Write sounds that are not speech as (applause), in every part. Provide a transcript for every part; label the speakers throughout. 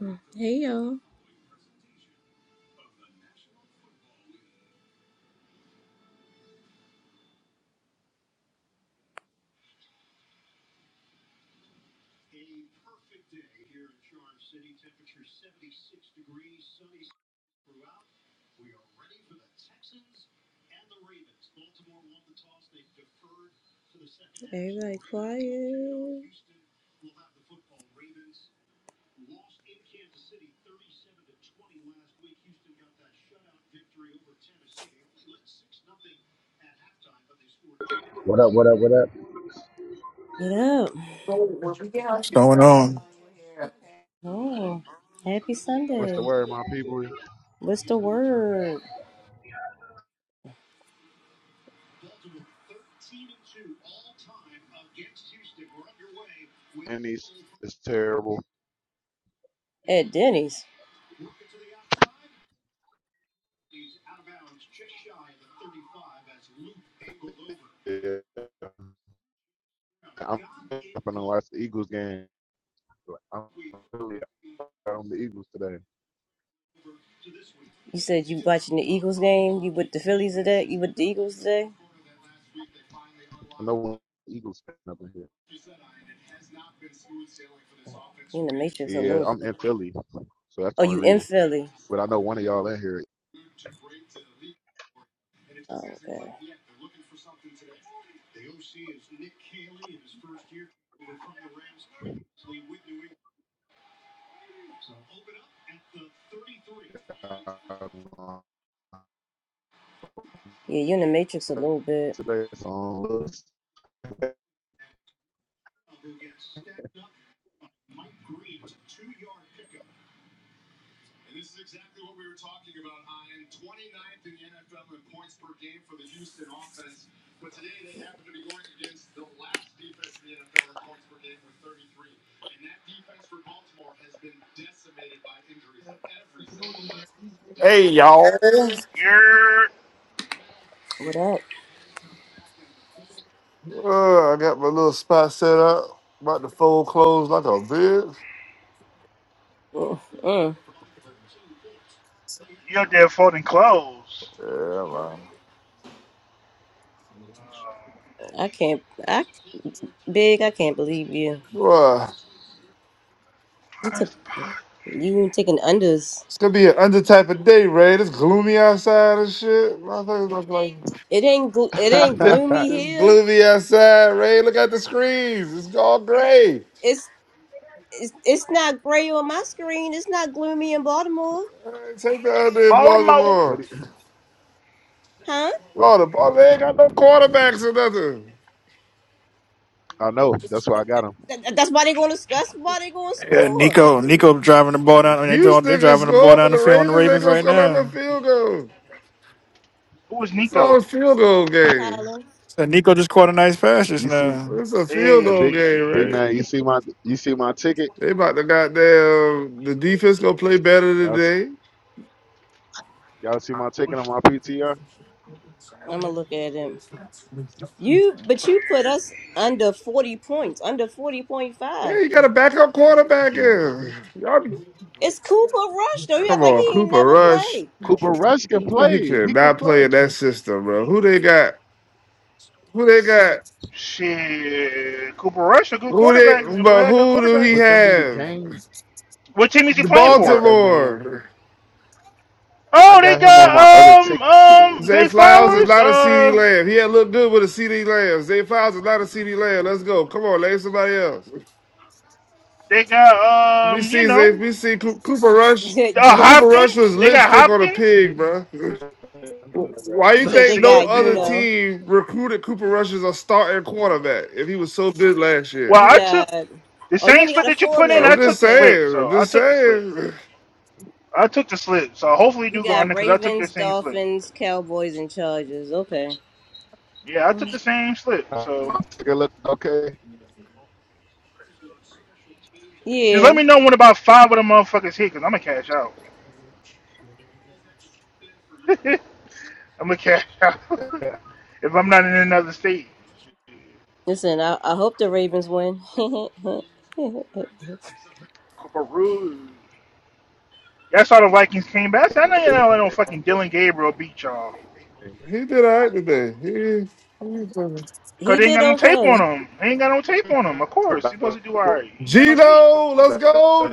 Speaker 1: Mm. Hey y'all, everybody quiet.
Speaker 2: What up? What up? What up?
Speaker 1: What up?
Speaker 3: What's going on?
Speaker 1: Oh, happy
Speaker 4: What's the
Speaker 1: Sunday.
Speaker 4: word, my people?
Speaker 1: What's the word?
Speaker 4: And he's it's terrible.
Speaker 1: At Denny's,
Speaker 4: Yeah. I'm gonna watch the Eagles game. Like, I'm really on the Eagles today.
Speaker 1: you said you watching the Eagles game. You with the Phillies today? You with the Eagles today?
Speaker 4: I know one Eagles fan up in here.
Speaker 1: You in the Matrix a
Speaker 4: Yeah,
Speaker 1: little
Speaker 4: I'm
Speaker 1: bit.
Speaker 4: in Philly, so that's
Speaker 1: Oh,
Speaker 4: the only
Speaker 1: you in
Speaker 4: reason.
Speaker 1: Philly?
Speaker 4: But I know one of y'all in here
Speaker 1: Oh, okay.
Speaker 4: um,
Speaker 1: Yeah, you in the Matrix a little bit.
Speaker 4: today. It's on Lewis.
Speaker 5: Hey y'all.
Speaker 6: You're
Speaker 1: What up?
Speaker 5: Uh, I got my little spot set up. About to fold clothes like a bitch.
Speaker 1: Mm-mm.
Speaker 6: you're there for them clothes.
Speaker 5: Yeah, man.
Speaker 1: I can't. I big. I can't believe you.
Speaker 5: Boy,
Speaker 1: You
Speaker 6: Uh,
Speaker 1: took you taking unders.
Speaker 5: it's gonna be an under type of day, Ray. It's gloomy outside and shit. Motherfuckers look like
Speaker 1: It ain't. Gl-
Speaker 4: (laughs)
Speaker 1: it ain't gloomy
Speaker 5: it's
Speaker 1: here.
Speaker 5: gloomy outside, Ray. Look at the screens. It's all gray.
Speaker 1: It's. It's. It's not gray on my screen. It's not gloomy in Baltimore,
Speaker 5: Man, take the under and blow in
Speaker 6: Baltimore.
Speaker 4: what,
Speaker 5: Baltimore.
Speaker 4: do-
Speaker 1: huh?
Speaker 4: what?
Speaker 5: Oh, the ball they ain't got no quarterbacks or nothing.
Speaker 4: I know. That's why I got him.
Speaker 1: That, that's why they going to. That's why they going to
Speaker 3: Yeah,
Speaker 1: score,
Speaker 3: Nico. Nico driving the ball down. I mean, they draw, they
Speaker 5: Houston can
Speaker 3: driving the ball
Speaker 5: score, but
Speaker 3: down the
Speaker 5: the
Speaker 3: field on the
Speaker 5: Ravens ain't
Speaker 3: Ravens
Speaker 5: gonna
Speaker 3: right
Speaker 5: score like a
Speaker 3: now.
Speaker 5: field goal.
Speaker 6: Who was
Speaker 5: It's all a
Speaker 6: Nico?
Speaker 5: field goal game.
Speaker 1: Tyler.
Speaker 3: So Nico just caught a nice pass just
Speaker 4: You see,
Speaker 3: now.
Speaker 5: It's a field
Speaker 4: a
Speaker 5: goal
Speaker 4: big
Speaker 5: game,
Speaker 4: big
Speaker 6: Hey,
Speaker 5: right?
Speaker 4: man. You see my you see my ticket.
Speaker 5: They about to goddamn the defense gonna play better
Speaker 4: Y'all see,
Speaker 5: today.
Speaker 4: y'all see my ticket on my PTR.
Speaker 1: I'm gonna look at him. You, but you put us under forty points, under forty point
Speaker 5: Yeah,
Speaker 1: five.
Speaker 5: you got a backup quarterback
Speaker 4: Yeah.
Speaker 5: in. Y'all be-
Speaker 1: It's Cooper Rush though. He act
Speaker 5: come
Speaker 1: like
Speaker 5: on,
Speaker 1: he ain't
Speaker 5: Cooper
Speaker 1: never
Speaker 5: Rush.
Speaker 1: played.
Speaker 4: Cooper Rush can
Speaker 5: He
Speaker 4: play.
Speaker 5: can
Speaker 4: He can
Speaker 5: not play in
Speaker 4: play.
Speaker 5: that system, bro. Who they got? Who they got?
Speaker 6: shit. Cooper Rush, a good
Speaker 5: Who they
Speaker 6: quarterback. man. We
Speaker 5: but
Speaker 6: had a
Speaker 5: who do
Speaker 6: quarterback.
Speaker 5: he
Speaker 4: But them be the
Speaker 5: have?
Speaker 4: games.
Speaker 6: What team is he
Speaker 5: The
Speaker 6: playing
Speaker 4: They got
Speaker 6: for?
Speaker 4: that man.
Speaker 5: Baltimore.
Speaker 4: I
Speaker 6: Oh, they
Speaker 4: got him on my other
Speaker 6: got
Speaker 4: ticket.
Speaker 6: um um
Speaker 4: I
Speaker 5: Zay
Speaker 6: Zay
Speaker 5: Flowers is
Speaker 6: Flowers.
Speaker 5: not a CD
Speaker 6: Uh,
Speaker 5: Lamb. He had looked good with a CD Lamb. Zay Flowers is not a CD Lamb. Let's go. Come on, lay somebody else.
Speaker 6: they got
Speaker 5: We
Speaker 6: um you
Speaker 5: see, Zay,
Speaker 6: know
Speaker 5: we see Coo- Cooper Rush.
Speaker 6: uh,
Speaker 1: (laughs)
Speaker 4: take a
Speaker 5: Cooper
Speaker 4: check
Speaker 5: Rush
Speaker 4: when we
Speaker 5: was
Speaker 6: Hopkins.
Speaker 4: get
Speaker 6: They
Speaker 4: a
Speaker 6: got
Speaker 4: chance.
Speaker 5: lipstick on a
Speaker 6: Hopkins.
Speaker 5: pig, bro. (laughs) Why
Speaker 6: (laughs)
Speaker 1: he
Speaker 5: you
Speaker 6: Let's
Speaker 1: said
Speaker 5: think
Speaker 1: they
Speaker 6: see go
Speaker 5: no
Speaker 6: to
Speaker 1: got you
Speaker 5: other
Speaker 6: bed.
Speaker 1: know.
Speaker 5: team recruited Cooper Rush as a starting quarterback if he was so good last
Speaker 6: Well,
Speaker 1: You
Speaker 6: I
Speaker 5: year?
Speaker 6: took
Speaker 1: got
Speaker 6: the
Speaker 1: oh, you
Speaker 6: same
Speaker 1: only
Speaker 6: slip
Speaker 1: got a
Speaker 6: that you
Speaker 1: four
Speaker 6: put in.
Speaker 5: I'm
Speaker 6: I
Speaker 1: leg.
Speaker 5: just
Speaker 6: took the
Speaker 1: Okay.
Speaker 6: slip,
Speaker 5: saying. I'm
Speaker 6: so I
Speaker 5: just
Speaker 6: took the slip.
Speaker 5: saying.
Speaker 6: I took the slip, so hopefully you
Speaker 1: You
Speaker 6: do go on
Speaker 1: got
Speaker 6: there because I took your
Speaker 1: Ravens,
Speaker 6: same slip.
Speaker 1: Dolphins, Cowboys, and Chargers. Okay.
Speaker 6: Yeah, I took
Speaker 1: Mm.
Speaker 6: the same slip,
Speaker 4: Uh,
Speaker 6: so
Speaker 4: My ticket look okay.
Speaker 6: just let
Speaker 1: Yeah.
Speaker 6: me know when about five of the motherfuckers hit because I'm gonna cash out. (laughs) I'm gonna cash out (laughs) if I'm not in another state.
Speaker 1: Listen, I, I hope the Ravens win. (laughs)
Speaker 6: Caruge. That's how the Vikings came back. I said, I know you're not letting no fucking Dylan Gabriel beat y'all.
Speaker 5: He did all right today. He...
Speaker 6: Because
Speaker 1: he
Speaker 6: they ain't
Speaker 1: did
Speaker 6: got no tape
Speaker 1: okay.
Speaker 6: on him. They ain't got no tape on him, of course. He supposed to do all right. He ain't got no tape.
Speaker 5: Gino, let's go,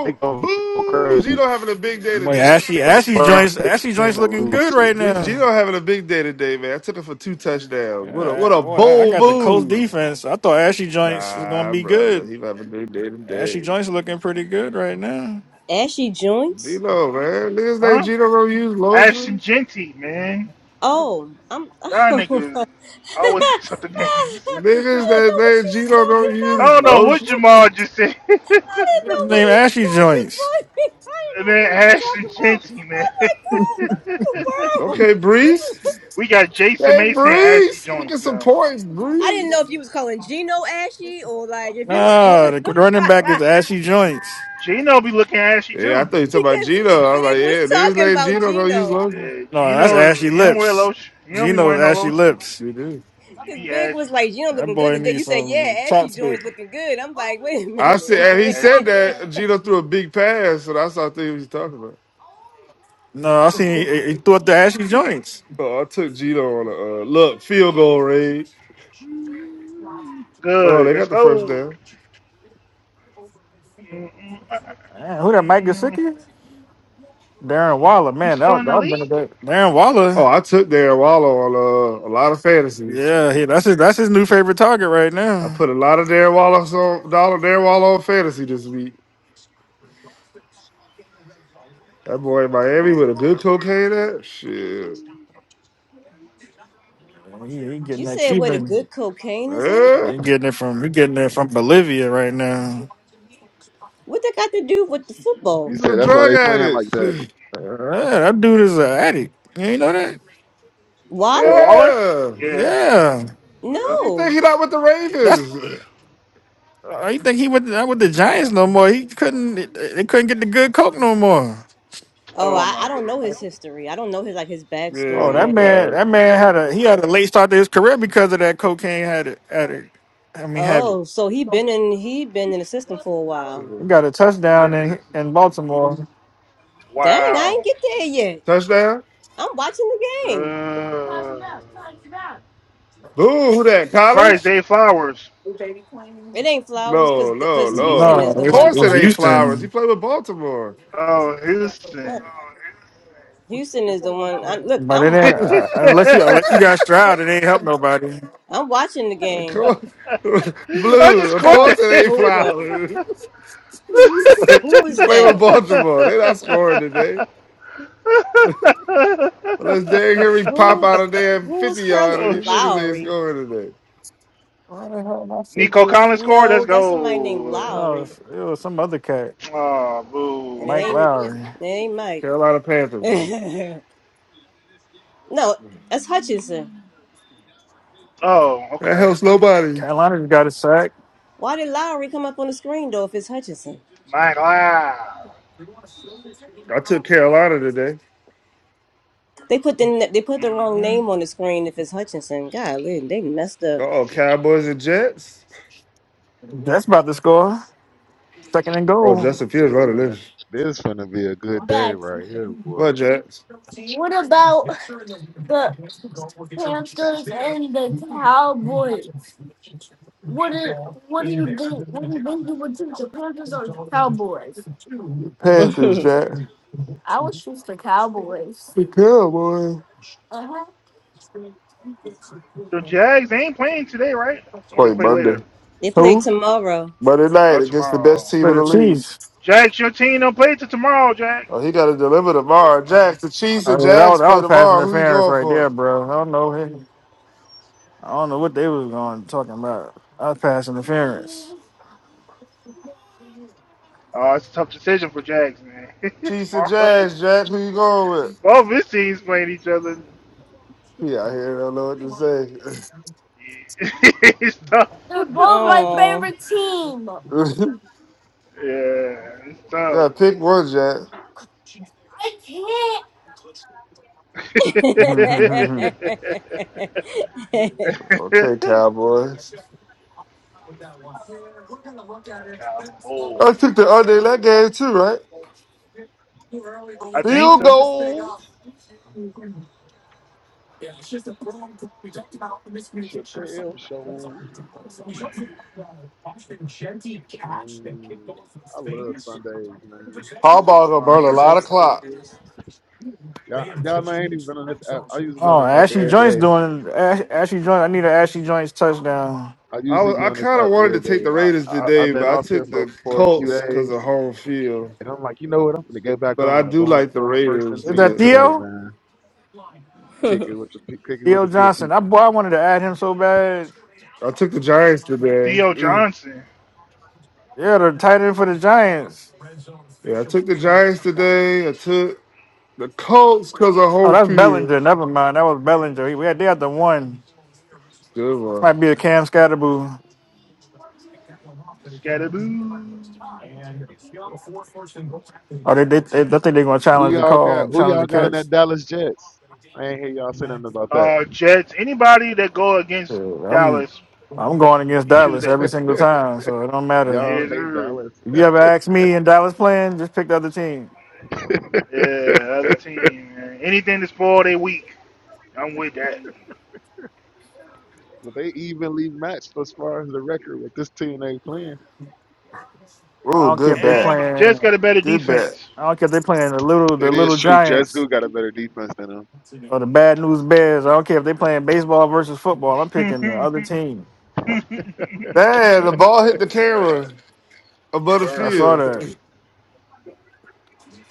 Speaker 4: They go, go
Speaker 5: Boo!
Speaker 4: crazy.
Speaker 5: Gino having a big day
Speaker 3: Boy,
Speaker 5: today.
Speaker 3: Ashley, Ashley
Speaker 4: But I
Speaker 3: joints,
Speaker 4: expect the
Speaker 3: Ashley
Speaker 4: team
Speaker 3: joints
Speaker 4: to
Speaker 3: looking
Speaker 4: lose
Speaker 3: good
Speaker 4: this
Speaker 3: right
Speaker 5: G-
Speaker 3: now.
Speaker 4: time.
Speaker 5: Gino having a big day today, man. I took him for two touchdowns. What a what
Speaker 3: Yeah,
Speaker 5: a
Speaker 3: boy, I I
Speaker 5: bold
Speaker 3: got the Colts
Speaker 5: move.
Speaker 3: defense. I thought Ashley joints was gonna
Speaker 5: Nah,
Speaker 3: be
Speaker 5: brother.
Speaker 3: good.
Speaker 5: He about to do day to
Speaker 3: Ashley
Speaker 5: day.
Speaker 3: joints looking pretty good right now.
Speaker 1: Ashy joints.
Speaker 5: Gino, man. Niggas that
Speaker 6: Huh?
Speaker 5: Gino don't use
Speaker 6: Ashton
Speaker 5: lotion.
Speaker 6: Genty, man.
Speaker 1: Oh, I'm.
Speaker 6: Y'all niggas
Speaker 1: (laughs)
Speaker 6: always (laughs) mess up the
Speaker 1: Oh,
Speaker 6: names.
Speaker 1: I
Speaker 5: Niggas
Speaker 1: didn't
Speaker 5: that
Speaker 6: (laughs)
Speaker 1: know what
Speaker 5: they
Speaker 1: she was
Speaker 5: Gino
Speaker 1: talking
Speaker 5: don't
Speaker 6: I
Speaker 5: use
Speaker 6: don't know what
Speaker 5: lotion.
Speaker 1: about.
Speaker 6: Jamal just said. (laughs)
Speaker 1: (laughs) I didn't
Speaker 3: His
Speaker 1: know
Speaker 6: and
Speaker 1: what
Speaker 3: name
Speaker 1: he was
Speaker 3: Ashley
Speaker 1: talking
Speaker 3: joints.
Speaker 1: about. (laughs) I didn't know what
Speaker 6: then
Speaker 1: he was
Speaker 6: Ashton
Speaker 1: talking about.
Speaker 6: Genty, man.
Speaker 1: I'm like, (laughs) what in the
Speaker 6: (laughs)
Speaker 5: Okay,
Speaker 1: world? (laughs)
Speaker 5: Breeze.
Speaker 6: we got Jason
Speaker 5: Hey,
Speaker 6: Mason and Ashley
Speaker 5: Breeze. Give me get
Speaker 6: Joints
Speaker 5: some
Speaker 6: now.
Speaker 5: points,
Speaker 1: I didn't know if
Speaker 5: Breeze.
Speaker 1: you was calling Gino ashy or like if you was
Speaker 3: No,
Speaker 1: calling
Speaker 3: the
Speaker 1: him
Speaker 3: running back
Speaker 6: No.
Speaker 1: (laughs)
Speaker 3: is Ashley joints.
Speaker 6: Gino be looking ashy
Speaker 5: Yeah, I
Speaker 6: too.
Speaker 5: thought you talking about
Speaker 1: because
Speaker 5: Gino. I was
Speaker 1: Big
Speaker 5: like,
Speaker 1: was
Speaker 5: yeah, niggas
Speaker 1: talking
Speaker 5: that
Speaker 1: about
Speaker 5: Gino don't use
Speaker 1: Gino.
Speaker 5: lotion.
Speaker 6: Uh,
Speaker 3: No, that's
Speaker 6: Gino,
Speaker 3: Ashley
Speaker 6: he don't wear
Speaker 3: lips.
Speaker 6: lotion. He don't be
Speaker 3: Gino's
Speaker 6: wearing no
Speaker 3: Ashley
Speaker 6: lotion.
Speaker 3: lips.
Speaker 5: You do.
Speaker 6: He
Speaker 1: Because
Speaker 6: be
Speaker 1: Big
Speaker 6: ashy.
Speaker 1: was like, Gino
Speaker 3: That
Speaker 1: looking good
Speaker 3: boy
Speaker 1: today.
Speaker 3: needs
Speaker 1: You said,
Speaker 3: some
Speaker 1: yeah, Ashy
Speaker 3: chopstick.
Speaker 1: joints looking good. I'm like, wait a
Speaker 5: I said, and he
Speaker 6: Ashy
Speaker 5: said
Speaker 6: Joints.
Speaker 1: minute.
Speaker 5: that Gino threw a big pass, so that's what I thought he was talking about.
Speaker 3: No, I seen
Speaker 1: (laughs)
Speaker 3: he, he threw up the ashy joints.
Speaker 5: Oh, I took Gino on a uh, look field goal range. Oh no,
Speaker 6: Good.
Speaker 5: they
Speaker 6: Let's
Speaker 5: got the first
Speaker 6: go.
Speaker 5: down.
Speaker 6: Mm, mm,
Speaker 3: Man, who that Mike
Speaker 6: mm, mm.
Speaker 3: Gesicki? Darren Waller,
Speaker 6: He's
Speaker 3: man,
Speaker 6: still
Speaker 3: that
Speaker 6: in
Speaker 3: that
Speaker 6: the
Speaker 3: would been a
Speaker 6: league?
Speaker 3: good. Darren
Speaker 5: Oh,
Speaker 3: Waller,
Speaker 5: I took Darren Waller on uh, a lot of fantasies.
Speaker 3: yeah, he, that's his that's his new favorite target right
Speaker 5: I
Speaker 3: now.
Speaker 5: put a lot of Darren Waller on dollar Darren Waller on fantasy this week. That boy in Miami with a good cocaine at shit.
Speaker 3: He, he getting
Speaker 1: you
Speaker 3: that
Speaker 1: said where the
Speaker 3: Cuban,
Speaker 1: good cocaine is at?
Speaker 5: Yeah,
Speaker 3: he getting it from he getting it from Bolivia right now.
Speaker 1: What that got to do with the football?
Speaker 4: You
Speaker 5: he's
Speaker 4: say
Speaker 5: a
Speaker 4: that's why
Speaker 5: drug
Speaker 4: they playing like
Speaker 5: addict. (sighs)
Speaker 4: that.
Speaker 5: (laughs)
Speaker 3: Yeah, that dude is an addict. You ain't know that?
Speaker 1: Walla?
Speaker 6: For Waller?
Speaker 5: Yeah.
Speaker 6: Yeah.
Speaker 3: Yeah,
Speaker 5: Why
Speaker 6: Well,
Speaker 5: you
Speaker 1: No.
Speaker 5: think he not with the
Speaker 3: that's.
Speaker 5: Ravens? (sighs)
Speaker 3: I think he with not with the Giants no more. He couldn't. They couldn't get the good coke no more.
Speaker 1: Oh,
Speaker 6: oh
Speaker 1: I,
Speaker 6: my
Speaker 1: I don't
Speaker 6: goodness.
Speaker 1: know his history. I don't know his like his
Speaker 5: Yeah,
Speaker 3: Oh,
Speaker 1: backstory or
Speaker 3: that
Speaker 5: he's an
Speaker 1: anything.
Speaker 3: man,
Speaker 5: addict.
Speaker 3: that man had a he had a late start to his career because of that cocaine. Had it, had it. I mean, had
Speaker 1: Oh, so he been in he been in the system for a
Speaker 5: Yeah.
Speaker 1: while.
Speaker 3: he got a touchdown in
Speaker 6: Minutes. is-
Speaker 3: in Baltimore.
Speaker 1: Dang, I ain't
Speaker 6: Wow.
Speaker 1: get there yet.
Speaker 5: Touchdown.
Speaker 1: I'm watching the game.
Speaker 6: Uh,
Speaker 5: Boo, who that?
Speaker 6: surprise
Speaker 5: Collins?
Speaker 6: Day Flowers.
Speaker 1: It ain't Flowers because
Speaker 5: No, no,
Speaker 1: because
Speaker 5: no.
Speaker 1: Houston
Speaker 3: No,
Speaker 1: is the
Speaker 5: Of
Speaker 3: it's
Speaker 1: one
Speaker 5: course
Speaker 3: it's
Speaker 5: it ain't
Speaker 1: playing.
Speaker 5: Flowers. He
Speaker 3: Houston,
Speaker 5: played with Baltimore.
Speaker 6: Oh, his
Speaker 1: What?
Speaker 6: sin.
Speaker 1: Houston is the one. I, look,
Speaker 3: but it
Speaker 1: I'm,
Speaker 6: (laughs) I
Speaker 1: I'm
Speaker 3: ain't uh, unless you unless you got Stroud, it ain't help nobody.
Speaker 1: I'm watching the
Speaker 5: Of
Speaker 1: game.
Speaker 5: course, (laughs)
Speaker 1: It's
Speaker 5: blue.
Speaker 6: just
Speaker 5: Of
Speaker 6: caught
Speaker 1: called
Speaker 5: course, it
Speaker 6: that.
Speaker 5: ain't
Speaker 1: Hooga.
Speaker 5: flowers.
Speaker 6: (laughs)
Speaker 5: (laughs)
Speaker 1: Who
Speaker 5: you
Speaker 1: is
Speaker 5: play with
Speaker 1: that?
Speaker 5: Baltimore. They not scoring today. Unless Derrick Henry pop
Speaker 1: Who
Speaker 5: out a damn
Speaker 1: who is
Speaker 5: fifty
Speaker 1: Carly
Speaker 5: yarder,
Speaker 6: oh
Speaker 5: these
Speaker 6: shit.
Speaker 5: niggas ain't
Speaker 1: Lowry?
Speaker 5: scoring today.
Speaker 3: Why the hell my
Speaker 6: Nico
Speaker 3: sixes?
Speaker 6: Collins scored. Let's
Speaker 1: No, that's somebody named
Speaker 6: go. Uh,
Speaker 3: Oh, it
Speaker 1: Lowry,
Speaker 3: was some other cat,
Speaker 6: Oh,
Speaker 1: and it
Speaker 3: Mike
Speaker 6: boo.
Speaker 1: ain't
Speaker 3: Lowry.
Speaker 1: it ain't Mike.
Speaker 5: Carolina
Speaker 1: (laughs)
Speaker 5: Panthers, man.
Speaker 1: no, that's Hutchinson.
Speaker 6: Oh,
Speaker 5: That
Speaker 6: okay.
Speaker 5: helps nobody.
Speaker 3: Carolina just got a sack.
Speaker 1: Why did Lowry come up on the screen though? If it's Hutchinson,
Speaker 6: Mike Live.
Speaker 5: I took Carolina today.
Speaker 1: they put the they put the wrong
Speaker 6: Mm-hmm.
Speaker 1: name on the screen. If it's Hutchinson, golly, they messed
Speaker 5: Uh
Speaker 1: up.
Speaker 5: Oh, Cowboys and Jets.
Speaker 3: That's about to score. Second and
Speaker 5: Oh,
Speaker 3: goal.
Speaker 5: Justin Fields
Speaker 4: This
Speaker 5: running
Speaker 4: finna,
Speaker 5: this.
Speaker 4: this finna be a good day right here,
Speaker 5: What
Speaker 4: boy.
Speaker 5: Jets?
Speaker 1: (laughs)
Speaker 5: Panthers, Jets. The Cowboys.
Speaker 6: The Jags they ain't playing today, right? Or they
Speaker 5: Play
Speaker 6: play later?
Speaker 5: Monday.
Speaker 1: They play
Speaker 3: Who?
Speaker 1: tomorrow.
Speaker 5: Monday night
Speaker 6: Or
Speaker 5: against the best
Speaker 6: tomorrow?
Speaker 5: team
Speaker 3: For
Speaker 5: in the
Speaker 3: the
Speaker 5: league.
Speaker 3: Chiefs.
Speaker 6: Jags, your team don't play till tomorrow, Jack.
Speaker 5: Oh, he got to deliver tomorrow.
Speaker 6: Oh,
Speaker 5: Jax, the Chiefs
Speaker 3: I
Speaker 5: and
Speaker 3: mean, that was
Speaker 5: Jags
Speaker 3: that
Speaker 5: play
Speaker 3: was pass
Speaker 5: tomorrow. Who you
Speaker 3: interference
Speaker 5: going
Speaker 3: right
Speaker 5: for?
Speaker 3: there, bro. I don't know. I don't know what they was going talking about. I was passing interference.
Speaker 6: oh, it's a tough decision for Jags, man. (laughs)
Speaker 5: Chiefs and
Speaker 6: tomorrow,
Speaker 5: Jags, Jack. Who you going with?
Speaker 6: both of his teams playing each other.
Speaker 5: He out here don't know what to say.
Speaker 6: Yeah. (laughs) it's tough. (laughs) yeah,
Speaker 1: Oh.
Speaker 5: (laughs)
Speaker 6: it's tough.
Speaker 5: gotta pick one, Jack.
Speaker 1: (laughs) you
Speaker 6: (laughs)
Speaker 5: (laughs) okay, Cowboys.
Speaker 6: Cowboy.
Speaker 5: I took the under in that game too, right?
Speaker 6: I think
Speaker 5: Field
Speaker 6: so.
Speaker 5: goal.
Speaker 4: Chappelle show. Man, I love Sundays, man.
Speaker 5: Harbaugh gonna burn a lot
Speaker 1: love
Speaker 5: of clock.
Speaker 1: Sundays.
Speaker 4: Y'all, y'all know I ain't even been on this app. I usually be on
Speaker 3: Oh,
Speaker 4: this app
Speaker 3: Ashley
Speaker 4: every
Speaker 3: Joint's
Speaker 4: day.
Speaker 3: doing Ash, Ashley Joint. I need an Ashley Joint's touchdown.
Speaker 4: I
Speaker 5: I
Speaker 4: usually
Speaker 5: was
Speaker 4: be
Speaker 5: I
Speaker 4: on this
Speaker 5: kind of
Speaker 4: app
Speaker 5: wanted to
Speaker 4: every day.
Speaker 5: take the
Speaker 4: And I,
Speaker 5: Raiders
Speaker 4: I,
Speaker 5: today,
Speaker 4: I've been
Speaker 5: but I
Speaker 4: off here
Speaker 5: took
Speaker 4: for,
Speaker 5: the
Speaker 4: for a few
Speaker 5: Colts because of
Speaker 4: days.
Speaker 5: home field.
Speaker 4: And I'm like, you know what? I'm going to get back
Speaker 5: But I
Speaker 4: on. I'm
Speaker 5: do
Speaker 4: going,
Speaker 5: like the
Speaker 4: going first and
Speaker 5: Raiders
Speaker 3: Is
Speaker 4: 10
Speaker 3: that
Speaker 5: today.
Speaker 4: today,
Speaker 3: Theo?
Speaker 4: man. Kick
Speaker 1: (laughs)
Speaker 4: it with the, pe- kick it with
Speaker 3: Theo
Speaker 4: the good
Speaker 3: Johnson. I
Speaker 4: people.
Speaker 3: boy, I wanted to add him so bad.
Speaker 5: I took the Giants today.
Speaker 6: Theo
Speaker 5: (laughs) (clears throat)
Speaker 6: Johnson,
Speaker 3: Yeah, the tight end for the Giants.
Speaker 5: Yeah, I took the
Speaker 6: Mm.
Speaker 5: Giants today. I took the Colts because of
Speaker 3: Oh,
Speaker 5: home
Speaker 3: that's Bellinger.
Speaker 5: field.
Speaker 3: Never mind. That was Bellinger. He- We had they had the one.
Speaker 5: Good
Speaker 3: This might
Speaker 5: one.
Speaker 3: be a Cam Scatterboo.
Speaker 6: Scatterboo,
Speaker 3: Oh, they they, they I think they're gonna
Speaker 4: Who
Speaker 3: challenge the
Speaker 4: y'all
Speaker 3: call,
Speaker 4: got?
Speaker 3: and
Speaker 4: Who
Speaker 3: challenge the
Speaker 4: y'all got in
Speaker 3: catch.
Speaker 4: that Dallas Jets? I ain't hear y'all say nothing about that.
Speaker 6: uh, Jets. Anybody that go against
Speaker 3: Yeah, I'm
Speaker 6: Dallas,
Speaker 3: I'm going against
Speaker 6: you choose
Speaker 3: Dallas
Speaker 6: that.
Speaker 3: every single
Speaker 4: (laughs)
Speaker 3: time, so it don't matter.
Speaker 4: y'all
Speaker 6: Yes,
Speaker 4: hate
Speaker 6: sir.
Speaker 4: Dallas.
Speaker 3: If you ever ask me and Dallas playing, just pick the other team.
Speaker 6: Yeah, other team. Man. Anything to spoil their week, I'm with that.
Speaker 4: But they evenly matched as far as the record with this team they playing.
Speaker 3: I
Speaker 5: Oh,
Speaker 3: don't care if
Speaker 5: good
Speaker 3: they
Speaker 6: Yeah,
Speaker 5: bat.
Speaker 6: but the Jets
Speaker 3: playing.
Speaker 6: got a better
Speaker 5: Good bat.
Speaker 6: defense.
Speaker 3: I don't care if they playing the little the
Speaker 4: That is
Speaker 3: little
Speaker 4: true. Jets
Speaker 3: Giants
Speaker 4: do got a better defense than them.
Speaker 3: or the Bad News Bears. I don't care if they playing baseball versus football. I'm picking the other team.
Speaker 5: Man, the ball hit the
Speaker 4: Yeah,
Speaker 5: camera above
Speaker 6: (laughs)
Speaker 5: the
Speaker 3: I
Speaker 6: Word.
Speaker 3: saw
Speaker 5: field.
Speaker 3: that.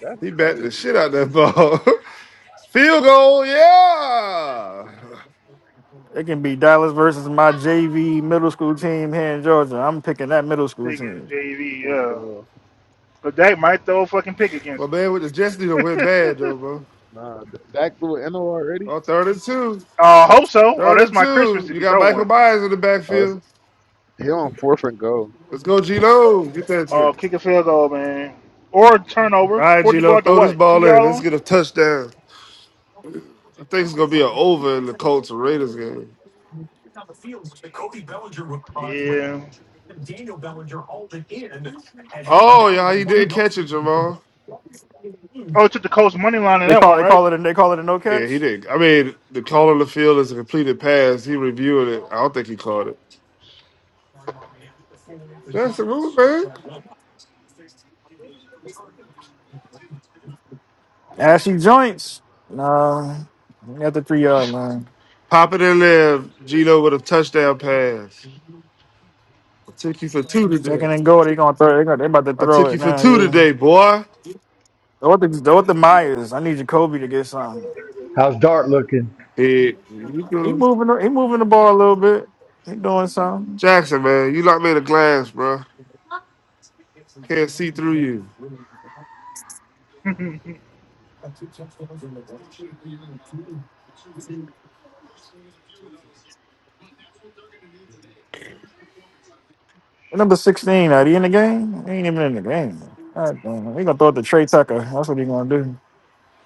Speaker 4: that's
Speaker 5: He bat the
Speaker 4: crazy.
Speaker 5: shit out that ball. (laughs) field goal, yeah.
Speaker 3: It can be Dallas versus my JV middle school team here in Georgia. I'm picking that middle school
Speaker 6: Pick is
Speaker 3: team.
Speaker 6: JV,
Speaker 4: Oh,
Speaker 6: yeah.
Speaker 4: bro.
Speaker 6: But they might throw a fucking pick
Speaker 5: My
Speaker 6: against
Speaker 5: man with the Jets need to win bad
Speaker 6: them.
Speaker 5: though,
Speaker 6: (laughs)
Speaker 5: bro.
Speaker 4: Nah, th- Dak threw an NO already.
Speaker 5: Oh, third and two.
Speaker 6: Uh, hope so. Oh,
Speaker 5: Third
Speaker 6: that's
Speaker 5: and
Speaker 6: my
Speaker 5: two.
Speaker 6: Christmas if
Speaker 5: You
Speaker 6: you
Speaker 5: got
Speaker 6: throw
Speaker 5: Michael
Speaker 6: one.
Speaker 5: Myers in the
Speaker 4: Oh, it's,
Speaker 5: backfield.
Speaker 4: he on fourth and go.
Speaker 5: Let's go, Gino. Get that
Speaker 6: Uh,
Speaker 5: shit.
Speaker 6: kick a field goal, man, or turnover.
Speaker 5: All right,
Speaker 6: Fourth and go
Speaker 5: Gino,
Speaker 6: out to
Speaker 5: throw this
Speaker 6: what? Two
Speaker 5: ball
Speaker 6: yard
Speaker 5: in. Let's
Speaker 6: line.
Speaker 5: get a touchdown. I think it's gonna be an over in the Colts and Raiders game.
Speaker 6: Yeah.
Speaker 5: Oh yeah, he
Speaker 6: You
Speaker 5: did not catch it, Jamal.
Speaker 6: oh, it took the Colts money line in
Speaker 3: They
Speaker 6: that
Speaker 3: call
Speaker 6: one,
Speaker 3: they
Speaker 6: right?
Speaker 3: call it a, they call it a no
Speaker 5: Yeah,
Speaker 3: catch.
Speaker 5: he did. I mean, the call on the field is a completed pass. He reviewed it. I don't think he caught it. That's the rule, man.
Speaker 3: Ashy joints. No, at the three yard line.
Speaker 5: Pop it in there, Gino, with a touchdown pass. I took you for two today.
Speaker 3: Second and goal. They gonna throw. They gonna, they about to
Speaker 5: I
Speaker 3: throw
Speaker 5: took
Speaker 3: it
Speaker 5: you for
Speaker 3: now.
Speaker 5: two
Speaker 3: Yeah.
Speaker 5: today, boy.
Speaker 3: Throw it to throw it to Myers. I need Jacoby to get something.
Speaker 2: How's Dart looking?
Speaker 5: Hey, you
Speaker 3: He
Speaker 5: go.
Speaker 3: moving. the- He moving the ball a little bit. He doing something.
Speaker 5: Jackson, man, you locked me in a glass, bro. Can't see through you.
Speaker 6: (laughs) Who
Speaker 3: What Number sixteen. Are he in the game? He ain't even in the game. God damn. He gonna throw it to Trey Tucker. That's what he gonna do.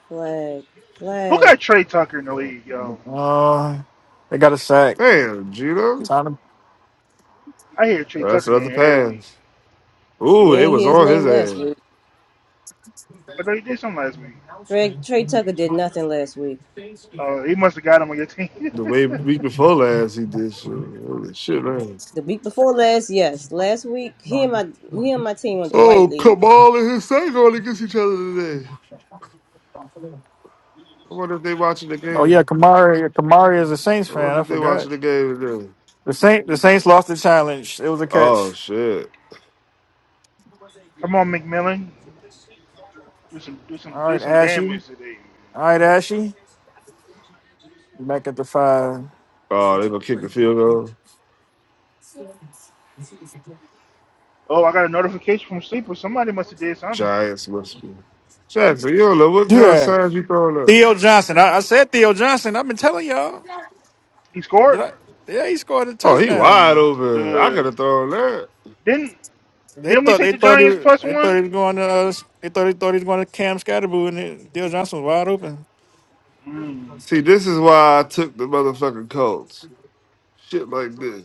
Speaker 1: flag. Flag.
Speaker 6: got Trey Tucker in the
Speaker 3: So,
Speaker 6: league, yo?
Speaker 3: Uh, they got a sack.
Speaker 5: Damn, Gino.
Speaker 3: Time to.
Speaker 6: I hear Trey
Speaker 5: Well, that's
Speaker 6: Tucker in
Speaker 5: another
Speaker 6: there every week.
Speaker 5: pass.
Speaker 1: You
Speaker 5: Ooh, it
Speaker 1: ain't
Speaker 5: was
Speaker 1: hear his
Speaker 5: on his
Speaker 1: name last
Speaker 5: ass.
Speaker 1: week.
Speaker 6: I thought he did something last week.
Speaker 1: Trey, Trey Tucker did nothing last week.
Speaker 6: Uh, he must have got him on your team. (laughs)
Speaker 5: The way week before last, he did shit. Holy shit, man.
Speaker 1: The week before last, yes. Last week, he and my he and my team went to White
Speaker 5: Oh,
Speaker 1: League.
Speaker 5: Kamal and his thing going against each other today. I wonder if they watching the
Speaker 3: Oh yeah,
Speaker 5: game.
Speaker 3: Kamari. Kamari is a Saints
Speaker 5: I
Speaker 3: fan.
Speaker 5: wonder
Speaker 3: I
Speaker 5: if they
Speaker 3: forgot.
Speaker 5: watching the game today.
Speaker 3: The Saint the Saints lost the challenge. It was a
Speaker 5: Oh
Speaker 3: catch.
Speaker 5: shit.
Speaker 6: Come on, McMillan, do some, do some,
Speaker 3: All
Speaker 6: do
Speaker 3: right,
Speaker 6: some
Speaker 3: Ashy.
Speaker 6: damage today.
Speaker 3: All right, Ashy. Back at the five.
Speaker 5: Oh, they gonna kick the field goal.
Speaker 6: Oh, I got a notification from Sleeper. Somebody must have did something.
Speaker 5: Giants must be. Jackson, you don't know what
Speaker 3: Do
Speaker 5: kind of
Speaker 3: that.
Speaker 5: signs you throwing up.
Speaker 3: Theo Johnson. I, I said Theo Johnson. I've been telling y'all.
Speaker 6: He
Speaker 3: Did
Speaker 6: scored.
Speaker 3: I? Yeah, he scored a
Speaker 5: Oh, he wide
Speaker 3: touchdown.
Speaker 5: open. I could
Speaker 6: Good.
Speaker 5: have thrown that.
Speaker 6: Didn't
Speaker 3: They
Speaker 6: didn't we
Speaker 3: thought
Speaker 6: take
Speaker 3: they
Speaker 6: the
Speaker 3: thought he
Speaker 6: Giants
Speaker 3: was
Speaker 6: plus
Speaker 3: they thought
Speaker 6: one?
Speaker 3: he was going to uh, they thought he thought he was going to Cam Scatterboo and it, Theo Johnson was wide open.
Speaker 6: Mm.
Speaker 5: See, this is why I took the motherfucking Colts. Shit like this.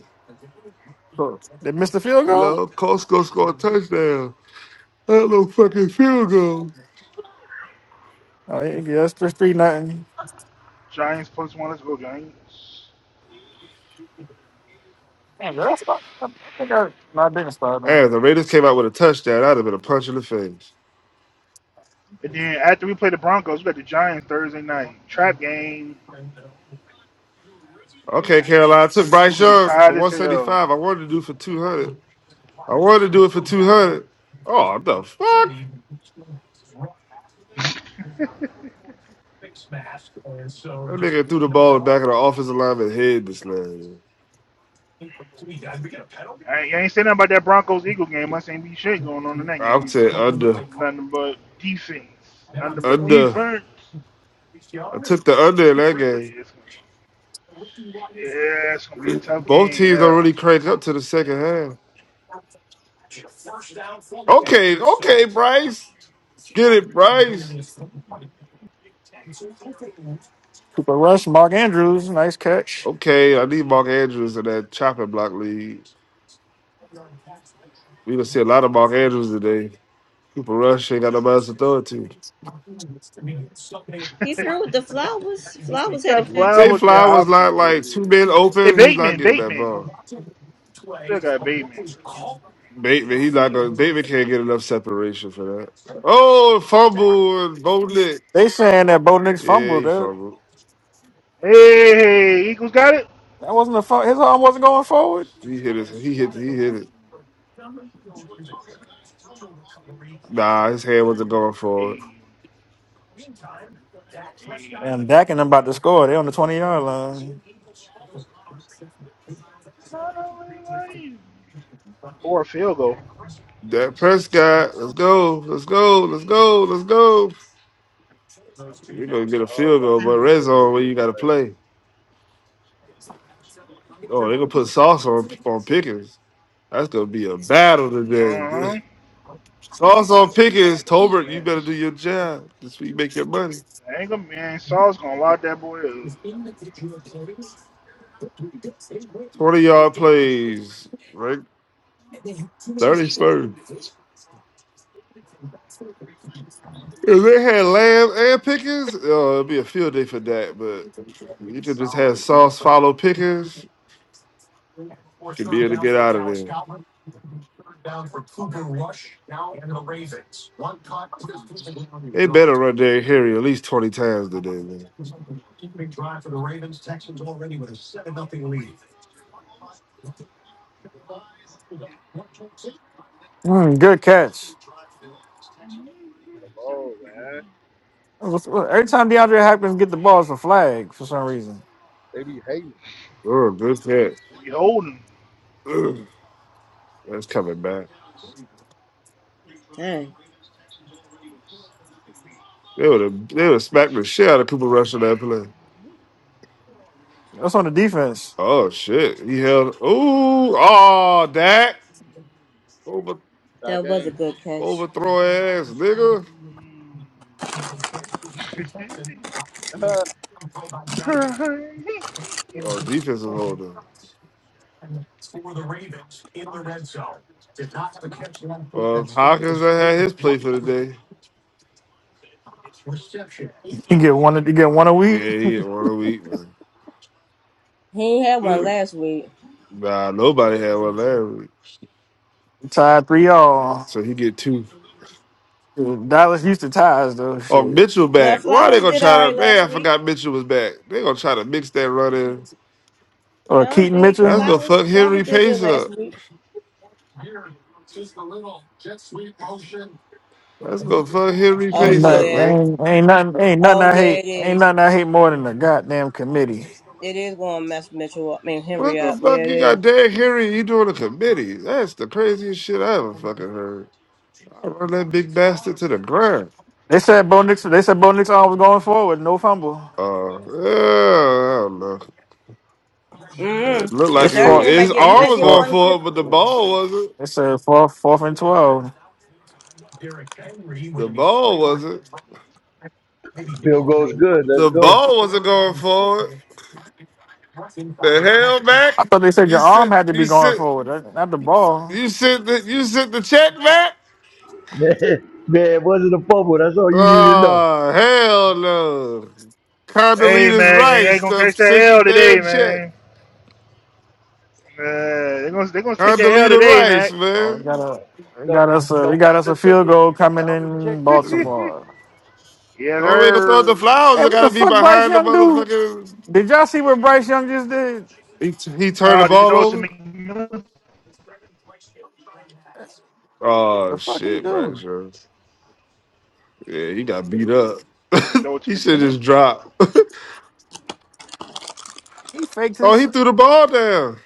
Speaker 5: Huh.
Speaker 3: They missed the field
Speaker 5: You
Speaker 3: goal.
Speaker 5: know, Colts go score a touchdown. That little fucking field goal.
Speaker 3: Oh yeah, yeah, that's three three nothing.
Speaker 6: Giants plus one. Let's go Giants.
Speaker 5: Hey, if the Raiders came out with a touchdown, that'd have been a punch in the face.
Speaker 6: And then after we play the Broncos, we got the Giants Thursday night trap game.
Speaker 5: Okay, Carolina I took
Speaker 6: We're
Speaker 5: Bryce
Speaker 6: gonna be
Speaker 5: Young for
Speaker 6: tired as hell.
Speaker 5: 175. I wanted to do for 200. I wanted to do it for 200. Oh, the fuck?
Speaker 6: (laughs) I
Speaker 5: That nigga threw the ball in the back of the offensive lineman head this man.
Speaker 6: ain't, I ain't saying nothing about that Broncos Eagle game. I ain't be shit going on in that
Speaker 5: I'll
Speaker 6: game.
Speaker 5: take under.
Speaker 6: Nothing but defense. Nothing but
Speaker 5: Under.
Speaker 6: defense.
Speaker 5: I took the under in that game.
Speaker 6: Yeah, it's gonna, yeah, it's gonna be a tough
Speaker 5: Both
Speaker 6: game.
Speaker 5: teams don't really crank up to the second half. Okay, okay, Bryce. Get it, Bryce.
Speaker 3: Cooper Rush, Mark Andrews, nice catch.
Speaker 5: Okay, I need Mark Andrews in that chopping block lead. We gonna see a lot of Mark Andrews today. Cooper Rush ain't got nobody's authority.
Speaker 1: He
Speaker 6: Yeah.
Speaker 1: threw with the
Speaker 6: (laughs)
Speaker 1: flowers.
Speaker 6: He
Speaker 1: Flowers had a
Speaker 6: got
Speaker 1: catch.
Speaker 5: Zay
Speaker 6: Flowers and
Speaker 5: Flowers not
Speaker 6: Hopkins over
Speaker 5: like
Speaker 6: there.
Speaker 5: two men
Speaker 6: Hey,
Speaker 5: open. He's not
Speaker 6: Bateman,
Speaker 5: getting that
Speaker 6: Bateman.
Speaker 5: ball.
Speaker 6: Still got Bateman,
Speaker 5: Bateman, he's not going. Bateman can't get enough separation for that. Oh, fumble and Bo Nick.
Speaker 3: They saying that Bo Nix
Speaker 5: Yeah,
Speaker 3: fumbled.
Speaker 5: he
Speaker 3: That,
Speaker 5: fumbled.
Speaker 6: bro. Hey, hey, Eagles got it?
Speaker 3: that wasn't a fumble. His arm wasn't going forward.
Speaker 5: He hit his. He hit. He hit it. Nah, his hand wasn't going for it.
Speaker 6: Hey, hey.
Speaker 3: And Dak and them about to score. They on the twenty yard line.
Speaker 6: Kind of like- Or a field goal.
Speaker 5: Dak Prescott, let's go, let's go, let's go, let's go. You're gonna get a
Speaker 4: Oh,
Speaker 5: field
Speaker 4: about to
Speaker 5: goal,
Speaker 4: say
Speaker 5: but
Speaker 4: it's
Speaker 6: Mm-hmm.
Speaker 5: red
Speaker 4: for the
Speaker 5: zone where
Speaker 4: win
Speaker 5: you gotta
Speaker 4: today.
Speaker 5: play. Oh, they're gonna put sauce on on Pickens. That's gonna be a battle today. (laughs)
Speaker 6: Uh-huh.
Speaker 5: Sauce on Pickens, Tolbert, you better do
Speaker 6: Yes.
Speaker 5: your job. That's where you make your money.
Speaker 6: I ain't gonna, man, Saul's gonna lock that boy up.
Speaker 5: 20 yard plays, right? 31st. If they had Lamb and Pickens, uh, it'd be a field day for that, but you could just have Sauce follow Pickens, should be able to get out of there. They better run Derrick Henry at least 20 times today, man.
Speaker 3: Mm, good catch.
Speaker 4: Come on, man.
Speaker 3: What's- what- Every time DeAndre Hopkins get the balls for flag for some reason.
Speaker 4: They be hating.
Speaker 5: Oh, good catch.
Speaker 6: If you hold him.
Speaker 5: (clears throat) Ugh, That's coming back.
Speaker 1: Dang.
Speaker 5: They would have they would have smacked the shit out of Cooper Rush on that play.
Speaker 3: That's on the defense.
Speaker 5: Oh shit. He held ooh, oh Dak. Overthrow
Speaker 4: Tie
Speaker 1: That was a
Speaker 4: game.
Speaker 1: good catch.
Speaker 5: Overthrow ass nigga.
Speaker 6: (laughs)
Speaker 4: (laughs)
Speaker 5: Oh, defensive holder. Well, Hawkins that had his play for the day.
Speaker 3: You get one. You get one a week.
Speaker 5: Yeah, he get one a week, man.
Speaker 1: He ain't had one
Speaker 5: (clears throat)
Speaker 1: last week.
Speaker 5: nah, nobody had one last week.
Speaker 3: Tied three all.
Speaker 5: So he get two.
Speaker 3: Dude, Dallas used to ties though.
Speaker 5: Oh,
Speaker 3: Shit.
Speaker 5: Mitchell
Speaker 1: No,
Speaker 5: back. Why they
Speaker 1: Flowers
Speaker 5: gonna
Speaker 1: did
Speaker 5: try
Speaker 1: all
Speaker 5: to
Speaker 1: right
Speaker 5: man, I
Speaker 1: last week.
Speaker 5: forgot Mitchell was back. They gonna try to mix that run in.
Speaker 3: Or
Speaker 1: I'm
Speaker 3: Keaton
Speaker 1: big
Speaker 5: That's
Speaker 3: Mitchell.
Speaker 5: gonna
Speaker 1: flowers.
Speaker 5: fuck
Speaker 1: Flowers
Speaker 5: Henry
Speaker 1: did good
Speaker 5: Pace
Speaker 1: last
Speaker 5: up.
Speaker 1: week.
Speaker 5: That's gonna fuck Henry
Speaker 1: Oh
Speaker 3: Ain't
Speaker 5: Pace up,
Speaker 3: nothing.
Speaker 1: yeah.
Speaker 5: man.
Speaker 3: Ain't, ain't nothing. Ain't nothing
Speaker 1: Oh
Speaker 3: I
Speaker 1: yeah,
Speaker 3: hate.
Speaker 1: it
Speaker 3: Ain't
Speaker 1: is.
Speaker 3: nothing I hate more than the goddamn committee.
Speaker 1: It is going to mess Mitchell up. I mean
Speaker 5: What
Speaker 1: Henry
Speaker 5: the
Speaker 1: up. Yeah,
Speaker 5: fuck
Speaker 1: it
Speaker 5: you
Speaker 1: is.
Speaker 5: got Derrick Henry? You doing a committee? That's the craziest shit I ever fucking heard. I run that big bastard to the ground.
Speaker 3: They said Bo Nix. They said Bo Nix was going forward, no fumble.
Speaker 5: Uh, yeah, I don't know. It looked
Speaker 1: Mm. But
Speaker 5: like
Speaker 3: It's
Speaker 5: it
Speaker 1: Derrick
Speaker 5: was,
Speaker 3: fourth.
Speaker 1: Henry might
Speaker 5: his
Speaker 1: get. He
Speaker 5: arm
Speaker 3: It's
Speaker 1: might
Speaker 5: was
Speaker 1: get
Speaker 5: going
Speaker 1: one
Speaker 3: fourth.
Speaker 1: good.
Speaker 5: forward, but the ball wasn't.
Speaker 3: They said fourth, fourth and twelve.
Speaker 5: The ball wasn't.
Speaker 2: Field goes good. Let's
Speaker 5: The
Speaker 2: go.
Speaker 5: ball wasn't going forward. The hell
Speaker 3: I
Speaker 5: back.
Speaker 3: thought they said
Speaker 5: You
Speaker 3: your arm
Speaker 5: sit.
Speaker 3: had to be
Speaker 5: You
Speaker 3: going
Speaker 5: sit.
Speaker 3: forward, not not the ball.
Speaker 5: You sit. The, you sit the check back.
Speaker 2: (laughs) Man, it wasn't a fumble. That's all you need to know.
Speaker 5: Oh hell no.
Speaker 6: hey,
Speaker 5: Condoleezza
Speaker 6: Mac, they ain't
Speaker 5: Rice
Speaker 6: gonna
Speaker 5: done
Speaker 6: catch that
Speaker 5: sent the
Speaker 6: L today,
Speaker 5: damn check.
Speaker 6: man. Uh, they're gonna, they gonna take that L
Speaker 5: Condoleezza
Speaker 6: today,
Speaker 5: Rice,
Speaker 6: Mac.
Speaker 3: Oh, we
Speaker 5: man.
Speaker 3: got a, we
Speaker 2: Don't
Speaker 3: got
Speaker 2: don't
Speaker 3: us a, we
Speaker 2: don't
Speaker 3: got
Speaker 2: count
Speaker 3: us a
Speaker 2: them
Speaker 3: field
Speaker 2: chickens.
Speaker 3: goal
Speaker 2: Don't
Speaker 3: coming
Speaker 2: count them
Speaker 3: in
Speaker 6: (laughs)
Speaker 2: chickens.
Speaker 6: yeah,
Speaker 3: Baltimore.
Speaker 5: Only way you can throw it to
Speaker 6: they're.
Speaker 5: Flowers,
Speaker 3: And
Speaker 5: it
Speaker 3: what the
Speaker 5: gotta be
Speaker 3: fuck Bryce
Speaker 5: behind the
Speaker 3: Young do?
Speaker 5: motherfucking.
Speaker 3: Did y'all see what Bryce Young just did?
Speaker 5: He, he turned the
Speaker 6: No, did you
Speaker 5: ball
Speaker 6: throw it to
Speaker 5: over.
Speaker 6: McMillan? Did
Speaker 5: Oh
Speaker 3: The fuck he
Speaker 5: shit,
Speaker 3: do?
Speaker 5: Braxton. Yeah, he got beat up.
Speaker 6: you throw it
Speaker 5: (laughs)
Speaker 6: to
Speaker 5: he should
Speaker 6: McMillan?
Speaker 5: just drop.
Speaker 3: He faked
Speaker 5: (laughs) oh,
Speaker 3: his
Speaker 5: he threw the ball down.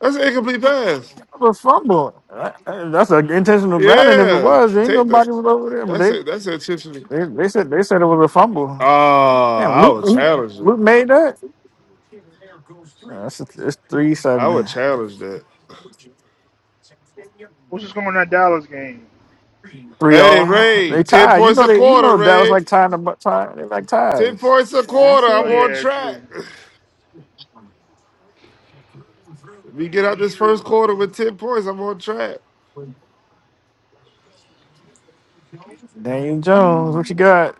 Speaker 5: That's an incomplete pass.
Speaker 3: a fumble. That- That's an intentional grounding. If it
Speaker 5: Yeah.
Speaker 3: was, there ain't
Speaker 5: Take the
Speaker 3: nobody was over there.
Speaker 5: that's
Speaker 3: But
Speaker 5: it. That's intentional.
Speaker 3: they, they, they said they said it was a fumble.
Speaker 5: Oh,
Speaker 3: Damn,
Speaker 5: I
Speaker 3: Luke,
Speaker 5: would
Speaker 3: Luke
Speaker 6: Um,
Speaker 5: challenge
Speaker 3: Luke
Speaker 5: him.
Speaker 3: made that. Yeah, that's it's three
Speaker 5: I
Speaker 3: seven,
Speaker 5: would challenge that.
Speaker 6: what's just going on in that Dallas game?
Speaker 3: three
Speaker 5: Hey
Speaker 3: all.
Speaker 5: Ray,
Speaker 3: They
Speaker 5: 10
Speaker 3: tied. You
Speaker 5: points
Speaker 3: know
Speaker 5: a
Speaker 3: they. You
Speaker 5: quarter,
Speaker 3: know Dallas
Speaker 5: Ray.
Speaker 3: like tying the bu- tie. They like
Speaker 5: 10
Speaker 3: ties.
Speaker 5: points a
Speaker 1: yeah, I
Speaker 5: quarter.
Speaker 6: Oh
Speaker 5: I'm
Speaker 1: see.
Speaker 5: on
Speaker 6: yeah, true.
Speaker 5: track. (sighs) We
Speaker 6: That
Speaker 5: get
Speaker 6: is
Speaker 5: out this first
Speaker 6: you.
Speaker 5: quarter with 10 points. I'm on track.
Speaker 3: Daniel Jones, what you got?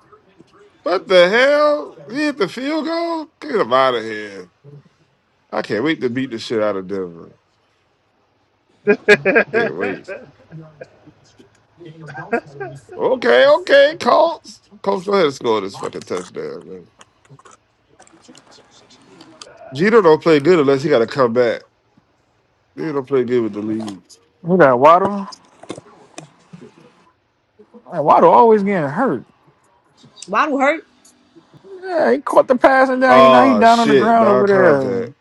Speaker 5: What the hell? He hit the field goal? Get him out of here. I can't wait to beat the shit out of Denver. Can't wait.
Speaker 6: (laughs)
Speaker 5: Okay, okay, Colts. Colts go ahead and score this fucking touchdown, man. Jeter don't play good unless he got to come back. He don't play good with the lead.
Speaker 3: Who got Waddle? Man, Waddle always getting hurt.
Speaker 1: Waddle hurt.
Speaker 3: Yeah, he caught the pass and down. You know he
Speaker 5: Ah,
Speaker 3: down on the
Speaker 5: shit,
Speaker 3: ground over there.
Speaker 5: non-contact.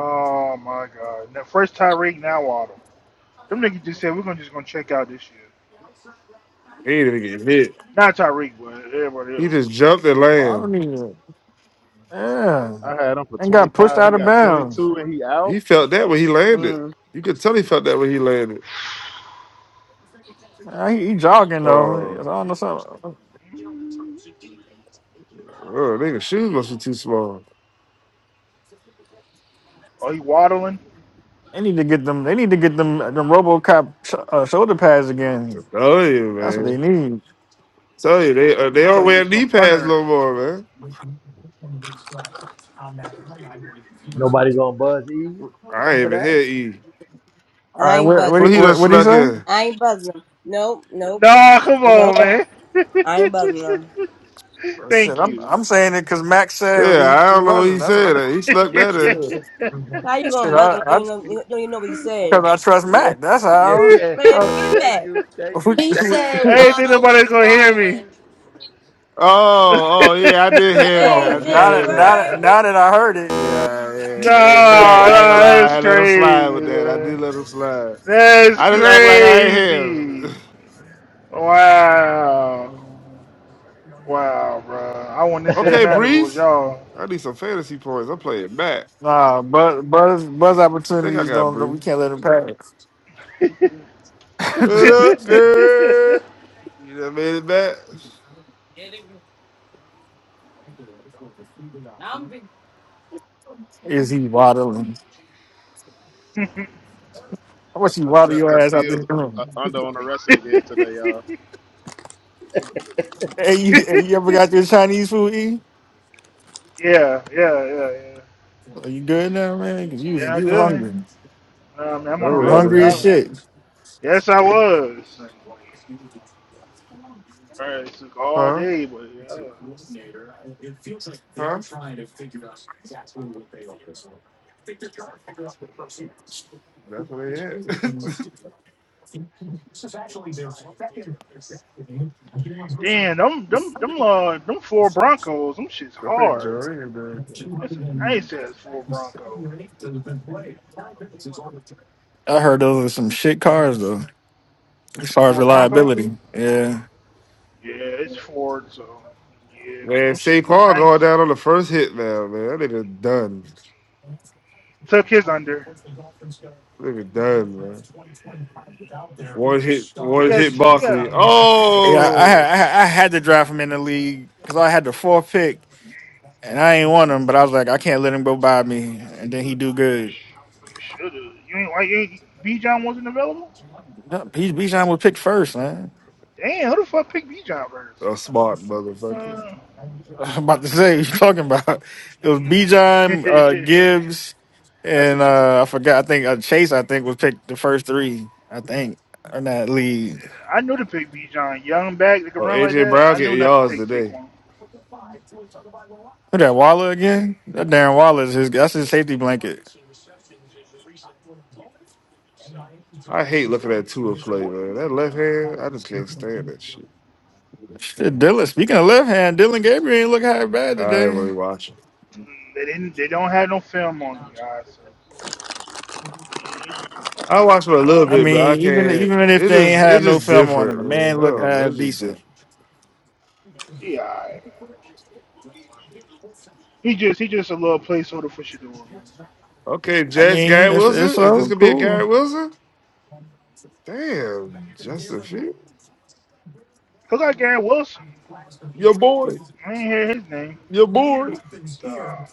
Speaker 6: oh my God! Now, first Tyreek, now Waddle. Them niggas just said we're gonna just gonna check out this year.
Speaker 5: He didn't even get hit.
Speaker 6: Not Tyreek, but everybody
Speaker 5: He just
Speaker 6: else.
Speaker 5: jumped and
Speaker 3: Waddle
Speaker 5: landed.
Speaker 3: don't Yeah,
Speaker 4: I had him for
Speaker 3: and got pushed
Speaker 4: 25.
Speaker 3: out
Speaker 4: He
Speaker 3: of
Speaker 4: got
Speaker 3: bounds.
Speaker 4: 22 and he out.
Speaker 5: He felt that when he landed.
Speaker 1: Mm.
Speaker 5: You could tell he felt that when he landed.
Speaker 3: Yeah, he, he jogging though. I
Speaker 5: Oh,
Speaker 3: don't know something.
Speaker 5: uh, nigga, shoes must be too small.
Speaker 6: Oh, he waddling.
Speaker 3: They need to get them. They need to get them. Them RoboCop sh- uh, shoulder pads again.
Speaker 5: Tell you,
Speaker 3: That's what they
Speaker 5: man.
Speaker 3: need.
Speaker 5: Tell you, they uh, they
Speaker 6: So
Speaker 5: don't wear
Speaker 6: using a
Speaker 5: knee pads
Speaker 6: punter.
Speaker 5: no more, man.
Speaker 2: Nobody gonna buzz Eve
Speaker 5: I ain't
Speaker 2: for
Speaker 5: even
Speaker 2: that.
Speaker 5: hear E.
Speaker 3: All
Speaker 1: I
Speaker 3: right,
Speaker 1: ain't
Speaker 3: what what do you-
Speaker 1: buzzing.
Speaker 5: Well, he done
Speaker 3: what, what do you
Speaker 5: snuck
Speaker 3: say?
Speaker 5: in?
Speaker 1: I ain't buzzing them. Nope. Nope.
Speaker 6: No, come
Speaker 1: Nope.
Speaker 6: on, man.
Speaker 1: I ain't buzzing them.
Speaker 6: (laughs)
Speaker 3: Well, Shit,
Speaker 6: Thank
Speaker 3: I'm
Speaker 6: you.
Speaker 3: I'm saying it because Mac said we
Speaker 5: Yeah, I
Speaker 3: we
Speaker 5: don't know what
Speaker 3: buzzing.
Speaker 5: he
Speaker 3: That's what
Speaker 6: (laughs)
Speaker 3: I'm.
Speaker 6: I
Speaker 5: said. He snuck that in.
Speaker 1: How you gonna
Speaker 3: Shit,
Speaker 1: buzz
Speaker 3: I
Speaker 1: them? You
Speaker 3: I
Speaker 1: don't know. You
Speaker 3: because
Speaker 1: don't even know what he said.
Speaker 3: I trust
Speaker 2: Yeah,
Speaker 3: Mac. That's
Speaker 2: yeah,
Speaker 3: how.
Speaker 2: yeah.
Speaker 1: Man,
Speaker 3: Uh,
Speaker 1: forget
Speaker 2: Thank
Speaker 1: Mac.
Speaker 2: you, thank
Speaker 3: (laughs) we-
Speaker 2: you.
Speaker 7: He
Speaker 3: we-
Speaker 7: said
Speaker 6: ain't think
Speaker 7: Waddle
Speaker 6: nobody's
Speaker 7: is
Speaker 6: gonna hear me.
Speaker 7: waddling
Speaker 6: (laughs)
Speaker 5: Oh, oh yeah, I did hear that.
Speaker 3: oh,
Speaker 5: I
Speaker 1: Dang,
Speaker 5: did
Speaker 3: now
Speaker 5: hear
Speaker 3: that now
Speaker 5: that.
Speaker 3: that
Speaker 1: January.
Speaker 3: now that I heard it,
Speaker 5: Yeah,
Speaker 6: no,
Speaker 5: hey, hey man, I ain't
Speaker 6: no,
Speaker 5: gonna lie, I
Speaker 6: that's
Speaker 5: had let him
Speaker 6: crazy,
Speaker 5: slide with that. I
Speaker 6: man.
Speaker 5: did let him slide.
Speaker 6: That's
Speaker 5: I just act like I ain't here.
Speaker 6: crazy.
Speaker 5: (sighs)
Speaker 6: Wow. Wow, bro. I wouldn't
Speaker 2: (laughs)
Speaker 6: have
Speaker 5: (laughs)
Speaker 6: said
Speaker 5: okay,
Speaker 2: the
Speaker 6: nothing if it was
Speaker 5: Breeze.
Speaker 6: y'all.
Speaker 5: I need some fantasy points. I'm playing back.
Speaker 3: nah, buzz buzz buzz
Speaker 5: I think I
Speaker 3: opportunities
Speaker 5: got
Speaker 3: don't we
Speaker 5: Breeze.
Speaker 3: can't let them pass.
Speaker 5: What up,
Speaker 3: (laughs)
Speaker 5: girl? You done made it back?
Speaker 3: Is he waddling? How
Speaker 4: I
Speaker 3: much you
Speaker 4: took
Speaker 3: waddle your
Speaker 4: Justin
Speaker 3: ass out this
Speaker 4: Fields uh,
Speaker 3: room? (laughs)
Speaker 4: under on the rushing again today, y'all.
Speaker 6: (laughs)
Speaker 3: Hey,
Speaker 6: (laughs)
Speaker 3: you, hey,
Speaker 6: yeah,
Speaker 3: you ever got your Chinese food eaten?
Speaker 6: yeah, yeah, yeah.
Speaker 3: Are you good now, man? 'Cause you was
Speaker 6: Yeah, I'm
Speaker 3: you was
Speaker 6: good,
Speaker 3: hungry, You
Speaker 6: Um,
Speaker 5: (sighs)
Speaker 6: I'm on the
Speaker 3: was
Speaker 5: Somewhere in
Speaker 6: road
Speaker 5: the
Speaker 3: hungry as
Speaker 6: driving
Speaker 5: house.
Speaker 6: now.
Speaker 3: shit.
Speaker 6: Yes, I was. All right, it took all
Speaker 5: huh?
Speaker 6: day, but yeah.
Speaker 5: Huh? That's what they had. (laughs)
Speaker 6: Damn, them, them, them, uh, them four Broncos, them shit's
Speaker 5: I think
Speaker 6: hard.
Speaker 5: Jerry (laughs) and everything.
Speaker 6: That's a nice ass four Bronco.
Speaker 3: I heard those are some shit cars though, as far as
Speaker 6: Four Bronco?
Speaker 3: reliability. Yeah,
Speaker 6: Yeah, it's Ford, so yeah, but
Speaker 5: Man,
Speaker 6: them shits look
Speaker 5: Saquon going
Speaker 6: nice.
Speaker 5: down on the first hit now, man. That nigga done.
Speaker 6: Took his under.
Speaker 5: nigga done, man. One hit,
Speaker 6: We
Speaker 5: one
Speaker 6: got,
Speaker 5: hit
Speaker 6: we got.
Speaker 5: Barkley.
Speaker 6: I mean,
Speaker 3: yeah. I had
Speaker 5: Oh,
Speaker 3: I, had- I had to drive him in the league because I had the fourth pick, and I ain't want him, but I was like, I can't let him go by me, and then he do
Speaker 6: you
Speaker 3: good.
Speaker 6: should have. You ain't like, B. John wasn't available.
Speaker 3: No, P- Bijan was picked first, man.
Speaker 6: Damn, who the fuck picked B. John first?
Speaker 5: a smart motherfucker.
Speaker 6: Uh,
Speaker 3: I'm about to say, what you talking about?
Speaker 6: (laughs)
Speaker 3: It was
Speaker 6: I
Speaker 3: Bijan, uh, Gibbs, and
Speaker 6: took.
Speaker 3: uh, I forgot. I think uh, Chase. I think was picked the first three. I think in that lead.
Speaker 6: I knew to pick B. John, young back that can
Speaker 5: Oh,
Speaker 6: run like
Speaker 5: AJ
Speaker 6: that.
Speaker 5: Brown
Speaker 6: I knew
Speaker 5: getting
Speaker 6: not to
Speaker 5: yards
Speaker 6: take
Speaker 5: today.
Speaker 6: Saquon.
Speaker 3: Who that Waller again? That Darren Waller is his. That's his safety blanket.
Speaker 5: I hate looking at Tua
Speaker 6: That
Speaker 5: play,
Speaker 6: boy,
Speaker 5: man. That
Speaker 6: B.
Speaker 5: left
Speaker 6: John.
Speaker 5: hand, I just can't stand that shit.
Speaker 3: Shit, Dylan. Speaking of left hand, Dylan Gabriel ain't look half bad
Speaker 5: I ain't
Speaker 3: today.
Speaker 5: really watching.
Speaker 6: They didn't. They don't have no film on the guy, so yeah, he,
Speaker 5: I watched for a
Speaker 6: you know
Speaker 5: little
Speaker 6: what I
Speaker 3: I
Speaker 6: mean.
Speaker 5: bit, but I
Speaker 3: mean,
Speaker 6: Cool.
Speaker 3: even
Speaker 5: can't.
Speaker 3: even if
Speaker 5: It
Speaker 3: they ain't
Speaker 5: just
Speaker 3: had
Speaker 5: it's
Speaker 3: no
Speaker 5: just
Speaker 3: film on him,
Speaker 5: different.
Speaker 3: the man
Speaker 5: Man. I
Speaker 3: looked
Speaker 5: don't know.
Speaker 3: half
Speaker 5: It's just
Speaker 3: decent.
Speaker 5: different.
Speaker 6: Yeah, right. he just he just a little placeholder for Shador. Man.
Speaker 5: Okay,
Speaker 3: I
Speaker 5: Jets,
Speaker 3: mean,
Speaker 5: Garrett
Speaker 3: it's it's
Speaker 5: Wilson. Is this
Speaker 3: so
Speaker 5: gonna be a
Speaker 3: cool.
Speaker 5: Garrett Wilson? Damn, Justin Field,
Speaker 6: Look like Garrett Wilson.
Speaker 5: your boy,
Speaker 6: I ain't hear his name.
Speaker 5: your boy.
Speaker 6: Uh,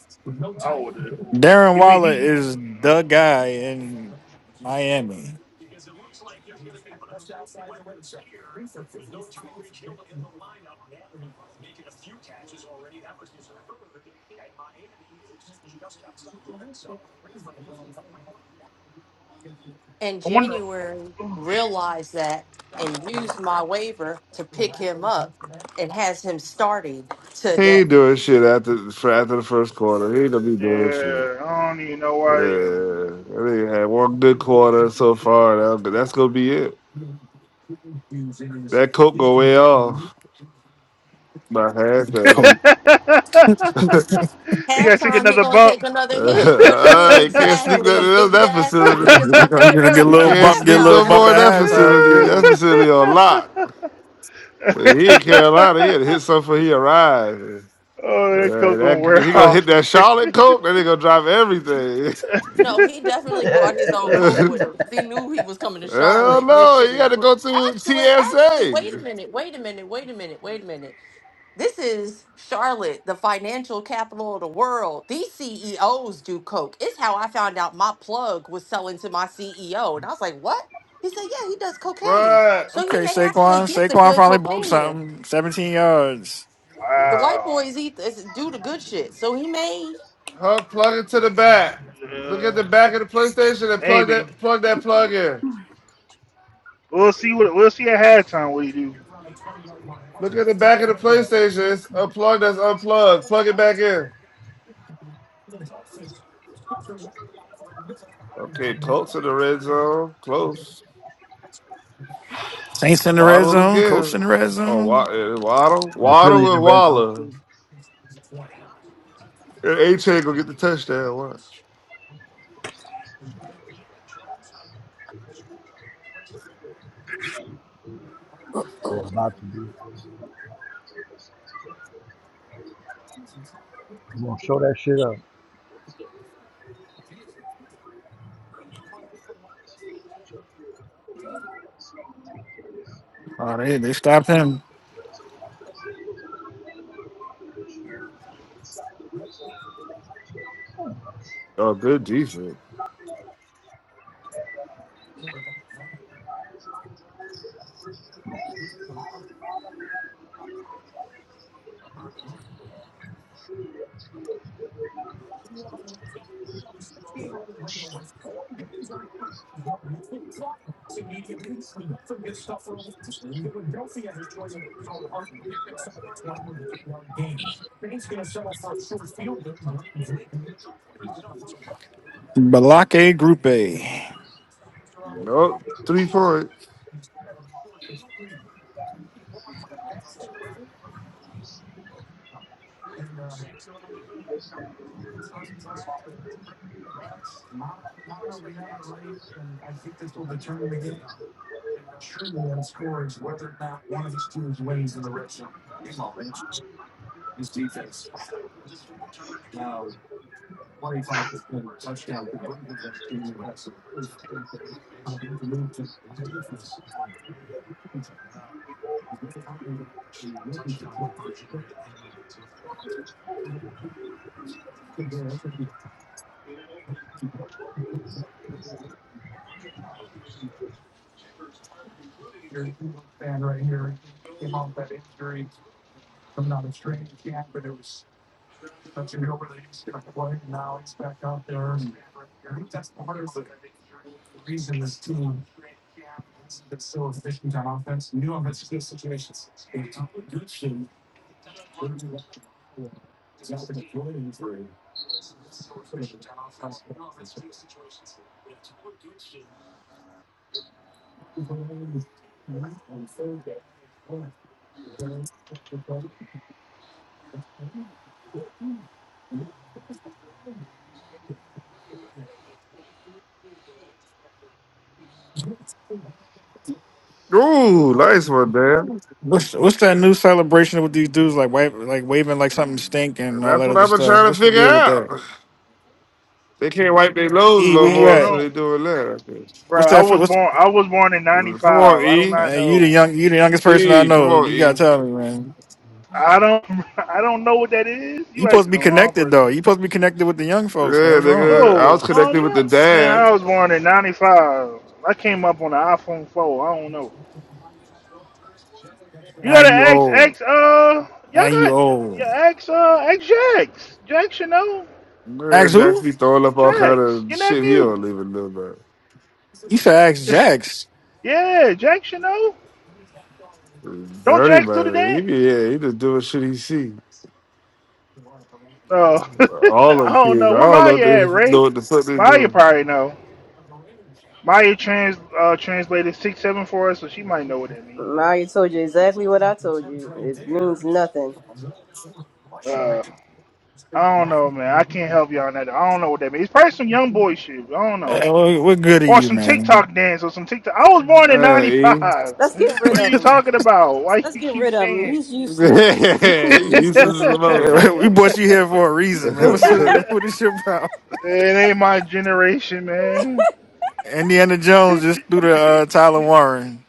Speaker 6: I would
Speaker 3: Darren
Speaker 6: He be
Speaker 3: Waller
Speaker 6: he.
Speaker 3: is
Speaker 6: Uh,
Speaker 3: the guy in Miami.
Speaker 7: in
Speaker 6: I wonder.
Speaker 7: January.
Speaker 6: Oh shit.
Speaker 7: Realized that and used my waiver to pick him up and has him starting
Speaker 5: He
Speaker 7: today.
Speaker 5: ain't doing shit after for after the first quarter. He ain't gonna be doing shit.
Speaker 6: Yeah, I don't even know
Speaker 5: Yeah,
Speaker 6: why.
Speaker 5: I think he had one good quarter so far, now, but that's gonna be it. That coke go way off by
Speaker 6: (laughs)
Speaker 5: halftime.
Speaker 6: You gotta take
Speaker 7: Halftime, he
Speaker 6: another
Speaker 7: gonna
Speaker 6: bump.
Speaker 7: take
Speaker 5: (laughs)
Speaker 7: another hit. What you mean?
Speaker 5: I can't sneak that
Speaker 7: Exactly,
Speaker 5: in that
Speaker 7: exactly. He
Speaker 5: facility.
Speaker 7: just
Speaker 3: You
Speaker 7: gonna
Speaker 3: to
Speaker 7: take
Speaker 3: get a
Speaker 7: another
Speaker 3: good
Speaker 5: You
Speaker 7: hit
Speaker 3: little
Speaker 7: at
Speaker 5: can't
Speaker 3: bump, get a
Speaker 5: sneak
Speaker 3: little
Speaker 5: no
Speaker 7: halftime.
Speaker 3: bump
Speaker 5: more in
Speaker 7: What you
Speaker 5: that
Speaker 3: at halftime. You
Speaker 7: mean?
Speaker 5: facility. That
Speaker 3: good?
Speaker 5: facility on lock.
Speaker 6: (laughs) oh,
Speaker 5: Uh, He in Carolina, he had to hit something before he arrived.
Speaker 6: that
Speaker 5: Uh,
Speaker 6: coat gonna
Speaker 5: that,
Speaker 6: wear
Speaker 5: he gonna hit
Speaker 6: off. It's
Speaker 5: that Charlotte
Speaker 6: crazy.
Speaker 5: coke, then he gonna drop everything.
Speaker 7: No, he definitely brought his own coke with
Speaker 5: (laughs)
Speaker 7: him 'cause he knew he was coming to
Speaker 6: (laughs)
Speaker 5: Hell
Speaker 7: Charlotte. And this
Speaker 5: no,
Speaker 7: shit
Speaker 5: you got
Speaker 7: is
Speaker 5: to go to
Speaker 7: actually, actually.
Speaker 5: TSA.
Speaker 7: Wait a minute. Wait a minute. Wait a minute. Wait a minute. This is Charlotte, the financial capital of the world. These CEOs do coke. It's how I found out my plug was selling to my CEO. And I was like, what? He said, yeah, he does cocaine.
Speaker 5: Right,
Speaker 7: So he
Speaker 3: Okay,
Speaker 7: may
Speaker 3: Saquon.
Speaker 7: actually get the
Speaker 3: Saquon
Speaker 7: good
Speaker 3: finally broke
Speaker 7: cocaine here.
Speaker 3: something. Seventeen yards.
Speaker 7: The white
Speaker 6: wow.
Speaker 7: boys eat this, do the good shit. So he may.
Speaker 5: huh? Plug it to the back. Look at
Speaker 6: Uh,
Speaker 5: the back of the PlayStation and plug
Speaker 6: maybe
Speaker 5: that plug that plug in.
Speaker 6: we'll see what we'll see at halftime. What he do?
Speaker 5: Look at the back of the PlayStation. It's a plug that's unplugged. Plug it back in. Okay, Colts in the red zone. Close.
Speaker 3: Saints in the red
Speaker 5: Waddle
Speaker 3: zone. Colts
Speaker 5: again.
Speaker 3: in the red
Speaker 5: Oh, Wa-
Speaker 3: zone.
Speaker 5: eh, Waddle,
Speaker 2: Philly in
Speaker 5: Waddle,
Speaker 2: the
Speaker 5: and
Speaker 2: red zone
Speaker 5: Waller.
Speaker 2: too.
Speaker 5: And A gonna get the touchdown. Watch.
Speaker 2: We're about to do. be. gonna show that shit up.
Speaker 3: Oh, they they stopped him.
Speaker 5: Oh, good defense.
Speaker 3: Balake Grupe.
Speaker 5: Nope, three points. Ooh, nice one, man.
Speaker 3: What's what's that new celebration with these dudes like wa- like waving like something stink and
Speaker 5: And
Speaker 3: all
Speaker 5: that's
Speaker 3: that
Speaker 5: what
Speaker 3: other
Speaker 5: I've been
Speaker 3: stuff?
Speaker 5: trying to
Speaker 3: What's the
Speaker 5: figure
Speaker 3: deal with that?
Speaker 5: out. They can't wipe their nose
Speaker 3: E,
Speaker 5: no
Speaker 3: where
Speaker 6: I
Speaker 3: you
Speaker 6: don't
Speaker 5: more,
Speaker 3: at?
Speaker 5: so
Speaker 6: know.
Speaker 5: they doing that. I guess.
Speaker 6: Bro,
Speaker 3: What's
Speaker 6: I
Speaker 3: that? For,
Speaker 6: was
Speaker 3: what's
Speaker 6: born. I was born in
Speaker 5: Mm, Come on,
Speaker 6: '95. I do
Speaker 5: E.
Speaker 3: uh,
Speaker 6: not
Speaker 3: you the
Speaker 6: know.
Speaker 3: young you the youngest person I
Speaker 5: E, come
Speaker 3: know?
Speaker 5: on,
Speaker 3: You
Speaker 5: E.
Speaker 3: gotta tell me, man.
Speaker 6: I don't. (laughs) I don't know what that is.
Speaker 3: You
Speaker 6: You
Speaker 3: supposed to
Speaker 6: asking
Speaker 3: be
Speaker 6: the wrong
Speaker 3: connected
Speaker 6: person.
Speaker 3: though. You supposed to be connected with the young folks, man.
Speaker 5: Yeah,
Speaker 3: What's wrong?
Speaker 5: nigga. I
Speaker 6: Oh
Speaker 5: was
Speaker 6: no, I'm
Speaker 5: connecting with the
Speaker 6: not. Man,
Speaker 5: dad.
Speaker 6: I was born in '95. I came up on the iPhone 4. I don't know. You
Speaker 3: Now
Speaker 6: gotta
Speaker 3: you
Speaker 6: ask,
Speaker 3: old.
Speaker 6: ask. Uh,
Speaker 3: Now
Speaker 6: y'all
Speaker 3: you
Speaker 6: got. Yeah,
Speaker 3: old.
Speaker 6: ask. Uh, ask Jax. Jax, you know.
Speaker 5: Man,
Speaker 3: Ask who?
Speaker 5: Jackson be throwing up all kind
Speaker 6: Jax,
Speaker 5: of
Speaker 6: your
Speaker 5: shit he
Speaker 6: nephew.
Speaker 5: don't even know
Speaker 3: You should ask Jax.
Speaker 6: (laughs) yeah, Jax, you know. Don't
Speaker 5: Dirty
Speaker 6: Jax do the
Speaker 5: man, he
Speaker 6: dance?
Speaker 5: be yeah, he just doing shit he see.
Speaker 6: Oh, (laughs)
Speaker 5: All
Speaker 6: I
Speaker 5: them
Speaker 6: don't
Speaker 5: kids,
Speaker 6: know.
Speaker 5: I
Speaker 6: What
Speaker 5: don't know if
Speaker 6: Maya at,
Speaker 5: they
Speaker 6: Ray?
Speaker 5: know what the fuck they
Speaker 6: Maya
Speaker 5: doing.
Speaker 6: probably know. Maya trans uh, translated six seven for us, so she might know what that means.
Speaker 1: Mm, I already told you exactly what I told you. It means nothing.
Speaker 6: Uh, I don't know, man. I can't help y'all on that. I don't know what that means. It's probably some young boy shit. but I don't know,
Speaker 3: Uh, what, what good are
Speaker 6: or
Speaker 3: you,
Speaker 6: some
Speaker 3: man?
Speaker 6: TikTok dance or some TikTok. I was born in '95.
Speaker 5: Hey,
Speaker 6: (laughs)
Speaker 1: Let's get rid
Speaker 6: What are
Speaker 1: of
Speaker 6: you
Speaker 1: him.
Speaker 6: talking about? Why
Speaker 1: Let's
Speaker 6: you
Speaker 1: get
Speaker 6: keep
Speaker 1: rid of him.
Speaker 6: saying?
Speaker 1: He's useless. This-
Speaker 6: (laughs)
Speaker 5: (laughs)
Speaker 3: That's
Speaker 1: He's
Speaker 5: he
Speaker 3: it.
Speaker 5: useless
Speaker 1: useless.
Speaker 5: as
Speaker 3: (laughs)
Speaker 5: a
Speaker 3: we brought you here for a
Speaker 6: it
Speaker 3: reason, man.
Speaker 1: (laughs)
Speaker 3: What's
Speaker 5: motherfucker.
Speaker 3: what is your problem?
Speaker 6: ain't my generation, man.
Speaker 3: Indiana
Speaker 6: (laughs)
Speaker 3: Jones just threw the uh, Tyler Warren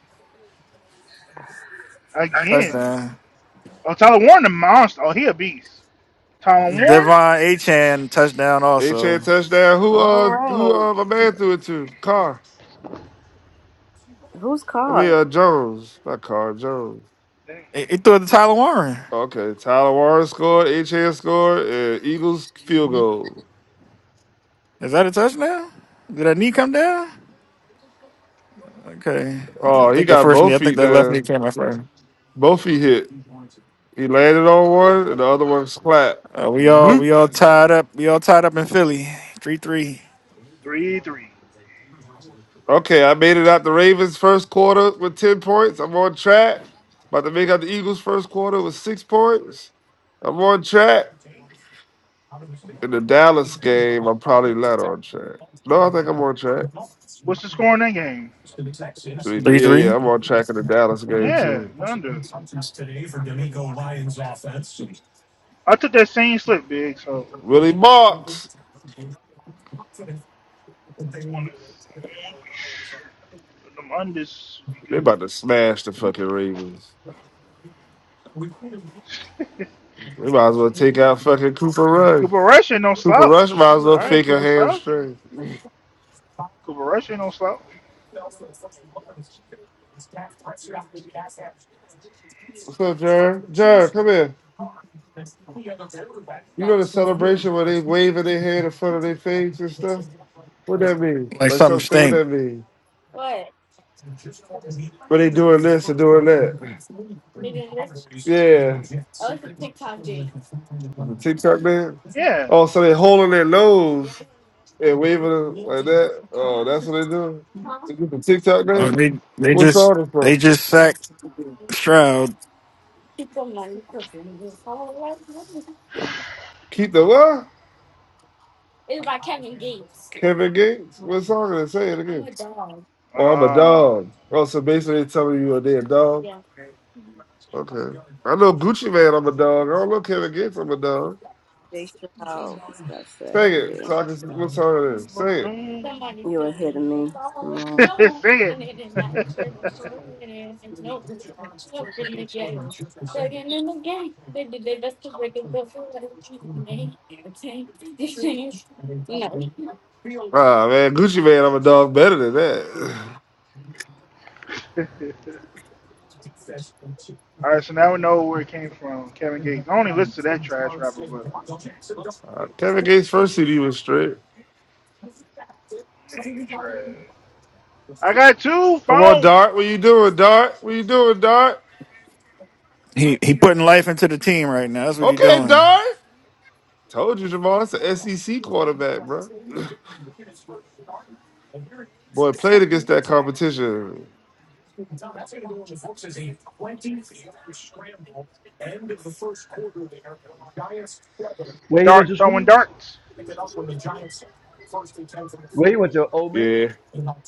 Speaker 6: Again.
Speaker 3: touchdown.
Speaker 6: Oh, Tyler Warren, the monster. Oh, he a beast. Tyler Warren.
Speaker 3: Devon Achan touchdown
Speaker 5: (laughs) they
Speaker 3: also.
Speaker 5: chant touchdown. Who
Speaker 1: All
Speaker 5: uh who
Speaker 1: right.
Speaker 5: uh my
Speaker 3: Yeah.
Speaker 5: man threw it to? Carr.
Speaker 1: Whose
Speaker 5: I mean
Speaker 1: car?
Speaker 5: uh Jones, not Carr Jones.
Speaker 6: Dang.
Speaker 3: He he threw it to Tyler Warren.
Speaker 5: Okay, Tyler Warren scored, HN scored, and Eagles field
Speaker 6: hmm
Speaker 5: goal.
Speaker 3: Is that a touchdown? Did that knee come down? Okay, I
Speaker 5: Oh, he
Speaker 3: think the
Speaker 5: got
Speaker 3: first knee.
Speaker 5: both
Speaker 3: I think
Speaker 5: feet
Speaker 3: that left knee
Speaker 5: down.
Speaker 3: came out first.
Speaker 5: Both feet hit. He landed on one, and the other one clapped.
Speaker 3: Uh, we all
Speaker 5: Bloop.
Speaker 3: we all tied up. We all tied up in Philly. Three three.
Speaker 6: Three three.
Speaker 5: Okay, I made it out the Ravens first quarter with 10 points. I'm on track. About to make out the Eagles first quarter with six points. I'm on track. In the Dallas game, I'm probably not on track. No, I think I'm on track.
Speaker 6: What's the score in that game?
Speaker 5: Three,
Speaker 3: Three
Speaker 5: three. Yeah,
Speaker 3: three.
Speaker 5: yeah, I'm on track in the Dallas game
Speaker 6: Yeah,
Speaker 5: too.
Speaker 6: under. I took that same slip, big. So
Speaker 5: Willie Marks.
Speaker 6: on the on them unders
Speaker 5: They about to smash the fucking Ravens.
Speaker 6: be good.
Speaker 5: They might as well
Speaker 6: (laughs)
Speaker 5: take
Speaker 6: hmm
Speaker 5: out fucking Cooper Rush.
Speaker 6: Cooper Rush ain't no
Speaker 5: Cooper Rush
Speaker 6: slouch.
Speaker 5: might as
Speaker 6: All
Speaker 5: well
Speaker 6: right,
Speaker 5: fake a
Speaker 6: Cooper slouching.
Speaker 5: hamstring. (laughs)
Speaker 6: Cooper Rush ain't no slouch.
Speaker 5: What's up, Jared? Jared, come here. You know the
Speaker 6: hmm
Speaker 5: celebration where they waving their hand in front of their face and stuff? What that mean?
Speaker 3: Like
Speaker 5: Like
Speaker 3: something
Speaker 5: some state, what
Speaker 3: stink.
Speaker 5: that mean? Where they doing this or doing that? Yeah. The TikTok man?
Speaker 6: Yeah.
Speaker 5: Oh, so they holding their nose and waving it like that? Oh, that's what they doing? They get the TikTok
Speaker 3: Oh,
Speaker 5: man?
Speaker 3: they they
Speaker 5: What
Speaker 3: just
Speaker 5: song is
Speaker 3: they
Speaker 5: from?
Speaker 3: just sacked Stroud.
Speaker 5: Keep the what? Kevin Gates? What song is it? Say it again. Oh, I'm a
Speaker 6: Uh,
Speaker 5: dog. Oh, so basically they telling you they're a damn dog? Okay. I know Gucci Man, I'm a dog. I don't know Kevin Gates, I'm a dog.
Speaker 1: They shall discuss that.
Speaker 5: Say it.
Speaker 1: Yeah.
Speaker 5: So I can see what song it is.
Speaker 6: (laughs) but,
Speaker 5: Say it.
Speaker 6: um,
Speaker 1: you ahead of me. Come on.
Speaker 6: say it. (laughs)
Speaker 5: Ah man, Gucci Man, I'm a dog better than that. (sighs)
Speaker 6: All right, so now we know where it came from. Kevin Gates. I only listened to that trash rapper, but
Speaker 5: Uh, Kevin Gates' first CD was straight.
Speaker 6: man, you trash. I got two
Speaker 5: Come on,
Speaker 6: phone
Speaker 5: Dart. What you doing, Dart? What you doing, Dart?
Speaker 3: He he putting life into the team right now. That's what he
Speaker 5: Okay,
Speaker 3: doing.
Speaker 5: Dart. Told you, Jamal. That's an SEC quarterback, bro. (sighs) Boy, played against that competition.
Speaker 2: Where he went
Speaker 6: dart
Speaker 2: to
Speaker 6: throwing
Speaker 2: school?
Speaker 6: darts.
Speaker 2: Where he went to Ole Miss?
Speaker 5: Yeah.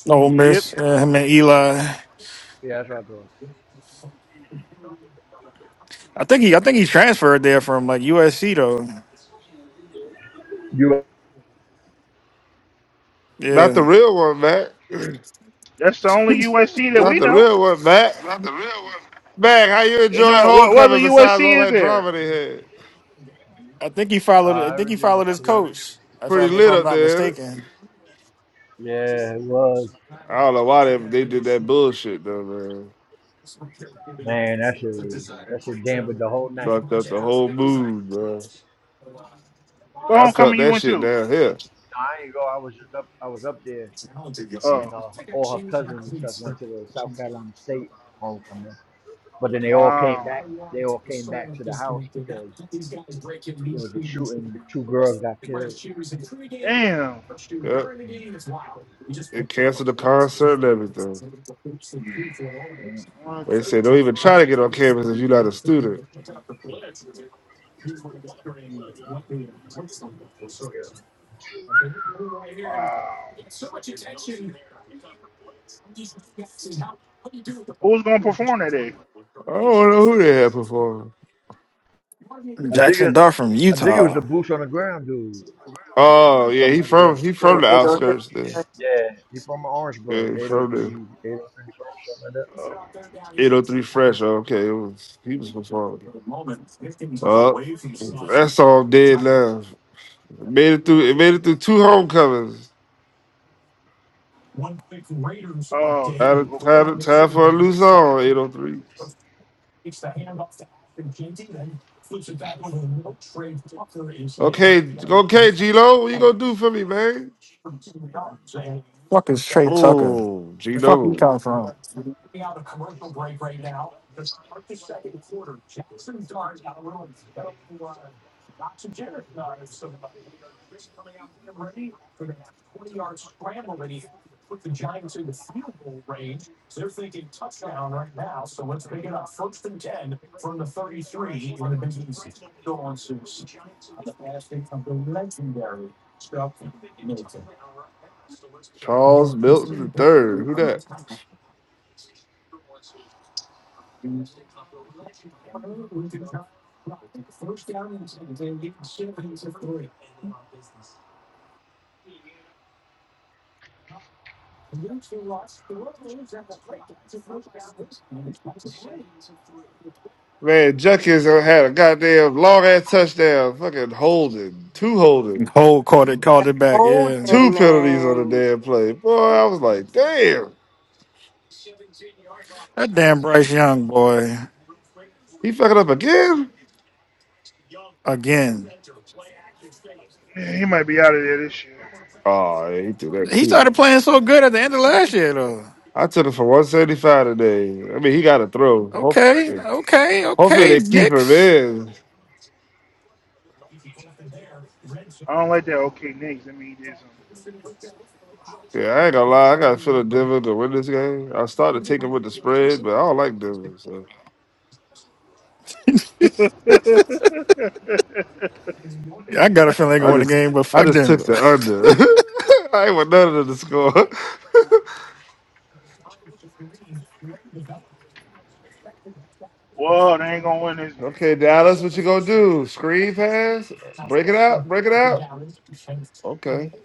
Speaker 3: No
Speaker 6: Yep,
Speaker 3: miss. Yeah, him and
Speaker 2: Yeah,
Speaker 3: Eli.
Speaker 2: yeah that's what I thought.
Speaker 3: I think he I think he transferred there from like USC though.
Speaker 2: You?
Speaker 5: Not
Speaker 3: Yeah.
Speaker 5: the real one, Matt. (clears throat)
Speaker 6: that's the only
Speaker 5: (laughs)
Speaker 6: USC that
Speaker 5: Not
Speaker 6: we
Speaker 5: the
Speaker 6: know.
Speaker 5: real one, Matt.
Speaker 3: Not the real one.
Speaker 5: Mac, how you
Speaker 6: They
Speaker 5: enjoy
Speaker 6: know what what other
Speaker 5: homecoming besides all
Speaker 6: USC is
Speaker 5: that
Speaker 6: there?
Speaker 5: drama they had?
Speaker 3: I think he followed. I
Speaker 2: Uh,
Speaker 3: think he
Speaker 2: everything was
Speaker 3: followed his
Speaker 2: cool.
Speaker 3: coach. If I
Speaker 5: Pretty
Speaker 3: if
Speaker 5: lit
Speaker 3: I'm
Speaker 5: up
Speaker 3: not
Speaker 5: there. Ain't it?
Speaker 3: mistaken,
Speaker 2: Yeah, it was.
Speaker 5: I don't know why they, they did that bullshit though, man.
Speaker 2: Man, that shit was that shit dampened the whole night.
Speaker 5: Fucked up the whole mood, bro.
Speaker 6: What
Speaker 5: I felt
Speaker 6: homecoming you
Speaker 5: that
Speaker 6: went
Speaker 5: shit
Speaker 6: to?
Speaker 5: down here.
Speaker 2: Nah, I ain't go. I was just up. I was up there, and
Speaker 6: Oh,
Speaker 2: uh, all her cousins and stuff went to the South Carolina State homecoming. But then they all came
Speaker 6: wow,
Speaker 2: back. They all came back to the house because there was a shooting. Two girls got killed.
Speaker 6: damn,
Speaker 5: Yep.
Speaker 2: And,
Speaker 5: it canceled the concert and everything.
Speaker 2: and
Speaker 6: what the
Speaker 5: They said don't even
Speaker 6: fuck?
Speaker 5: try to get on campus if you're not a student.
Speaker 6: Wow, who's gonna perform that day?
Speaker 5: I don't know who they had performing.
Speaker 2: I think
Speaker 3: Jackson
Speaker 2: it's.
Speaker 3: Dart from
Speaker 2: I think it was the
Speaker 3: Utah.
Speaker 2: boots on the ground dude.
Speaker 5: Oh
Speaker 2: and
Speaker 5: yeah, he
Speaker 2: Somebody
Speaker 5: from
Speaker 2: else.
Speaker 5: he from
Speaker 1: Oh,
Speaker 2: Yeah.
Speaker 5: the
Speaker 1: it goes to-
Speaker 5: outskirts there.
Speaker 2: Yeah. He from
Speaker 5: Yeah,
Speaker 2: Orangeburg.
Speaker 5: he from
Speaker 2: 803,
Speaker 5: the
Speaker 2: 803 something like that.
Speaker 6: Oh,
Speaker 5: 803 Fresh. Oh, okay, it was he was performing. Oh, that song dead now. It made it through. It made it through two homecomings.
Speaker 6: oh, two.
Speaker 5: Time,
Speaker 6: Okay,
Speaker 5: time, time for a new song. 803. Okay, okay, G Lo, what you gonna do for me, man?
Speaker 3: Fuck is Trey Tucker?
Speaker 5: Oh,
Speaker 3: The fuck you
Speaker 5: Gino.
Speaker 3: come from?
Speaker 5: Charles Milton the third. Who that? Man, Junkins had a goddamn long ass touchdown, fucking holding, two holding,
Speaker 3: Hole caught it, called it back. Yeah,
Speaker 5: two
Speaker 1: Holding,
Speaker 5: penalties on the
Speaker 1: man.
Speaker 5: damn play. Boy, I was like, damn,
Speaker 3: that damn Bryce Young boy
Speaker 5: he fucking up again.
Speaker 3: again.
Speaker 6: yeah, he might be out of there this year.
Speaker 5: Oh, yeah, he threw that
Speaker 3: He
Speaker 5: too. man.
Speaker 3: started playing so good at the end of last year though.
Speaker 5: I took it for one seventy five today. I mean, he got to throw. Hope-
Speaker 6: Like,
Speaker 3: Okay, okay,
Speaker 5: Hopefully,
Speaker 3: okay,
Speaker 5: they keep him
Speaker 3: Knicks.
Speaker 5: in.
Speaker 6: I don't like that. Okay, Knicks. I mean, he
Speaker 5: Yeah, I ain't gonna lie. I got to feel the Denver to win this game. I started taking with the spread, but I don't like Denver, so
Speaker 6: something. (laughs)
Speaker 3: Yeah, I got a feeling they're
Speaker 5: I
Speaker 3: gonna win the
Speaker 5: just
Speaker 3: game, but
Speaker 5: I
Speaker 3: fuck
Speaker 5: just took
Speaker 3: Denver.
Speaker 5: the under. (laughs) I ain't want none of the score.
Speaker 6: Whoa, they ain't gonna win this
Speaker 5: (laughs) okay,
Speaker 6: game.
Speaker 5: Dallas, what you gonna do? Screen pass? Break it out? Break it out? Okay,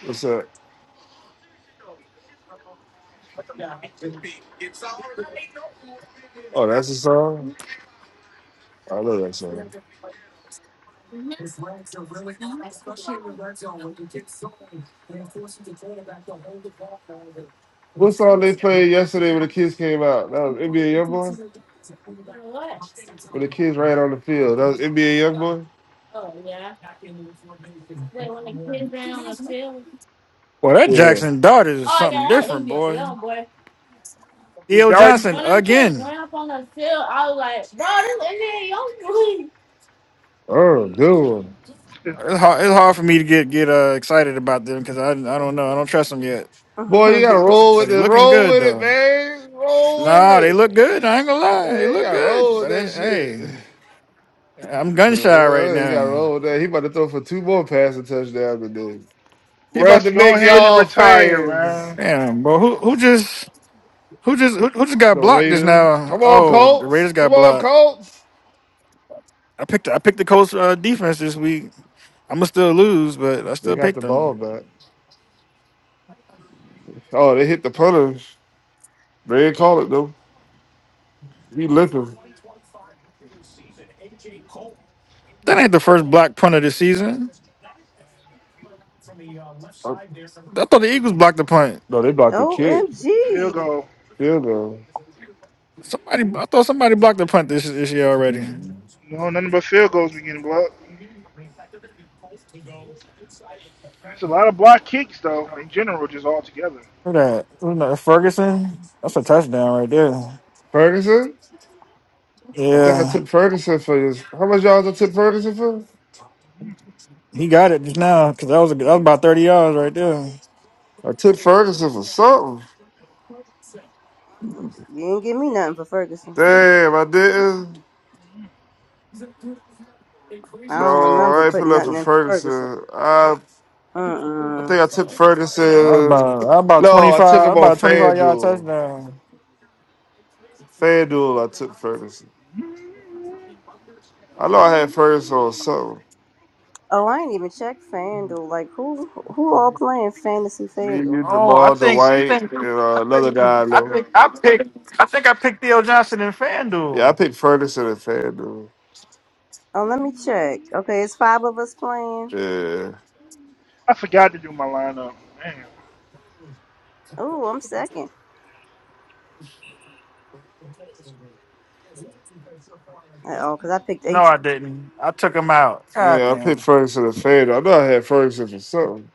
Speaker 5: what's up? Oh, that's the song. I love that song. What song they played yesterday when the kids came out? That was NBA YoungBoy. With the kids right on the field. That was NBA young boy?
Speaker 3: Well, that
Speaker 5: Yeah.
Speaker 3: Jackson Dart is something different, boy.
Speaker 6: He
Speaker 3: E.O.
Speaker 6: darting.
Speaker 3: Johnson again.
Speaker 5: Oh, good one.
Speaker 6: (laughs)
Speaker 3: It's hard, it's hard for me to get get uh, excited about them because I I don't know I don't trust them yet.
Speaker 5: Boy, you gotta
Speaker 1: (laughs) OMG.
Speaker 5: roll
Speaker 3: But
Speaker 5: with
Speaker 3: he
Speaker 5: it.
Speaker 3: looking
Speaker 5: Roll
Speaker 3: good
Speaker 5: with it,
Speaker 3: though.
Speaker 5: man. Roll with
Speaker 3: Nah, they
Speaker 5: it.
Speaker 3: look good. I ain't gonna lie, they
Speaker 5: Man, you
Speaker 3: look
Speaker 5: gotta
Speaker 3: good.
Speaker 5: roll with
Speaker 3: But they,
Speaker 5: that
Speaker 3: hey,
Speaker 5: shit. (sighs)
Speaker 3: I'm gun shy right
Speaker 5: Uh, You gotta
Speaker 3: now.
Speaker 5: roll with that. He about to throw for two more passing touchdowns today. He about
Speaker 6: Russ,
Speaker 5: to
Speaker 6: go
Speaker 5: make
Speaker 6: ahead and
Speaker 5: y'all
Speaker 6: retire,
Speaker 5: fans.
Speaker 6: man.
Speaker 3: Damn, bro, who who just who just who, who just got
Speaker 5: The
Speaker 3: blocked just
Speaker 5: Raiders.
Speaker 3: now?
Speaker 5: Come on,
Speaker 3: Oh, the
Speaker 5: Colts.
Speaker 3: Raiders
Speaker 5: Come
Speaker 3: got
Speaker 5: on,
Speaker 3: blocked.
Speaker 5: Colts.
Speaker 3: I picked I picked the Colts uh, defense this week. I'm gonna still lose, but I
Speaker 5: They
Speaker 3: still
Speaker 5: got
Speaker 3: picked
Speaker 5: the ball
Speaker 3: them.
Speaker 5: back. Oh, they hit the punter. They didn't call it though. He lifted.
Speaker 3: That ain't the first block punt of the season.
Speaker 5: Oh,
Speaker 3: I thought the Eagles blocked the punt.
Speaker 5: No, they blocked the kick.
Speaker 6: Field goal.
Speaker 5: Still though.
Speaker 3: Somebody, I thought somebody blocked the punt this this year already.
Speaker 6: No, nothing but field goals we getting blocked. It's a lot of block kicks, though, in general, just all together.
Speaker 3: Look at that? Who that? Ferguson? That's a touchdown right there.
Speaker 5: Ferguson? I think I
Speaker 3: Yeah,
Speaker 5: tipped Ferguson for this. How much y'all I tipped Ferguson for?
Speaker 3: he got it just now because that was a, that was about thirty yards right there.
Speaker 5: I tipped Ferguson for something.
Speaker 1: You didn't give me nothing for Ferguson.
Speaker 5: Damn, I didn't.
Speaker 1: I
Speaker 5: No,
Speaker 1: don't remember
Speaker 5: I ain't pull
Speaker 1: putting
Speaker 5: up
Speaker 1: nothing
Speaker 5: for
Speaker 1: in for Ferguson.
Speaker 5: Ferguson. I
Speaker 3: That
Speaker 5: I
Speaker 1: Mm-mm.
Speaker 5: think I tipped
Speaker 3: was
Speaker 5: Ferguson.
Speaker 3: about that was about twenty
Speaker 5: No, I took
Speaker 3: five
Speaker 5: him on
Speaker 3: about a twenty five yard
Speaker 5: FanDuel.
Speaker 3: touchdown.
Speaker 5: FanDuel, I took Ferguson. I know I had Ferguson on something.
Speaker 1: Oh, I ain't even checked FanDuel. Like, who who all playing Fantasy
Speaker 5: Me,
Speaker 1: FanDuel?
Speaker 5: you,
Speaker 3: Oh, I
Speaker 5: Jamal,
Speaker 3: think I
Speaker 5: Dwight,
Speaker 3: think
Speaker 5: and uh, another guy I
Speaker 3: I
Speaker 5: know.
Speaker 3: think I picked I think I picked Theo Johnson in
Speaker 5: Yeah, I
Speaker 3: FanDuel.
Speaker 5: picked Ferguson and FanDuel.
Speaker 1: Oh, let me check. Okay, it's five of us playing.
Speaker 5: Yeah.
Speaker 6: I forgot to do my lineup. Man,
Speaker 1: Oh, I'm second. Oh, because I picked
Speaker 3: No,
Speaker 1: H.
Speaker 3: I didn't. I took him out. God
Speaker 5: Yeah, I picked
Speaker 3: damn.
Speaker 5: Ferguson and FanDuel. I know I had Ferguson for something.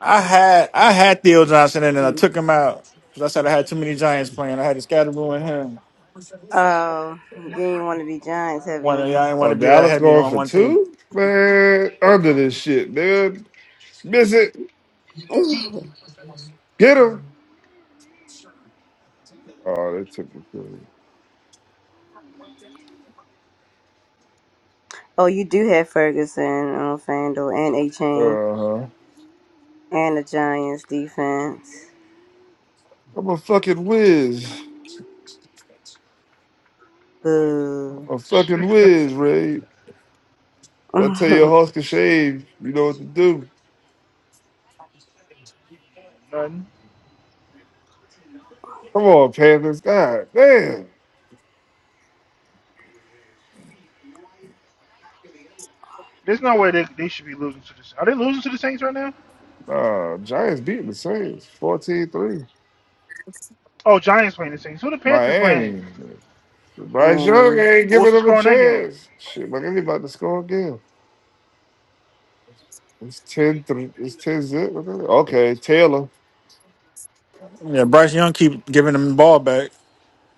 Speaker 3: I had I had Theo Johnson in and I took him out because I said I had too many Giants playing. I had to Scatterboo and him.
Speaker 1: Oh, you didn't want to be Giants
Speaker 3: I didn't want
Speaker 1: heavy.
Speaker 3: I didn't want
Speaker 5: Oh,
Speaker 3: to be that
Speaker 5: Dallas
Speaker 3: heavy
Speaker 5: going
Speaker 3: on
Speaker 5: for
Speaker 3: one team.
Speaker 5: two? Man, under this shit, man. Miss it. Get him. Oh, they took the thing.
Speaker 1: Oh, you do have Ferguson on FanDuel and A Chain
Speaker 5: Uh-huh.
Speaker 1: and the Giants defense.
Speaker 5: I'm a fucking whiz.
Speaker 1: Boo.
Speaker 5: I'm a fucking whiz, Ray. I tell you,
Speaker 1: (laughs)
Speaker 5: Husker Shave, you know what to do.
Speaker 6: nothing.
Speaker 5: Come on, Panthers. God damn.
Speaker 6: There's no way they, they should be losing to the Saints. Are they losing to the Saints right now?
Speaker 5: Uh, Giants beating the Saints fourteen-three.
Speaker 6: Oh, Giants playing the Saints. Who the Panthers playing?
Speaker 5: Miami. Bryce Young
Speaker 1: Miami.
Speaker 5: ain't
Speaker 6: What's
Speaker 5: giving
Speaker 6: the
Speaker 5: them a
Speaker 6: score in that game?
Speaker 5: chance. Shit, like anybody to score again. It's ten-three. It's 10 zip. Okay, Taylor.
Speaker 3: Yeah, Bryce Young keep giving him the ball back.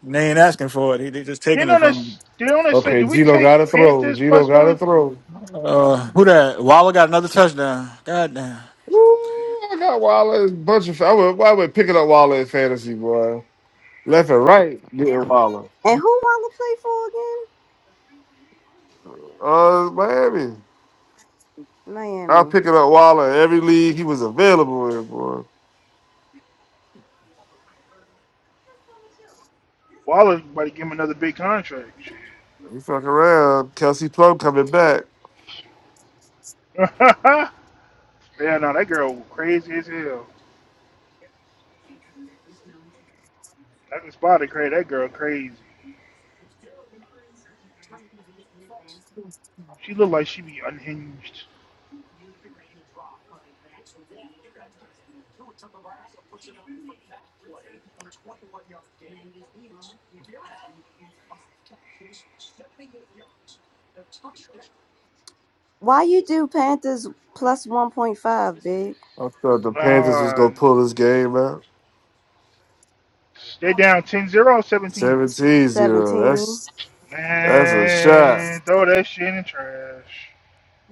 Speaker 3: They ain't asking for it. He, they just taking
Speaker 6: Didn't
Speaker 3: it
Speaker 6: on
Speaker 3: from him.
Speaker 6: us. Didn't on us say,
Speaker 5: Okay,
Speaker 6: did we
Speaker 5: Gino got to
Speaker 6: take
Speaker 5: throw.
Speaker 6: Panthers
Speaker 5: Gino
Speaker 6: plus
Speaker 5: got to
Speaker 6: one?
Speaker 5: throw.
Speaker 3: Uh, who that? Waller got another touchdown. God damn.
Speaker 5: Ooh, I got Waller. and Bunch of. I went, I went picking up Waller in fantasy, boy. Left and right, getting Waller.
Speaker 1: And who Walla play for again?
Speaker 5: Uh, Miami. I was
Speaker 1: Miami.
Speaker 5: picking up Waller in every league he was available in, boy.
Speaker 6: Waller's about to give him another big contract.
Speaker 5: He fucking around. Kelsey Plum coming back.
Speaker 6: Shit. (laughs) Yeah, no, that girl crazy as hell. I can spot it, crazy. That girl crazy. She look like she be unhinged.
Speaker 1: Why you do Panthers plus 1.5, big?
Speaker 5: I thought the Panthers was
Speaker 6: Uh,
Speaker 5: gonna pull this game out.
Speaker 6: they down Ten zero seventeen.
Speaker 5: Seventeen zero.
Speaker 1: 17.
Speaker 5: That's that's a shot.
Speaker 6: Man, throw that shit in the trash.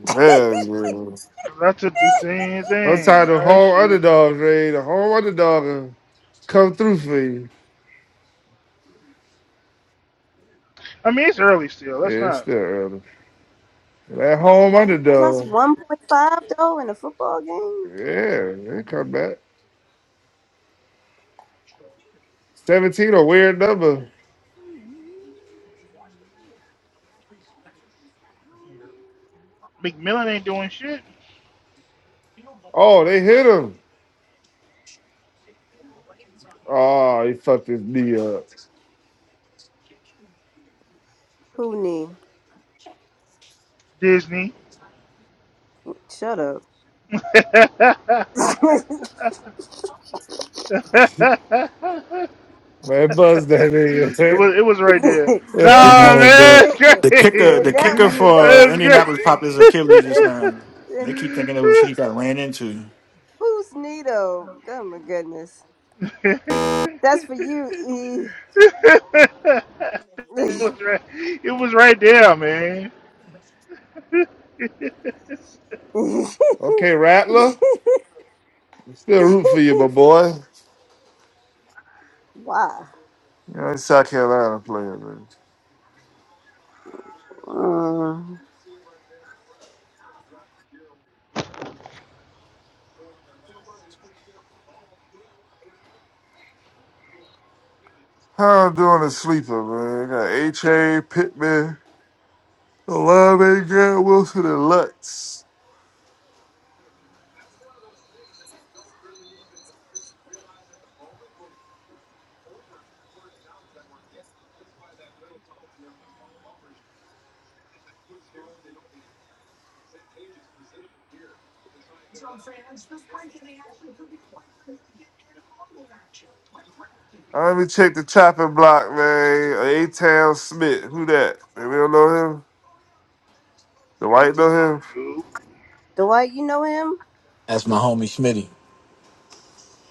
Speaker 1: (laughs)
Speaker 5: Man, man.
Speaker 6: 'Cause I took the same
Speaker 5: I'm
Speaker 6: thing.
Speaker 5: tired of
Speaker 6: Oh, that
Speaker 5: whole
Speaker 6: shit is in the
Speaker 5: underdogs, man. The
Speaker 6: trash.
Speaker 5: whole underdog come through for you.
Speaker 6: I mean, it's early still.
Speaker 5: Yeah,
Speaker 6: Let's
Speaker 5: It's
Speaker 6: not.
Speaker 5: still early. That home
Speaker 1: Plus
Speaker 5: underdog.
Speaker 1: 1.5, though, in a football game?
Speaker 5: Yeah, they come back. 17, a weird number.
Speaker 6: McMillan ain't doing shit.
Speaker 5: Oh, they hit him. Oh, he fucked his knee up.
Speaker 1: Who need?
Speaker 6: Disney.
Speaker 1: Shut up. (laughs)
Speaker 6: (laughs)
Speaker 5: Man, buzz that
Speaker 6: (laughs) it
Speaker 5: nigga.
Speaker 6: was it was right
Speaker 1: Then
Speaker 6: there.
Speaker 3: Man,
Speaker 5: Man.
Speaker 6: Nah, man,
Speaker 3: the
Speaker 6: it's
Speaker 3: the kicker the
Speaker 6: crazy.
Speaker 1: that
Speaker 3: kicker
Speaker 1: let me go
Speaker 3: for
Speaker 1: back
Speaker 6: It's
Speaker 1: to the
Speaker 6: crazy.
Speaker 3: Indianapolis
Speaker 1: screen.
Speaker 3: popped his Achilles just now. And
Speaker 6: (laughs)
Speaker 1: (laughs)
Speaker 3: they keep thinking it was he got ran into.
Speaker 1: Who's Nito? Oh my goodness. That's for you, E.
Speaker 6: it
Speaker 1: (laughs)
Speaker 6: was right. It was right there, man. (laughs)
Speaker 5: (laughs) okay, Rattler. Still root for you, my boy.
Speaker 1: wow.
Speaker 5: You know, it's South Carolina player, man.
Speaker 1: Uh,
Speaker 5: How I'm doing a sleeper, man. got H.A., Pittman, Olave, Grant Wilson, and Lutz. I let me check the chopping block, man. A-Town Smith. Who that? Maybe I don't know him. The white know him.
Speaker 6: Nope.
Speaker 1: Dwight, you know him?
Speaker 8: That's my homie Schmitty.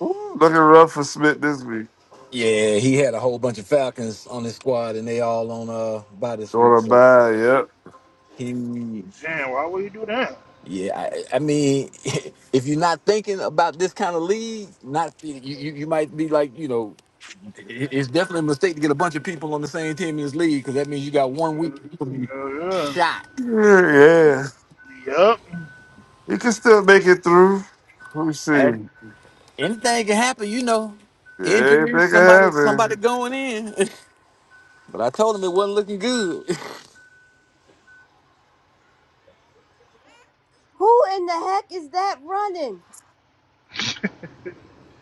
Speaker 5: Ooh, looking rough for Smith this week.
Speaker 8: Yeah, he had a whole bunch of Falcons on his squad, and they all on uh by this week.
Speaker 5: Going to
Speaker 8: So
Speaker 5: buy, yep.
Speaker 8: he,
Speaker 6: Man, why would you do that?
Speaker 8: yeah, I, I mean, (laughs) if you're not thinking about this kind of league, not you, you, you might be like, you know, it- it's definitely a mistake to get a bunch of people on the same team in this league because that means you got one week to be
Speaker 6: Oh
Speaker 8: shot.
Speaker 5: Yeah, yeah.
Speaker 6: yeah. Yup.
Speaker 5: He can still make it through. Let me see.
Speaker 8: Eh? Anything can happen, you know.
Speaker 5: Yeah,
Speaker 8: Injuries,
Speaker 5: make it
Speaker 8: somebody, somebody
Speaker 5: happen.
Speaker 8: going in. (laughs) but I told him it wasn't looking good.
Speaker 1: Who in the heck is that running?
Speaker 6: (laughs)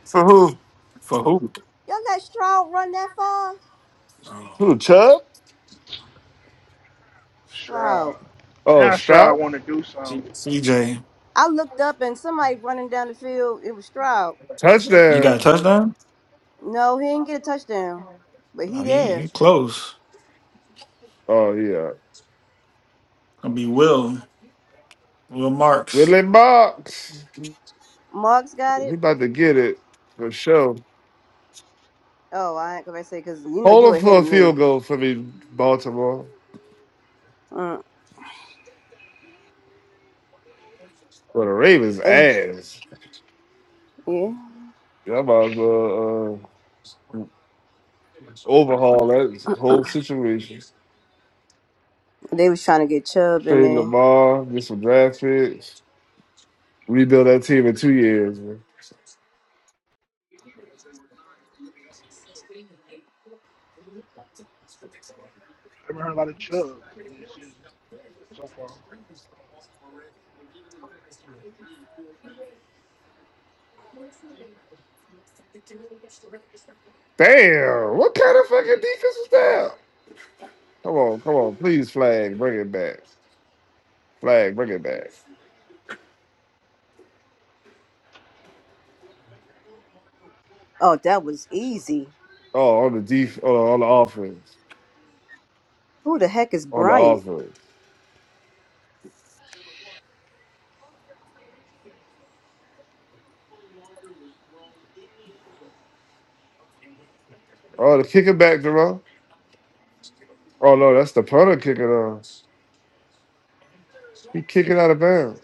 Speaker 5: For who?
Speaker 3: For who?
Speaker 1: Y'all let Stroud run that far?
Speaker 3: Oh,
Speaker 5: Who, Chubb?
Speaker 1: Stroud.
Speaker 6: Shroud.
Speaker 5: Oh,
Speaker 6: Now Shroud
Speaker 5: Stroud?
Speaker 6: want to do some.
Speaker 3: C- CJ.
Speaker 1: I looked up and somebody running down the field. It was Stroud.
Speaker 3: You got a
Speaker 5: Touchdown.
Speaker 3: touchdown?
Speaker 1: No, he didn't get a touchdown, but
Speaker 3: Oh,
Speaker 1: he
Speaker 3: he, he
Speaker 1: there.
Speaker 3: close.
Speaker 5: Oh, yeah.
Speaker 3: Gonna be Will. Will Marks.
Speaker 5: Willie Box.
Speaker 1: Marks got
Speaker 5: He
Speaker 1: it.
Speaker 5: about to get it for sure.
Speaker 1: Oh, I ain't gonna say because you know you
Speaker 5: Hold him
Speaker 1: ahead
Speaker 5: for
Speaker 1: of
Speaker 5: a
Speaker 1: me.
Speaker 5: field goal for me, Baltimore.
Speaker 1: Mm.
Speaker 5: For the Ravens'
Speaker 1: eh,
Speaker 5: ass.
Speaker 1: yeah,
Speaker 5: you might as well uh, overhaul that whole situation.
Speaker 1: they was trying to get Chubb in
Speaker 5: Trade
Speaker 1: there.
Speaker 5: Lamar, get some draft picks, rebuild that team in two years. Man.
Speaker 6: I haven't heard a lot of Chubb this season so far.
Speaker 5: Damn, what kind of fucking defense was that? Come on, come on, please flag, bring it back. Flag, bring it back.
Speaker 1: Oh, that was easy.
Speaker 5: Oh, on the def, oh, on the offense,
Speaker 1: Who the heck is
Speaker 5: on the
Speaker 1: Bryant?
Speaker 5: offense. Oh, the kicking back, Jerome. Oh no, that's the punter kicking on. He kicking out of bounds.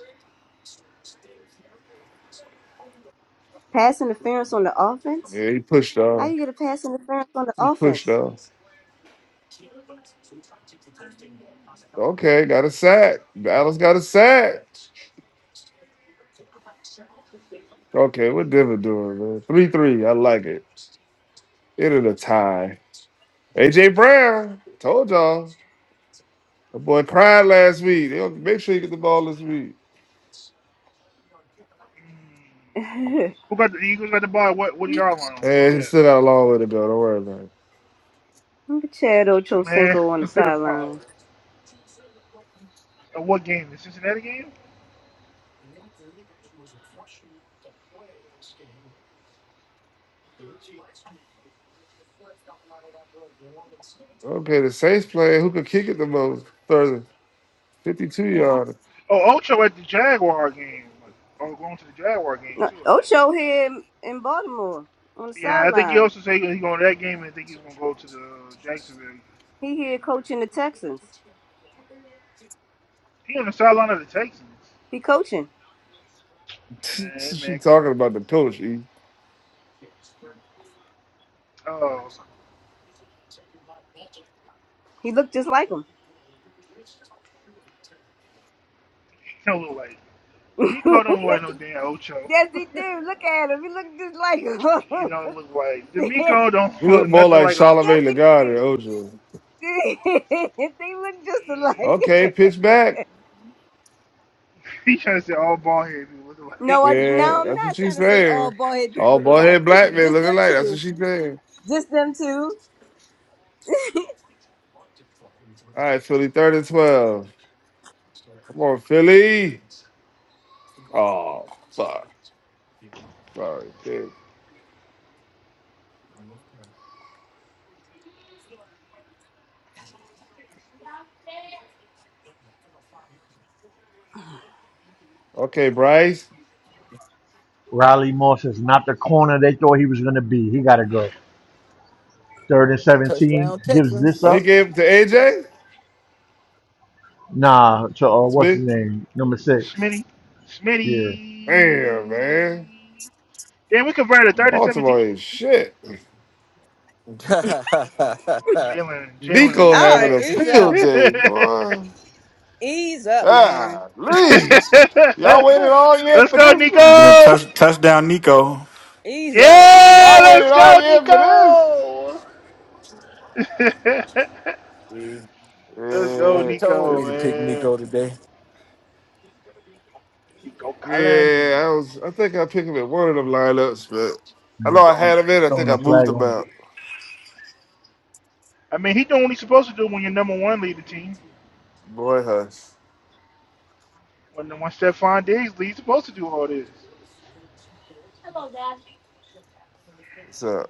Speaker 1: Pass interference on the offense?
Speaker 5: Yeah, he pushed
Speaker 1: How
Speaker 5: off.
Speaker 1: you get a pass interference on the
Speaker 5: He pushed
Speaker 1: offense?
Speaker 5: off. Okay, got a sack. Dallas got a sack. Okay, what Denver doing, man? Three three. I like it. It is a tie. AJ Brown. Told y'all. The boy cried last week. They'll make sure you get the ball this week.
Speaker 1: (laughs) Look
Speaker 6: Who got the Eagles got the ball? What what y'all on? Where
Speaker 5: And
Speaker 6: we
Speaker 5: he
Speaker 6: at?
Speaker 5: still got a long way to go. Don't worry about it.
Speaker 1: at Chad Ocho
Speaker 6: Man,
Speaker 1: Cinco on
Speaker 6: (laughs)
Speaker 1: the
Speaker 6: look at the ball.
Speaker 1: sideline.
Speaker 6: Uh, what game? The Cincinnati game?
Speaker 5: Okay, the Saints playing. who could kick it the most Thursday. 52 yards.
Speaker 6: Oh, Ocho at the Jaguar game. Oh, going to the Jaguar game
Speaker 1: Uh,
Speaker 6: too, I think.
Speaker 1: Ocho here in in Baltimore on the
Speaker 6: Yeah, I think he
Speaker 1: sideline.
Speaker 6: also said he's going to that game, and I think he's going to go to the Jacksonville
Speaker 1: He here
Speaker 6: game too.
Speaker 1: coaching the Texans.
Speaker 6: He on the sideline of the Texans.
Speaker 1: He coaching.
Speaker 5: (laughs)
Speaker 6: Man, that
Speaker 5: she
Speaker 6: man, crazy.
Speaker 5: talking about the coach. E.
Speaker 6: Oh,
Speaker 1: He look just like him.
Speaker 6: he don't look like
Speaker 1: (laughs) yes,
Speaker 6: D'Amico. Don't look like no damn Ocho.
Speaker 1: yes, he do. Look at him. He look just
Speaker 6: (laughs) he
Speaker 1: like
Speaker 6: don't look like
Speaker 1: him. (laughs)
Speaker 6: D'Amico. Don't
Speaker 5: You
Speaker 6: look
Speaker 5: look more
Speaker 6: nothing
Speaker 5: like
Speaker 6: like
Speaker 1: Yes,
Speaker 6: Ocho
Speaker 5: Charlemagne
Speaker 1: they
Speaker 6: Cinco.
Speaker 5: Lagarde than
Speaker 1: do.
Speaker 5: Ojo.
Speaker 1: Dude, (laughs) they look just
Speaker 6: Yeah.
Speaker 1: alike.
Speaker 5: Okay, pitch back.
Speaker 6: (laughs) He trying to say all bald head people look
Speaker 1: (laughs) no,
Speaker 6: alike.
Speaker 1: I
Speaker 6: (laughs)
Speaker 5: Yeah,
Speaker 1: now I'm
Speaker 5: that's
Speaker 1: not
Speaker 5: what she's
Speaker 1: trying to say all
Speaker 5: saying.
Speaker 1: bald head people
Speaker 5: All
Speaker 1: look
Speaker 5: boy
Speaker 1: alike.
Speaker 5: head black man
Speaker 1: Just
Speaker 5: looking
Speaker 1: them
Speaker 5: like that's
Speaker 1: two.
Speaker 5: what she's saying.
Speaker 1: Just them two.
Speaker 5: All right, Philly, third and twelve. Come on, Philly. Oh, fuck. Sorry, dude. Okay, Bryce.
Speaker 2: Riley Moss is not the corner they thought he was gonna be. He gotta go. Third and
Speaker 8: (laughs)
Speaker 2: 17
Speaker 8: Touchdown
Speaker 2: gives this
Speaker 5: Oh, he
Speaker 8: Texans.
Speaker 2: up.
Speaker 5: gave it to AJ?
Speaker 2: Nah, to uh, what's his
Speaker 5: Smith?
Speaker 2: name? Number six.
Speaker 6: Smitty. Smitty.
Speaker 2: Yeah.
Speaker 5: Damn, man.
Speaker 6: Damn, we converted a third and 17?
Speaker 5: Baltimore ain't shit.
Speaker 8: (laughs)
Speaker 6: Jalen, Jalen in
Speaker 5: Nico
Speaker 6: his
Speaker 1: All
Speaker 5: having
Speaker 1: right,
Speaker 6: bag.
Speaker 5: a
Speaker 1: ease
Speaker 5: field
Speaker 1: up.
Speaker 5: day, boy.
Speaker 1: Ease up, man.
Speaker 5: God, please. Y'all waited
Speaker 6: (laughs)
Speaker 5: all year
Speaker 6: let's
Speaker 5: for
Speaker 6: go,
Speaker 5: this shit?
Speaker 3: Yeah,
Speaker 6: Nico!
Speaker 3: touch, touchdown Nico.
Speaker 1: Ease up,
Speaker 6: Yeah,
Speaker 5: Y'all
Speaker 1: man.
Speaker 5: waited
Speaker 6: let's
Speaker 5: all
Speaker 6: go,
Speaker 5: year for
Speaker 6: Nico! (laughs)
Speaker 8: See,
Speaker 6: let's go,
Speaker 5: this?
Speaker 8: something told
Speaker 5: Yeah.
Speaker 8: me
Speaker 6: Nico,
Speaker 8: to pick
Speaker 6: man.
Speaker 8: Nico today.
Speaker 6: Nico Collins.
Speaker 5: Yeah, I was. I think I picked him in one of them lineups, but
Speaker 2: And
Speaker 5: I know
Speaker 2: they
Speaker 5: I
Speaker 2: throwing,
Speaker 5: had him in. I think
Speaker 2: throwing
Speaker 5: I
Speaker 2: a
Speaker 5: moved
Speaker 2: flag
Speaker 5: him
Speaker 2: on the
Speaker 5: out.
Speaker 6: I mean, he doing what he's supposed to do when your number one lead the team.
Speaker 5: Boy, hush.
Speaker 6: When the one Stephon Diggs leads, he's supposed to do all this.
Speaker 5: What's up?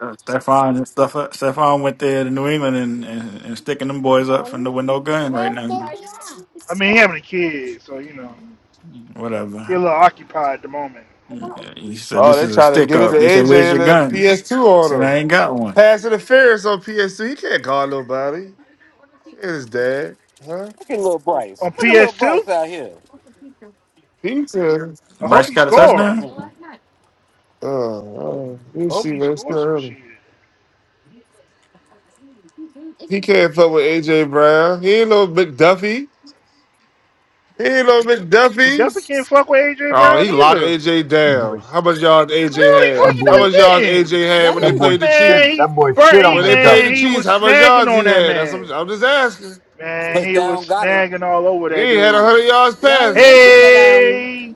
Speaker 3: Uh, Stephon and stuff Stephon went there to New England and, and, and sticking them boys up from the window gun right now.
Speaker 6: I mean, he having a kid, so you know he a
Speaker 3: Whatever.
Speaker 6: little occupied at the moment.
Speaker 3: He said
Speaker 5: Oh,
Speaker 3: this
Speaker 5: they
Speaker 3: is a
Speaker 5: trying to
Speaker 3: stick
Speaker 5: give it to
Speaker 3: up. They said,
Speaker 5: AJ
Speaker 3: Where's your
Speaker 5: and the
Speaker 3: gun?
Speaker 5: PS2
Speaker 3: He
Speaker 5: on
Speaker 3: said, I
Speaker 5: him.
Speaker 3: ain't got one.
Speaker 5: Pass interference on PS2. He can't call nobody. It's his dad, huh?
Speaker 8: Look at little Bryce.
Speaker 6: On
Speaker 8: Look at little
Speaker 6: PS2,
Speaker 8: Bryce out here.
Speaker 5: Peter.
Speaker 6: I hope
Speaker 3: Bryce
Speaker 6: he
Speaker 3: got a
Speaker 6: scores.
Speaker 3: touchdown?
Speaker 8: Mm-mm.
Speaker 5: Oh, you
Speaker 6: I hope
Speaker 5: see,
Speaker 6: he
Speaker 5: man, it's still
Speaker 6: scores some
Speaker 5: early.
Speaker 6: shit.
Speaker 5: He can't fuck with AJ Brown. He ain't no McDuffie. He ain't no
Speaker 6: We definitely
Speaker 5: McDuffie.
Speaker 6: can't fuck with AJ
Speaker 5: Oh, he
Speaker 6: Brown
Speaker 5: locked
Speaker 6: either.
Speaker 5: AJ down.
Speaker 2: boys.
Speaker 5: How much yards
Speaker 6: I
Speaker 5: AJ
Speaker 6: don't even
Speaker 2: That
Speaker 1: Oh,
Speaker 5: had?
Speaker 6: fucking
Speaker 5: How
Speaker 6: know
Speaker 2: boy
Speaker 5: much yards
Speaker 6: he did.
Speaker 5: AJ
Speaker 1: y'all
Speaker 5: had when
Speaker 2: that
Speaker 5: they
Speaker 1: didn't.
Speaker 2: boy
Speaker 5: played the
Speaker 2: shit
Speaker 6: Man,
Speaker 5: Chiefs?
Speaker 6: he
Speaker 2: that boy
Speaker 6: burnt.
Speaker 2: shit
Speaker 6: He
Speaker 2: on
Speaker 5: When they played
Speaker 6: man,
Speaker 5: the
Speaker 2: McDuffie.
Speaker 6: he
Speaker 5: Chiefs,
Speaker 6: was
Speaker 5: how much
Speaker 6: snagging
Speaker 5: yards
Speaker 6: on
Speaker 5: he
Speaker 6: that
Speaker 5: had? That's
Speaker 6: man.
Speaker 5: I'm, I'm just asking.
Speaker 6: Man, he was
Speaker 8: Touchdown Goddard.
Speaker 6: snagging all over
Speaker 5: They
Speaker 6: that
Speaker 5: ain't had
Speaker 6: dude.
Speaker 5: hundred yards
Speaker 1: Y'all ain't
Speaker 5: passing.
Speaker 1: mention that. Um,
Speaker 6: Hey,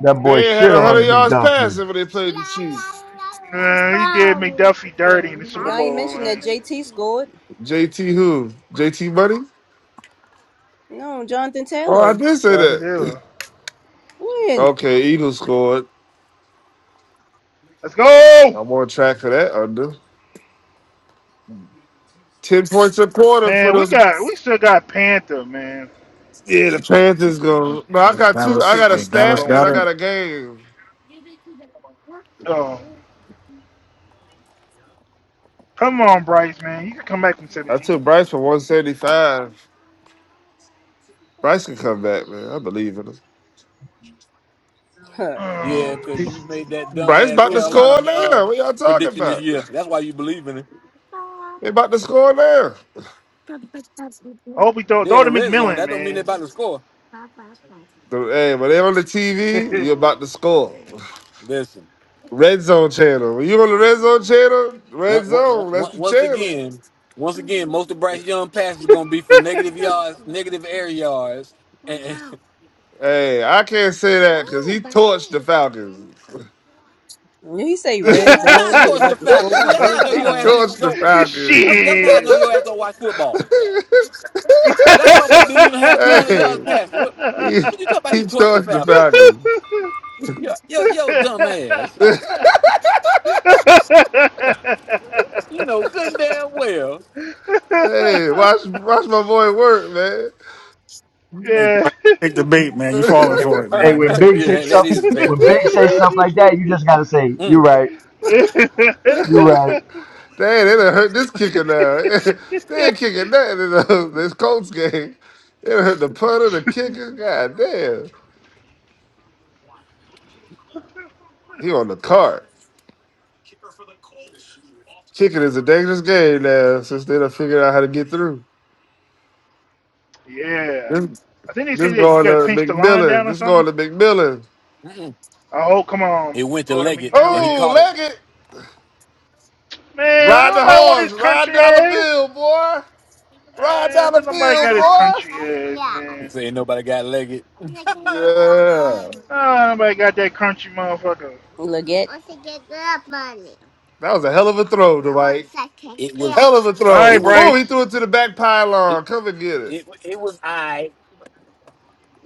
Speaker 2: That boy
Speaker 5: They ain't had
Speaker 2: shit
Speaker 5: hundred
Speaker 6: man,
Speaker 2: on
Speaker 5: yards
Speaker 6: please.
Speaker 2: McDuffie.
Speaker 5: passing when they played the Chiefs.
Speaker 6: Man, he did McDuffie dirty in the Super
Speaker 1: y'all ain't
Speaker 6: Bowl,
Speaker 1: mention that
Speaker 6: man.
Speaker 1: JT scored.
Speaker 5: JT who? JT Money?
Speaker 1: No, Jonathan
Speaker 5: Oh, I
Speaker 1: Taylor.
Speaker 5: did say
Speaker 6: That's his
Speaker 5: that. (laughs)
Speaker 6: hell.
Speaker 5: (clears throat)
Speaker 1: When?
Speaker 5: Okay, Eagles scored.
Speaker 6: Let's go,
Speaker 5: I'm on track for that under. Ten points a quarter for
Speaker 6: man. We
Speaker 5: those.
Speaker 6: got we still got Panther, man.
Speaker 5: Yeah, the Panthers
Speaker 6: This
Speaker 3: Or-
Speaker 5: go. No, I
Speaker 3: or
Speaker 5: got two. I
Speaker 3: Dallas
Speaker 5: got a
Speaker 3: or
Speaker 6: ticket gonna
Speaker 3: Dallas
Speaker 5: stat
Speaker 6: go
Speaker 5: and
Speaker 3: got
Speaker 5: I
Speaker 6: in.
Speaker 3: it.
Speaker 5: got a game.
Speaker 6: Oh, come on, Bryce, man. You can come back from
Speaker 5: I
Speaker 6: 17.
Speaker 5: took Bryce for one seventy five. Bryce can come back, man. I believe in him.
Speaker 1: Huh.
Speaker 6: Um,
Speaker 8: Yeah, because you made that
Speaker 5: Bryce
Speaker 8: dumbass
Speaker 5: about to
Speaker 8: Carolina
Speaker 5: score
Speaker 8: uh,
Speaker 5: now. What y'all talking
Speaker 8: prediction this
Speaker 5: about?
Speaker 8: year. That's why you believe in it.
Speaker 5: They about to score now.
Speaker 6: I hope he throw
Speaker 8: They're in
Speaker 6: throw
Speaker 8: the
Speaker 6: to
Speaker 8: red zone.
Speaker 6: McMillan,
Speaker 8: That don't mean they're
Speaker 6: man.
Speaker 8: about to score.
Speaker 5: The- Hey, when they on the TV, you're about to score.
Speaker 8: Listen,
Speaker 5: Red Zone channel. When you on the Red Zone channel,
Speaker 8: one-
Speaker 5: Red
Speaker 8: one- one-
Speaker 5: Zone, that's
Speaker 8: one-
Speaker 5: the
Speaker 8: once
Speaker 5: channel.
Speaker 8: again, once again, most of Bryce Young passes are going to be for negative yards, negative air yards.
Speaker 5: Hey, I can't say that because he torched the Falcons. (laughs)
Speaker 1: When You say
Speaker 5: (laughs) he
Speaker 8: He
Speaker 1: red
Speaker 8: did not
Speaker 1: zone. You
Speaker 8: torch the
Speaker 1: about to
Speaker 8: Falcons. See,
Speaker 1: score
Speaker 8: that's how I
Speaker 1: red
Speaker 8: know your ass
Speaker 1: zone.
Speaker 8: didn't
Speaker 5: torched the
Speaker 8: don't.
Speaker 6: (laughs)
Speaker 5: Falcons.
Speaker 8: That's, that's how I know
Speaker 6: Shit.
Speaker 8: your ass don't watch
Speaker 5: (laughs)
Speaker 8: football. That motherfucker didn't even have 200 yards
Speaker 5: hey,
Speaker 8: passing. What,
Speaker 5: he,
Speaker 8: what you talking about?
Speaker 5: he
Speaker 8: He torched the
Speaker 5: torched the
Speaker 8: Falcons.
Speaker 5: Falcons.
Speaker 6: (laughs) (laughs)
Speaker 8: Yo,
Speaker 6: (laughs) yeah.
Speaker 8: yo, yo, dumb ass.
Speaker 5: (laughs)
Speaker 8: You know good and damn well. (laughs)
Speaker 5: hey, watch watch my boy work, man.
Speaker 3: Hey,
Speaker 6: (laughs)
Speaker 3: Dwight, take the bait, man. You falling
Speaker 2: Hey when,
Speaker 3: for it,
Speaker 2: hey,
Speaker 8: Uh,
Speaker 3: man. Don't
Speaker 2: when
Speaker 8: (coughs)
Speaker 3: take the
Speaker 2: Big
Speaker 8: yeah,
Speaker 2: say
Speaker 8: that, that
Speaker 3: bait.
Speaker 2: stuff
Speaker 8: is bait.
Speaker 2: when Big say stuff like
Speaker 3: (laughs)
Speaker 2: that, you just gotta say, You
Speaker 8: Mm,
Speaker 2: right, you right.
Speaker 5: Dang, they done hurt this kicker now. (laughs) they ain't kicking nothing in the, this Colts game. They done hurt the punter, the kicker. God damn. He on the cart. Kicking is a dangerous game now since they done figured out how to get through.
Speaker 6: yeah.
Speaker 5: This
Speaker 6: I think they say
Speaker 5: this
Speaker 6: that you
Speaker 5: going
Speaker 6: gotta
Speaker 5: to
Speaker 6: pinch the line down
Speaker 5: McMillan.
Speaker 6: or
Speaker 5: This
Speaker 6: something.
Speaker 5: going to McMillan.
Speaker 8: mm-mm.
Speaker 6: Oh, oh, come on.
Speaker 8: It went to
Speaker 6: Gordon
Speaker 8: Leggett and he
Speaker 6: McMillan.
Speaker 5: Oh,
Speaker 8: caught it.
Speaker 5: leg it.
Speaker 6: Man, don't
Speaker 5: Ride the
Speaker 6: nobody want his
Speaker 5: horse. Ride
Speaker 6: country
Speaker 5: dollar
Speaker 6: ass.
Speaker 5: bill, boy. Ride
Speaker 6: Man,
Speaker 5: dollar
Speaker 6: don't nobody
Speaker 5: bill,
Speaker 6: got his
Speaker 5: boy.
Speaker 6: country ass, man.
Speaker 8: Saying nobody got Leggett.
Speaker 5: Yeah.
Speaker 6: Ah, nobody got that crunchy motherfucker.
Speaker 1: Look at.
Speaker 5: That was a hell of a throw, Dwight.
Speaker 8: It was.
Speaker 5: Hell of a
Speaker 6: All right,
Speaker 5: throw.
Speaker 8: It was.
Speaker 5: Boom,
Speaker 8: It,
Speaker 5: he
Speaker 6: Bryce.
Speaker 5: threw it to the back
Speaker 8: it,
Speaker 5: pylon. Come and get it.
Speaker 8: it, it was I.
Speaker 5: (laughs)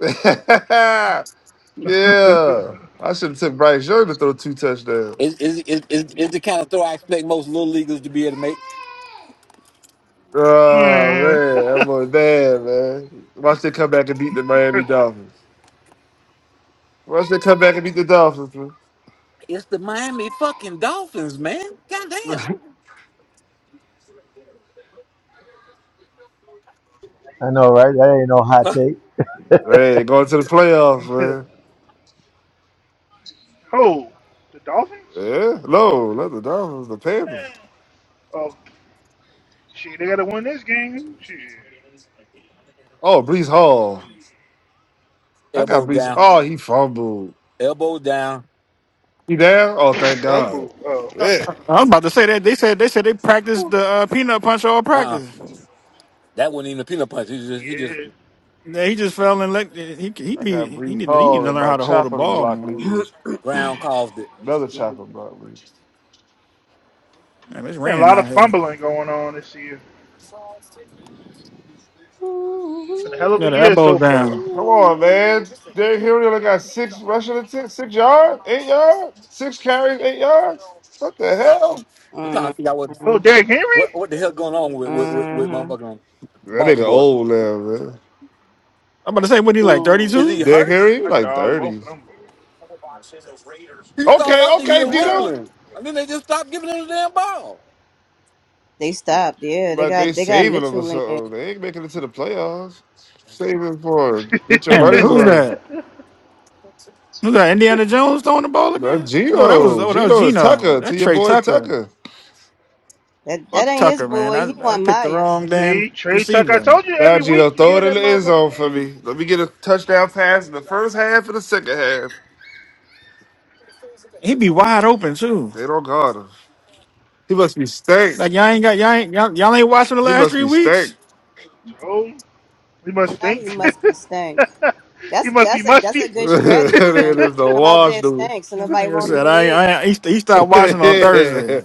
Speaker 5: yeah. I
Speaker 6: (laughs)
Speaker 5: should have took Bryce Young to throw two touchdowns.
Speaker 8: It's, it's, it's, it's the kind of throw I expect most little leaguers to be able to make.
Speaker 5: Oh
Speaker 6: Man. (laughs)
Speaker 5: man, that boy bad, man. Watch they come back and beat the Miami Dolphins. Once they come back and beat the Dolphins, man.
Speaker 8: It's the Miami fucking Dolphins, man. Goddamn.
Speaker 2: I know, right? That ain't no hot
Speaker 8: (laughs)
Speaker 2: take.
Speaker 5: Hey, they going to the playoffs, man.
Speaker 6: oh, the Dolphins?
Speaker 5: Yeah, no, not the Dolphins, the
Speaker 6: Eh.
Speaker 5: Panthers.
Speaker 6: Oh, shit, they got to win this game. Shit.
Speaker 5: Oh, Brees Hall. I got
Speaker 8: Elbow
Speaker 5: Brees.
Speaker 8: down.
Speaker 5: Oh, he fumbled.
Speaker 8: Elbow down.
Speaker 5: He down? Oh, thank God.
Speaker 6: Fumble. Oh.
Speaker 5: Yeah.
Speaker 3: I was about to say that they said they said they practiced
Speaker 6: Whew.
Speaker 3: the uh, peanut punch all
Speaker 8: Uh uh
Speaker 3: practice.
Speaker 8: That wasn't even a peanut punch. He just he just
Speaker 6: Yeah.
Speaker 3: Yeah, he just fell in. Like, he he
Speaker 5: I got
Speaker 3: be he
Speaker 5: Brees
Speaker 3: need to he need
Speaker 5: Hall
Speaker 3: to
Speaker 5: in
Speaker 3: learn how
Speaker 5: my
Speaker 3: to hold a
Speaker 5: chopper
Speaker 3: ball.
Speaker 5: block
Speaker 3: Man,
Speaker 5: lead.
Speaker 8: ground caused it.
Speaker 5: Another chopper block lead.
Speaker 3: Man, it's
Speaker 6: Been a
Speaker 3: raining
Speaker 6: lot of
Speaker 3: out here.
Speaker 6: fumbling going on this year. It's been a
Speaker 1: Mm-hmm.
Speaker 6: hell of
Speaker 3: Yeah,
Speaker 6: a
Speaker 3: the
Speaker 6: year
Speaker 3: elbows
Speaker 6: so far.
Speaker 3: down.
Speaker 5: Come on, man. Derrick Henry only got six rushing attempts, six yards, eight yards, six carries, eight yards. What the
Speaker 8: I-
Speaker 5: hell?
Speaker 8: I'm trying to figure out what
Speaker 6: Oh, Derrick Henry?
Speaker 8: what, what the hell going on with with, with, with
Speaker 1: hmm
Speaker 8: motherfucking
Speaker 5: That nigga
Speaker 8: Baltimore.
Speaker 5: old now, man.
Speaker 3: I'm about to say, what he like thirty
Speaker 6: Ooh.
Speaker 8: Is he
Speaker 3: two?
Speaker 5: Derrick
Speaker 8: hurt?
Speaker 5: Henry, he
Speaker 6: I
Speaker 5: like
Speaker 6: dodged both
Speaker 5: 30.
Speaker 6: of them.
Speaker 8: He started
Speaker 5: Okay,
Speaker 8: off the year
Speaker 5: okay,
Speaker 6: I
Speaker 5: Dino.
Speaker 8: rumbling. And then they just stopped giving him the damn ball.
Speaker 1: They stopped. Yeah, they
Speaker 5: Like they
Speaker 1: got they got
Speaker 5: saving them or
Speaker 1: Mitchell in there.
Speaker 5: something. They ain't making it to the playoffs. Saving for it. get your
Speaker 3: Man,
Speaker 5: money's
Speaker 3: who's
Speaker 5: worth.
Speaker 3: that?
Speaker 6: died. (laughs)
Speaker 3: Who's that? Indiana Jones throwing the ball
Speaker 5: That
Speaker 3: again? No, that was
Speaker 5: Gino,
Speaker 3: oh that was
Speaker 5: Gino to
Speaker 3: Geno.
Speaker 5: Tucker,
Speaker 3: That
Speaker 5: to your
Speaker 3: Trey
Speaker 5: boy
Speaker 3: Tucker.
Speaker 5: Tucker.
Speaker 1: That that
Speaker 3: Fuck
Speaker 1: ain't his
Speaker 3: Tucker, man.
Speaker 1: boy. He
Speaker 3: I I
Speaker 1: want
Speaker 3: picked the
Speaker 1: Myers.
Speaker 3: wrong damn
Speaker 6: See, Trey Tucker. I
Speaker 3: receiver.
Speaker 6: told you
Speaker 5: Now
Speaker 6: every
Speaker 5: Gino,
Speaker 6: week you
Speaker 5: throw
Speaker 6: hear
Speaker 5: it in
Speaker 6: that
Speaker 5: the end
Speaker 6: motherfucking
Speaker 5: zone for
Speaker 6: name.
Speaker 5: me. Let me get a touchdown pass in the first half and the second half.
Speaker 3: He be wide open too.
Speaker 5: They don't guard him. He must be stank.
Speaker 3: Like y'all ain't got y'all ain't y'all, y'all ain't watching the
Speaker 5: He
Speaker 3: last
Speaker 5: must
Speaker 3: three
Speaker 5: be
Speaker 3: weeks.
Speaker 5: stank.
Speaker 6: So he must
Speaker 1: Now he
Speaker 6: think.
Speaker 1: must be stank.
Speaker 6: (laughs) he
Speaker 1: That's
Speaker 6: must be
Speaker 1: that's a that's a
Speaker 6: musty.
Speaker 5: (laughs)
Speaker 1: good strategy.
Speaker 6: (laughs)
Speaker 5: it
Speaker 1: Then
Speaker 5: is the
Speaker 1: come out
Speaker 5: wash,
Speaker 1: there
Speaker 5: dude.
Speaker 1: stank, so
Speaker 3: Like
Speaker 1: nobody
Speaker 3: I
Speaker 1: won't
Speaker 3: said,
Speaker 1: be
Speaker 3: I,
Speaker 1: near you.
Speaker 3: I he, he stopped watching on
Speaker 8: (laughs)
Speaker 3: Thursday.
Speaker 5: (laughs)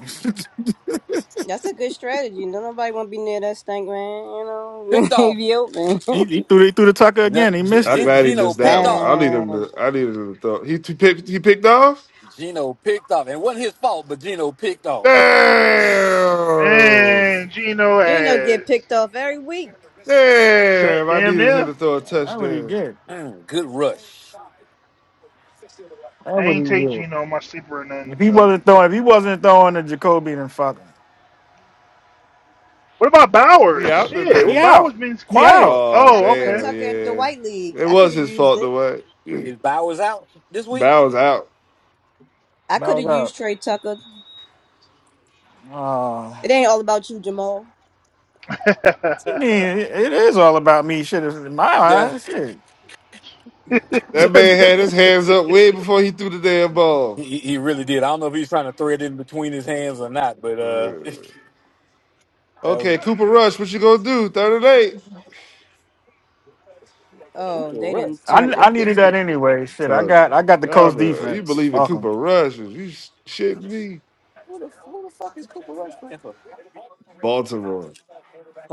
Speaker 1: That's a good strategy. No nobody won't be near that stank man. You know,
Speaker 8: picked
Speaker 1: (laughs)
Speaker 8: off.
Speaker 1: be open.
Speaker 3: (laughs) he,
Speaker 1: (laughs)
Speaker 3: he threw he threw the tucker
Speaker 8: No,
Speaker 3: again. He
Speaker 8: G-
Speaker 3: missed
Speaker 5: I'm
Speaker 8: G-
Speaker 3: it.
Speaker 5: glad he
Speaker 8: Gino
Speaker 5: missed
Speaker 8: picked
Speaker 5: that one.
Speaker 8: off.
Speaker 5: I need him
Speaker 1: Damn,
Speaker 5: to. I need him to throw. He he picked. He picked off.
Speaker 8: Gino picked off. And it wasn't his fault, but Gino picked off. (laughs)
Speaker 5: Damn.
Speaker 6: Man, Gino
Speaker 1: Gino get
Speaker 6: has
Speaker 1: picked off every week.
Speaker 6: sat
Speaker 5: Damn, I
Speaker 6: damn
Speaker 5: needed him
Speaker 6: near.
Speaker 5: to throw a
Speaker 3: That what he
Speaker 5: touchdown.
Speaker 3: get.
Speaker 8: Mm, Good rush.
Speaker 3: That
Speaker 6: I
Speaker 3: what he
Speaker 6: ain't take
Speaker 3: get.
Speaker 6: Gino on my sleeper or nothing.
Speaker 3: If he
Speaker 6: So
Speaker 3: wasn't throwing, if he wasn't throwing the Jacoby, then fuck him.
Speaker 6: what about
Speaker 5: He
Speaker 6: Bowers?
Speaker 5: out
Speaker 6: Shit,
Speaker 3: He
Speaker 5: today.
Speaker 6: what Bowers
Speaker 3: out.
Speaker 6: means
Speaker 3: He
Speaker 6: quiet.
Speaker 3: out.
Speaker 1: I
Speaker 5: Oh
Speaker 6: Oh,
Speaker 1: got Trey
Speaker 6: okay.
Speaker 5: damn,
Speaker 1: Tucker in the
Speaker 5: yeah.
Speaker 1: White League.
Speaker 5: It
Speaker 1: I could
Speaker 5: was
Speaker 1: have
Speaker 5: his
Speaker 1: used
Speaker 5: fault
Speaker 1: it.
Speaker 5: the way.
Speaker 8: Is Bowers out this
Speaker 5: (clears throat)
Speaker 8: week?
Speaker 5: Bowers out.
Speaker 1: I
Speaker 3: That
Speaker 1: could
Speaker 3: was
Speaker 1: have
Speaker 3: out.
Speaker 1: used Trey Tucker.
Speaker 3: Uh,
Speaker 1: It
Speaker 3: what
Speaker 1: ain't all about you, Jamal.
Speaker 6: (laughs)
Speaker 3: you mean it, it is all about me? Shit, it's in my
Speaker 8: yeah.
Speaker 3: eyes. Shit.
Speaker 5: That
Speaker 3: (laughs)
Speaker 5: man had his hands up way before he threw the damn ball.
Speaker 8: He, he really did. I don't know if he's trying to thread it in between his hands or not, but uh,
Speaker 5: Bruh.
Speaker 8: (laughs) that was
Speaker 5: Okay, Cooper Rush, what you gonna do? Third and eight.
Speaker 1: Oh,
Speaker 8: Cooper
Speaker 1: they
Speaker 8: Rush.
Speaker 1: didn't turn
Speaker 3: I, I
Speaker 1: that good
Speaker 3: needed
Speaker 1: for
Speaker 3: that anyway.
Speaker 5: I'm
Speaker 3: Shit, I
Speaker 5: telling
Speaker 3: got I
Speaker 5: you.
Speaker 3: got the
Speaker 5: Y'all
Speaker 3: coast
Speaker 5: know- you
Speaker 3: defense.
Speaker 5: believe in
Speaker 3: Fuck him.
Speaker 5: Cooper Rush. is You sh- shitting me.
Speaker 8: Who the, who the fuck is Cooper Rush playing for?
Speaker 5: Baltimore.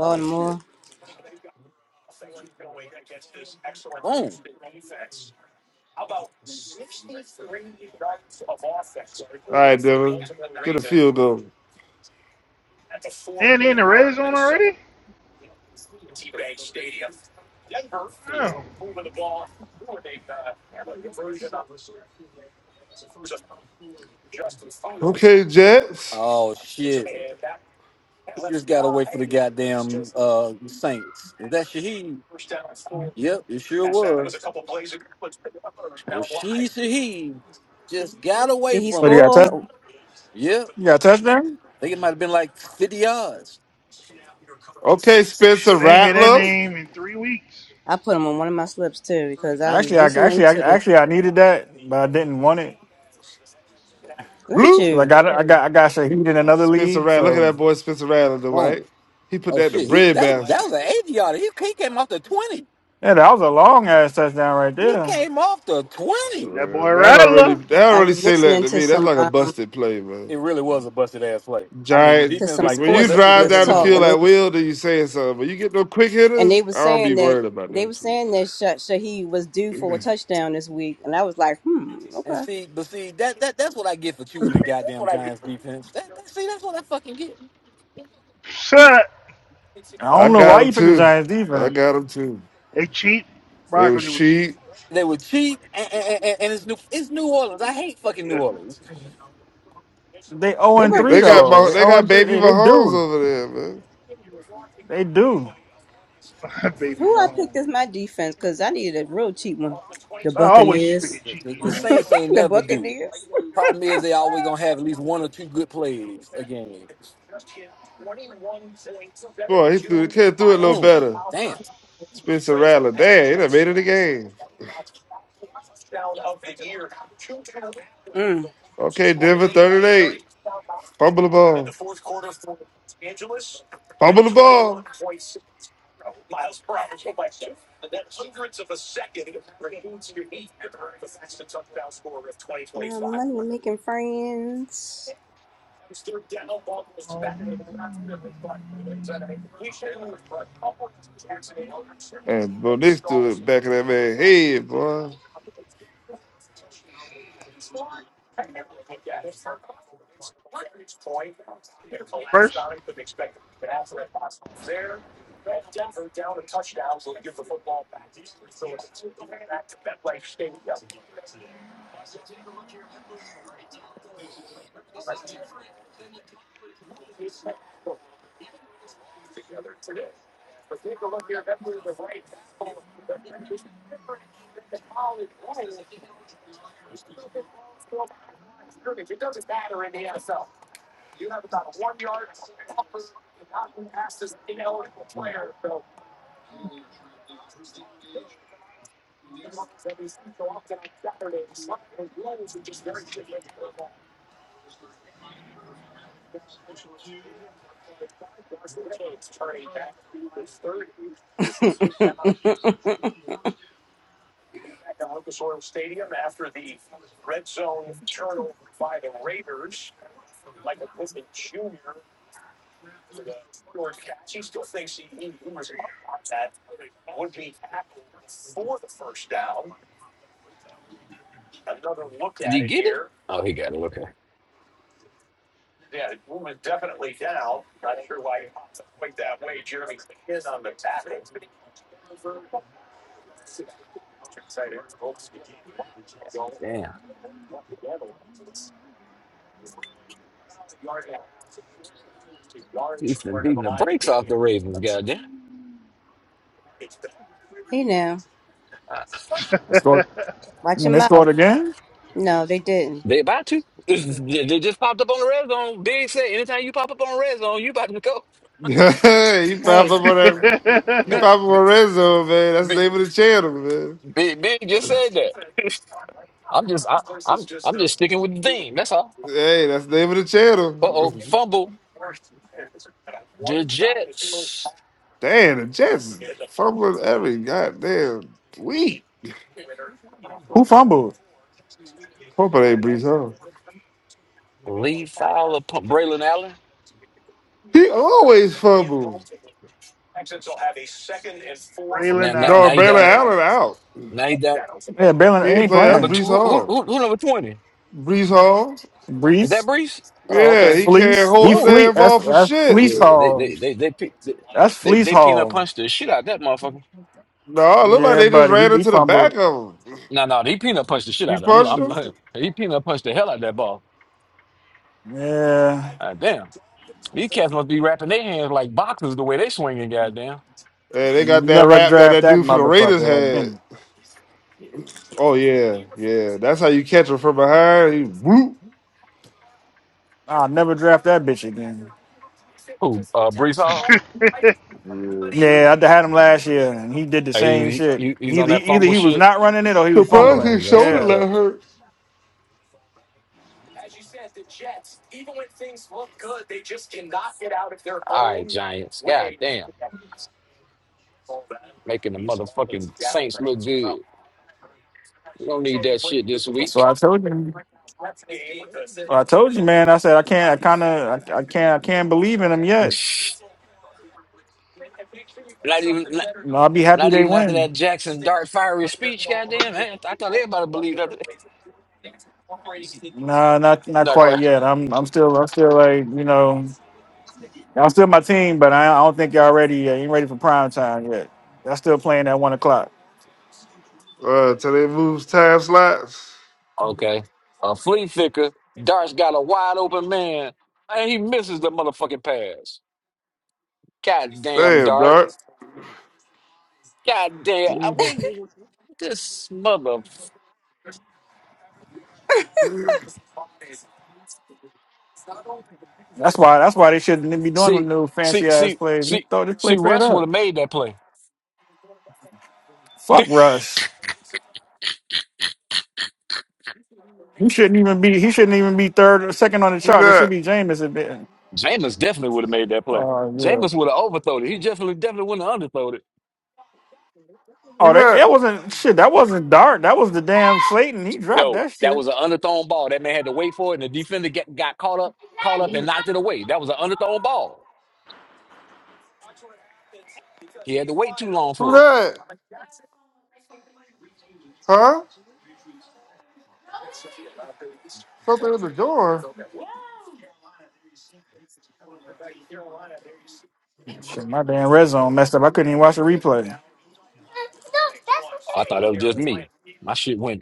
Speaker 8: Oh shit! Boom!
Speaker 5: All right, Dylan. Get a field goal.
Speaker 6: and in the red zone already? Oh.
Speaker 5: Okay, Jets.
Speaker 8: Oh shit! He just got away for the goddamn uh Saints. Is that Shaheed? Yep, it sure was. Rashid Shaheed just got
Speaker 1: Did
Speaker 8: away
Speaker 1: he
Speaker 3: What
Speaker 8: from
Speaker 3: do you
Speaker 8: him.
Speaker 3: got?
Speaker 1: score?
Speaker 3: Touch?
Speaker 1: Oh,
Speaker 8: Yep,
Speaker 3: You got touchdown?
Speaker 8: I think it might have been like fifty yards.
Speaker 5: Okay, Spencer
Speaker 6: Shit, I ain't hear that
Speaker 5: Rattler.
Speaker 6: name in three weeks.
Speaker 1: I put him on one of my slips too because I was
Speaker 3: Actually, I
Speaker 1: listening
Speaker 3: actually, I
Speaker 1: to the.
Speaker 3: actually, I needed that, but I didn't want it
Speaker 1: Look at
Speaker 5: Bloop.
Speaker 3: because I
Speaker 1: you!
Speaker 3: got, I got, I got Shaheed in another
Speaker 5: Spencer
Speaker 3: league.
Speaker 5: Rattler. Look at
Speaker 3: So
Speaker 5: that boy Spencer Rattler, the white.
Speaker 8: Boom!
Speaker 5: He put
Speaker 8: Oh
Speaker 5: that in the
Speaker 8: shit! He
Speaker 5: bread
Speaker 8: that that
Speaker 5: basket.
Speaker 8: was an eighty yarder. He, he came off the twenty.
Speaker 3: yeah, that was a long ass touchdown right
Speaker 8: He
Speaker 3: there.
Speaker 8: came off the twenty.
Speaker 6: That boy
Speaker 5: Uh, That don't really
Speaker 6: Rattler,
Speaker 5: that don't
Speaker 1: I
Speaker 5: really
Speaker 1: was
Speaker 5: say that
Speaker 1: listening
Speaker 5: to
Speaker 1: to
Speaker 5: me. That's
Speaker 1: some
Speaker 5: like a
Speaker 1: um
Speaker 5: busted play, man.
Speaker 8: it really was a busted ass play. I mean, the
Speaker 5: Giant
Speaker 1: to
Speaker 8: defense
Speaker 1: some
Speaker 8: like
Speaker 5: when
Speaker 8: uh,
Speaker 5: you
Speaker 1: sports
Speaker 8: let's just
Speaker 5: drive
Speaker 8: let
Speaker 1: analysts
Speaker 5: down
Speaker 8: him
Speaker 5: the
Speaker 8: run
Speaker 1: talk,
Speaker 5: field
Speaker 1: and
Speaker 8: away.
Speaker 1: they
Speaker 5: at
Speaker 1: was,
Speaker 5: will, then you saying something. But you get no quick
Speaker 1: and they
Speaker 5: hitters,
Speaker 1: were
Speaker 5: I don't
Speaker 1: saying
Speaker 5: be
Speaker 1: that
Speaker 5: worried about
Speaker 1: they
Speaker 5: that
Speaker 1: was
Speaker 5: shit.
Speaker 1: saying that Sha- Shaheed was due for a touchdown this week, and I was like, hmm,
Speaker 8: And
Speaker 1: okay.
Speaker 8: see, but see that that that's what I get for choosing the goddamn Giants defense. That, that see, that's what I fucking get.
Speaker 6: shut.
Speaker 3: I
Speaker 5: I
Speaker 3: don't know
Speaker 5: got
Speaker 3: why
Speaker 5: him
Speaker 3: you picked the
Speaker 5: too.
Speaker 3: Giants
Speaker 5: I
Speaker 3: defense.
Speaker 5: got him too.
Speaker 6: They cheap.
Speaker 5: It was
Speaker 6: Broccoli was cheap.
Speaker 5: cheap.
Speaker 8: They were cheap, and, and, and, and it's new it's New Orleans. I hate fucking
Speaker 6: Yeah.
Speaker 8: New Orleans.
Speaker 3: They zero
Speaker 1: They
Speaker 3: and
Speaker 1: weren't the
Speaker 3: three
Speaker 5: They got
Speaker 3: though.
Speaker 6: (laughs)
Speaker 5: Mah-
Speaker 3: They
Speaker 1: cheapest.
Speaker 5: they
Speaker 3: zero
Speaker 5: got
Speaker 3: and three.
Speaker 5: baby
Speaker 3: They, they
Speaker 5: Mahomes
Speaker 3: do.
Speaker 5: over there, man.
Speaker 3: They do.
Speaker 6: Baby
Speaker 1: Who I
Speaker 6: Mahomes.
Speaker 1: picked as my defense because I needed a real cheap one. The
Speaker 6: I always
Speaker 1: Buccaneers.
Speaker 6: figured
Speaker 8: The,
Speaker 6: cheap
Speaker 8: the, the
Speaker 1: (laughs)
Speaker 6: defense.
Speaker 8: Saints ain't
Speaker 1: the
Speaker 8: never do.
Speaker 1: Buccaneers.
Speaker 8: Problem is, they always gonna have at least one or two good plays a game.
Speaker 5: Boy, he threw the kid threw it a little
Speaker 8: Mm,
Speaker 5: better.
Speaker 8: damn.
Speaker 5: Spencer Rattler. Damn, he done made it a game.
Speaker 1: Mm.
Speaker 5: Okay, Denver 38. Fumble the ball. Fumble the ball.
Speaker 1: My money making friends.
Speaker 6: Um,
Speaker 5: And bro, they stood back in that man's head, boy.
Speaker 6: First.
Speaker 8: Mm, Did he get it? Oh, he got it. Okay. Damn. Houston beating the brakes off the Ravens. Goddamn.
Speaker 1: Hey now,
Speaker 6: (laughs)
Speaker 3: They scored.
Speaker 1: watch
Speaker 3: When
Speaker 1: your
Speaker 3: they scored
Speaker 1: mouth.
Speaker 3: again,
Speaker 1: No, they didn't.
Speaker 8: They about to. (laughs) They just popped up on the red zone. Big said, anytime you pop up on red zone, you about to go.
Speaker 5: (laughs) he popped
Speaker 1: Hey,
Speaker 5: up on that
Speaker 8: (laughs)
Speaker 5: he
Speaker 8: Big,
Speaker 5: popped up on red zone, man. That's the
Speaker 8: big,
Speaker 5: name of the channel, man.
Speaker 8: big, big just said that. I'm just, I, I'm, I'm just sticking with the theme. That's all.
Speaker 5: Hey, that's the name of the
Speaker 8: Uh oh,
Speaker 5: channel.
Speaker 8: fumble. The Jets.
Speaker 5: (laughs) damn, the Jets fumbling every goddamn week.
Speaker 3: who fumbled?
Speaker 5: Hope it ain't Brees Hall.
Speaker 8: Lee Fowler, pump Braylon Allen.
Speaker 5: He always fumbles.
Speaker 8: Now,
Speaker 6: Braylon
Speaker 8: now,
Speaker 5: No,
Speaker 6: Allen,
Speaker 8: now he
Speaker 5: Braylon
Speaker 8: down.
Speaker 5: Allen
Speaker 6: ass.
Speaker 5: out.
Speaker 8: Now he down.
Speaker 3: Yeah,
Speaker 5: He
Speaker 3: Balin
Speaker 5: ain't
Speaker 3: ain't
Speaker 5: playing. That's
Speaker 8: Number
Speaker 3: playing.
Speaker 8: two.
Speaker 5: Brees
Speaker 8: Who, who,
Speaker 5: Hall.
Speaker 8: who, who number twenty?
Speaker 5: Brees Hall.
Speaker 8: Is
Speaker 3: Breeze,
Speaker 8: that Brees? Oh,
Speaker 5: Yeah,
Speaker 8: okay.
Speaker 5: he can't
Speaker 3: fleece.
Speaker 5: hold
Speaker 3: He
Speaker 5: the
Speaker 8: Boom.
Speaker 3: fleece.
Speaker 5: damn
Speaker 3: That's
Speaker 5: ball for
Speaker 3: that's
Speaker 5: shit.
Speaker 3: fleece
Speaker 5: (laughs)
Speaker 8: Yeah, they,
Speaker 3: hall.
Speaker 8: they, they, they, they, they,
Speaker 3: That's
Speaker 8: they,
Speaker 3: fleece
Speaker 8: they peanut
Speaker 3: hall.
Speaker 8: punched the shit out of that motherfucker.
Speaker 5: No, it looked like
Speaker 3: Yeah,
Speaker 5: they just
Speaker 3: buddy, he
Speaker 5: ran
Speaker 3: be
Speaker 5: into the back
Speaker 3: fumbled.
Speaker 5: of him.
Speaker 8: No, no, he peanut punched the shit
Speaker 5: He
Speaker 8: out of him.
Speaker 5: punched
Speaker 8: I'm,
Speaker 5: him.
Speaker 8: I'm he peanut punched the hell out of that ball.
Speaker 3: Yeah,
Speaker 8: Ah, damn, these cats must be wrapping their hands like boxers the way they swinging. Goddamn.
Speaker 5: And they got that
Speaker 3: never
Speaker 5: rap that
Speaker 3: draft
Speaker 5: that
Speaker 3: that
Speaker 5: dude for the Raiders
Speaker 3: motherfucker.
Speaker 5: had.
Speaker 3: again.
Speaker 5: Oh yeah, yeah. That's how you catch him from behind. He whoop.
Speaker 3: I'll never draft that bitch again.
Speaker 8: Who? Uh, Brees Hall.
Speaker 5: Yeah.
Speaker 6: (laughs) Breathe.
Speaker 3: Yeah, I had him last year, and he did the
Speaker 8: Hey,
Speaker 3: same
Speaker 8: he,
Speaker 3: shit.
Speaker 8: he, he's on
Speaker 3: Either
Speaker 8: that
Speaker 3: either
Speaker 8: fumble
Speaker 3: he was
Speaker 8: shit.
Speaker 3: not running it or he was
Speaker 5: Surprised
Speaker 8: Oh,
Speaker 5: his
Speaker 3: fumbling.
Speaker 8: that's
Speaker 5: shoulder
Speaker 8: fucked
Speaker 3: Yeah,
Speaker 8: up.
Speaker 5: let hurt.
Speaker 8: All right, Giants. God damn, making the motherfucking Saints look good. We don't need that shit this
Speaker 3: so
Speaker 8: week.
Speaker 3: I
Speaker 8: (laughs)
Speaker 3: told you. Well, I told you, man. I said I can't. I kind of. I, I can't. I can't believe in them yet.
Speaker 8: Not even. Not,
Speaker 3: You know, I'll be happy
Speaker 8: not
Speaker 3: they
Speaker 8: even after
Speaker 3: win.
Speaker 8: that Jackson Dart fiery speech, goddamn, man. I thought everybody believed
Speaker 3: No, not not
Speaker 8: that. (laughs)
Speaker 3: quite yet. I'm I'm still I'm still like you know I'm still my team, but I, I don't think y'all ready. Yet. Ain't ready for prime time yet. Y'all still playing at one o'clock.
Speaker 5: Uh, till they moves time slots.
Speaker 8: Okay. A flea flicker, Dart's got a wide open man, and he misses the motherfucking pass. God damn,
Speaker 5: Damn,
Speaker 8: Dart.
Speaker 5: dark.
Speaker 8: God damn. I- we- This mother.
Speaker 3: That's why that's why they shouldn't be doing them
Speaker 8: See,
Speaker 3: new
Speaker 8: see,
Speaker 3: fancy ass
Speaker 8: see,
Speaker 3: plays. Just
Speaker 8: see,
Speaker 3: throw this
Speaker 8: see,
Speaker 3: play straight
Speaker 8: Russ would
Speaker 3: up.
Speaker 8: have made that play.
Speaker 3: Fuck Russ. You shouldn't even be. He shouldn't even be third or second on the
Speaker 5: Who
Speaker 3: chart. It should
Speaker 5: that?
Speaker 3: be Jameis. at the-
Speaker 8: Jameis definitely would have made that play.
Speaker 3: Oh yeah.
Speaker 8: Jameis would have overthrown it. He definitely, definitely wouldn't have underthrown it.
Speaker 5: Who
Speaker 3: Oh, that,
Speaker 5: that?
Speaker 3: that wasn't shit. That wasn't Dart. That was the damn Slayton. He dropped
Speaker 8: No,
Speaker 3: that shit.
Speaker 8: that was an underthrown ball. That man had to wait for it, and the defender get, got caught up, caught up, and knocked it away. That was an underthrown ball. He had to wait too long
Speaker 5: Who
Speaker 8: for it.
Speaker 5: that? Huh? Something in the door.
Speaker 3: Shit, my damn red zone messed up. I couldn't even watch the replay.
Speaker 8: I thought that was just me. My shit went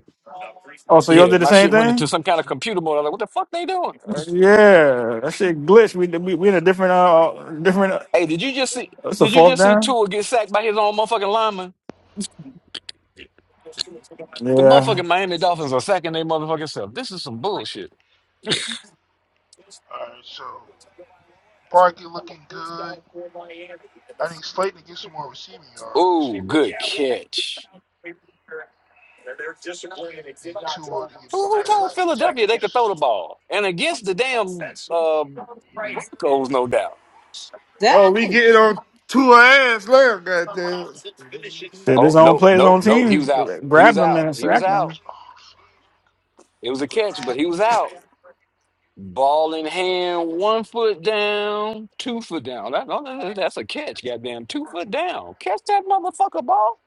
Speaker 3: Oh, so y'all
Speaker 8: Yeah,
Speaker 3: did the
Speaker 8: my
Speaker 3: same
Speaker 8: shit went
Speaker 3: thing?
Speaker 8: into some kind of computer mode. I was like, what the fuck they doing?
Speaker 3: Uh, yeah, that shit glitched. We we, we in a different uh different. Uh,
Speaker 8: Hey, did you just see
Speaker 3: it's a
Speaker 8: did you
Speaker 3: fourth
Speaker 8: just see
Speaker 3: down.
Speaker 8: Tua get sacked by his own motherfucking lineman? The
Speaker 3: Yeah,
Speaker 8: motherfucking Miami Dolphins are sacking their motherfucking self. This is some bullshit.
Speaker 6: All right, so Barkley looking good. I need Slayton to get some more receiving yards.
Speaker 8: Ooh, good catch.
Speaker 6: and Tua to get
Speaker 8: Who,
Speaker 6: more
Speaker 8: who told
Speaker 6: passing
Speaker 8: Philadelphia they could throw
Speaker 6: attempts.
Speaker 8: the ball? And against the damn uh, Broncos, no doubt.
Speaker 6: Let's
Speaker 5: Oh, we
Speaker 6: go.
Speaker 1: dang!
Speaker 5: getting on two ass later, goddamn.
Speaker 3: shit.
Speaker 8: Oh,
Speaker 3: His own
Speaker 8: nope,
Speaker 3: play, his
Speaker 8: nope,
Speaker 3: own
Speaker 8: nope. He
Speaker 3: team
Speaker 8: was out. He was
Speaker 3: grabbed him
Speaker 8: out.
Speaker 3: and
Speaker 8: He was
Speaker 3: sacked
Speaker 8: out.
Speaker 3: him.
Speaker 6: Oh,
Speaker 8: It was a catch, but he was out. Ball in hand, one foot down, two foot down. That, no, no, no, that's a catch, goddamn. Two foot down. Catch that motherfucker ball.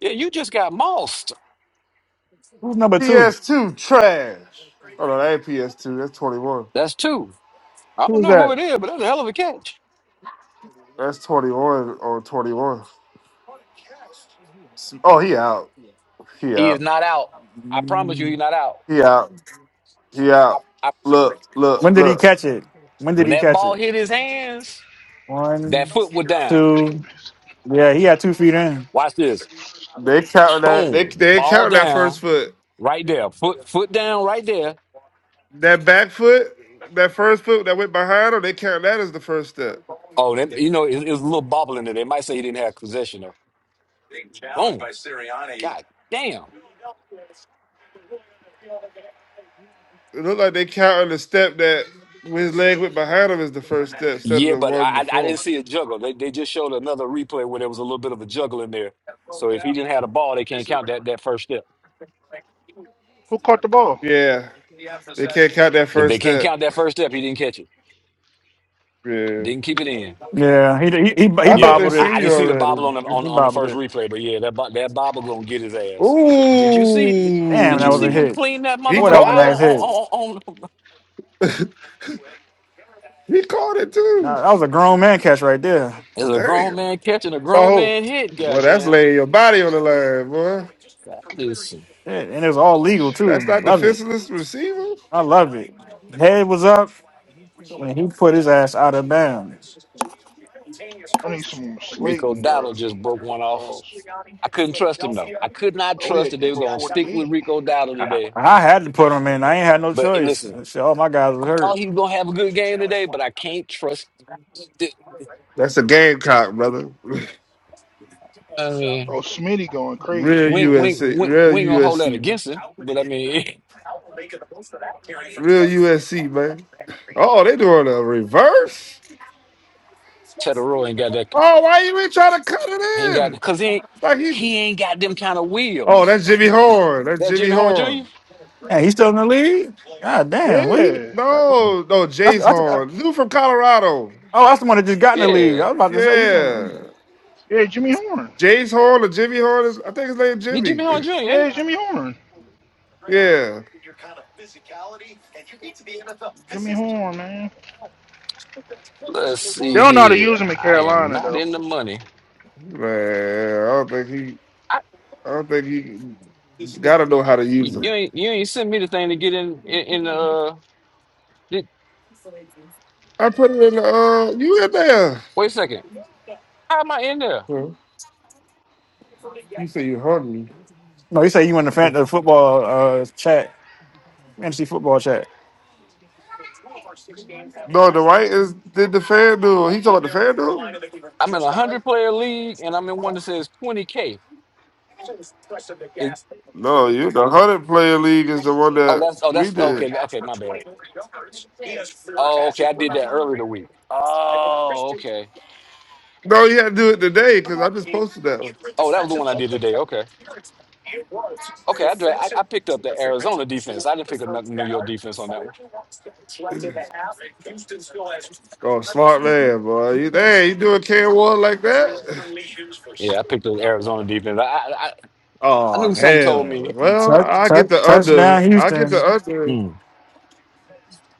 Speaker 8: Yeah, you just got mossed.
Speaker 3: Who's number two?
Speaker 5: PS2 trash. Oh no, that ain't PS2. That's 21.
Speaker 8: That's two. I don't
Speaker 3: Who was
Speaker 8: know
Speaker 3: that?
Speaker 8: who it is, but that's a hell of a catch.
Speaker 5: That's 21 on 21. Oh, he out. He
Speaker 8: He
Speaker 5: out.
Speaker 8: is not out. I promise you, he's not out.
Speaker 5: He out. He
Speaker 8: I,
Speaker 5: out.
Speaker 8: I,
Speaker 5: Look,
Speaker 3: When
Speaker 5: look,
Speaker 3: did he
Speaker 5: look.
Speaker 3: catch it? When did
Speaker 8: when
Speaker 3: he
Speaker 8: that
Speaker 3: catch
Speaker 8: ball
Speaker 3: it?
Speaker 8: hit his hands, that
Speaker 3: One,
Speaker 8: foot was down.
Speaker 3: two. Yeah, he had two feet in.
Speaker 8: Watch this.
Speaker 5: They count that. They
Speaker 8: Boom.
Speaker 5: they
Speaker 8: Ball
Speaker 5: count that first
Speaker 8: down.
Speaker 5: foot.
Speaker 8: Right there. Foot foot down right there.
Speaker 5: That back foot. That first foot that went behind him. They count that as the first step.
Speaker 8: Oh, that, you know, it, it was a little bobbling there. They might say he didn't have possession of. Boom. God damn.
Speaker 5: It looked like they counting the step that when his leg went behind him as the first step instead of
Speaker 8: Yeah,
Speaker 5: the
Speaker 8: but
Speaker 5: one
Speaker 8: I, I I didn't
Speaker 5: before.
Speaker 8: see a juggle. They they just showed another replay where there was a little bit of a juggle in there. So if he didn't have the ball, they can't count that that first step.
Speaker 6: Who caught the ball?
Speaker 5: Yeah, they can't count that
Speaker 8: If
Speaker 5: first
Speaker 8: they can't
Speaker 5: step.
Speaker 8: count that first step, he didn't catch it.
Speaker 5: Yeah,
Speaker 8: Didn't keep it in.
Speaker 3: Yeah, he he he, he
Speaker 5: I thought they
Speaker 8: Yeah,
Speaker 3: bobbled
Speaker 8: I,
Speaker 3: it.
Speaker 5: seen
Speaker 8: I
Speaker 5: you
Speaker 8: didn't see the
Speaker 5: already.
Speaker 8: bobble on the on,
Speaker 3: He
Speaker 8: on the
Speaker 3: bobbled
Speaker 8: first
Speaker 3: it.
Speaker 8: replay, but yeah, that bo- that bobble gonna get his ass. Did you see?
Speaker 3: Damn,
Speaker 8: Did
Speaker 3: that
Speaker 8: you
Speaker 3: was a
Speaker 8: see him
Speaker 3: hit.
Speaker 5: Ooh,
Speaker 8: clean that
Speaker 5: he
Speaker 3: Boy, that
Speaker 8: motherfucker
Speaker 3: was a
Speaker 5: caught
Speaker 8: out on
Speaker 5: it.
Speaker 3: nice hit.
Speaker 8: on on? on
Speaker 5: He caught it too.
Speaker 3: Nah, that was a grown man catch right there.
Speaker 8: (laughs) as a grown
Speaker 5: Damn.
Speaker 8: man catching a
Speaker 6: By
Speaker 8: grown
Speaker 6: who?
Speaker 8: man hit,
Speaker 5: Well, that's
Speaker 8: goddamn.
Speaker 5: laying your body on the line, boy.
Speaker 8: That is
Speaker 3: Shit, and it was all legal
Speaker 5: That's
Speaker 3: too.
Speaker 5: not the
Speaker 3: Love it.
Speaker 5: fistless receiver.
Speaker 3: I love it. Head was up when he put his ass out of bounds.
Speaker 6: I need some
Speaker 8: Rico
Speaker 6: Slayton,
Speaker 8: Dottle
Speaker 6: bro.
Speaker 8: just broke one off.
Speaker 6: Pause.
Speaker 8: I couldn't trust him though. I could not
Speaker 6: Oh, we
Speaker 8: trust
Speaker 6: had
Speaker 8: that they were
Speaker 6: Denver
Speaker 8: gonna stick with
Speaker 6: 48.
Speaker 8: Rico Dowdle today.
Speaker 3: I had to put him in. I ain't had no
Speaker 8: But hey,
Speaker 3: choice.
Speaker 8: listen,
Speaker 3: Shit, all my guys was
Speaker 8: I
Speaker 3: hurt.
Speaker 8: thought he was gonna have a good game today, but I can't trust. th-
Speaker 5: That's a gamecock, brother. (laughs)
Speaker 8: I mean,
Speaker 6: Oh, Smitty going crazy.
Speaker 5: Real
Speaker 8: we ain't, we ain't,
Speaker 5: USC,
Speaker 8: we ain't,
Speaker 5: real
Speaker 8: we ain't gonna hold that
Speaker 5: USC,
Speaker 8: against him. But I mean, (laughs)
Speaker 5: real USC, man. Oh, they doing a reverse. Oh, why you ain't trying to cut
Speaker 8: he ain't
Speaker 5: it
Speaker 8: got
Speaker 5: in?
Speaker 8: because he ain't,
Speaker 5: It's like he.
Speaker 8: he ain't got them kind of
Speaker 5: Oh,
Speaker 8: wheels.
Speaker 5: that's Jimmy Horn. That's
Speaker 8: That
Speaker 5: Jimmy
Speaker 8: Jimmy Horn Jr.
Speaker 5: Horn.
Speaker 3: Man, he's still in the league. God damn. What he?
Speaker 6: Yeah.
Speaker 5: No, no,
Speaker 3: That's,
Speaker 5: Jace
Speaker 3: that's, uh,
Speaker 5: Horn. Dude from Colorado.
Speaker 3: oh, that's the one that just got in the league.
Speaker 8: Yeah,
Speaker 3: I was about to say you. do
Speaker 5: Yeah,
Speaker 6: Yeah, Jimmy Horn.
Speaker 5: Jace Horn or Jimmy Horn. is- I think his name
Speaker 8: you
Speaker 5: Jimmy. (laughs)
Speaker 8: Jimmy.
Speaker 6: Yeah, Jimmy Horn.
Speaker 5: Yeah,
Speaker 6: Jimmy Horn, man.
Speaker 8: Let's
Speaker 6: They
Speaker 8: see
Speaker 6: don't know how to
Speaker 8: here.
Speaker 6: use him in
Speaker 8: I am
Speaker 6: Carolina,
Speaker 8: not
Speaker 6: though.
Speaker 8: in the money.
Speaker 5: man. I don't think he.
Speaker 8: I
Speaker 5: I don't think he you gotta know how to use
Speaker 8: you you
Speaker 5: them.
Speaker 8: ain't you ain't sent me the thing to get in in, in uh. Did,
Speaker 5: I put it in the uh you in there.
Speaker 8: wait a second. How am I in there?
Speaker 5: Huh? You say you hungry.
Speaker 3: No, he said you in the, fan, the football uh, chat, fantasy football chat.
Speaker 5: No, the right is did the fan duel. He talking about the fan duel?
Speaker 8: I'm in a hundred player league and I'm in one that says twenty K. Is
Speaker 5: No, you the hundred player league is the one
Speaker 8: Oh
Speaker 5: that
Speaker 8: that's oh
Speaker 5: we
Speaker 8: that's
Speaker 5: did.
Speaker 8: okay, okay, my bad. Oh, okay, I did that earlier the week. Oh, okay.
Speaker 5: No, you had to do it today because I just posted that one.
Speaker 8: Oh, that was the one I did today. Okay. Okay, I, dra- I I picked up the Arizona defense. I didn't pick up no- New York defense on that one.
Speaker 5: Oh, smart man, boy. You dang, you doing can one like that?
Speaker 8: Yeah, I picked up the Arizona defense. I I, I I
Speaker 5: Oh
Speaker 8: knew something told
Speaker 5: hell.
Speaker 8: me
Speaker 5: Well,
Speaker 3: Touch,
Speaker 5: I get
Speaker 3: touch,
Speaker 5: the under.
Speaker 3: touchdown,
Speaker 5: I get the
Speaker 3: Houston.
Speaker 5: under.
Speaker 8: mm,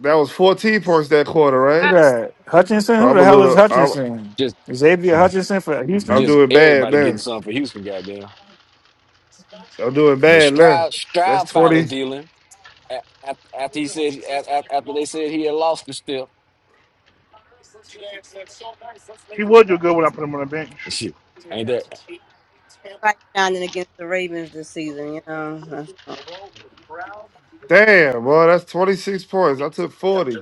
Speaker 5: That was 14 points that quarter,
Speaker 3: Who
Speaker 5: right?
Speaker 3: that? Hutchinson?
Speaker 5: So
Speaker 3: Who
Speaker 5: I'm
Speaker 3: the
Speaker 5: a
Speaker 3: hell is
Speaker 5: little. I'm
Speaker 3: Hutchinson?
Speaker 8: just
Speaker 3: Xavier Hutchinson for
Speaker 5: I'm
Speaker 3: Houston?
Speaker 8: just
Speaker 5: doing bad
Speaker 8: everybody getting
Speaker 5: now.
Speaker 8: something for Houston, goddamn.
Speaker 5: I'm doing
Speaker 8: But
Speaker 5: bad now.
Speaker 8: Stroud
Speaker 5: That's
Speaker 8: Stroud finally
Speaker 5: 20.
Speaker 8: dealing a- a- after he said a- a- after they said he had lost the step.
Speaker 6: He would do good when I put him on the bench.
Speaker 8: Shit. Ain't that
Speaker 1: Everybody shining against the Ravens this season. You know, (laughs)
Speaker 5: Damn, boy, that's 26 points. I took 40.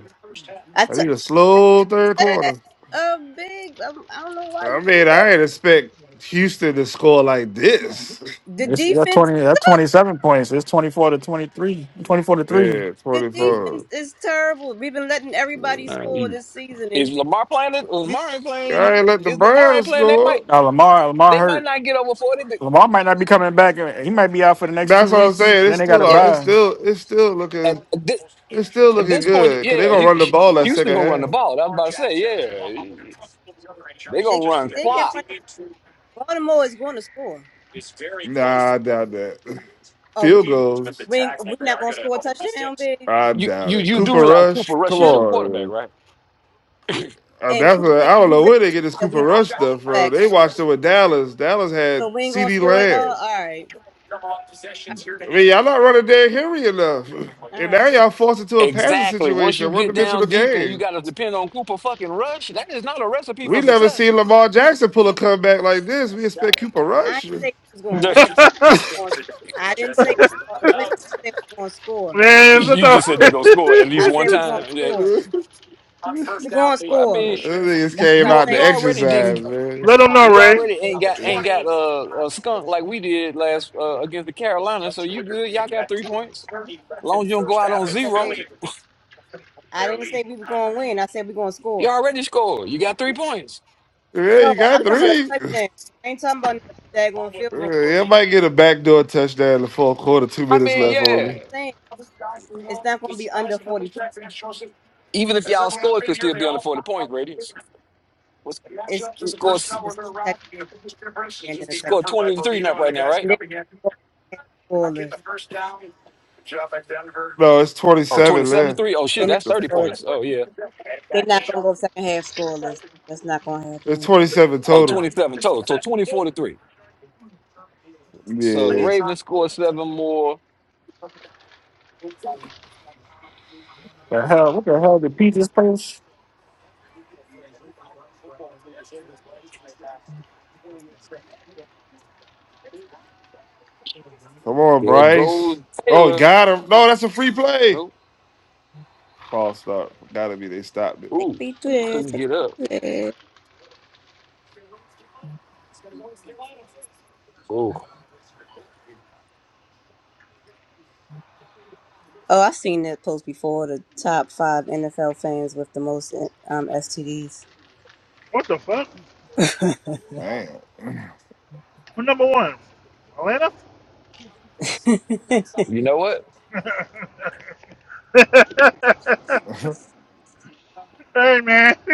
Speaker 1: I
Speaker 5: I
Speaker 1: took
Speaker 5: need a slow third
Speaker 1: that.
Speaker 5: quarter.
Speaker 1: Uh, big. I, I don't know why
Speaker 5: I
Speaker 1: you did
Speaker 5: mean, I ain't expect Houston to score like this.
Speaker 1: that. The
Speaker 3: It's that
Speaker 1: defense.
Speaker 3: twenty that twenty seven points. It's twenty four to 23. 24 to
Speaker 1: The,
Speaker 3: three.
Speaker 5: Yeah,
Speaker 1: the
Speaker 8: Uh,
Speaker 1: defense
Speaker 5: 24.
Speaker 1: is terrible. We've been letting
Speaker 5: Yeah.
Speaker 1: everybody
Speaker 8: uh,
Speaker 1: score
Speaker 8: you-
Speaker 1: this season,
Speaker 8: Is
Speaker 1: and
Speaker 8: Lamar playing it?
Speaker 1: we,
Speaker 8: Lamar
Speaker 1: put-
Speaker 8: ain't playing.
Speaker 5: I
Speaker 8: you-
Speaker 5: ain't let the
Speaker 8: Is Lamar ain't
Speaker 5: Browns
Speaker 8: playing? They
Speaker 5: score.
Speaker 8: might.
Speaker 3: Now Lamar Lamar
Speaker 8: They might
Speaker 3: hurt.
Speaker 8: not get over forty. But
Speaker 3: Lamar might not be coming back. He might be out for the next
Speaker 5: That's
Speaker 3: two
Speaker 5: what I'm
Speaker 3: weeks.
Speaker 5: saying.
Speaker 3: And then
Speaker 5: It's
Speaker 3: they got
Speaker 5: still
Speaker 3: to
Speaker 8: yeah,
Speaker 5: all- it's
Speaker 3: buy.
Speaker 5: still it's still
Speaker 8: at,
Speaker 5: looking
Speaker 8: at this
Speaker 5: it's still
Speaker 8: at
Speaker 5: looking
Speaker 8: this point,
Speaker 5: good. Cause going
Speaker 8: yeah,
Speaker 5: gonna run the
Speaker 8: Hu-
Speaker 5: ball that
Speaker 8: Houston
Speaker 5: second
Speaker 8: gonna run the
Speaker 5: half.
Speaker 8: ball. I was about to say, yeah, they gonna
Speaker 1: they
Speaker 8: run
Speaker 1: they can
Speaker 8: clock.
Speaker 1: run the Baltimore is going to score.
Speaker 5: Nah, I doubt that.
Speaker 1: Oh, we
Speaker 5: Field goals.
Speaker 1: we we're not going to score a touchdown, big.
Speaker 5: I
Speaker 8: You
Speaker 5: doubt
Speaker 8: you
Speaker 5: it.
Speaker 8: you do
Speaker 5: Cooper
Speaker 8: realize Cooper
Speaker 5: Rush,
Speaker 8: Rush
Speaker 5: come
Speaker 8: is
Speaker 1: Really?
Speaker 8: your quarterback,
Speaker 5: on.
Speaker 8: right?
Speaker 5: Uh,
Speaker 1: And,
Speaker 5: that's
Speaker 1: who-
Speaker 5: what,
Speaker 1: and
Speaker 5: I don't
Speaker 1: you
Speaker 5: know
Speaker 1: realize
Speaker 5: where they get this
Speaker 1: that we.
Speaker 5: Cooper Rush stuff from.
Speaker 1: Facts,
Speaker 5: They
Speaker 1: right?
Speaker 5: watched it with Dallas. Dallas
Speaker 1: So
Speaker 5: had
Speaker 1: we ain't gonna
Speaker 5: Ceedee
Speaker 1: score it
Speaker 5: Lamb.
Speaker 1: all. All right, all
Speaker 5: I mean, y'all not running Derrick Henry enough,
Speaker 1: right.
Speaker 5: and
Speaker 1: right.
Speaker 5: now y'all forced into a passing
Speaker 8: Exactly. Once you
Speaker 5: situation, one
Speaker 8: get
Speaker 5: dimensional
Speaker 8: down deep and you
Speaker 5: game.
Speaker 8: got to depend on Cooper fucking Rush, that is not a recipe
Speaker 5: We
Speaker 8: for
Speaker 5: never
Speaker 8: success.
Speaker 5: seen Lamar Jackson pull a comeback like this. We expect Cooper
Speaker 1: I
Speaker 5: Rush.
Speaker 1: ain't say
Speaker 5: (laughs)
Speaker 1: we was gonna win.
Speaker 8: (laughs)
Speaker 6: (laughs) man,
Speaker 1: I was gonna- I didn't say we was gonna win. I said we gonna score.
Speaker 8: You just said they're gonna score at least
Speaker 1: I
Speaker 8: one
Speaker 1: said we gonna
Speaker 8: time. Yeah.
Speaker 1: score.
Speaker 5: they
Speaker 1: We gonna
Speaker 8: Well, I
Speaker 1: score.
Speaker 8: mean,
Speaker 5: just
Speaker 1: That's what
Speaker 5: came
Speaker 1: I
Speaker 8: you
Speaker 5: out to
Speaker 8: you
Speaker 1: said. Like
Speaker 8: already
Speaker 5: exercise,
Speaker 8: didn't
Speaker 6: (laughs)
Speaker 5: man.
Speaker 6: let him know,
Speaker 8: you
Speaker 6: Ray.
Speaker 8: already ain't got ain't got a, a skunk like we did last uh, against the Carolina. So you good? Y'all got three points. long as you don't go out on
Speaker 1: I
Speaker 8: zero,
Speaker 1: said I didn't say we were gonna win. I said we gonna
Speaker 8: you
Speaker 1: score.
Speaker 8: already scored. You got three points.
Speaker 5: Yeah,
Speaker 1: No,
Speaker 5: you
Speaker 1: I'm
Speaker 5: got
Speaker 1: talking about a
Speaker 5: three.
Speaker 1: touchdown. I ain't talking about no daggone field goal.
Speaker 5: Yeah, I might get a backdoor touchdown in the fourth quarter. Two
Speaker 8: I
Speaker 5: minutes
Speaker 8: mean,
Speaker 1: So
Speaker 5: left on
Speaker 1: what
Speaker 8: yeah.
Speaker 1: I'm
Speaker 5: me.
Speaker 1: saying, it's not gonna be under 40 points.
Speaker 8: Even if y'all score, it could still be under forty points, radius. What's
Speaker 1: It's mm,
Speaker 8: score
Speaker 1: the second in a second.
Speaker 8: score twenty to three up right now,
Speaker 1: And
Speaker 8: right?
Speaker 1: they're not gonna go scoreless.
Speaker 5: No, it's
Speaker 8: Oh twenty
Speaker 5: twenty-seven
Speaker 8: seven to
Speaker 5: left.
Speaker 8: three. Oh shit,
Speaker 1: They're
Speaker 8: that's thirty
Speaker 1: not.
Speaker 8: points. Oh yeah.
Speaker 1: They're not gonna go second half scoreless. That's not gonna
Speaker 5: It's
Speaker 1: happen.
Speaker 5: twenty-seven
Speaker 8: Oh
Speaker 5: total.
Speaker 8: 27 total. So twenty four to three. So the
Speaker 5: Yeah.
Speaker 8: Ravens scored seven more.
Speaker 3: The hell? What the hell did Pete just post?
Speaker 5: Come on,
Speaker 8: There
Speaker 5: Bryce.
Speaker 8: goes
Speaker 5: Oh,
Speaker 8: Taylor.
Speaker 5: got him. No, that's a free play.
Speaker 8: Oh,
Speaker 5: False start. Gotta be they stopped it.
Speaker 1: Take
Speaker 8: ooh,
Speaker 1: me to there.
Speaker 8: couldn't
Speaker 1: Take
Speaker 8: get
Speaker 1: me
Speaker 8: up.
Speaker 1: to there.
Speaker 8: Oh,
Speaker 1: Oh, I've seen that post before. The top five NFL fans with the most um, STDs.
Speaker 6: What the fuck?
Speaker 5: Damn.
Speaker 6: Who number one, Atlanta.
Speaker 1: (laughs) you
Speaker 8: you know what? (laughs)
Speaker 6: (laughs) hey man, (laughs)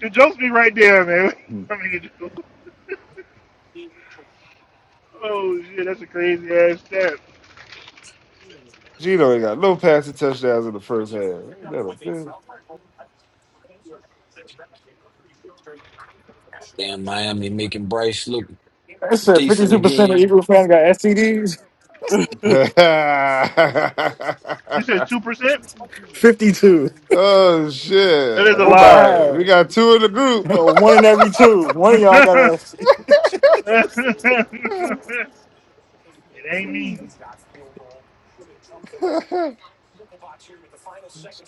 Speaker 6: the jokes be right there, man. (laughs)
Speaker 5: (laughs)
Speaker 6: I mean, the joke- oh shit, that's a crazy ass stat.
Speaker 5: Gino ain't got no passing touchdowns in the first half. Ain't that a bitch?
Speaker 3: It said fifty two percent of Eagle fans got STDs.
Speaker 6: You said two percent?
Speaker 3: Fifty two.
Speaker 5: (laughs) oh
Speaker 6: That is
Speaker 5: shit.
Speaker 6: a
Speaker 5: We
Speaker 3: Over
Speaker 6: lie.
Speaker 5: got we
Speaker 3: half. (laughs)
Speaker 5: got two in the group.
Speaker 3: One in every two. One of y'all got
Speaker 6: (laughs)
Speaker 3: a
Speaker 6: it ain't me.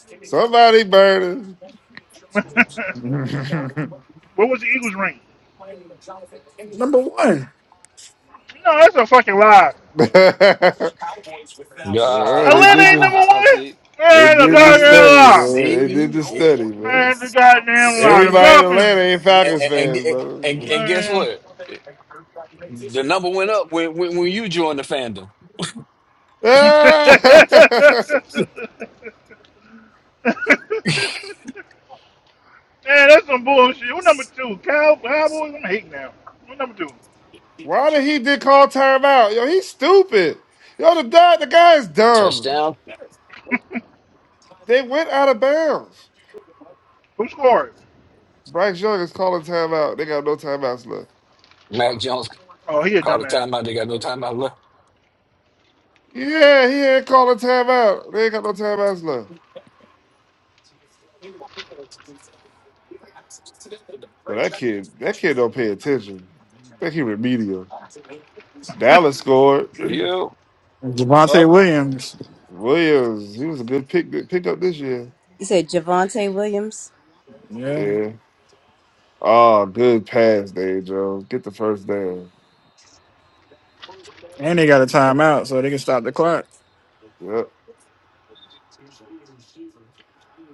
Speaker 5: (laughs) Somebody burning.
Speaker 6: (laughs)
Speaker 5: (laughs) well,
Speaker 6: what was the Eagles rank?
Speaker 3: number one.
Speaker 6: No, that's a fucking lie.
Speaker 8: Yeah, I, I,
Speaker 5: they
Speaker 6: Atlanta
Speaker 5: did
Speaker 8: I,
Speaker 6: ain't
Speaker 8: I,
Speaker 5: this.
Speaker 6: number
Speaker 8: I I
Speaker 6: one.
Speaker 8: see.
Speaker 5: They
Speaker 6: Man, the
Speaker 5: did the
Speaker 6: goddamn
Speaker 8: See,
Speaker 5: study,
Speaker 6: lie.
Speaker 5: man. They did
Speaker 8: see,
Speaker 5: the
Speaker 8: it,
Speaker 5: study, man.
Speaker 6: Man, the goddamn lie. The
Speaker 5: Everybody
Speaker 8: see,
Speaker 5: in
Speaker 6: Falcons.
Speaker 5: Atlanta ain't
Speaker 8: and,
Speaker 5: Falcons
Speaker 8: and
Speaker 5: fans, brother.
Speaker 8: and and guess
Speaker 6: Mm.
Speaker 8: what? The number went up when when, when you joined the fandom.
Speaker 6: (laughs)
Speaker 5: (laughs)
Speaker 6: Man, that's some bullshit. Who number two? Cow Cowboys? I'm hating now. Who number two?
Speaker 5: Why did he did call timeout? Yo, he's stupid. Yo, the guy, the guy is dumb.
Speaker 8: Touchdown.
Speaker 5: They went out of bounds.
Speaker 6: Who scored?
Speaker 5: Bryce Young is calling timeout. They got no timeouts left.
Speaker 8: Mac Jones
Speaker 6: Oh, he a
Speaker 8: called a
Speaker 6: dumbass.
Speaker 8: timeout. They got no timeout left.
Speaker 5: Yeah, he ain't calling timeout. They ain't got no timeouts left. Well, that kid, that kid don't pay attention. I think he remedial. Dallas scored. (clears throat)
Speaker 8: Yeah.
Speaker 6: Up.
Speaker 3: Javante Williams.
Speaker 5: Williams, he was a good pick pick up this year.
Speaker 1: said Javante Williams.
Speaker 3: Yeah.
Speaker 5: Yeah. Oh, good pass, Dave Jones. Get the first down.
Speaker 3: And they got a timeout, so they can stop the clock.
Speaker 5: Yep.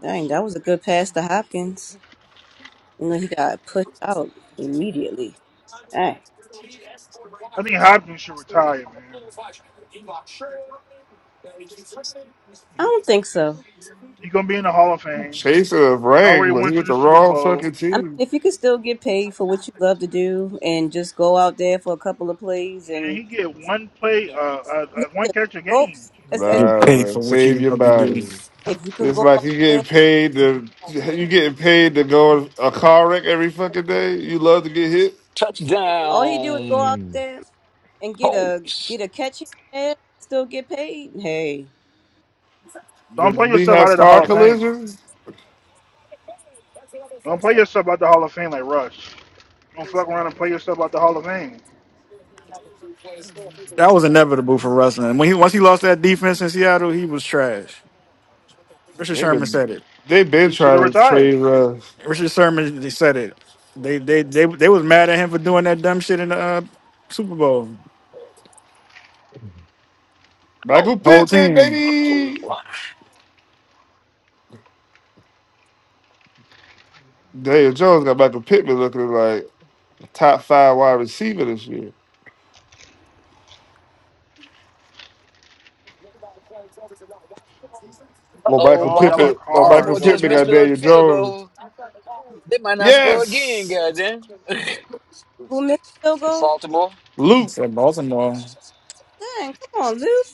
Speaker 1: Dang, that was a good pass to Hopkins. And then he got pushed out immediately. Dang.
Speaker 6: I think Hopkins should retire, man.
Speaker 1: I don't think so.
Speaker 6: He gonna be in the Hall of Fame.
Speaker 5: Chaser of
Speaker 6: He already
Speaker 5: rang, but
Speaker 6: went
Speaker 5: he
Speaker 6: to
Speaker 5: with
Speaker 6: the
Speaker 5: the
Speaker 6: Super
Speaker 5: wrong
Speaker 6: Bowl.
Speaker 5: fucking
Speaker 1: I mean,
Speaker 5: team.
Speaker 1: if you could still get paid for what you love to do
Speaker 6: Man, he get one play, uh, uh, uh, one catch a game.
Speaker 3: Get
Speaker 5: Nah,
Speaker 3: paid for
Speaker 5: man.
Speaker 3: what
Speaker 5: Save
Speaker 3: you
Speaker 5: your
Speaker 3: have to do.
Speaker 5: body.
Speaker 1: If you can
Speaker 5: It's
Speaker 1: go
Speaker 5: like
Speaker 1: out
Speaker 5: you
Speaker 1: there,
Speaker 5: getting paid to you getting paid to go in a car wreck every fucking day. You love to get hit.
Speaker 1: all he do is go out
Speaker 8: Touchdown.
Speaker 1: there and get a get
Speaker 8: Colts.
Speaker 1: a catch here and there, still get paid. Hey,
Speaker 5: The
Speaker 6: Don't play
Speaker 5: B
Speaker 6: yourself out of the
Speaker 5: car
Speaker 6: Hall of Fame.
Speaker 5: collisions.
Speaker 6: Don't play yourself out the Hall of Fame like Rush. Don't fuck around and play yourself out the Hall of Fame.
Speaker 3: That was inevitable for wrestling. When he once he lost that defense in Seattle, he was trash. Richard
Speaker 5: They
Speaker 3: Sherman
Speaker 5: been
Speaker 3: said it.
Speaker 5: they been
Speaker 6: He should have
Speaker 5: trying to
Speaker 6: retired.
Speaker 5: trade uh,
Speaker 3: Richard Sherman they said it. They they they they was mad at him for doing that dumb shit in the uh, Super Bowl.
Speaker 8: Oh,
Speaker 5: Michael
Speaker 3: The whole
Speaker 5: Pittman,
Speaker 3: team.
Speaker 5: baby. Daniel Jones got Michael Pittman looking like a top five wide receiver this year. Or
Speaker 8: oh,
Speaker 5: Michael
Speaker 6: Oh, y'all are
Speaker 8: Baltimore,
Speaker 5: Pippen, or Michael
Speaker 6: cars.
Speaker 8: Baltimore
Speaker 6: Y'all are
Speaker 8: just
Speaker 5: Pippen
Speaker 8: missed
Speaker 5: got
Speaker 6: fashion
Speaker 8: the
Speaker 5: Daniel
Speaker 6: now.
Speaker 8: field
Speaker 5: Jones.
Speaker 8: goal. They might not score again,
Speaker 5: Yes,
Speaker 8: goddamn.
Speaker 1: who missed the field goal?
Speaker 8: Baltimore.
Speaker 5: Luke.
Speaker 3: It's like Baltimore.
Speaker 1: Dang, come on, Luke.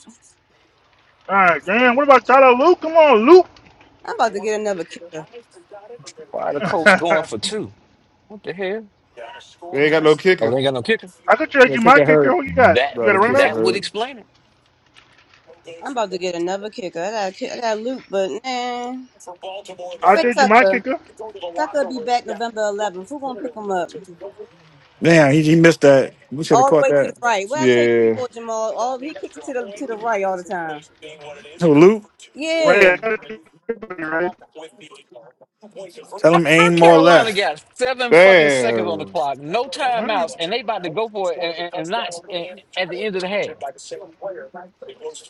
Speaker 6: All right, damn. What about Tyler Luke? Come on, Luke.
Speaker 1: I'm about to get another kicker.
Speaker 8: Why the
Speaker 6: (laughs)
Speaker 8: Colts going for two? What the hell?
Speaker 5: They ain't got no
Speaker 8: Oh, they
Speaker 5: kicker.
Speaker 8: ain't got no kicker.
Speaker 6: I could trade you my kicker. Who you got?
Speaker 8: That
Speaker 6: You
Speaker 5: No,
Speaker 6: got a
Speaker 5: the
Speaker 6: running
Speaker 5: kicker
Speaker 6: back?
Speaker 8: that would
Speaker 5: hurt.
Speaker 8: explain it.
Speaker 1: I'm about to get another kicker. I got I got Luke, but man,
Speaker 6: I'll
Speaker 1: wait,
Speaker 6: trade you my
Speaker 1: Tucker.
Speaker 6: kicker.
Speaker 1: Tucker be back November 11th. Who gonna pick him up?
Speaker 3: Damn, he, he missed that. We should have
Speaker 1: All the
Speaker 3: caught
Speaker 1: way to the
Speaker 3: that.
Speaker 1: right. What I tell you
Speaker 5: Yeah,
Speaker 1: before, Jamal? All he kicks to the to the right all the time.
Speaker 3: Who Luke?
Speaker 6: Ray, I
Speaker 1: Yeah,
Speaker 6: got to trade you, Ray.
Speaker 3: Tell
Speaker 8: How,
Speaker 3: him
Speaker 8: how
Speaker 3: aim more
Speaker 8: Carolina
Speaker 3: left.
Speaker 8: got seven fucking seconds on the
Speaker 5: damn.
Speaker 8: clock, no
Speaker 6: All right.
Speaker 8: timeouts, and they about to go for it and, and, and not and, at the end of the half.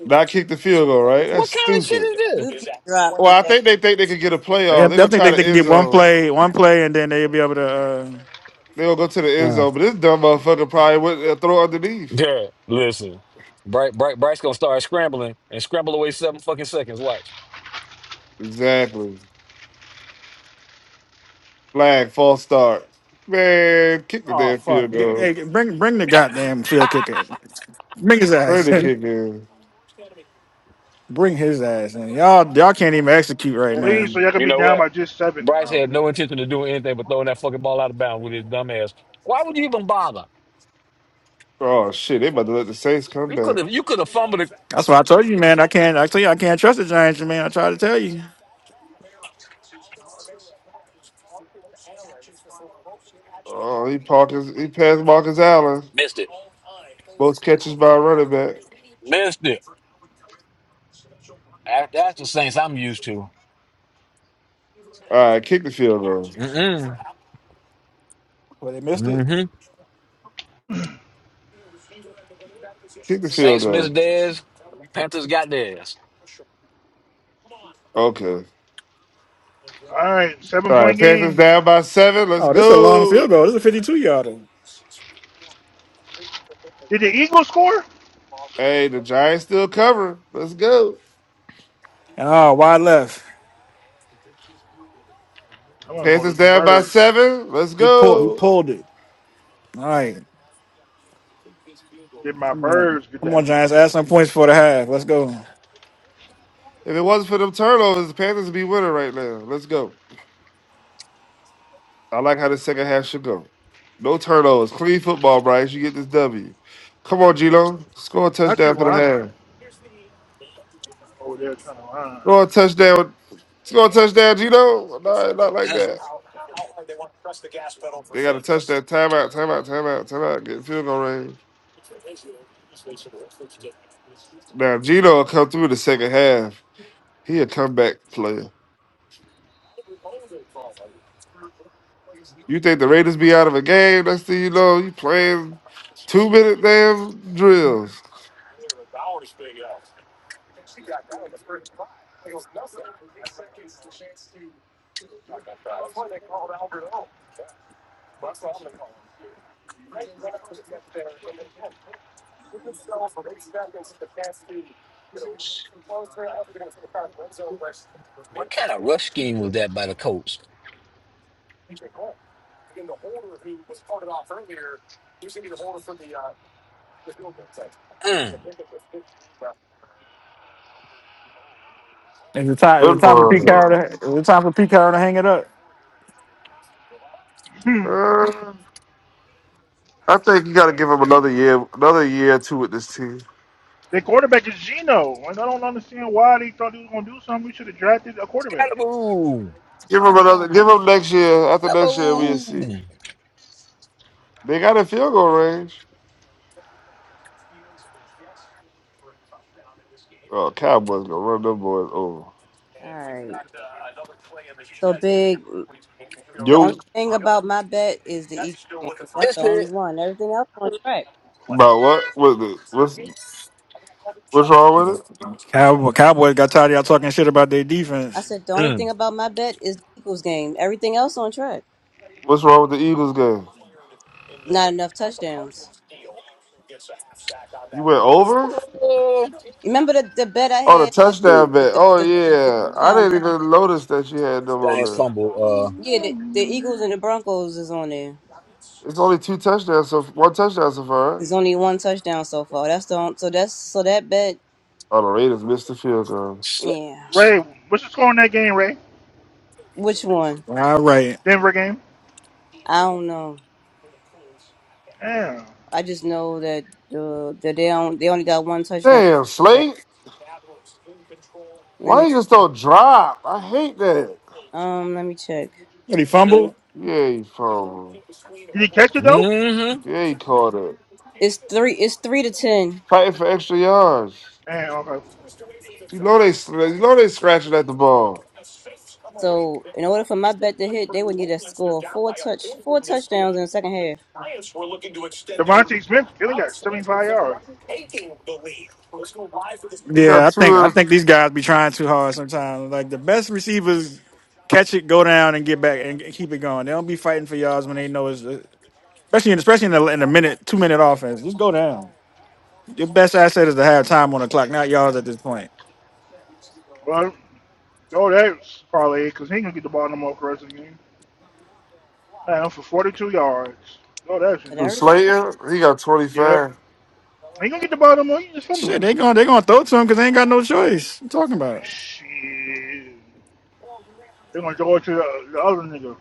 Speaker 5: Not kick the field goal, right? That's
Speaker 8: What kind of shit
Speaker 5: stupid.
Speaker 8: is this?
Speaker 1: Luke get dropped
Speaker 5: Well, I
Speaker 1: today.
Speaker 5: think they think they could get a
Speaker 3: I
Speaker 5: playoff. They're
Speaker 3: think
Speaker 5: gonna
Speaker 3: they,
Speaker 5: try
Speaker 3: they
Speaker 5: the
Speaker 3: can
Speaker 5: end
Speaker 3: get one
Speaker 5: zone.
Speaker 3: play, one play, and then they'll be able to. Uh,
Speaker 5: They're gonna go to the end
Speaker 8: Uh,
Speaker 5: zone, but this dumb motherfucker probably went uh, throw underneath.
Speaker 8: Garrett, listen. Bryce Bryce Bryce gonna start scrambling and scramble away seven fucking seconds. Watch.
Speaker 5: Exactly. Flag, false start. Man, kick the
Speaker 3: oh
Speaker 5: damn field
Speaker 3: fuck! Get-
Speaker 5: goal.
Speaker 3: hey, bring bring the goddamn field kicker. Bring his ass.
Speaker 5: Ready to kick in.
Speaker 3: (laughs) bring his ass. And y'all y'all can't even execute right
Speaker 8: Mm-mm.
Speaker 3: now.
Speaker 6: Please, so y'all could
Speaker 8: You
Speaker 6: be
Speaker 8: know
Speaker 6: down by
Speaker 8: what?
Speaker 6: just seven,
Speaker 8: Bryce
Speaker 6: bro.
Speaker 8: had no intention of doing anything but throwing that fucking ball out of bounds with his dumb ass. Why would you even bother?
Speaker 5: Oh shit, they about to let the Saints come
Speaker 8: You
Speaker 5: back.
Speaker 8: could have you could have fumbled it,
Speaker 3: That's why I told you, man. I can't. I tell you, I can't trust the Giants, man. I tried to tell you.
Speaker 5: Oh, he Parkins, he passed Marcus Allen.
Speaker 8: missed it,
Speaker 5: Both catches by a running back.
Speaker 8: missed it. That- That's the Saints I'm used to.
Speaker 5: All right, kick the field goal.
Speaker 8: Mm-mm.
Speaker 3: Well, they missed it.
Speaker 8: Mm-hmm.
Speaker 5: Kick the field
Speaker 8: Saints
Speaker 5: goal.
Speaker 8: missed theirs. Panthers got theirs.
Speaker 5: Okay.
Speaker 6: All right, seven
Speaker 5: All
Speaker 6: point
Speaker 5: right, Panthers
Speaker 6: game.
Speaker 5: down by seven. Let's
Speaker 3: Oh, this is a long field
Speaker 5: go.
Speaker 3: goal. This is a fifty-two yarder.
Speaker 6: Did the Eagles score?
Speaker 5: Hey, the Giants still covering. Let's go.
Speaker 3: And oh, wide left.
Speaker 6: I don't know. The
Speaker 5: Panthers down by
Speaker 6: birds.
Speaker 5: seven. Let's
Speaker 3: He pulled. He
Speaker 5: go.
Speaker 3: pulled it. All right.
Speaker 6: Did my
Speaker 3: Come on,
Speaker 6: birds get
Speaker 3: come
Speaker 6: that?
Speaker 3: on, Giants. Add some points for the half. Let's go.
Speaker 5: If it wasn't for them turnovers, the Panthers would be winning right now. Let's go. I like how the second half should go. No turnovers. Clean football, Bryce. You get this W. Come on, Gino. Score a
Speaker 6: Not
Speaker 5: touchdown
Speaker 6: you
Speaker 5: for the
Speaker 6: rhyming
Speaker 5: half.
Speaker 6: over there trying to rhyme.
Speaker 5: Score a touchdown. Score a touchdown, Gino. No, not like
Speaker 8: Mm.
Speaker 5: that. They got to a touchdown. Timeout, timeout, timeout, timeout. Get in field goal range. Now, Gino will come through the second half. He a comeback player. You think the Raiders be out of a game? Next thing you know, you playing two minute damn drills.
Speaker 8: What kind of rush scheme was that by the coach? Mm.
Speaker 3: Is it time? Is it
Speaker 5: Good
Speaker 3: time for Pete
Speaker 5: one.
Speaker 3: Carroll? To, is it time for Pete Carroll to hang it up?
Speaker 6: Hmm.
Speaker 5: Uh, I think you got to
Speaker 6: Yeah.
Speaker 5: give him another year, another year or two with this team.
Speaker 6: Their quarterback is Geno. and I don't understand why they thought he was going to do something. We should have drafted a quarterback.
Speaker 8: Scalaboo.
Speaker 5: Give him another. Give him next year. After next year, we'll see.
Speaker 8: Scalaboo.
Speaker 5: They got a field goal range. Oh, Cowboys gonna run them boys over.
Speaker 1: All right. So big. The only
Speaker 5: Yo,
Speaker 1: thing about my bet is the Eagles game. That's the
Speaker 8: Missed
Speaker 1: only
Speaker 8: it.
Speaker 1: one. Everything else on track.
Speaker 5: about what? What the, what's what's wrong with it?
Speaker 3: Cowboy, Cowboys got tired of y'all talking shit about their
Speaker 1: I
Speaker 3: defense.
Speaker 1: said the only thing
Speaker 8: Mm.
Speaker 1: about my bet is the Eagles game. Everything else on track.
Speaker 5: What's wrong with the Eagles game?
Speaker 1: Not enough touchdowns.
Speaker 5: You went over?
Speaker 8: Oh,
Speaker 1: Remember the, the bet I
Speaker 5: Oh, the
Speaker 1: had with
Speaker 5: touchdown
Speaker 8: Dude,
Speaker 1: the
Speaker 5: bet.
Speaker 1: the,
Speaker 5: Oh
Speaker 1: the, the
Speaker 5: yeah, I
Speaker 1: touchdown
Speaker 5: didn't
Speaker 1: bet?
Speaker 5: even notice that you had them on
Speaker 8: Giants
Speaker 5: there.
Speaker 8: fumble. Uh,
Speaker 1: Yeah, the, the Eagles and the Broncos is on there.
Speaker 5: It's only two touchdowns, so one touchdown so far. Right?
Speaker 1: There's only one touchdown so far. That's the on- so that's so that bet.
Speaker 5: Oh, the Raiders missed the field goal.
Speaker 8: sl-
Speaker 1: Yeah,
Speaker 6: Ray, what's the score in that game, Ray?
Speaker 1: which one?
Speaker 3: All right.
Speaker 6: Denver game.
Speaker 1: I don't know.
Speaker 6: Damn.
Speaker 1: I just know that uh, that they on, they only got one touchdown.
Speaker 5: Damn, Slate.
Speaker 1: Let
Speaker 5: Why
Speaker 1: me
Speaker 5: you just don't drop? I hate that.
Speaker 1: um let me check.
Speaker 3: What, he fumbled?
Speaker 5: Yeah, you fumbled.
Speaker 6: Did he catch it though?
Speaker 8: mm-hmm.
Speaker 5: Yeah, you caught it.
Speaker 1: It's three. It's three to ten.
Speaker 5: Fighting for extra yards.
Speaker 6: Damn. Okay.
Speaker 5: You know they, you know they scratching at the ball.
Speaker 1: So in order for my bet to hit, they would need to score four touch four touchdowns in the second half.
Speaker 6: Devontae Smith he only got 75 yards.
Speaker 5: You
Speaker 3: Yeah,
Speaker 5: got
Speaker 3: I think
Speaker 5: two.
Speaker 3: I think these guys be trying too hard sometimes. Like the best receivers catch it, go down, and get back and keep it going. They don't be fighting for yards when they know it's especially in, especially in the in a minute two minute offense. Just go down. Your best asset is to have time on the clock, not yards at this point.
Speaker 6: Well, oh, that's probably because he ain't gonna get the ball no more for the rest of the game. Damn, for 42 yards. Oh, that's in
Speaker 1: But
Speaker 6: the
Speaker 5: Who,
Speaker 1: everything,
Speaker 6: trash.
Speaker 5: Slater, he got
Speaker 6: Yep.
Speaker 5: 25.
Speaker 6: He ain't gonna get the ball no more. He just fumbled.
Speaker 3: Shit, they going they gonna throw to him because they ain't got no choice. What you talking about.
Speaker 6: Shit. They're gonna throw it to the, the other nigga.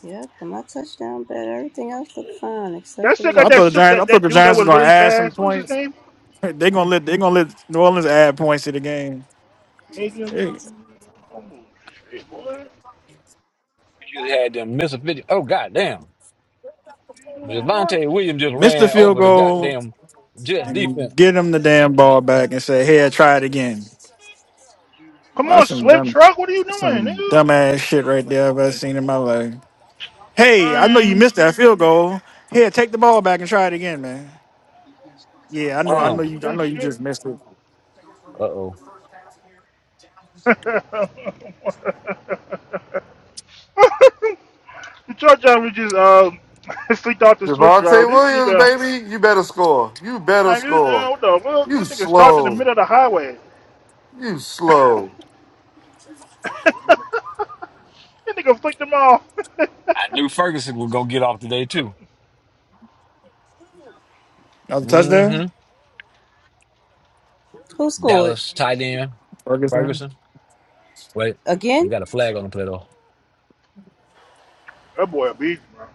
Speaker 1: yeah, for my touchdown bet, everything else looked fine
Speaker 6: Y'all
Speaker 1: except for the
Speaker 6: still
Speaker 3: Well,
Speaker 6: got
Speaker 3: I
Speaker 6: that
Speaker 3: thought
Speaker 1: Eagles.
Speaker 3: the
Speaker 6: soup
Speaker 3: Giants. I
Speaker 6: that
Speaker 3: thought
Speaker 6: that
Speaker 3: the
Speaker 6: dude that
Speaker 3: Giants were
Speaker 6: was
Speaker 3: gonna
Speaker 6: really
Speaker 3: add some
Speaker 6: fast. What was his
Speaker 3: points.
Speaker 6: name?
Speaker 3: They are gonna
Speaker 1: Ah.
Speaker 3: let they are gonna let New Orleans add points to the game.
Speaker 6: Adrian.
Speaker 3: Hey,
Speaker 6: Oh shit, boy. What
Speaker 8: You had them miss a 50. Oh, goddamn.
Speaker 6: you doing, boy?
Speaker 8: Javante Williams just
Speaker 3: miss the
Speaker 8: ran
Speaker 3: field
Speaker 8: over the
Speaker 3: goal
Speaker 8: goddamn Jets defense.
Speaker 3: and get them the damn ball back and say, "Hey, I try it again."
Speaker 6: Come
Speaker 3: Well,
Speaker 6: on,
Speaker 3: that's some
Speaker 6: Swift
Speaker 3: dumb
Speaker 6: Truck, what are you doing, nigga?
Speaker 3: dumbass shit right there I've ever seen in my life. Hey,
Speaker 6: I
Speaker 3: I know you missed that field goal. Here, take the ball back and try it again, man. Yeah, I know, I know
Speaker 6: can't
Speaker 8: Um,
Speaker 6: do
Speaker 3: you, I
Speaker 6: that
Speaker 3: know you
Speaker 6: shit.
Speaker 3: just missed it.
Speaker 8: uh-oh.
Speaker 6: (laughs) the truck driver just uh (laughs) sleeped off the Swift driver.
Speaker 5: Javante
Speaker 6: This
Speaker 5: Williams,
Speaker 6: nigga,
Speaker 5: baby, you better score. You better
Speaker 6: like, this, uh,
Speaker 5: score.
Speaker 6: what the fuck?
Speaker 5: You
Speaker 6: This nigga stopped in the
Speaker 5: slow.
Speaker 6: middle of the highway.
Speaker 5: You
Speaker 6: (laughs)
Speaker 5: slow.
Speaker 6: That nigga flicked him off. (laughs)
Speaker 8: I knew Ferguson would go get off today too.
Speaker 3: Another
Speaker 8: hmm
Speaker 3: touchdown,
Speaker 1: Who scored
Speaker 8: Dallas tight end
Speaker 3: Ferguson.
Speaker 8: Ferguson. Wait, we
Speaker 1: again?
Speaker 8: got a flag on the play though.
Speaker 6: that boy a beast, bro.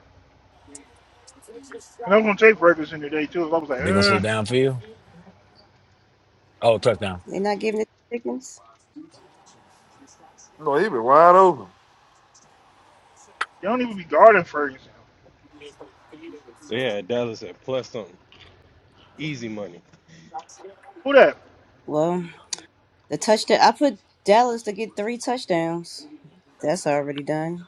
Speaker 6: And I was gonna take Ferguson today too. So I was like,
Speaker 8: They gonna say
Speaker 6: uh,
Speaker 8: downfield. Oh, touchdown.
Speaker 1: They're not giving it to Pickens.
Speaker 5: No, he been wide open.
Speaker 6: they don't even be guarding Ferguson.
Speaker 9: Yeah, Dallas at plus something. Easy money.
Speaker 6: Who that?
Speaker 1: Well, the touchdown. I put Dallas to get three touchdowns. That's already done.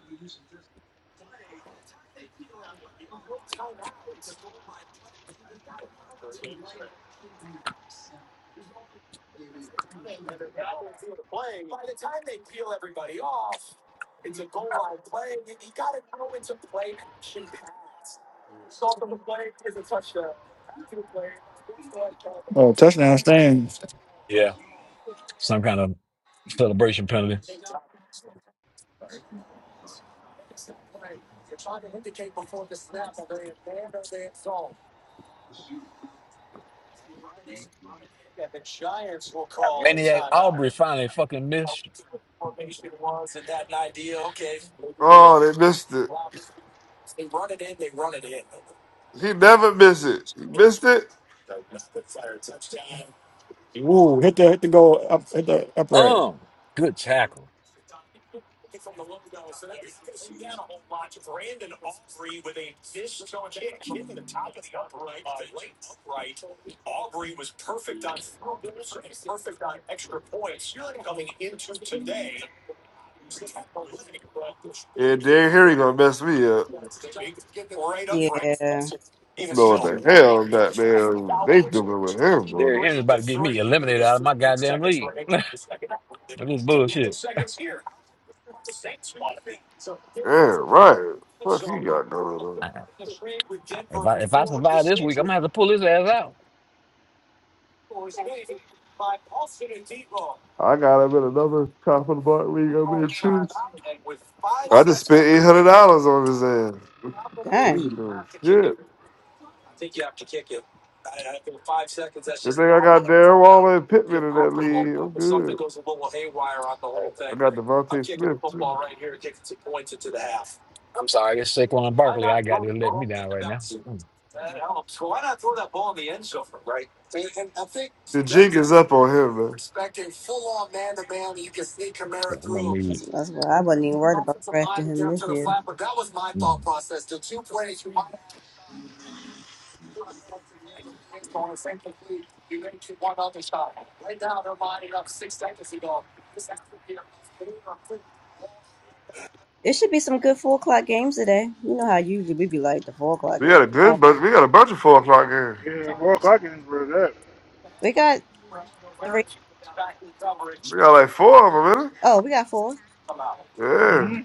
Speaker 3: Oh, touchdown stands.
Speaker 8: Yeah, some kind of celebration penalty. Maniac Aubrey finally fucking missed.
Speaker 5: Oh, they missed it. He never miss it. He missed it.
Speaker 3: Oh, hit the hit the goal up, hit the upright.
Speaker 8: Um, good tackle.
Speaker 5: And Derrick Henry gonna mess me up.
Speaker 1: Yeah,
Speaker 5: No, what the hell that man they doing with him, boy.
Speaker 8: Derrick Henry about to get me eliminated out of my goddamn league. That is bullshit.
Speaker 5: Yeah, right. What he got going on?
Speaker 8: I, I, if I if I survive this week, I'm gonna have to pull his ass out.
Speaker 5: I got him in another top of the bar league. I'm in shoes. I just spent eight hundred dollars on his ass. He
Speaker 1: done.
Speaker 5: ain't doing shit. Good thing I got Darren Waller and Pittman in that league. I'm good.
Speaker 8: Oh,
Speaker 5: I got Devontae Smith too.
Speaker 8: I'm sorry, it's Saquon Barkley. I got to let me down right now. Mm.
Speaker 5: The jig is up on him, man.
Speaker 8: Yeah, I'm gonna
Speaker 1: That's,
Speaker 8: need.
Speaker 1: that's why I wasn't even worried about drafting him this year. There should be some good four o'clock games today. You know how usually we be like the four o'clock
Speaker 5: We
Speaker 1: game.
Speaker 5: got a good
Speaker 1: Oh,
Speaker 5: bunch. We got a bunch of four o'clock games.
Speaker 6: Yeah, four o'clock is for that.
Speaker 1: We got three.
Speaker 5: We got like four of them,
Speaker 1: Oh, we got four.
Speaker 5: really. Yeah.
Speaker 6: Mm-hmm.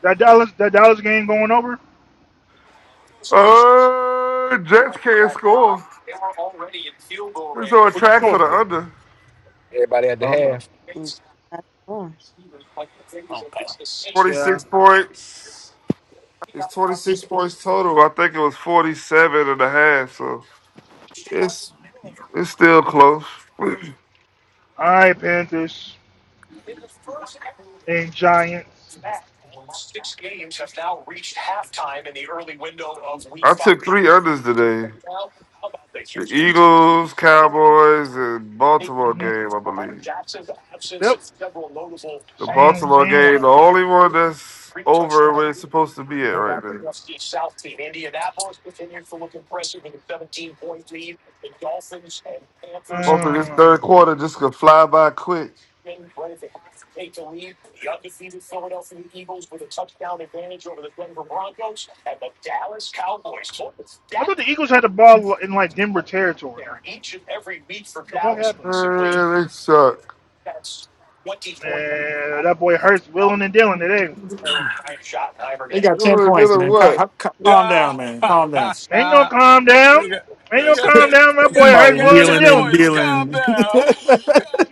Speaker 6: That Dallas that Dallas game going over?
Speaker 5: Uh, Jets can't score. It's on
Speaker 6: What's the
Speaker 5: track for
Speaker 6: score?
Speaker 5: the under.
Speaker 8: Everybody had to
Speaker 6: Oh, okay.
Speaker 8: have.
Speaker 1: Mm,
Speaker 8: Okay.
Speaker 5: Twenty
Speaker 6: Yeah.
Speaker 5: six points. It's twenty six points total. I think it was 47 and a half. So it's it's still close. (clears throat)
Speaker 6: All right, Panthers and Giants.
Speaker 5: I took three unders today. The Eagles, Cowboys, and Baltimore
Speaker 6: hmm
Speaker 5: game, I believe.
Speaker 6: Yep.
Speaker 5: The
Speaker 6: Same
Speaker 5: Baltimore
Speaker 6: same
Speaker 5: game,
Speaker 6: one.
Speaker 5: the only one that's over where it's supposed to be at right now. Hopefully this
Speaker 6: Um,
Speaker 5: third quarter just could fly by quick.
Speaker 6: I thought the Eagles had the ball in like Denver territory. What the fuck happened? Mm.
Speaker 5: Man, they suck.
Speaker 6: Uh, that boy Hurts willing and dealing today.
Speaker 3: They got ten
Speaker 5: Dylan,
Speaker 3: points,
Speaker 5: Dylan
Speaker 3: man.
Speaker 5: what?
Speaker 3: Ca- ca- Calm down, man. Calm down.
Speaker 6: Ain't gonna calm down.
Speaker 8: They got,
Speaker 6: Ain't
Speaker 8: they
Speaker 6: gonna
Speaker 8: got
Speaker 6: calm
Speaker 8: that.
Speaker 6: down. That boy
Speaker 3: My
Speaker 6: Hurts willing and
Speaker 3: wheeling and
Speaker 6: dealing.
Speaker 3: dealing.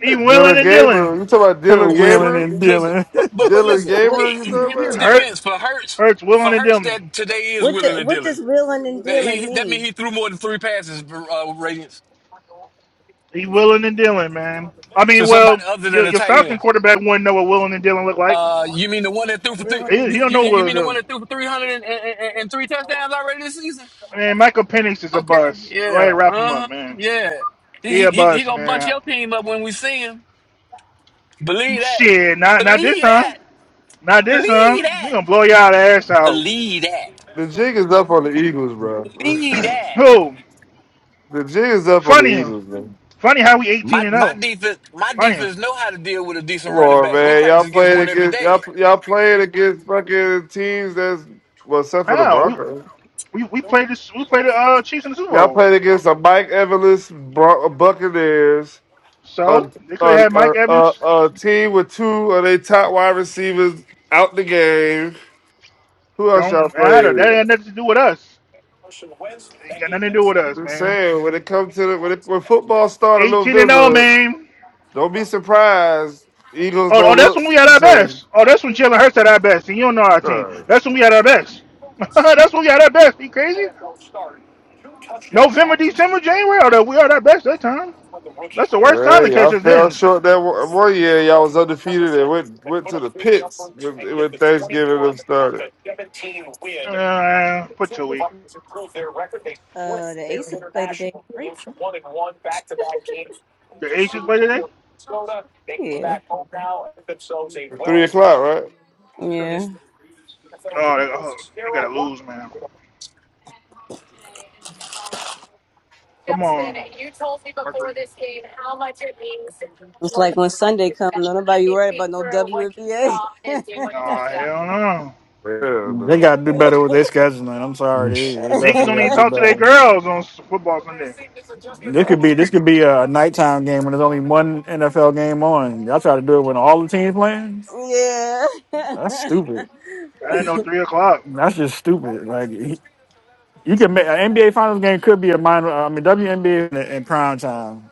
Speaker 6: He willing
Speaker 5: Dylan
Speaker 6: and
Speaker 5: Gabriel. You
Speaker 6: dealing.
Speaker 5: talking about
Speaker 3: (laughs)
Speaker 5: Dylan
Speaker 8: listen,
Speaker 3: wheeling
Speaker 5: Gabriel?
Speaker 3: and dealing.
Speaker 8: Fuck
Speaker 5: Dylan
Speaker 1: What
Speaker 5: Gabriel,
Speaker 8: it.
Speaker 5: you talking
Speaker 6: (clears throat)
Speaker 5: about?
Speaker 6: Hurts. Hurts willing and dealing.
Speaker 1: what the, what does willing and
Speaker 8: That
Speaker 1: dealing mean?
Speaker 8: uh, radiance.
Speaker 6: He willing and dealing, man. I
Speaker 8: So
Speaker 6: mean, well,
Speaker 8: somebody other than
Speaker 6: your,
Speaker 8: the
Speaker 6: your
Speaker 8: tight
Speaker 6: Falcon
Speaker 8: end.
Speaker 6: quarterback wouldn't know what willing and dealing look like.
Speaker 8: Uh, you mean the one that threw for three?
Speaker 1: Willing and
Speaker 6: He,
Speaker 8: You
Speaker 6: he don't
Speaker 8: you
Speaker 6: know what
Speaker 8: you
Speaker 6: willing and
Speaker 8: mean the one
Speaker 6: dealing.
Speaker 8: that threw for three hundred and, and, and and three touchdowns already this season?
Speaker 6: Man, Michael Penix is a
Speaker 8: Okay,
Speaker 6: bust. Go ahead,
Speaker 8: yeah, uh,
Speaker 6: wrap him up,
Speaker 8: huh
Speaker 6: man.
Speaker 8: yeah.
Speaker 6: He
Speaker 8: He,
Speaker 6: a
Speaker 8: he he
Speaker 6: bust,
Speaker 8: gonna bunch
Speaker 6: man.
Speaker 8: your team up when we see him. Believe that.
Speaker 6: Shit, not not this
Speaker 8: Believe that.
Speaker 6: time. Not this
Speaker 8: Believe
Speaker 6: time. We
Speaker 8: that.
Speaker 6: gonna blow y'all ass out.
Speaker 8: Believe that.
Speaker 5: The jig is up on the Eagles, bro. (sighs)
Speaker 8: Believe
Speaker 6: (clears throat)
Speaker 8: that.
Speaker 6: Who?
Speaker 5: The jig is up on the
Speaker 6: Funny,
Speaker 5: Eagles, man.
Speaker 6: funny how we eighteen
Speaker 8: My
Speaker 6: and
Speaker 8: my
Speaker 6: zero.
Speaker 8: defense my
Speaker 6: Funny
Speaker 8: defense know how to deal with a
Speaker 5: Come
Speaker 8: decent running
Speaker 5: on,
Speaker 8: back. We
Speaker 5: man.
Speaker 8: practice
Speaker 5: Y'all
Speaker 8: against
Speaker 5: playing
Speaker 8: one every
Speaker 5: against
Speaker 8: day.
Speaker 5: y'all y'all playing against fucking teams that's well, except for the
Speaker 6: how we
Speaker 5: Broncos.
Speaker 6: we we played this. We played the uh, Chiefs in the Super
Speaker 5: Y'all
Speaker 6: Bowl.
Speaker 5: playing against a Mike Evans Bron- Buccaneers,
Speaker 6: So
Speaker 5: a
Speaker 6: they could have
Speaker 5: a,
Speaker 6: had
Speaker 5: a
Speaker 6: Mike Evans.
Speaker 5: a a team with two of their top wide receivers out the game. Who else y'all
Speaker 6: Don't matter. That
Speaker 5: playing?
Speaker 6: had nothing to do with us. Ain't got nothing to do with us,
Speaker 5: I'm
Speaker 6: man.
Speaker 5: saying when it comes to the, when it, when football started in
Speaker 6: 18 and 0,
Speaker 5: November,
Speaker 6: man.
Speaker 5: don't be surprised. Eagles
Speaker 6: Oh, oh,
Speaker 5: don't
Speaker 6: that's
Speaker 5: look
Speaker 6: when we had
Speaker 5: the
Speaker 6: our
Speaker 5: same.
Speaker 6: best. Oh, that's when Jalen Hurts had our best. And you don't know our team.
Speaker 5: Uh,
Speaker 6: That's when we had our best. (laughs) that's when we had our best. You crazy? November, December, January. Oh, we are our best that time. That's the worst time to
Speaker 5: Hey,
Speaker 6: catch
Speaker 5: y'all
Speaker 6: us
Speaker 5: fell
Speaker 6: then.
Speaker 5: short that one, one year. Y'all was undefeated and went went to the pits when, when Thanksgiving them started.
Speaker 6: Uh, put your week.
Speaker 1: uh the Aces play today at three.
Speaker 6: The Aces play today?
Speaker 1: Yeah,
Speaker 5: At Three o'clock, right?
Speaker 1: yeah.
Speaker 6: Oh, they, oh, they gotta lose, man. Come on, Mercury.
Speaker 1: It's like when Sunday comes, don't nobody worried about no WNBA. (laughs)
Speaker 6: Nah, hell no.
Speaker 5: Yeah,
Speaker 3: They
Speaker 5: no.
Speaker 3: gotta do better with their scheduling. I'm sorry, they,
Speaker 8: Mm.
Speaker 3: they
Speaker 6: Niggas
Speaker 3: definitely
Speaker 6: don't even
Speaker 3: gotta do
Speaker 6: talk to their
Speaker 3: better.
Speaker 6: girls on football Sunday.
Speaker 3: This could be this could be a nighttime game when there's only one NFL game on. Y'all try to do it when all the teams playing.
Speaker 1: yeah,
Speaker 3: That's stupid.
Speaker 6: I didn't
Speaker 1: (laughs)
Speaker 6: know three o'clock.
Speaker 3: That's just stupid. Like you can make an NBA Finals game could be a minor. I mean WNBA in, in prime time.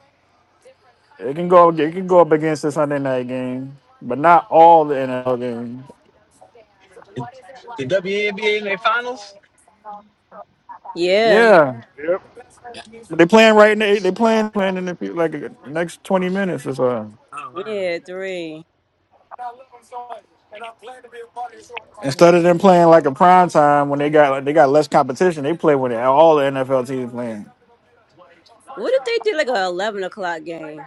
Speaker 3: It can go. It can go up against the Sunday night game, but not all the NFL games.
Speaker 1: yeah,
Speaker 3: Yeah,
Speaker 6: Yep.
Speaker 3: they playing right now. They playing playing in the few- like next twenty minutes or so.
Speaker 1: yeah. Three.
Speaker 3: Instead of them playing like a prime time when they got like, they got less competition, they play when all the NFL teams playing.
Speaker 1: What if they did like a eleven o'clock game?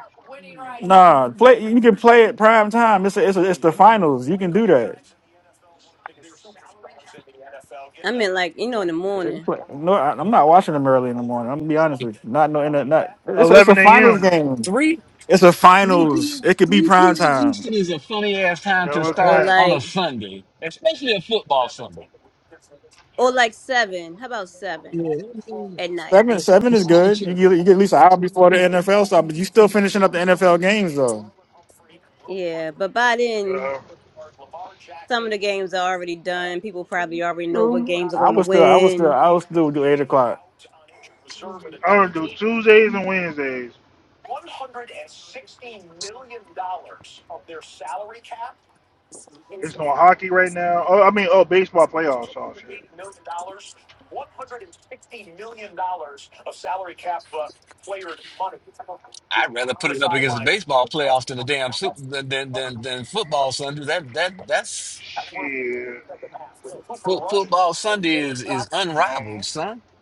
Speaker 3: Nah, play. You can play at prime time. It's a, it's a, it's the finals. You can do that.
Speaker 1: I mean, like you know, in the morning,
Speaker 3: No, I- I'm not watching them early in the morning. I'm gonna be honest with you. Not no internet. Not it's a, it's a
Speaker 6: Eleven
Speaker 3: finals
Speaker 6: a.m.
Speaker 3: game. It's a
Speaker 8: 3
Speaker 3: finals.
Speaker 8: p
Speaker 3: It could be
Speaker 8: 3
Speaker 3: prime
Speaker 8: p.m.
Speaker 3: time.
Speaker 8: Eastern is a funny ass time
Speaker 6: Yeah,
Speaker 8: to
Speaker 6: what can?
Speaker 1: or
Speaker 8: start
Speaker 6: happen?
Speaker 8: on a
Speaker 1: like,
Speaker 8: Sunday, especially a football Sunday.
Speaker 1: or like seven. How about seven at night?
Speaker 3: Seven seven is
Speaker 8: It's no
Speaker 3: good. You get,
Speaker 8: joke.
Speaker 3: you get at least an hour before the NFL start, but you still finishing up the NFL games though.
Speaker 1: Yeah, but by then,
Speaker 6: Uh,
Speaker 1: some of the games are already done. People probably already know what games are
Speaker 3: I
Speaker 1: going to
Speaker 3: would still I would still
Speaker 1: win.
Speaker 3: I would still do eight o'clock.
Speaker 6: I don't do Tuesdays and Wednesdays. It's no hockey right now. Oh, I mean, oh, baseball playoffs. all shit.
Speaker 8: I'd rather put it up against the baseball playoffs than the damn Super than than than, than football Sunday. That that that's
Speaker 6: Shit.
Speaker 8: fo- football Sunday is is
Speaker 6: Um,
Speaker 8: unrivaled, son. (laughs)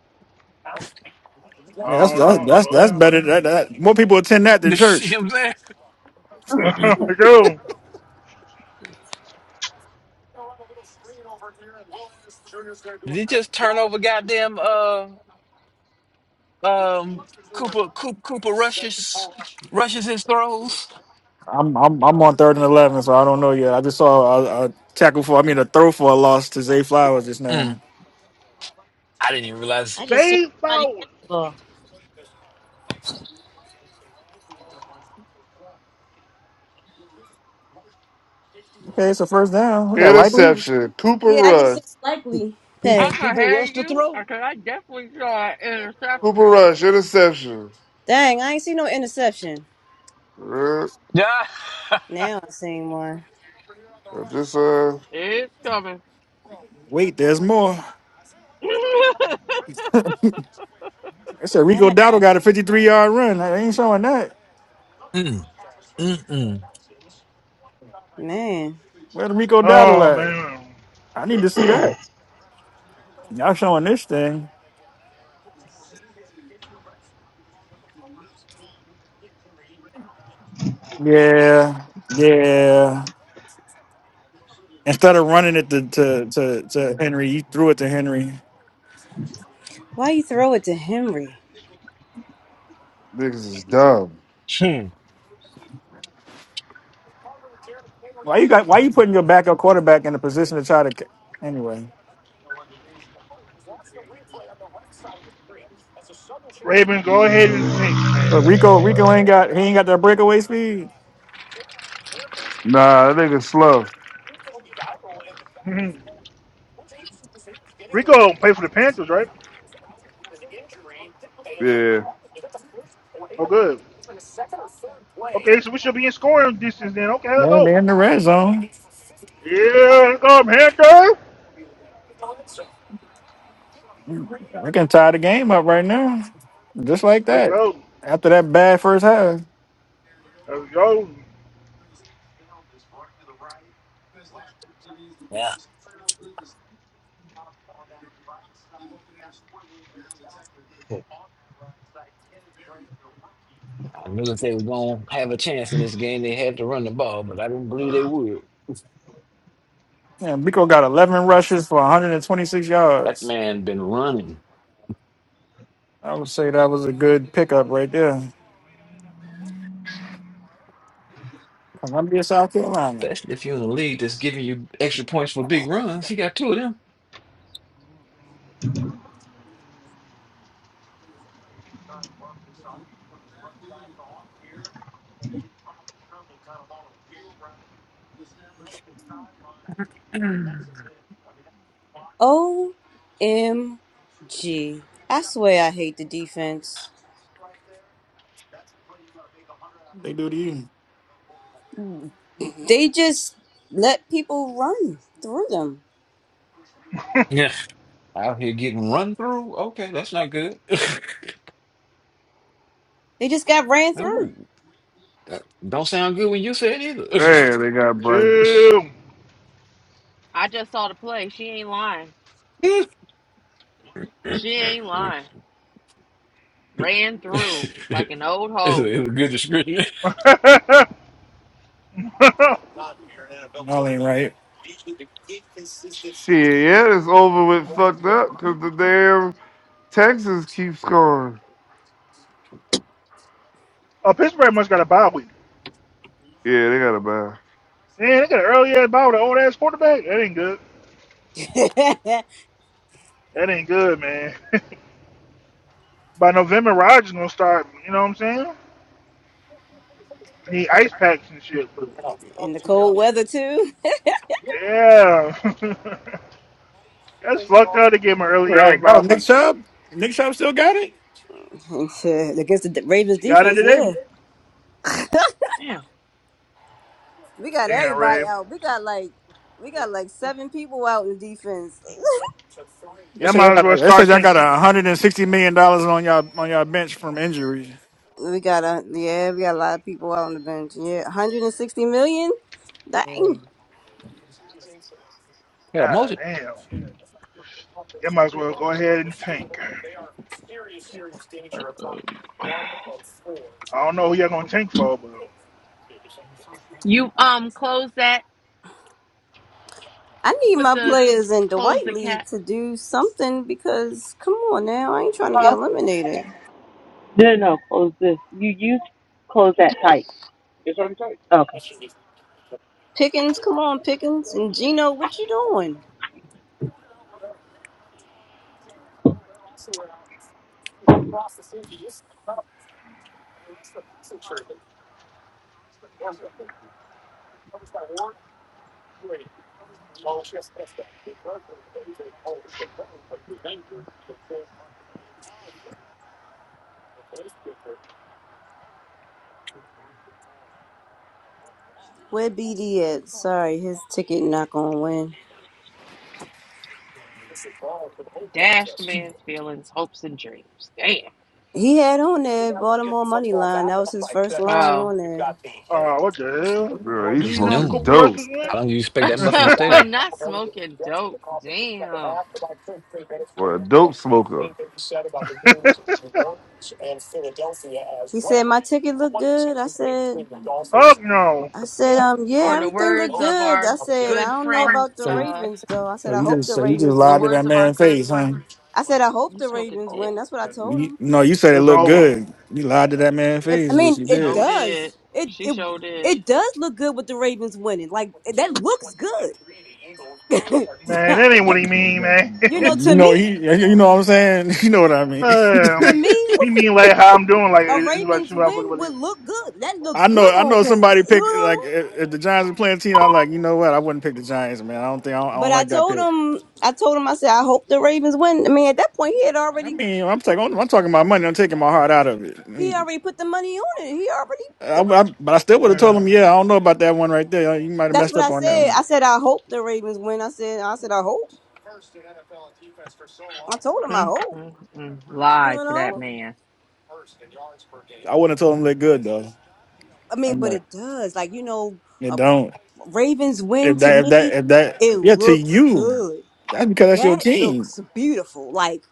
Speaker 3: Yeah,
Speaker 6: I
Speaker 3: that's
Speaker 6: don't
Speaker 3: that's that's, that's
Speaker 6: know.
Speaker 3: better. That, that more people attend that than
Speaker 8: The shit
Speaker 3: church.
Speaker 8: I'm saying.
Speaker 6: Well, (laughs) yo,
Speaker 8: Did he just turn over goddamn uh um Cooper's rush?
Speaker 3: I'm I'm I'm on third and eleven, so I don't know yet. I just saw a, a tackle for I mean a throw for a loss to Zay Flowers just
Speaker 8: Mm.
Speaker 3: now.
Speaker 1: I just seen
Speaker 6: Zay
Speaker 1: somebody
Speaker 6: Flowers.
Speaker 1: catch the ball.
Speaker 3: Okay, it's a first down. We got likely.
Speaker 5: Interception. Cooper
Speaker 1: Yeah, I just
Speaker 5: Rush.
Speaker 1: seen likely
Speaker 7: I'm
Speaker 1: pass.
Speaker 7: gonna have you because I definitely saw an
Speaker 5: Cooper
Speaker 7: interception.
Speaker 5: Rush. Interception.
Speaker 1: Dang, I ain't seen no interception.
Speaker 5: Yeah.
Speaker 8: Yeah.
Speaker 1: Now I seen one.
Speaker 5: Just uh,
Speaker 7: It's coming.
Speaker 3: Wait, there's more.
Speaker 7: (laughs)
Speaker 3: (laughs) I said Rico
Speaker 1: Dang,
Speaker 3: Dowdle got a 53 yard run. Like, They ain't showing that.
Speaker 8: Mm, mm, mm.
Speaker 1: man,
Speaker 3: Where the Rico
Speaker 6: Oh
Speaker 3: Dowdle at?
Speaker 6: man,
Speaker 3: I need to see that. Y'all showing this thing? Yeah, yeah. Instead of running it to to to, to Henry, you threw it to Henry.
Speaker 1: why you throw it to Henry?
Speaker 5: niggas is dumb.
Speaker 8: Hmm.
Speaker 3: Why you got? Why you putting your backup quarterback in a position to try to? ca- Anyway.
Speaker 6: Ravens, go ahead and tank,
Speaker 3: So
Speaker 6: man.
Speaker 3: Rico, Rico ain't got he ain't got that breakaway speed.
Speaker 5: Nah, that nigga slow.
Speaker 6: (laughs) Rico play for the Panthers, right?
Speaker 5: Yeah.
Speaker 6: Oh, good. Okay, so we should be in scoring distance then. Okay, let's
Speaker 3: Man,
Speaker 6: go.
Speaker 3: they're in the red zone.
Speaker 6: Yeah, let's go, Panther.
Speaker 3: They can tie the game up right now, just like
Speaker 6: Let's
Speaker 3: that.
Speaker 6: go.
Speaker 3: After that bad first half,
Speaker 6: Let's go.
Speaker 8: I knew if they were gonna have a chance in this game, they had to run the ball, but I didn't believe they would.
Speaker 3: yeah, Rico got 11 rushes for 126
Speaker 8: That
Speaker 3: yards.
Speaker 8: man been running
Speaker 3: I would say that was a good pickup right there. Columbia, South Carolina,
Speaker 1: O M G. I swear I hate the defense.
Speaker 3: they do to you.
Speaker 1: they just let people run through them.
Speaker 8: Yeah. out here getting run through. Okay, that's not good. (laughs)
Speaker 1: They just got ran through
Speaker 8: Ooh, that don't sound good when you say it
Speaker 5: Man, they got Bryson.
Speaker 6: Two.
Speaker 7: I just saw the play. She ain't lying.
Speaker 8: either.
Speaker 7: She ain't lying. Ran through like an old hoe.
Speaker 6: (laughs) oh,
Speaker 3: All ain't right.
Speaker 5: Shit, yeah, it's over with fucked up because the damn Texans keep scoring.
Speaker 6: Pittsburgh must got a bye week.
Speaker 5: Yeah, they got a bye.
Speaker 6: Man, they got an early ass bye with an old ass quarterback. That ain't good.
Speaker 1: (laughs)
Speaker 6: That ain't good, man. (laughs) By November, Rodgers gonna start. You know what I'm saying? Need ice packs and shit.
Speaker 1: in the cold weather too.
Speaker 6: Yeah, (laughs) that's fucked up. They gave him an early ass
Speaker 3: Right. Oh,
Speaker 6: bye
Speaker 3: Nick
Speaker 6: week.
Speaker 3: Chubb, Nick Chubb still got it.
Speaker 1: (laughs) Against the Ravens
Speaker 6: You got it
Speaker 1: defense,
Speaker 6: today.
Speaker 1: yeah,
Speaker 7: Damn.
Speaker 1: we got
Speaker 6: Damn, Ray.
Speaker 1: everybody out. We got like we got like seven people out in defense.
Speaker 3: They
Speaker 6: Y'all
Speaker 3: said y'all
Speaker 6: might as well
Speaker 3: got they said
Speaker 6: start
Speaker 3: y'all got
Speaker 6: tanking.
Speaker 3: 160 million dollars on y'all on y'all bench from injuries.
Speaker 1: (laughs) we got a yeah, we got a lot of people out on the bench. Yeah, 160 million. Dang.
Speaker 8: (laughs) yeah,
Speaker 6: Ah,
Speaker 8: emotion.
Speaker 6: damn. Y'all might as well go ahead and tank. I don't know who y'all gonna tank for, but
Speaker 7: You um close that.
Speaker 1: I need
Speaker 7: Put
Speaker 1: my
Speaker 7: the
Speaker 1: players in the
Speaker 7: close
Speaker 1: white
Speaker 7: the
Speaker 1: league
Speaker 7: cat.
Speaker 1: to do something because come on now, I ain't trying to get
Speaker 7: Huh?
Speaker 1: eliminated.
Speaker 7: No, no, no, close this. You you close that tight. It's already tight. Okay.
Speaker 1: Pickens, come on, Pickens and Gino, what you doing? Where BD at? Sorry, his ticket not gonna win.
Speaker 7: Dash the man's feelings, hopes, and dreams. Damn.
Speaker 1: He had on there Baltimore money line. That was his first line
Speaker 7: Oh,
Speaker 1: on there.
Speaker 6: uh, what the hell?
Speaker 5: Bro, he's
Speaker 8: It's
Speaker 6: You know
Speaker 5: smoking
Speaker 8: noon.
Speaker 6: Cooper Rush
Speaker 5: dope.
Speaker 6: was winning?
Speaker 8: How long do you expect
Speaker 6: (laughs)
Speaker 8: that muffin to stay
Speaker 7: (laughs)
Speaker 8: there?
Speaker 7: not smoking dope. Damn.
Speaker 5: Or a dope smoker.
Speaker 1: He said my ticket looked good. I said,
Speaker 6: oh no,
Speaker 1: I said, um,
Speaker 7: Or
Speaker 1: yeah,
Speaker 7: in the
Speaker 1: everything looked
Speaker 7: words of
Speaker 1: good.
Speaker 7: our
Speaker 1: I said I
Speaker 7: good
Speaker 1: don't know
Speaker 7: friend,
Speaker 1: about the
Speaker 7: uh,
Speaker 1: Ravens though. I said
Speaker 3: So
Speaker 1: I
Speaker 3: you
Speaker 1: hope
Speaker 3: just
Speaker 1: the
Speaker 3: so you just
Speaker 1: Ravens
Speaker 7: the
Speaker 3: lied to
Speaker 1: win.
Speaker 7: words
Speaker 3: that
Speaker 7: of our
Speaker 3: man's
Speaker 7: good
Speaker 3: face, huh?
Speaker 7: friend,
Speaker 1: I said I hope
Speaker 7: you
Speaker 1: the
Speaker 7: smoke a
Speaker 1: Ravens
Speaker 7: dick.
Speaker 1: win. That's what I told
Speaker 3: You,
Speaker 1: him.
Speaker 3: no, you said it
Speaker 6: it's
Speaker 3: looked
Speaker 6: over,
Speaker 3: good. You lied to that man's
Speaker 1: It, I
Speaker 3: face, which
Speaker 1: mean,
Speaker 3: you
Speaker 1: it
Speaker 7: Show
Speaker 3: did.
Speaker 7: did.
Speaker 1: does. It
Speaker 7: She
Speaker 1: it
Speaker 7: showed did.
Speaker 1: it does look good with the Ravens winning. Like that looks good.
Speaker 6: man.
Speaker 1: (laughs)
Speaker 6: That ain't what he mean, man.
Speaker 1: you
Speaker 3: You
Speaker 1: know, to
Speaker 3: know,
Speaker 1: me,
Speaker 6: (laughs)
Speaker 3: he, yeah, you know what I'm saying. (laughs) You know what I mean.
Speaker 1: to
Speaker 6: um,
Speaker 1: me,
Speaker 6: he
Speaker 1: with
Speaker 6: mean like how I'm doing, like
Speaker 1: a
Speaker 6: it's like
Speaker 1: Ravens
Speaker 6: shit,
Speaker 1: win
Speaker 6: motherfucker. But
Speaker 1: would
Speaker 6: it,
Speaker 1: look good. That looks
Speaker 3: I know,
Speaker 1: good
Speaker 3: I
Speaker 1: on
Speaker 3: know.
Speaker 1: paper.
Speaker 3: Somebody
Speaker 1: You
Speaker 3: picked like
Speaker 1: know.
Speaker 3: if, if the Giants were playing a team, I'm like, you know what? I wouldn't pick the Giants, man. I don't think I don't, I don't
Speaker 1: But I
Speaker 3: like that
Speaker 1: told
Speaker 3: pick.
Speaker 1: him, I told him, I said, I hope the Ravens win. I mean, at that point, he had
Speaker 3: I
Speaker 1: already
Speaker 3: mean, I'm
Speaker 1: put,
Speaker 3: taking, I'm talking about money. I'm taking my heart out of it.
Speaker 1: he
Speaker 3: And
Speaker 1: already put the money on it. He already,
Speaker 3: I,
Speaker 1: it was.
Speaker 3: I- but I still would have told him, yeah, I don't know about that one right there. You might have
Speaker 1: That's
Speaker 3: messed
Speaker 1: what
Speaker 3: up
Speaker 1: I
Speaker 3: on that
Speaker 1: said.
Speaker 3: one.
Speaker 1: I said, I hope the Ravens win. I said, I said, I hope. I told him, I
Speaker 7: Mm,
Speaker 1: hope.
Speaker 7: mm, mm.
Speaker 1: You
Speaker 7: Lied to that
Speaker 1: know.
Speaker 7: man.
Speaker 3: I wouldn't have told him look good though.
Speaker 1: I mean,
Speaker 3: I'm
Speaker 1: but
Speaker 3: like,
Speaker 1: it does. Like you know.
Speaker 3: it don't.
Speaker 1: Ravens win
Speaker 3: If
Speaker 1: to
Speaker 3: that, if that,
Speaker 1: me,
Speaker 3: if
Speaker 1: it
Speaker 3: that, yeah, to
Speaker 1: looks
Speaker 3: you,
Speaker 1: good.
Speaker 3: that's because that's your
Speaker 1: That
Speaker 3: team.
Speaker 1: looks beautiful. Like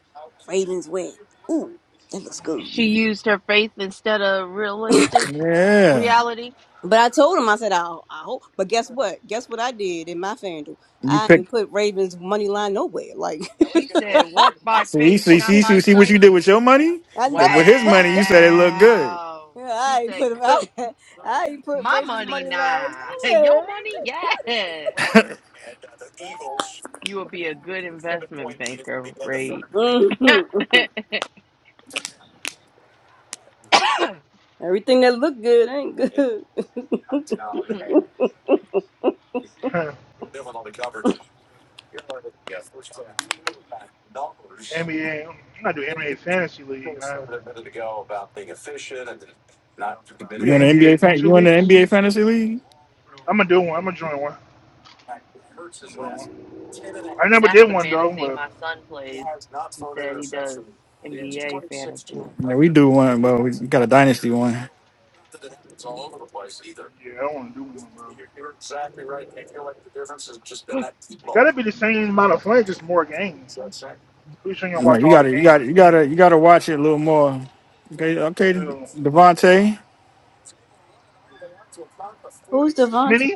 Speaker 1: Ravens win. Ooh, that looks good.
Speaker 7: She used her faith instead of realistic.
Speaker 3: Yeah,
Speaker 7: reality.
Speaker 1: But I told him, I said, I, I hope. But guess what? Guess what I did in my Fanduel.
Speaker 3: you
Speaker 1: I
Speaker 3: pick.
Speaker 1: ain't put Ravens money line nowhere. Like (laughs)
Speaker 7: She said, walk by
Speaker 3: See,
Speaker 7: faith,
Speaker 3: see,
Speaker 7: not
Speaker 3: see, see,
Speaker 7: by
Speaker 3: see what you
Speaker 7: sight.
Speaker 3: did with your money,
Speaker 1: I
Speaker 3: but
Speaker 1: never.
Speaker 3: with his
Speaker 1: (laughs)
Speaker 3: money, you said it looked good.
Speaker 7: Wow. She
Speaker 1: I ain't
Speaker 7: said,
Speaker 1: put (laughs)
Speaker 7: (laughs) go.
Speaker 1: I, I ain't put
Speaker 7: My
Speaker 1: Ravens
Speaker 7: money,
Speaker 1: money line
Speaker 7: nah. (laughs)
Speaker 1: nowhere.
Speaker 7: Your
Speaker 1: (laughs)
Speaker 7: money, yes.
Speaker 3: (laughs)
Speaker 7: You will be a good investment banker, Ray.
Speaker 1: Mhm.
Speaker 7: (clears throat) That's
Speaker 1: Everything that looked good ain't good. (laughs)
Speaker 6: yeah, (laughs) NBA. I'm not doing NBA fantasy league, man. We
Speaker 3: you
Speaker 6: got
Speaker 3: in the
Speaker 6: NBA
Speaker 3: NBA?
Speaker 6: in
Speaker 3: Fan,
Speaker 6: two
Speaker 3: you in the
Speaker 6: weeks.
Speaker 3: NBA fantasy league?
Speaker 6: I'm gonna do one. I'm gonna join one. I'm gonna do one. I never did
Speaker 7: the
Speaker 6: one though,
Speaker 7: fantasy
Speaker 6: but
Speaker 7: my son plays. He said he does NBA fantasy.
Speaker 3: Yeah, we do one, but we got a dynasty one.
Speaker 6: yeah, I don't want to do one, bro. It gotta be the same amount of fun, just more games. Pretty sure you gonna
Speaker 3: Like
Speaker 6: watch
Speaker 3: you
Speaker 6: all the
Speaker 3: gotta, you gotta,
Speaker 6: games.
Speaker 3: you gotta, you gotta watch it a little more. Okay, okay,
Speaker 6: You know.
Speaker 3: Devontae,
Speaker 1: Who's Devontae?
Speaker 6: Smitty,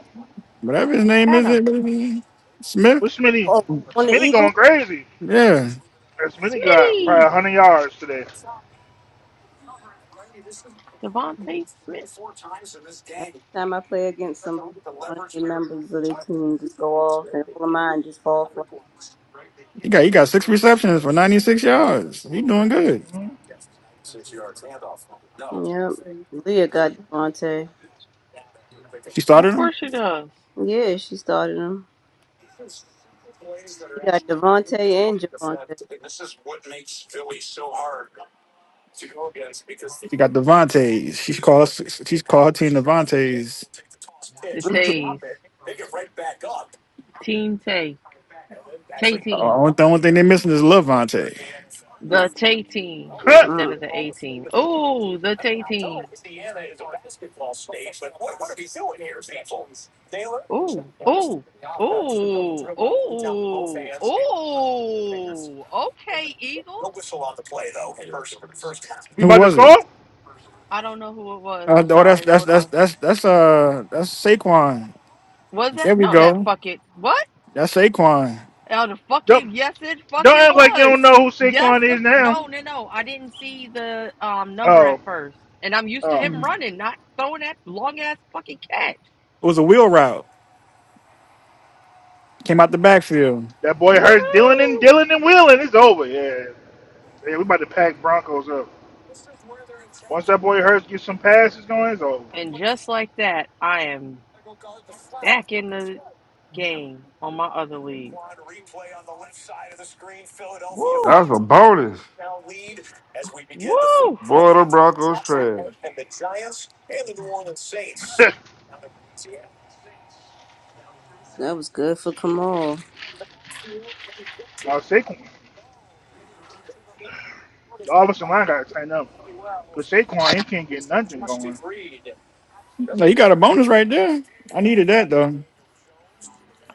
Speaker 3: whatever his name is,
Speaker 7: Adam,
Speaker 3: it baby? Smith.
Speaker 6: what's Smitty?
Speaker 1: Oh, on the
Speaker 6: Smitty
Speaker 1: Eagles.
Speaker 6: going crazy.
Speaker 3: Yeah,
Speaker 6: That Smitty got probably
Speaker 7: Smitty,
Speaker 6: 100 yards today.
Speaker 7: Devontae Smith.
Speaker 1: Every time I play against somebody, one of the members of their team just go off, and all of mine just fall flat.
Speaker 3: he got he got six receptions for ninety six yards. He doing good.
Speaker 6: Mm-hmm.
Speaker 1: Yep. Leah got Devontae.
Speaker 3: She
Speaker 7: Of
Speaker 3: started him.
Speaker 7: course he does.
Speaker 1: Yeah, she started him. She got Devontae and Javante.
Speaker 3: She got Devontae's. She should call us. She call her team Devontae's.
Speaker 7: The Tays, Team Tay, Tay
Speaker 3: Uh,
Speaker 7: Team.
Speaker 3: only, the only thing they missing is Levante.
Speaker 1: mm
Speaker 7: The Tay team
Speaker 6: (laughs)
Speaker 7: instead
Speaker 1: mm
Speaker 7: of the A team. Oh, the Tay team. Oh, oh, oh, oh, oh. Okay, Eagles.
Speaker 6: you
Speaker 3: Who
Speaker 6: about to
Speaker 3: was it?
Speaker 6: score?
Speaker 7: I don't know who it was.
Speaker 3: Uh,
Speaker 7: I'm
Speaker 3: oh, that's
Speaker 7: sorry.
Speaker 3: that's
Speaker 7: Hold
Speaker 3: that's
Speaker 7: on.
Speaker 3: that's that's uh that's Saquon.
Speaker 7: Was that?
Speaker 3: There we
Speaker 7: No, that
Speaker 3: go.
Speaker 7: fuck it. What?
Speaker 3: That's Saquon. It
Speaker 7: Oh, the
Speaker 6: Don't,
Speaker 7: fucking yes, it
Speaker 6: don't
Speaker 7: fucking
Speaker 6: act like you
Speaker 7: was.
Speaker 6: don't know who
Speaker 7: Yes,
Speaker 6: Saquon
Speaker 7: the
Speaker 6: is now.
Speaker 7: no, no, no. I didn't see the um number
Speaker 6: Oh,
Speaker 7: at first, and I'm used to
Speaker 6: oh.
Speaker 7: him running, not throwing that long ass fucking catch.
Speaker 3: was a wheel route. Came out the backfield.
Speaker 6: That boy
Speaker 7: Woo!
Speaker 6: hurts Dylan and Dylan and Wheeling. It's over. Yeah. yeah. We about to pack Broncos up. Once that boy Hurts gets some passes going, it's over.
Speaker 7: And just like that, I am back in the game on my other league. Woo!
Speaker 5: That's a bonus.
Speaker 7: Woo!
Speaker 5: Boy, the Broncos trash.
Speaker 6: (laughs) now,
Speaker 1: That was good for Kamal.
Speaker 6: Saquon, the offensive line got to tighten up. Because Saquon, he can't get nothing going.
Speaker 3: Now you got a bonus right there. I needed that though.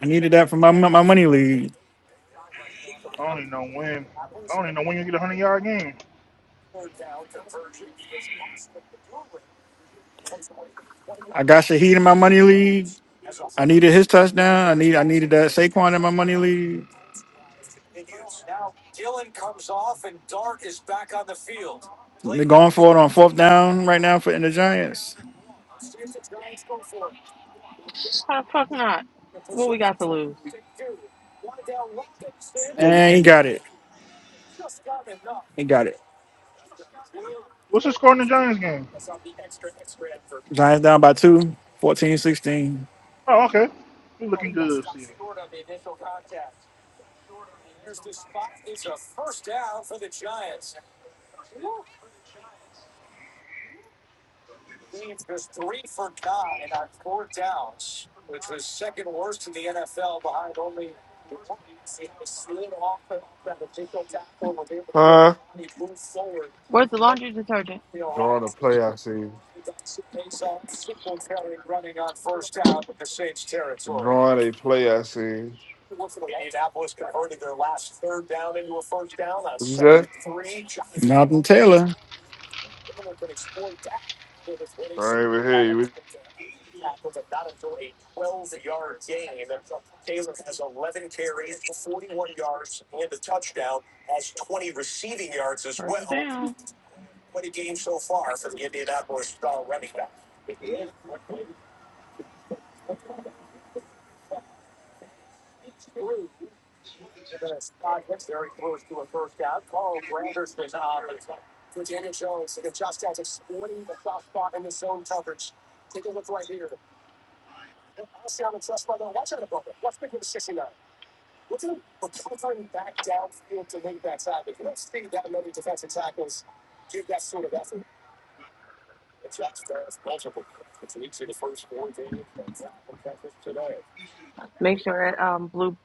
Speaker 3: I needed
Speaker 6: He
Speaker 3: that for my
Speaker 6: can't.
Speaker 3: my money league.
Speaker 6: I don't even know when. I don't even know when you get a 100 yard game.
Speaker 3: I got Shaheed in my money league. I needed his touchdown. I need I needed that Saquon in my money league. They're going for it on fourth down right now for in the Giants.
Speaker 7: Why the fuck not? What we got to lose?
Speaker 1: The-
Speaker 3: And he got it. He got it.
Speaker 6: What's the score in the Giants game?
Speaker 3: Giants down by two, fourteen sixteen.
Speaker 6: Oh, okay. you looking good, Steven.
Speaker 5: Huh?
Speaker 7: Where's the laundry detergent?
Speaker 5: Drawing a play I seen. Drawing a play I seen.
Speaker 3: 14
Speaker 5: What you say?
Speaker 3: Jonathan Taylor.
Speaker 5: I ain't even hear you.
Speaker 7: First down. Make sure that um blue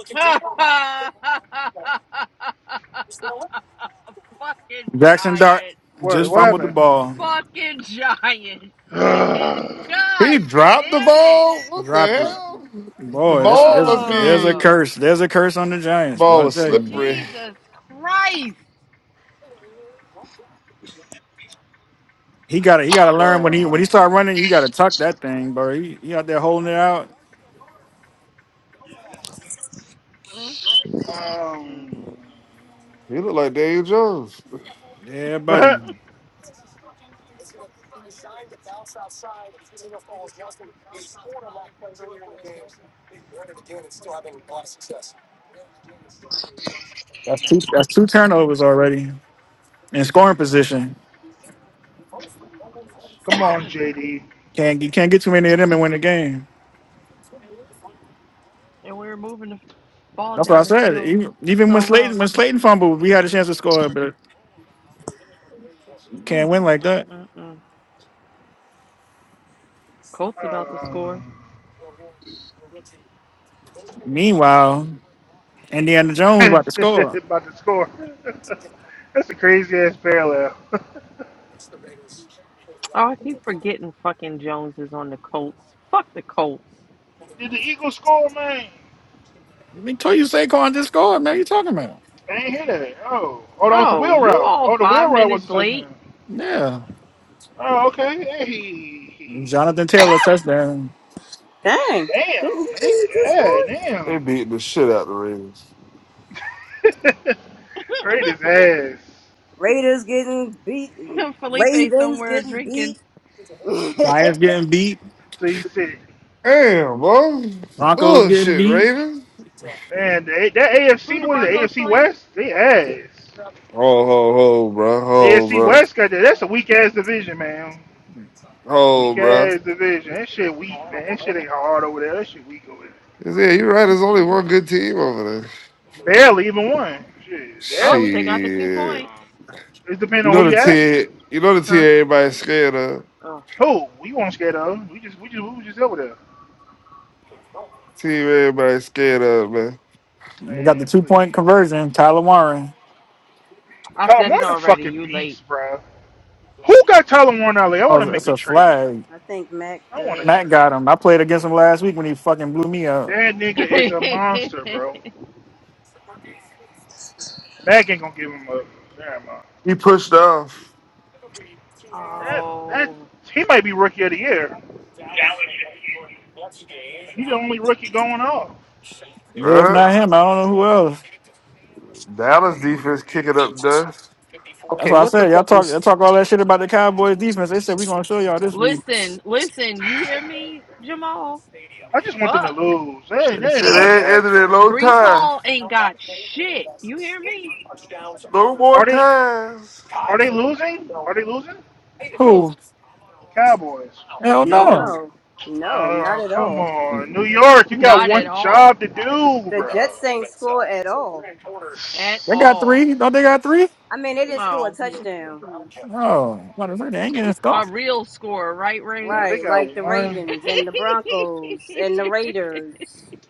Speaker 7: (laughs) Fucking
Speaker 3: Jackson Dart
Speaker 7: giants.
Speaker 6: What,
Speaker 3: just
Speaker 6: what
Speaker 3: fumbled the ball.
Speaker 7: Fucking giants,
Speaker 6: happened?
Speaker 7: man.
Speaker 6: (sighs)
Speaker 5: He
Speaker 7: God
Speaker 5: dropped the
Speaker 7: damn it. (sighs)
Speaker 5: ball? What the
Speaker 3: Drop it.
Speaker 5: hell? The
Speaker 3: Boy, this
Speaker 5: ball
Speaker 3: there's
Speaker 5: must
Speaker 3: there's a
Speaker 5: be.
Speaker 7: Oh,
Speaker 5: The
Speaker 3: curse. There's a curse on the Giants, boy.
Speaker 5: ball
Speaker 3: I
Speaker 5: was
Speaker 3: tell you.
Speaker 5: slippery.
Speaker 7: Jesus Christ.
Speaker 3: He gotta he gotta learn when
Speaker 6: Bro.
Speaker 3: he when he start running, you gotta tuck that thing, bro. He, he out there holding it out.
Speaker 7: Mm, mm, mm.
Speaker 6: Um.
Speaker 5: He looked like Dave Jones.
Speaker 3: Yeah, buddy.
Speaker 6: But,
Speaker 3: That's two turnovers already in scoring position.
Speaker 6: Come on, JD.
Speaker 3: Can't you can't get too many of them and win the game.
Speaker 7: And we were moving the ball
Speaker 3: That's what I
Speaker 7: down the
Speaker 3: said.
Speaker 7: field
Speaker 3: Even, even when
Speaker 7: so well.
Speaker 3: Slayton when Slayton fumbled, we had a chance to score, but can't
Speaker 7: Mm,
Speaker 3: win like
Speaker 7: mm,
Speaker 3: that.
Speaker 7: mm, mm. Colts about to score.
Speaker 6: Um,
Speaker 3: Meanwhile, Indiana Jones
Speaker 6: (laughs)
Speaker 3: about to score.
Speaker 6: about to score. (laughs) That's a crazy ass parallel.
Speaker 7: Oh, I keep forgetting fucking Jones is on the Colts. Fuck the Colts.
Speaker 6: (laughs) Did the Eagles score, man?
Speaker 3: I told you Saquon just scored, man. You talking about?
Speaker 6: I ain't hear that. Oh, oh, that was the
Speaker 7: Oh,
Speaker 6: wheel
Speaker 7: you
Speaker 6: route.
Speaker 7: all
Speaker 6: Oh, the
Speaker 7: five
Speaker 6: wheel route was
Speaker 7: minutes
Speaker 6: the
Speaker 7: late.
Speaker 6: touchdown.
Speaker 3: Yeah.
Speaker 6: Oh, okay. Hey,
Speaker 3: Jonathan Taylor touchdown.
Speaker 6: (laughs)
Speaker 1: Dang.
Speaker 6: damn,
Speaker 1: Didn't
Speaker 6: Nick.
Speaker 1: he just
Speaker 6: Yeah,
Speaker 1: score?
Speaker 5: They
Speaker 6: damn.
Speaker 5: beating the shit out the Ravens.
Speaker 6: (laughs) Right his ass.
Speaker 1: Raiders getting beat.
Speaker 7: (laughs) Felipe
Speaker 1: Ravens
Speaker 7: somewhere
Speaker 1: getting
Speaker 7: drinking.
Speaker 1: beat. (laughs)
Speaker 3: Giants
Speaker 1: I
Speaker 3: getting beat.
Speaker 6: So he said,
Speaker 5: Damn, bro.
Speaker 3: Broncos getting
Speaker 5: Bullshit,
Speaker 3: beat.
Speaker 5: Ravens.
Speaker 6: man, the A- that
Speaker 7: Who
Speaker 6: AFC,
Speaker 7: the
Speaker 6: what is it,
Speaker 7: Broncos
Speaker 6: AFC
Speaker 7: playing?
Speaker 6: West? They ass.
Speaker 5: Oh, ho, ho, bro. Ho,
Speaker 6: AFC
Speaker 5: bro.
Speaker 6: West got that. That's a weak ass division, man.
Speaker 5: Ho,
Speaker 6: Weak
Speaker 5: bro.
Speaker 6: ass division. That shit weak, man. That shit ain't hard over there. That shit weak over there.
Speaker 5: Yeah, you're right. There's only one good team over there.
Speaker 6: Barely even won. Shit,
Speaker 7: Oh,
Speaker 6: barely.
Speaker 7: they got the two points.
Speaker 5: Shit.
Speaker 6: It's depending
Speaker 5: You
Speaker 6: on who
Speaker 5: know the
Speaker 6: you asking.
Speaker 5: Ted, you know the Ted
Speaker 7: Huh?
Speaker 5: everybody's scared of.
Speaker 7: Oh,
Speaker 6: Who? We weren't scared of. We just, we just, we was just over there.
Speaker 5: Team everybody's scared of, man.
Speaker 3: We got the
Speaker 6: Man,
Speaker 3: two
Speaker 6: please.
Speaker 3: point conversion. Tyler Warren.
Speaker 7: I
Speaker 6: Tyler
Speaker 7: said it
Speaker 6: Warner, a
Speaker 7: already.
Speaker 6: fucking
Speaker 7: You late.
Speaker 6: beast, bro. Who got Tyler Warner? Like, I want to
Speaker 3: Oh, it's
Speaker 6: make a
Speaker 3: a
Speaker 6: trade.
Speaker 3: flag.
Speaker 1: think Mac
Speaker 6: I want a
Speaker 1: does.
Speaker 3: Matt
Speaker 6: trade.
Speaker 3: got him. I played against him last week when he fucking blew me out.
Speaker 6: That nigga is a
Speaker 7: (laughs)
Speaker 6: monster, bro. Mac ain't gonna give him up. Damn, mind.
Speaker 5: He pushed off.
Speaker 6: That that
Speaker 7: oh,
Speaker 6: he might be rookie of the year. He the only rookie going off.
Speaker 3: Yeah, if
Speaker 5: Huh?
Speaker 3: not him, I don't know who else.
Speaker 6: Yeah, he gonna
Speaker 5: Dallas
Speaker 6: be rookie
Speaker 5: defense
Speaker 6: of the year.
Speaker 5: kicking up dust.
Speaker 3: That's why I said y'all talk y'all talk all that shit about the Cowboys defense. They said we gonna show y'all this week.
Speaker 7: listen, listen. You hear me, Jamal?
Speaker 6: I just want them to
Speaker 7: Fuck.
Speaker 6: lose. They ain't,
Speaker 5: They
Speaker 6: they ain't
Speaker 5: said
Speaker 6: allowed to
Speaker 5: they
Speaker 6: ask
Speaker 5: ended in
Speaker 6: for.
Speaker 5: no
Speaker 7: Brees
Speaker 5: time.
Speaker 7: Hall ain't got shit. You hear me?
Speaker 5: No more
Speaker 6: Are they
Speaker 5: ties.
Speaker 6: are they losing? Are they losing?
Speaker 3: Who?
Speaker 7: Who?
Speaker 6: Cowboys.
Speaker 3: Hell no.
Speaker 7: No.
Speaker 1: No. No, not
Speaker 6: Oh,
Speaker 1: at
Speaker 6: come
Speaker 1: all.
Speaker 6: on. New
Speaker 3: They
Speaker 6: York, you got
Speaker 7: Not at
Speaker 6: one
Speaker 7: all.
Speaker 6: job to do,
Speaker 1: The
Speaker 6: bro.
Speaker 1: Jets ain't score at all.
Speaker 7: At
Speaker 3: got
Speaker 7: all.
Speaker 3: three. Don't they got three?
Speaker 1: I mean, they didn't score a
Speaker 7: Oh,
Speaker 1: touchdown,
Speaker 3: No. What is it? They ain't getting
Speaker 7: we a
Speaker 3: stuffed.
Speaker 7: real score, right, Ray?
Speaker 6: Bro, they
Speaker 1: right?
Speaker 6: got
Speaker 1: Like the Ravens
Speaker 6: one.
Speaker 1: and the Broncos and the
Speaker 7: (laughs)
Speaker 1: Raiders.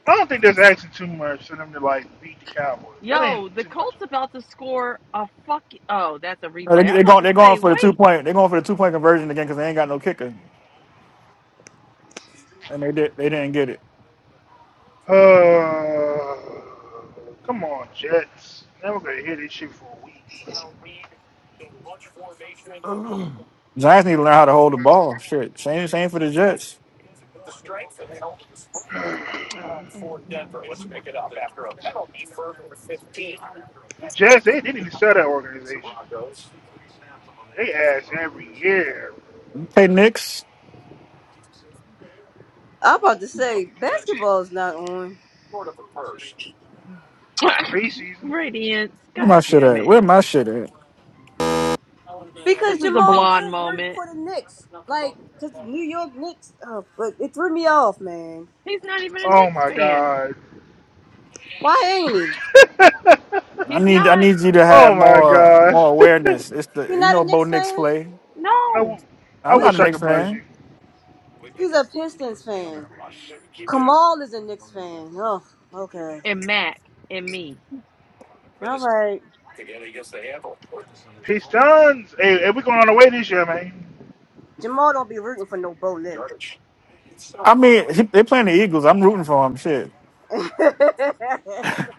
Speaker 6: I don't think that's actually too much for them to like beat the Cowboys. That ain't
Speaker 7: Yo, the
Speaker 6: too much of
Speaker 7: Colts about to score a fuck. Oh, that's a
Speaker 3: No, They
Speaker 7: replay. I was
Speaker 3: they
Speaker 7: about
Speaker 3: going
Speaker 7: to
Speaker 3: they going
Speaker 7: say,
Speaker 3: for the two
Speaker 7: wait,
Speaker 3: point. They going for the two point conversion again because they ain't got no kicker, and they did they didn't get it.
Speaker 6: that. Uh, come on, Jets. Now we're gonna hear this shit for a week. Like,
Speaker 5: Ugh.
Speaker 3: Giants need to learn how to hold the ball. Shit. Same same for the Jets.
Speaker 6: the Jets, they, didn't even sell that organization. They ask every year,
Speaker 3: Hey Knicks,
Speaker 1: I'm about to say basketball's not on
Speaker 7: (laughs) (coughs)
Speaker 6: preseason.
Speaker 7: Radiance.
Speaker 3: where
Speaker 7: God
Speaker 3: my shit
Speaker 7: damn
Speaker 3: at?
Speaker 7: it!
Speaker 3: Where my shit at?
Speaker 1: because
Speaker 7: This is a
Speaker 1: Jamal
Speaker 7: blonde
Speaker 1: went worked
Speaker 7: moment.
Speaker 1: for the Knicks, like because New York Knicks. Oh, but it threw me off, man.
Speaker 7: He's not even a
Speaker 6: Oh
Speaker 7: Knicks
Speaker 6: my
Speaker 7: fan.
Speaker 6: god.
Speaker 1: Why ain't he?
Speaker 6: (laughs)
Speaker 3: I
Speaker 7: He's
Speaker 3: need I
Speaker 7: not.
Speaker 3: need you to
Speaker 6: oh
Speaker 3: have
Speaker 6: my
Speaker 3: more more
Speaker 6: gosh. (laughs) I
Speaker 3: awareness. It's
Speaker 1: He
Speaker 3: the you
Speaker 1: not
Speaker 3: know
Speaker 1: a
Speaker 3: Bo
Speaker 1: Knicks
Speaker 3: Nix
Speaker 1: fan.
Speaker 3: play.
Speaker 6: I
Speaker 7: No.
Speaker 3: I'm
Speaker 1: What
Speaker 3: not
Speaker 6: wish
Speaker 3: a
Speaker 1: is?
Speaker 6: I
Speaker 1: it?
Speaker 3: Knicks
Speaker 6: could buzz
Speaker 3: fan.
Speaker 6: you.
Speaker 1: He's a Pistons fan. Kamal is a Knicks fan. Oh, okay,
Speaker 7: And Mac and me.
Speaker 1: all right.
Speaker 6: Pistons. Hey, hey, we going on the way this year, man.
Speaker 1: Jamal don't be rooting for no Bo Nick.
Speaker 3: I mean he, they playing the Eagles. I'm rooting for them. Shit.
Speaker 1: (laughs) it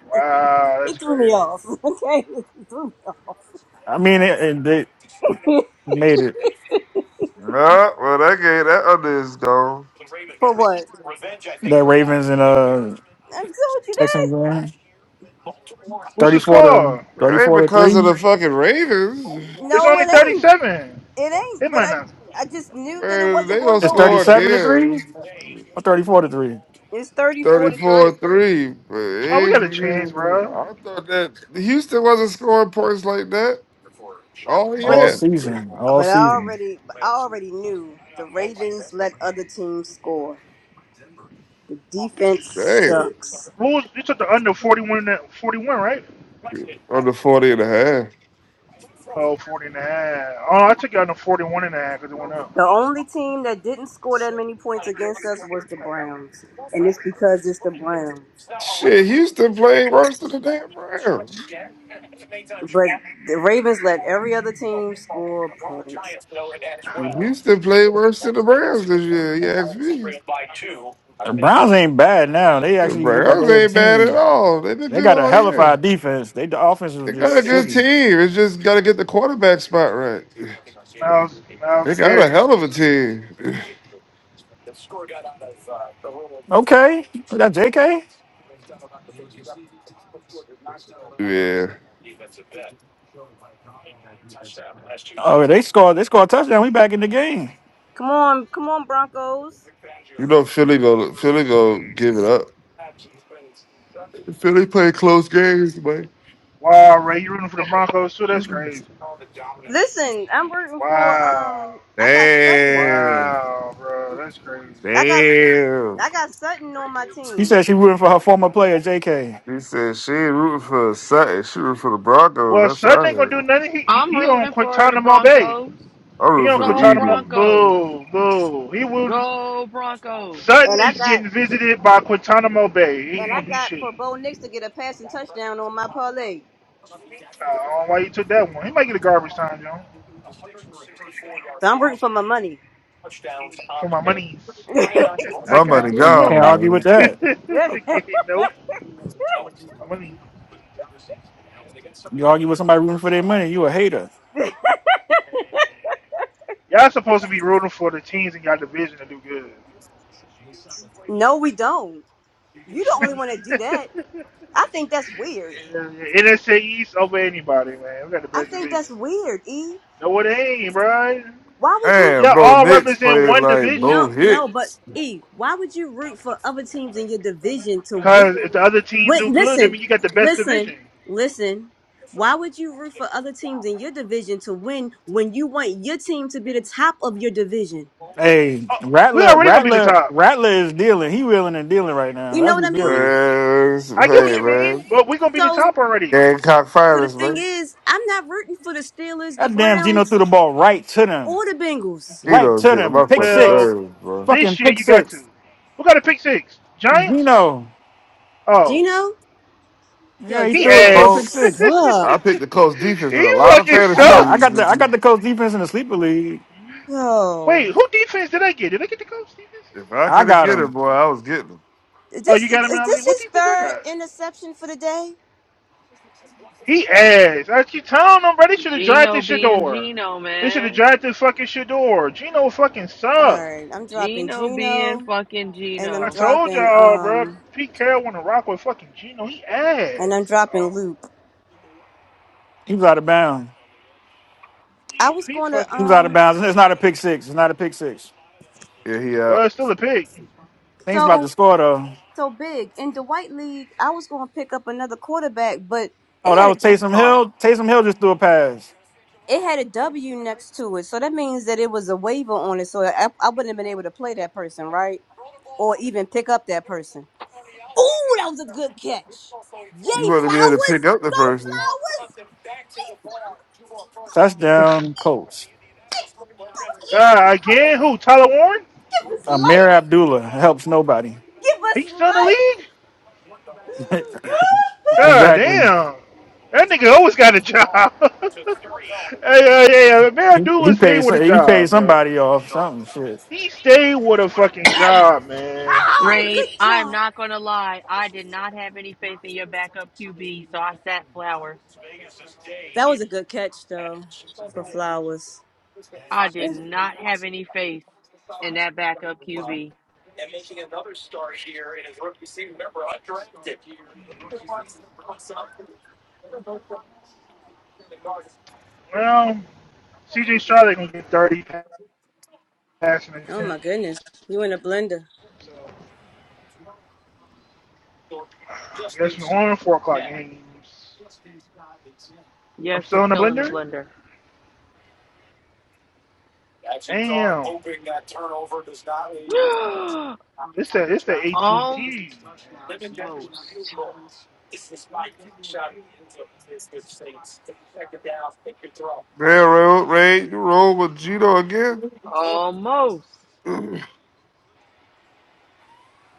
Speaker 6: Wow, that's
Speaker 1: threw me
Speaker 6: crazy.
Speaker 1: off. (laughs) Okay, it threw me off.
Speaker 3: I mean it, it, they
Speaker 1: (laughs)
Speaker 3: made it.
Speaker 5: Nah, (sighs) well that game that under is gone.
Speaker 1: For what?
Speaker 3: That Ravens and uh
Speaker 1: I told you
Speaker 3: Texans
Speaker 1: that.
Speaker 3: game.
Speaker 6: What's
Speaker 3: Thirty
Speaker 6: the
Speaker 3: four to
Speaker 6: score?
Speaker 3: thirty
Speaker 5: It ain't
Speaker 3: four to
Speaker 5: because
Speaker 3: three.
Speaker 5: of the fucking Ravens.
Speaker 6: It's
Speaker 1: No,
Speaker 6: only
Speaker 1: it ain't.
Speaker 6: 37.
Speaker 1: It
Speaker 6: It
Speaker 1: ain't. But
Speaker 6: might
Speaker 1: I,
Speaker 6: not.
Speaker 1: I just knew that it
Speaker 5: Man,
Speaker 1: wasn't
Speaker 5: they
Speaker 1: going
Speaker 5: gonna
Speaker 1: to
Speaker 3: It's
Speaker 1: go
Speaker 3: thirty
Speaker 5: score
Speaker 3: seven
Speaker 1: under.
Speaker 3: to three
Speaker 5: again.
Speaker 3: or thirty four to three.
Speaker 1: It's thirty-four to
Speaker 5: 34
Speaker 1: three.
Speaker 5: 3. I
Speaker 6: Oh, we got a chance, bro.
Speaker 5: thought that Houston wasn't scoring points like that. Oh,
Speaker 1: But,
Speaker 3: All
Speaker 5: yeah.
Speaker 3: season. All
Speaker 1: but I
Speaker 3: season.
Speaker 1: already, I already knew the Ravens let other teams score. The defense
Speaker 5: Damn.
Speaker 1: sucks.
Speaker 6: Who's you took the under 41, and 41, right?
Speaker 5: Under forty and a half.
Speaker 6: Oh, 49. Oh, I took it under 41 and a half because it went up.
Speaker 1: The only team that didn't score that many points against us was the Browns, and it's because it's the Browns.
Speaker 5: Shit, Houston played worse than the damn Browns.
Speaker 1: But the Ravens let every other team score points.
Speaker 5: Houston played worse than the Browns this year. You ask me.
Speaker 3: The Browns ain't bad now. They
Speaker 5: The
Speaker 3: actually look like
Speaker 5: Browns
Speaker 3: they're a
Speaker 5: ain't bad at
Speaker 3: team.
Speaker 5: all. They've been
Speaker 3: They
Speaker 5: good
Speaker 3: got a
Speaker 5: all
Speaker 3: hell of a
Speaker 5: year.
Speaker 3: defense. They the offense was
Speaker 5: They
Speaker 6: You
Speaker 5: got a
Speaker 6: like
Speaker 3: just
Speaker 6: that,
Speaker 5: good
Speaker 6: D.
Speaker 3: shitty.
Speaker 5: team. It's just got to get the quarterback spot right.
Speaker 6: Miles, Miles
Speaker 5: They got a
Speaker 6: Garrett just
Speaker 5: hell
Speaker 6: came.
Speaker 5: of a team. (laughs)
Speaker 3: The score got out of uh, the little Okay, we got J.K.
Speaker 5: Yeah.
Speaker 3: Oh, yeah, they scored. They scored a touchdown. We back in the game.
Speaker 1: Come on, come on, Broncos.
Speaker 5: You know Philly go Philly go give it up. Philly play close games, man.
Speaker 6: Wow, Ray, you rooting for the Broncos too? That's crazy.
Speaker 1: Listen, I'm rooting for
Speaker 6: Wow.
Speaker 1: um I got Sutton.
Speaker 5: Damn.
Speaker 6: Wow, bro. That's crazy.
Speaker 1: I got
Speaker 5: Damn.
Speaker 1: I got Sutton on my
Speaker 3: She
Speaker 1: team.
Speaker 3: said she rooting for her former player J.K.
Speaker 5: He said she ain't rooting for Sutton. She rooting for the Broncos.
Speaker 6: Well,
Speaker 5: That's what
Speaker 6: Sutton
Speaker 5: I
Speaker 6: ain't going to do
Speaker 5: heard.
Speaker 6: nothing. He, he,
Speaker 7: I'm
Speaker 6: he on
Speaker 7: rooting for the
Speaker 6: Guantanamo Bay.
Speaker 7: Broncos.
Speaker 5: I'm
Speaker 6: He
Speaker 5: rooting
Speaker 6: on
Speaker 5: for the
Speaker 7: Go
Speaker 6: Guantanamo.
Speaker 5: Eagles.
Speaker 7: Broncos.
Speaker 6: Boo, boo. He will.
Speaker 7: Go Broncos.
Speaker 6: Sutton
Speaker 1: And I
Speaker 6: is
Speaker 1: got
Speaker 6: getting visited by Guantanamo Bay. He ain't
Speaker 1: and I
Speaker 6: gonna do
Speaker 1: got
Speaker 6: shit.
Speaker 1: for Bo Nix to get a passing touchdown on my parlay.
Speaker 6: I don't know why you took that one. He might get a garbage time, John.
Speaker 1: So I'm rooting for my money.
Speaker 3: You
Speaker 6: For my monies.
Speaker 1: (laughs)
Speaker 6: (laughs) I
Speaker 5: My
Speaker 6: got
Speaker 5: money
Speaker 6: you.
Speaker 3: Can't
Speaker 5: gone,
Speaker 3: argue
Speaker 5: man.
Speaker 3: with
Speaker 6: (laughs)
Speaker 3: that.
Speaker 6: okay, nope. For My money.
Speaker 3: You argue with somebody rooting for their money, you a hater.
Speaker 6: Man. Y'all supposed to be rooting for the teams in y'all division to do good.
Speaker 1: no, we don't. You the only one that do that.
Speaker 6: (laughs)
Speaker 1: I think that's weird.
Speaker 6: NSA East over anybody, man. We got the
Speaker 1: I
Speaker 6: best
Speaker 1: think
Speaker 6: division.
Speaker 1: that's weird, E.
Speaker 6: No, it ain't, bruh.
Speaker 1: Why would you?
Speaker 5: Damn,
Speaker 6: Y'all
Speaker 5: bro,
Speaker 6: all
Speaker 5: Knicks
Speaker 6: represent
Speaker 5: playing
Speaker 6: one
Speaker 5: like
Speaker 6: division.
Speaker 1: No,
Speaker 5: Bo
Speaker 1: no, but
Speaker 5: Hicks.
Speaker 1: E, why would you root for other teams in your division to win?
Speaker 6: Cause if the other teams do
Speaker 1: When,
Speaker 6: good, I
Speaker 1: listen,
Speaker 6: mean you got the best
Speaker 1: listen,
Speaker 6: division.
Speaker 1: listen. Why would you root for other teams in your division to win when you want your team to be the top of your division?
Speaker 3: Hey,
Speaker 6: Oh, we
Speaker 3: Rattler,
Speaker 6: already gonna be the
Speaker 3: Rattler,
Speaker 6: top.
Speaker 3: Rattler is dealing. He wheeling and dealing right now.
Speaker 1: You know
Speaker 3: That's
Speaker 1: what
Speaker 3: who
Speaker 1: I mean?
Speaker 3: dealing.
Speaker 5: Man,
Speaker 6: I get
Speaker 1: You
Speaker 6: what
Speaker 5: hey,
Speaker 1: get
Speaker 6: you mean,
Speaker 5: man.
Speaker 6: but we gonna be the
Speaker 1: so.
Speaker 6: top already.
Speaker 5: Gamecock
Speaker 1: So the
Speaker 5: finals,
Speaker 1: thing
Speaker 5: man.
Speaker 1: is, I'm not rooting for the Steelers, the
Speaker 3: That damn Gino
Speaker 1: Browns,
Speaker 3: threw the ball right to them.
Speaker 1: or the Bengals.
Speaker 3: Right
Speaker 5: Cheetos
Speaker 3: to
Speaker 5: getting on
Speaker 3: them.
Speaker 5: my
Speaker 3: Pick
Speaker 5: fucking
Speaker 6: Well,
Speaker 3: six.
Speaker 5: nerves, bro.
Speaker 3: Fucking
Speaker 6: this year
Speaker 3: pick
Speaker 6: you got to.
Speaker 3: six.
Speaker 6: Who got a pick six? Giants?
Speaker 3: Gino.
Speaker 6: Oh,
Speaker 1: Gino,
Speaker 3: Yeah,
Speaker 1: yo,
Speaker 3: he
Speaker 6: he
Speaker 3: threw he
Speaker 1: Gino,
Speaker 3: threw a
Speaker 5: Colt,
Speaker 3: pick
Speaker 6: ass.
Speaker 3: six.
Speaker 5: I
Speaker 1: suck.
Speaker 5: picked
Speaker 6: (laughs)
Speaker 5: the Colts defense in
Speaker 6: he
Speaker 5: a lot of
Speaker 6: fucking
Speaker 3: I
Speaker 5: fantasy
Speaker 3: got
Speaker 6: suck.
Speaker 3: I
Speaker 5: leagues
Speaker 3: got the
Speaker 5: this
Speaker 3: I got
Speaker 5: week.
Speaker 3: the coach defense in the sleeper league.
Speaker 1: yo.
Speaker 6: Wait, who defense did I get? Did I get the coach defense?
Speaker 5: If I
Speaker 3: I
Speaker 5: could have
Speaker 3: got
Speaker 5: get
Speaker 3: him.
Speaker 5: him, boy, I was getting him.
Speaker 1: Is
Speaker 6: Oh, you
Speaker 1: this
Speaker 6: got him in
Speaker 1: is
Speaker 6: LA.
Speaker 1: this
Speaker 6: What
Speaker 1: his
Speaker 6: defense I
Speaker 1: third
Speaker 6: got?
Speaker 1: interception for the day?
Speaker 6: He ass. I keep telling them, bro, they should have
Speaker 7: Gino
Speaker 6: drafted
Speaker 7: being
Speaker 6: Shador.
Speaker 7: Gino,
Speaker 6: They should have
Speaker 7: man.
Speaker 6: drafted fucking Shador. Gino fucking
Speaker 1: All
Speaker 6: suck.
Speaker 1: right, I'm dropping
Speaker 7: Gino being
Speaker 1: Gino
Speaker 7: fucking
Speaker 1: and I'm
Speaker 6: I
Speaker 7: Gino.
Speaker 6: told
Speaker 1: dropping
Speaker 6: y'all, bro.
Speaker 1: um
Speaker 6: Pete Carroll want to rock with fucking Geno. He
Speaker 1: and I'm
Speaker 6: ass.
Speaker 1: dropping
Speaker 6: Oh,
Speaker 1: Luke.
Speaker 3: He was out of bounds.
Speaker 1: I
Speaker 6: he,
Speaker 1: was
Speaker 6: he
Speaker 1: going to
Speaker 3: He
Speaker 6: fucking.
Speaker 3: was out of
Speaker 1: um
Speaker 3: bounds. It's not a pick six. It's not a pick six.
Speaker 5: Yeah, he
Speaker 6: Well,
Speaker 5: out.
Speaker 6: it's still a pick.
Speaker 3: Things about to
Speaker 1: so
Speaker 3: score though.
Speaker 1: so big in the White League. I was going to pick up another quarterback, but it
Speaker 3: Oh, that
Speaker 1: had
Speaker 3: was
Speaker 1: a
Speaker 7: That's
Speaker 3: Taysom
Speaker 7: caught.
Speaker 3: Hill. Taysom Hill just threw a pass.
Speaker 1: it had a W next to it, so that means that it was a waiver on it. So I, I wouldn't have been able to play that person, right? Or even pick up that person. Ooh, that was a good catch!
Speaker 5: You
Speaker 1: Yay,
Speaker 5: want to be able to pick
Speaker 1: flowers!
Speaker 5: up the
Speaker 1: Go
Speaker 5: person.
Speaker 1: flowers!
Speaker 3: Touchdown, Colts.
Speaker 6: God, again, who? Tyler Warren?
Speaker 1: Give us
Speaker 3: Amir
Speaker 1: life!
Speaker 3: Abdullah helps nobody.
Speaker 1: Give us
Speaker 6: He's still in the
Speaker 1: life!
Speaker 6: league?
Speaker 3: (laughs)
Speaker 1: (gasps) (laughs)
Speaker 6: God
Speaker 3: exactly.
Speaker 6: damn. That nigga always got a job. (laughs) hey, hey, hey, Mayor
Speaker 3: He he
Speaker 6: Doolin stayed
Speaker 3: paid
Speaker 6: with a
Speaker 3: he paid
Speaker 6: job, bro.
Speaker 3: somebody off something shit.
Speaker 6: He stayed with a fucking job, man.
Speaker 1: Oh,
Speaker 7: Raid,
Speaker 1: good
Speaker 7: I'm
Speaker 1: job.
Speaker 7: not gonna lie. I did not have any faith in your backup QB, so I sat flowers.
Speaker 1: That was a good catch, though, for Flowers.
Speaker 7: I did not have any faith in that backup QB.
Speaker 6: Well, CJ Stroud ain't gonna get 30 passing
Speaker 1: Oh, my
Speaker 6: attempt.
Speaker 1: goodness. You in a blender.
Speaker 6: So, I guess we're on 4 o'clock games. I'm
Speaker 7: Yes,
Speaker 6: still
Speaker 7: he's
Speaker 6: in the
Speaker 7: still in the
Speaker 6: blender?
Speaker 7: blender.
Speaker 6: Damn,
Speaker 7: (gasps)
Speaker 6: it's a it's the
Speaker 7: Almost.
Speaker 6: AT&T.
Speaker 5: Railroad, Ray, you roll with Gino again?
Speaker 7: Almost.
Speaker 5: (clears throat) oh,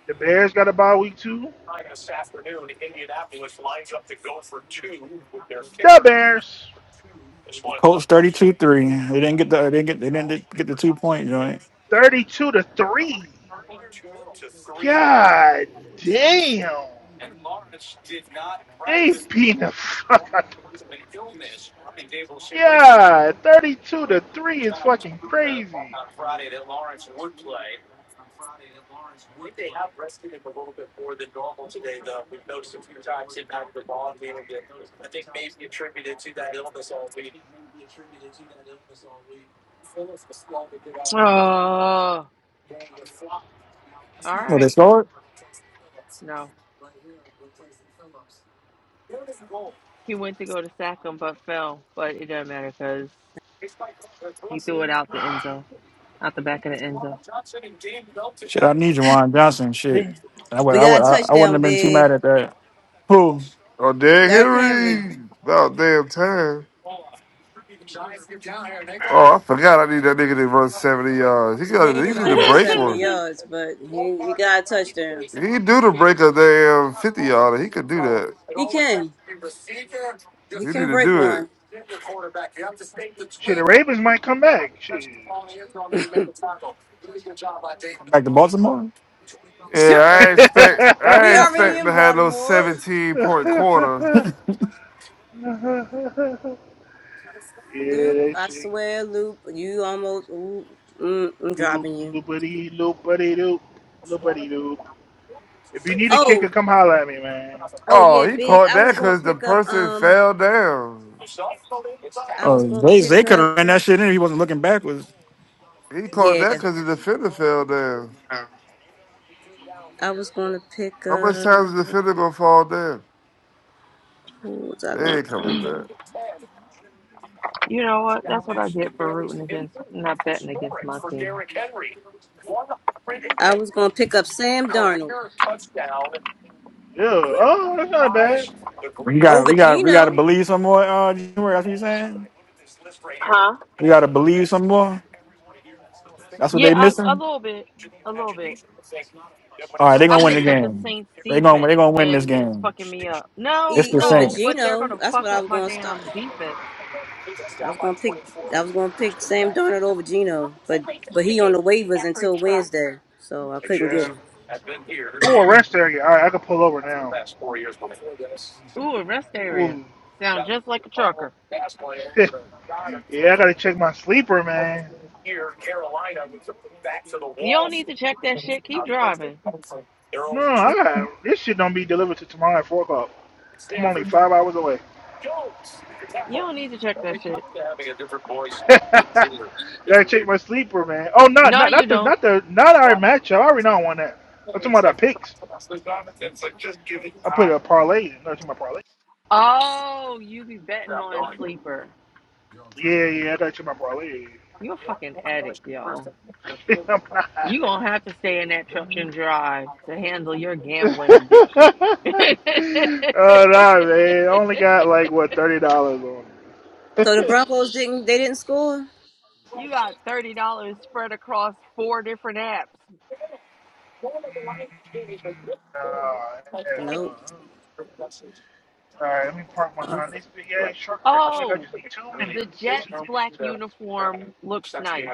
Speaker 6: The Bears got a bye week two. The Bears,
Speaker 3: Colts 32-3. They didn't get the they didn't get they didn't get the two point joint.
Speaker 6: thirty-two to three. God damn, they beat the (laughs) fuck out. the- God, thirty-two to three is fucking crazy.
Speaker 7: Oh, all
Speaker 3: Well, they
Speaker 7: right.
Speaker 3: scored.
Speaker 7: No. He went to go to sack him, but fell. But it doesn't matter because he threw it out the end zone. Out the back of the end zone.
Speaker 3: Shit, I need Jawan Johnson. Shit,
Speaker 1: We
Speaker 3: I would,
Speaker 1: we
Speaker 3: I
Speaker 1: got
Speaker 3: would,
Speaker 1: a
Speaker 3: I, I wouldn't
Speaker 1: touchdown,
Speaker 3: have been too
Speaker 1: big.
Speaker 3: mad at that. Who?
Speaker 5: Dan
Speaker 1: Derrick Henry.
Speaker 5: Henry. About damn time. Oh, I forgot I need that nigga to run 70 yards. He
Speaker 1: He
Speaker 5: got he
Speaker 1: ain't
Speaker 7: (laughs)
Speaker 5: need to
Speaker 1: running no
Speaker 5: break
Speaker 1: 70
Speaker 5: one.
Speaker 1: yards, but he, he got a touchdown.
Speaker 5: He do to break a damn 50 yarder. He could do that.
Speaker 1: He can. He
Speaker 5: He need
Speaker 1: can
Speaker 5: to
Speaker 1: break
Speaker 5: do it.
Speaker 1: one.
Speaker 6: Shit, the Ravens might come back. Shit.
Speaker 3: Back to Baltimore?
Speaker 1: (laughs)
Speaker 5: Yeah,
Speaker 1: Shut
Speaker 5: I
Speaker 1: up.
Speaker 6: (laughs)
Speaker 5: ain't expect I
Speaker 1: We
Speaker 5: ain't
Speaker 1: already
Speaker 5: expect
Speaker 1: in
Speaker 5: to have no
Speaker 1: Baltimore.
Speaker 6: (laughs)
Speaker 5: 17 point quarter.
Speaker 6: yeah,
Speaker 1: Loop,
Speaker 6: that
Speaker 1: I
Speaker 6: shit.
Speaker 1: swear, Loop, you almost. Ooh, mm, I'm
Speaker 6: Loop,
Speaker 1: dropping you.
Speaker 6: loopity, loopity, loop, loopity, loop. If you need a kicker,
Speaker 1: Oh,
Speaker 6: come holler at me, man.
Speaker 1: oh
Speaker 5: Oh,
Speaker 1: yeah,
Speaker 5: he
Speaker 1: big.
Speaker 5: caught
Speaker 1: I was
Speaker 5: that
Speaker 1: gonna
Speaker 5: because the
Speaker 1: pick up.
Speaker 5: person
Speaker 1: Um,
Speaker 5: fell down.
Speaker 1: I was
Speaker 3: Oh,
Speaker 1: gonna
Speaker 3: they they
Speaker 1: pick
Speaker 3: could
Speaker 1: up.
Speaker 3: have ran that shit in if he wasn't looking backwards.
Speaker 5: He called that
Speaker 1: Yeah,
Speaker 5: because the defender fell down.
Speaker 1: I was gonna pick
Speaker 5: How much time
Speaker 1: up
Speaker 5: is the defender gonna fall down?
Speaker 1: who was I going
Speaker 5: They ain't coming back.
Speaker 7: you know what? That's what I get for rooting against, not betting against my team.
Speaker 1: I was gonna pick up Sam Darnold.
Speaker 6: Yeah. Oh, that's not bad.
Speaker 3: We got,
Speaker 1: Over
Speaker 3: we got, we got to
Speaker 1: Geno.
Speaker 3: believe some more. Uh, January, that's what you saying. We got to believe some more. That's what
Speaker 7: Yeah,
Speaker 3: they
Speaker 7: I, a
Speaker 3: missing.
Speaker 7: little bit. A little bit.
Speaker 3: All right, they gonna
Speaker 7: I
Speaker 3: win the
Speaker 1: E
Speaker 7: picked up (clears throat) the
Speaker 3: game.
Speaker 7: Saints
Speaker 3: They gonna, they
Speaker 7: defense
Speaker 3: gonna win this
Speaker 7: and it's
Speaker 3: game.
Speaker 7: fucking me up. No,
Speaker 3: It's
Speaker 1: E
Speaker 3: the
Speaker 1: over
Speaker 3: same.
Speaker 7: no, but they're going
Speaker 1: Geno.
Speaker 7: to
Speaker 1: That's what
Speaker 7: fuck
Speaker 1: I
Speaker 7: up
Speaker 1: was
Speaker 7: my
Speaker 1: gonna start.
Speaker 7: damn defense.
Speaker 1: I was gonna pick I was gonna pick Sam Darnold over Geno, but but he on the waivers until Wednesday, so I couldn't get
Speaker 6: Yeah.
Speaker 1: him.
Speaker 6: Oh, a rest area. All right, I can pull over now.
Speaker 7: Ooh, a rest area.
Speaker 6: Ooh.
Speaker 7: Sound just like a trucker.
Speaker 6: (laughs) yeah, I gotta check my sleeper, man.
Speaker 7: You don't need to check that shit. Keep driving.
Speaker 6: No, I got this shit. Don't be delivered to tomorrow at four o'clock. I'm only five hours away.
Speaker 7: You don't need to check that shit.
Speaker 6: (laughs) gotta check my sleeper, man. Oh, not
Speaker 7: No,
Speaker 6: not
Speaker 7: you
Speaker 6: not the
Speaker 7: don't.
Speaker 6: not the not our matchup. I already know I won that. I'm talking about our picks. I put a parlay. No, it's my parlay.
Speaker 7: Oh, you be betting on sleeper.
Speaker 6: Yeah, yeah, I gotta check my parlay.
Speaker 7: You're a fucking addict, y'all.
Speaker 6: (laughs) I'm
Speaker 7: you
Speaker 6: not.
Speaker 7: gonna have to stay in that truck and drive to handle your
Speaker 6: (laughs)
Speaker 7: gambling addiction.
Speaker 6: oh
Speaker 7: (laughs)
Speaker 6: nah, man. Only got like what thirty dollars on it.
Speaker 1: So the Broncos didn't they didn't score?
Speaker 7: you got thirty dollars spread across four different apps.
Speaker 6: Oh,
Speaker 1: Nope.
Speaker 6: hell. All right, let me park
Speaker 1: Uh,
Speaker 6: behind this big ass truck right quick. I
Speaker 7: Oh,
Speaker 6: just need two
Speaker 7: the
Speaker 6: minutes. Two
Speaker 7: Jets
Speaker 6: minutes.
Speaker 7: black
Speaker 6: Two minutes.
Speaker 7: uniform looks nice.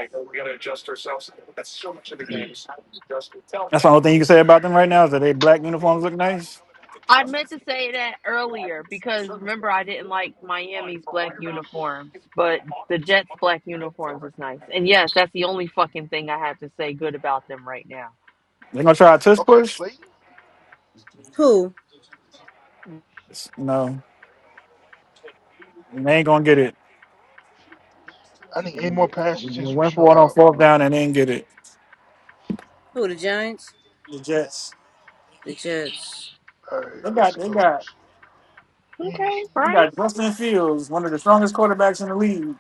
Speaker 3: That's the only thing you can say about them right now is that they black uniforms look nice.
Speaker 7: I meant to say that earlier because remember I didn't like Miami's black uniforms, but the Jets black uniforms is nice. And yes, that's the only fucking thing I have to say good about them right now.
Speaker 3: They're gonna try a tush
Speaker 6: Okay,
Speaker 3: push.
Speaker 6: Slayton.
Speaker 1: Who?
Speaker 3: No, they ain't gonna get it.
Speaker 6: I need eight more
Speaker 3: We
Speaker 6: passages from
Speaker 3: went for it on
Speaker 6: Shroud.
Speaker 3: fourth down and they didn't get it.
Speaker 1: Who the Giants?
Speaker 3: The Jets.
Speaker 1: The Jets.
Speaker 6: All right,
Speaker 3: They
Speaker 6: let's
Speaker 3: got they
Speaker 6: go.
Speaker 3: got
Speaker 6: to
Speaker 7: Okay,
Speaker 6: Fantasy.
Speaker 3: they
Speaker 7: Bryce.
Speaker 3: got Justin Fields, one of the strongest quarterbacks in the league.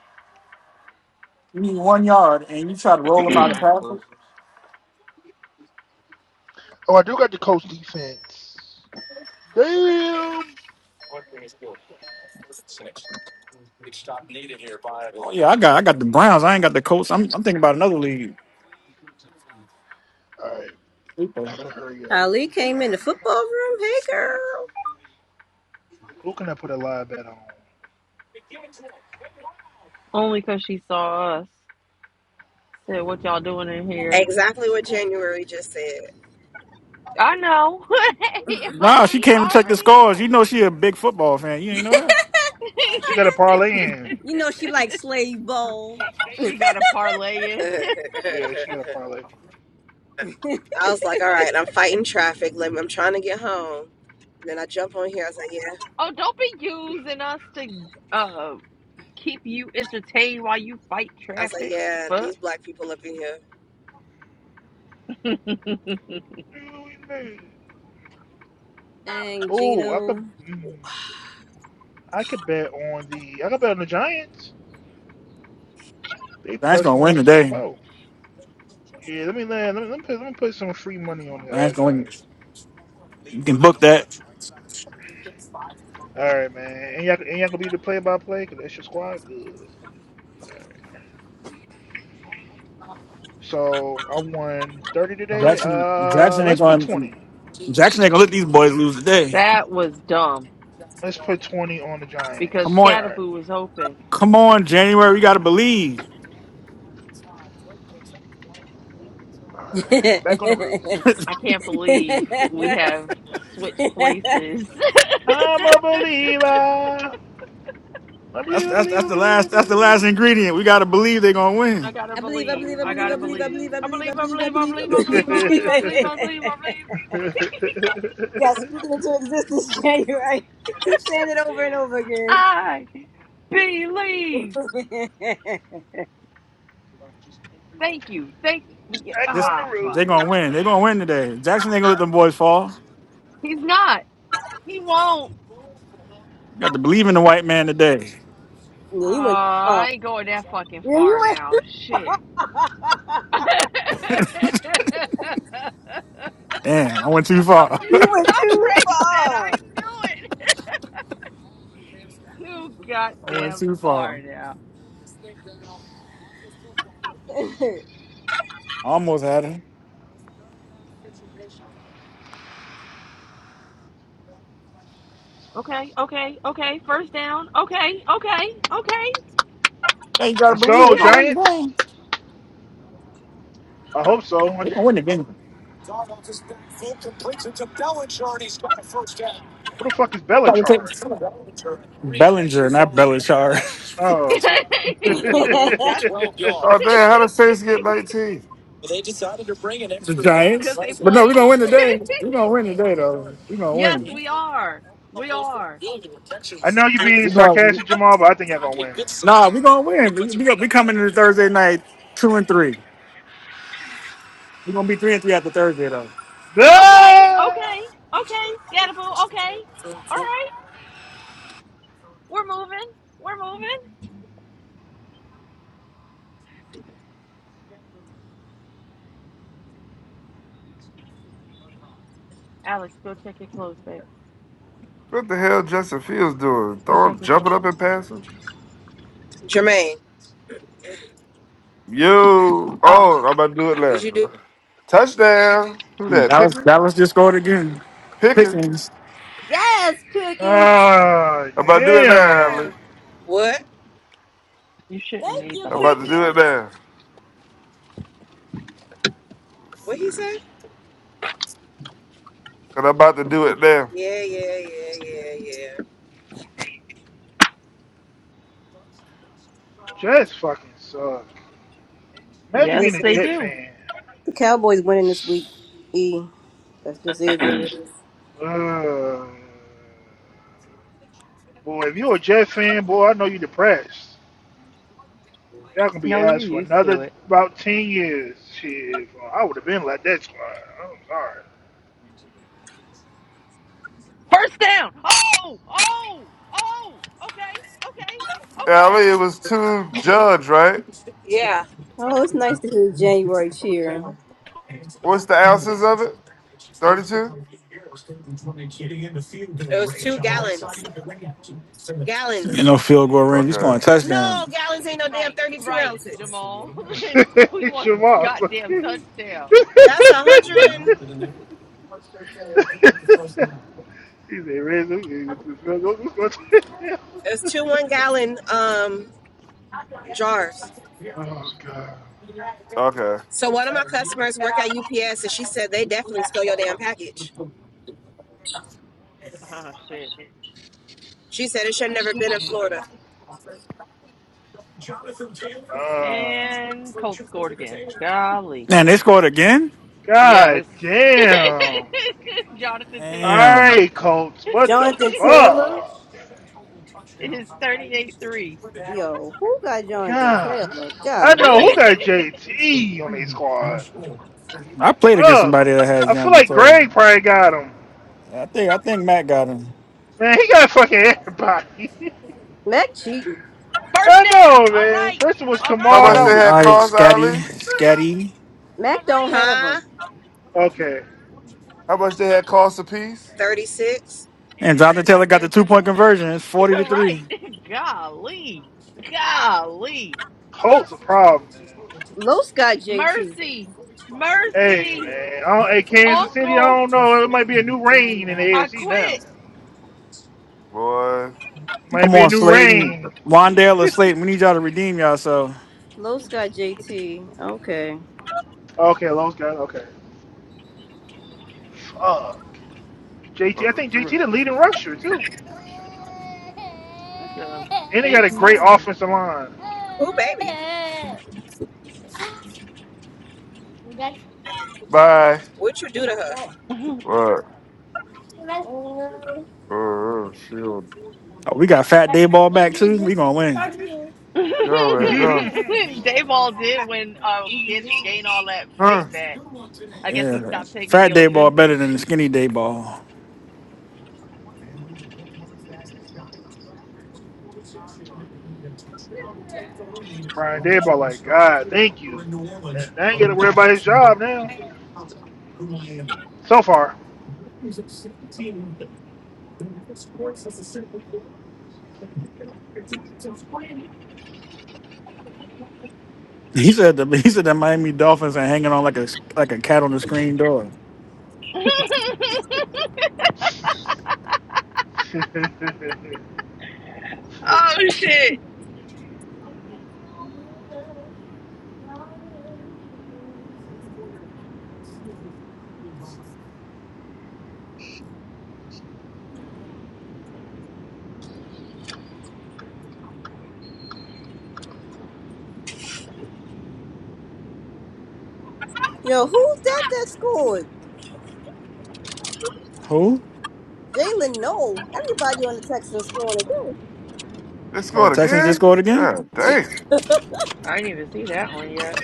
Speaker 3: You need one yard and you try to roll him out of tackle.
Speaker 6: Oh, I do got the coach defense. Damn.
Speaker 3: stopped Oh yeah, I got I got the Browns. I ain't got the Colts. I'm I'm thinking about another league.
Speaker 6: All right, I gotta hurry up.
Speaker 1: Ali came in the football room. Hey girl.
Speaker 6: Who can I put a live bet on?
Speaker 7: Only because she saw us. Said what y'all doing in here?
Speaker 10: Exactly what January just said.
Speaker 7: I know. (laughs) y'all,
Speaker 3: Nah, she
Speaker 7: we
Speaker 3: came to check the
Speaker 7: already
Speaker 3: scores. You
Speaker 7: know.
Speaker 3: know she a big football fan. You ain't know that.
Speaker 6: She got a parlay in.
Speaker 1: You know she likes slave ball.
Speaker 7: (laughs) she got a parlay in. (laughs)
Speaker 10: (laughs)
Speaker 6: Yeah, she got a parlay.
Speaker 10: I was like, all right, I'm fighting traffic. Let me, I'm trying to get home. And then I jump on here. I was like, yeah.
Speaker 7: Oh, don't be using us to uh keep you entertained while you fight
Speaker 10: I was like,
Speaker 7: traffic.
Speaker 10: yeah,
Speaker 7: The
Speaker 10: these black people up in here.
Speaker 7: Fuck. (laughs)
Speaker 6: Dude, made
Speaker 1: Dang,
Speaker 6: Oh, I could.
Speaker 1: Gino.
Speaker 6: Mm, I could bet on the. I could bet on the Giants. They
Speaker 3: Giants
Speaker 6: plus
Speaker 3: gonna
Speaker 6: one
Speaker 3: win
Speaker 6: sixty
Speaker 3: today.
Speaker 6: four. Yeah, let me land. Let me, let me put. Let me put some free money on the uh,
Speaker 3: Giants gonna win.
Speaker 6: Giants.
Speaker 3: You can book that.
Speaker 6: All right, man. And y'all, and y'all gonna be the play by play because that's your squad. Good. So I won thirty today.
Speaker 3: Jackson
Speaker 6: Uh,
Speaker 3: Jackson ain't
Speaker 6: let's put
Speaker 3: gonna
Speaker 6: twenty.
Speaker 3: Jackson ain't gonna let these boys lose today.
Speaker 7: That was dumb
Speaker 6: Let's put twenty on the
Speaker 7: because
Speaker 3: Come
Speaker 6: Giants.
Speaker 3: on,
Speaker 6: All right.
Speaker 7: Scatterboo was open.
Speaker 3: come on, January. We gotta believe.
Speaker 6: All right. Back on the road.
Speaker 3: (laughs)
Speaker 1: I
Speaker 7: I
Speaker 3: that's
Speaker 7: can't believe we have switched places. (laughs)
Speaker 6: I'm a believer. I believe. I
Speaker 3: that's
Speaker 6: believe.
Speaker 3: that's
Speaker 6: I
Speaker 3: the
Speaker 6: believe. I believe. I
Speaker 3: last that's the last
Speaker 6: believe.
Speaker 3: ingredient. We gotta believe they're gonna
Speaker 7: I
Speaker 3: win.
Speaker 7: gotta
Speaker 1: believe, I
Speaker 6: I
Speaker 7: believe.
Speaker 1: believe,
Speaker 6: believe.
Speaker 1: I
Speaker 6: I
Speaker 7: I
Speaker 1: believe, I
Speaker 7: gotta
Speaker 6: believe. I
Speaker 1: believe, I
Speaker 7: believe.
Speaker 1: believe,
Speaker 6: believe.
Speaker 1: I
Speaker 7: I
Speaker 1: believe, I
Speaker 7: believe. I
Speaker 1: believe, I
Speaker 7: believe. I
Speaker 1: believe, I
Speaker 6: (laughs)
Speaker 7: believe. I
Speaker 6: Back
Speaker 1: believe, I
Speaker 7: believe. I believe.
Speaker 1: believe.
Speaker 7: I believe. I believe. I
Speaker 1: (laughs)
Speaker 7: believe.
Speaker 1: yeah, speaking into existence, (laughs) yeah, you're right. Keep saying it over and over again.
Speaker 7: I believe.
Speaker 1: (laughs) yeah,
Speaker 7: Thank you. Thank you. We get-
Speaker 3: This
Speaker 6: on the
Speaker 7: Ah, fuck.
Speaker 3: they're gonna
Speaker 6: road.
Speaker 3: win. They're gonna win today. Jackson ain't gonna let them boys fall. You
Speaker 7: He's not. He won't.
Speaker 3: got to believe in the white man today.
Speaker 1: you went too
Speaker 7: Ah, I
Speaker 1: far.
Speaker 7: ain't going that fucking
Speaker 1: Yeah, you
Speaker 7: far
Speaker 1: went.
Speaker 7: now. Shit. (laughs) no, Ray
Speaker 3: Damn, I went too far.
Speaker 1: (laughs) you went too
Speaker 7: said
Speaker 1: far.
Speaker 7: I knew it. Too
Speaker 3: (laughs) I went
Speaker 7: goddamn
Speaker 3: too far.
Speaker 7: far now.
Speaker 3: I almost had him.
Speaker 7: Okay, okay, okay. First down. Okay, okay, okay,
Speaker 3: Yeah, you gotta
Speaker 6: Let's
Speaker 3: believe they're
Speaker 6: go,
Speaker 7: okay.
Speaker 3: gonna win the
Speaker 6: Giants.
Speaker 3: game.
Speaker 6: I hope so. I just what the fuck is Belichard?
Speaker 3: Bellinger, not Bellichar.
Speaker 6: Oh. (laughs)
Speaker 7: (laughs)
Speaker 1: (laughs)
Speaker 7: That's
Speaker 5: Oh damn! How the
Speaker 7: (laughs)
Speaker 5: Saints get 19?
Speaker 3: (laughs) the Giants.
Speaker 7: because they
Speaker 3: But no, we're
Speaker 7: playing.
Speaker 3: gonna win
Speaker 7: (laughs)
Speaker 3: today. We're gonna win today though. We're gonna
Speaker 7: Yes,
Speaker 3: win.
Speaker 7: we are. We are.
Speaker 3: We're
Speaker 6: I know you're being
Speaker 3: gonna
Speaker 6: sarcastic, Jamal, but I think y'all gonna win, man.
Speaker 3: Nah, we're gonna win. We, we, we coming in Thursday night two and three. We're gonna be three and three after Thursday though.
Speaker 7: Okay,
Speaker 6: Ah!
Speaker 7: okay, okay, Scatterboo, okay. All right, we're moving. We're moving. Alex, go check your clothes, babe.
Speaker 5: What the hell Justin Fields doing?
Speaker 7: Go check
Speaker 5: Throwing,
Speaker 7: your
Speaker 5: jumping
Speaker 7: clothes.
Speaker 5: up and passing?
Speaker 10: Jermaine,
Speaker 5: Yo!
Speaker 7: Oh,
Speaker 5: Oh, I'm about to do it
Speaker 10: did you do
Speaker 5: now. Touchdown! Who
Speaker 3: Hmm,
Speaker 5: that?
Speaker 3: Dallas
Speaker 5: Pickens?
Speaker 3: Dallas just scored again.
Speaker 5: Pickens?
Speaker 3: Pickens.
Speaker 1: yes, Pickens.
Speaker 6: Ah,
Speaker 5: I'm about to do it now,
Speaker 6: damn.
Speaker 5: Ali.
Speaker 10: what?
Speaker 7: you shouldn't
Speaker 1: Thank
Speaker 7: need
Speaker 1: you,
Speaker 7: the
Speaker 5: I'm
Speaker 7: whole
Speaker 5: about to
Speaker 7: $2.
Speaker 5: do it
Speaker 1: Pickens.
Speaker 5: now. let
Speaker 10: What he say?
Speaker 5: And I'm about to do it now.
Speaker 10: Yeah, yeah, yeah, yeah, yeah.
Speaker 6: Jets fucking suck. Imagine
Speaker 7: Yes,
Speaker 6: being a
Speaker 1: Listen,
Speaker 7: they
Speaker 6: Jet
Speaker 7: do.
Speaker 6: fan.
Speaker 1: the Cowboys winning this week. E. That's just it.
Speaker 6: Uh, boy, if you're a Jet fan, boy, I know you're depressed. Y'all gonna be
Speaker 7: No, you're
Speaker 6: asked for
Speaker 7: used
Speaker 6: another
Speaker 7: to it.
Speaker 6: about ten years. Shit, I would have been like that squad.
Speaker 7: First down. Oh, oh, oh. Okay, okay,
Speaker 5: Ali,
Speaker 7: okay.
Speaker 5: it was two judge, right?
Speaker 10: Yeah,
Speaker 1: Oh, it's nice to hear January cheering.
Speaker 5: What's the ounces of it? 32?
Speaker 10: it was two gallons.
Speaker 3: You
Speaker 10: Gallons.
Speaker 3: know, field goal range. He's going
Speaker 5: Okay.
Speaker 10: No,
Speaker 3: touchdown.
Speaker 10: gallons ain't no damn
Speaker 7: Right,
Speaker 10: 32
Speaker 7: right,
Speaker 10: ounces.
Speaker 7: Jamal. (laughs)
Speaker 6: I'm sorry. (laughs)
Speaker 7: we
Speaker 6: it's
Speaker 7: want
Speaker 6: your
Speaker 7: a
Speaker 6: boss. (laughs)
Speaker 7: goddamn touchdown.
Speaker 6: he
Speaker 10: That's a hundred and
Speaker 6: said, "Riz, we (laughs)
Speaker 10: it's two one gallon um jars.
Speaker 6: Oh god.
Speaker 5: Okay.
Speaker 10: So one of my customers work at UPS, and she said they definitely stole your damn package.
Speaker 7: Oh, shit.
Speaker 10: She said it should have never been in
Speaker 6: Mm.
Speaker 10: Florida.
Speaker 6: Uh,
Speaker 7: And Colts scored again. Golly.
Speaker 3: Man, they scored again.
Speaker 6: god
Speaker 7: Yes.
Speaker 6: damn.
Speaker 7: (laughs) Jonathan Taylor.
Speaker 3: Damn.
Speaker 6: Alright, Colts,
Speaker 7: (laughs)
Speaker 6: what the
Speaker 1: Jonathan
Speaker 7: it
Speaker 1: Taylor?
Speaker 6: fuck?
Speaker 7: is 38 3.
Speaker 1: Yo, who got Jonathan
Speaker 6: God.
Speaker 1: Taylor?
Speaker 6: I
Speaker 1: God,
Speaker 6: know
Speaker 7: (laughs)
Speaker 6: who
Speaker 1: live.
Speaker 6: got JT on their squad.
Speaker 3: I played against
Speaker 6: Uh,
Speaker 3: somebody that had
Speaker 6: I feel
Speaker 3: Jonathan
Speaker 6: like
Speaker 3: Taylor.
Speaker 6: Greg probably got him.
Speaker 3: I think I think Matt got him.
Speaker 6: Man, he got fucking everybody. (laughs)
Speaker 1: Mac cheating.
Speaker 6: I
Speaker 7: First down.
Speaker 6: know,
Speaker 7: All
Speaker 6: man.
Speaker 7: right.
Speaker 6: First it was
Speaker 7: All
Speaker 5: How
Speaker 7: right.
Speaker 3: All
Speaker 6: Kamar,
Speaker 5: much
Speaker 6: now
Speaker 7: Let's
Speaker 5: they
Speaker 6: it
Speaker 3: right,
Speaker 6: was
Speaker 3: all
Speaker 5: had
Speaker 7: go.
Speaker 3: right,
Speaker 6: Greg.
Speaker 5: cost,
Speaker 3: Scatty,
Speaker 5: Ali?
Speaker 3: Scatty,
Speaker 7: All
Speaker 1: Mac don't
Speaker 7: right.
Speaker 1: have
Speaker 10: Huh?
Speaker 1: him.
Speaker 6: Okay.
Speaker 5: How much they had cost a piece?
Speaker 10: Thirty six.
Speaker 3: and
Speaker 7: And they
Speaker 3: Jonathan
Speaker 7: got
Speaker 3: Taylor got the
Speaker 7: the
Speaker 3: two
Speaker 7: two
Speaker 3: point
Speaker 7: point.
Speaker 3: conversion. It's
Speaker 7: (laughs)
Speaker 3: forty to three.
Speaker 7: right. (laughs) Golly. Golly.
Speaker 6: Colts a problem, man.
Speaker 1: Los got JT.
Speaker 7: Mercy.
Speaker 6: Hey,
Speaker 7: Mercy.
Speaker 6: man. I don't, hey, Kansas City, I
Speaker 7: Uncle.
Speaker 6: don't know. It might be a new reign in the
Speaker 7: I
Speaker 6: AFC now.
Speaker 7: quit.
Speaker 5: Boy.
Speaker 6: Might
Speaker 3: Come
Speaker 6: be a
Speaker 3: on,
Speaker 6: new
Speaker 3: Slayton,
Speaker 6: reign.
Speaker 3: Wandale or
Speaker 6: (laughs)
Speaker 3: Slayton. We need y'all to redeem y'all. So
Speaker 1: Los got JT. Okay.
Speaker 6: Okay, Lowe's got it. Okay. Fuck.
Speaker 5: Uh,
Speaker 6: JT, I think JT the leading rusher, too.
Speaker 7: That's a
Speaker 6: And they
Speaker 7: big
Speaker 6: got a great
Speaker 7: man.
Speaker 6: offensive line.
Speaker 10: Who baby?
Speaker 5: Bye.
Speaker 10: What would you do to her?
Speaker 7: (laughs) Dayball
Speaker 5: What? Oh, shield.
Speaker 3: oh, we got Fat Day Ball back too. We gonna win.
Speaker 5: you man, go.
Speaker 6: (laughs)
Speaker 7: did win uh get gain all that
Speaker 5: Huh?
Speaker 7: weight back. I guess he
Speaker 3: Yeah,
Speaker 7: stopped taking the
Speaker 3: Fat Day Ball
Speaker 7: Ozempic.
Speaker 3: better than the Skinny Day Ball.
Speaker 6: Brian Dayball, like, God, thank you. I ain't got to worry about his job now. So far.
Speaker 3: He said the (laughs) he said the Miami Dolphins are hanging on like a like a cat on the screen door.
Speaker 7: (laughs) oh
Speaker 6: (laughs)
Speaker 7: shit!
Speaker 1: Yo, who's that that scored?
Speaker 3: Who?
Speaker 1: Jalen Noel. Everybody on the Texans scoring
Speaker 5: They
Speaker 3: No,
Speaker 5: scored
Speaker 3: Texans just
Speaker 5: again?
Speaker 3: scored again.
Speaker 5: God dang.
Speaker 1: today. (laughs)
Speaker 7: I didn't even see that one yet.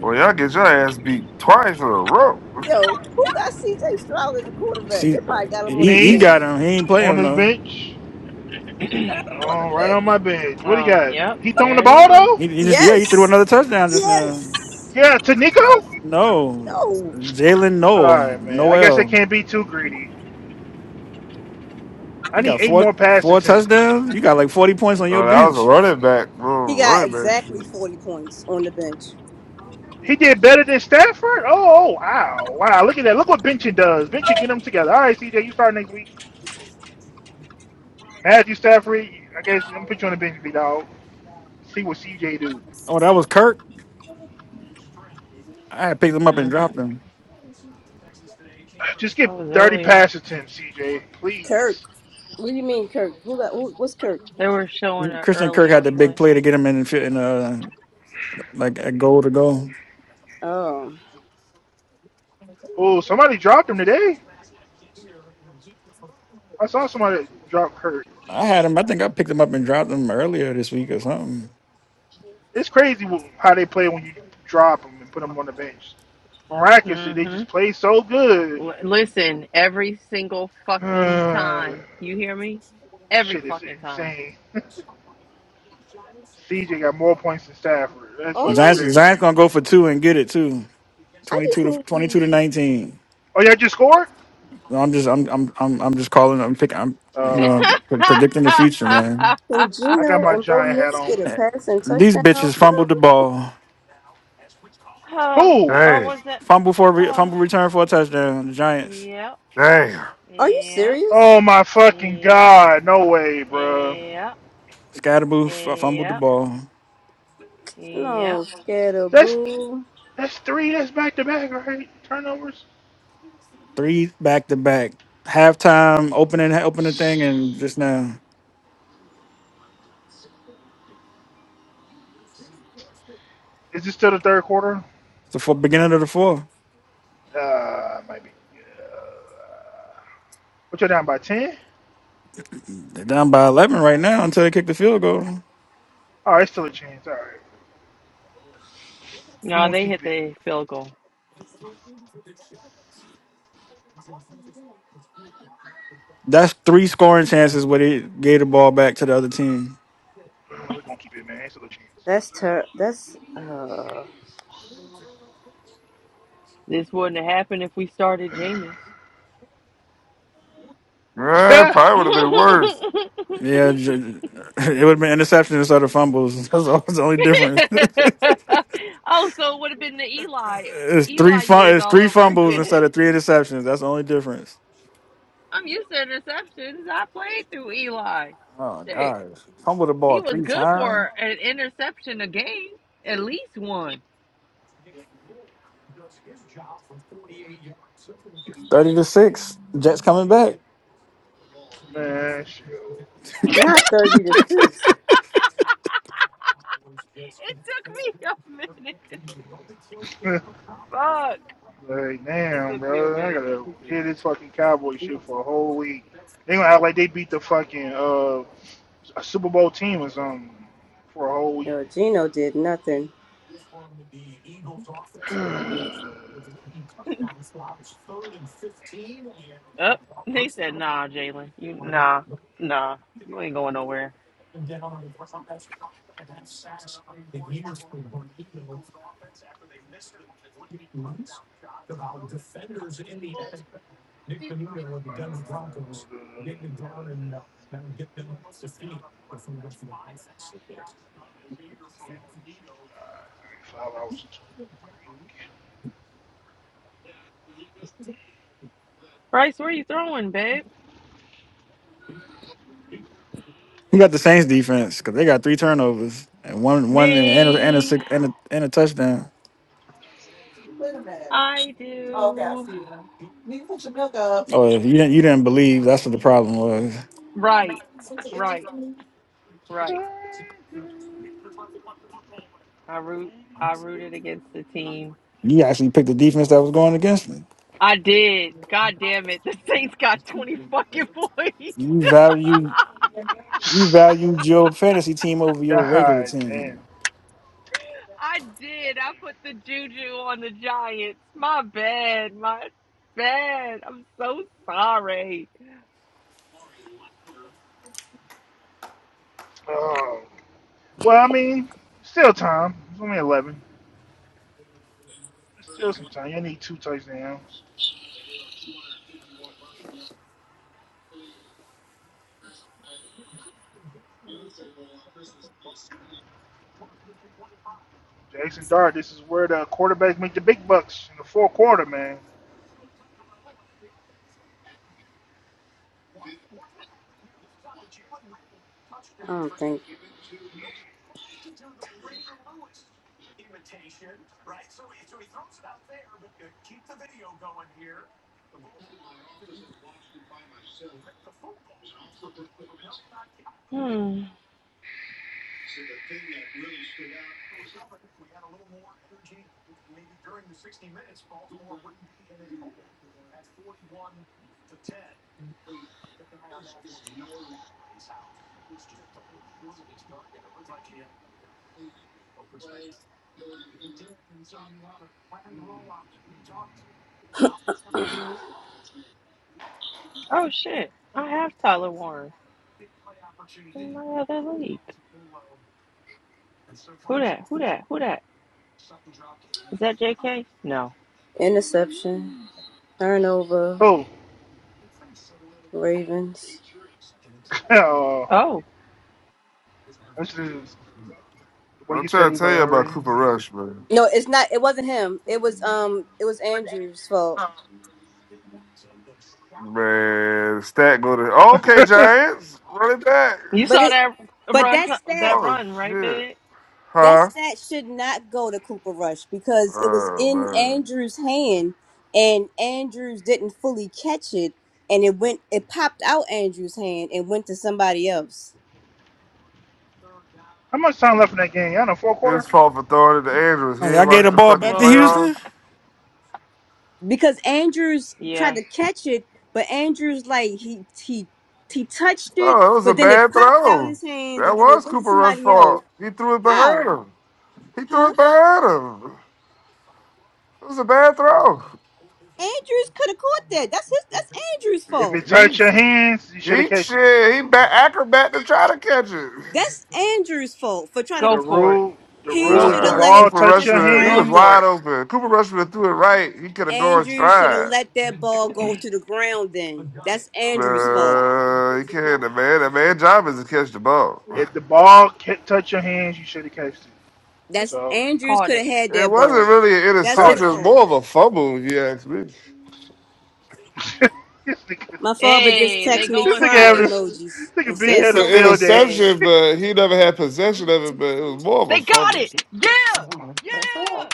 Speaker 5: Well, y'all get your ass beat twice in a row.
Speaker 1: Yo, who got CJ Stroud as a quarterback?
Speaker 3: See,
Speaker 1: They
Speaker 3: uh,
Speaker 1: probably got him on
Speaker 3: he
Speaker 1: the
Speaker 3: he
Speaker 1: bench.
Speaker 6: Me
Speaker 3: got him. He ain't
Speaker 6: on
Speaker 3: playing
Speaker 6: his
Speaker 3: though.
Speaker 6: bench.
Speaker 1: Got him on the
Speaker 6: Oh, right
Speaker 1: bench.
Speaker 6: on my bench. What he
Speaker 7: Oh,
Speaker 6: got?
Speaker 7: yep,
Speaker 6: He throwing the
Speaker 7: there they
Speaker 6: ball
Speaker 7: go.
Speaker 6: though?
Speaker 3: He, he just yeah he threw
Speaker 1: Yes.
Speaker 3: another touchdown just now.
Speaker 1: Yes.
Speaker 6: Yeah, to Nico?
Speaker 3: No,
Speaker 1: No.
Speaker 3: Jalen Noel
Speaker 6: Alright, man. I guess I
Speaker 3: Noel.
Speaker 6: can't be too greedy.
Speaker 3: You
Speaker 6: I need
Speaker 3: got
Speaker 6: eight
Speaker 3: four
Speaker 6: more pass
Speaker 3: four
Speaker 6: attempts.
Speaker 3: touchdowns. You got like forty points on your
Speaker 5: Oh, that was a
Speaker 3: bench.
Speaker 5: running back. Oh,
Speaker 1: He got
Speaker 5: running back
Speaker 1: exactly
Speaker 5: shoot.
Speaker 1: 40 points on the bench.
Speaker 6: He did better than Stafford? Oh, oh, wow. Wow. Look at that. Look what benching does. Benching get them together. All right, CJ, you start next week. Matthew Stafford, I guess I'm gonna put you on the bench, B dog. See what CJ do.
Speaker 3: Oh, that was Kirk. I had picked him up and
Speaker 7: hmm
Speaker 3: dropped him.
Speaker 6: Just get
Speaker 7: That was
Speaker 6: 30
Speaker 7: earlier.
Speaker 6: passes to him, CJ,
Speaker 1: Kirk.
Speaker 6: please.
Speaker 1: What do you mean, Kirk? Who got who, what's Kirk?
Speaker 7: They were showing an
Speaker 3: Christian Kirk had
Speaker 7: earlier
Speaker 3: the big
Speaker 7: play.
Speaker 3: play to get him in, in uh, like a goal to go.
Speaker 1: Oh.
Speaker 6: Oh, somebody dropped him today. I saw somebody drop Kurt.
Speaker 3: I had him. I think I picked him up and dropped him earlier this week or something.
Speaker 6: It's crazy how they play when you drop them and put them on the bench. Miraculously, they
Speaker 7: hmm
Speaker 6: just play so good. (sighs)
Speaker 7: L- listen, every single fucking
Speaker 6: Uh,
Speaker 7: time. You hear me? Every
Speaker 6: shit, it's
Speaker 7: fucking time.
Speaker 6: insane. (laughs) CJ got more points than Stafford. That's
Speaker 1: All
Speaker 3: The
Speaker 6: fucking
Speaker 1: I
Speaker 3: Giants, the
Speaker 6: crazy.
Speaker 3: Giants gonna go for two and get it too.
Speaker 1: I
Speaker 3: Twenty
Speaker 1: just
Speaker 3: two to twenty
Speaker 1: need
Speaker 3: two to nineteen.
Speaker 6: Oh, y'all just scored?
Speaker 3: No, I'm just I'm I'm I'm I'm just calling. I'm picking. I'm you
Speaker 6: Oh,
Speaker 3: know pre-
Speaker 6: okay.
Speaker 3: predicting the future, man.
Speaker 7: (laughs)
Speaker 1: can
Speaker 6: I got
Speaker 1: Gino
Speaker 6: my
Speaker 1: and Bo
Speaker 6: giant hat
Speaker 1: Nix
Speaker 6: on.
Speaker 1: get a pass and
Speaker 3: These
Speaker 1: touchdown?
Speaker 3: bitches fumbled the
Speaker 1: Are
Speaker 3: ball.
Speaker 7: Huh.
Speaker 6: Who?
Speaker 7: or
Speaker 5: Dang.
Speaker 7: was it?
Speaker 3: Fumble for a re-
Speaker 7: Oh,
Speaker 3: fumble return for a touchdown. The Giants.
Speaker 7: yep,
Speaker 5: Dang.
Speaker 1: you
Speaker 7: yep,
Speaker 1: serious?
Speaker 6: Oh my fucking
Speaker 7: yep,
Speaker 6: god! No way, bro.
Speaker 7: yep, yep,
Speaker 3: Scatterboo f- fumbled the
Speaker 7: yep.
Speaker 3: ball.
Speaker 7: yep.
Speaker 1: No,
Speaker 6: That's
Speaker 1: Scatterboo.
Speaker 6: That's three. That's back to back, right? Turnovers.
Speaker 3: Three back to back. Halftime, opening, opening thing, and
Speaker 6: Is
Speaker 3: just now.
Speaker 6: this still the third quarter?
Speaker 3: It's the four, beginning of the fourth.
Speaker 6: Uh, maybe. Uh, what you're down by ten?
Speaker 3: They're down by 11 right now until they kick the field goal.
Speaker 6: Oh, it's still a chance. All right, we
Speaker 7: No,
Speaker 6: gonna
Speaker 7: they
Speaker 6: keep
Speaker 7: hit
Speaker 6: it.
Speaker 7: the field goal.
Speaker 3: That's three scoring chances where they gave the ball back to the other team.
Speaker 6: We're gonna keep it, man. It's still a chance.
Speaker 1: That's ter- that's uh
Speaker 7: This wouldn't have happened if we started Jameis.
Speaker 5: Man, it probably
Speaker 7: (laughs)
Speaker 5: would have been worse.
Speaker 7: oh,
Speaker 3: Yeah, j- (laughs) it would have been interceptions instead of fumbles. (laughs) That's all- that's the only difference. (laughs)
Speaker 7: so it would have been the Eli
Speaker 3: it's three
Speaker 7: Eli
Speaker 3: fun.
Speaker 7: years
Speaker 3: It's
Speaker 7: all
Speaker 3: three
Speaker 7: over
Speaker 3: fumbles instead of
Speaker 7: again.
Speaker 3: three interceptions. That's the only difference.
Speaker 7: I'm used to interceptions. I played through Eli.
Speaker 3: Oh
Speaker 7: Shit.
Speaker 3: gosh, fumbled the ball
Speaker 7: He was
Speaker 3: three
Speaker 7: good
Speaker 3: times.
Speaker 7: for an interception a game. At least one.
Speaker 3: Thirty to six. Jets coming back.
Speaker 6: (laughs) man, shit.
Speaker 3: (laughs)
Speaker 1: not thirty to six.
Speaker 7: It took me a minute. Fuck.
Speaker 6: (laughs) like,
Speaker 7: It
Speaker 6: damn,
Speaker 7: took me a
Speaker 6: bro. I
Speaker 7: minute.
Speaker 6: gotta hear this fucking cowboy shit for a whole week. They gonna act like they beat the fucking uh a Super Bowl team or something for a whole week.
Speaker 1: Yo, Gino did nothing.
Speaker 6: (sighs)
Speaker 7: Up. They said, nah, Jalen. You nah, nah. You ain't going nowhere.
Speaker 6: No, no, no, no, no, no, no, no, no, no. Five hours and
Speaker 7: Bryce, where are you throwing, babe?
Speaker 3: You got the Saints defense because they got three turnovers and one one and a, and a,
Speaker 7: Me,
Speaker 3: six, and a, and a touchdown.
Speaker 7: I do.
Speaker 3: Oh, if you didn't you didn't believe that's what the problem was.
Speaker 7: Right, right, right. I root. I rooted against the team.
Speaker 3: You actually picked the defense that was going against me.
Speaker 7: I did. God damn it! (laughs) The Saints got twenty fucking points. (laughs)
Speaker 3: You value you valued your fantasy team over
Speaker 6: (laughs)
Speaker 3: your regular
Speaker 6: God damn.
Speaker 3: team.
Speaker 7: I did. I put the juju on the Giants. My bad. My bad. I'm so sorry.
Speaker 6: Um, well, I mean, still time. It's only 11. It's still some time. You need two touchdowns. Jackson Dart, this is where the quarterbacks make the big bucks in the fourth quarter, man.
Speaker 1: I don't think
Speaker 7: Hmm. Oh shit. I have Tyler Warren in my other league. Who that? Who that? Who that? Is that J.K.? No.
Speaker 1: interception, turnover,
Speaker 6: Who?
Speaker 1: Ravens.
Speaker 6: oh, (laughs) uh,
Speaker 7: Oh.
Speaker 6: that's the, the way
Speaker 5: I'm
Speaker 6: you said
Speaker 5: trying
Speaker 6: he
Speaker 5: to
Speaker 6: was
Speaker 5: tell
Speaker 6: like,
Speaker 5: you
Speaker 6: all
Speaker 5: about
Speaker 6: right.
Speaker 5: Cooper Rush, man.
Speaker 1: No, it's not. It wasn't him. It was um. It was Andrew's fault.
Speaker 5: Man, the stat go to. Okay,
Speaker 6: (laughs)
Speaker 5: Giants. Running
Speaker 7: You
Speaker 5: back.
Speaker 1: But
Speaker 7: saw
Speaker 1: it,
Speaker 7: that
Speaker 1: but
Speaker 7: run,
Speaker 1: that
Speaker 7: t-
Speaker 1: stat,
Speaker 7: that
Speaker 5: Oh
Speaker 7: run, right,
Speaker 5: shit.
Speaker 7: Big?
Speaker 1: that
Speaker 5: Huh?
Speaker 1: stat should not go to Cooper Rush because it was
Speaker 5: Oh
Speaker 1: in
Speaker 5: man.
Speaker 1: Andrews' hand, and Andrews didn't fully catch it, and it went, it popped out Andrews' hand and went to somebody else
Speaker 6: How much time left in that game? I don't know, fourth quarter?
Speaker 5: His fault for throwing it to Andrews. He
Speaker 3: Hey, I
Speaker 5: ain't
Speaker 3: gave
Speaker 5: watched
Speaker 3: the
Speaker 5: the
Speaker 3: ball
Speaker 5: fucking
Speaker 3: back to
Speaker 7: Twelve minutes.
Speaker 5: playoffs.
Speaker 3: Houston.
Speaker 1: because Andrews tried
Speaker 7: Yeah,
Speaker 1: to catch it, but Andrews like he he he touched it,
Speaker 5: Oh, it was a
Speaker 1: but then it
Speaker 5: bad
Speaker 1: popped out
Speaker 5: throw.
Speaker 1: his hand,
Speaker 5: That
Speaker 1: and then
Speaker 5: was
Speaker 1: it went to
Speaker 5: Cooper Rush
Speaker 1: somebody else.
Speaker 5: fault. He threw it
Speaker 1: How?
Speaker 5: behind him. He threw
Speaker 1: Huh?
Speaker 5: it behind him. It was a bad throw.
Speaker 1: Andrews could have caught that. That's his. That's Andrews'
Speaker 6: If
Speaker 1: fault.
Speaker 6: it
Speaker 5: He
Speaker 6: touched your hands, you should have
Speaker 5: he
Speaker 6: catched it.
Speaker 5: shit. He back acrobat to try to catch it.
Speaker 1: That's Andrew's fault for trying to
Speaker 6: The
Speaker 7: go for it.
Speaker 6: rule, the
Speaker 1: He
Speaker 6: rule:
Speaker 7: Go
Speaker 6: if
Speaker 1: should
Speaker 6: the
Speaker 1: have
Speaker 5: Nah,
Speaker 7: for it.
Speaker 1: let
Speaker 6: ball
Speaker 1: it
Speaker 5: Cooper
Speaker 1: t-
Speaker 6: touch
Speaker 5: Rush
Speaker 1: touch
Speaker 6: your
Speaker 1: the
Speaker 5: would he
Speaker 7: Go
Speaker 5: was
Speaker 1: ground
Speaker 6: hands,
Speaker 7: for
Speaker 1: then.
Speaker 5: wide
Speaker 7: it.
Speaker 5: open. Cooper Rush would have threw it right. He could have gone
Speaker 1: Andrew should have
Speaker 5: stride.
Speaker 1: let that ball go to the ground then. That's Andrew's fault.
Speaker 5: Nah, he can't. The man, the man job is to catch the ball. (laughs)
Speaker 6: if the ball can't touch your hands, you should have catched it.
Speaker 1: That's
Speaker 6: So
Speaker 1: Andrews
Speaker 7: Caught
Speaker 1: could have
Speaker 7: it.
Speaker 1: had
Speaker 5: It
Speaker 1: that
Speaker 5: wasn't
Speaker 1: ball.
Speaker 5: really an
Speaker 1: That's
Speaker 6: caught
Speaker 1: his
Speaker 5: interception. It
Speaker 6: it,
Speaker 5: was
Speaker 6: man.
Speaker 1: fault.
Speaker 5: more of a fumble, if you ask me.
Speaker 6: (laughs) this nigga,
Speaker 1: My father just
Speaker 7: Hey, they
Speaker 1: texted me
Speaker 6: this
Speaker 7: going
Speaker 6: nigga
Speaker 1: crying
Speaker 7: for
Speaker 6: having, a,
Speaker 7: it.
Speaker 6: this
Speaker 1: emojis
Speaker 6: nigga
Speaker 1: and
Speaker 6: big
Speaker 1: said
Speaker 5: It's
Speaker 6: had a
Speaker 5: an
Speaker 1: so so
Speaker 6: field day.
Speaker 1: sad.
Speaker 5: interception,
Speaker 6: (laughs)
Speaker 5: but he never had possession of it, but it was more of a
Speaker 7: They got
Speaker 5: fumble.
Speaker 7: it. Yeah, yeah.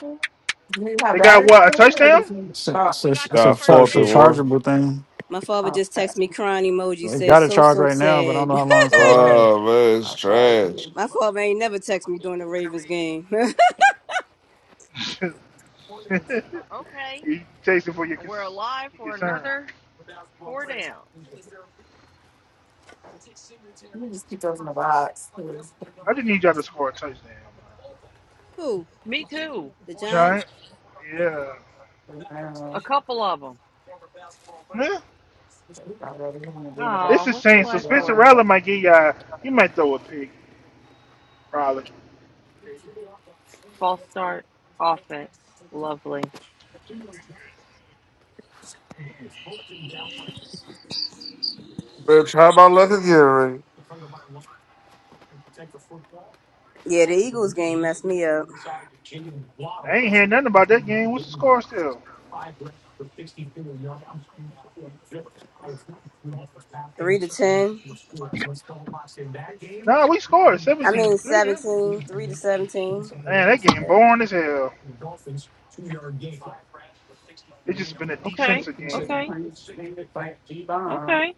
Speaker 3: It's
Speaker 6: They got what a touchdown?
Speaker 3: a, it's a,
Speaker 7: We got
Speaker 3: it's
Speaker 7: the
Speaker 3: a,
Speaker 5: Nah,
Speaker 3: char-
Speaker 7: first
Speaker 5: fourth
Speaker 3: it's a
Speaker 5: and
Speaker 7: down.
Speaker 5: one.
Speaker 3: chargeable thing.
Speaker 1: My father just texted me crying emoji
Speaker 3: They
Speaker 1: said
Speaker 3: got a
Speaker 1: so
Speaker 3: charge
Speaker 1: so
Speaker 3: right now, but I don't
Speaker 1: sad.
Speaker 3: know how long it's gonna last.
Speaker 5: Oh, man, it's trash.
Speaker 1: (laughs) My father ain't never text me during the Ravens game.
Speaker 6: (laughs)
Speaker 7: Okay,
Speaker 6: you takes it for your,
Speaker 7: and we're alive
Speaker 6: your
Speaker 7: for
Speaker 6: concern.
Speaker 7: another four downs.
Speaker 6: I just need y'all to score a touchdown,
Speaker 1: (laughs) Who?
Speaker 7: Me too.
Speaker 1: The Giants?
Speaker 6: Giant. Yeah.
Speaker 7: A couple of them.
Speaker 6: Yeah. It's
Speaker 7: Oh,
Speaker 6: the
Speaker 7: what's the
Speaker 6: same. So
Speaker 7: flag
Speaker 6: Spencer
Speaker 7: for?
Speaker 6: Rattler might get y'all. He might throw a pick, probably.
Speaker 7: False start offense. Lovely.
Speaker 5: Man, try my luck again, Ray.
Speaker 1: Yeah, the Eagles game messed me up.
Speaker 6: I ain't hearing nothing about that game. What's the score still?
Speaker 1: Three to ten.
Speaker 6: Nah, we scored
Speaker 1: I
Speaker 6: 17
Speaker 1: mean
Speaker 6: 3. man.
Speaker 1: seventeen. Three to seventeen.
Speaker 6: Man, that game boring as hell. It's just been a
Speaker 7: Okay.
Speaker 6: defensive game.
Speaker 7: Okay. Okay.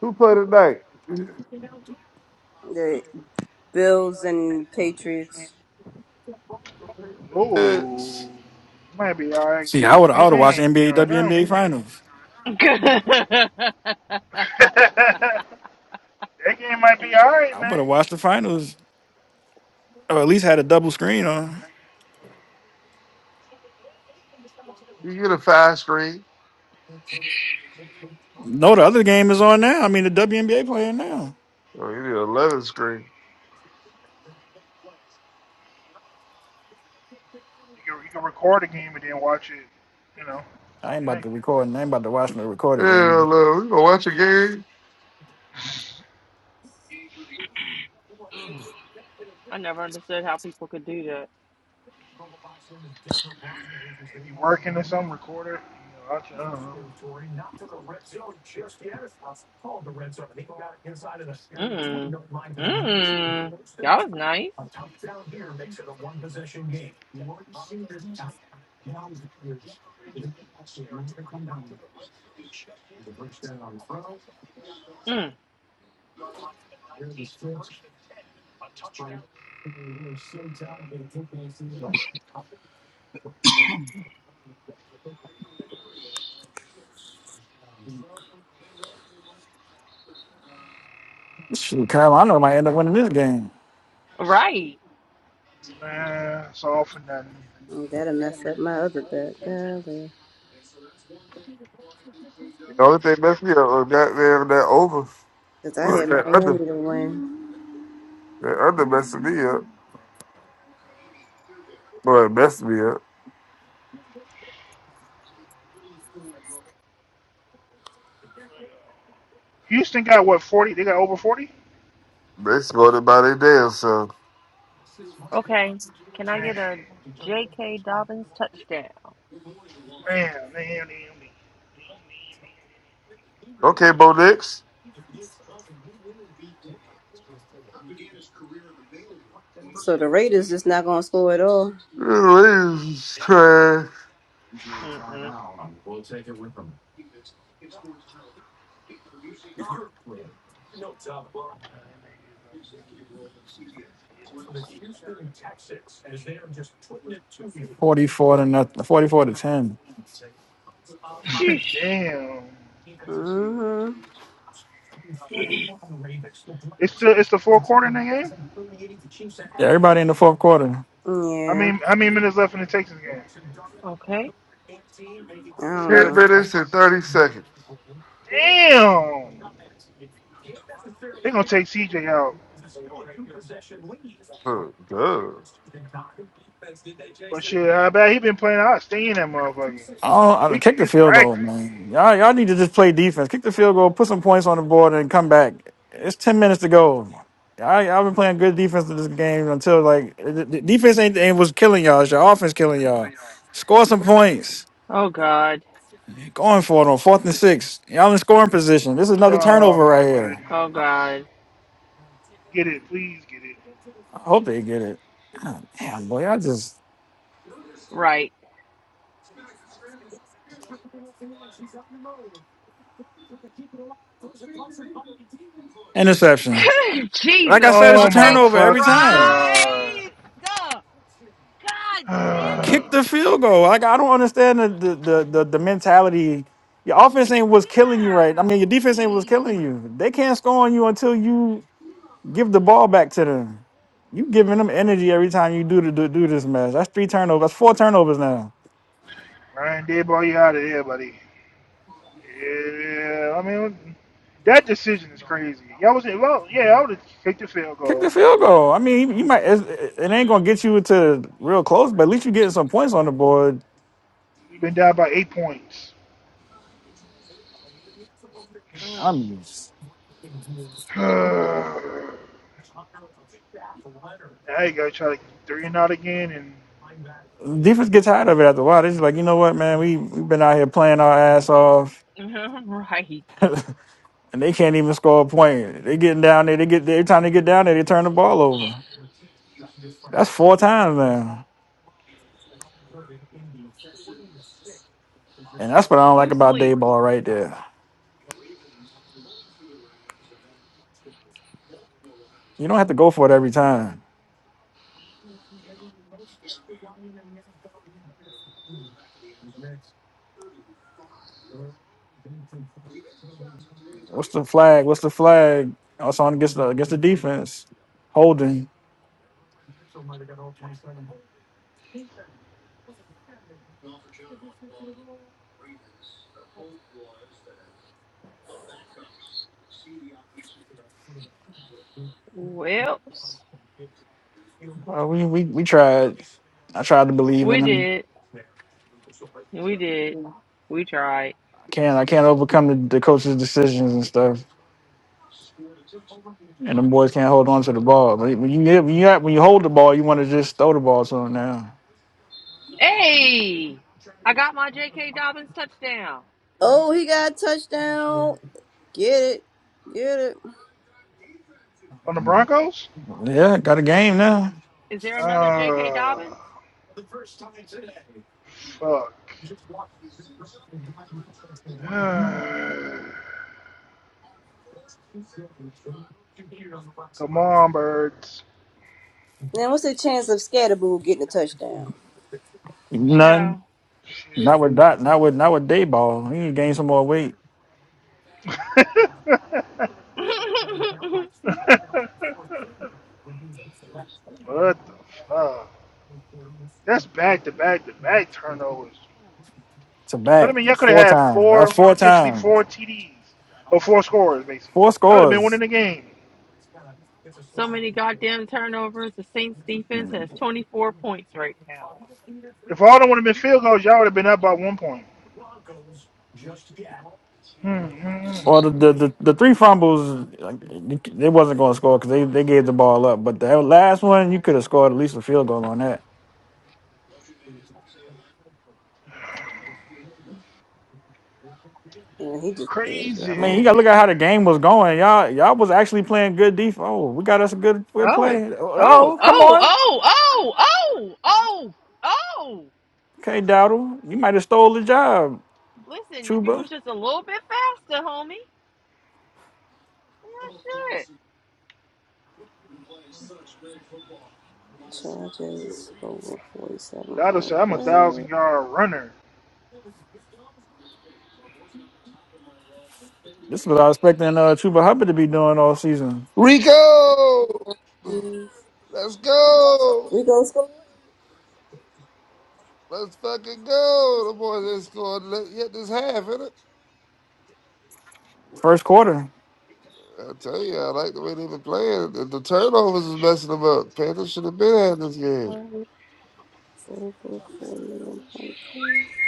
Speaker 5: Who played tonight?
Speaker 1: Bills and Patriots.
Speaker 5: It's,
Speaker 6: Ooh, might be all right
Speaker 3: See, I would I would have watched
Speaker 6: game
Speaker 3: NBA
Speaker 6: right now.
Speaker 3: WNBA finals.
Speaker 7: (laughs) Mm-mm.
Speaker 6: (laughs) that game might be all right,
Speaker 3: I would
Speaker 6: man.
Speaker 3: have watched the finals or at least had a double screen on.
Speaker 5: you get a five screen.
Speaker 3: No, the other game is on now. I mean, the WNBA playing now.
Speaker 5: Oh, you need an 11 screen.
Speaker 6: You can, you can record a game and then watch it, you know,
Speaker 3: I ain't
Speaker 6: Sunday
Speaker 3: about
Speaker 6: night.
Speaker 3: to record. I ain't about to watch no record
Speaker 5: Yeah,
Speaker 3: again.
Speaker 5: look, we gonna watch a game.
Speaker 7: I never understood how people could do that.
Speaker 6: If you working or something, record it. You know, watch it. I don't know.
Speaker 7: Mm. Mm. That was nice. Mm.
Speaker 3: Shoot, Carolina might end up winning this game.
Speaker 7: Right.
Speaker 6: Nah, it's all for nothing.
Speaker 1: Mm, That'll mess up my other bet. Because
Speaker 5: The only thing messed me up was that, man that over. (laughs)
Speaker 1: I had
Speaker 5: (clears throat) That
Speaker 1: Miami
Speaker 5: under.
Speaker 1: to win.
Speaker 5: That under messed me up. Well, it messed me up.
Speaker 6: Houston got what, 40? They got over 40?
Speaker 5: They smothered by their damn self.
Speaker 7: Okay. Can I
Speaker 6: Man.
Speaker 7: get a J.K. Dobbins touchdown?
Speaker 6: Bam, damn, damn, (laughs) damn,
Speaker 5: Okay, Bo Nix.
Speaker 1: So the Raiders just not going to score at all.
Speaker 5: Please try
Speaker 7: Mm-mm.
Speaker 3: Forty-four to nothing. Forty-four to ten.
Speaker 6: damn, damn.
Speaker 7: Sheesh.
Speaker 1: Mm-hmm.
Speaker 6: It's the it's the fourth quarter in the game?
Speaker 3: Yeah, everybody in the fourth quarter.
Speaker 6: I
Speaker 1: Yeah.
Speaker 6: mean how many minutes left in the Texas game?
Speaker 7: Okay.
Speaker 1: I don't
Speaker 6: Gotta
Speaker 5: 10
Speaker 1: know.
Speaker 6: be like
Speaker 5: minutes and
Speaker 6: six.
Speaker 5: 30 seconds.
Speaker 6: Damn. They gonna take CJ out.
Speaker 5: Huh, duh.
Speaker 6: But shit, I bet he been playing out staying that motherfucker.
Speaker 3: Oh, I don't-
Speaker 6: We
Speaker 3: kick the
Speaker 6: it's
Speaker 3: field goal,
Speaker 6: practice.
Speaker 3: man. Y'all, y'all need to just play defense. Kick the field goal, put some points on the board, and come back. It's ten minutes to go. I, I've been playing good defense in this game until like the the defense ain't, ain't was killing y'all. It's your offense killing y'all. Score some points.
Speaker 7: Oh, God.
Speaker 3: Going for it on fourth and six. Y'all in scoring position. This is another
Speaker 6: Oh
Speaker 3: turnover right
Speaker 6: my
Speaker 3: here.
Speaker 7: Oh,
Speaker 6: goodness.
Speaker 7: God.
Speaker 6: Get it, please get it.
Speaker 3: I hope they get it. God damn, boy, I just
Speaker 7: Right. (laughs)
Speaker 3: interception. Like I
Speaker 7: Jesus
Speaker 3: said, it's a
Speaker 6: Oh my
Speaker 7: fucking
Speaker 3: turnover every
Speaker 6: fucking
Speaker 3: time.
Speaker 7: Christ!
Speaker 6: god.
Speaker 7: God damn
Speaker 3: kick
Speaker 7: it!
Speaker 3: the field
Speaker 6: (sighs)
Speaker 3: goal. Like I don't understand the the the, the, the mentality. Your offense ain't what's killing you, right? I mean, your defense ain't what's
Speaker 7: Golly.
Speaker 3: killing you. They can't score on you until you give the ball back to them. You giving them energy every time you do the, do, do this mess. That's three turnovers. That's four turnovers now.
Speaker 6: Ryan Dayball, you out of there, buddy. Yeah, I mean, that decision is crazy. Y'all was well, yeah, I would have kicked the field
Speaker 3: Kick the
Speaker 6: goal.
Speaker 3: field goal. I mean, you, you might. It, it ain't gonna get you to real close, but at least you getting some points on the board.
Speaker 6: We've been down by eight points.
Speaker 7: Mm,
Speaker 6: (sighs) now you gotta try to get three and out again, and
Speaker 3: Defense gets tired of it after a while. They're just like, you know what, man, we we've been out here playing our ass off.
Speaker 7: mm, (laughs) right.
Speaker 3: (laughs) and they can't even score a point. They getting down there. They get every time they get down there, they turn the ball over. That's four times now, and that's what I don't like
Speaker 7: Who
Speaker 3: about day
Speaker 7: sleep?
Speaker 3: ball right there. You don't have to go for it every time. What's the flag? What's the flag? Also on against the against the defense, holding.
Speaker 7: Whoops.
Speaker 3: Well, we we we tried. I tried to believe in
Speaker 7: We
Speaker 3: them.
Speaker 7: did. We did. We tried.
Speaker 3: I can't I can't overcome the, the coach's decisions and stuff. And them boys can't hold on to the ball. But when you get- when you have- when you hold the ball, you want to just throw the ball to them now.
Speaker 7: Hey, I got my J.K. Dobbins touchdown.
Speaker 1: Oh, he got a touchdown. Get it. Get it.
Speaker 6: on the Broncos.
Speaker 3: Yeah, got a game now.
Speaker 7: Is there another J.K. Dobbins?
Speaker 6: Uh, fuck. (sighs) Come on, birds.
Speaker 1: Now, what's the chance of Scatterboo getting a touchdown?
Speaker 3: None.
Speaker 7: Child.
Speaker 3: Not
Speaker 6: Shit.
Speaker 3: with Dot. Not with not with Dayball. He need to gain some more weight
Speaker 6: (laughs)
Speaker 7: (laughs)
Speaker 6: what the fuck? That's back to back to back turnovers.
Speaker 3: to
Speaker 6: So I
Speaker 3: back
Speaker 6: mean, y'all could have
Speaker 3: four
Speaker 6: had
Speaker 3: times. That was
Speaker 6: four,
Speaker 3: four
Speaker 6: potentially four
Speaker 3: times,
Speaker 6: TDs or four scorers basically.
Speaker 3: four
Speaker 6: Y'all would have been winning
Speaker 3: scores,
Speaker 6: the game.
Speaker 7: so many goddamn turnovers. The Saints defense has 24 points right now.
Speaker 6: If all of them would have been field goals, y'all would have been up by one point. Mm-hmm.
Speaker 3: or the the, the, the three fumbles. like, They wasn't going to score because they, they gave the ball up. But the last one, you could have scored at least a field goal on that.
Speaker 1: Yeah, he just did it.
Speaker 3: I mean,
Speaker 1: Oh,
Speaker 3: you got to
Speaker 6: Crazy.
Speaker 3: look at how the game was going. Y'all y'all was actually playing good defense. Oh, we got us a good good
Speaker 7: Oh,
Speaker 3: play.
Speaker 7: oh,
Speaker 3: Oh, come
Speaker 7: oh,
Speaker 3: on,
Speaker 7: oh, oh, oh, oh, oh.
Speaker 3: okay, Dowdle, you might have stole the job,
Speaker 7: Listen, if you was
Speaker 3: Chuba.
Speaker 7: just a little bit faster, homie. Oh,
Speaker 1: Charges over
Speaker 6: Dotto said, "I'm a
Speaker 1: 47.5.
Speaker 6: thousand yard runner."
Speaker 3: This is what I was expecting uh, Chuba Hubbard to be doing all season.
Speaker 5: Rico, let's go.
Speaker 1: We go score.
Speaker 5: Let's fucking go. The boys ain't scored le- yet this half, innit?
Speaker 3: First quarter.
Speaker 5: I tell you, I like the way they've been playing. The, the turnovers is messing them up. Panthers should have been had this game.
Speaker 1: Over 41.5.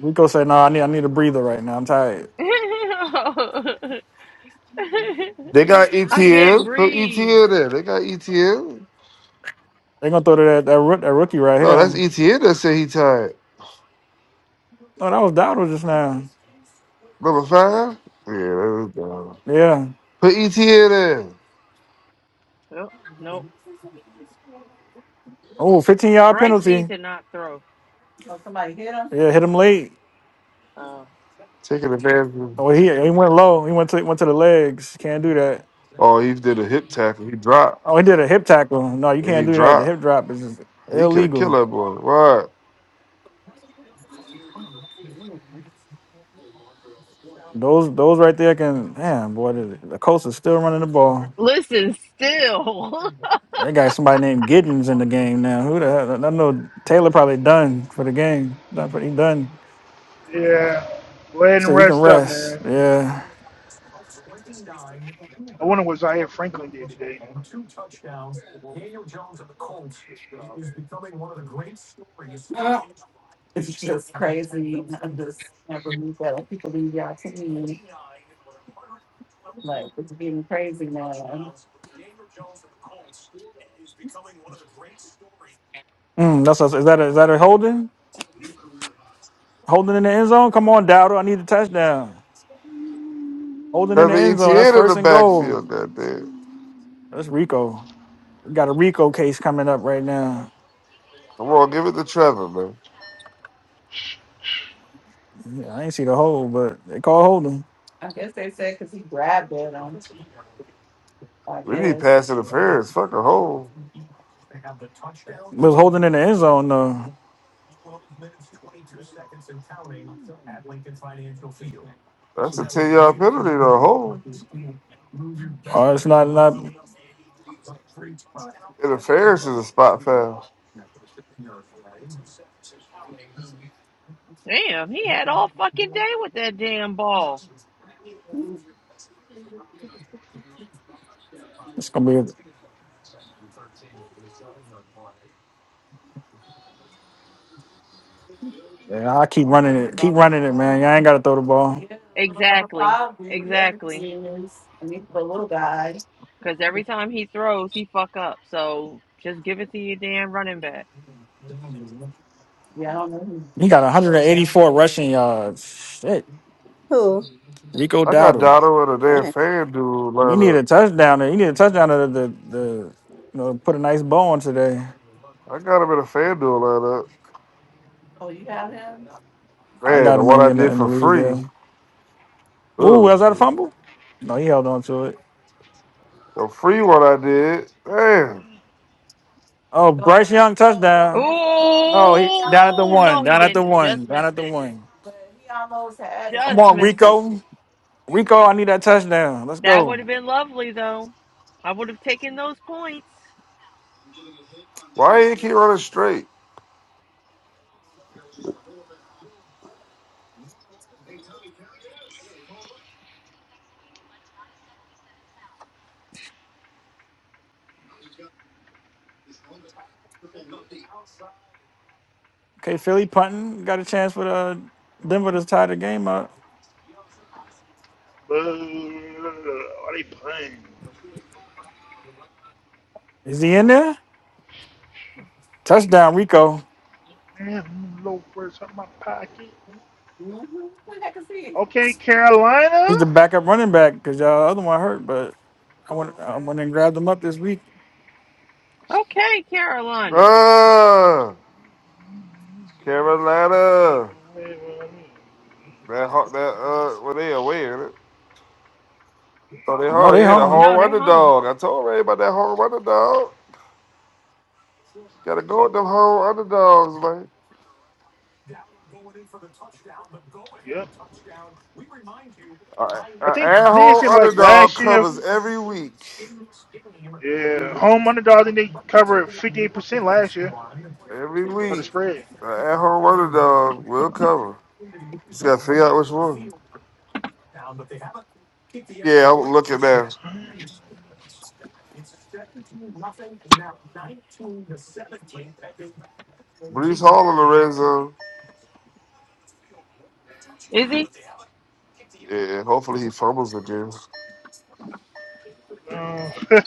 Speaker 3: Rico say, "No, I need I need a breather right now. I'm tired."
Speaker 7: shit.
Speaker 5: They got
Speaker 7: (laughs) I can't
Speaker 5: ETN. Put
Speaker 7: breathe.
Speaker 5: ETN there. They got ETN.
Speaker 3: They gonna throw to that that, rook, that rookie right
Speaker 5: No, that's
Speaker 3: here.
Speaker 5: ETN that said he tired.
Speaker 3: Oh, that was Dowdle just now.
Speaker 5: Number five? Yeah, that's down.
Speaker 3: Yeah.
Speaker 5: Put ETN in.
Speaker 7: Nope, nope.
Speaker 3: Oh, 15 yard
Speaker 7: Bryce needs
Speaker 3: penalty.
Speaker 7: to not throw.
Speaker 3: Yeah, hit him late.
Speaker 7: Uh,
Speaker 5: Taking advantage.
Speaker 3: Oh, he he went low. He went to went to the legs. Can't do that.
Speaker 5: Oh, he did a hip tackle. He dropped.
Speaker 3: Oh, he did a hip tackle. No, you
Speaker 5: And
Speaker 3: can't
Speaker 5: he
Speaker 3: do that. The
Speaker 5: dropped.
Speaker 3: hip drop is just
Speaker 5: He could have killed
Speaker 3: illegal.
Speaker 5: that boy. What?
Speaker 3: Those those right there can. Damn, boy, the, the coast is still running the ball.
Speaker 7: listen, still.
Speaker 3: They got somebody named Giddens in the game now. Who the hell? I know Taylor probably done for the game. Done for he done.
Speaker 6: Yeah. Go ahead
Speaker 3: So
Speaker 6: and
Speaker 3: you can
Speaker 6: rest up,
Speaker 3: rest.
Speaker 6: man.
Speaker 3: Yeah.
Speaker 6: I wonder what Zaire Franklin did today.
Speaker 3: Mm, that's a, is that a, is that a holding? Holding in the end zone? Come on, Dowdle. I need a touchdown. Holding in the
Speaker 5: Trevor
Speaker 3: end zone. That's
Speaker 5: ETN in
Speaker 3: first
Speaker 5: the
Speaker 3: and goal.
Speaker 5: backfield, goddamn.
Speaker 3: That's Rico. We got a Rico case coming up right now.
Speaker 5: Come on, give it to Trevor, man.
Speaker 3: Yeah, I ain't see the hold, but they call holding.
Speaker 5: We need pass interference. Fuck a
Speaker 3: It
Speaker 5: hole.
Speaker 3: was holding in the end zone though.
Speaker 5: That's a 10 yard penalty to a hole.
Speaker 3: Oh, it's not not.
Speaker 5: Interference is a spot foul.
Speaker 7: (laughs) damn, he had all fucking day with that damn ball.
Speaker 3: It's gonna be. Yeah, I keep running
Speaker 7: Panthers are
Speaker 3: it. Keep
Speaker 7: about to
Speaker 3: running it, man.
Speaker 7: score.
Speaker 3: Y'all ain't gotta throw the ball.
Speaker 7: Exactly. Exactly. Because every time he throws, he fuck up. So just give it to your damn running back.
Speaker 3: He got 184 rushing yards. Shit.
Speaker 1: Who?
Speaker 3: Rico
Speaker 5: I got
Speaker 3: Dowdle.
Speaker 5: Dotto in a
Speaker 1: Dang.
Speaker 5: damn
Speaker 1: Did
Speaker 5: fan duel
Speaker 3: you need a
Speaker 5: lineup.
Speaker 3: touchdown. You need a touchdown to the, the, you know put a nice bow on today.
Speaker 5: I got him in a fan duel lineup.
Speaker 3: I
Speaker 5: Man,
Speaker 3: got
Speaker 5: the
Speaker 3: him
Speaker 5: one
Speaker 3: in
Speaker 5: I
Speaker 3: in the,
Speaker 5: did
Speaker 3: in the
Speaker 5: for
Speaker 3: league.
Speaker 5: free.
Speaker 3: Yeah. Ooh,
Speaker 5: Oh,
Speaker 3: was that a
Speaker 5: shit.
Speaker 3: fumble? No, he held on to it.
Speaker 5: The free one I did. Damn.
Speaker 3: Oh, Bryce Young touchdown. Oh, he down at the
Speaker 7: Oh,
Speaker 3: one.
Speaker 7: no, he
Speaker 3: Down at the
Speaker 7: didn't.
Speaker 3: one.
Speaker 7: Just
Speaker 3: Down at
Speaker 7: missed
Speaker 3: the
Speaker 7: it.
Speaker 3: one. Come
Speaker 7: Just
Speaker 3: on,
Speaker 7: missed it.
Speaker 3: Rico. Rico, I need that touchdown. Let's
Speaker 7: That would
Speaker 3: go.
Speaker 7: have been lovely, though. I would have taken those points.
Speaker 5: Why you keep running straight?
Speaker 3: Okay, Philly punting. Got a chance for the Denver to tie the game up.
Speaker 6: Blah, are they playing?
Speaker 3: Is he in there? Touchdown, Rico.
Speaker 6: Damn, loafers out my pocket. Okay,
Speaker 3: He's the
Speaker 6: Carolina.
Speaker 3: backup running back because y'all other one hurt, but I went I went and grabbed them up this week.
Speaker 7: Okay, Carolina.
Speaker 5: Ah, Carolina. That ho- that uh, well they away in it. So they
Speaker 3: No,
Speaker 5: home,
Speaker 3: they
Speaker 5: yeah, the
Speaker 3: home.
Speaker 7: No,
Speaker 5: home
Speaker 7: they're home.
Speaker 5: underdog. I told Ray about that home underdog. Gotta go with them home underdogs, man.
Speaker 6: Yep.
Speaker 5: An
Speaker 6: I think I think they
Speaker 5: at-home
Speaker 6: said like
Speaker 5: underdog
Speaker 6: last year,
Speaker 5: covers every week.
Speaker 6: yeah, home underdog. I think they covered fifty eight percent last year
Speaker 5: Every
Speaker 6: of the
Speaker 5: week,
Speaker 6: spread.
Speaker 5: an at-home underdog will cover. You just gotta
Speaker 6: (laughs)
Speaker 5: figure
Speaker 6: Home
Speaker 5: out which one. Yeah, I'm looking now. Brees Hall in the red zone.
Speaker 7: Is
Speaker 5: Yeah, hopefully he fumbles again.
Speaker 6: Underdog. Uh, (laughs)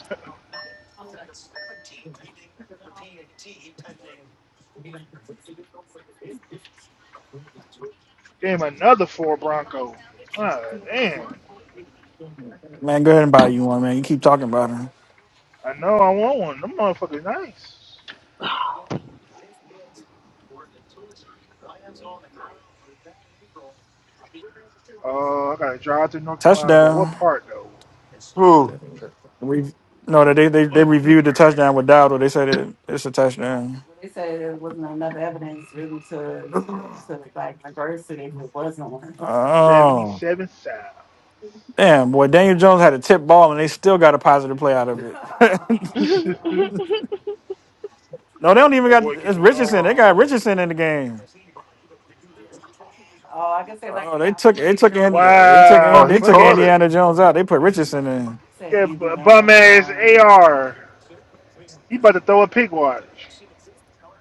Speaker 6: damn, another four Broncos. Damn,
Speaker 3: Man, go ahead and buy you one, man. You keep talking about him.
Speaker 6: I know I want one. Them motherfuckers nice. Uh, I gotta drive to North Carolina, but what
Speaker 3: Touchdown.
Speaker 6: part though?
Speaker 5: Who?
Speaker 3: We no, they they they
Speaker 6: What
Speaker 3: reviewed the
Speaker 6: part?
Speaker 3: touchdown with Dowdle. They said it, it's a touchdown. Oh
Speaker 6: Seventy-seven South.
Speaker 3: damn, boy, Daniel Jones had a tip ball and they still got a positive play out of it. (laughs)
Speaker 6: (laughs)
Speaker 7: he? (laughs)
Speaker 6: that
Speaker 3: no, they don't even
Speaker 6: boy
Speaker 3: got
Speaker 6: can
Speaker 3: it's
Speaker 6: do no
Speaker 3: Richardson. They
Speaker 6: wrong.
Speaker 3: got Richardson in the game. Oh, they took they took in they took
Speaker 5: Oh,
Speaker 3: in
Speaker 6: Wow,
Speaker 3: they
Speaker 5: he
Speaker 6: look
Speaker 3: took
Speaker 5: caught
Speaker 6: at
Speaker 5: it.
Speaker 3: Indiana Jones out. They put Richardson in.
Speaker 6: Yeah, bum ass AR. He about to throw a pig watch.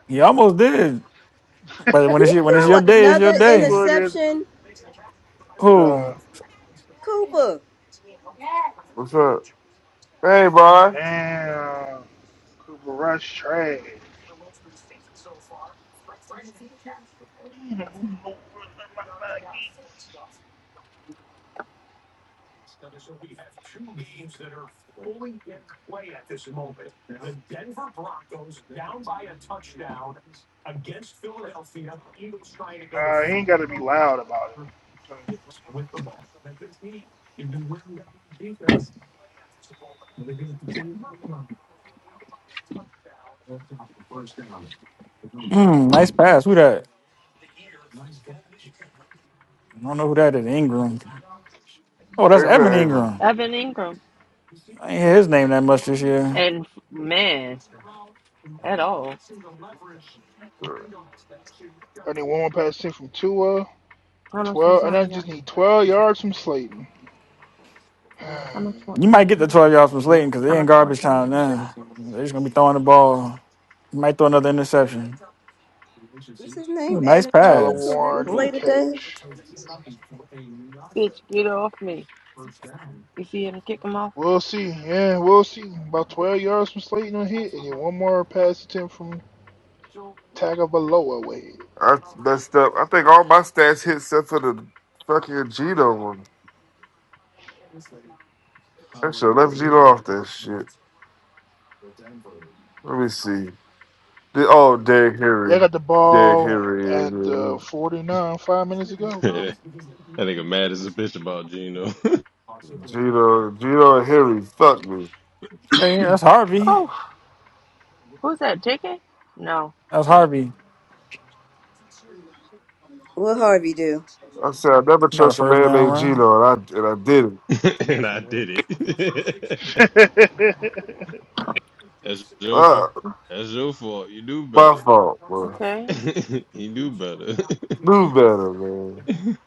Speaker 3: He almost did,
Speaker 6: (laughs) He's
Speaker 3: but when it's
Speaker 1: he
Speaker 3: your, when
Speaker 6: just
Speaker 3: it's your
Speaker 1: throw
Speaker 3: day, it's your
Speaker 1: another
Speaker 6: going
Speaker 3: day.
Speaker 6: in there.
Speaker 1: interception?
Speaker 3: Who?
Speaker 6: No.
Speaker 1: Cooper.
Speaker 5: What's up? Hey, boy.
Speaker 6: Damn. Cooper Rush trash. Damn, I'm no worse my body. Nah, he ain't gotta be loud about it.
Speaker 3: Mm, nice pass. Who that? I don't know who that is. Ingram. Oh, that's
Speaker 5: Hey,
Speaker 3: Evan
Speaker 5: man.
Speaker 3: Ingram.
Speaker 7: Evan Ingram.
Speaker 3: I ain't hear his name that much this year.
Speaker 7: And man, at all.
Speaker 6: I need one more pass in from Tua. Twelve, and I just need twelve yards from Slayton. (sighs)
Speaker 3: You might get the twelve yards from Slayton because they in garbage time now. They're just gonna be throwing the ball. He might throw another interception.
Speaker 1: What's his name?
Speaker 3: Ooh, nice
Speaker 1: Adonai
Speaker 6: Tyler
Speaker 1: Mitchell
Speaker 3: pass.
Speaker 6: Warren
Speaker 1: didn't
Speaker 6: need to
Speaker 1: play
Speaker 7: Ooh,
Speaker 1: today.
Speaker 6: catch.
Speaker 7: bitch, get off me. You see him kick him off?
Speaker 6: We'll see. Yeah, we'll see. About twelve yards from Slayton on hit, and then one more pass attempt from Tagovailoa way.
Speaker 5: I messed up. I think all my stats hit except for the fucking Gino one. I should have left Gino off that shit. Let me see. The, oh, Derek
Speaker 6: They
Speaker 5: Henry.
Speaker 6: got the
Speaker 5: Derek
Speaker 6: ball
Speaker 5: Henry.
Speaker 6: at
Speaker 5: yeah.
Speaker 6: uh, 49, five minutes
Speaker 9: (laughs)
Speaker 6: ago.
Speaker 9: that nigga mad as a bitch about Gino.
Speaker 5: Gino, Gino and Henry. Fuck me.
Speaker 3: Okay, yeah, that's Harvey.
Speaker 7: Oh, who's that? JK? No.
Speaker 3: That's
Speaker 7: Uh,
Speaker 3: Harvey.
Speaker 1: What Harvey do?
Speaker 5: I said I never
Speaker 3: Got a
Speaker 5: trust a
Speaker 3: first
Speaker 5: man
Speaker 3: down
Speaker 5: named
Speaker 3: run.
Speaker 5: Gino, and I and I did it.
Speaker 9: (laughs) and I did it.
Speaker 6: (laughs)
Speaker 9: (laughs) That's your
Speaker 5: Uh,
Speaker 9: fault. That's your fault. You knew
Speaker 5: my
Speaker 9: better.
Speaker 5: fault, bro.
Speaker 7: okay.
Speaker 9: (laughs) you knew better.
Speaker 5: Do better, man.
Speaker 9: (laughs)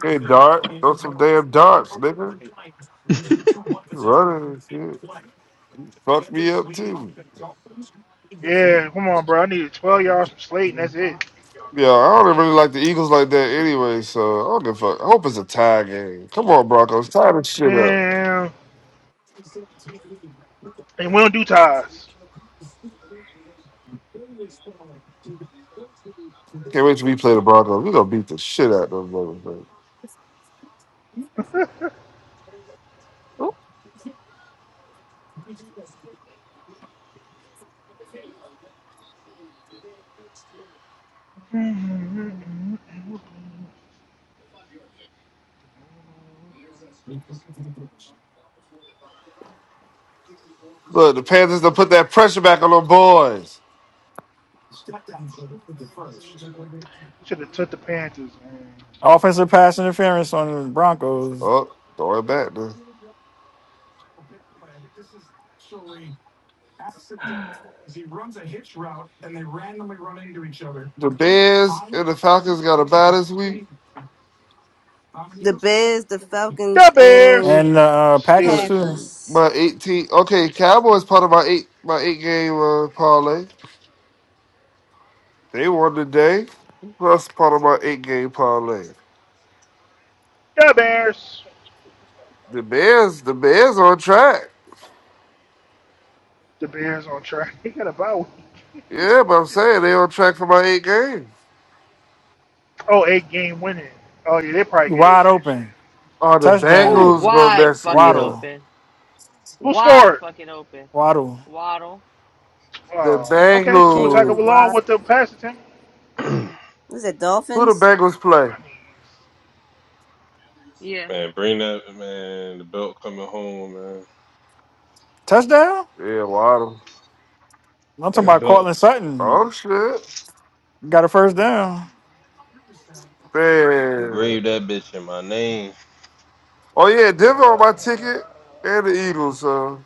Speaker 5: Hey, dart, throw some damn darts, nigga. You running and shit. Fuck me up too.
Speaker 6: yeah, come on, bro. I need 12 yards from slate, and that's it.
Speaker 5: Yeah, I don't really like the Eagles like that anyway, so I don't give a fuck. I hope it's a tie game. Come on, Broncos, tie this shit up.
Speaker 6: Man, and we don't do ties.
Speaker 5: Can't wait till we play the Broncos. We gonna beat the shit out of them motherfuckers.
Speaker 6: (laughs)
Speaker 7: Ooh,
Speaker 5: Look, the Panthers done put that pressure back on them boys.
Speaker 6: Should have took the Panthers, man.
Speaker 3: Offensive pass interference on the Broncos
Speaker 5: Oh, throw it back now. The Bears and the Falcons got a bye this week.
Speaker 1: The Bears, the
Speaker 6: The
Speaker 1: Falcons,
Speaker 6: Bears,
Speaker 1: and
Speaker 3: and uh, uh, Packers
Speaker 6: Steelers.
Speaker 3: too.
Speaker 1: Packers.
Speaker 5: My 18. Okay, Cowboys part of my eight my eight game uh, parlay. They won today. Plus part of my eight game parlay.
Speaker 6: The Bears,
Speaker 5: The Bears, the Bears on track.
Speaker 6: the Bears on track. (laughs) They got a bye week.
Speaker 5: Yeah, but I'm saying they on track for my eight games.
Speaker 6: Oh, eight game winning. Oh yeah, they probably get it
Speaker 3: Wide
Speaker 6: this year.
Speaker 3: open
Speaker 5: Oh, the
Speaker 7: who
Speaker 3: touchdown.
Speaker 5: Bengals gonna
Speaker 7: wide
Speaker 5: mess me
Speaker 7: fucking
Speaker 5: up.
Speaker 3: Waddle,
Speaker 7: open.
Speaker 6: Who
Speaker 7: Wide
Speaker 6: scored?
Speaker 7: fucking open.
Speaker 3: waddle,
Speaker 7: Waddle.
Speaker 5: The
Speaker 6: Uh, okay, Two Tua
Speaker 1: Jalen
Speaker 6: along
Speaker 1: Watt.
Speaker 5: Bengals.
Speaker 6: with the pass attempt.
Speaker 1: Was it
Speaker 5: Who the
Speaker 1: Dolphins?
Speaker 5: Bengals play?
Speaker 6: I mean,
Speaker 7: Yeah.
Speaker 9: man, bring that man, the belt coming home, man. (clears throat)
Speaker 3: touchdown.
Speaker 5: Yeah, Waddle.
Speaker 3: I'm talking
Speaker 9: The
Speaker 3: about
Speaker 9: belt
Speaker 3: Cortland Sutton
Speaker 5: Oh shit.
Speaker 3: got a first down.
Speaker 5: Man.
Speaker 9: engrave that
Speaker 6: uh,
Speaker 9: bitch in my name.
Speaker 5: Oh yeah,
Speaker 6: uh,
Speaker 5: Denver
Speaker 6: uh,
Speaker 5: on my
Speaker 6: uh,
Speaker 5: ticket and the Eagles, so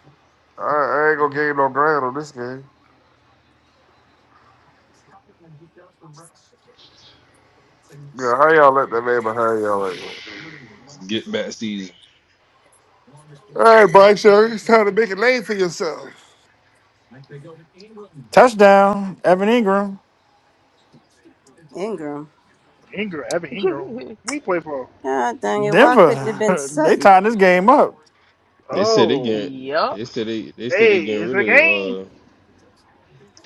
Speaker 5: I, I ain't gonna gain no ground on this game. Yeah,
Speaker 9: It's-
Speaker 5: how y'all let that man behind y'all like that?
Speaker 9: it's Get back season.
Speaker 5: All right, Mike, Sherry, it's time to make a name for yourself.
Speaker 3: Touchdown. Evan Ingram.
Speaker 1: Ingram.
Speaker 6: Ingram, Evan
Speaker 7: (laughs)
Speaker 6: Ingram. We play for.
Speaker 1: God dang it. Why couldn't it have been
Speaker 3: Denver. (laughs) they
Speaker 1: Sutton?
Speaker 3: tying this game up.
Speaker 9: They said they
Speaker 6: Oh,
Speaker 9: get
Speaker 7: yup.
Speaker 9: they said they they said they
Speaker 6: hey,
Speaker 9: getting
Speaker 6: it's
Speaker 9: rid
Speaker 6: a game.
Speaker 9: of uh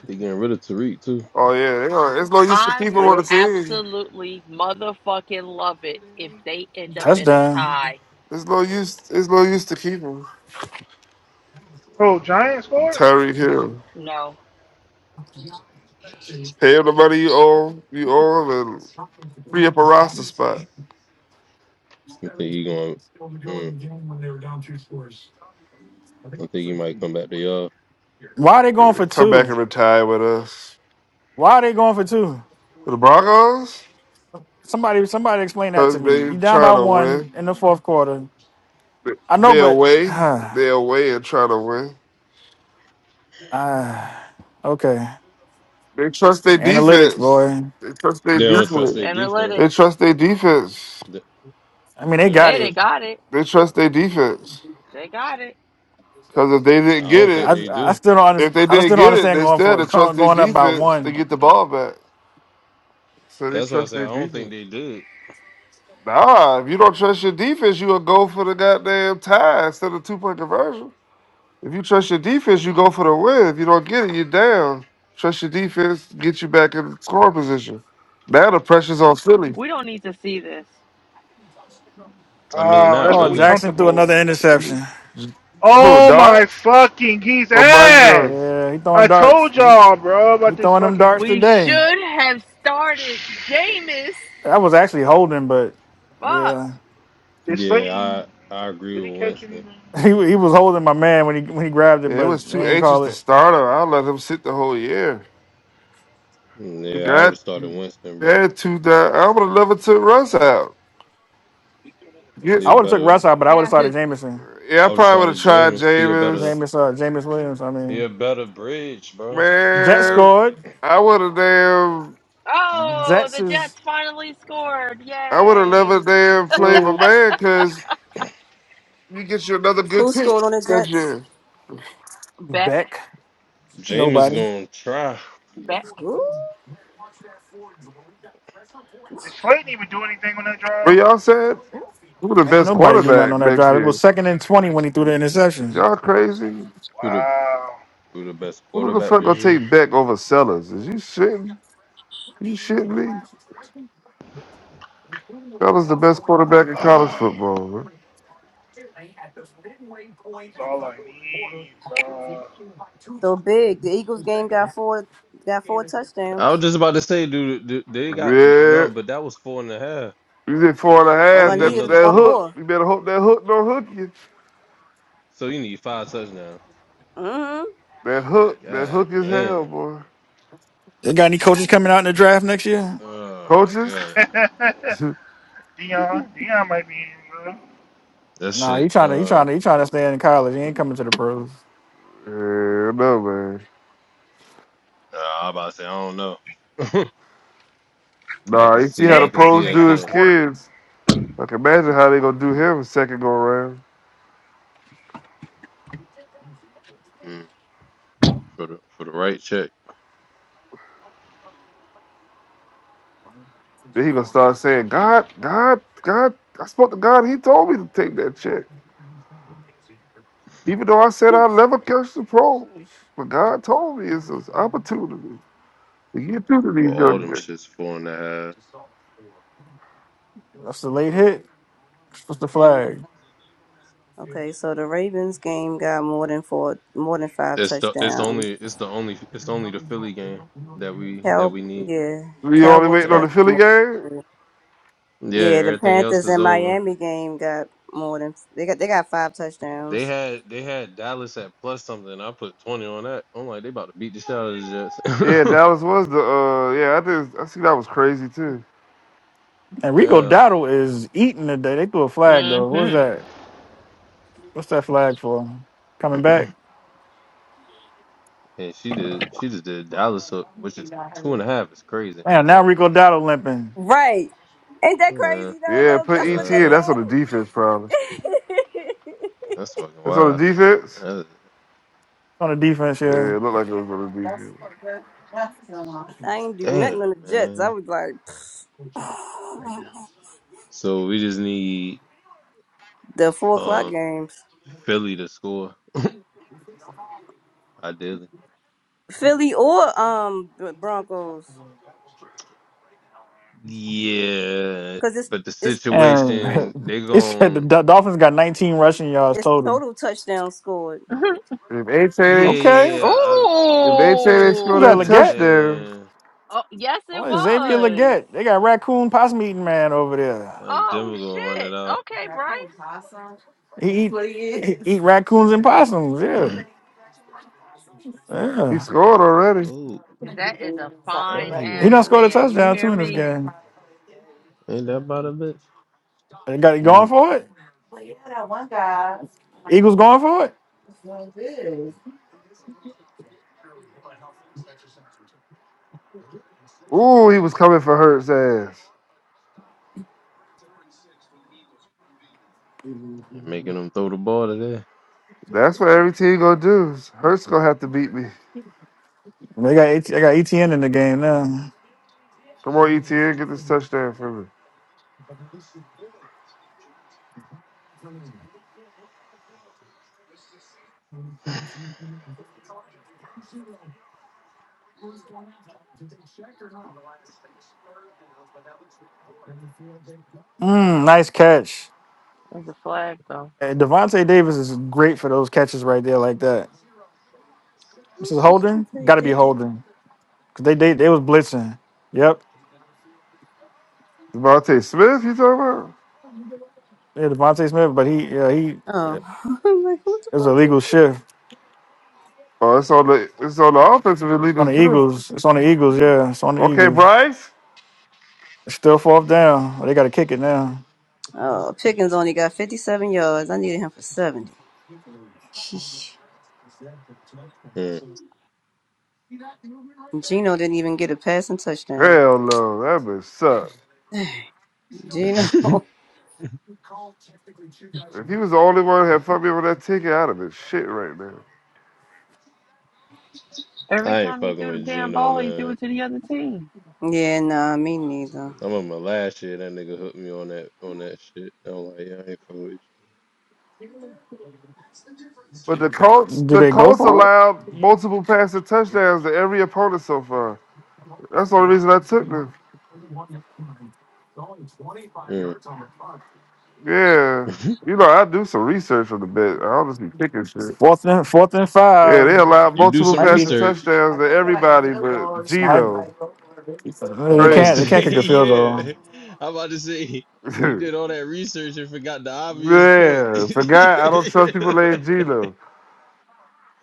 Speaker 9: they getting rid of Tariq too.
Speaker 5: Oh yeah, they are. It's no use to
Speaker 7: I
Speaker 5: keep him
Speaker 7: would
Speaker 5: on the
Speaker 6: Yep.
Speaker 5: team.
Speaker 7: absolutely motherfucking love it if they end up in a
Speaker 3: Touchdown.
Speaker 7: tie.
Speaker 5: It's no use. It's no use to keep him.
Speaker 6: Oh, Giants scored.
Speaker 5: Tyreek Hill,
Speaker 7: No.
Speaker 5: pay him the money you owe. You owe him, and free up a roster spot.
Speaker 9: I think he going. I think he might come back to y'all.
Speaker 3: Why are they going for
Speaker 5: Come back
Speaker 3: two?
Speaker 5: and retire with us.
Speaker 3: Why are they going for two?
Speaker 5: The Broncos,
Speaker 3: Somebody, somebody, explain that to
Speaker 5: because
Speaker 3: me.
Speaker 5: they
Speaker 3: You down by
Speaker 5: trying to
Speaker 3: one
Speaker 5: win.
Speaker 3: in the fourth quarter.
Speaker 5: They
Speaker 3: I know,
Speaker 5: they
Speaker 3: but (sighs)
Speaker 5: away.
Speaker 3: uh,
Speaker 5: They away and trying to win.
Speaker 3: okay.
Speaker 5: They trust their
Speaker 3: Analytics,
Speaker 5: defense.
Speaker 3: boy.
Speaker 5: They trust their
Speaker 9: They don't trust their
Speaker 5: defense.
Speaker 7: Analytics.
Speaker 5: They
Speaker 9: defense.
Speaker 5: trust their defense.
Speaker 9: They,
Speaker 3: I mean, they
Speaker 9: they don't
Speaker 3: got
Speaker 7: Hey, they
Speaker 3: it.
Speaker 9: trust.
Speaker 7: got it.
Speaker 5: They trust their defense.
Speaker 7: They got it.
Speaker 5: Because if they
Speaker 9: I
Speaker 5: didn't get
Speaker 9: don't think
Speaker 3: I
Speaker 5: it.
Speaker 9: they
Speaker 3: I
Speaker 9: do.
Speaker 3: still don't understand.
Speaker 5: If they
Speaker 3: I still
Speaker 5: didn't
Speaker 3: don't
Speaker 5: get it,
Speaker 3: understand
Speaker 5: they
Speaker 3: going
Speaker 5: still had
Speaker 3: for (laughs)
Speaker 5: to trust
Speaker 3: going
Speaker 5: their
Speaker 3: going up by
Speaker 5: defense to
Speaker 3: one.
Speaker 5: get the ball back. So they
Speaker 9: That's why I
Speaker 5: trust
Speaker 9: say
Speaker 5: their
Speaker 9: I don't think
Speaker 5: defense.
Speaker 9: they did.
Speaker 5: Nah, if you don't trust your defense, you will go for the goddamn tie instead of two point conversion. If you trust your defense, you go for the win. If you don't get it, you're down. Trust your defense, get you back in the scoring position. Now the pressure's on Philly.
Speaker 7: We don't need to see this.
Speaker 9: I mean,
Speaker 6: Oh,
Speaker 9: not
Speaker 6: that's
Speaker 3: Oh,
Speaker 6: what we
Speaker 9: really.
Speaker 3: Jackson threw
Speaker 6: comfortable. with.
Speaker 3: another interception.
Speaker 5: Who,
Speaker 6: Oh my
Speaker 5: Dart
Speaker 6: fucking geese
Speaker 5: or Bryce
Speaker 6: ass!
Speaker 5: Young?
Speaker 3: Yeah, he throwing
Speaker 6: I
Speaker 3: darts.
Speaker 6: told
Speaker 3: He,
Speaker 6: y'all, bro,
Speaker 3: he
Speaker 6: about this
Speaker 3: throwing them
Speaker 6: fucking.
Speaker 3: darts
Speaker 7: We
Speaker 3: today.
Speaker 7: should have started Jameis.
Speaker 3: I was actually holding, but
Speaker 7: Fuck.
Speaker 3: yeah,
Speaker 6: Did
Speaker 9: Yeah,
Speaker 6: Slayton?
Speaker 9: I I agree
Speaker 6: Did he
Speaker 9: with
Speaker 6: catch
Speaker 9: Winston.
Speaker 6: anything?
Speaker 3: (laughs) he wa- he was holding my man when he when he grabbed it,
Speaker 5: Yeah, it was
Speaker 3: but
Speaker 5: too
Speaker 3: they ain't
Speaker 5: anxious
Speaker 3: call
Speaker 5: to
Speaker 3: it.
Speaker 5: start him. I'll let him sit the whole year.
Speaker 9: Mm,
Speaker 5: You
Speaker 9: Yeah, I would
Speaker 5: got
Speaker 9: have started
Speaker 5: you
Speaker 9: Winston, bro.
Speaker 5: had two down. I'm gonna never took runs out.
Speaker 9: He
Speaker 3: I
Speaker 9: a
Speaker 3: would have took
Speaker 9: better.
Speaker 3: Russ out, but I would
Speaker 7: Yeah.
Speaker 3: have started Jameson.
Speaker 5: Yeah, I
Speaker 9: I would have
Speaker 5: probably would have
Speaker 9: started
Speaker 5: tried
Speaker 9: Jameis. He a better.
Speaker 5: Jameis.
Speaker 3: James uh James Williams. I
Speaker 9: He
Speaker 3: mean,
Speaker 9: a better bridge, bro.
Speaker 3: Jets
Speaker 5: Man,
Speaker 9: Like
Speaker 3: scored.
Speaker 5: I would have damn,
Speaker 7: Oh,
Speaker 3: Jets
Speaker 7: the
Speaker 3: is
Speaker 7: Jets finally scored.
Speaker 5: I would have never
Speaker 7: Yay.
Speaker 5: damn played my
Speaker 6: Well,
Speaker 5: man because you get you another good
Speaker 1: Who
Speaker 5: pick
Speaker 1: scored on the
Speaker 5: next
Speaker 1: Jets?
Speaker 5: year.
Speaker 7: Beck.
Speaker 3: back.
Speaker 9: Jameis
Speaker 3: Nobody.
Speaker 9: gonna try.
Speaker 7: Beck.
Speaker 1: Who?
Speaker 6: did Slayton even do anything on that drive?
Speaker 5: What y'all said? Who the
Speaker 3: Ain't
Speaker 5: best
Speaker 3: nobody do nothing
Speaker 5: quarterback
Speaker 3: on that
Speaker 5: next
Speaker 3: drive. It was
Speaker 5: year?
Speaker 3: second and twenty when he threw the
Speaker 5: Is
Speaker 3: interception.
Speaker 5: y'all crazy?
Speaker 9: Who the
Speaker 6: Wow. (sighs)
Speaker 9: who the best
Speaker 5: Who the
Speaker 9: quarterback
Speaker 5: fuck
Speaker 9: this
Speaker 5: gonna
Speaker 9: year?
Speaker 5: take Beck over Sellers? Is you shitting? You shitting me? Sellers the best quarterback in
Speaker 9: Mm.
Speaker 5: college
Speaker 6: Oh,
Speaker 5: football. Man.
Speaker 6: That's all I need, bro.
Speaker 1: So big. The Eagles game got four got four
Speaker 9: I was
Speaker 1: touchdowns.
Speaker 9: just about to say, dude, dude, they got no,
Speaker 5: Yeah,
Speaker 9: but that was four and a half.
Speaker 5: you did four and a
Speaker 1: All
Speaker 9: So you
Speaker 1: I
Speaker 5: half.
Speaker 9: need
Speaker 5: That
Speaker 1: need is
Speaker 9: another
Speaker 5: that
Speaker 1: one
Speaker 9: score.
Speaker 5: hook,
Speaker 1: more.
Speaker 5: you better hope that hook don't hook you.
Speaker 9: So you need five touchdowns.
Speaker 1: Mm-hmm.
Speaker 5: That hook, that
Speaker 9: God
Speaker 5: hook is hell,
Speaker 9: damn.
Speaker 5: boy.
Speaker 3: They got any coaches coming out in the draft next year?
Speaker 9: Oh my
Speaker 5: Coaches?
Speaker 9: god.
Speaker 5: (laughs) Hell
Speaker 6: (laughs) Dion, Dion might be in, bro.
Speaker 9: That
Speaker 3: Nah, he
Speaker 9: shit.
Speaker 3: trying to he
Speaker 9: Uh,
Speaker 3: trying to he trying to stay in college. He ain't coming to the pros.
Speaker 5: no, man.
Speaker 9: I about to say I don't know. (laughs) I
Speaker 5: Nah,
Speaker 9: can
Speaker 5: you see
Speaker 9: see.
Speaker 5: how the
Speaker 9: I
Speaker 6: They,
Speaker 9: can
Speaker 6: they
Speaker 9: see
Speaker 6: just
Speaker 5: pros
Speaker 6: ain't
Speaker 9: that
Speaker 6: got
Speaker 5: do
Speaker 6: no
Speaker 5: his
Speaker 9: shit.
Speaker 6: quarterback.
Speaker 5: kids. Like, imagine how they gonna do him second go around.
Speaker 9: Mm. For the for the right check.
Speaker 5: Then he gonna start saying, God, God, God, I spoke to God. He told me to take that check. Even though I said I'll never catch the pros. But God told me it's an opportunity to get through to
Speaker 9: Oh,
Speaker 5: these
Speaker 9: all
Speaker 5: young
Speaker 9: them
Speaker 5: men.
Speaker 9: shits four and a half.
Speaker 3: That's the late
Speaker 9: Mm.
Speaker 3: hit. What's the flag?
Speaker 1: Okay, so the Ravens game got more than four, more than five
Speaker 9: It's the it's
Speaker 1: touchdowns.
Speaker 9: only it's the only it's only the Philly game that we that
Speaker 1: Cow,
Speaker 9: we need.
Speaker 1: yeah,
Speaker 5: We only
Speaker 1: Cowboys
Speaker 5: waiting on
Speaker 9: E-
Speaker 1: got
Speaker 5: the Philly
Speaker 1: more.
Speaker 5: game?
Speaker 9: Yeah,
Speaker 1: Yeah, the
Speaker 9: everything else
Speaker 1: Panthers
Speaker 9: is
Speaker 1: and
Speaker 9: over.
Speaker 1: Miami game got more than they got. They got five
Speaker 9: They
Speaker 1: touchdowns.
Speaker 9: had they had Dallas at plus something. I put twenty on that. I'm like they about to beat the shit out of the
Speaker 5: Yeah,
Speaker 9: Jets.
Speaker 5: Dallas was the, uh, yeah, I think, I see that was crazy too.
Speaker 9: (laughs)
Speaker 3: And Rico
Speaker 9: yeah,
Speaker 3: Dowdle is eating today. They threw a flag though. What's
Speaker 7: Mm-hmm.
Speaker 3: that? What's that flag for? Coming back?
Speaker 9: And she did she just did Dallas, so- which is two and a half. It's crazy.
Speaker 3: Man, now
Speaker 9: Uh,
Speaker 3: Rico Dowdle limping
Speaker 1: Right? Ain't that
Speaker 9: uh,
Speaker 1: crazy though?
Speaker 5: Yeah,
Speaker 1: Lo?
Speaker 5: put
Speaker 1: That's what
Speaker 5: ET
Speaker 1: they
Speaker 5: in.
Speaker 9: uh,
Speaker 5: That's
Speaker 1: had
Speaker 5: on the defense, probably.
Speaker 1: it.
Speaker 9: that's fucking
Speaker 5: That's on the
Speaker 9: wild.
Speaker 5: defense?
Speaker 9: Uh,
Speaker 3: on the defense
Speaker 5: Yeah,
Speaker 3: here.
Speaker 5: it looked like it was on the
Speaker 1: (laughs) I ain't do
Speaker 9: damn,
Speaker 1: nothing on the Jets. I
Speaker 9: man.
Speaker 1: was like, (sighs)
Speaker 9: So we just need
Speaker 1: the four o'clock
Speaker 9: um
Speaker 1: games,
Speaker 9: Philly to score, ideally.
Speaker 1: Philly or um Broncos,
Speaker 9: Yeah,
Speaker 1: because it's
Speaker 9: but the
Speaker 1: it's
Speaker 3: And
Speaker 9: situation
Speaker 3: (laughs)
Speaker 9: they
Speaker 3: it said the
Speaker 9: gon'
Speaker 3: Dol- Dolphins got 19 rushing yards
Speaker 1: it's
Speaker 3: total.
Speaker 1: total touchdown scored.
Speaker 7: (laughs)
Speaker 5: defense. If
Speaker 9: yeah
Speaker 5: Ate,
Speaker 9: yeah
Speaker 3: Okay,
Speaker 9: yeah. I
Speaker 5: if Ate
Speaker 3: who's
Speaker 5: scored
Speaker 3: that?
Speaker 9: I'm
Speaker 5: that
Speaker 7: Ooh.
Speaker 9: just
Speaker 3: Leggett?
Speaker 5: touchdown,
Speaker 9: saying
Speaker 7: Oh, yes, it
Speaker 3: Oh, Xavier
Speaker 7: was.
Speaker 3: Leggett. They got raccoon possum eating man over there.
Speaker 9: like
Speaker 7: Oh,
Speaker 9: Denver gonna run it
Speaker 7: shit.
Speaker 9: out.
Speaker 7: Okay, Bryce.
Speaker 3: He eat, he eat raccoons and possums. Yeah.
Speaker 5: he
Speaker 3: Yeah.
Speaker 5: scored
Speaker 9: (clears throat)
Speaker 5: already.
Speaker 9: oh,
Speaker 7: That is a
Speaker 9: I
Speaker 7: fine
Speaker 9: he
Speaker 3: He
Speaker 9: wanna
Speaker 7: ass
Speaker 3: done scored
Speaker 9: run
Speaker 3: a
Speaker 9: the
Speaker 7: man. You
Speaker 3: touchdown
Speaker 7: hear
Speaker 3: too
Speaker 9: ball.
Speaker 3: in this
Speaker 7: me?
Speaker 3: game.
Speaker 9: Ain't that about a bitch?
Speaker 3: They got he
Speaker 9: Mm.
Speaker 3: going for it? Eagles going for it?
Speaker 5: Ooh, he was coming for Hurts' ass.
Speaker 9: And making them throw the ball today.
Speaker 5: That's what every team gonna do. Hurts gonna have to beat me.
Speaker 3: They got AT, they got ETN in the game now.
Speaker 5: Come on, ETN, get this touchdown for me.
Speaker 3: Mm, nice catch.
Speaker 7: There's a flag, though.
Speaker 3: And Devontae Davis is great for those catches right there like that. This is Holden. Got
Speaker 1: Devontae
Speaker 3: to be
Speaker 1: Davis.
Speaker 3: Holden because they, they they was blitzing. Yep.
Speaker 5: Devontae Smith, you talking about?
Speaker 3: Yeah, Devontae Smith, but he yeah he
Speaker 1: Oh,
Speaker 3: it
Speaker 1: (laughs) I'm like, who's
Speaker 3: was a
Speaker 1: Devontae?
Speaker 3: legal shift.
Speaker 5: Oh, it's on the it's on the offensive illegal
Speaker 3: On the
Speaker 5: shift.
Speaker 3: Eagles. It's on the Eagles, yeah. It's on the
Speaker 5: Okay,
Speaker 3: Eagles.
Speaker 5: Bryce.
Speaker 3: It's still fourth down. Oh, They gotta kick it now.
Speaker 1: Oh, Pickens only got 57 yards. I needed him for 70. Sheesh.
Speaker 9: Mm.
Speaker 1: Gino didn't even get a passing touchdown.
Speaker 5: Hell no, that bitch suck.
Speaker 1: (sighs) Gino.
Speaker 9: (laughs)
Speaker 1: (laughs)
Speaker 5: If he was the only one that fucked me with that ticket, I'd have been shit right now.
Speaker 7: Every
Speaker 9: I ain't
Speaker 7: time he
Speaker 9: fucking
Speaker 7: threw the
Speaker 9: with
Speaker 7: damn
Speaker 9: Geno,
Speaker 7: ball, he threw
Speaker 9: man.
Speaker 7: it to the other team.
Speaker 1: yeah, nah, me neither.
Speaker 9: I remember last year that nigga hooked me on that on that shit. I'm like, yeah, I ain't fucking with
Speaker 5: But the Colts,
Speaker 3: Do
Speaker 5: the
Speaker 3: they go
Speaker 5: Colts
Speaker 3: for it?
Speaker 5: allowed multiple passing touchdowns to every opponent so far. That's the only reason I took them.
Speaker 9: you.
Speaker 5: Yeah,
Speaker 9: Mm.
Speaker 5: you know I do some research on the bet. I honestly picking shit.
Speaker 3: Fourth and fourth and
Speaker 5: Yeah, they
Speaker 3: five.
Speaker 5: allowed
Speaker 9: (laughs) you do
Speaker 3: This
Speaker 5: multiple
Speaker 9: some
Speaker 3: might be
Speaker 5: passing
Speaker 3: this
Speaker 9: research.
Speaker 5: touchdowns to everybody but
Speaker 3: might,
Speaker 5: Geno,
Speaker 3: No,
Speaker 9: I'm
Speaker 3: They
Speaker 9: about
Speaker 3: can't
Speaker 9: to
Speaker 3: they
Speaker 5: Crazy.
Speaker 3: can't
Speaker 9: say, (laughs)
Speaker 3: kick a field goal.
Speaker 9: yeah. I'm about to say,
Speaker 5: (laughs)
Speaker 9: you
Speaker 5: yeah,
Speaker 9: did all that research and forgot the obvious point. (laughs)
Speaker 5: forgot I don't trust people named Geno.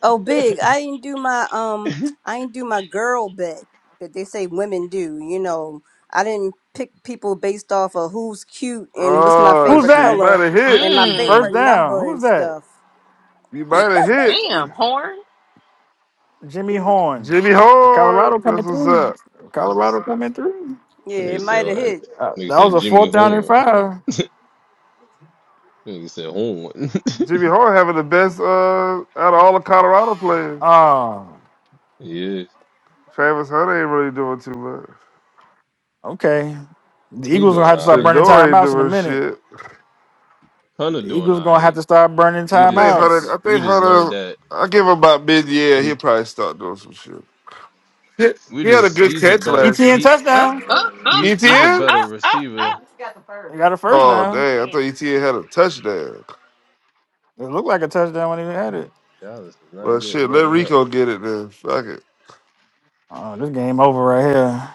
Speaker 1: Oh, big. I didn't do my um. I didn't do my girl bet that they say women do. You know, I didn't pick people based off of who's cute and what's my
Speaker 5: Oh
Speaker 3: Who's
Speaker 1: favorite
Speaker 5: shit, you
Speaker 3: that?
Speaker 1: color
Speaker 5: might have hit.
Speaker 1: and my
Speaker 7: Mmm.
Speaker 3: First
Speaker 1: favorite
Speaker 3: down.
Speaker 1: number
Speaker 3: Who's
Speaker 1: and
Speaker 3: that?
Speaker 1: stuff.
Speaker 5: You might have hit.
Speaker 7: Damn, Horn.
Speaker 3: Jimmy
Speaker 1: It,
Speaker 3: Horn.
Speaker 5: Jimmy
Speaker 3: Colorado
Speaker 5: Horn.
Speaker 3: coming
Speaker 5: That's what's up.
Speaker 3: through. Colorado coming through.
Speaker 1: yeah, it
Speaker 9: nigga said,
Speaker 1: might have
Speaker 9: uh,
Speaker 1: hit.
Speaker 3: Uh,
Speaker 9: nigga
Speaker 3: that was
Speaker 9: said
Speaker 3: a
Speaker 9: Jimmy
Speaker 3: fourth down and
Speaker 9: Horn.
Speaker 3: five.
Speaker 9: Nigga said Horn.
Speaker 5: Jimmy Hart having the best uh, out of all the Colorado players.
Speaker 3: Oh,
Speaker 9: (laughs) yeah,
Speaker 5: Travis Hunter ain't really doing too much.
Speaker 3: okay. The
Speaker 9: he
Speaker 3: Eagles gonna
Speaker 9: doing
Speaker 3: have to
Speaker 9: all
Speaker 3: start
Speaker 5: The
Speaker 9: right.
Speaker 3: burning
Speaker 5: door ain't
Speaker 3: timeouts in a
Speaker 5: doing
Speaker 3: minute.
Speaker 5: shit.
Speaker 9: Hunter
Speaker 3: The
Speaker 9: doing
Speaker 3: Eagles
Speaker 9: all
Speaker 3: gonna
Speaker 9: right.
Speaker 3: have to start burning
Speaker 9: we
Speaker 5: I think
Speaker 9: just
Speaker 5: Hunter.
Speaker 3: timeouts.
Speaker 5: I
Speaker 9: we
Speaker 5: think
Speaker 9: just learned
Speaker 5: Hunter.
Speaker 9: that
Speaker 5: I give him about mid year. He'll
Speaker 9: he's
Speaker 5: probably start doing some shit. He,
Speaker 9: we
Speaker 5: he had a
Speaker 9: just
Speaker 5: good
Speaker 9: he's a
Speaker 5: catch
Speaker 9: better
Speaker 5: last
Speaker 3: ETN
Speaker 5: year.
Speaker 9: he
Speaker 7: Oh,
Speaker 3: touchdown.
Speaker 7: oh, oh,
Speaker 9: he he's
Speaker 7: oh,
Speaker 9: a
Speaker 5: ETN?
Speaker 9: better
Speaker 7: oh, oh, oh.
Speaker 9: receiver.
Speaker 3: He got a first
Speaker 5: Oh
Speaker 7: No,
Speaker 3: down.
Speaker 5: damn! I thought
Speaker 7: damn.
Speaker 5: ETN had a touchdown.
Speaker 3: It looked like a touchdown when he had it.
Speaker 9: Dallas is not
Speaker 5: Well,
Speaker 9: getting
Speaker 5: shit. Let
Speaker 9: letting up.
Speaker 5: Rico get it then. Fuck it.
Speaker 3: Oh, this game over right here.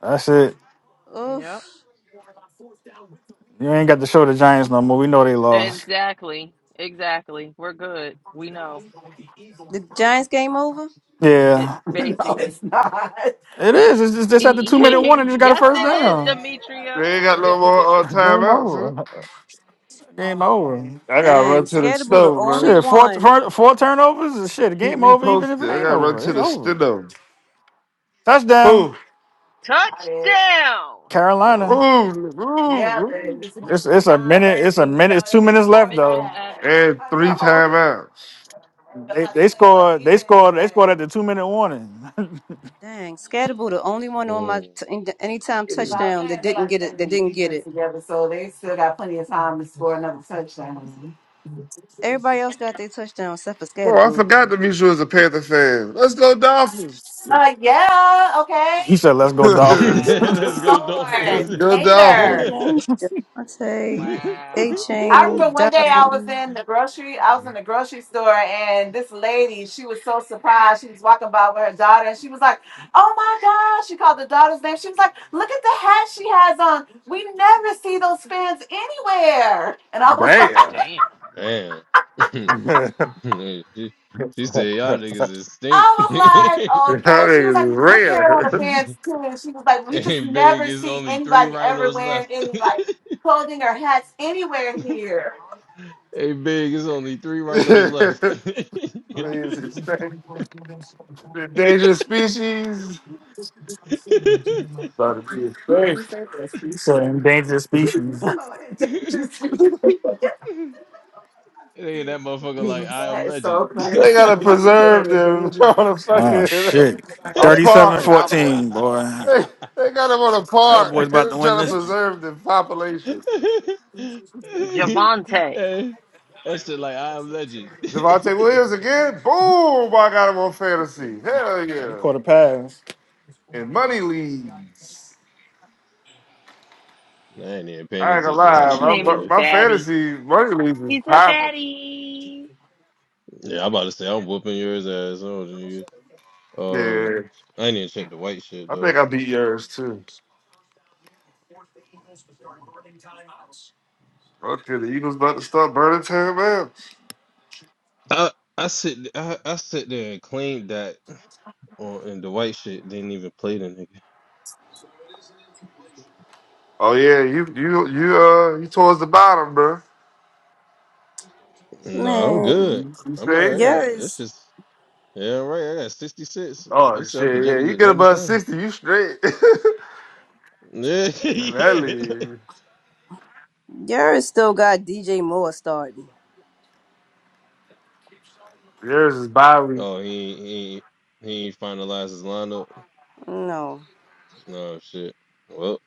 Speaker 3: That's it.
Speaker 1: Oof.
Speaker 7: Yep.
Speaker 3: You ain't got to show the Giants no more. We know they lost.
Speaker 7: Exactly. Exactly. We're good. We know.
Speaker 1: The Giants game over?
Speaker 7: It
Speaker 3: Yeah,
Speaker 7: basically.
Speaker 3: it is. It's just,
Speaker 7: (laughs)
Speaker 3: just at the two minute one and just got a
Speaker 7: yes,
Speaker 3: first
Speaker 7: it is,
Speaker 3: down.
Speaker 7: Demetria.
Speaker 5: They ain't got no more uh,
Speaker 3: (laughs) Game
Speaker 5: timeouts. Huh?
Speaker 3: over. Game over.
Speaker 5: I gotta
Speaker 1: Dang,
Speaker 5: run to the
Speaker 1: Scatterboo the
Speaker 5: stove, man.
Speaker 1: only
Speaker 3: Shit, four,
Speaker 1: one.
Speaker 3: four, four turnovers. Shit,
Speaker 5: Keep
Speaker 3: game
Speaker 5: me
Speaker 3: over. Even if it
Speaker 5: posted. I
Speaker 3: ain't
Speaker 5: gotta run
Speaker 3: over,
Speaker 5: to
Speaker 3: it's
Speaker 5: the
Speaker 3: over.
Speaker 5: stove.
Speaker 3: Touchdown,
Speaker 5: Who?
Speaker 7: Touchdown.
Speaker 3: Carolina.
Speaker 5: Boom, boom, boom.
Speaker 3: It's it's a minute. It's a minute. It's two minutes left though.
Speaker 7: Mitchell Evans.
Speaker 5: And three timeouts.
Speaker 3: They they scored. They scored. They scored at the two minute warning. (laughs)
Speaker 1: Dang, Scatterboo the only one on my
Speaker 9: Mm.
Speaker 1: t- in- anytime touchdown that didn't get it. That didn't get it. Everybody else got their touchdown except for
Speaker 5: Oh, I
Speaker 1: Scatterboo.
Speaker 5: forgot that Misha was a Panther fan. Let's go Dolphins.
Speaker 3: he said, "Let's go
Speaker 5: (laughs)
Speaker 3: Dolphins." (laughs) What
Speaker 9: (laughs) Let's go
Speaker 5: Let's
Speaker 7: Wow.
Speaker 9: Dolphins.
Speaker 5: go Dolphins.
Speaker 1: Pickens, Javante, A
Speaker 7: Wow.
Speaker 1: Chain,
Speaker 9: (laughs)
Speaker 1: Dobbin.
Speaker 7: Oh,
Speaker 5: Damn.
Speaker 7: damn.
Speaker 9: Damn. (laughs)
Speaker 5: (laughs) that
Speaker 9: she, she said y'all niggas is stink. (laughs)
Speaker 5: nigga's rare.
Speaker 9: hey big it's only three rhinos left. (laughs) hey big it's only three rhinos left.
Speaker 5: (laughs) He's extinct. Endangered species.
Speaker 9: (laughs)
Speaker 5: About to be extinct.
Speaker 3: He So said, "Endangered species." That
Speaker 9: (laughs) It ain't that motherfucker like I am legend.
Speaker 5: They gotta preserve them (laughs) on a
Speaker 3: Oh species.
Speaker 5: fucking
Speaker 3: shit!
Speaker 5: a
Speaker 3: Thirty-seven,
Speaker 5: park.
Speaker 7: Cowboys.
Speaker 3: fourteen. boy.
Speaker 9: (laughs)
Speaker 5: They, they got him on a park
Speaker 3: Cowboys about to
Speaker 5: (laughs)
Speaker 3: win
Speaker 5: trying to
Speaker 3: this.
Speaker 5: preserve the population.
Speaker 7: Javante.
Speaker 9: Hey, that shit like I am legend. (laughs) I
Speaker 5: Javante Williams again. Boom! I got him on fantasy. Hell
Speaker 3: You
Speaker 5: yeah.
Speaker 3: caught a pass.
Speaker 5: And money leads.
Speaker 9: ain't even paying
Speaker 5: I ain't gonna
Speaker 9: attention to that
Speaker 7: His
Speaker 9: shit,
Speaker 5: lie.
Speaker 7: name
Speaker 5: My,
Speaker 7: is
Speaker 9: man.
Speaker 5: my
Speaker 7: Batty.
Speaker 5: fantasy money leads is
Speaker 7: He's a
Speaker 5: popping.
Speaker 7: Batty.
Speaker 9: Yeah, I'm about to say I'm whooping yours ass, oh nigga. Uh,
Speaker 5: Yeah.
Speaker 9: I ain't even check the white shit
Speaker 5: I think
Speaker 9: though.
Speaker 5: I beat yours too. Okay, the Eagles about to start burning town man.
Speaker 9: I I sit I, I sit there and claim that on and the white shit didn't even play the nigga.
Speaker 5: Oh yeah, you you you uh you towards the bottom, bro.
Speaker 9: No, I'm
Speaker 1: Man,
Speaker 9: good.
Speaker 5: You, you
Speaker 9: I'm
Speaker 5: see?
Speaker 9: alright. It's
Speaker 1: Yaris,
Speaker 9: just Yeah, right. I got 66.
Speaker 5: Oh
Speaker 9: It's self
Speaker 5: shit,
Speaker 9: projected
Speaker 5: yeah.
Speaker 9: to
Speaker 5: You
Speaker 9: get
Speaker 5: get above
Speaker 9: 97. (laughs)
Speaker 5: sixty, you straight. (laughs)
Speaker 9: Yeah.
Speaker 5: In that
Speaker 9: yeah.
Speaker 5: league.
Speaker 1: Yaris still got DJ Moore starting.
Speaker 5: Yours is bye week.
Speaker 9: oh, he ain't- he ain't- he ain't finalized his lineup.
Speaker 1: No,
Speaker 9: No shit. Well,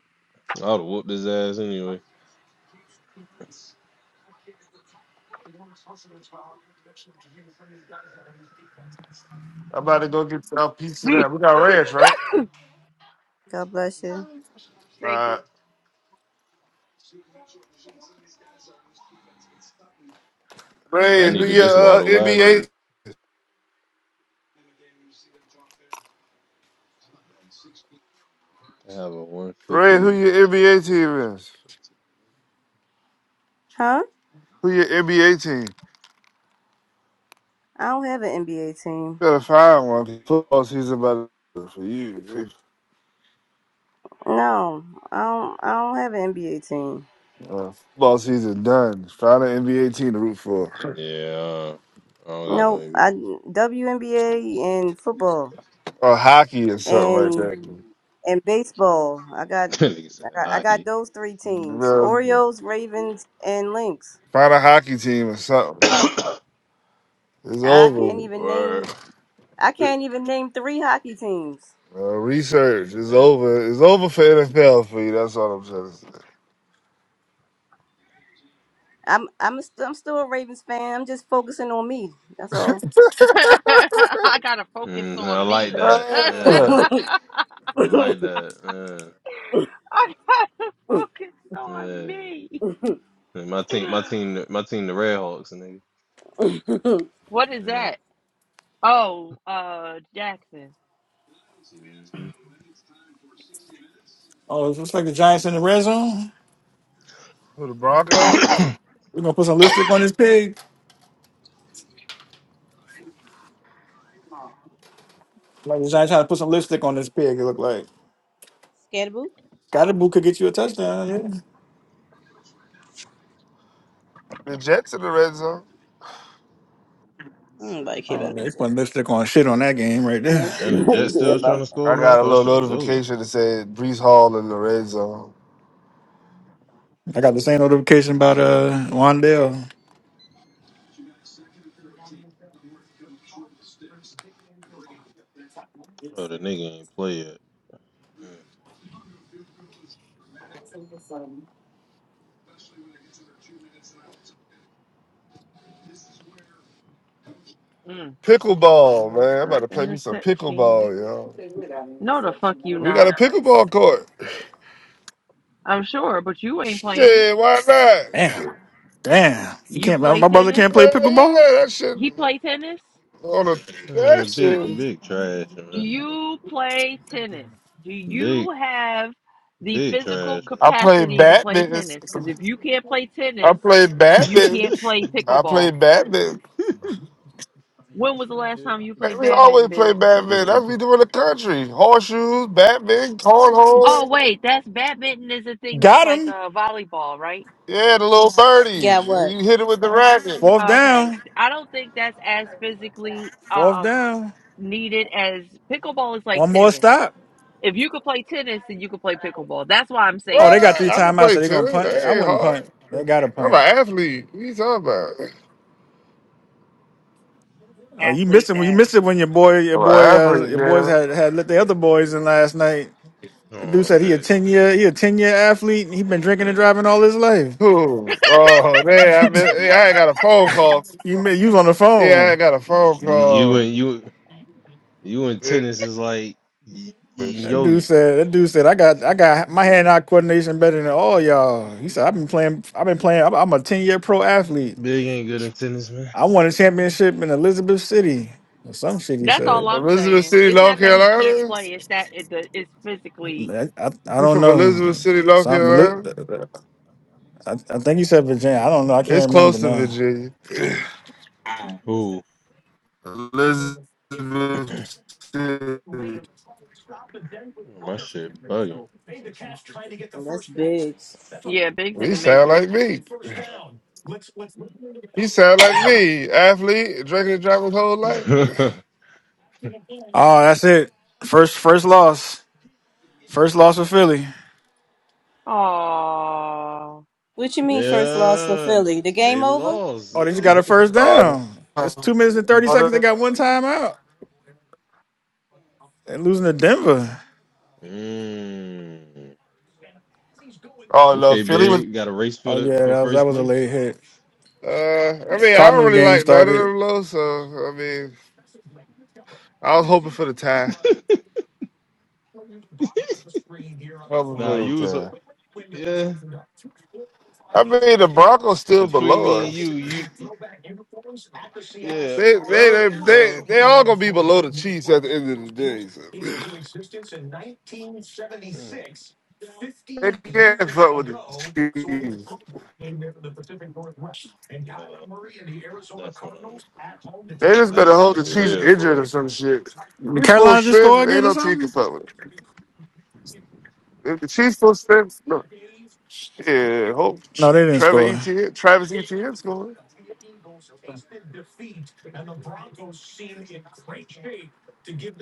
Speaker 9: I would have whooped his ass anyway.
Speaker 5: I'm about to go get some
Speaker 7: (laughs)
Speaker 5: pizza now.
Speaker 7: Thank
Speaker 5: We got ranch, right?
Speaker 1: God bless you.
Speaker 5: All
Speaker 7: you,
Speaker 5: right.
Speaker 9: I
Speaker 5: Ray, who
Speaker 9: needed this
Speaker 5: your uh,
Speaker 9: waddle last
Speaker 5: NBA?
Speaker 9: week. I have a
Speaker 5: Ray, who
Speaker 9: 150.
Speaker 5: your NBA team is?
Speaker 1: Huh?
Speaker 5: Who your NBA team?
Speaker 1: I don't have an NBA team.
Speaker 5: Gotta find one. Football season about to- for you.
Speaker 1: No, I don't. I don't have an NBA team.
Speaker 5: Uh, football season done. Find an NBA team to root for,
Speaker 9: Yeah, I don't got
Speaker 1: No,
Speaker 9: no
Speaker 1: I
Speaker 9: NBA.
Speaker 1: WNBA and football
Speaker 5: or hockey or something like
Speaker 1: and
Speaker 5: that.
Speaker 1: and baseball. I
Speaker 9: (laughs)
Speaker 1: got
Speaker 9: Nigga said
Speaker 1: I got, I got
Speaker 9: hockey.
Speaker 1: those three teams:
Speaker 5: Well,
Speaker 1: Orioles, Ravens, and Lynx.
Speaker 5: Find a hockey team or something.
Speaker 9: (coughs)
Speaker 5: It's
Speaker 1: I can't
Speaker 5: over.
Speaker 1: even name
Speaker 9: Word.
Speaker 1: I can't
Speaker 5: Uh,
Speaker 1: even name three hockey teams.
Speaker 5: research is
Speaker 9: Damn.
Speaker 5: over. It's over for NFL for you. That's all I'm trying
Speaker 1: I'm I'm a, st- I'm still a Ravens fan. I'm just focusing on me. That's all.
Speaker 5: to
Speaker 7: (laughs)
Speaker 5: say. (laughs)
Speaker 7: I gotta focus
Speaker 9: Mm, I
Speaker 7: on
Speaker 9: like
Speaker 7: me.
Speaker 9: that.
Speaker 7: (laughs) I
Speaker 5: Yeah.
Speaker 9: Yeah, I like that.
Speaker 7: gotta focus
Speaker 9: Yeah,
Speaker 7: on
Speaker 9: yeah.
Speaker 7: me.
Speaker 9: Yeah, My team, my team, my team, the Red Hawks, nigga.
Speaker 7: What is
Speaker 9: Yeah.
Speaker 7: that? Oh, uh, Jackson.
Speaker 9: hmm
Speaker 3: Oh, it looks like the Giants in the red zone.
Speaker 5: Who the Broncos?
Speaker 9: (coughs)
Speaker 3: We're gonna put some lipstick on this pig. Like this trying to put some lipstick on this pig. It looked like
Speaker 1: Scared boo?
Speaker 3: Gadabu could get you a touchdown. Yeah.
Speaker 5: The Jets in the red zone.
Speaker 1: Nobody care
Speaker 3: Oh,
Speaker 1: about
Speaker 3: they
Speaker 1: that. shit.
Speaker 3: putting lipstick on shit on that game right there.
Speaker 9: and the
Speaker 1: Nobody
Speaker 9: Jets
Speaker 1: care
Speaker 9: still trying
Speaker 1: about.
Speaker 9: to score,
Speaker 5: I
Speaker 9: man. I
Speaker 5: got a
Speaker 9: thought
Speaker 5: little
Speaker 9: shit was over.
Speaker 5: notification that said Brees Hall in the red zone.
Speaker 3: I got the same
Speaker 9: Mm.
Speaker 3: notification about uh Wandale.
Speaker 9: Oh, the nigga ain't play yet. Mm.
Speaker 7: Mm,
Speaker 5: Pickleball,
Speaker 7: almost
Speaker 5: man. I'm about
Speaker 7: an
Speaker 5: to play me some
Speaker 7: interception.
Speaker 5: pickleball, yo.
Speaker 7: No, the fuck you
Speaker 5: We got a
Speaker 7: not.
Speaker 5: pickleball court.
Speaker 7: I'm sure, but you ain't playing it.
Speaker 5: Shit, why not?
Speaker 3: Damn, damn. He
Speaker 7: You
Speaker 3: can't. My,
Speaker 7: play
Speaker 3: my brother
Speaker 7: tennis.
Speaker 3: can't play
Speaker 5: Hell
Speaker 3: pickleball.
Speaker 5: yeah, that shit
Speaker 7: He play tennis.
Speaker 5: on a that
Speaker 9: Man, big,
Speaker 5: shit.
Speaker 9: big trash,
Speaker 7: Do
Speaker 9: man.
Speaker 7: you play tennis? Do you
Speaker 9: Big,
Speaker 7: have the
Speaker 9: big
Speaker 7: physical
Speaker 9: trash,
Speaker 5: I
Speaker 9: man.
Speaker 5: play
Speaker 7: capacity to play
Speaker 5: badminton.
Speaker 7: tennis? Because if you can't play
Speaker 5: I
Speaker 7: tennis,
Speaker 5: play
Speaker 7: you
Speaker 9: (laughs)
Speaker 5: badminton.
Speaker 7: can't play
Speaker 5: I play
Speaker 7: pickleball.
Speaker 5: badminton.
Speaker 7: When was the last
Speaker 9: Yeah.
Speaker 7: time you
Speaker 5: Man,
Speaker 7: played
Speaker 5: we
Speaker 7: badminton,
Speaker 5: always play
Speaker 7: big?
Speaker 5: badminton.
Speaker 9: But-
Speaker 5: That's what we do in the country. Horseshoes, badminton, cornhole.
Speaker 7: Oh, wait, that's badminton is a thing that's
Speaker 3: Got
Speaker 7: like
Speaker 3: him.
Speaker 7: a volleyball, right?
Speaker 5: Yeah, the little birdie.
Speaker 1: Got what?
Speaker 5: You hit it with the racket.
Speaker 3: Fourth
Speaker 7: Okay.
Speaker 3: down.
Speaker 7: I don't think that's as physically
Speaker 3: Fourth
Speaker 7: um
Speaker 3: down.
Speaker 7: needed as pickleball is like
Speaker 3: One more
Speaker 7: tennis.
Speaker 3: stop.
Speaker 7: If you could play tennis, then you could play pickleball. That's why I'm
Speaker 3: Oh,
Speaker 7: saying
Speaker 3: they
Speaker 7: it.
Speaker 3: got
Speaker 5: What?
Speaker 3: three
Speaker 5: I can
Speaker 3: timeouts,
Speaker 5: play
Speaker 3: so they gonna
Speaker 5: tennis.
Speaker 3: punt.
Speaker 5: That
Speaker 3: I
Speaker 5: ain't
Speaker 3: wouldn't
Speaker 5: hard.
Speaker 3: punt. They got to
Speaker 5: I'm
Speaker 3: punt.
Speaker 5: an athlete. What you talking about?
Speaker 3: Oh, you missed
Speaker 7: Athlete
Speaker 3: it when you
Speaker 7: that.
Speaker 3: missed it when your boy, your
Speaker 5: I'm
Speaker 3: boy,
Speaker 5: an
Speaker 3: uh,
Speaker 5: athlete,
Speaker 3: your boys
Speaker 5: man.
Speaker 3: had had lit the other boys in last night.
Speaker 9: Come
Speaker 3: Dude
Speaker 9: on,
Speaker 3: said he a
Speaker 9: babe.
Speaker 3: ten year he a ten year athlete. He
Speaker 9: Come
Speaker 3: been
Speaker 9: on,
Speaker 3: drinking and
Speaker 9: babe.
Speaker 3: driving all his life.
Speaker 5: Who? Oh,
Speaker 9: Come
Speaker 3: (laughs)
Speaker 5: man.
Speaker 9: on.
Speaker 5: I, been, yeah,
Speaker 9: Yeah.
Speaker 5: I ain't got a phone call.
Speaker 3: you ma- you was on the
Speaker 5: Yeah, I
Speaker 3: phone.
Speaker 5: got a phone
Speaker 9: You, you
Speaker 5: call.
Speaker 9: and you, you in
Speaker 5: Yeah,
Speaker 9: tennis is like e, eating
Speaker 3: That
Speaker 5: shit.
Speaker 3: dude
Speaker 9: yogurt.
Speaker 3: said that dude said I got I got my hand eye coordination better than all y'all. He said I've been playing I've been playing I'm, I'm a ten year pro athlete.
Speaker 9: Big ain't good in tennis, man.
Speaker 3: I won a championship in Elizabeth City or some shit. He
Speaker 7: That's all
Speaker 3: said
Speaker 7: I'm
Speaker 5: Elizabeth
Speaker 7: saying.
Speaker 5: City,
Speaker 7: It's not
Speaker 5: North
Speaker 7: that he can't
Speaker 5: Carolina?
Speaker 7: play. It's that it, the it's physically.
Speaker 3: I, I, I
Speaker 5: You
Speaker 3: don't
Speaker 5: from
Speaker 3: know
Speaker 5: Elizabeth City, North
Speaker 3: something. Eli-
Speaker 5: Carolina?
Speaker 3: I, I think he said Virginia. I don't know. I
Speaker 5: It's
Speaker 3: can't remember
Speaker 5: close to
Speaker 3: now.
Speaker 5: Virginia.
Speaker 9: Ooh,
Speaker 5: Elizabeth
Speaker 9: (clears throat)
Speaker 5: City.
Speaker 9: my shit bugging.
Speaker 1: That's big.
Speaker 7: Yeah, Big's in
Speaker 5: You
Speaker 7: the
Speaker 5: sound
Speaker 7: Matrix.
Speaker 5: like me. He sound like me, athlete, drinking and driving his whole
Speaker 9: (laughs)
Speaker 5: life.
Speaker 3: Oh, that's it. First first loss. First loss for Philly.
Speaker 7: Oh,
Speaker 1: What you mean first loss for
Speaker 9: yeah,
Speaker 1: Philly? The game
Speaker 9: they
Speaker 1: over?
Speaker 9: lost. (laughs)
Speaker 3: Oh, they just got a first
Speaker 5: Uh,
Speaker 3: down. It's two minutes and thirty seconds. They
Speaker 5: brother,
Speaker 3: got one time out. They're losing to Denver.
Speaker 9: mm.
Speaker 5: oh, no,
Speaker 9: Okay,
Speaker 5: Philly was.
Speaker 9: big. Got a race for
Speaker 3: Oh
Speaker 9: the
Speaker 3: yeah,
Speaker 9: for
Speaker 3: that was that
Speaker 9: first
Speaker 3: was a
Speaker 9: place.
Speaker 3: late
Speaker 9: (laughs)
Speaker 3: hit.
Speaker 5: Uh, I
Speaker 3: Yeah,
Speaker 5: mean, I don't
Speaker 3: Cardinals
Speaker 5: really
Speaker 3: game
Speaker 5: like none of
Speaker 3: started.
Speaker 5: them low, so I mean, I was hoping for the tie. hoping
Speaker 9: Nah,
Speaker 5: for the
Speaker 9: you was a,
Speaker 5: tie.
Speaker 9: yeah.
Speaker 5: I mean, the Broncos still
Speaker 9: Between me
Speaker 5: below
Speaker 9: and you,
Speaker 5: us.
Speaker 9: you yeah.
Speaker 5: They, they,
Speaker 9: Oh Uh,
Speaker 5: they, they,
Speaker 9: well,
Speaker 5: they all gonna be below the Chiefs at the end of the day. So.
Speaker 9: mm,
Speaker 5: They can't fuck with the Chiefs.
Speaker 9: uh, that's what I'm.
Speaker 5: They just better
Speaker 9: This
Speaker 5: hold the
Speaker 9: nigga
Speaker 5: Chiefs
Speaker 9: here,
Speaker 5: injured
Speaker 9: boy.
Speaker 5: or some shit. If
Speaker 3: Did
Speaker 5: we pull
Speaker 3: Carolina just
Speaker 5: strength,
Speaker 3: score
Speaker 5: ain't
Speaker 3: again or
Speaker 5: no team can
Speaker 3: something?
Speaker 5: fuck with us. If the Chiefs don't spend, no, yeah, hope
Speaker 3: No, they didn't
Speaker 5: Trevor
Speaker 3: score.
Speaker 5: Etienne, Travis Etienne's going.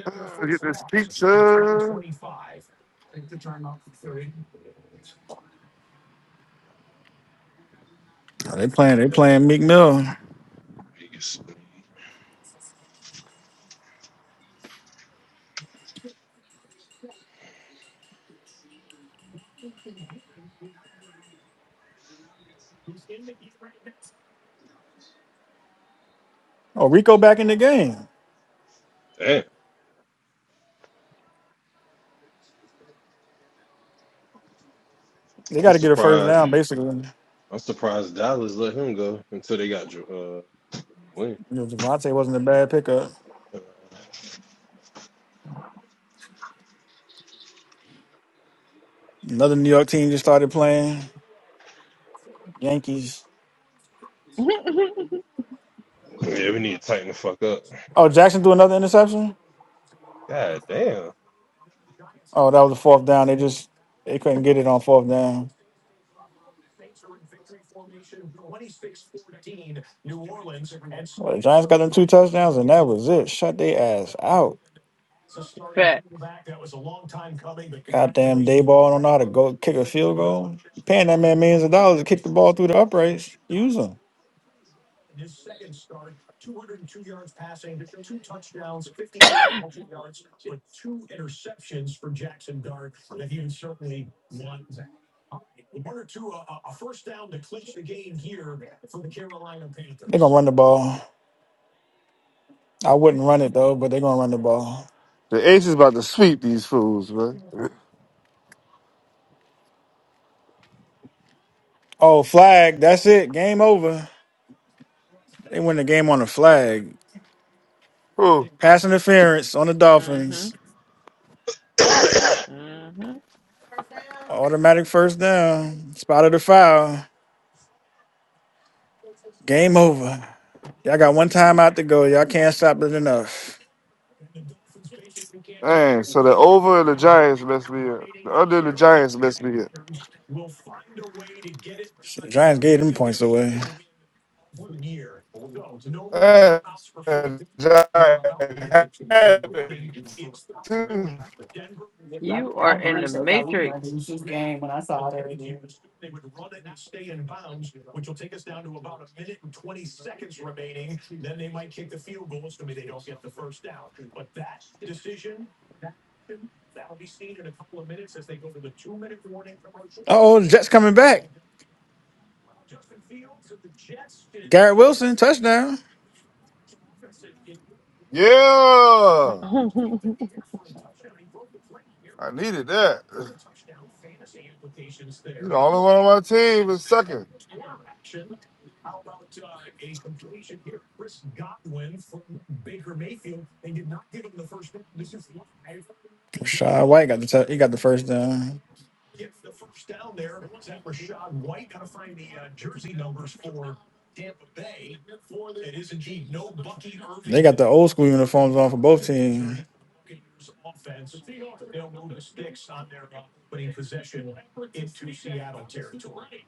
Speaker 5: Uh, get this pizza.
Speaker 3: No, they playing. They playing
Speaker 9: Yeah,
Speaker 3: Meek Mill.
Speaker 9: he
Speaker 3: Oh, Rico back in the game.
Speaker 9: damn.
Speaker 3: They
Speaker 9: I'm
Speaker 3: got to get a first
Speaker 9: surprised.
Speaker 3: down basically.
Speaker 9: I'm surprised Dallas let him go until they got uh Williams.
Speaker 3: You know, Devontae wasn't a bad pickup. Another New York team just started playing. Yankees.
Speaker 7: (laughs)
Speaker 9: Yeah, we need to tighten the fuck up.
Speaker 3: Oh, Jackson threw another interception.
Speaker 9: God damn.
Speaker 3: Oh, that was a fourth down. They just they couldn't get it on fourth down. Well, the Giants got them two touchdowns, and that was it. Shut their ass out.
Speaker 7: facts.
Speaker 3: Goddamn day ball don't know how to go kick a field goal. You paying that man millions of dollars to kick the ball through the uprights. Use him. They're gonna run the ball. I wouldn't run it though, but they're gonna run the ball.
Speaker 5: The Ace is about to sweep these fools, man.
Speaker 3: Oh, flag. That's it. Game over. They win the game on a flag.
Speaker 5: Oh,
Speaker 3: Pass interference on the
Speaker 7: Mhm.
Speaker 3: Dolphins.
Speaker 7: Mhm.
Speaker 3: Automatic first down. Spotted the foul. Game over. Y'all got one time out to go. Y'all can't stop it enough.
Speaker 5: man. So the over and the Giants messed me up. The under and the Giants messed me up.
Speaker 3: Giants gave them points away. Uh
Speaker 5: Uh, and Giants had it, too.
Speaker 7: You are in the Matrix.
Speaker 3: oh, the Jets coming back. Garrett Wilson touchdown.
Speaker 7: (laughs)
Speaker 5: Yeah,
Speaker 7: Can
Speaker 5: I needed that. You know, only one on my team is sucking.
Speaker 3: Rashad White got the tou- he got the first down. Tampa Bay for the, it is indeed no Bucky Irving. They got the old school uniforms on for both teams. Offense, they'll move the sticks on their opening possession into Seattle territory.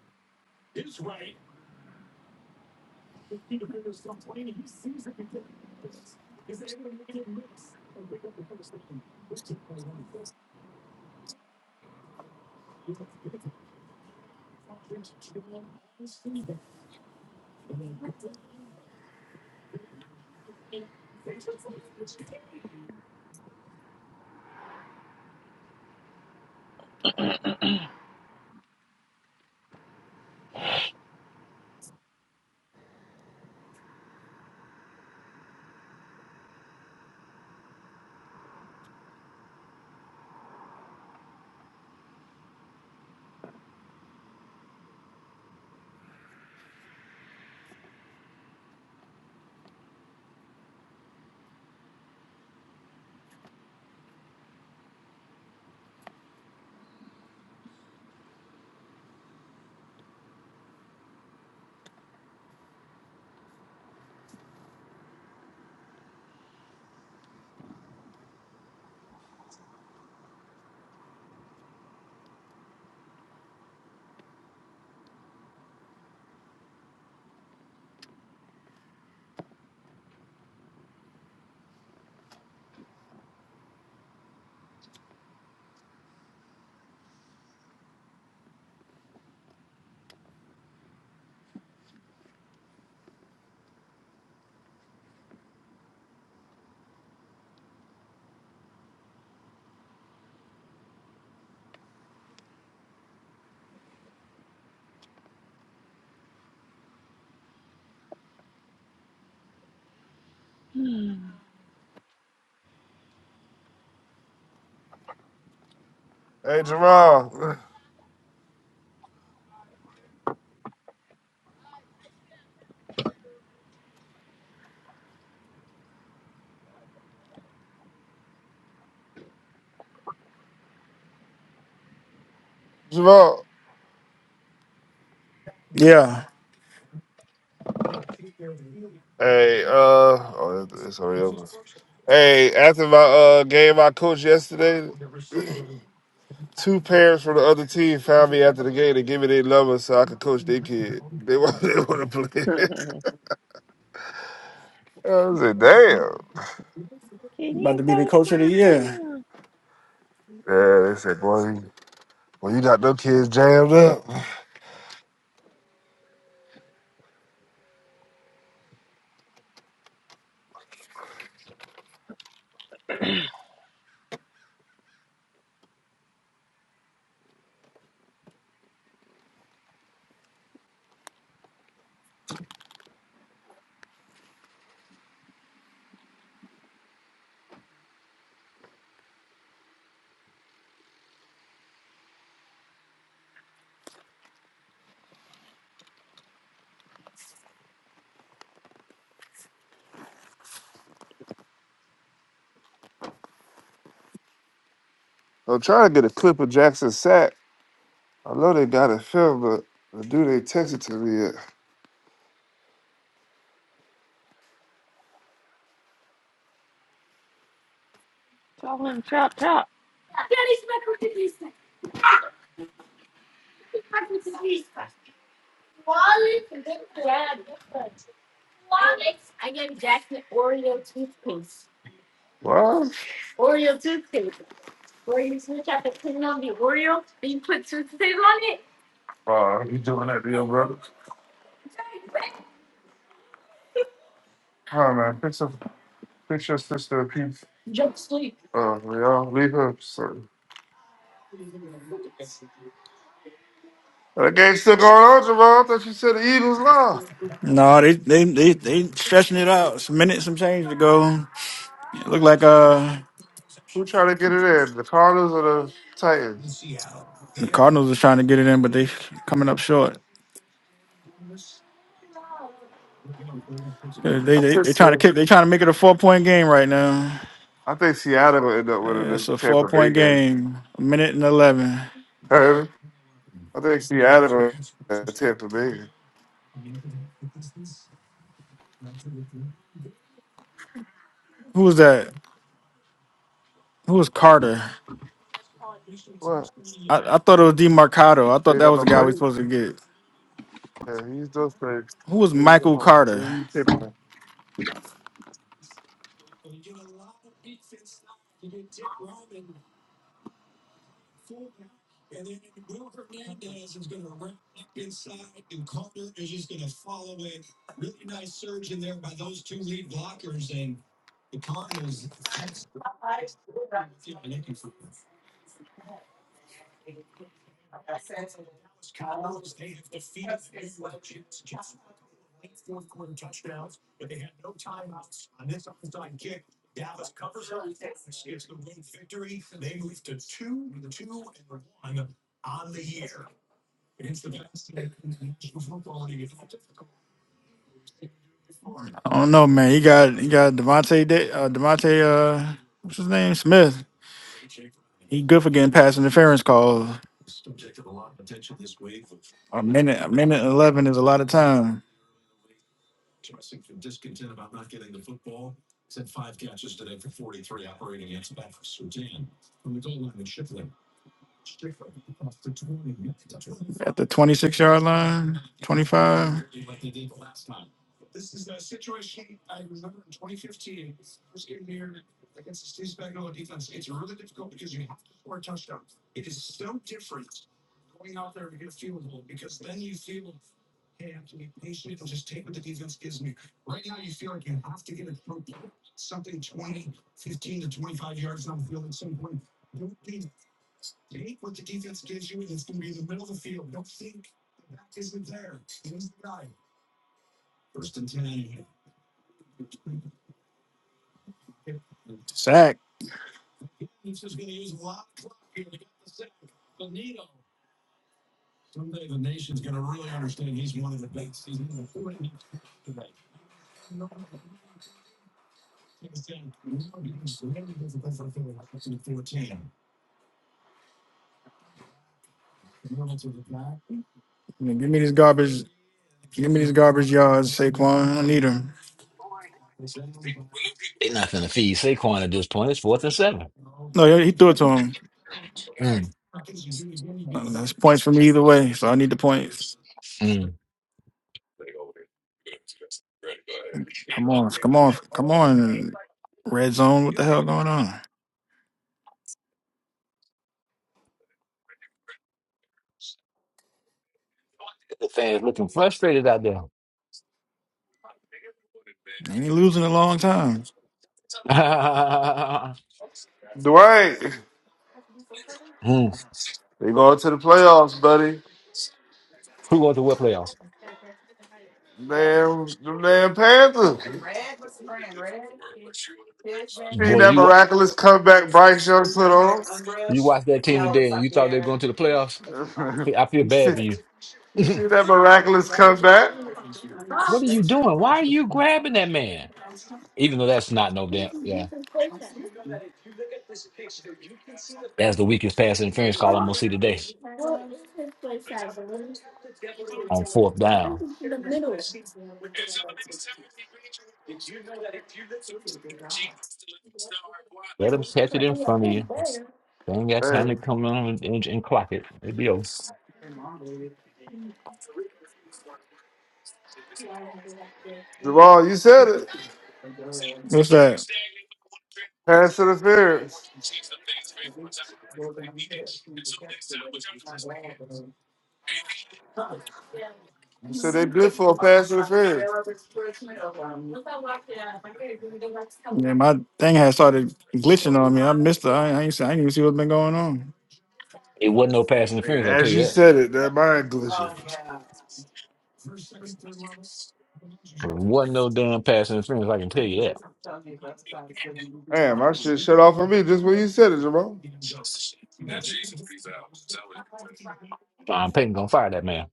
Speaker 5: Hey, Jerome. Javon.
Speaker 3: Yeah,
Speaker 5: Hey, uh, oh, it's already over. Hey, after my uh game I coached yesterday, (clears throat) two parents from the other team found me after the game to give me their number so I could coach their kid. They want, (laughs) they want to play. (laughs) I said, damn.
Speaker 3: about
Speaker 7: you
Speaker 3: to be the
Speaker 7: coach
Speaker 3: coach of the
Speaker 7: my
Speaker 3: year.
Speaker 7: son?
Speaker 5: Yeah, they said, boy, you- boy, you got them kids jammed up. I'm trying to get a clip of Jackson sack. I know they got it filmed, but the dude ain't texted to me yet.
Speaker 7: Tell him chop chop.
Speaker 5: What? Oh, you doing that to your brother? Come on, man, fix your, fix your sister a pizza. Oh, yeah, leave him. Son. That game still going on, Jamal. I thought you said the Eagles lost.
Speaker 3: No, they they they they stretching it out. Some minutes, some change to go. It look like uh
Speaker 5: Who trying to get it in? The Cardinals or the Titans?
Speaker 3: the Cardinals are trying to get it in, but they coming up short. They they
Speaker 5: I
Speaker 3: they
Speaker 5: think
Speaker 3: they trying to
Speaker 5: the.
Speaker 3: kick. They trying to make it a four point game right now.
Speaker 5: I think Seattle gonna end up winning
Speaker 3: Yeah, It's
Speaker 5: this
Speaker 3: a four
Speaker 5: Tampa Bay
Speaker 3: point
Speaker 5: game.
Speaker 3: game, a minute and 11.
Speaker 5: Heard me? I think Seattle gonna win the Tampa Bay. game.
Speaker 3: Who was that? Who was Carter?
Speaker 5: What?
Speaker 3: I, I thought it was DeMarcado. I
Speaker 5: They
Speaker 3: thought
Speaker 5: ain't
Speaker 3: that
Speaker 5: got
Speaker 3: was the
Speaker 5: no
Speaker 3: guy we
Speaker 5: play?
Speaker 3: supposed to get.
Speaker 5: Yeah, he's those plays.
Speaker 3: Who was Michael Carter?
Speaker 5: Dwight,
Speaker 3: I don't know, man. He got he got Devontae Da- uh, Devontae uh what's his name Smith. He good for getting pass interference calls. A minute a minute and eleven is a lot of time at the twenty six yard line, twenty five sack. I mean, Give me these garbage. Give me these garbage yards, Saquon. I don't need them.
Speaker 8: They're not going to feed Saquon at this point. It's fourth and seven.
Speaker 3: No, he he threw it to him.
Speaker 8: Mm,
Speaker 3: Uh, That's points for me either way. So I need the points.
Speaker 8: mm.
Speaker 3: Come on, come on, come on. Red zone. What the hell going on?
Speaker 8: The fans looking frustrated out there.
Speaker 3: Ain't he losing a long time?
Speaker 8: (laughs) mm. Who
Speaker 5: they going to the playoffs, buddy.
Speaker 8: going to what playoffs?
Speaker 5: Damn, the damn Panthers. Seen
Speaker 8: Boy,
Speaker 5: that
Speaker 8: you wa-
Speaker 5: miraculous comeback Bryce Young put on.
Speaker 8: you watched that team today and you thought they were going to the playoffs?
Speaker 5: (laughs)
Speaker 8: I feel
Speaker 5: you
Speaker 8: bad
Speaker 5: see,
Speaker 8: for you.
Speaker 5: you see that miraculous comeback?
Speaker 8: What are you doing? Why are you grabbing that man? Even though that's not no damn. Yeah. That's the weakest pass interference call I'm going to see today on fourth down. Let him catch it in front of you. They ain't got
Speaker 5: Hey,
Speaker 8: time to come on and, and, and clock it. It'll be over.
Speaker 5: Jamal, you said it.
Speaker 3: What's that?
Speaker 5: Pass interference. You said they good for a pass interference.
Speaker 3: Yeah, my thing had started glitching on me. I missed it. I, I ain't. see- I ain't even see what's been going on.
Speaker 8: It wasn't no pass
Speaker 5: Man,
Speaker 8: interference, I tell
Speaker 5: as
Speaker 8: you
Speaker 5: you
Speaker 8: that.
Speaker 5: said it, that mind glitching.
Speaker 8: It wasn't no damn pass interference, I can tell you that.
Speaker 5: Damn, my shit shut off on me just when you said it, Jamal.
Speaker 8: Sean Payton going to fire that man.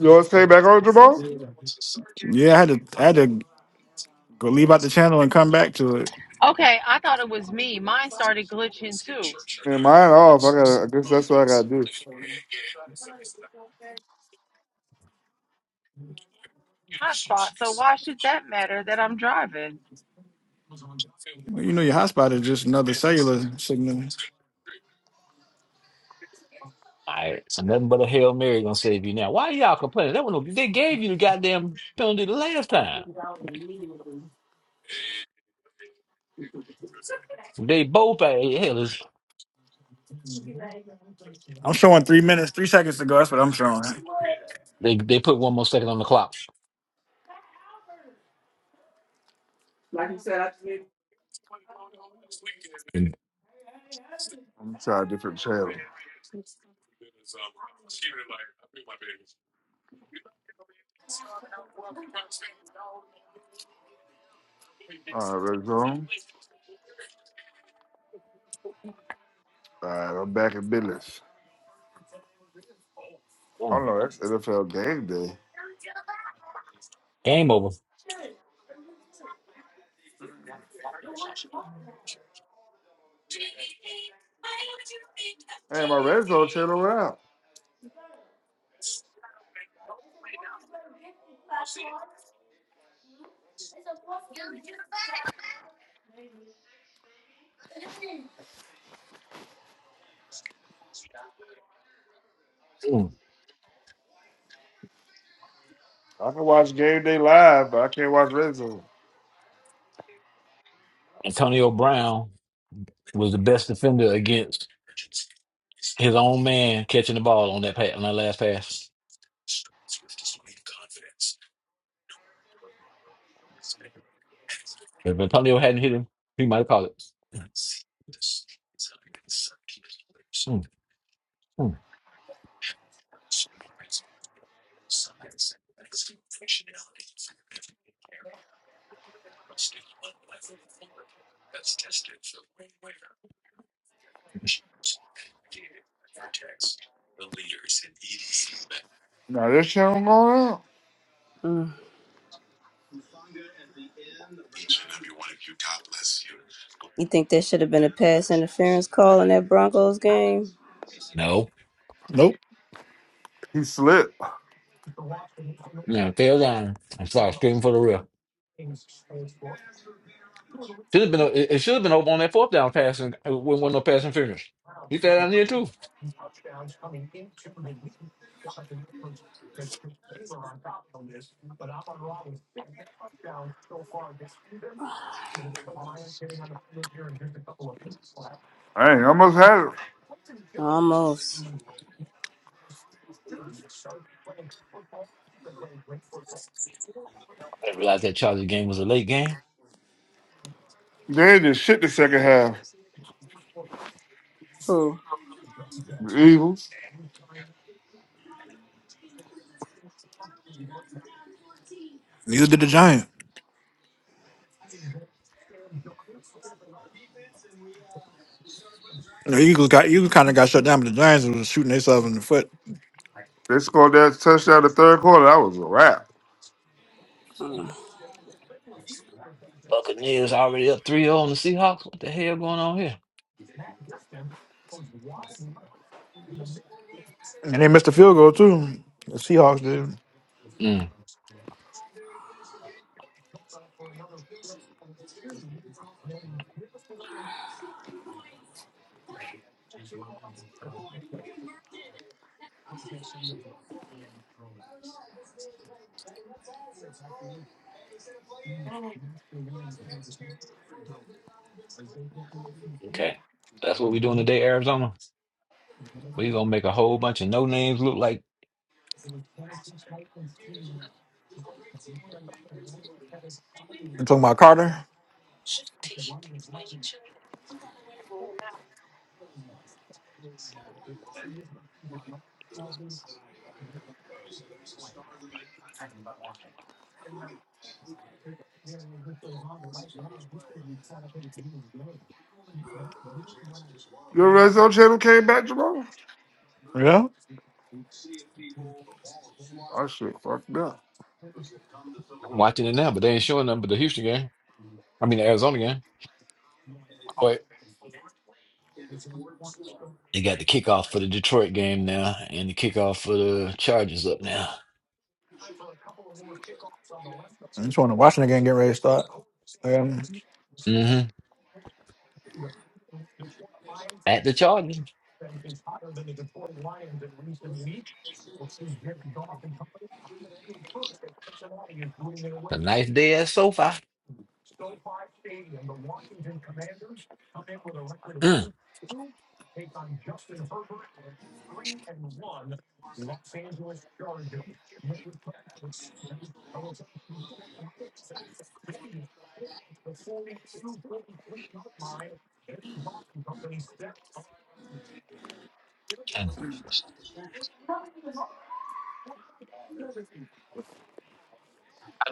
Speaker 5: Yours came back on, Jamal?
Speaker 3: Yeah, I had to. I had to go leave out the channel and come back to it.
Speaker 7: Okay, I thought it was me. Mine started glitching too.
Speaker 5: Man, mine off. I gotta. I guess that's what I gotta do.
Speaker 7: Hotspot. So why should that matter that I'm driving?
Speaker 3: Well, You know, your hotspot is just another cellular signal.
Speaker 8: All right. So nothing but a Hail Mary going to save you now. Why y'all complaining? That one, no- they gave you the goddamn penalty the last time. They both, uh, hell, it's-
Speaker 3: I'm showing three minutes, three seconds to go. That's what I'm showing.
Speaker 8: they, they put one more second on the clock.
Speaker 5: I'm try a different channel. All right, red zone. All right, I'm back in business.
Speaker 8: Mm.
Speaker 5: Oh no, that's NFL game day.
Speaker 8: Game over.
Speaker 5: Hey, my red zone channel went out.
Speaker 8: Mm.
Speaker 5: I can watch game day live, but I can't watch red zone.
Speaker 8: Antonio Brown was the best defender against his own man catching the ball on that pass on that last pass. If Antonio hadn't hit him, he might have caught it. Mm. Mm.
Speaker 5: Now this channel going out.
Speaker 1: You think there should have been a pass interference call in that Broncos game?
Speaker 8: No,
Speaker 5: He slipped.
Speaker 8: no, tail down. I'm sorry, screaming for the real. Should have been. a- It should have been over on that fourth down pass and it wasn't no passing finish. He fell down there too.
Speaker 5: I ain't almost had it.
Speaker 1: Almost.
Speaker 8: I didn't realize that Charlie game was a late game.
Speaker 5: They ain't did shit the second half.
Speaker 1: Who?
Speaker 5: The Eagles.
Speaker 3: Neither did the Giants. The Eagles got Eagles kind of got shut down, but the Giants was shooting themselves in the foot,
Speaker 5: They scored that touchdown the third quarter. That was a wrap.
Speaker 1: Hmm.
Speaker 8: Buccaneers already up three zero on the Seahawks. What the hell going on here?
Speaker 3: and they missed a field goal too. The Seahawks did.
Speaker 8: Mm. Okay, that's what we doing today, Arizona. We gonna make a whole bunch of no names look like
Speaker 3: You talking about Carter?
Speaker 5: Your red zone channel came back, Jamal.
Speaker 3: Yeah.
Speaker 5: Oh shit, fucked up.
Speaker 8: I'm watching it now, but they ain't showing nothing but the Houston game. I mean, the Arizona game. Oh, wait. They got the kickoff for the Detroit game now and the kickoff for the Chargers up now.
Speaker 3: I just want to watch the game get ready to start. Um,
Speaker 8: hmm At the Chargers. It's A nice day at SoFi. Mm.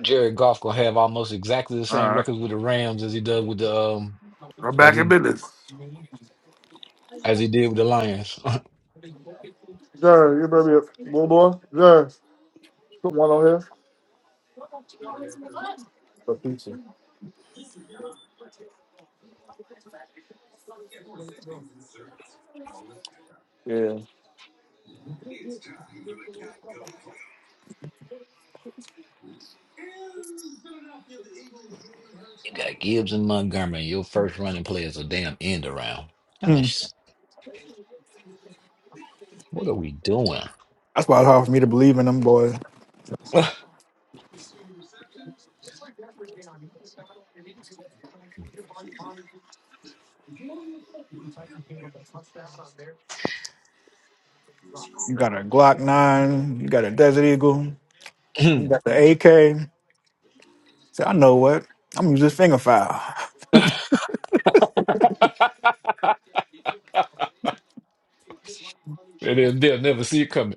Speaker 8: Jared Goff gonna have almost exactly the
Speaker 5: All
Speaker 8: same
Speaker 5: right,
Speaker 8: records with the Rams as he does with the um
Speaker 5: I'm
Speaker 8: as
Speaker 5: back in
Speaker 8: he
Speaker 5: business.
Speaker 8: as he did with the Lions. (laughs)
Speaker 5: Jerry, you better be a little boy. Jerry, put one on here. A pizza. Yeah.
Speaker 8: you got Gibbs and Montgomery. Your first running play is a damn end around. Kinda
Speaker 3: mm.
Speaker 8: What are we doing?
Speaker 3: That's why it's hard for me to believe in them boys.
Speaker 8: (laughs)
Speaker 3: You got a Glock nine. You got a Desert Eagle. You
Speaker 8: and
Speaker 3: got the AK. Say, I know what. I'm gonna use this finger file.
Speaker 8: they'll, they'll never see it coming. (laughs)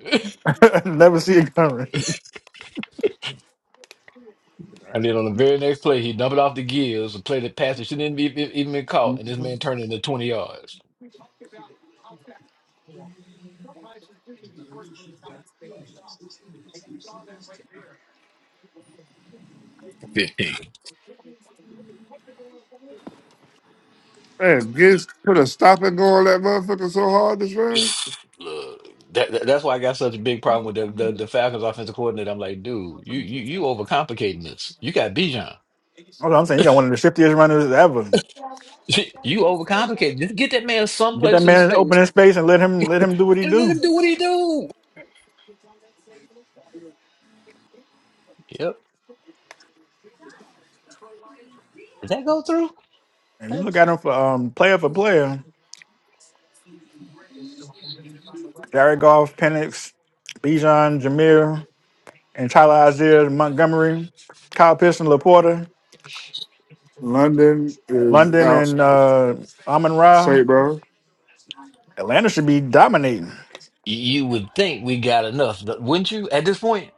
Speaker 3: (laughs) Never see it coming. That's
Speaker 8: And then on the very next play, he dumped it off the gears, a play that pass that shouldn't even be, even been caught, and this man turned it into 20 yards. 15.
Speaker 5: Man, Gibbs put a stop and go on that motherfucker so hard this
Speaker 8: (sighs)
Speaker 5: round.
Speaker 8: Look, that, that- that's why I got such a big problem with the, the, the Falcons offensive coordinator. I'm like, dude, you you you overcomplicating this. You got Bijan.
Speaker 3: what I'm saying. You got one of the shiftiest runners ever.
Speaker 8: (laughs) You overcomplicating. Just get that man
Speaker 3: Get that
Speaker 8: someplace in
Speaker 3: man in open
Speaker 8: space
Speaker 3: in space and let him let him do what he
Speaker 8: and let
Speaker 3: do.
Speaker 8: him do what he do. Yep. Did that go through?
Speaker 3: And you look at him for um, player for player. Jared Goff, Penix, Bijan, Jameer, and Tyler Algier, Montgomery, Kyle Pearson, Laporta,
Speaker 5: London is
Speaker 3: London,
Speaker 5: out.
Speaker 3: and uh, Amon Ra.
Speaker 5: St. Bro.
Speaker 3: Atlanta should be dominating.
Speaker 8: You you would think we got enough, but wouldn't you? At this point,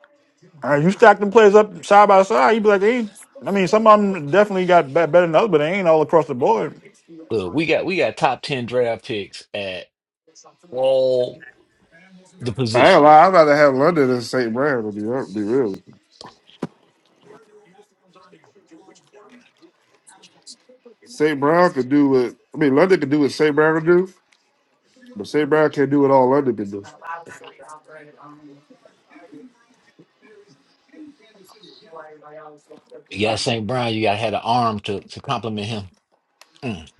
Speaker 3: All right, you stack them players up side by side, you'd be like, hey, I mean, some of them definitely got be- better than others, but they ain't all across the board.
Speaker 8: look, we got we got top ten draft picks at all the
Speaker 5: I ain't
Speaker 8: positions.
Speaker 5: gonna lie, I'd rather have London than St. Brown to be, hon- be real. with you. St. Brown could do what I mean London could do what St. Brown could do, but St. Brown can't do what all London can do.
Speaker 8: You got St. Brown, you got had an arm to, to compliment him. Mm.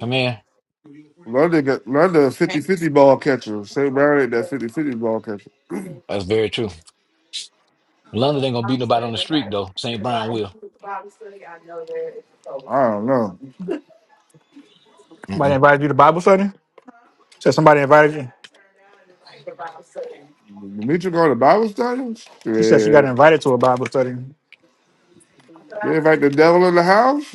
Speaker 8: Come here.
Speaker 5: London got London a 50 ball catcher. St. Brown ain't that fifty-fifty ball catcher.
Speaker 8: That's very true. London ain't gonna beat nobody on the street though. St. Brown will.
Speaker 5: I don't know.
Speaker 3: Somebody
Speaker 8: Mm-mm.
Speaker 3: invited you to Bible study? Said somebody invited you.
Speaker 5: Demetrius going to Bible study?
Speaker 3: She said she got
Speaker 5: Shit.
Speaker 3: invited to a Bible study.
Speaker 5: They invite the devil in the house?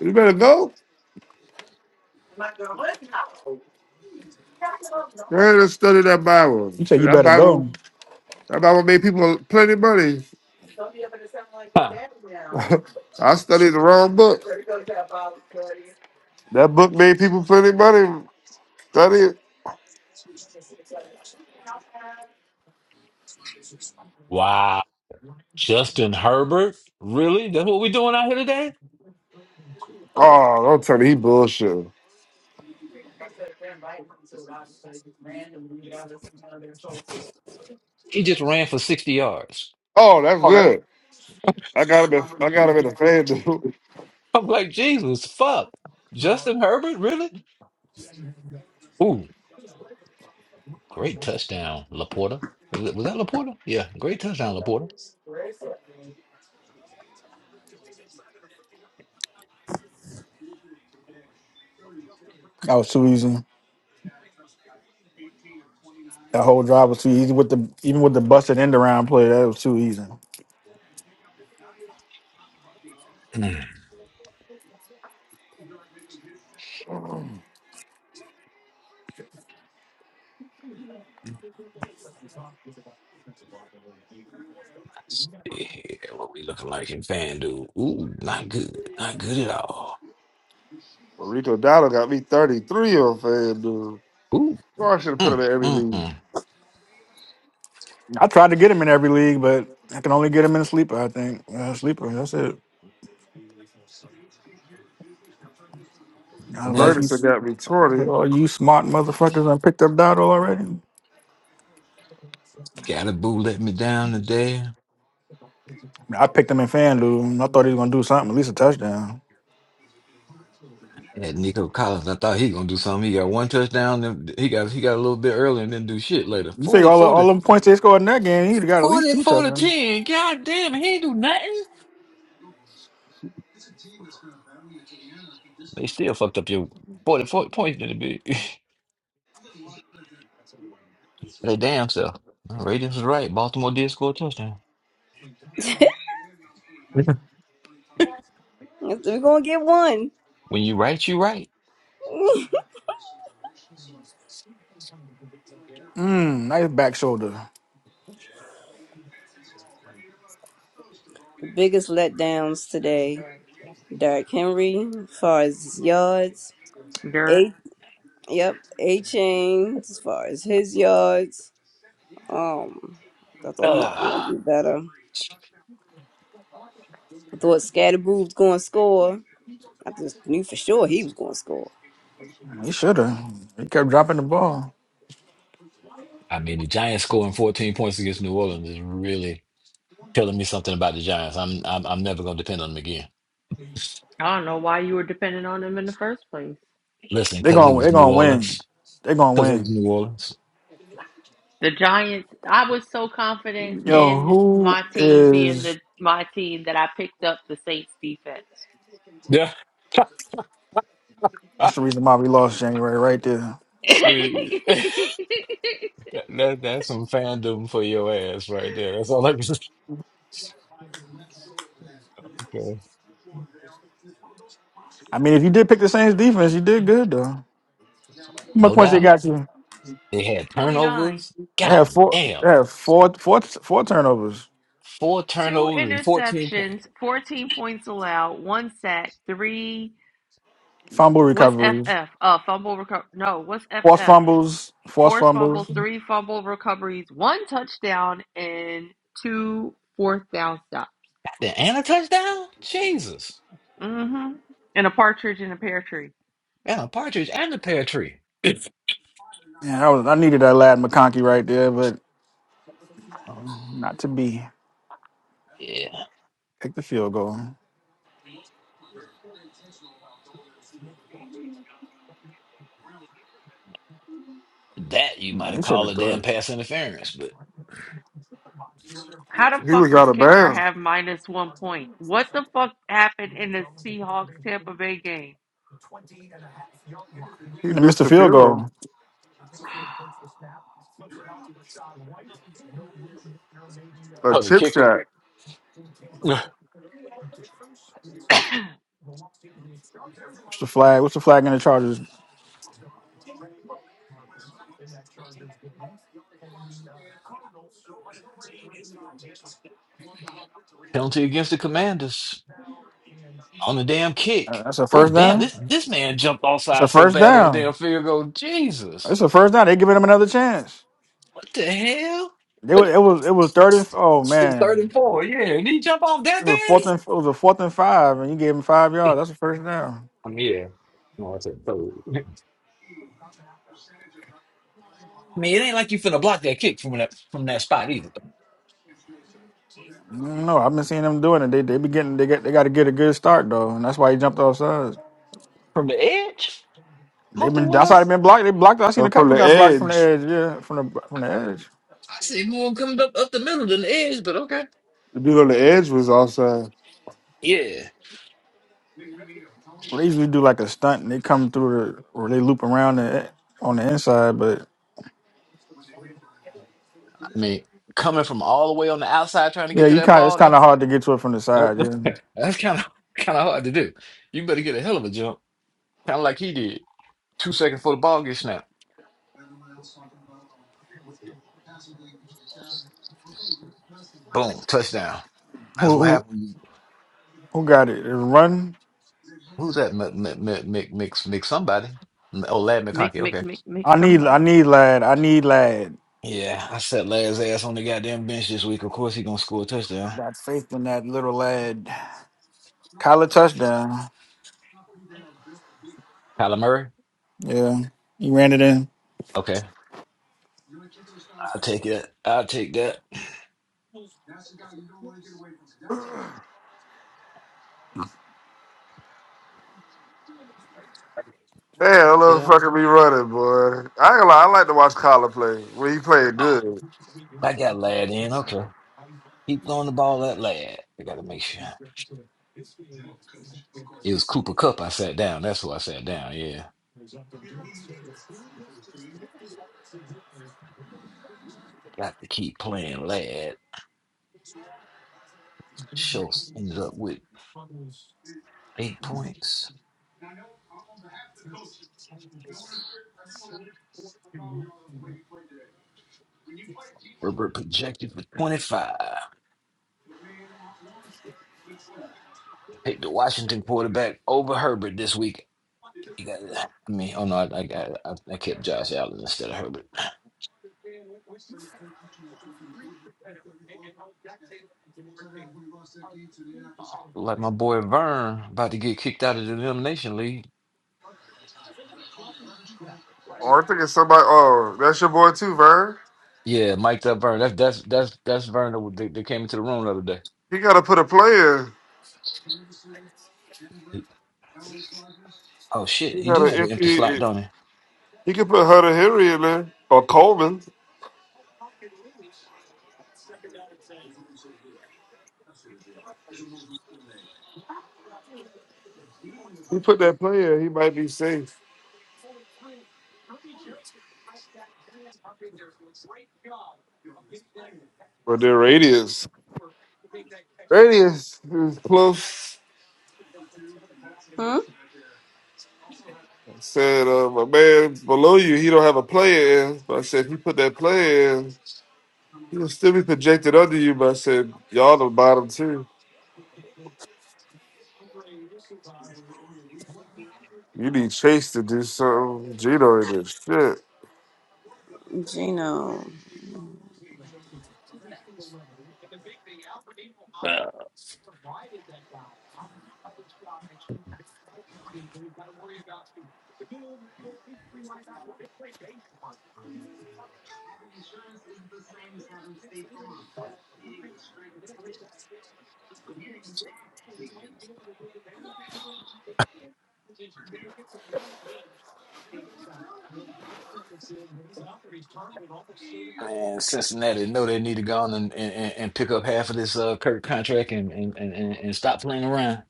Speaker 5: You better go. Go ahead and study that Bible.
Speaker 3: You said
Speaker 5: See,
Speaker 3: you
Speaker 5: that
Speaker 3: better
Speaker 5: Bible
Speaker 3: go.
Speaker 5: that Bible made people plenty of money. (laughs) I studied the wrong book. That book made people plenty of money. Study it.
Speaker 8: Wow. Justin Herbert? Really? That's what we doing out here today?
Speaker 5: Oh, don't tell me he bullshit.
Speaker 8: He just ran for 60 yards.
Speaker 5: Oh, that's good. I got him. At, I got him in a fan dude.
Speaker 8: I'm like, Jesus, fuck. Justin Herbert? Really? Ooh, great touchdown, Laporta. Was that was that Laporta? Yeah, great touchdown, Laporta.
Speaker 3: That was too easy. That whole drive was too easy with the even with the busted end around play. That was too easy.
Speaker 8: Mm. Let's see here what we looking like in FanDuel. Ooh, not good. Not good at all.
Speaker 5: (laughs) Rico Dowdle got me thirty three on fan dude.
Speaker 8: Ooh.
Speaker 5: Boy, I should have put him
Speaker 8: Mm,
Speaker 5: in every
Speaker 8: mm, mm.
Speaker 5: league.
Speaker 3: I tried to get him in every league, but I can only get him in a sleeper. I think uh, sleeper. That's it. I was like,
Speaker 8: Nope.
Speaker 3: you,
Speaker 5: Ferguson got me twenty.
Speaker 3: oh, you smart motherfuckers! I picked up Dotto already.
Speaker 8: Galaboo let me down today.
Speaker 3: I picked him in FanDuel. and I thought he was gonna do something, at least a touchdown.
Speaker 8: Had Nico Collins. I thought he gonna do something. He got one touchdown. Then he got he got a little bit early and didn't do shit later.
Speaker 3: You figure
Speaker 8: Forty,
Speaker 3: all the, all
Speaker 8: forty,
Speaker 3: them points they scored in that game, he'd have got at least
Speaker 8: forty,
Speaker 3: two
Speaker 8: forty
Speaker 3: touchdowns.
Speaker 8: ten. God damn, he ain't do nothing. They still fucked up your 44 points in the big. (laughs) they damn self. Radiance was right. Baltimore did score a touchdown.
Speaker 1: We're gonna get one.
Speaker 8: When you right, you right.
Speaker 1: (laughs)
Speaker 3: Mm, nice back shoulder.
Speaker 1: Biggest letdowns today. Derrick Henry, as far as his yards.
Speaker 7: Dirt.
Speaker 1: Eight. Yep. A chain, as far as his yards. Um, I thought he was gonna do better. I thought Scatterboo was gonna score. I just knew for sure he was gonna score.
Speaker 3: He should have. He kept dropping the ball.
Speaker 8: I mean, the Giants scoring 14 points against New Orleans is really telling me something about the Giants. I'm I'm I'm never gonna depend on them again.
Speaker 7: I don't know why you were dependent on them in the first place.
Speaker 8: Listen,
Speaker 3: They're
Speaker 8: because it
Speaker 3: gonna they're
Speaker 8: was New
Speaker 3: gonna win.
Speaker 8: Orleans.
Speaker 3: They're gonna
Speaker 8: Because it was
Speaker 3: win.
Speaker 8: New Orleans.
Speaker 7: The Giants, I was so confident
Speaker 3: Yo,
Speaker 7: in
Speaker 3: who
Speaker 7: my team being
Speaker 3: is?
Speaker 7: the my team that I picked up the Saints defense.
Speaker 8: (laughs) (laughs)
Speaker 3: That's the reason why we lost January right there.
Speaker 8: See, (laughs)
Speaker 7: (laughs)
Speaker 8: that, that that's some fandom for your ass right there. That's all I can (laughs) say.
Speaker 3: I mean, if you did pick the Saints defense, you did good though. How many
Speaker 8: No
Speaker 3: points they
Speaker 8: doubt.
Speaker 3: got you?
Speaker 8: They had
Speaker 7: 29.
Speaker 8: turnovers.
Speaker 3: They have
Speaker 8: God
Speaker 3: four. They
Speaker 8: damn.
Speaker 3: have four, four, four turnovers,
Speaker 8: Four
Speaker 7: Two
Speaker 8: turnovers and 14 points.
Speaker 7: interceptions, 14 points allowed, one sack, three.
Speaker 3: fumble
Speaker 7: What's
Speaker 3: recoveries,
Speaker 7: FF? Uh, fumble recovery. No, what's
Speaker 3: forced
Speaker 7: FF?
Speaker 3: fumbles, forced
Speaker 7: Forced
Speaker 3: fumbles.
Speaker 7: fumbles, three fumble recoveries, one touchdown, and two fourth down stops.
Speaker 8: Goddamn, And a touchdown? Jesus.
Speaker 7: Mm-hmm. And a partridge in a pear tree.
Speaker 8: And a partridge and a pear tree. (laughs) It's-
Speaker 3: Yeah, I was. I needed that lad McConkey right there, but not to be.
Speaker 8: yeah.
Speaker 3: Pick the field goal. No, he should have threw it.
Speaker 7: How the
Speaker 5: He was
Speaker 7: fuck
Speaker 5: out
Speaker 7: could
Speaker 5: of
Speaker 7: kicker
Speaker 5: bounds.
Speaker 7: have minus one point? What the fuck happened in the Seahawks Tampa Bay game?
Speaker 5: He
Speaker 3: And missed
Speaker 5: missed
Speaker 3: the
Speaker 5: the
Speaker 3: field
Speaker 5: field goal.
Speaker 3: goal.
Speaker 5: A
Speaker 8: Oh, the
Speaker 5: chip
Speaker 8: kicker.
Speaker 5: shot
Speaker 3: What's the flag? What's the flag in the Chargers?
Speaker 8: Penalty against the commanders on the damn
Speaker 3: Uh,
Speaker 8: kick.
Speaker 3: That's a
Speaker 8: Oh,
Speaker 3: first
Speaker 8: damn.
Speaker 3: down.
Speaker 8: This this man jumped
Speaker 3: It's a
Speaker 8: offside so
Speaker 3: first
Speaker 8: bad on the damn
Speaker 3: down.
Speaker 8: field goal. Jesus.
Speaker 3: It's a first down. They giving him another chance.
Speaker 8: What the hell?
Speaker 3: They
Speaker 8: (laughs)
Speaker 3: was, it was it was thirty. Oh man.
Speaker 8: 34, yeah. Did he jump off that
Speaker 3: It was
Speaker 8: bad?
Speaker 3: fourth and it was a fourth and five, and you gave them five yards. That's the first down.
Speaker 8: I'm here. I mean, it ain't like you finna block that kick from either.
Speaker 3: No, I've been seeing them doing it. They they be getting they got they got to get a good start though, and that's why he jumped off sides.
Speaker 8: From the air?
Speaker 3: They've been that's how they been blocked. They blocked. I seen
Speaker 5: Uh,
Speaker 3: a
Speaker 5: from
Speaker 3: couple
Speaker 5: the
Speaker 3: got blocked from the
Speaker 5: edge.
Speaker 3: edge. Yeah, from the from the edge.
Speaker 5: The dude on the edge was offside.
Speaker 3: Well, they usually do like a stunt and they come through the or they loop around the, on the inside. But
Speaker 8: I mean, coming from all the way on the outside trying to
Speaker 3: yeah,
Speaker 8: get to
Speaker 3: you
Speaker 8: that
Speaker 3: kind of it's
Speaker 8: ball,
Speaker 3: kind of
Speaker 8: that's
Speaker 3: hard to get to it from the
Speaker 8: that,
Speaker 3: side. Yeah,
Speaker 8: that's kind of kind of (laughs) hard to do. You better get a hell of a jump, kind of like he did. Two seconds before the ball gets snapped, boom, touchdown. That's
Speaker 3: who
Speaker 8: what
Speaker 3: who,
Speaker 8: happened. when you-
Speaker 3: who got it? It Run.
Speaker 8: Who's that? Mick, Mick, Mick, Mick, Mick Mick somebody. M- Oh, Lad
Speaker 7: Mick,
Speaker 8: McConkey.
Speaker 7: Mick,
Speaker 8: Okay.
Speaker 7: Mick, Mick,
Speaker 3: I need I
Speaker 7: somebody.
Speaker 3: need lad. I need lad.
Speaker 8: Yeah, I sat Lad's ass on the goddamn bench this week. Of course, he gonna score a touchdown.
Speaker 3: Got faith in that little lad. Kyler touchdown.
Speaker 8: Kyler Murray.
Speaker 3: Yeah. He ran it in.
Speaker 8: Okay, I'll take that. I'll take that.
Speaker 5: Damn, that
Speaker 8: Yeah,
Speaker 5: motherfucker be running, boy. I ain't gonna lie, I like to watch Collar play when he played good.
Speaker 8: it was Cooper Cup. I said. Take the Washington quarterback over Herbert this week. You got Herbert. Like my boy Vern about to get kicked out of the Elimination League.
Speaker 5: Or I think it's somebody. Oh, that's your boy too, Vern.
Speaker 8: Yeah, mic'd up Vern. That's that's that's that's Vern that, that that came into the room the other day.
Speaker 5: He gotta put a play in.
Speaker 8: He, oh shit,
Speaker 5: He
Speaker 8: he do
Speaker 5: got an
Speaker 8: have an empty slot,
Speaker 5: empty.
Speaker 8: don't he?
Speaker 5: He could put Hunter Henry in there or Coleman. He put that player, he might be safe. But then Radius, Radius is close.
Speaker 1: Hmm.
Speaker 5: I said, uh, my man below you, he don't have a player in. But I said, if you put that player in, he'll still be projected under you. But I said, y'all the bottom two. You need Chase to do something. Gino in this shit.
Speaker 1: Gino.
Speaker 8: Man, Cincinnati know they need to go on and, and, and and pick up half of this uh Kirk contract and and, and, and and stop playing around.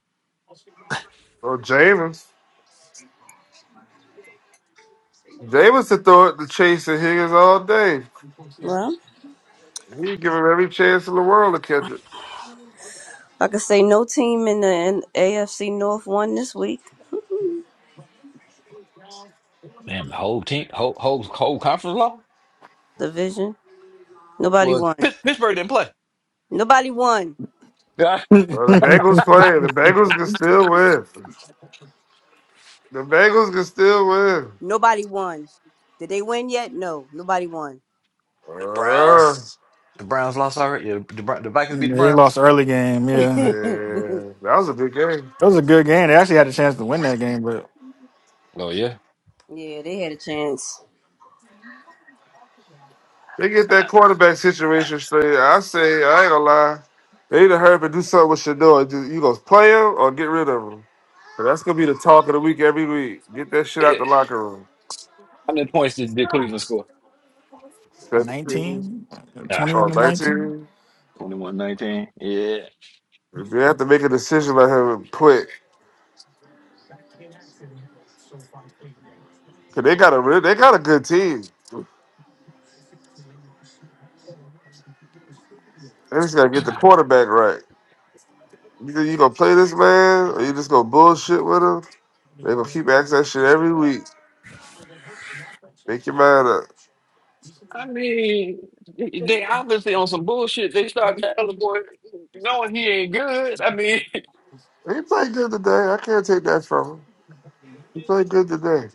Speaker 5: Or James. James to throw it to Chase and Higgins all day.
Speaker 1: Well,
Speaker 5: He'd give him every chance in the world to catch it.
Speaker 1: Like I can say no team in the in AFC North won this week.
Speaker 8: Damn, the whole team, whole whole, whole conference law.
Speaker 1: (laughs) Division. Nobody
Speaker 8: Well,
Speaker 1: won.
Speaker 8: Pitts- Pittsburgh didn't play.
Speaker 1: Nobody won.
Speaker 8: Yeah,
Speaker 5: Bro, the
Speaker 3: (laughs)
Speaker 5: Bengals play. The Bengals can still win. The Bengals can still win.
Speaker 1: Nobody won. Did they win yet? No. Nobody won.
Speaker 8: the
Speaker 5: Uh,
Speaker 8: Browns. The Browns lost already. Yeah, the, the Bro- the Vikings beat the
Speaker 3: They lost the
Speaker 8: Browns.
Speaker 3: early game.
Speaker 1: (laughs)
Speaker 3: Yeah.
Speaker 1: yeah,
Speaker 5: man, that was a big game.
Speaker 3: It was a good game. They actually had a chance to win that game, but
Speaker 8: Oh yeah.
Speaker 1: they had a chance.
Speaker 5: They get that quarterback situation straight. I say, I ain't gonna lie. They need to hurry up and do something with Shador. Do- You gonna play him or get rid of him? 'Cause that's gonna be the talk of the week every week. Get that shit out the locker room. 17
Speaker 3: nineteen, twenty-one
Speaker 5: or
Speaker 3: to 19.
Speaker 5: 19. They have to make a decision on him quick. Cause they got a re- they got a good team. They just gotta get the quarterback right. You think you gonna play this man, or you just gonna bullshit with him? They gonna keep asking that shit every week. Make your mind up. He played good today. I can't take that from him. He played good today.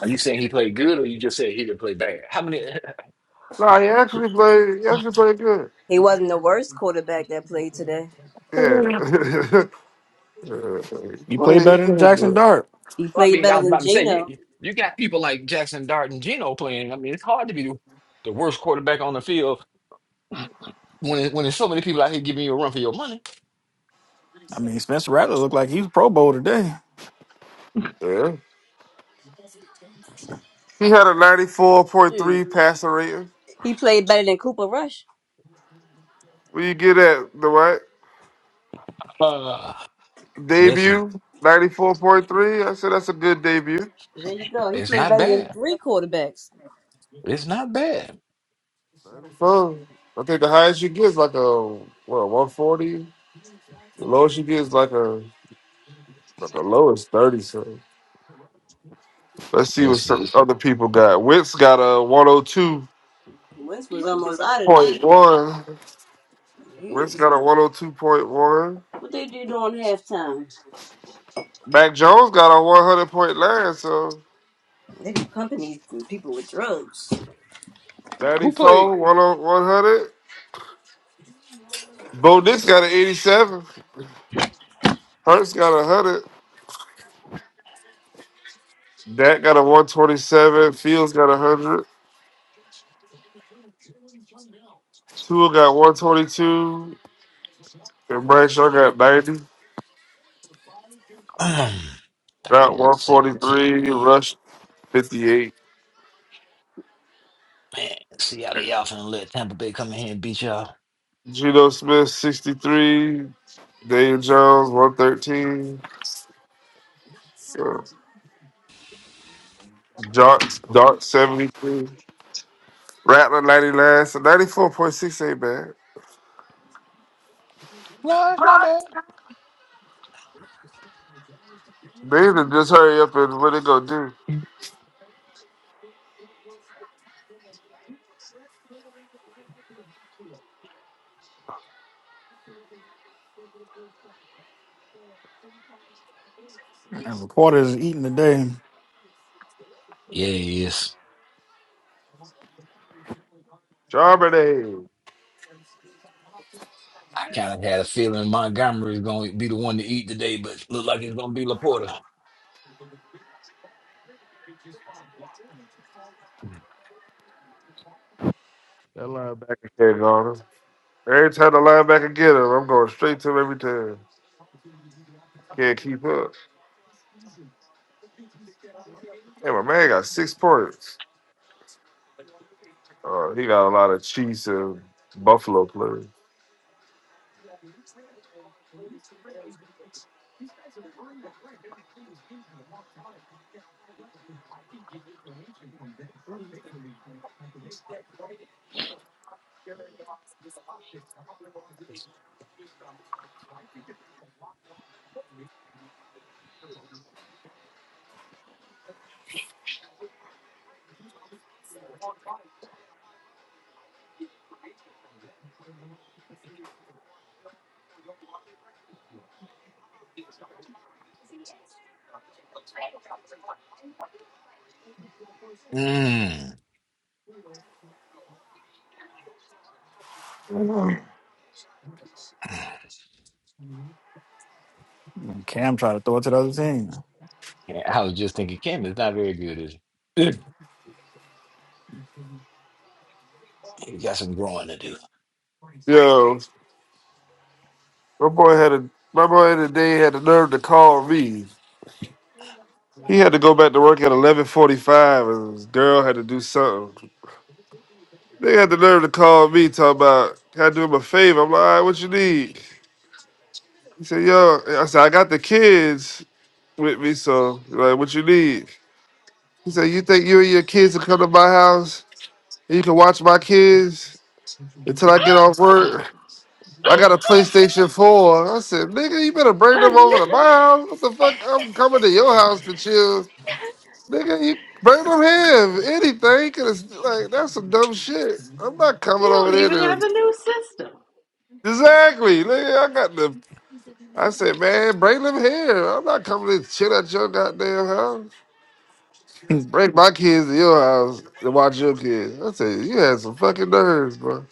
Speaker 8: Are you saying he played good, or you just said he didn't play bad? How many? (laughs)
Speaker 5: No, he actually played. He actually played good.
Speaker 1: He wasn't the worst quarterback that played today.
Speaker 5: Yeah, (laughs) he,
Speaker 3: He
Speaker 5: played,
Speaker 3: played
Speaker 5: he
Speaker 3: better than
Speaker 5: played
Speaker 3: Jackson
Speaker 5: good.
Speaker 3: Dart.
Speaker 1: He
Speaker 8: Well, I
Speaker 1: played
Speaker 8: mean, I
Speaker 1: better
Speaker 8: was
Speaker 1: than
Speaker 8: about to say you
Speaker 1: Geno.
Speaker 8: you you got people like Jackson Dart and Geno playing. I mean, it's hard to be the, the worst quarterback on the field when it, when there's so many people out here giving you a run for your money.
Speaker 3: I mean, Spencer Rattler looked like he was Pro Bowl today.
Speaker 5: Yeah, he had a ninety-four point
Speaker 1: Shoot.
Speaker 5: three passer rating.
Speaker 1: He played better than Cooper Rush.
Speaker 5: What do you get at the what
Speaker 8: Uh, listen,
Speaker 5: debut? Ninety-four point three. I said that's a good debut.
Speaker 1: There you go. He
Speaker 8: it's
Speaker 1: played
Speaker 8: not
Speaker 1: better than
Speaker 8: bad.
Speaker 1: three quarterbacks.
Speaker 8: It's not bad.
Speaker 5: Ninety-four. I think the highest you get is like a what one forty. The lowest you get is like a like the lowest thirty. So let's see what
Speaker 8: Listen,
Speaker 5: some other people got. Wentz got a one hundred two
Speaker 1: Wentz was almost out of there.
Speaker 5: point one.
Speaker 1: Yeah.
Speaker 5: Wentz got a one hundred two point one.
Speaker 1: What they do during halftime?
Speaker 5: Mac Jones got a one hundred point nine. So
Speaker 1: They be pumping these people with drugs.
Speaker 8: who
Speaker 5: 94,
Speaker 8: played
Speaker 5: 100, 100. Bo Nix got an eighty seven. Hurts got a hundred. Dak got a one twenty seven. Fields got a hundred. Tua got one twenty two. And Bradshaw got ninety. Got one forty
Speaker 8: Seventeen.
Speaker 5: three. Rush fifty eight.
Speaker 8: Big uh,
Speaker 5: Geno Smith, 63. Dave Jones, 113. So, Dart, Dart, 73. Rattler, 99. So, 94.6 ain't bad.
Speaker 8: no, it's not bad.
Speaker 5: They need to just hurry up and what they gonna do.
Speaker 3: And Laporta is eating today.
Speaker 8: Yeah, it is.
Speaker 5: Charbonnet.
Speaker 8: Kind of had a feeling Montgomery's going to be the one to eat today, but look like it's going to be Laporta.
Speaker 5: That linebacker can't guard him. Every time the linebacker get him, I'm going straight to him every time. Can't keep up. Hey, my man got six points. Uh, he got a lot of Chiefs and Buffalo players.
Speaker 3: And Cam tried to throw it to the other team.
Speaker 8: Yeah, I was just thinking, Cam is not very good, is he? (clears throat) He's got some growing to do.
Speaker 5: Yo, My boy had a my boy today had the nerve to call me. He had to go back to work at eleven forty five, and his girl had to do something. They had the nerve to call me, talking about can I do him a favor? I'm like, all right, what you need? He said, yo, I said I got the kids with me, so like, what you need? He said, you think you and your kids can come to my house and you can watch my kids until I get off work? I got a PlayStation 4. I said, nigga, you better
Speaker 7: (laughs)
Speaker 5: bring them over
Speaker 7: you
Speaker 5: to my house. What the fuck? I'm coming to your house to chill Nigga, you bring them here. If anything, cause it's like that's some dumb shit. I'm not coming over
Speaker 7: don't
Speaker 5: there
Speaker 7: even have
Speaker 5: to
Speaker 7: a new system.
Speaker 5: exactly. Nigga, I got the. I said, man, bring them here. I'm not coming to chill at your goddamn house. Bring my kids to your house to watch your kids. I said, you had some fucking nerves, bro.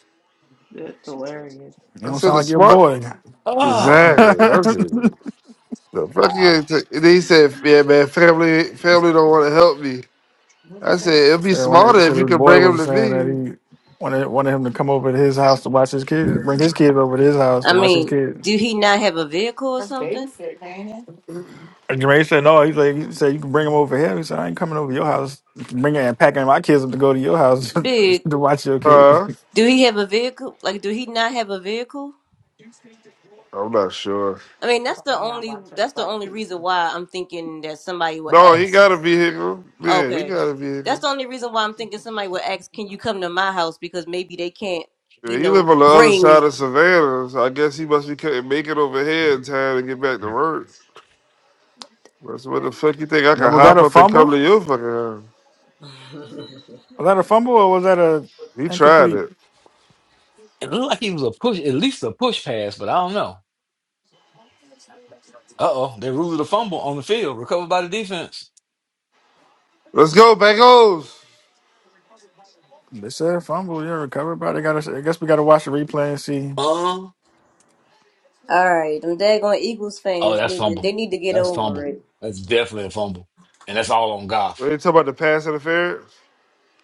Speaker 3: You
Speaker 5: I
Speaker 3: don't sound
Speaker 5: said, the
Speaker 3: like your
Speaker 5: smart.
Speaker 3: boy. (laughs)
Speaker 5: Exactly. That's it. The fucking. And he said, yeah, man, family, family don't want to help me. I said, it'd be
Speaker 3: said one
Speaker 5: smarter
Speaker 3: of,
Speaker 5: if
Speaker 3: said
Speaker 5: you
Speaker 3: his
Speaker 5: could
Speaker 3: boy
Speaker 5: bring them
Speaker 3: was
Speaker 5: to
Speaker 3: saying that
Speaker 5: me.
Speaker 3: he wanted wanted him to come over to his house to watch his kids, bring his kids over to his house
Speaker 1: I
Speaker 3: to watch his
Speaker 1: mean,
Speaker 3: kids.
Speaker 1: do he not have a vehicle or something?
Speaker 3: And Jermaine said no. He's like, he said you can bring him over here. He said I ain't coming over to your house. Bringing and packing my kids up to go to your house
Speaker 1: Big.
Speaker 3: (laughs) to watch your kids.
Speaker 5: Huh?
Speaker 1: Do he have a vehicle? Like, do he not have a vehicle?
Speaker 5: I'm not sure.
Speaker 1: I mean, that's the only that's the only reason why I'm thinking that somebody would
Speaker 5: No, he
Speaker 1: ask.
Speaker 5: got a vehicle. Yeah, he
Speaker 1: Okay,
Speaker 5: got a
Speaker 1: that's
Speaker 5: vehicle.
Speaker 1: the only reason why I'm thinking somebody would ask, "Can you come to my house?" Because maybe they can't, you
Speaker 5: Yeah, he live
Speaker 1: know,
Speaker 5: on the other
Speaker 1: bring.
Speaker 5: side of Savannah, so I guess he must be couldn't make it over here in time to get back to work. That's what the fuck you think I
Speaker 3: Now,
Speaker 5: can
Speaker 3: Was that
Speaker 5: hop
Speaker 3: a
Speaker 5: up and come to
Speaker 3: fumble?
Speaker 5: your fucking house?
Speaker 3: Was that a fumble or was that a
Speaker 5: He tried
Speaker 3: incomplete?
Speaker 5: it. Let's go, Bengals.
Speaker 3: They said fumble. Yeah, recovered, but they got. I guess we got to watch the replay and see.
Speaker 1: All right, them daggone Eagles fans need to they need to get over it.
Speaker 5: What you talking about the pass interference?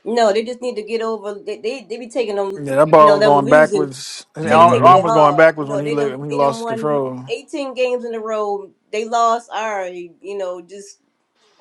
Speaker 1: No, they just need to get over. They they, they be taking them,
Speaker 3: Yeah, that
Speaker 1: you
Speaker 3: ball
Speaker 1: know,
Speaker 3: was
Speaker 1: them
Speaker 3: going
Speaker 1: losing,
Speaker 3: backwards. His
Speaker 1: taking
Speaker 3: arm,
Speaker 1: taking
Speaker 8: hmm
Speaker 3: arm
Speaker 1: it
Speaker 3: was going
Speaker 1: hard. You
Speaker 3: backwards when
Speaker 1: know,
Speaker 3: he
Speaker 1: they
Speaker 3: la-
Speaker 1: didn't
Speaker 3: when he
Speaker 1: they done
Speaker 3: lost
Speaker 1: won
Speaker 3: control.
Speaker 1: eighteen games in a row. They lost. All right, you know, just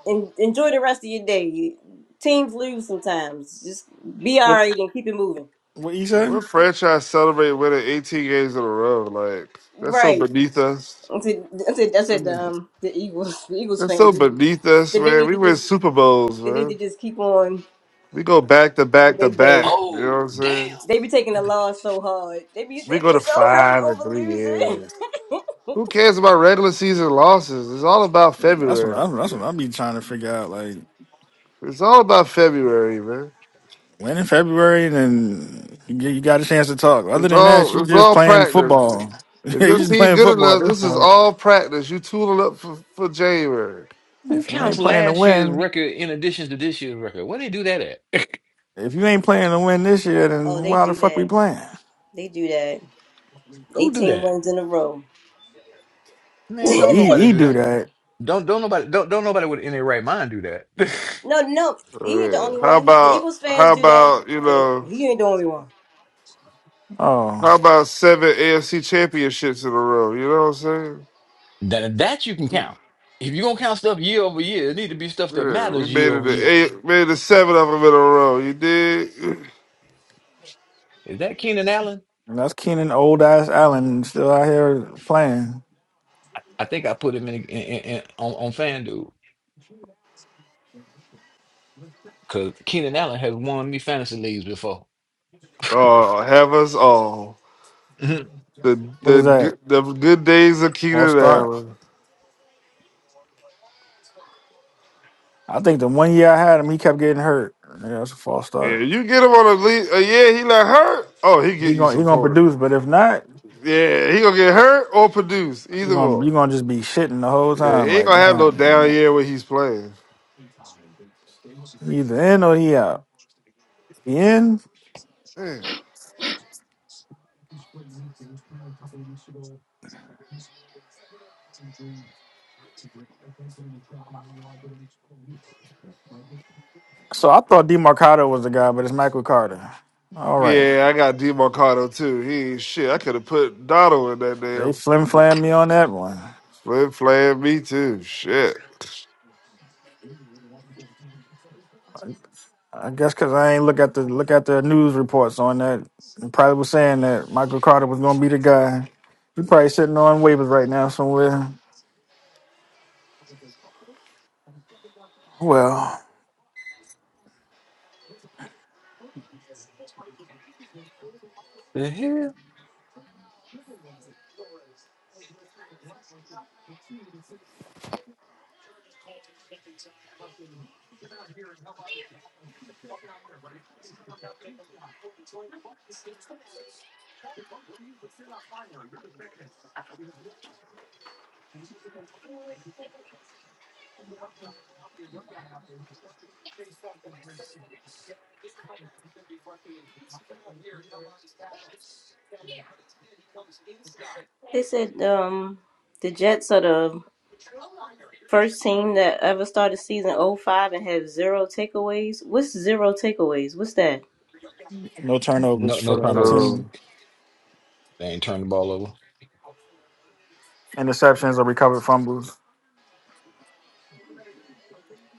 Speaker 1: en enjoy the rest of your day. Teams lose sometimes. Just be all
Speaker 3: What
Speaker 1: right and keep it moving.
Speaker 3: what he said?
Speaker 5: What franchise celebrate winning 18 games in a row? Like that's so
Speaker 1: Right.
Speaker 5: beneath us.
Speaker 1: I said I said I said the, um the Eagles the Eagles
Speaker 5: That's
Speaker 1: fans
Speaker 5: so beneath us,
Speaker 1: they
Speaker 5: man.
Speaker 1: need to they need
Speaker 5: We
Speaker 1: to
Speaker 5: win
Speaker 1: just
Speaker 5: Super Bowls,
Speaker 1: they need to
Speaker 5: man.
Speaker 1: just keep on
Speaker 5: We go back to
Speaker 1: with
Speaker 5: back
Speaker 1: their
Speaker 5: to
Speaker 1: day.
Speaker 5: back. You know what
Speaker 8: Oh,
Speaker 5: I'm
Speaker 8: damn.
Speaker 5: saying?
Speaker 1: They be taking the loss so hard. They be
Speaker 5: We
Speaker 1: they
Speaker 5: go
Speaker 1: be
Speaker 5: to
Speaker 1: so hurt
Speaker 5: five in
Speaker 1: over
Speaker 5: three
Speaker 1: losing.
Speaker 5: years.
Speaker 1: (laughs)
Speaker 5: Who cares about regular season losses? It's all about
Speaker 3: That's what I,
Speaker 5: February.
Speaker 3: that's what i be trying to figure out. Like.
Speaker 5: It's all about February, man.
Speaker 3: Went in February and then you, get- you got a chance to talk. Other
Speaker 5: It's
Speaker 3: than that,
Speaker 5: all
Speaker 3: you
Speaker 5: it's
Speaker 3: just
Speaker 5: all
Speaker 3: playing
Speaker 5: practice.
Speaker 3: football. (laughs) you
Speaker 5: If your
Speaker 3: just
Speaker 5: team
Speaker 3: playing
Speaker 5: good
Speaker 3: football at
Speaker 5: enough,
Speaker 3: this
Speaker 5: this is
Speaker 3: point.
Speaker 5: all practice. You tooling up for, for January.
Speaker 8: Who
Speaker 3: If you
Speaker 8: counts
Speaker 3: ain't playing to
Speaker 8: last year's
Speaker 3: win,
Speaker 8: record in addition to this year's record? Where they do that at?
Speaker 3: if you ain't playing to win this year,
Speaker 1: Oh,
Speaker 3: then
Speaker 1: they
Speaker 3: why the
Speaker 1: do
Speaker 3: fuck we
Speaker 1: that.
Speaker 3: playing?
Speaker 1: They do that.
Speaker 8: Who do
Speaker 1: 18
Speaker 8: that?
Speaker 1: wins in a row.
Speaker 8: Man,
Speaker 1: (laughs)
Speaker 3: Well,
Speaker 8: don't
Speaker 3: he
Speaker 8: nobody
Speaker 3: he
Speaker 8: do
Speaker 3: do
Speaker 8: that.
Speaker 3: that.
Speaker 8: Don't don't nobody don't don't nobody with any right mind do that. (laughs)
Speaker 1: No, no, he
Speaker 5: Oh,
Speaker 1: ain't the
Speaker 5: yeah.
Speaker 1: only
Speaker 5: How
Speaker 1: one. The
Speaker 5: about
Speaker 1: Eagles fans
Speaker 5: how
Speaker 1: do that.
Speaker 5: about you
Speaker 1: They,
Speaker 5: know
Speaker 1: he ain't the only one.
Speaker 5: how
Speaker 3: Oh,
Speaker 5: about seven AFC championships in a row? You know what I'm saying?
Speaker 8: that that you can count. If you're gonna count stuff year over year, it need to be stuff that
Speaker 5: Yeah, we
Speaker 8: matters year
Speaker 5: made it
Speaker 8: over
Speaker 5: to
Speaker 8: year.
Speaker 5: eight, made it to seven of them in a row. You did. (clears throat)
Speaker 8: Is that Keenan Allen?
Speaker 3: and that's Keenan old ass Allen still out here playing.
Speaker 8: I think I put him in, in, in, on, on FanDuel because Keenan Allen has won me fantasy leagues before. (laughs)
Speaker 5: Oh, have us all.
Speaker 8: Mhm.
Speaker 5: The
Speaker 3: What is
Speaker 5: the
Speaker 3: that?
Speaker 5: good- the good days of
Speaker 3: False
Speaker 5: Keenan
Speaker 3: start.
Speaker 5: Allen.
Speaker 3: I think the one year I had him, he kept getting hurt. Yeah, that's a false
Speaker 5: Yeah,
Speaker 3: start.
Speaker 5: you get him on a lead. Uh, yeah, he not hurt. Oh, he
Speaker 3: He
Speaker 5: get you
Speaker 3: gonna he gonna
Speaker 5: support.
Speaker 3: produce, but if not,
Speaker 5: Yeah, he gonna get hurt or produce
Speaker 3: you
Speaker 5: either
Speaker 3: gonna you
Speaker 5: one.
Speaker 3: gonna just be shitting the whole
Speaker 5: Yeah,
Speaker 3: time.
Speaker 5: he ain't
Speaker 3: Like,
Speaker 5: gonna have no
Speaker 3: God, man.
Speaker 5: down year when he's playing.
Speaker 3: Either in or he out. He in.
Speaker 5: Damn.
Speaker 3: So I thought DeMarcado was the guy, but it's Michael Carter. All right,
Speaker 5: Yeah, I got DeMarcado too. He ain't shit. I could have put Donald in that
Speaker 3: they
Speaker 5: damn
Speaker 3: flim flam me on that one.
Speaker 5: flip flag. Me too. Shit.
Speaker 3: I guess because I ain't look at the look at the news reports on that. They probably was saying that Michael Carter was gonna be the guy. He probably sitting on waivers right now somewhere. Well,
Speaker 8: The hell?
Speaker 1: They said um, the Jets are the first team that ever started season '05 and have zero takeaways. What's zero takeaways? What's that?
Speaker 3: no turnovers
Speaker 8: No no
Speaker 3: for the other
Speaker 8: turnovers.
Speaker 5: DeMarcado
Speaker 3: team.
Speaker 8: They ain't turned the ball over.
Speaker 3: Interceptions or recovered fumbles.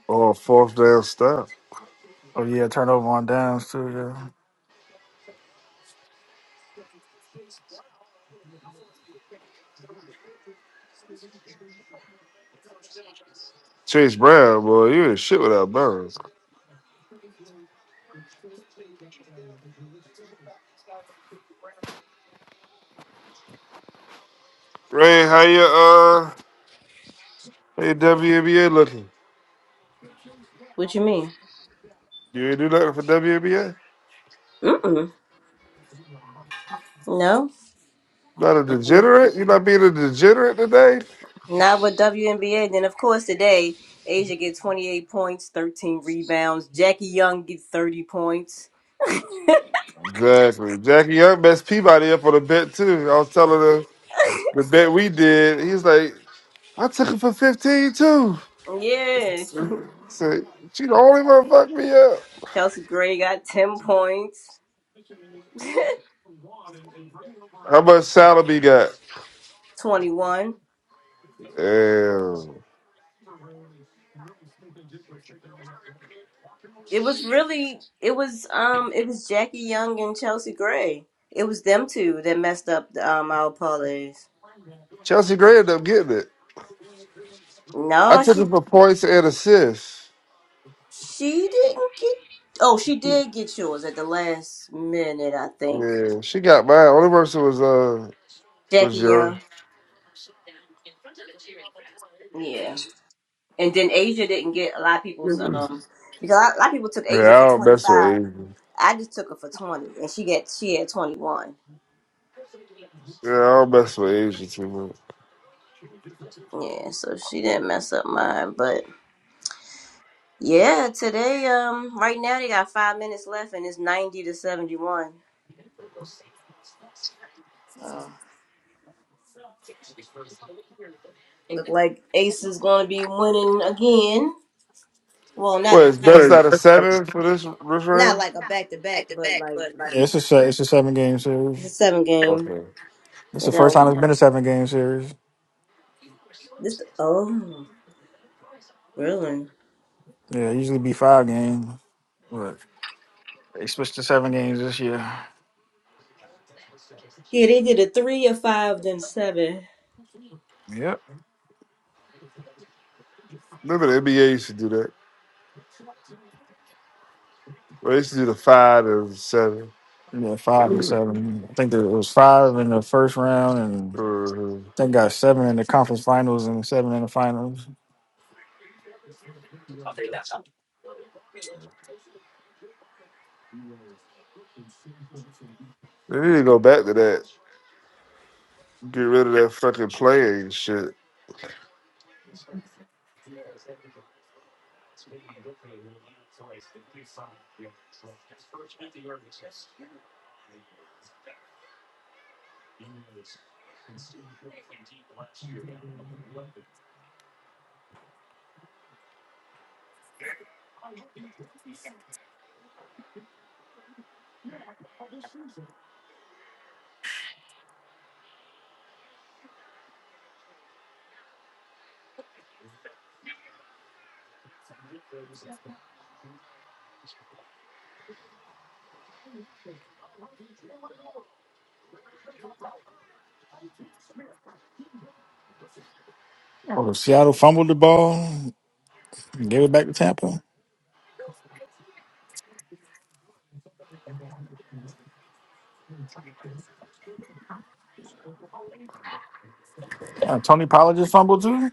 Speaker 5: On fourth down stop.
Speaker 3: Oh yeah, turnover on downs too. Yeah.
Speaker 5: Chase Brown, boy, you ain't shit without Burns. Ray, how your uh, how your WNBA looking?
Speaker 1: What you mean?
Speaker 5: You ain't do nothing for WNBA?
Speaker 1: Mm-mm. No,
Speaker 5: Not a degenerate? You not being a degenerate today?
Speaker 1: not with WNBA. Then of course today, Asia get 28 points, 13 rebounds. Jackie Young get 30 points.
Speaker 5: Exactly. Jackie Young messed Peabody up on a bet too. I was telling her the bet we did. He's like, I took it for 15 too.
Speaker 1: Yeah, (laughs)
Speaker 5: I Said, she the only one fucked me up.
Speaker 1: Chelsea Gray got 10 points, (laughs)
Speaker 5: How much salary got?
Speaker 1: 21.
Speaker 5: Damn.
Speaker 1: It was really, it was, um, it was Jackie Young and Chelsea Gray. It was them two that messed up the, um our parlays.
Speaker 5: Chelsea Gray ended up getting it. I
Speaker 1: No,
Speaker 5: took it
Speaker 1: she
Speaker 5: for points and assists.
Speaker 1: she didn't get. Oh, she did get yours at the last minute, I think.
Speaker 5: Yeah, she got mine. Only person was uh
Speaker 1: Jackie
Speaker 5: was young.
Speaker 1: Young, yeah. And then Asia didn't get a lot of
Speaker 5: Yeah,
Speaker 1: people's um because a lot a lot of people took Asia
Speaker 5: I
Speaker 1: for
Speaker 5: don't
Speaker 1: twenty
Speaker 5: mess with
Speaker 1: five.
Speaker 5: Asian.
Speaker 1: I just took her for twenty, and she got she had twenty one.
Speaker 5: Yeah, I don't mess with Asian too much.
Speaker 1: Yeah, so she didn't mess up mine. But yeah, today, um, right now they got five minutes left and it's 90 to 71. Uh, look like Ace is going to be winning again. Well, not
Speaker 5: What, it's
Speaker 3: What
Speaker 5: best
Speaker 3: is
Speaker 1: again.
Speaker 5: out of seven for this this
Speaker 1: Not
Speaker 5: round?
Speaker 1: like a back to back, but like
Speaker 3: Yeah, it's a se- it's a seven game series.
Speaker 1: it's a seven game.
Speaker 5: Okay.
Speaker 3: It's the
Speaker 1: They
Speaker 3: first
Speaker 1: got
Speaker 3: time it's been a seven game series.
Speaker 1: this. Oh, really?
Speaker 3: Yeah, it usually be five games, but they switched to seven games this year.
Speaker 1: Yeah, they did a three, a five, then seven.
Speaker 3: Yep.
Speaker 5: Remember the NBA used to do that. Well, they used to do the five and 7
Speaker 3: Yeah, five and seven. I think there was five in the first round, and
Speaker 5: hmm
Speaker 3: I think got seven in the conference finals and seven in the finals.
Speaker 5: They need to go back to that. Get rid of that fucking playing shit.
Speaker 3: Oh, Seattle fumbled the ball, and gave it back to Tampa. Yeah, Tony Pollard just fumbled too.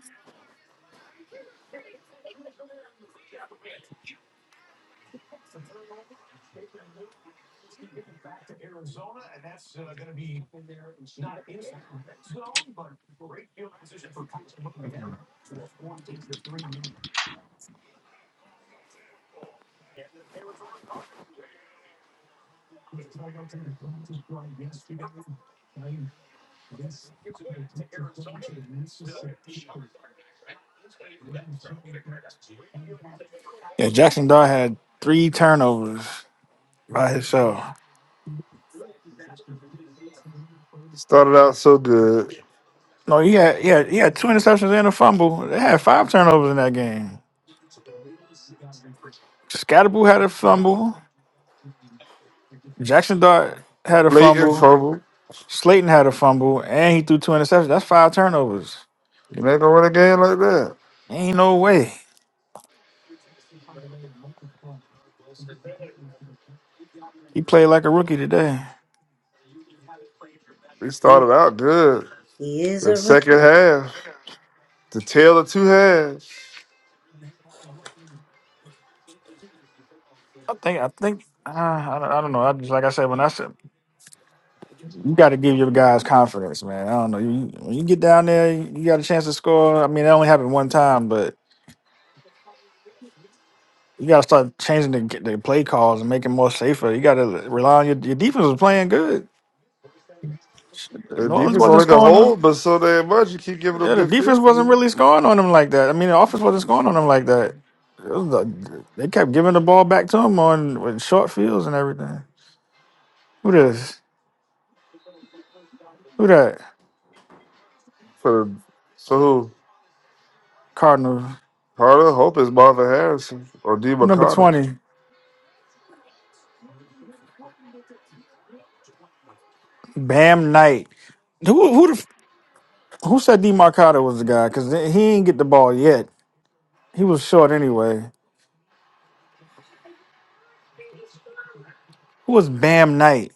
Speaker 3: Yeah, Jackson Dart had three turnovers by himself.
Speaker 5: Started out so good.
Speaker 3: No, he had he had he had two interceptions and a fumble. They had five turnovers in that game. Scatterboo had a fumble. Jackson Dart had a
Speaker 5: Blatant
Speaker 3: fumble.
Speaker 5: fumble.
Speaker 3: Slayton had a fumble, and he threw two interceptions. That's five turnovers.
Speaker 5: You ain't gonna win a game like that.
Speaker 3: Ain't no way he played like a rookie today.
Speaker 5: We
Speaker 1: He,
Speaker 5: started out good.
Speaker 1: he is
Speaker 5: The
Speaker 1: a
Speaker 5: second
Speaker 1: rookie.
Speaker 5: half, the tail of two halves.
Speaker 3: I think I think uh, I, don't, I don't know. I just like I said when I said you got to give your guys confidence, man. I don't know. You, when you get down there, you got a chance to score. I mean, it only happened one time, but You got to start changing the, the play calls and making more safer. You got to rely on your, your defense was playing good. Shit,
Speaker 5: The
Speaker 3: New Orleans
Speaker 5: defense
Speaker 3: wasn't
Speaker 5: only can
Speaker 3: scoring on.
Speaker 5: hold, but so damn much. You keep giving them
Speaker 3: Yeah, the
Speaker 5: good
Speaker 3: defense
Speaker 5: field
Speaker 3: wasn't really scoring on them like that. I mean, the offense wasn't scoring on them like that. It was the- they kept giving the ball back to them on with short fields and everything. Who this? Who that?
Speaker 5: for the, for who?
Speaker 3: Cardinals.
Speaker 5: Part of the hope is Marvin Harrison or D.
Speaker 3: Who number
Speaker 5: McConnell.
Speaker 3: twenty? Bam Knight. Who who the, who said Demarcado was the guy? Because he ain't get the ball yet. He was short anyway. Who was Bam Knight?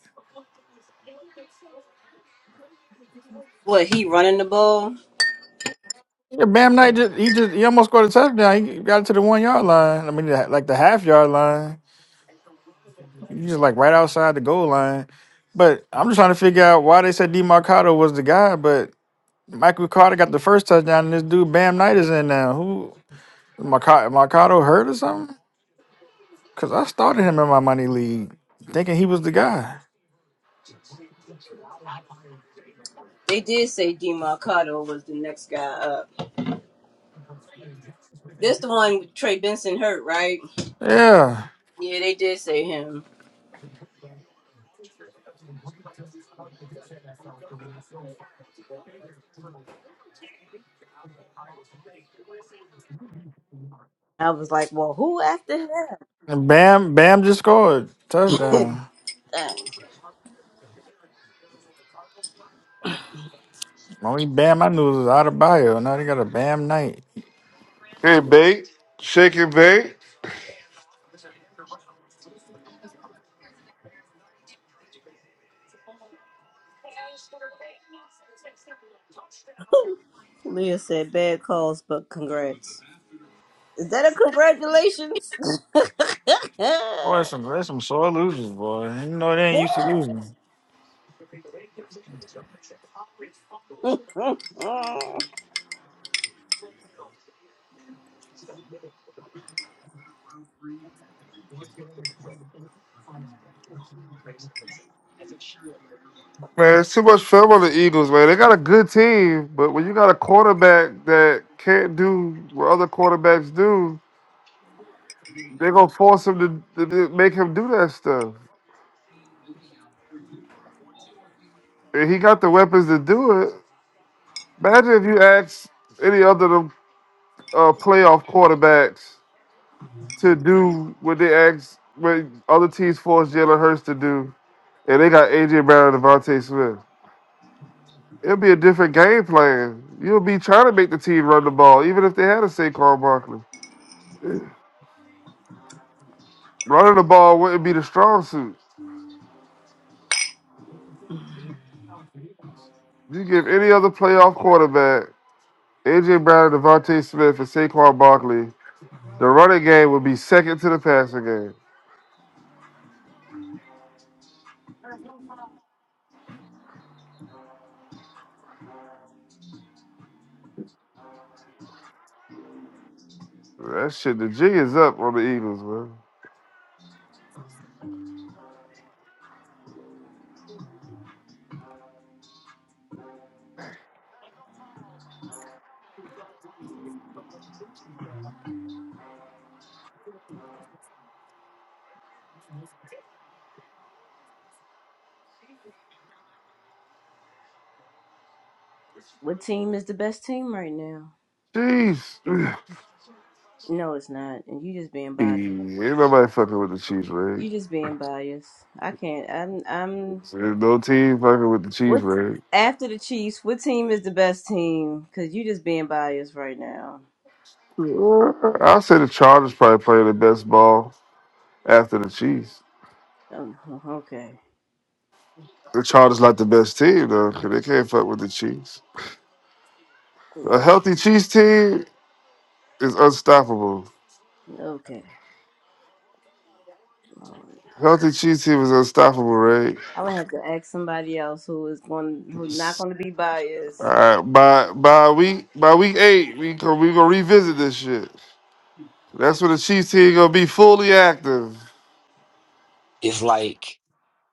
Speaker 1: What, he running the ball?
Speaker 3: Yeah, Bam Knight just he just he almost scored a touchdown. He got it to the one yard line. I mean, the- like the half yard line. He's just like right outside the goal line. But I'm just trying to figure out why they said Demarcado was the guy. But Michael Carter got the first touchdown, and this dude Bam Knight is in now. Who Mercado, Mercado hurt or something? Because I started him in my money league, thinking he was the guy.
Speaker 1: They did say Demarcado was the next guy up. This the one with Trey Benson hurt, right?
Speaker 3: Yeah,
Speaker 1: Yeah, they did say him. I was like, well, who after him?
Speaker 3: and Bam Bam just scored
Speaker 1: (laughs)
Speaker 3: touchdown.
Speaker 1: Dang.
Speaker 3: Only Bam I knew was out of bio. Now they got a Bam Knight.
Speaker 5: Hey, bait, shake and bait.
Speaker 1: Leah said, bad calls, but congrats. Is that a congratulations?
Speaker 3: Boy, that's some that's some sore losers, boy. You know they ain't used to losing.
Speaker 1: (laughs)
Speaker 5: Man, it's too much film on the Eagles, man. They got a good team, but when you got a quarterback that can't do what other quarterbacks do, they're going to force him to, to, to make him do that stuff. And he got the weapons to do it. Imagine if you asked any other of them, uh, playoff quarterbacks to do what they asked, what other teams forced Jalen Hurts to do, and they got A.J. Brown and Devontae Smith. It'll be a different game plan. You'll be trying to make the team run the ball, even if they had a Saquon Barkley. Running the ball wouldn't be the strong suit. You give any other playoff quarterback, AJ Brown, Devontae Smith, and Saquon Barkley, the running game would be second to the passing game. That shit, the G is up on the Eagles, man.
Speaker 1: what team is the best team right now?
Speaker 5: Jeez. (sighs)
Speaker 1: No, it's not. And you just being biased.
Speaker 5: Ain't nobody fucking with the Chiefs, right?
Speaker 1: You just being biased. I can't. I'm. I'm.
Speaker 5: There's no team fucking with the Chiefs,
Speaker 1: What?
Speaker 5: right?
Speaker 1: After the Chiefs, what team is the best team? Because you just being biased right now.
Speaker 5: I'll say the Chargers probably playing the best ball after the Chiefs.
Speaker 1: Um, okay.
Speaker 5: The Chargers not the best team though. 'cause They can't fuck with the Chiefs. A
Speaker 1: Lord.
Speaker 5: healthy Chiefs team is unstoppable.
Speaker 1: Okay. Lord.
Speaker 5: Healthy Chiefs team is unstoppable, right?
Speaker 1: I would have to ask somebody else who is going, who's not going to be
Speaker 5: All
Speaker 1: biased.
Speaker 5: right, by by week by week eight, we go, we gonna revisit this shit. That's when the Chiefs team gonna be fully active.
Speaker 8: It's like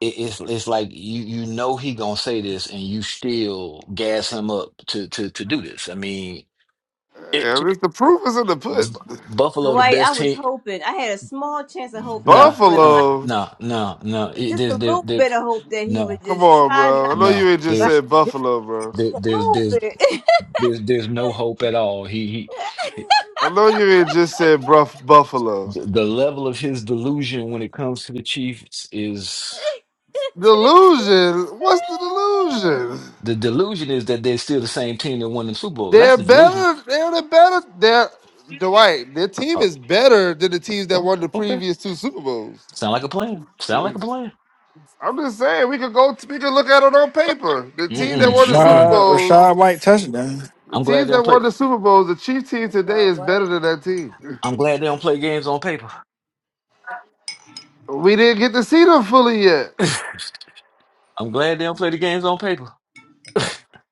Speaker 8: it- it's it's like you you know he gonna say this and you still gas him up to to to do this. I mean.
Speaker 5: And it's- the proof is in the
Speaker 8: B-
Speaker 5: pudding.
Speaker 8: Buffalo, the
Speaker 1: Dwight, I
Speaker 8: best
Speaker 1: was
Speaker 8: team.
Speaker 1: hoping, I had a small chance of hope that he
Speaker 8: Nah,
Speaker 1: would like,
Speaker 8: uh,
Speaker 5: Buffalo,
Speaker 8: no, no, no. It-
Speaker 1: just a
Speaker 8: There's, there's,
Speaker 1: little
Speaker 8: there,
Speaker 1: bit of hope that he would
Speaker 8: no,
Speaker 5: come
Speaker 1: just
Speaker 5: on,
Speaker 1: try not
Speaker 5: bro. I know you
Speaker 8: no.
Speaker 5: ain't
Speaker 1: to
Speaker 5: just
Speaker 1: bias
Speaker 8: There's,
Speaker 5: said Buffalo, bro.
Speaker 1: (laughs)
Speaker 8: there,
Speaker 1: a
Speaker 8: there's,
Speaker 1: little
Speaker 8: there's,
Speaker 1: bit. (laughs)
Speaker 8: there's, there's no hope at all. He, he,
Speaker 5: I know you ain't just said bruff Buffalo.
Speaker 8: the level of his delusion when it comes to the Chiefs is
Speaker 5: Delusion? What's the delusion?
Speaker 8: the delusion is that they're still the same team that won the Super Bowls.
Speaker 5: They're
Speaker 8: That's the delusion.
Speaker 5: better. They're the better. They're Dwight. Their team
Speaker 8: Oh,
Speaker 5: is better than the teams that won the previous two Super Bowls.
Speaker 8: mm
Speaker 5: I'm just saying we could go. We could look at it on paper. The team that
Speaker 8: mm, mm
Speaker 5: won the Super
Speaker 8: mm.
Speaker 3: Rashad,
Speaker 5: Bowls.
Speaker 3: Rashad White touchdown.
Speaker 5: The
Speaker 8: I'm glad
Speaker 5: teams
Speaker 8: they
Speaker 5: that
Speaker 8: don't play.
Speaker 5: won the Super Bowls. The Chiefs team today
Speaker 1: Rashad
Speaker 5: is better
Speaker 1: White,
Speaker 5: than that team. (laughs)
Speaker 8: I'm glad they don't play games on paper.
Speaker 5: We didn't get to see them fully yet.
Speaker 8: (laughs) I'm glad they don't play the games on paper.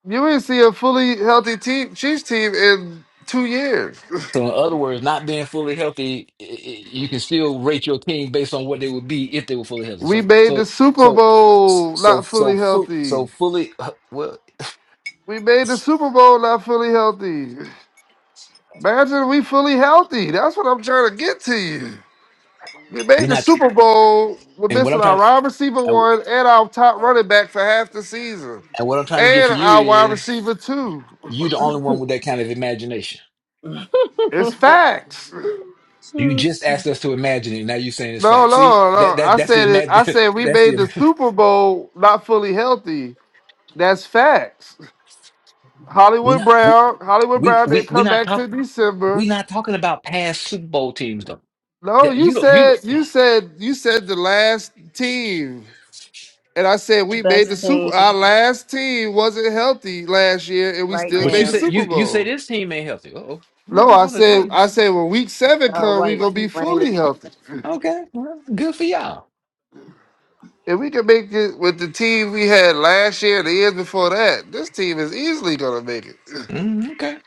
Speaker 5: You ain't see a fully healthy team, Chiefs team in two years.
Speaker 8: So in other words, not being fully healthy, i- i- you can still rate your team based on what they would be if they were fully healthy.
Speaker 5: We
Speaker 8: So
Speaker 5: made the
Speaker 8: so
Speaker 5: Super
Speaker 8: so
Speaker 5: Bowl
Speaker 8: so
Speaker 5: not
Speaker 8: so
Speaker 5: fully
Speaker 8: fu-
Speaker 5: healthy.
Speaker 8: so fully uh, well,
Speaker 5: We made the
Speaker 8: it's-
Speaker 5: Super Bowl not fully healthy. Imagine we fully healthy. That's what I'm trying to get to you. We made
Speaker 8: we
Speaker 5: the
Speaker 8: not.
Speaker 5: Super Bowl. We're
Speaker 8: And what
Speaker 5: missing
Speaker 8: I'm
Speaker 5: our
Speaker 8: trying to
Speaker 5: wide receiver
Speaker 8: and,
Speaker 5: one and our top running back for half the season.
Speaker 8: and what I'm trying to get
Speaker 5: And
Speaker 8: to you
Speaker 5: our wide
Speaker 8: is
Speaker 5: receiver two.
Speaker 8: you the only one with that kind of imagination.
Speaker 5: It's facts.
Speaker 8: You just asked us to imagine it. Now you're saying it's
Speaker 5: No,
Speaker 8: fact. See
Speaker 5: no,
Speaker 8: that
Speaker 5: no. I
Speaker 8: that that's the
Speaker 5: said it, I
Speaker 8: imag.
Speaker 5: said
Speaker 8: (laughs)
Speaker 5: we
Speaker 8: That's the
Speaker 5: made the
Speaker 8: ima-
Speaker 5: Super Bowl not fully healthy. That's facts.
Speaker 8: we
Speaker 5: Hollywood
Speaker 8: not we
Speaker 5: Brown, Hollywood
Speaker 8: we
Speaker 5: Brown didn't
Speaker 8: we we
Speaker 5: come
Speaker 8: not
Speaker 5: back till
Speaker 8: talk we
Speaker 5: December.
Speaker 8: not talking about past Super Bowl teams though.
Speaker 5: No,
Speaker 8: That-
Speaker 5: you
Speaker 8: You don't you.
Speaker 5: said you said you said the last team. And I said
Speaker 1: the
Speaker 5: we made
Speaker 1: best
Speaker 5: the
Speaker 1: thing
Speaker 5: Super. Our last team wasn't healthy last year, and we
Speaker 1: right
Speaker 5: still
Speaker 8: But you
Speaker 5: made the
Speaker 1: now.
Speaker 8: say
Speaker 5: Super
Speaker 8: you you say
Speaker 5: Bowl.
Speaker 8: this team ain't healthy. Oh, who's
Speaker 5: No,
Speaker 8: this
Speaker 5: I
Speaker 8: on the
Speaker 5: said I
Speaker 8: Titans?
Speaker 5: said when Week Seven
Speaker 1: Rashad
Speaker 5: comes, we
Speaker 1: White,
Speaker 5: gonna
Speaker 1: he
Speaker 5: be
Speaker 1: ran
Speaker 5: fully
Speaker 1: today.
Speaker 5: healthy.
Speaker 8: Okay, well, good for y'all.
Speaker 5: If we can make it with the team we had last year, and the years before that, this team is easily gonna make it.
Speaker 8: Mm, okay,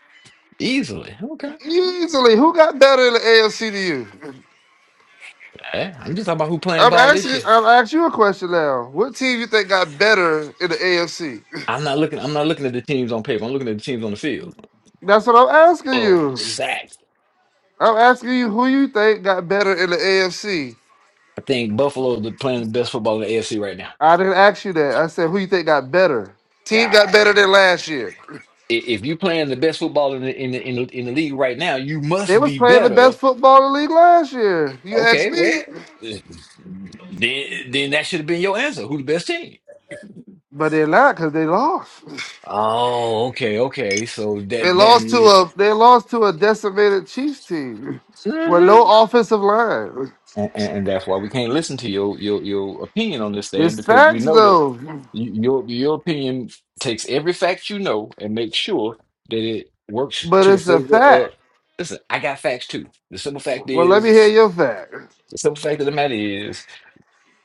Speaker 8: easily. Okay,
Speaker 5: Easily, who got better in the AFC to you?
Speaker 8: Hey, I'm just talking about who playing
Speaker 5: I'm
Speaker 8: ball this
Speaker 5: asking.
Speaker 8: year.
Speaker 5: I'm asking you a question now. What team you think got better in the AFC?
Speaker 8: I'm not looking. I'm not looking at the teams on paper. I'm looking at the teams on the field.
Speaker 5: That's what I'm asking
Speaker 8: Oh,
Speaker 5: you.
Speaker 8: sacks.
Speaker 5: I'm asking you who you think got better in the AFC.
Speaker 8: I think Buffalo is playing the best football in the AFC right now.
Speaker 5: I didn't ask you that. I said, who you think got better? Team
Speaker 8: God,
Speaker 5: got better than last year.
Speaker 8: I- if you playing the best football in the in the, in the in the league right now, you
Speaker 5: They
Speaker 8: must
Speaker 5: was
Speaker 8: be
Speaker 5: playing the
Speaker 8: better.
Speaker 5: best football in the league last year, You ask
Speaker 8: Okay,
Speaker 5: me.
Speaker 8: well, then then that should have been your answer. Who the best team?
Speaker 5: but they're not because they lost.
Speaker 8: Oh, okay, okay. So
Speaker 5: They
Speaker 8: that that
Speaker 5: lost to
Speaker 8: means,
Speaker 5: a They lost to a decimated Chiefs team
Speaker 8: and,
Speaker 5: with no offensive line.
Speaker 8: and, and that's why we can't listen to your your your opinion on this thing
Speaker 5: It's
Speaker 8: because we
Speaker 5: facts
Speaker 8: know that
Speaker 5: though,
Speaker 8: you, your your opinion takes every fact you know and makes sure that it works
Speaker 5: but
Speaker 8: to the
Speaker 5: it's a
Speaker 8: favor of.
Speaker 5: fact.
Speaker 8: Listen, I got facts too. The simple fact
Speaker 5: Well, let me hear
Speaker 8: is,
Speaker 5: your fact.
Speaker 8: the simple fact of the matter is.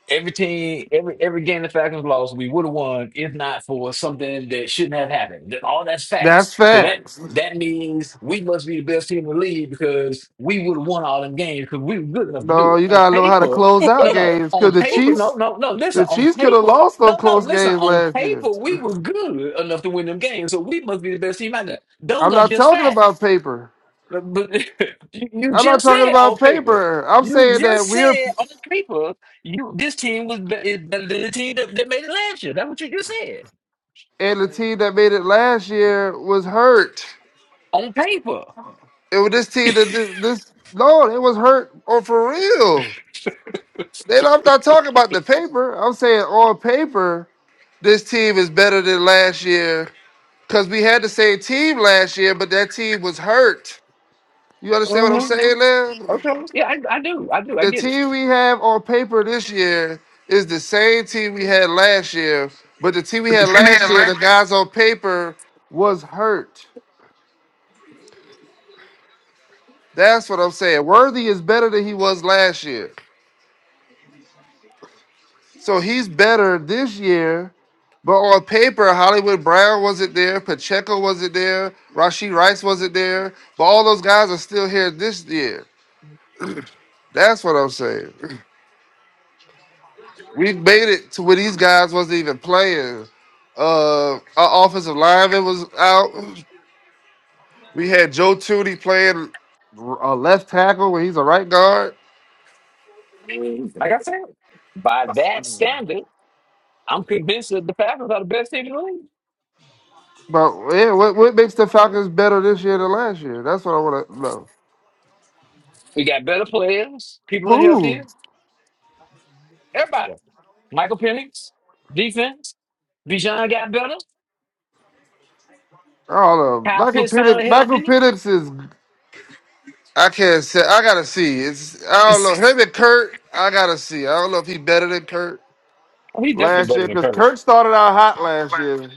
Speaker 8: Every team, every every game the Falcons lost, we would have won if not for something that shouldn't have happened. That- All that's
Speaker 5: That's
Speaker 8: facts. So that
Speaker 5: facts.
Speaker 8: that means we must be the best team in the league because we would have won all them games because we were good enough to do
Speaker 5: No,
Speaker 8: it.
Speaker 5: you
Speaker 8: On
Speaker 5: gotta know how to
Speaker 8: paper,
Speaker 5: close out
Speaker 8: no, no.
Speaker 5: games because
Speaker 8: On
Speaker 5: the
Speaker 8: paper, no,
Speaker 5: Chiefs,
Speaker 8: no, no. Listen,
Speaker 5: the
Speaker 8: on
Speaker 5: Chiefs could have
Speaker 8: paper,
Speaker 5: lost them
Speaker 8: no, no.
Speaker 5: close
Speaker 8: Listen,
Speaker 5: games
Speaker 8: on
Speaker 5: last year.
Speaker 8: paper, we was good enough to win them games. So we must be the best team out there. Those
Speaker 5: I'm
Speaker 8: are
Speaker 5: not
Speaker 8: just
Speaker 5: talking
Speaker 8: facts.
Speaker 5: about paper.
Speaker 8: But (laughs) you
Speaker 5: I'm not
Speaker 8: just
Speaker 5: talking
Speaker 8: said on
Speaker 5: about
Speaker 8: paper.
Speaker 5: paper. I'm
Speaker 8: You
Speaker 5: saying
Speaker 8: just
Speaker 5: that we're
Speaker 8: said on paper. You this team was be- is better than the team that, that made it last year. That's what you just said
Speaker 5: and the team that made it last year was hurt.
Speaker 8: on paper.
Speaker 5: It was this team that this, this no, it was hurt or for real. Then I'm not talking about the paper. I'm saying on paper, this team is better than last year because we had the same team last year, but that team was hurt. You understand what I'm saying, man? the team we have on paper this year is the same team we had last year, but the team we had last year, the guys on paper was hurt. That's what I'm saying. Worthy is better than he was last year. So he's better this year, but on paper, Hollywood Brown wasn't there, Pacheco wasn't there, Rasheed Rice wasn't there, but all those guys are still here this year. That's what I'm saying. (laughs) We made it to where these guys wasn't even playing. Uh, our offensive lineman was out. We had Joe Tooney playing a left tackle when he's a right guard. But yeah, what, what makes the Falcons better this year than last year? That's what I want to know. Who? I don't know. Michael Penix. Michael Penix is. I can't say. I gotta see. It's. I don't know him and Kurt. I gotta see. I don't know if he better than Kurt last year because Kurt started out hot last year.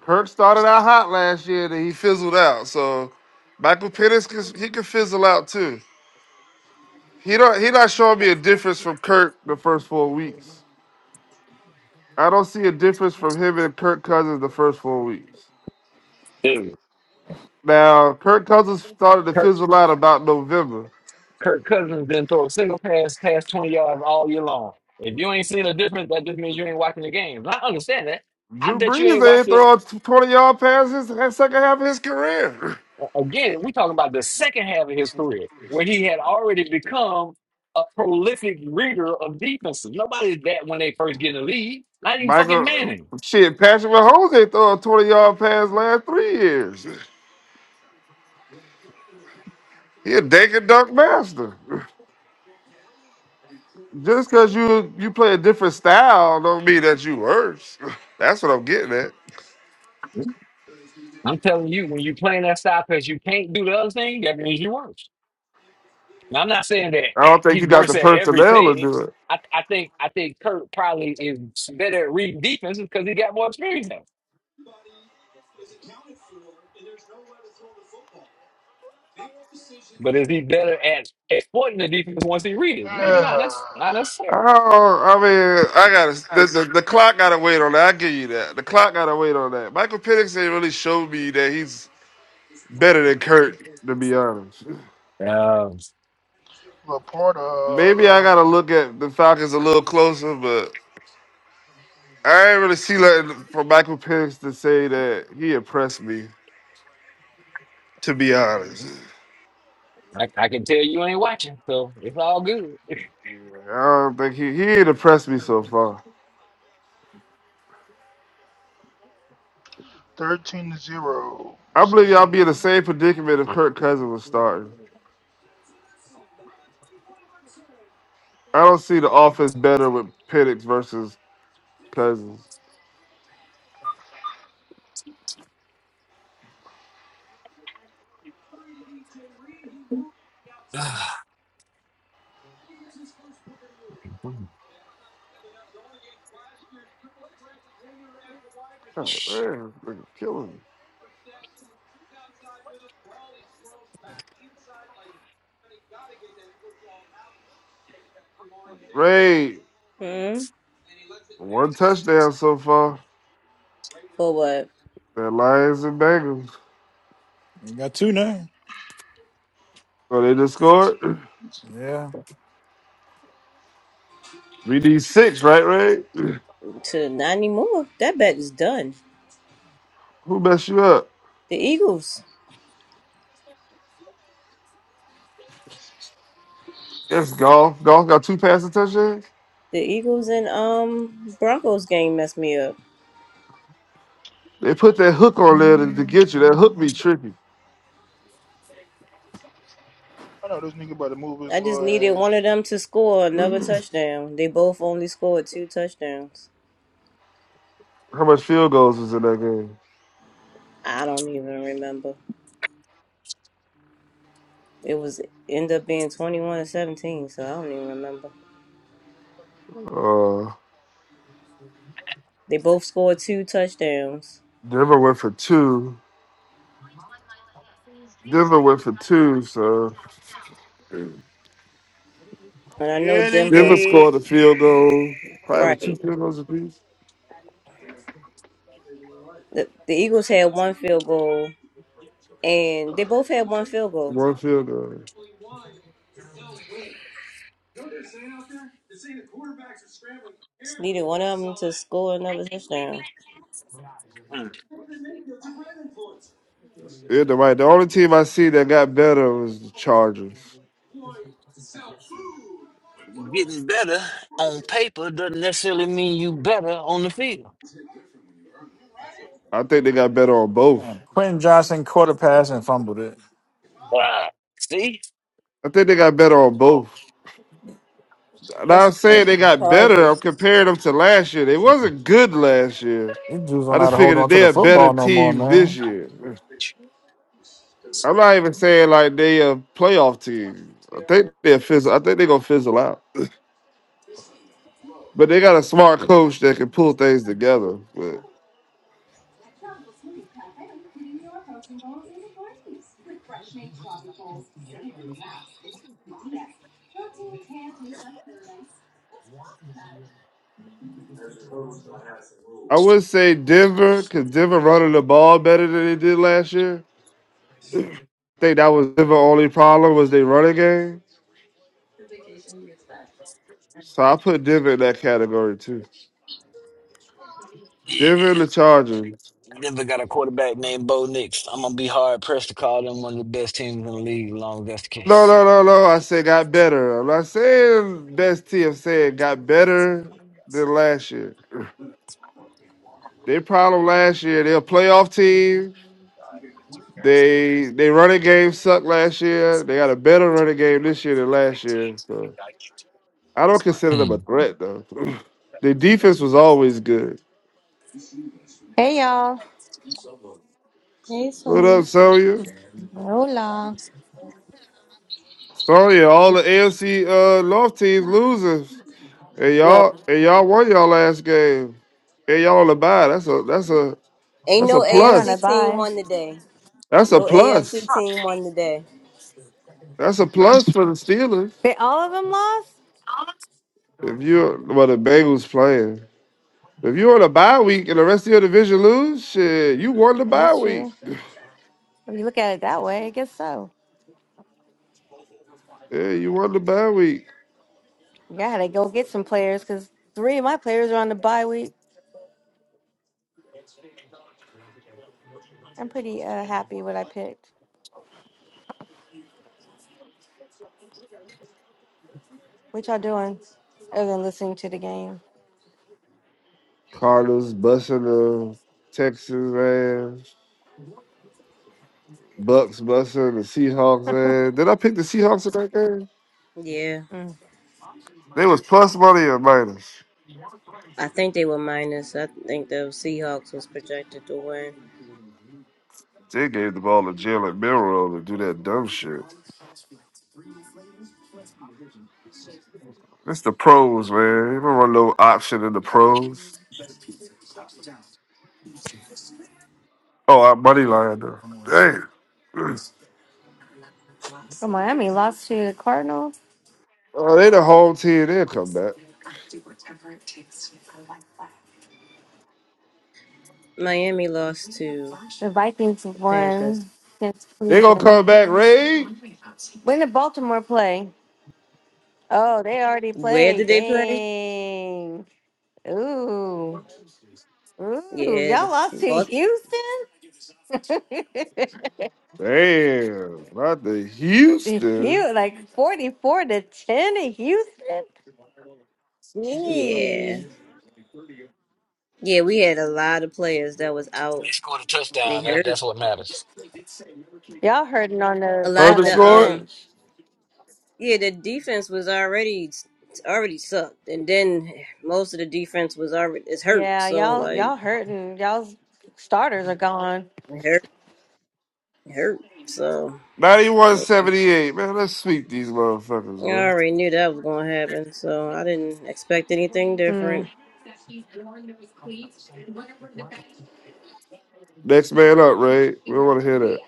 Speaker 5: Kirk started out hot last year, then he fizzled out. So Michael Penix, could- he could fizzle out too. He don't. He not showing me a difference from Kirk the first four weeks. I don't see a difference from him and Kirk Cousins the first four weeks. Now Kirk Cousins started to fizzle out about November. Drew Brees they ain't throwing twenty yard passes in second half of his career. (laughs) Michael, shit, Patrick Mahomes ain't throwing twenty yard pass last three years. He a dink and dunk master. (laughs) Just because you you play a different style don't mean that you worse. (laughs) That's what I'm getting at. I don't think you got the personnel to do it.
Speaker 6: Uh,
Speaker 5: I don't, I mean, I gotta the, the,
Speaker 3: You
Speaker 5: the clock gotta wait on that. I give you that. The clock gotta wait on that. Michael Penix ain't really showed me that he's better than Kurt, to be honest. Maybe I
Speaker 6: Laporta,
Speaker 5: gotta look at the Falcons a little closer, but I ain't really see nothing from Michael Penix to say that he impressed me, to be honest. Yeah, I don't think he he ain't impressed me so far.
Speaker 6: 13 to 0.
Speaker 5: I believe y'all
Speaker 6: Sam.
Speaker 5: be in the same predicament if Kirk Cousins was starting. I don't see the offense better with Penix versus Cousins. God damn, nigga, killing me. Ray,
Speaker 1: Hmm.
Speaker 5: one touchdown so far.
Speaker 1: For what?
Speaker 5: That Lions and Bengals.
Speaker 3: got two now.
Speaker 5: Oh, they just scored. (clears throat)
Speaker 3: Yeah.
Speaker 5: We need six, right, Ray? (clears throat)
Speaker 1: To not anymore. That bet is done.
Speaker 5: Who messed you up?
Speaker 1: The Eagles.
Speaker 5: Yes, golf. Golf got two passing touchdowns.
Speaker 1: The Eagles and um Broncos game messed me up.
Speaker 5: They put that hook on there to, to get you. That hook
Speaker 6: Darnold.
Speaker 5: be tricky.
Speaker 6: I know this nigga about to move his
Speaker 1: I just
Speaker 6: little
Speaker 1: needed
Speaker 6: ass.
Speaker 1: one of them to score
Speaker 5: (clears throat)
Speaker 1: another
Speaker 5: How
Speaker 1: touchdown. They both only scored two touchdowns.
Speaker 5: much field goals was in that game?
Speaker 1: I don't even remember. It was end up being twenty one to seventeen, so I don't even remember.
Speaker 5: Uh,
Speaker 1: They both scored two touchdowns,
Speaker 5: Denver went for two. Denver went for two, so
Speaker 1: and I know
Speaker 6: Yeah, they
Speaker 1: Denver.
Speaker 5: Denver
Speaker 6: did.
Speaker 5: scored a field goal. Probably with two
Speaker 1: Right,
Speaker 5: field goals apiece.
Speaker 1: the, the Eagles had one field goal, and they both had one field goal.
Speaker 5: One field goal.
Speaker 1: Needed one of them to score another touchdown.
Speaker 5: Yeah, the right. The only team I see that got better was the Chargers. I think they got better on both.
Speaker 3: And Quentin Johnson quarter pass and fumbled it.
Speaker 5: I think they got better on both. And I'm
Speaker 1: That's on
Speaker 5: saying
Speaker 1: the
Speaker 5: they got better. I'm
Speaker 1: Chargers.
Speaker 5: comparing them to last year. They wasn't good last year.
Speaker 3: These dudes don't
Speaker 5: I
Speaker 3: know how
Speaker 5: just
Speaker 3: to hold
Speaker 5: figured that
Speaker 3: on to the
Speaker 5: they're a better
Speaker 3: football no more,
Speaker 5: team this
Speaker 3: man.
Speaker 5: year. I'm not even saying like they a playoff team. I think they're fizzle. I think they're gonna fizzle out. But they got a smart coach that can pull things together. But I would say Denver, because Denver running the ball better than they did last year. I think that was Denver only problem was they running game. So I put Denver in that category too. Denver and the Chargers.
Speaker 8: Denver got a quarterback named Bo Nix. I'm gonna be hard pressed to call them one of the best teams in the league. As long as that's the
Speaker 5: No,
Speaker 8: case,
Speaker 5: no, no, no. I said got better. I'm not saying best team. I'm saying got better than last year. (clears throat) Their problem last year, they're a playoff team. They they running game sucked last year. They got a better running game this year than last year. So. I don't consider them a
Speaker 8: Hmm.
Speaker 5: threat though. (clears throat) the defense was always good.
Speaker 11: Hey y'all.
Speaker 5: What
Speaker 1: Jason.
Speaker 5: up, Sonya?
Speaker 11: Hola.
Speaker 5: Sonya, all the AFC uh, North teams losers, and
Speaker 1: No,
Speaker 5: y'all and y'all won y'all last game, and y'all on the bye. That's a that's a
Speaker 1: Ain't
Speaker 5: that's
Speaker 1: no
Speaker 5: a
Speaker 11: Yeah, we're on a
Speaker 1: AFC
Speaker 5: plus.
Speaker 1: team
Speaker 11: bye.
Speaker 1: won today.
Speaker 5: That's a
Speaker 1: No
Speaker 5: plus.
Speaker 1: AFC team won today.
Speaker 5: That's a plus for the Steelers.
Speaker 11: But all of them lost?
Speaker 5: If you're well, the Bengals playing. If you're on a bye week and the rest of your division lose, shit, you won the bye
Speaker 11: That's
Speaker 5: week.
Speaker 11: true.
Speaker 5: (laughs)
Speaker 11: If you look at it that way, I guess so.
Speaker 5: Yeah, you won the bye week.
Speaker 11: Yeah, I had to go get some players because three of my players are on the bye week. I'm pretty uh, happy what I picked. What y'all doing other than listening to the game?
Speaker 5: Cardinals busting the Texans ass. Bucks busting the Seahawks ass. Did I pick the Seahawks in that game?
Speaker 1: Yeah,
Speaker 11: Mm.
Speaker 5: They was plus money or minus.
Speaker 1: I think they were minus. I think the Seahawks was projected to win.
Speaker 5: They gave the ball to Jalen Milrow to do that dumb shit. It's the pros, man. You don't run no option in the pros. Oh, I money line though. Damn. (clears throat)
Speaker 11: So Miami lost to the Cardinals.
Speaker 5: Oh, they the home team. They'll come back.
Speaker 1: Miami lost to
Speaker 11: The Vikings
Speaker 1: the Panthers.
Speaker 11: won against
Speaker 5: They gonna come
Speaker 11: Cleveland.
Speaker 5: back, Ray.
Speaker 11: When did Baltimore play? Oh, they already
Speaker 1: Where
Speaker 11: played.
Speaker 1: did they play?
Speaker 11: Dang. Ooh. Ooh,
Speaker 1: Yeah, the-
Speaker 11: y'all lost to
Speaker 1: Boston.
Speaker 11: Houston? (laughs) to
Speaker 5: Damn. Not the Houston.
Speaker 11: Houston, like 44 to 10 in Houston?
Speaker 1: Yeah,
Speaker 11: Jeez.
Speaker 1: yeah. We had a lot of players that was
Speaker 8: If
Speaker 1: out.
Speaker 8: they scored a
Speaker 1: They
Speaker 8: touchdown. That,
Speaker 1: hurt.
Speaker 8: that's what matters.
Speaker 11: Y'all hurting on
Speaker 1: A
Speaker 11: the
Speaker 1: lot
Speaker 11: on
Speaker 1: of
Speaker 5: Herbert
Speaker 11: the
Speaker 1: the
Speaker 5: scored.
Speaker 1: um.
Speaker 11: bench.
Speaker 1: Yeah, the defense was already already sucked, and then most of the defense was already is hurt.
Speaker 11: Yeah,
Speaker 1: So
Speaker 11: y'all
Speaker 1: like
Speaker 11: y'all hurting. Y'all's starters are gone.
Speaker 1: it hurt it hurt. So.
Speaker 5: Ninety-one
Speaker 1: Yeah,
Speaker 5: seventy-eight, man. Let's sweep these motherfuckers,
Speaker 1: I
Speaker 5: man.
Speaker 1: already knew that was gonna happen, so I didn't expect anything different.
Speaker 11: Mm.
Speaker 5: Next man up, Ray. We don't want to hear that.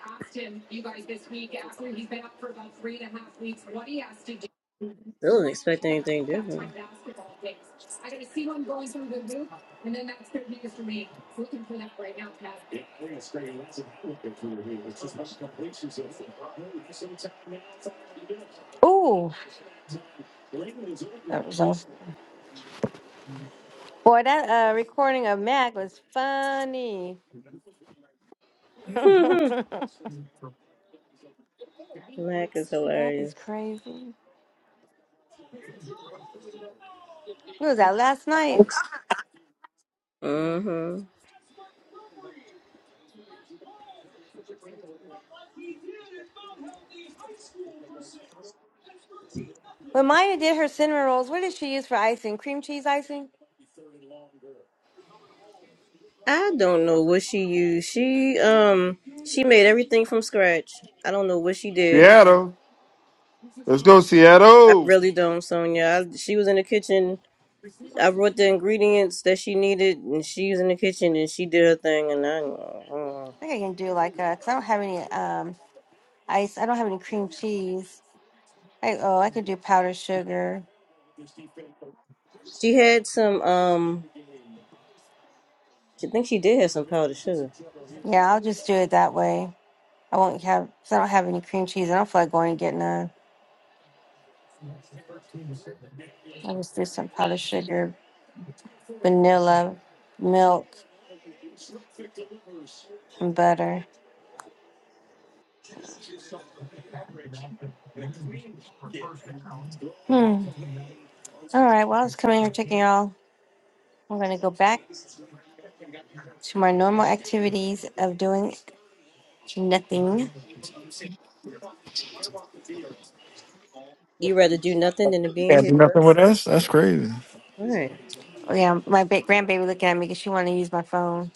Speaker 1: Still didn't expect anything different.
Speaker 11: Ooh. That was awesome. Boy, that uh, recording of Mac was funny. (laughs) Mac
Speaker 1: (laughs) Mac is
Speaker 11: is
Speaker 1: hilarious.
Speaker 11: crazy. What was that last night?
Speaker 1: Mm-hmm.
Speaker 11: When Maya did her cinnamon rolls, what did she use for icing? Cream cheese icing?
Speaker 1: I don't know what she used. She um she made everything from scratch. I don't know what she did.
Speaker 5: Seattle, let's go,
Speaker 1: I
Speaker 5: Seattle.
Speaker 1: really don't, Sonia. I, she was in the kitchen. I brought the ingredients that she needed, and she was in the kitchen and she did her thing. And I, uh,
Speaker 11: I think I can do like a, because I don't have any um ice. I don't have any cream cheese. I, oh, I could do powdered sugar.
Speaker 1: she had some um. I think she did have some powdered sugar.
Speaker 11: Yeah, I'll just do it that way. I won't have, because I don't have any cream cheese. I don't feel like going and getting none. I'll just do some powdered sugar, vanilla, milk, and butter. Hmm. All right. Well, I was coming here checking y'all. I'm going to go back to my normal activities of doing nothing.
Speaker 1: You rather do nothing than to be in
Speaker 3: Can't
Speaker 1: here
Speaker 3: do
Speaker 1: with
Speaker 3: nothing with
Speaker 1: us?
Speaker 3: us. That's crazy.
Speaker 1: Right.
Speaker 11: Yeah, my big grandbaby looking at me because she wanted to use my phone.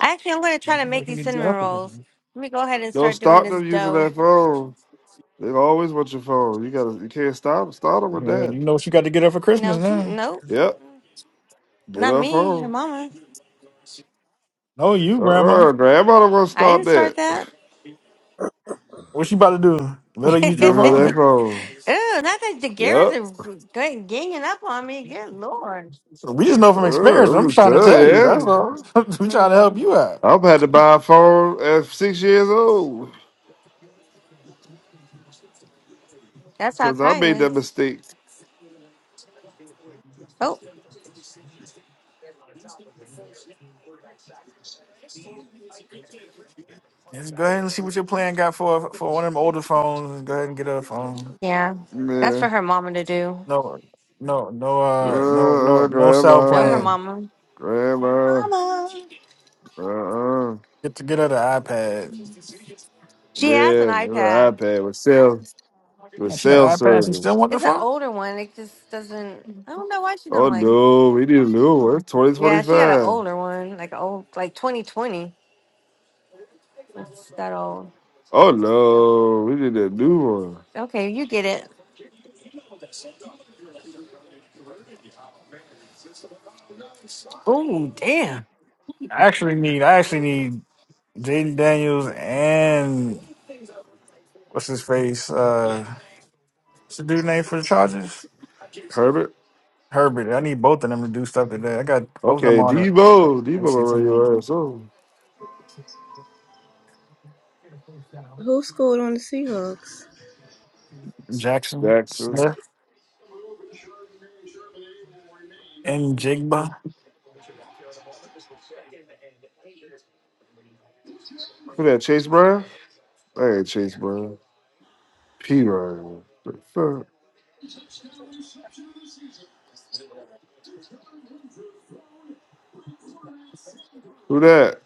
Speaker 11: Actually, I'm going to try to make these cinnamon rolls. Let me go ahead and
Speaker 5: Don't
Speaker 11: start doing
Speaker 5: stop
Speaker 11: this
Speaker 5: them using
Speaker 11: dough.
Speaker 5: that phone. They always want your phone. You gotta, you can't stop, stop them
Speaker 3: You
Speaker 5: with
Speaker 3: know
Speaker 5: that.
Speaker 3: you know what you got to get up for Christmas
Speaker 11: No, she,
Speaker 3: now.
Speaker 11: nope,
Speaker 5: Yep, get
Speaker 11: not
Speaker 5: her
Speaker 11: me, her
Speaker 5: phone.
Speaker 11: mama.
Speaker 3: No, you,
Speaker 5: Uh
Speaker 3: Grandma.
Speaker 5: uh grandma don't want to
Speaker 11: I
Speaker 5: stop
Speaker 11: didn't start
Speaker 5: that. (laughs)
Speaker 11: that.
Speaker 3: What you about to do?
Speaker 11: (laughs) Ew,
Speaker 3: Let her use
Speaker 5: Give
Speaker 3: your
Speaker 5: her
Speaker 3: phone.
Speaker 5: that
Speaker 3: eh?
Speaker 5: phone.
Speaker 11: not that the DeGarrett's
Speaker 5: Yep.
Speaker 11: are g- g- ganging up on me. Good lord.
Speaker 3: We just know
Speaker 5: Uh,
Speaker 3: from experience. I'm
Speaker 5: I'm
Speaker 3: trying to
Speaker 5: telling
Speaker 3: tell
Speaker 5: you,
Speaker 3: you.
Speaker 5: yeah.
Speaker 3: That's all. (laughs) we trying to help
Speaker 11: Mm,
Speaker 3: you out.
Speaker 5: I've had to buy a phone at six years old
Speaker 11: that's how
Speaker 5: because I
Speaker 11: Kai
Speaker 5: made that
Speaker 11: is.
Speaker 5: mistake.
Speaker 11: Oh,
Speaker 3: Let's go ahead and see what your plan got for for one of them older phones. Let's go ahead and get a phone.
Speaker 11: yeah. That's
Speaker 5: Yeah.
Speaker 11: for her mama to do.
Speaker 3: No, no, no, uh, no,
Speaker 5: Uh,
Speaker 3: no,
Speaker 5: uh,
Speaker 3: no cell
Speaker 11: Oh, her
Speaker 5: grandma.
Speaker 3: plan.
Speaker 11: mama. Her
Speaker 5: Grandma,
Speaker 11: mama.
Speaker 5: uh-uh.
Speaker 3: Get to get her the iPad.
Speaker 11: She has an
Speaker 5: Yeah, remember the
Speaker 11: iPad.
Speaker 5: iPad with cell with
Speaker 3: And she got
Speaker 5: cell
Speaker 3: an iPad. She still
Speaker 5: service.
Speaker 3: want the
Speaker 11: It's an
Speaker 3: phone.
Speaker 11: older one. It just doesn't. I don't know why she don't
Speaker 5: Oh
Speaker 11: like it.
Speaker 5: no, we need a new one. It's
Speaker 11: Yeah, she got an
Speaker 5: 2025.
Speaker 11: older one, like a old, like 2020. It's that old.
Speaker 5: Oh no, we need a new one.
Speaker 11: Okay, you get it.
Speaker 3: I actually need. I actually need Jaden Daniels and what's his face. Uh, what's the dude name for the Chargers?
Speaker 5: Herbert.
Speaker 3: Herbert. I need both of them to do stuff today. I got both of them
Speaker 5: Okay,
Speaker 3: on it.
Speaker 5: Debo. Debo gonna
Speaker 3: MC
Speaker 5: run
Speaker 3: team.
Speaker 5: your ass over.
Speaker 1: Who scored on the Seahawks?
Speaker 3: Jackson
Speaker 5: Jackson.
Speaker 3: Smith and Jigba.
Speaker 5: Who that? Chase Brown? I ain't Chase Brown. P Ryan. What The fuck? Who that?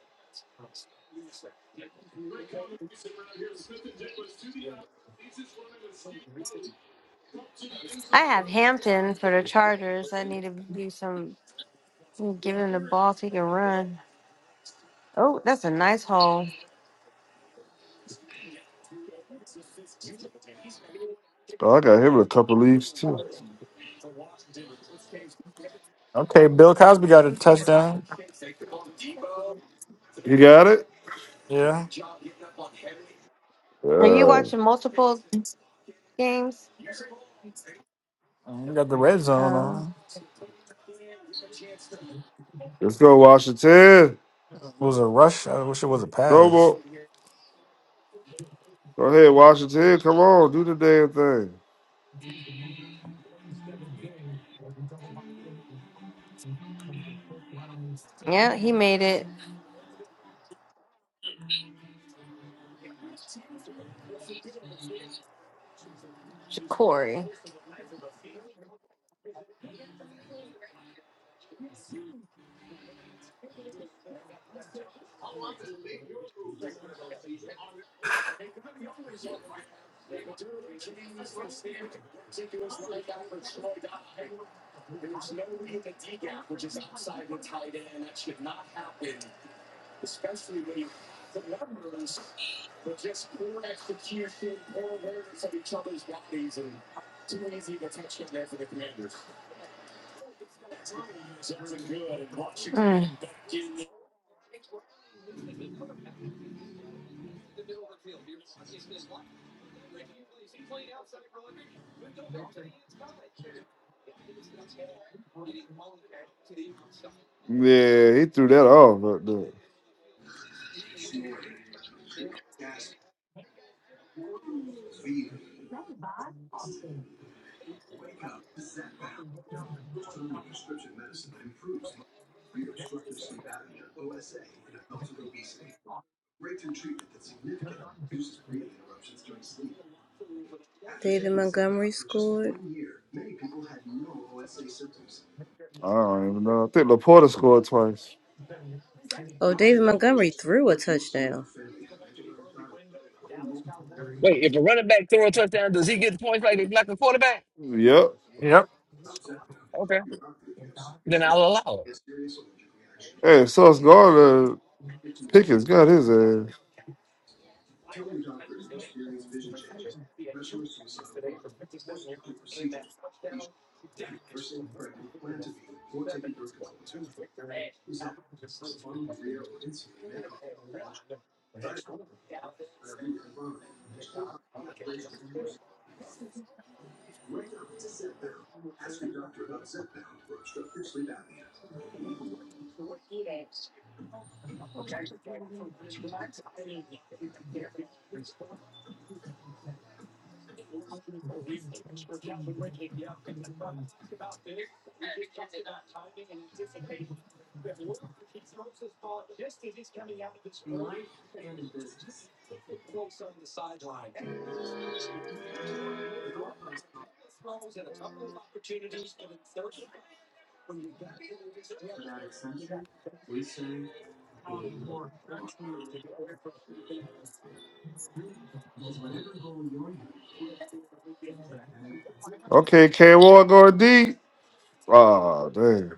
Speaker 11: I have Hampton for the Chargers. I need to do some, give him the ball so he can run. Oh, that's a nice hole.
Speaker 5: Oh, I got him in a couple leagues too.
Speaker 3: Okay, Bill Cosby got a touchdown.
Speaker 5: He got it?
Speaker 3: Yeah.
Speaker 11: Are you
Speaker 5: Yeah.
Speaker 11: watching multiple games?
Speaker 3: We got the red zone
Speaker 11: Uh,
Speaker 3: on.
Speaker 5: Let's go, Washington.
Speaker 3: It was a rush. I wish it was a
Speaker 5: No
Speaker 3: pass.
Speaker 5: more. Go ahead, Washington. Come on, do the damn thing.
Speaker 11: yeah, he made it. Corey.
Speaker 5: Yeah, he threw that off. But the,
Speaker 1: David Montgomery scored.
Speaker 5: I don't even know. I think Laporta scored twice.
Speaker 1: Oh, David Montgomery threw a touchdown.
Speaker 5: Yep.
Speaker 3: Yep.
Speaker 5: Hey, so it's going to Pickens got his ass. Okay, K Ward going deep. Oh, damn.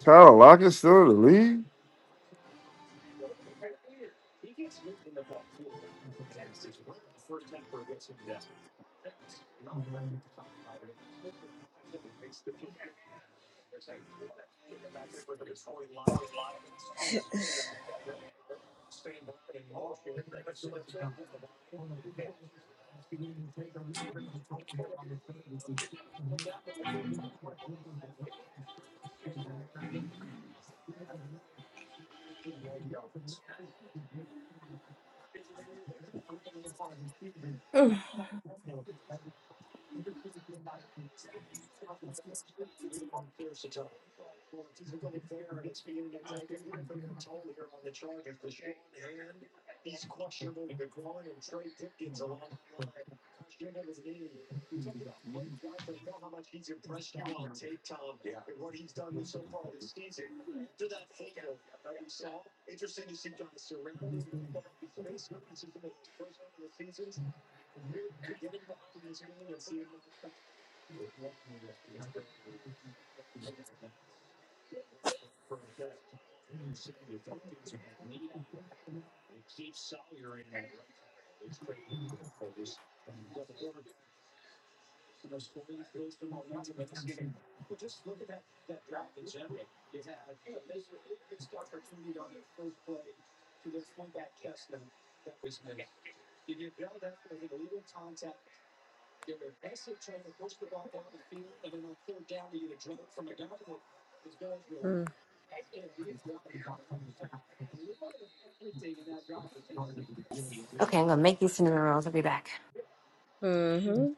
Speaker 5: Tyler Lockett still in the league?
Speaker 11: Okay, I'm gonna make these cinnamon rolls. I'll be back.
Speaker 1: Mm-hmm.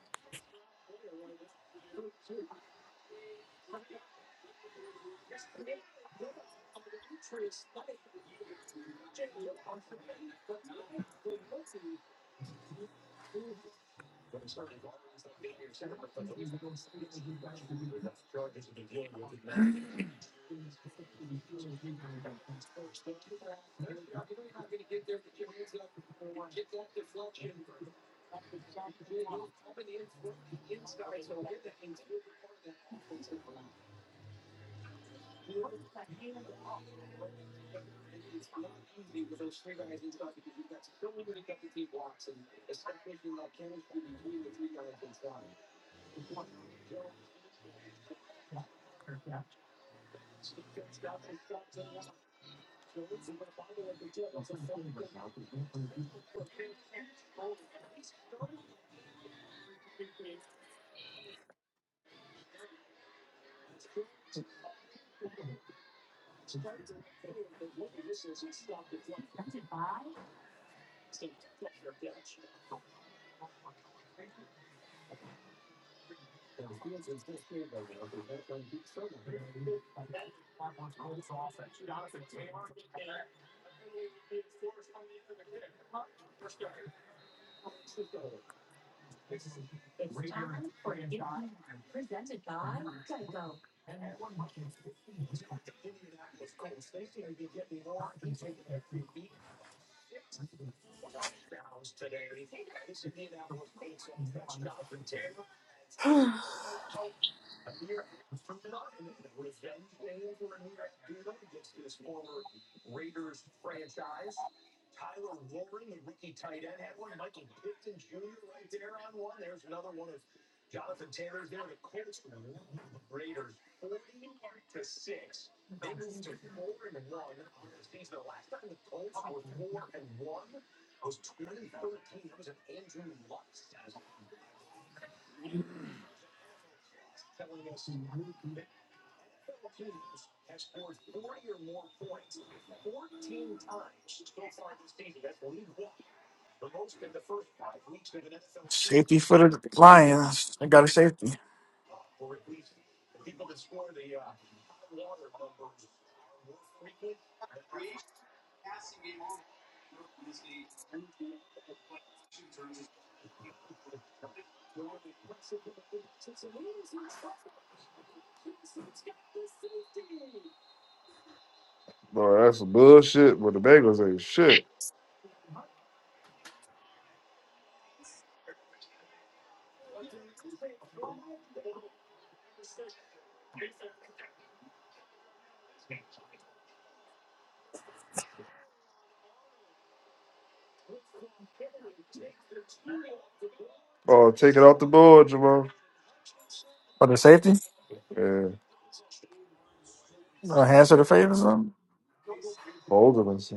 Speaker 3: Safety for the Lions. They got a safety.
Speaker 5: Boy, that's some bullshit, but the Bengals ain't shit. Oh, take it off the board, Jamal.
Speaker 3: For the safety?
Speaker 5: Yeah,
Speaker 3: A hands to the face or something?
Speaker 5: holding us.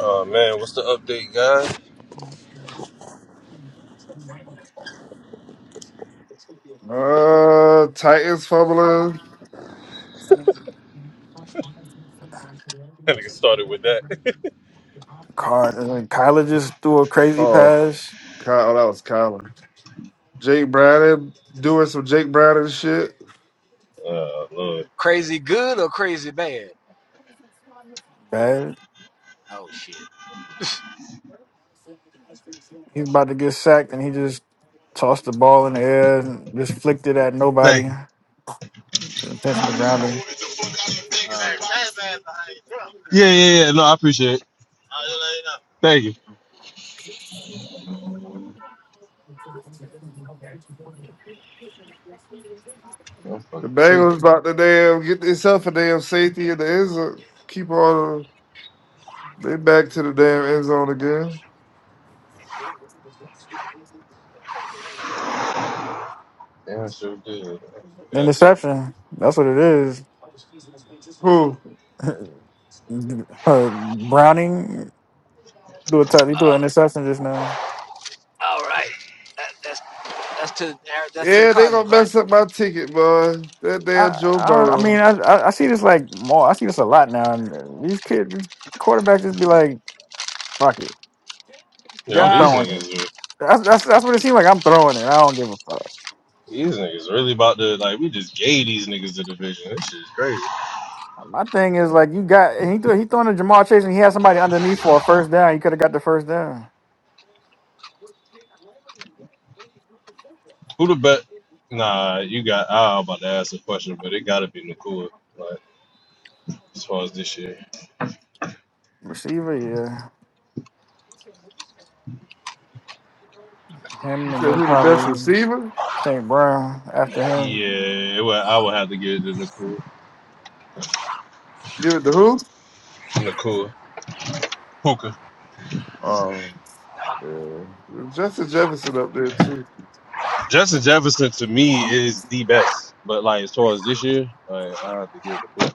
Speaker 9: Oh man, what's the update, guys?
Speaker 5: Uh, Titans fumbling.
Speaker 3: Car- uh, Kyler just threw a crazy
Speaker 5: Oh,
Speaker 3: pass.
Speaker 5: Kyle, that was Kyler. Jake Browning doing some Jake Browning shit.
Speaker 9: Oh Lord,
Speaker 8: Crazy good or crazy bad?
Speaker 3: Bad.
Speaker 8: Oh shit!
Speaker 3: He's about to get sacked and he just tossed the ball in the air and just flicked it at
Speaker 9: Thank
Speaker 3: nobody.
Speaker 9: you.
Speaker 3: Intentional grounding.
Speaker 9: Yeah, yeah, yeah. No, I appreciate it. Thank you. I'm
Speaker 5: The
Speaker 9: fucking tweaking.
Speaker 5: Bengals about to damn get themselves a damn safety in the end zone. Keep on they back to the damn end zone again.
Speaker 9: Damn, I sure did. I forgot.
Speaker 3: Interception. That's what it is.
Speaker 5: Who?
Speaker 3: (laughs) Uh, Browning threw a touch. He threw an interception just now.
Speaker 5: Yeah, they gonna mess up my ticket, boy. That
Speaker 3: I,
Speaker 5: damn Joe
Speaker 3: I I mean
Speaker 5: Burrow.
Speaker 3: I I I see this like more I see this a lot now and these kids these quarterbacks just be like fuck it
Speaker 9: Yo,
Speaker 3: I'm
Speaker 8: Yeah,
Speaker 9: these
Speaker 8: I
Speaker 3: throwing it
Speaker 9: niggas, are,
Speaker 3: that's that's that's what it seems like I'm throwing it I don't give a fuck
Speaker 9: these niggas really about to like. We just gave these niggas the division. This shit's crazy.
Speaker 3: my thing is
Speaker 9: Like,
Speaker 3: like you got and he threw he throwing to Jamar Chase and he had somebody underneath for a first down he could have got the first down
Speaker 9: who the bet? Nah, you got. I was about to ask a question, but it gotta be Nakua. Like as far as this year.
Speaker 3: receiver yeah him
Speaker 5: You
Speaker 3: and
Speaker 5: said
Speaker 3: then
Speaker 5: who the best
Speaker 3: probably
Speaker 5: receiver?
Speaker 3: St Brown after him
Speaker 9: Yeah, well, I would have to give it to Nakua.
Speaker 5: Give it to who?
Speaker 9: Nakua. Puka.
Speaker 5: Oh, yeah. Justin Jefferson up there too.
Speaker 9: Justin Jefferson to me is the best. But like as far as this year, like I have to give it to Booker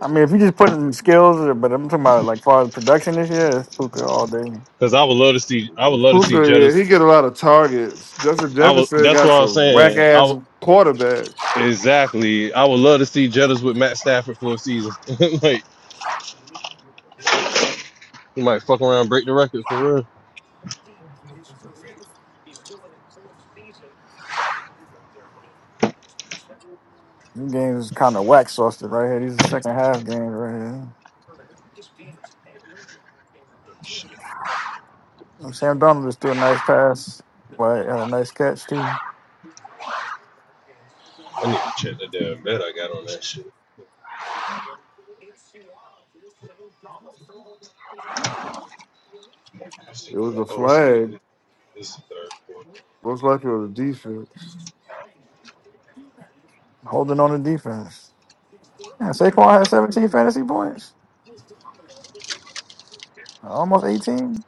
Speaker 3: I mean if you just put in skills but I'm talking about like far as production this year it's Puka all day.
Speaker 9: because I would love to see. I would love to see
Speaker 5: Puka, yeah,
Speaker 9: Jettas.
Speaker 5: he get a lot of targets. Justin
Speaker 9: I would.
Speaker 5: Jefferson
Speaker 9: That's
Speaker 5: got
Speaker 9: what I'm
Speaker 5: some whack
Speaker 9: saying. I
Speaker 5: ass
Speaker 9: would-
Speaker 5: quarterbacks.
Speaker 9: exactly. I would love to see Jettas with Matt Stafford for a season. (laughs) like he might fuck around, and break the record for real.
Speaker 3: These games is kind of wax sauced right here. These are second half games right here.
Speaker 9: Shit,
Speaker 3: And Sam Donald just threw a nice pass, but had a nice catch too,
Speaker 9: I need to check the damn bet I got on that shit. I was
Speaker 5: It
Speaker 9: thinking,
Speaker 5: was
Speaker 9: like,
Speaker 5: a
Speaker 9: oh, it's
Speaker 5: flag.
Speaker 9: the it's the third quarter.
Speaker 5: Most likely on the defense.
Speaker 3: holding on to defense. Yeah, Saquon had 17 fantasy points, almost 18.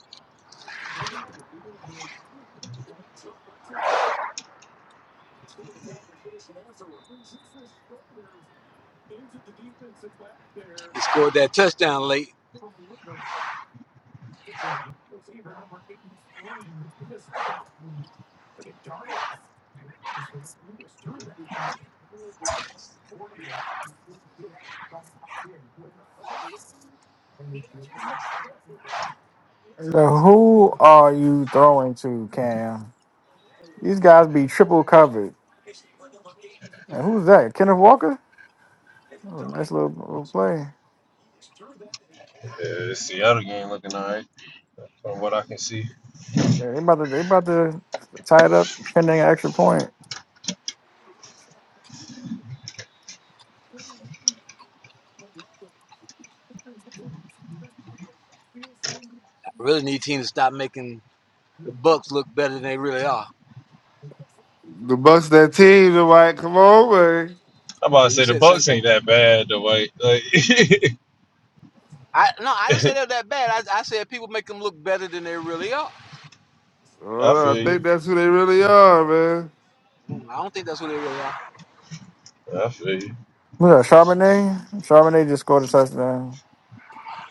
Speaker 3: So who are you throwing to, Cam? These guys be triple covered. And who's that? Kenneth Walker? Oh, nice little, little play.
Speaker 9: Yeah, the Seattle game looking alright from what I can see.
Speaker 3: Yeah, they about to they about to tie it up, pending an extra point.
Speaker 8: really need teams to stop making the Bucks look better than they really are. I
Speaker 5: The Bucks, that team, they're like, come on, man.
Speaker 9: I'm about to
Speaker 8: mean, you
Speaker 9: say the
Speaker 8: said the same
Speaker 9: Bucks
Speaker 8: thing.
Speaker 9: ain't that bad though. Like, like (laughs)
Speaker 8: I no, I didn't say they were that bad. I, I said people make them look better than they really are.
Speaker 5: I don't
Speaker 9: I
Speaker 5: know, I
Speaker 9: feel you.
Speaker 5: think that's who they really are, man.
Speaker 8: Mm, I don't think that's what they really are.
Speaker 9: I feel you.
Speaker 3: Who's that? Charbonnet. Charbonnet just scored a touchdown.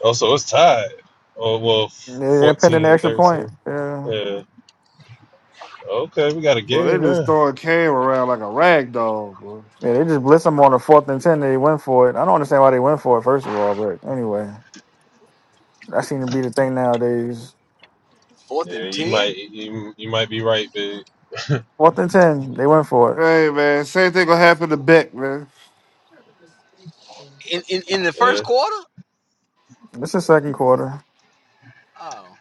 Speaker 9: Oh, so it's tied. Oh, well,
Speaker 3: Yeah, yeah, pending an
Speaker 9: 14
Speaker 3: extra point.
Speaker 9: 13.
Speaker 3: Yeah.
Speaker 9: Yeah. Okay, we got a
Speaker 5: Well, they
Speaker 9: game
Speaker 5: just
Speaker 9: now.
Speaker 5: throwing Cam around like a rag doll, bro.
Speaker 3: Yeah, they just blitzed them on the fourth and ten. They went for it. I don't understand why they went for it, first of all. But anyway, that seems to be the thing nowadays.
Speaker 8: Fourth
Speaker 9: Yeah,
Speaker 8: and
Speaker 9: you
Speaker 8: ten
Speaker 9: might you, you might be right, big. (laughs)
Speaker 3: Fourth and ten, they went for it.
Speaker 5: Hey, man, same thing gonna happen to Beck, man.
Speaker 8: in in, in the first
Speaker 9: yeah.
Speaker 8: quarter.
Speaker 3: This is second quarter,
Speaker 8: Oh,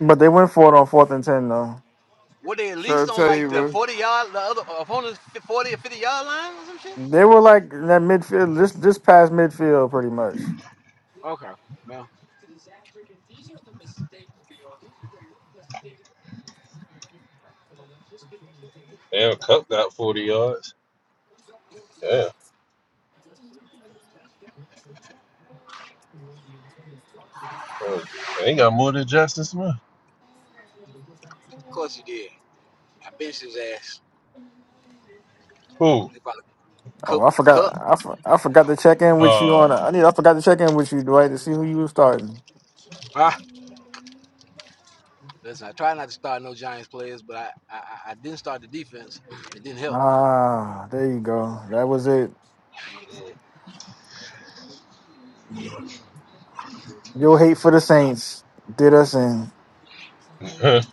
Speaker 3: but they went for it on fourth and ten though.
Speaker 8: were they at
Speaker 5: trying
Speaker 8: least
Speaker 5: to
Speaker 8: on
Speaker 5: tell
Speaker 8: like
Speaker 5: you,
Speaker 8: the
Speaker 5: man.
Speaker 8: forty yard, the other opponent's forty or fifty yard line or some shit?
Speaker 3: They were like in that midfield, just just past midfield, pretty much.
Speaker 8: Okay, well,
Speaker 9: Damn, Cup got 40 yards. Yeah. Uh, They ain't got more than Justin Smith.
Speaker 8: of course he did. I benched his ass.
Speaker 9: Who?
Speaker 8: They probably
Speaker 3: Oh,
Speaker 8: cook
Speaker 3: I
Speaker 8: cook.
Speaker 3: forgot. I, for- I forgot to check in with you
Speaker 9: Uh,
Speaker 3: on. I need. I forgot to check in with you, Dwight, to see who you were starting.
Speaker 8: Ah, listen, I try not to start no Giants players, but I, I I didn't start the defense. It didn't help.
Speaker 3: Ah, there you go. That was it. Your hate for the Saints did us in.
Speaker 9: (laughs) they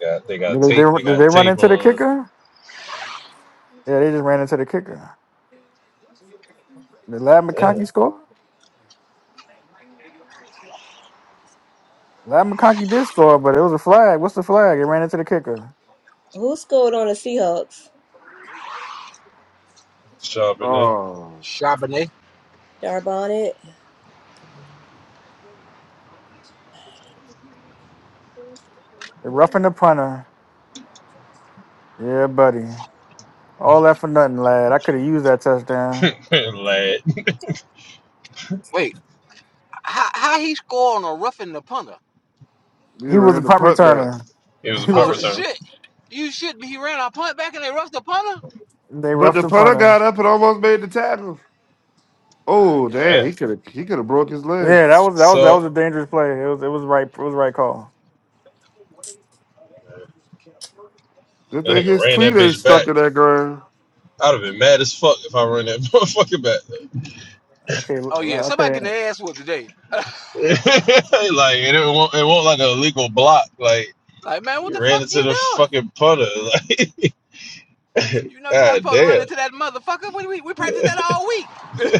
Speaker 9: got, they got
Speaker 3: Did they,
Speaker 9: tape. They
Speaker 3: did
Speaker 9: got
Speaker 3: they run
Speaker 9: tape
Speaker 3: into the
Speaker 9: on.
Speaker 3: kicker? Yeah, they just ran into the kicker. Did Lab
Speaker 9: Yeah.
Speaker 3: McConkey score? Lab McConkey did score, but it was a flag. What's the flag? It ran into the kicker.
Speaker 1: Who scored on the Seahawks?
Speaker 9: Sharp in there.
Speaker 5: Oh,
Speaker 8: Charbonnet.
Speaker 1: Charbonnet.
Speaker 3: They roughing the punter. Yeah, buddy. All that for nothing, lad. I could have used that touchdown.
Speaker 9: (laughs) Lad.
Speaker 8: Wait, how how he score on a roughing the punter?
Speaker 5: we
Speaker 3: He was a
Speaker 5: ran the
Speaker 3: punt
Speaker 5: punt back,
Speaker 3: returner.
Speaker 9: It was a
Speaker 3: He was.
Speaker 9: punt
Speaker 8: Oh
Speaker 3: A,
Speaker 9: return.
Speaker 8: shit! You should be. He ran our punt back and they rushed the punter.
Speaker 3: they
Speaker 5: but
Speaker 3: roughed
Speaker 5: the
Speaker 3: the
Speaker 5: punter
Speaker 3: punter.
Speaker 5: got up and almost made the tackle.
Speaker 8: God
Speaker 5: Oh,
Speaker 8: damn.
Speaker 5: damn,
Speaker 9: Yeah.
Speaker 5: he could have he could have broke his leg.
Speaker 3: Yeah, that was that was that was
Speaker 9: So,
Speaker 3: a dangerous play. It was it was right it was right call.
Speaker 5: Good
Speaker 9: that
Speaker 5: thing
Speaker 9: nigga
Speaker 5: his
Speaker 9: ran
Speaker 5: cleat
Speaker 9: that
Speaker 5: ain't
Speaker 9: bitch back.
Speaker 5: stuck in that ground.
Speaker 9: I'd have been mad as fuck if I run that motherfucker back.
Speaker 3: Okay,
Speaker 8: Oh yeah,
Speaker 3: l-
Speaker 8: somebody
Speaker 3: okay.
Speaker 8: getting their ass whooped today.
Speaker 9: (laughs) like it won't, it won't like an illegal block. Like
Speaker 8: Like man, what
Speaker 9: you
Speaker 8: the
Speaker 9: ran
Speaker 8: fuck
Speaker 9: into
Speaker 8: you
Speaker 9: the
Speaker 8: doing?
Speaker 9: fucking punter. Like
Speaker 8: You
Speaker 9: (laughs)
Speaker 8: know you're not
Speaker 9: god
Speaker 8: supposed to run
Speaker 9: damn,
Speaker 8: into that motherfucker. We we, we practiced that all week.
Speaker 9: (laughs)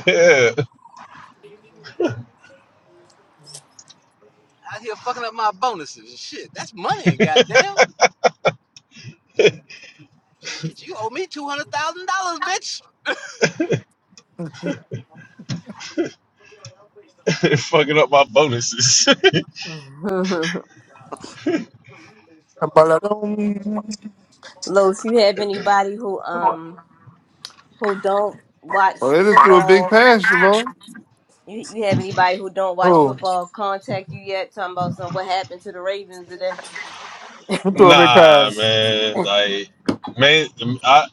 Speaker 8: Out here fucking up my bonuses and shit. That's money, goddamn. Shit, you owe me two hundred thousand dollars, bitch.
Speaker 9: Yeah. (laughs) fucking up my bonuses.
Speaker 1: (laughs)
Speaker 9: (laughs)
Speaker 1: Los, you have anybody who um who don't watch
Speaker 5: Oh, they just threw a big
Speaker 1: football?
Speaker 5: pass, Jamal.
Speaker 1: You you have anybody who don't watch
Speaker 3: Who
Speaker 1: football contact you yet? Talking about some what happened to the Ravens today?
Speaker 3: who threw a big
Speaker 9: nah,
Speaker 3: pass?
Speaker 9: man. Like man, I.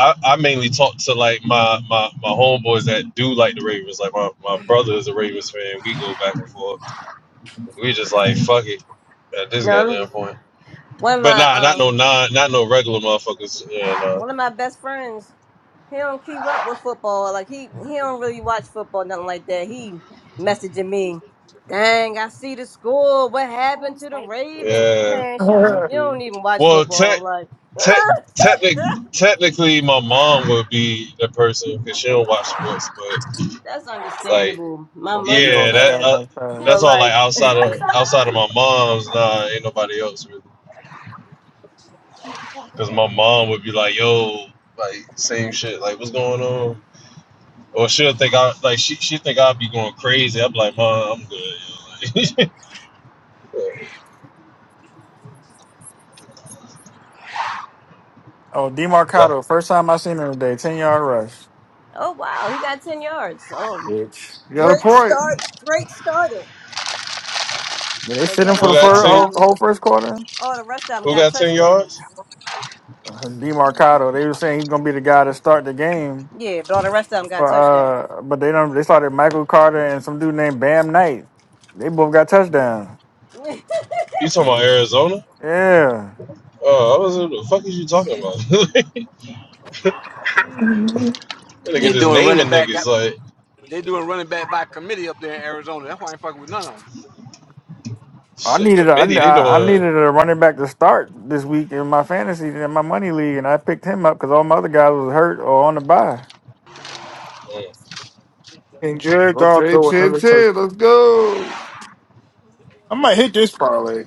Speaker 9: I, I mainly talk to like my, my, my homeboys that do like the Ravens. Like my, my brother is a Ravens fan. We go back and forth. We just like fuck it at this
Speaker 1: No, I'm
Speaker 9: goddamn point.
Speaker 1: one of
Speaker 9: But
Speaker 1: my
Speaker 9: nah, not no
Speaker 1: um
Speaker 9: non, not no regular motherfuckers. Yeah, no.
Speaker 1: one of my best friends he don't keep up with football like he he don't really watch football nothing like that he messaging me dang i see the score what happened to the ravens
Speaker 9: Yeah.
Speaker 1: man shut up
Speaker 5: Okay.
Speaker 1: you don't
Speaker 5: You
Speaker 1: even watch
Speaker 9: Well, tech,
Speaker 1: football like
Speaker 9: tech, technic
Speaker 1: (laughs)
Speaker 9: technically, my mom would be the person because she don't watch sports. But
Speaker 1: that's
Speaker 9: like,
Speaker 1: understandable my
Speaker 3: Oh,
Speaker 1: mother
Speaker 3: Debo
Speaker 9: yeah,
Speaker 3: just
Speaker 9: that
Speaker 3: got a
Speaker 1: yeah
Speaker 9: uh,
Speaker 3: nice
Speaker 9: that's
Speaker 1: but
Speaker 3: pass.
Speaker 9: all like
Speaker 1: like
Speaker 9: outside of outside of my mom's. Nah, ain't nobody else really. Because my mom would be like, "Yo, like same shit. Like, what's going on?" Or she'll think I like she she think I'd be going crazy. I'm like, "Mom, I'm good." You like,
Speaker 3: Oh,
Speaker 9: (laughs) like
Speaker 3: Demarcado, first time I seen him today, ten yard rush.
Speaker 1: oh wow he got 10 yards oh
Speaker 3: Bitch,
Speaker 5: got a
Speaker 1: great
Speaker 5: point.
Speaker 1: start great starter
Speaker 3: did they
Speaker 1: but
Speaker 3: sit him
Speaker 1: yeah
Speaker 3: for
Speaker 9: who
Speaker 3: the
Speaker 1: all the
Speaker 9: got
Speaker 3: fir-
Speaker 1: rest
Speaker 9: ten?
Speaker 1: of
Speaker 3: whole,
Speaker 1: them
Speaker 3: whole first quarter?
Speaker 1: all the rest of them
Speaker 9: Who
Speaker 1: got
Speaker 9: got ten
Speaker 1: touchdowns
Speaker 9: yards?
Speaker 3: Uh, Demarcado, they were saying he's gonna be the guy to start the game.
Speaker 1: Yeah, but all the rest of them
Speaker 3: For
Speaker 1: got touchdowns.
Speaker 3: uh, but they don't. They started Michael Carter and some dude named Bam Knight. They both got touchdowns.
Speaker 1: (laughs)
Speaker 9: You talking
Speaker 3: Uh,
Speaker 9: about Arizona?
Speaker 3: Yeah.
Speaker 9: Oh, I was like, what the fuck is you talking about? (laughs) that nigga
Speaker 8: They are
Speaker 9: just
Speaker 8: doing running
Speaker 9: naming
Speaker 8: back.
Speaker 9: niggas like
Speaker 8: They are doing running back by committee up there in Arizona. That's why I ain't fucking with none of
Speaker 3: I
Speaker 9: shit
Speaker 3: needed a, I,
Speaker 9: committee.
Speaker 3: ne-
Speaker 9: They
Speaker 3: I I
Speaker 9: doing
Speaker 3: needed a running back to start this week in my fantasy in my money league, and I picked him up because all my other guys was hurt or on the bye.
Speaker 9: mm,
Speaker 6: And Jared Goff
Speaker 5: Okay,
Speaker 6: throw
Speaker 5: ten
Speaker 6: another
Speaker 5: ten,
Speaker 6: touchdown.
Speaker 5: Let's go.
Speaker 6: I might hit this parlay.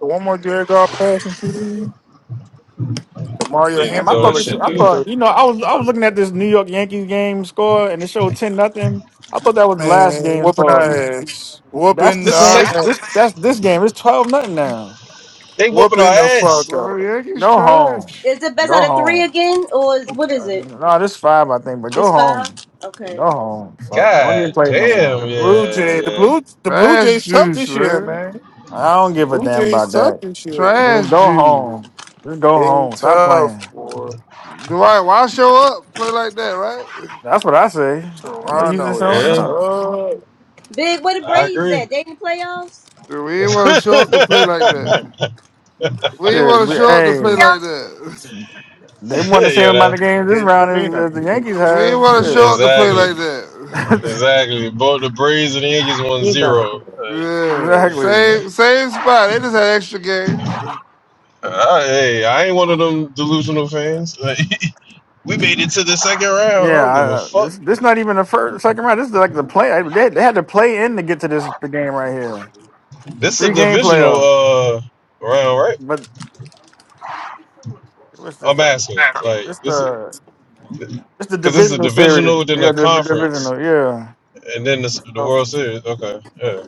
Speaker 6: The one more Jared Goff pass and shoot. The Mario
Speaker 9: you know
Speaker 3: Damn, I
Speaker 6: Hampton
Speaker 9: throw
Speaker 6: look
Speaker 9: that
Speaker 3: thought
Speaker 6: like
Speaker 3: this.
Speaker 9: shit
Speaker 6: that
Speaker 3: I
Speaker 9: to.
Speaker 6: field
Speaker 3: thought you know I was I was looking at this New York Yankees game score, and it showed ten nothing. I thought that was the last
Speaker 6: Man,
Speaker 3: game
Speaker 6: whooping our
Speaker 3: score.
Speaker 6: ass.
Speaker 3: That's the
Speaker 6: Whooping
Speaker 9: It's a
Speaker 6: our
Speaker 3: same. It's
Speaker 9: state.
Speaker 3: this
Speaker 6: ass.
Speaker 3: that's this game. It's twelve nothing now.
Speaker 9: They whooping
Speaker 6: Whooping
Speaker 9: our
Speaker 6: the fuck
Speaker 9: ass.
Speaker 6: out.
Speaker 5: Bro,
Speaker 6: of
Speaker 5: Yankees
Speaker 3: Go home.
Speaker 5: trash.
Speaker 1: is it best
Speaker 3: Go
Speaker 1: out of three
Speaker 3: home.
Speaker 1: again, or is what is
Speaker 3: Uh,
Speaker 1: it?
Speaker 3: no, this five I think, but
Speaker 1: It's
Speaker 3: go
Speaker 1: five.
Speaker 3: home.
Speaker 1: Okay.
Speaker 3: Go home. Fuck. Don't even
Speaker 9: God
Speaker 3: play
Speaker 6: 'em,
Speaker 3: no
Speaker 6: Man.
Speaker 3: more.
Speaker 9: damn.
Speaker 6: The Blue
Speaker 9: Yeah,
Speaker 6: Jay the
Speaker 9: yeah,
Speaker 6: Blue the Blue
Speaker 5: Trash
Speaker 6: Jays tough
Speaker 5: juice,
Speaker 6: this year,
Speaker 5: man.
Speaker 6: man.
Speaker 3: I don't give a
Speaker 6: Blue
Speaker 3: damn
Speaker 6: Jays
Speaker 3: about that.
Speaker 6: tough this year.
Speaker 3: Just
Speaker 5: Trash
Speaker 3: Go
Speaker 5: juice.
Speaker 3: home. Just go
Speaker 6: They
Speaker 3: home. Stop
Speaker 6: tough,
Speaker 3: playing.
Speaker 6: boy.
Speaker 5: Dwight, why show up? Play like that, right?
Speaker 3: That's what I say. Ain't no use in
Speaker 6: Toronto
Speaker 3: showing
Speaker 6: is
Speaker 9: yeah.
Speaker 3: up.
Speaker 6: tough.
Speaker 1: Big, where the
Speaker 9: I
Speaker 1: Braves at?
Speaker 9: agree.
Speaker 1: They in the playoffs?
Speaker 5: Dude,
Speaker 9: (laughs)
Speaker 5: we
Speaker 9: yeah,
Speaker 5: ain't want to show up to play like that. We ain't
Speaker 3: Shit,
Speaker 5: want to
Speaker 3: we,
Speaker 5: show up to
Speaker 3: hey,
Speaker 5: play like that.
Speaker 3: they won the same amount of
Speaker 9: that
Speaker 3: games this
Speaker 6: Yeah, no,
Speaker 3: round
Speaker 6: they
Speaker 3: as, as
Speaker 6: not
Speaker 3: the
Speaker 6: in the
Speaker 3: Yankees
Speaker 5: We ain't
Speaker 3: have.
Speaker 5: want to show up to play
Speaker 9: exactly,
Speaker 5: like that.
Speaker 3: Shit,
Speaker 9: exactly. Both the Braves and the Yankees won
Speaker 6: they not in
Speaker 9: zero.
Speaker 6: the
Speaker 9: Uh,
Speaker 3: (laughs)
Speaker 5: Yeah,
Speaker 3: exactly.
Speaker 5: same same spot. They just had extra games.
Speaker 9: Uh, hey, I ain't one of them delusional fans. (laughs) we made it to the second round. I
Speaker 3: Yeah,
Speaker 9: don't give a
Speaker 3: I,
Speaker 9: fuck.
Speaker 3: this this not even the first second round. This is like the play. They, they had to play in to get to this the game right here. The
Speaker 9: This is a
Speaker 3: three game
Speaker 9: divisional
Speaker 3: playoff.
Speaker 9: uh round, right?
Speaker 3: But what's this?
Speaker 9: I'm
Speaker 3: stuff?
Speaker 9: asking.
Speaker 6: playoffs.
Speaker 9: Like
Speaker 3: It's
Speaker 9: this is
Speaker 3: the
Speaker 9: because
Speaker 3: it's the
Speaker 9: this is a
Speaker 3: divisional series.
Speaker 9: divisional, then
Speaker 3: Yeah,
Speaker 9: a
Speaker 3: the div-
Speaker 9: conference,
Speaker 3: divisional. Yeah,
Speaker 9: and then this, the
Speaker 6: Um,
Speaker 9: World Series. Okay, yeah,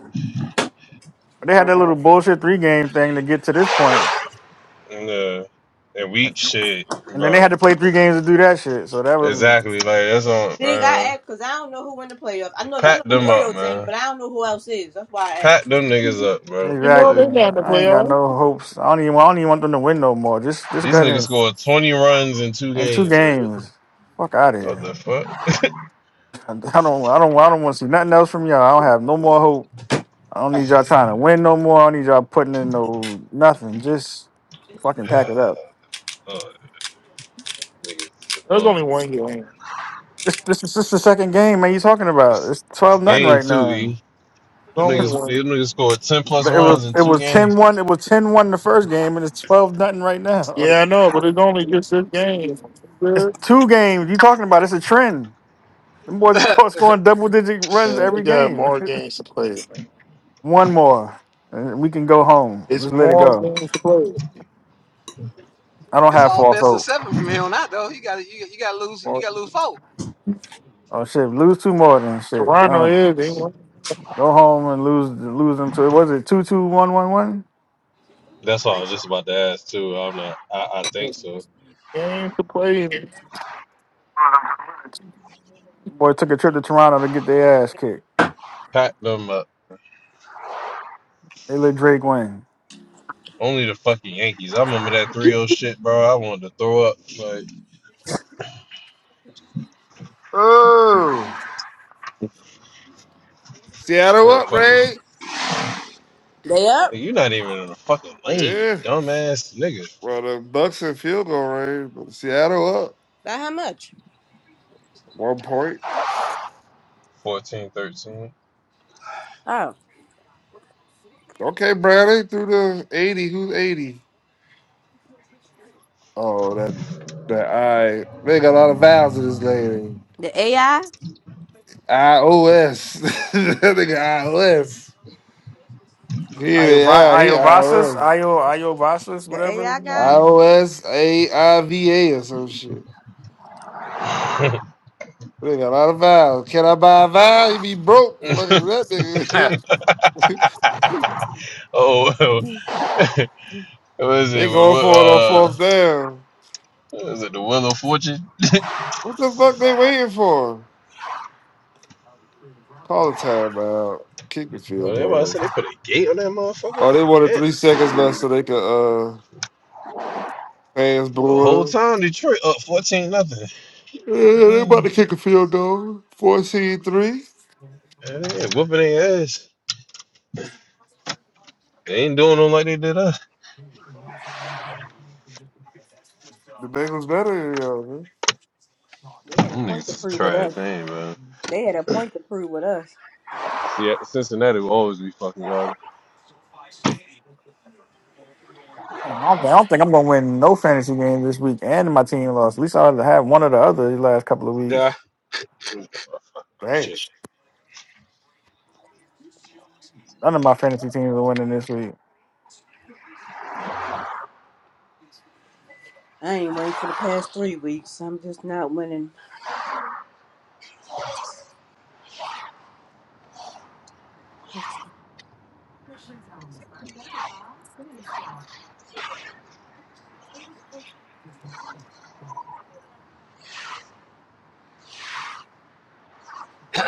Speaker 3: but they had that little
Speaker 6: um,
Speaker 3: bullshit three game thing to get to this point.
Speaker 9: and uh, and we shit,
Speaker 3: And then they had
Speaker 9: bro.
Speaker 3: to play three games to do that shit. So that was
Speaker 9: Exactly. Like that's on,
Speaker 1: Big, I
Speaker 9: man.
Speaker 1: asked because I don't know who won the playoffs. I know I know
Speaker 9: Pack
Speaker 1: the
Speaker 9: them up,
Speaker 1: Orioles ain't, but
Speaker 9: man.
Speaker 1: I don't know who else is. That's why I
Speaker 9: Pack
Speaker 1: asked.
Speaker 9: them niggas up, bro.
Speaker 6: You know
Speaker 3: exactly.
Speaker 9: Like
Speaker 6: they're not in the
Speaker 3: I ain't got
Speaker 6: playoffs.
Speaker 3: no hopes. I don't even. I don't even want them to win no more. Just just
Speaker 9: these
Speaker 3: go ahead
Speaker 9: niggas
Speaker 3: and,
Speaker 9: scored 20 runs in two
Speaker 3: and two
Speaker 9: games. Like what the,
Speaker 3: games. Fuck out of
Speaker 9: what
Speaker 3: here.
Speaker 9: the fuck?
Speaker 3: (laughs) I don't. I don't. I don't want to see nothing else from y'all. I don't have no more hope. I don't
Speaker 9: (laughs)
Speaker 3: need y'all trying to win no more. I don't need y'all putting in no nothing. Just fucking pack
Speaker 9: (sighs)
Speaker 3: it up.
Speaker 9: Oh, niggas is
Speaker 6: There's
Speaker 9: annoying.
Speaker 6: only one game.
Speaker 3: This this is just the second game, man. You talking about?
Speaker 9: It's,
Speaker 3: It's
Speaker 9: it's
Speaker 3: twelve nothing
Speaker 9: game
Speaker 3: right
Speaker 9: two,
Speaker 3: now.
Speaker 9: E.
Speaker 6: There's
Speaker 9: Them
Speaker 3: (laughs)
Speaker 6: only
Speaker 3: it
Speaker 9: niggas, them
Speaker 6: one.
Speaker 9: niggas scored 10 plus
Speaker 3: was
Speaker 9: runs in
Speaker 3: it
Speaker 9: two
Speaker 3: was ten
Speaker 9: games.
Speaker 3: one. It was ten one the first game, and it's twelve nothing right now. (laughs)
Speaker 6: Yeah, I know, but it's only just this game.
Speaker 3: It's
Speaker 6: Yeah,
Speaker 3: two games. You talking about? It's a trend. Them boys (laughs)
Speaker 8: them.
Speaker 3: go- scoring double digit runs
Speaker 6: we
Speaker 3: every
Speaker 6: got
Speaker 3: game.
Speaker 6: more games to play, man.
Speaker 3: (laughs) One more, and we can go home.
Speaker 6: It's
Speaker 3: Just let it
Speaker 6: more
Speaker 3: go.
Speaker 6: games to play.
Speaker 3: I
Speaker 8: (laughs)
Speaker 3: don't
Speaker 8: it's
Speaker 3: have
Speaker 8: all
Speaker 3: false
Speaker 8: best of
Speaker 3: hope.
Speaker 8: seven from here on out, though. You got to you, you got to lose you
Speaker 6: Well,
Speaker 8: got to lose four.
Speaker 3: Oh shit! Lose two more then shit.
Speaker 6: Toronto
Speaker 3: Uh,
Speaker 6: is they won
Speaker 3: go home and lose lose them to it. was it two two one one one?
Speaker 9: That's
Speaker 8: I
Speaker 9: all I
Speaker 8: think
Speaker 9: was
Speaker 8: so.
Speaker 9: just about to ask, too. I'm not, I, I think so.
Speaker 6: games to play. in.
Speaker 3: Boy took a trip to Toronto to get their ass kicked.
Speaker 9: Pack them up.
Speaker 3: They let Drake win.
Speaker 9: Only the fucking Yankees. I remember that three zero shit, bro. I wanted to throw up. Like,
Speaker 5: Oh, Seattle
Speaker 9: couldn't
Speaker 5: up,
Speaker 9: fucking.
Speaker 5: Ray.
Speaker 1: They up?
Speaker 9: Like, you're not even in the fucking lane, you
Speaker 5: Yeah.
Speaker 9: dumbass nigga.
Speaker 5: Well, the Bucks in field goal range, but Seattle up
Speaker 1: By how much?
Speaker 5: one point.
Speaker 9: Fourteen, thirteen.
Speaker 1: Oh,
Speaker 5: Okay, Brad, they threw the 80. Who's 80? Oh, that that I they got a lot of vowels in this name.
Speaker 1: the AI?
Speaker 5: iOS. (laughs) that nigga iOS. He yeah, he I O
Speaker 3: Iovasas,
Speaker 5: S.
Speaker 3: Io Iovasas,
Speaker 1: The
Speaker 3: whatever. You
Speaker 1: AI
Speaker 3: know what I
Speaker 1: guy?
Speaker 5: I
Speaker 3: mean?
Speaker 5: O S A I V A or some shit.
Speaker 9: (laughs)
Speaker 5: They got a lot of vowels. Can I buy a vowel? You be broke.
Speaker 9: (laughs)
Speaker 5: Fucking with that nigga.
Speaker 9: oh, (laughs) what is
Speaker 5: (laughs) they
Speaker 9: it?
Speaker 5: going
Speaker 9: What,
Speaker 5: for it on
Speaker 9: uh,
Speaker 5: fourth down.
Speaker 9: what is it? The Wheel of Fortune?
Speaker 5: What the fuck they waiting for? Call the time out. Keep the field
Speaker 9: Oh, that's why I
Speaker 5: goal.
Speaker 9: said they put a gate on that motherfucker.
Speaker 5: Oh, they
Speaker 9: Like,
Speaker 5: wanted
Speaker 9: damn.
Speaker 5: three seconds left so they could uh fans
Speaker 9: The whole
Speaker 5: booing them.
Speaker 9: time Detroit up 14 nothing.
Speaker 5: Yeah, they about
Speaker 9: Damn.
Speaker 5: to kick a field goal. Fourteen three.
Speaker 9: Yeah, they ain't whooping their ass. They ain't doing them like they did us.
Speaker 5: The Bengals better, than you all man.
Speaker 1: They had a
Speaker 9: Them
Speaker 1: point
Speaker 9: niggas
Speaker 1: to
Speaker 9: is
Speaker 1: prove with
Speaker 9: trash,
Speaker 1: us.
Speaker 9: they ain't, man.
Speaker 1: They had a point to prove with us.
Speaker 9: See, at Cincinnati will always be fucking garbage.
Speaker 3: Damn, I don't think I don't think I'm gonna win no fantasy game this week, and my team lost. At least I had to have one or the other these last couple of weeks.
Speaker 5: Dang.
Speaker 9: Shit.
Speaker 3: None of my fantasy teams are winning this week.
Speaker 1: I ain't winning for the past three weeks. I'm just not winning. (laughs)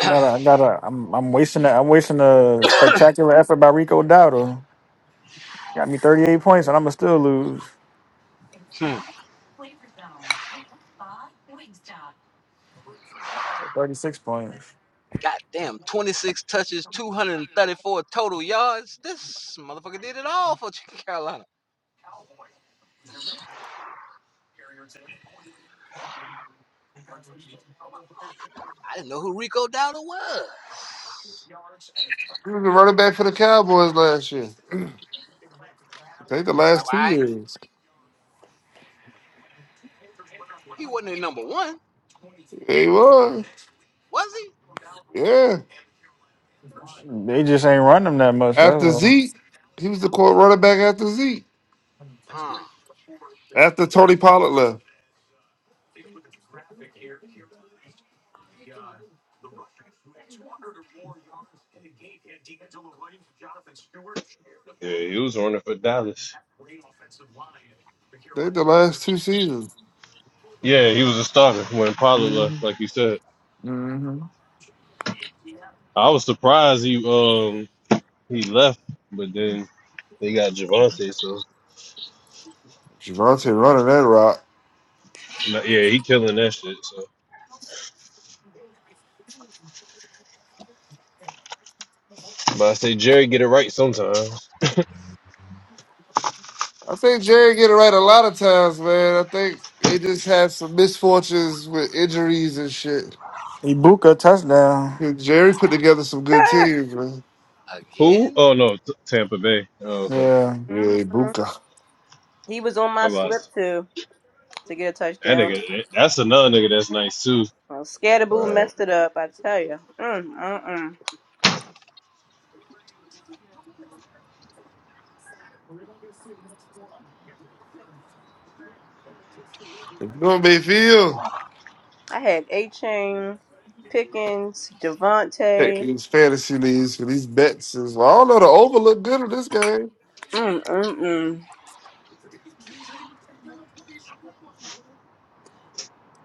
Speaker 3: I gotta, I gotta. I'm, I'm wasting. A, I'm wasting a spectacular effort by Rico Dowdle. Got me 38 points, and I'ma still lose.
Speaker 8: Hmm.
Speaker 3: So 36 points.
Speaker 8: Goddamn, 26 touches, 234 total yards. This motherfucker did it all for (laughs) Carolina. I didn't know who Rico Dowdle was.
Speaker 5: He was the running back for the Cowboys last year. I think the
Speaker 8: It's like,
Speaker 5: last two
Speaker 8: why?
Speaker 5: years.
Speaker 8: He wasn't a number one,
Speaker 5: Yeah, he was.
Speaker 8: was he?
Speaker 5: Yeah.
Speaker 3: They just ain't run them that much. That's
Speaker 5: After
Speaker 3: all.
Speaker 5: Zeke, he was the core running back after Zeke.
Speaker 8: Uh,
Speaker 5: After Tony Pollard left.
Speaker 9: Yeah, he was running for Dallas.
Speaker 5: I think the last two seasons.
Speaker 9: Yeah, he was a starter when Pollard
Speaker 5: Mm-hmm.
Speaker 9: left, like you said.
Speaker 5: Mm-hmm.
Speaker 9: I was surprised he um he left, but then they got Javante, so
Speaker 5: Javante running that rock.
Speaker 9: no- yeah, he killing that shit. So, but I say Jerry get it right sometimes.
Speaker 5: I think Jerry get it right a lot of times, man. I think they just had some misfortunes with injuries and shit.
Speaker 3: Ibuka touchdown.
Speaker 5: Jerry put together some good teams, man.
Speaker 9: Who?
Speaker 8: again?
Speaker 9: Oh no, T- Tampa Bay. Oh okay,
Speaker 3: Yeah,
Speaker 5: Yeah,
Speaker 1: Mhm.
Speaker 5: Buka.
Speaker 1: He was on
Speaker 9: I
Speaker 1: my slip
Speaker 9: lost.
Speaker 1: too. to get a
Speaker 9: That
Speaker 1: touchdown.
Speaker 9: nigga, that's another nigga that's nice too.
Speaker 1: Well, Scatterboo
Speaker 9: Uh,
Speaker 1: messed it up, I tell you. Mm, mm, mm.
Speaker 5: You know what they feel?
Speaker 1: I had A Chain, Pickens,
Speaker 5: Take
Speaker 1: Devontae.
Speaker 5: these fantasy leagues for these bets. Is, well, I don't know. The over look good in this game.
Speaker 1: Mm, mm, mm.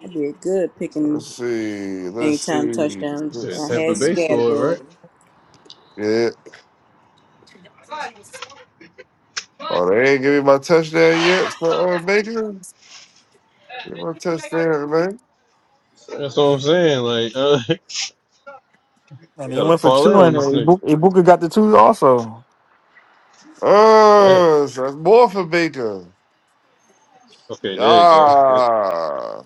Speaker 1: I did good
Speaker 5: Let's
Speaker 1: picking
Speaker 5: see. Let's
Speaker 1: anytime
Speaker 5: see.
Speaker 9: you
Speaker 1: touchdowns.
Speaker 5: Let's
Speaker 9: said
Speaker 1: I
Speaker 9: Tampa
Speaker 1: had
Speaker 5: see.
Speaker 9: Bay scored, right?
Speaker 1: Scatterboo.
Speaker 5: Yeah. Oh, they ain't give me my touchdown yet for uh, Baker. Give me my touchdown, man.
Speaker 9: That's what I'm saying. Like, uh, (laughs) you
Speaker 3: and they
Speaker 9: got a
Speaker 3: went for
Speaker 9: parlay
Speaker 3: two,
Speaker 9: on
Speaker 3: and
Speaker 9: this nigga.
Speaker 3: Ibuka, Ibuka got the two also.
Speaker 9: Yeah.
Speaker 5: Oh, so that's more for Baker.
Speaker 9: Okay, there you go. That,
Speaker 5: Yeah.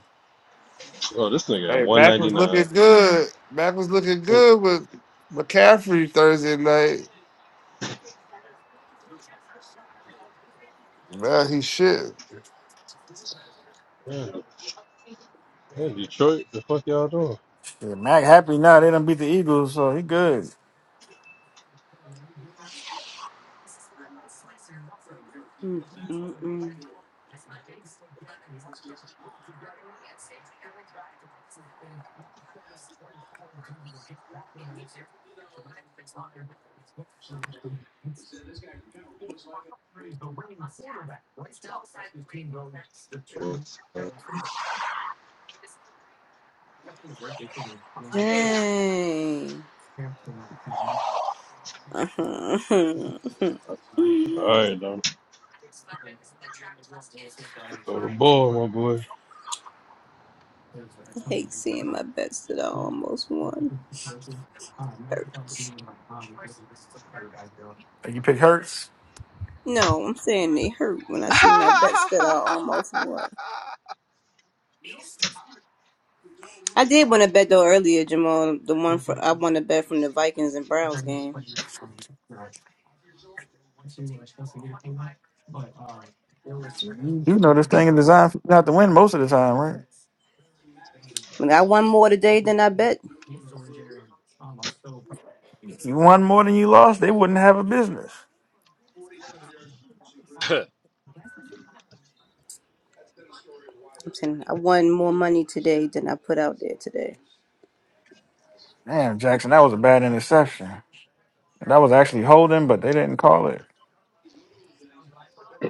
Speaker 9: oh, this nigga at
Speaker 5: Hey, Mac was looking
Speaker 9: 199.
Speaker 5: good. Mac was looking good with McCaffrey Thursday night. Man, he shit.
Speaker 9: Yeah, yeah, Detroit, the fuck y'all doing?
Speaker 3: Yeah, Mac happy now. They done beat the Eagles, so he good.
Speaker 1: Mm, mm, mm.
Speaker 9: All
Speaker 1: Dang. Uh-huh. (laughs)
Speaker 9: right, Dom. Throw the ball, my boy.
Speaker 1: I hate seeing my bets that I almost won. Hurts.
Speaker 3: Hey, You pick Hurts.
Speaker 1: No, I'm saying they hurt when I see my bets that
Speaker 8: (laughs)
Speaker 1: I almost won. I did win a bet though earlier, Jamal. The one for I won a bet from the Vikings and
Speaker 3: You
Speaker 1: Browns game.
Speaker 3: know this thing is designed for you not to win most of the time, right?
Speaker 1: I, mean, I won more today than I bet.
Speaker 3: You won more than you lost, they wouldn't have a business.
Speaker 1: I'm saying I won more money today than I put out there today.
Speaker 3: Damn, Jackson, that was a bad interception. That was actually holding, but they didn't call it.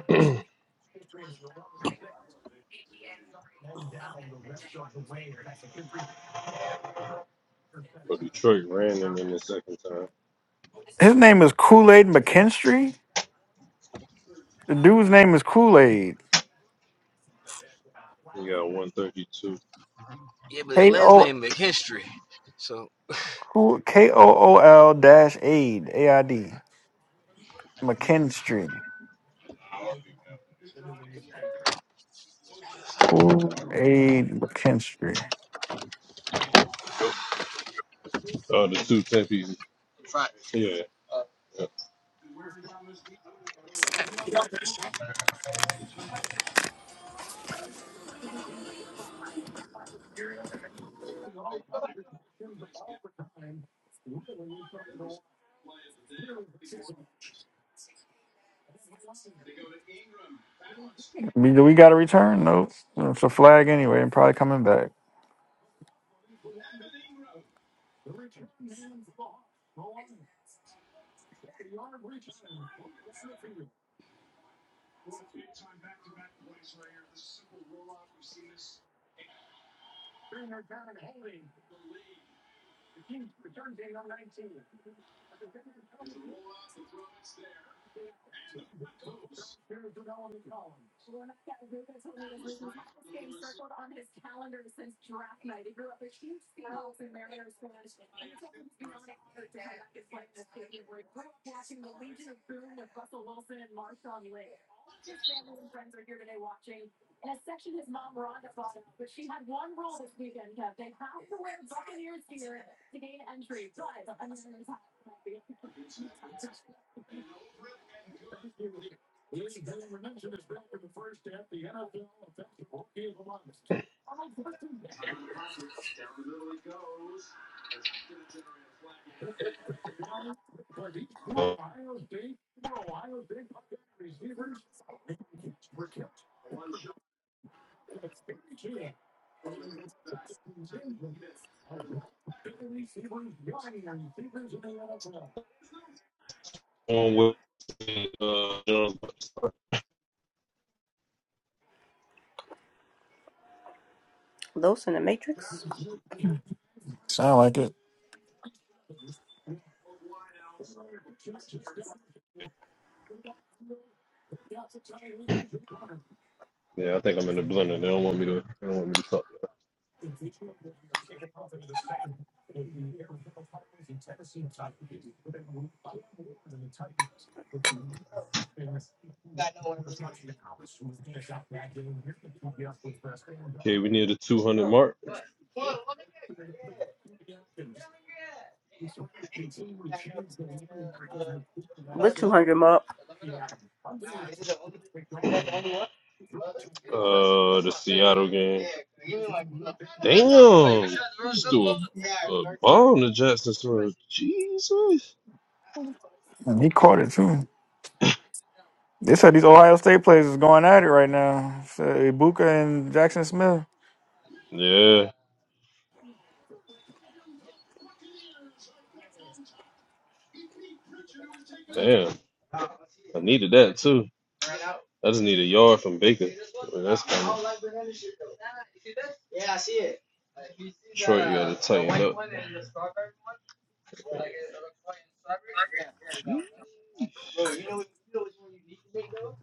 Speaker 9: (clears throat) But Detroit ran him in the second time.
Speaker 3: His name is Kool Aid McKinstry. The dude's name is Kool Aid.
Speaker 9: He got 132.
Speaker 3: K O K O O L dash Aid A I D McKinstry. Kool Aid McKinstry.
Speaker 9: Oh, the two 10 pieces. Yeah.
Speaker 3: We, do we got a return? Nope. It's a flag anyway, and probably coming back.
Speaker 9: on with uh, Jones.
Speaker 1: Los in the Matrix
Speaker 3: Sound like it.
Speaker 9: Yeah, I think I'm in the blender. They don't want me to. They don't want me to talk. Okay, we near the 200 mark.
Speaker 1: with 200 mark.
Speaker 9: Uh, the Seattle game. Damn, just threw a, a bomb to Jackson Smith. Jesus.
Speaker 3: And he caught it too. They said these Ohio State players is going at it right now. Say Ibuka and Jackson Smith.
Speaker 9: Yeah. Damn, I needed that too. I just need a yard from Baker. Well, that's coming. Detroit got to tighten up. Bro, you know what you know which one you need to make though?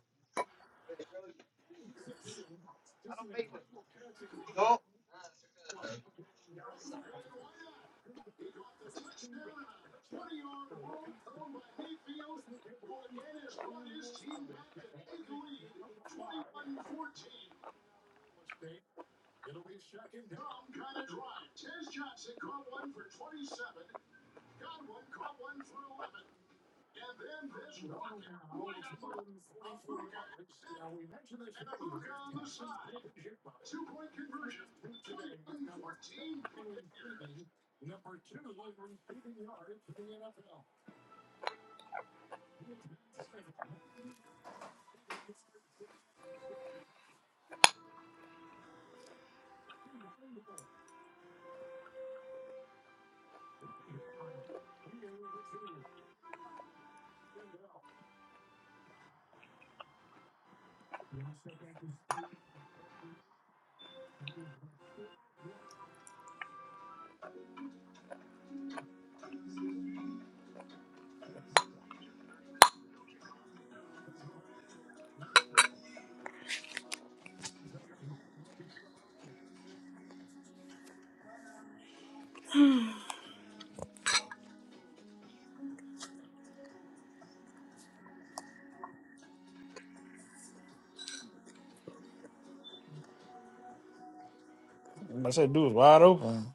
Speaker 3: I said, dude, was wide open.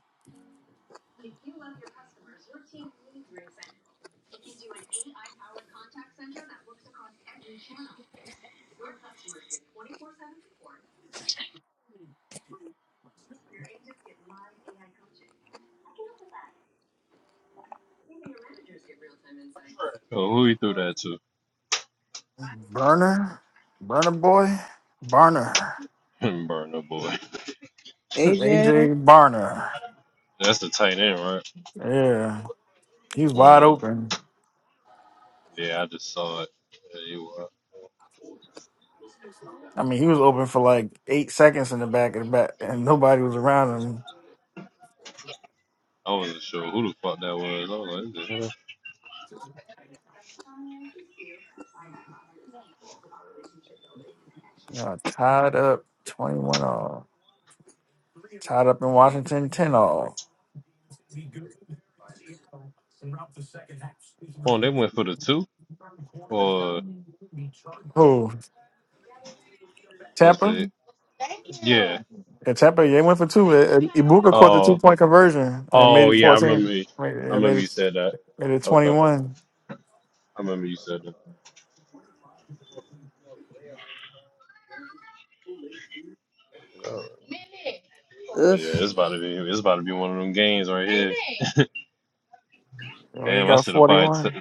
Speaker 9: Oh, who he threw that to?
Speaker 3: Burner, Burner boy, Barner,
Speaker 9: (laughs) Burner boy.
Speaker 1: AJ,
Speaker 3: AJ Barner. (laughs)
Speaker 9: That's the tight end, right?
Speaker 3: Yeah, he was wide
Speaker 9: Mm.
Speaker 3: open.
Speaker 9: Yeah, I just saw it. Yeah, you were.
Speaker 3: I mean, he was open for like eight seconds in the back of the back, and nobody was around him.
Speaker 9: I wasn't sure who the fuck that was. I was like, what the hell?
Speaker 3: You know, tied up, twenty-one all. Tied up in Washington, ten all.
Speaker 9: Oh, they went for the two? Or
Speaker 3: Who?
Speaker 9: was
Speaker 3: Tampa.
Speaker 9: it? Yeah.
Speaker 3: Yeah, Tampa. yeah, They went for two. I- I- Ibuka caught the
Speaker 9: Oh,
Speaker 3: two
Speaker 9: okay.
Speaker 3: point conversion and made
Speaker 9: Oh,
Speaker 3: it
Speaker 9: yeah, I remember
Speaker 3: fourteen.
Speaker 9: you.
Speaker 3: Made it
Speaker 9: I
Speaker 3: yeah, made
Speaker 9: remember you
Speaker 3: it,
Speaker 9: said that.
Speaker 3: made it twenty
Speaker 9: Okay.
Speaker 3: one.
Speaker 9: I remember you said that. Oh
Speaker 1: ugh,
Speaker 9: yeah, it's about to be it's about to be one of them games right here. (laughs)
Speaker 3: Already
Speaker 9: Damn, I
Speaker 3: got
Speaker 9: should have
Speaker 3: forty
Speaker 9: probably took
Speaker 3: one.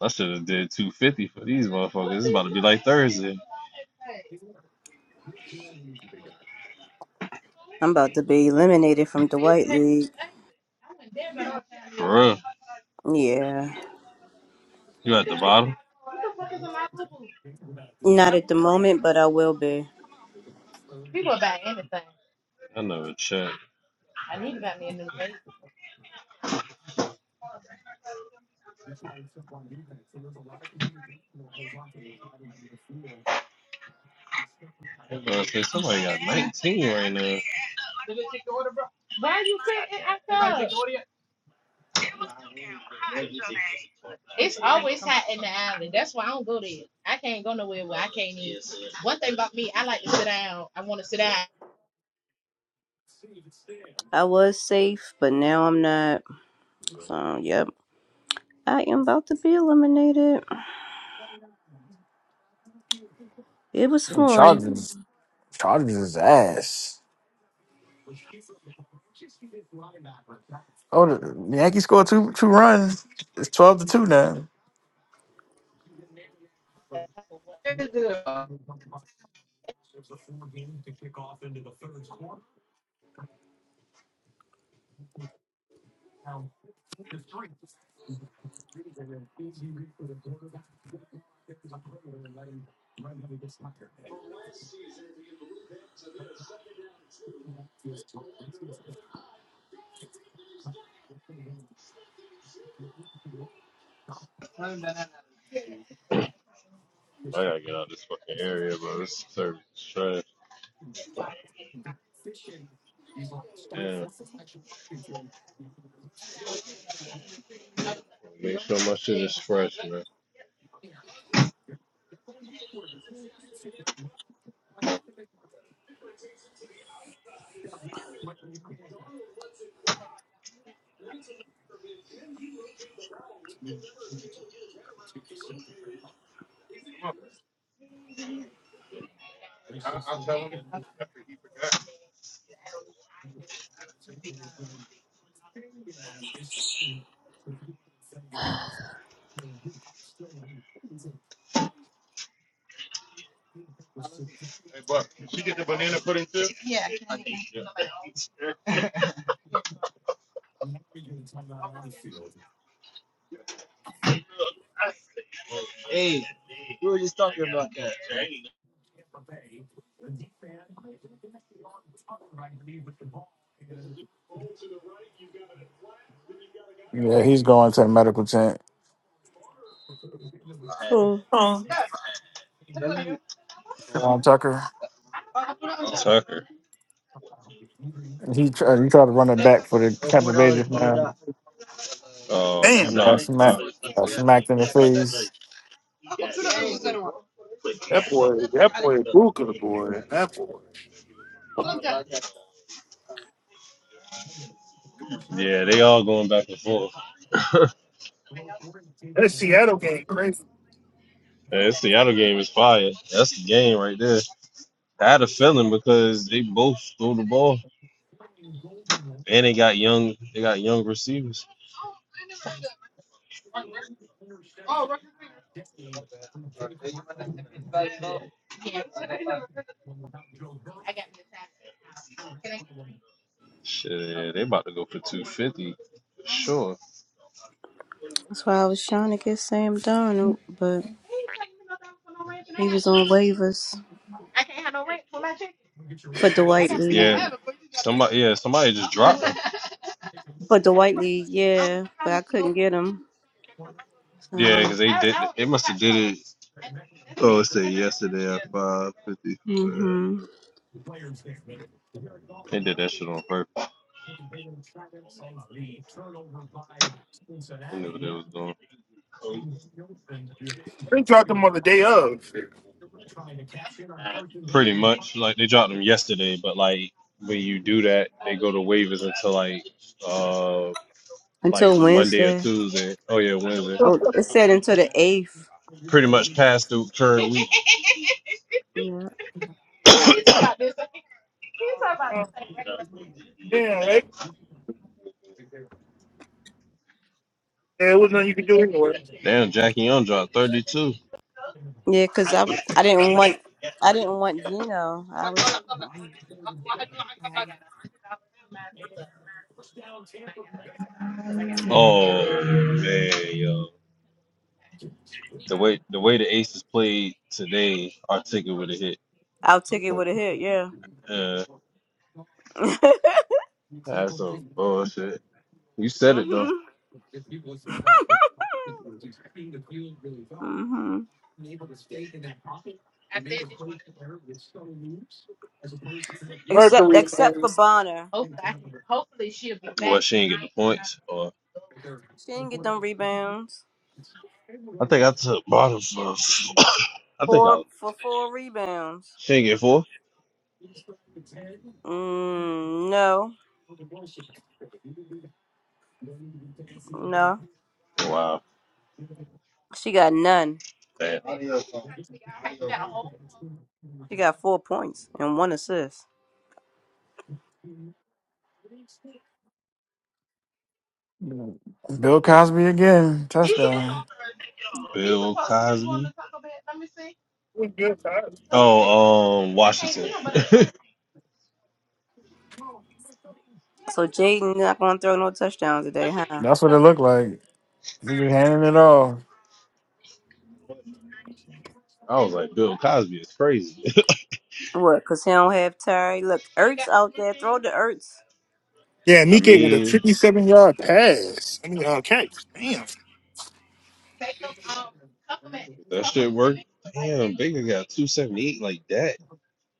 Speaker 9: I should have did 250 for these motherfuckers. It's about to be like Thursday.
Speaker 1: I'm about to be eliminated from the White League.
Speaker 9: For real.
Speaker 1: Yeah,
Speaker 9: You at the bottom?
Speaker 1: not at the moment, but I will be.
Speaker 9: I never checked. I Somebody got 19 right now.
Speaker 1: I was safe, but now I'm not. So, yep, I am about to be eliminated. It was fun.
Speaker 3: Chargers. Chargers is ass. Oh, the Yankees scored two two runs. It's twelve to two now.
Speaker 9: I gotta get out of this fucking area, bro. This service is trash. Damn. Make sure my shit is fresh, man.
Speaker 3: Yeah, he's going to the medical tent.
Speaker 1: Oh.
Speaker 3: Um, Tucker.
Speaker 9: Tucker.
Speaker 3: He tried, he tried to run it back for the Tampa Bay just now
Speaker 9: Oh,
Speaker 6: Damn,
Speaker 3: and
Speaker 9: nah.
Speaker 3: got smacked.
Speaker 9: uh,
Speaker 6: that boy, that boy, Booker boy, that boy.
Speaker 9: yeah, they all going back and forth. (laughs) Man,
Speaker 6: That Seattle game crazy.
Speaker 9: this Seattle game is fire. That's the game right there. I had a feeling because they both threw the ball And they got young, they got young receivers. Shit, they about to go for two fifty, sure.
Speaker 1: That's why I was trying to get Sam Darnold, but he was on waivers for Dwight Lee.
Speaker 9: Yeah, somebody, yeah, somebody just dropped them.
Speaker 1: For Dwight Lee, yeah, but I couldn't get him.
Speaker 9: Yeah,
Speaker 1: So,
Speaker 9: because they did, they must have did it. Oh, it said yesterday at five fifty.
Speaker 1: hmm
Speaker 9: They did that shit on purpose. They knew what they was doing.
Speaker 6: They dropped them on the day of.
Speaker 9: Pretty much, like they dropped them yesterday, but like when you do that, they go to waivers until like, uh, like
Speaker 1: until
Speaker 9: Monday or
Speaker 1: Wednesday.
Speaker 9: Tuesday. Oh yeah, Wednesday.
Speaker 1: Oh, it said until the eighth.
Speaker 9: Pretty much past the current week.
Speaker 1: Yeah,
Speaker 6: Uh, yeah, like yeah, it was nothing you could do anyway.
Speaker 9: Damn, Jackie Young dropped thirty two.
Speaker 1: yeah, cause I'm I didn't want I didn't want Gino. I was
Speaker 9: Oh man, yo, the way the way the Aces played today, our ticket would have hit.
Speaker 1: I'll take it
Speaker 9: From
Speaker 1: with a hit. Yeah.
Speaker 9: uh,
Speaker 1: (laughs)
Speaker 9: that's some bullshit. You said it though.
Speaker 1: mhm. Mhm. Except
Speaker 6: Mercury man,
Speaker 1: except for Bonner,
Speaker 9: Hopefully, I can, hopefully she'll be back. What she ain't get the points, or
Speaker 1: she didn't get them rebounds.
Speaker 9: I think I took bottom for. (coughs) I think
Speaker 1: Four
Speaker 9: I
Speaker 1: for four rebounds.
Speaker 9: she ain't get four.
Speaker 1: Mm, no, no.
Speaker 9: Wow,
Speaker 1: She got none.
Speaker 9: damn.
Speaker 1: She got four points and one assist.
Speaker 3: Bill Cosby again touchdown.
Speaker 9: Bill Cosby. Oh, um, Washington. (laughs)
Speaker 1: So Jaden not gonna throw no touchdowns today, huh?
Speaker 3: That's what it looked like. He just handing it off.
Speaker 9: I was like, Bill Cosby is crazy.
Speaker 1: What? Cause he don't have Tyree. Look, Ertz out there. Throw the Ertz.
Speaker 6: yeah,
Speaker 9: (laughs) I
Speaker 6: Nike with a
Speaker 9: mean,
Speaker 6: fifty-seven yard pass. I mean, uh, catch. Damn.
Speaker 9: if that shit worked. Damn, Baker got two seventy eight like that.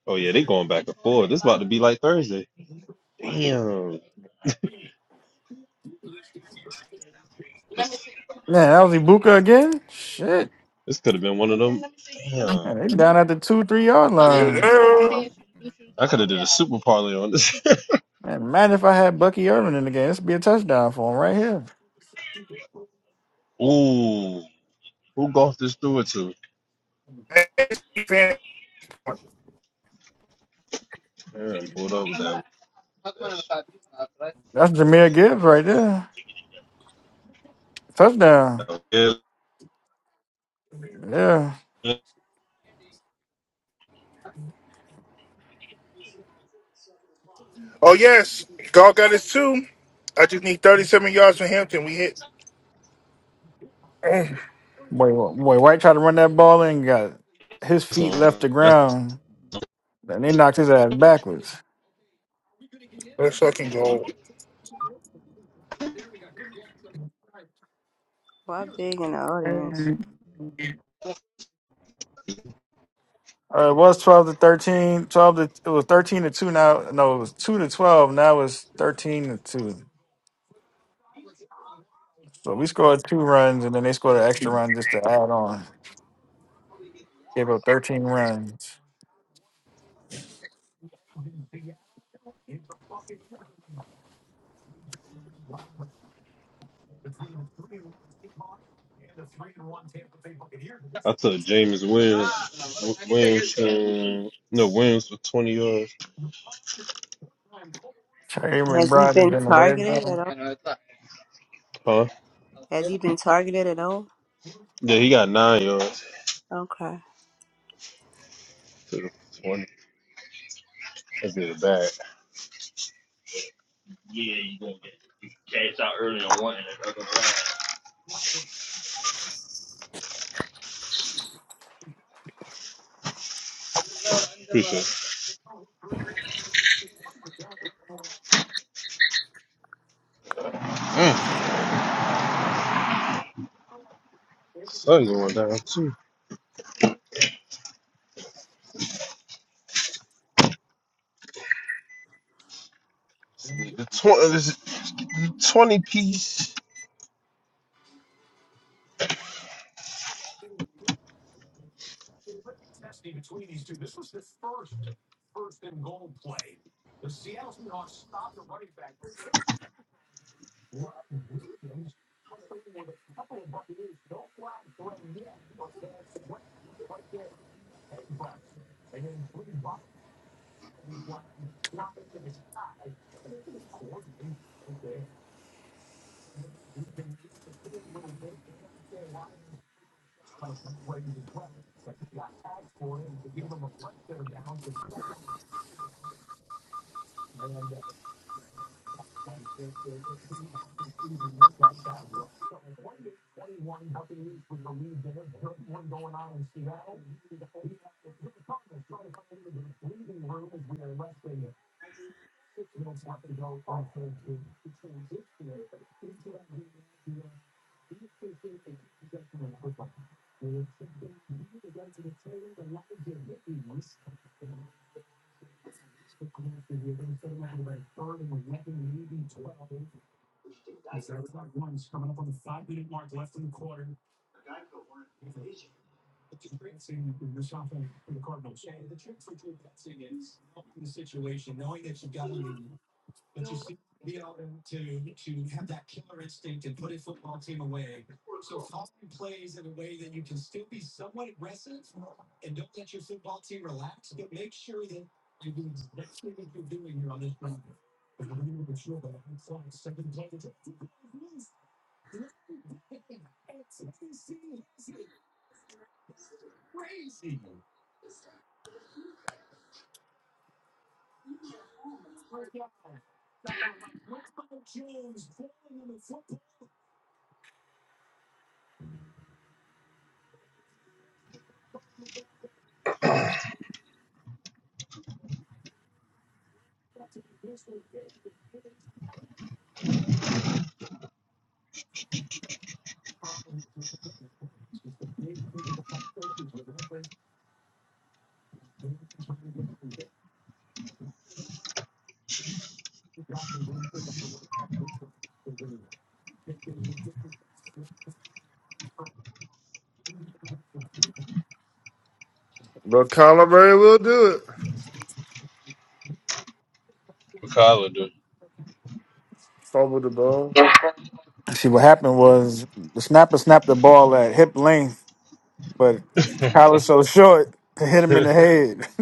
Speaker 9: Oh yeah, they going back and forth. This about to be like Thursday. Damn. This,
Speaker 3: Man, that was Ibuka again? Shit.
Speaker 9: this could have been one of them. Damn.
Speaker 3: Man, they down at the two, three yard
Speaker 9: Uh, you need to
Speaker 3: line.
Speaker 9: put on the
Speaker 6: Yeah,
Speaker 9: tan shoes. Them shoes I could have did a super parlay on this. (laughs)
Speaker 3: Man, imagine if I had Bucky Irvin in the game. This would be a touchdown for him right here.
Speaker 9: Ooh, who golf this through it to?
Speaker 6: yeah.
Speaker 9: Damn, pulled up with that.
Speaker 3: That's Jameer Gibbs right there.
Speaker 9: that
Speaker 3: Touchdown.
Speaker 9: was- yeah,
Speaker 3: Yeah.
Speaker 6: yes. Goff got his two. I just need thirty-seven yards from his hit.
Speaker 3: Boy, boy, White tried to run that ball in, got his
Speaker 9: that's
Speaker 3: feet left the
Speaker 9: That's-
Speaker 3: ground, and they knocked his ass backwards.
Speaker 6: Let's fucking go.
Speaker 1: Why big in the audience?
Speaker 3: Uh, it was 12 to 13. 12 to, it was 13 to 2 now. No, it was 2 to 12. Now it's 13 to 2. So we scored two runs, and then they scored an extra run just to add on. Gave up 13 runs.
Speaker 9: I took James Williams. Williams, um, no Williams for twenty yards,
Speaker 3: Terry
Speaker 1: Has he
Speaker 3: McBride is
Speaker 1: been
Speaker 3: in the red
Speaker 1: targeted at
Speaker 3: zone.
Speaker 1: all?
Speaker 9: huh?
Speaker 1: Has he been targeted at all?
Speaker 9: Yeah, he got nine yards.
Speaker 1: Okay,
Speaker 9: Took him for Twenty. That's good bad. Appreciate it. Mm. Sun going down too. This nigga, 20, this 20 piece.
Speaker 5: But Kyler Murray will do it.
Speaker 9: What Kyler do?
Speaker 5: Fumble the ball.
Speaker 3: See, what happened was the snapper snapped the ball at hip length, but Kyler's so short, it hit him in the
Speaker 9: (laughs)
Speaker 3: head. (laughs)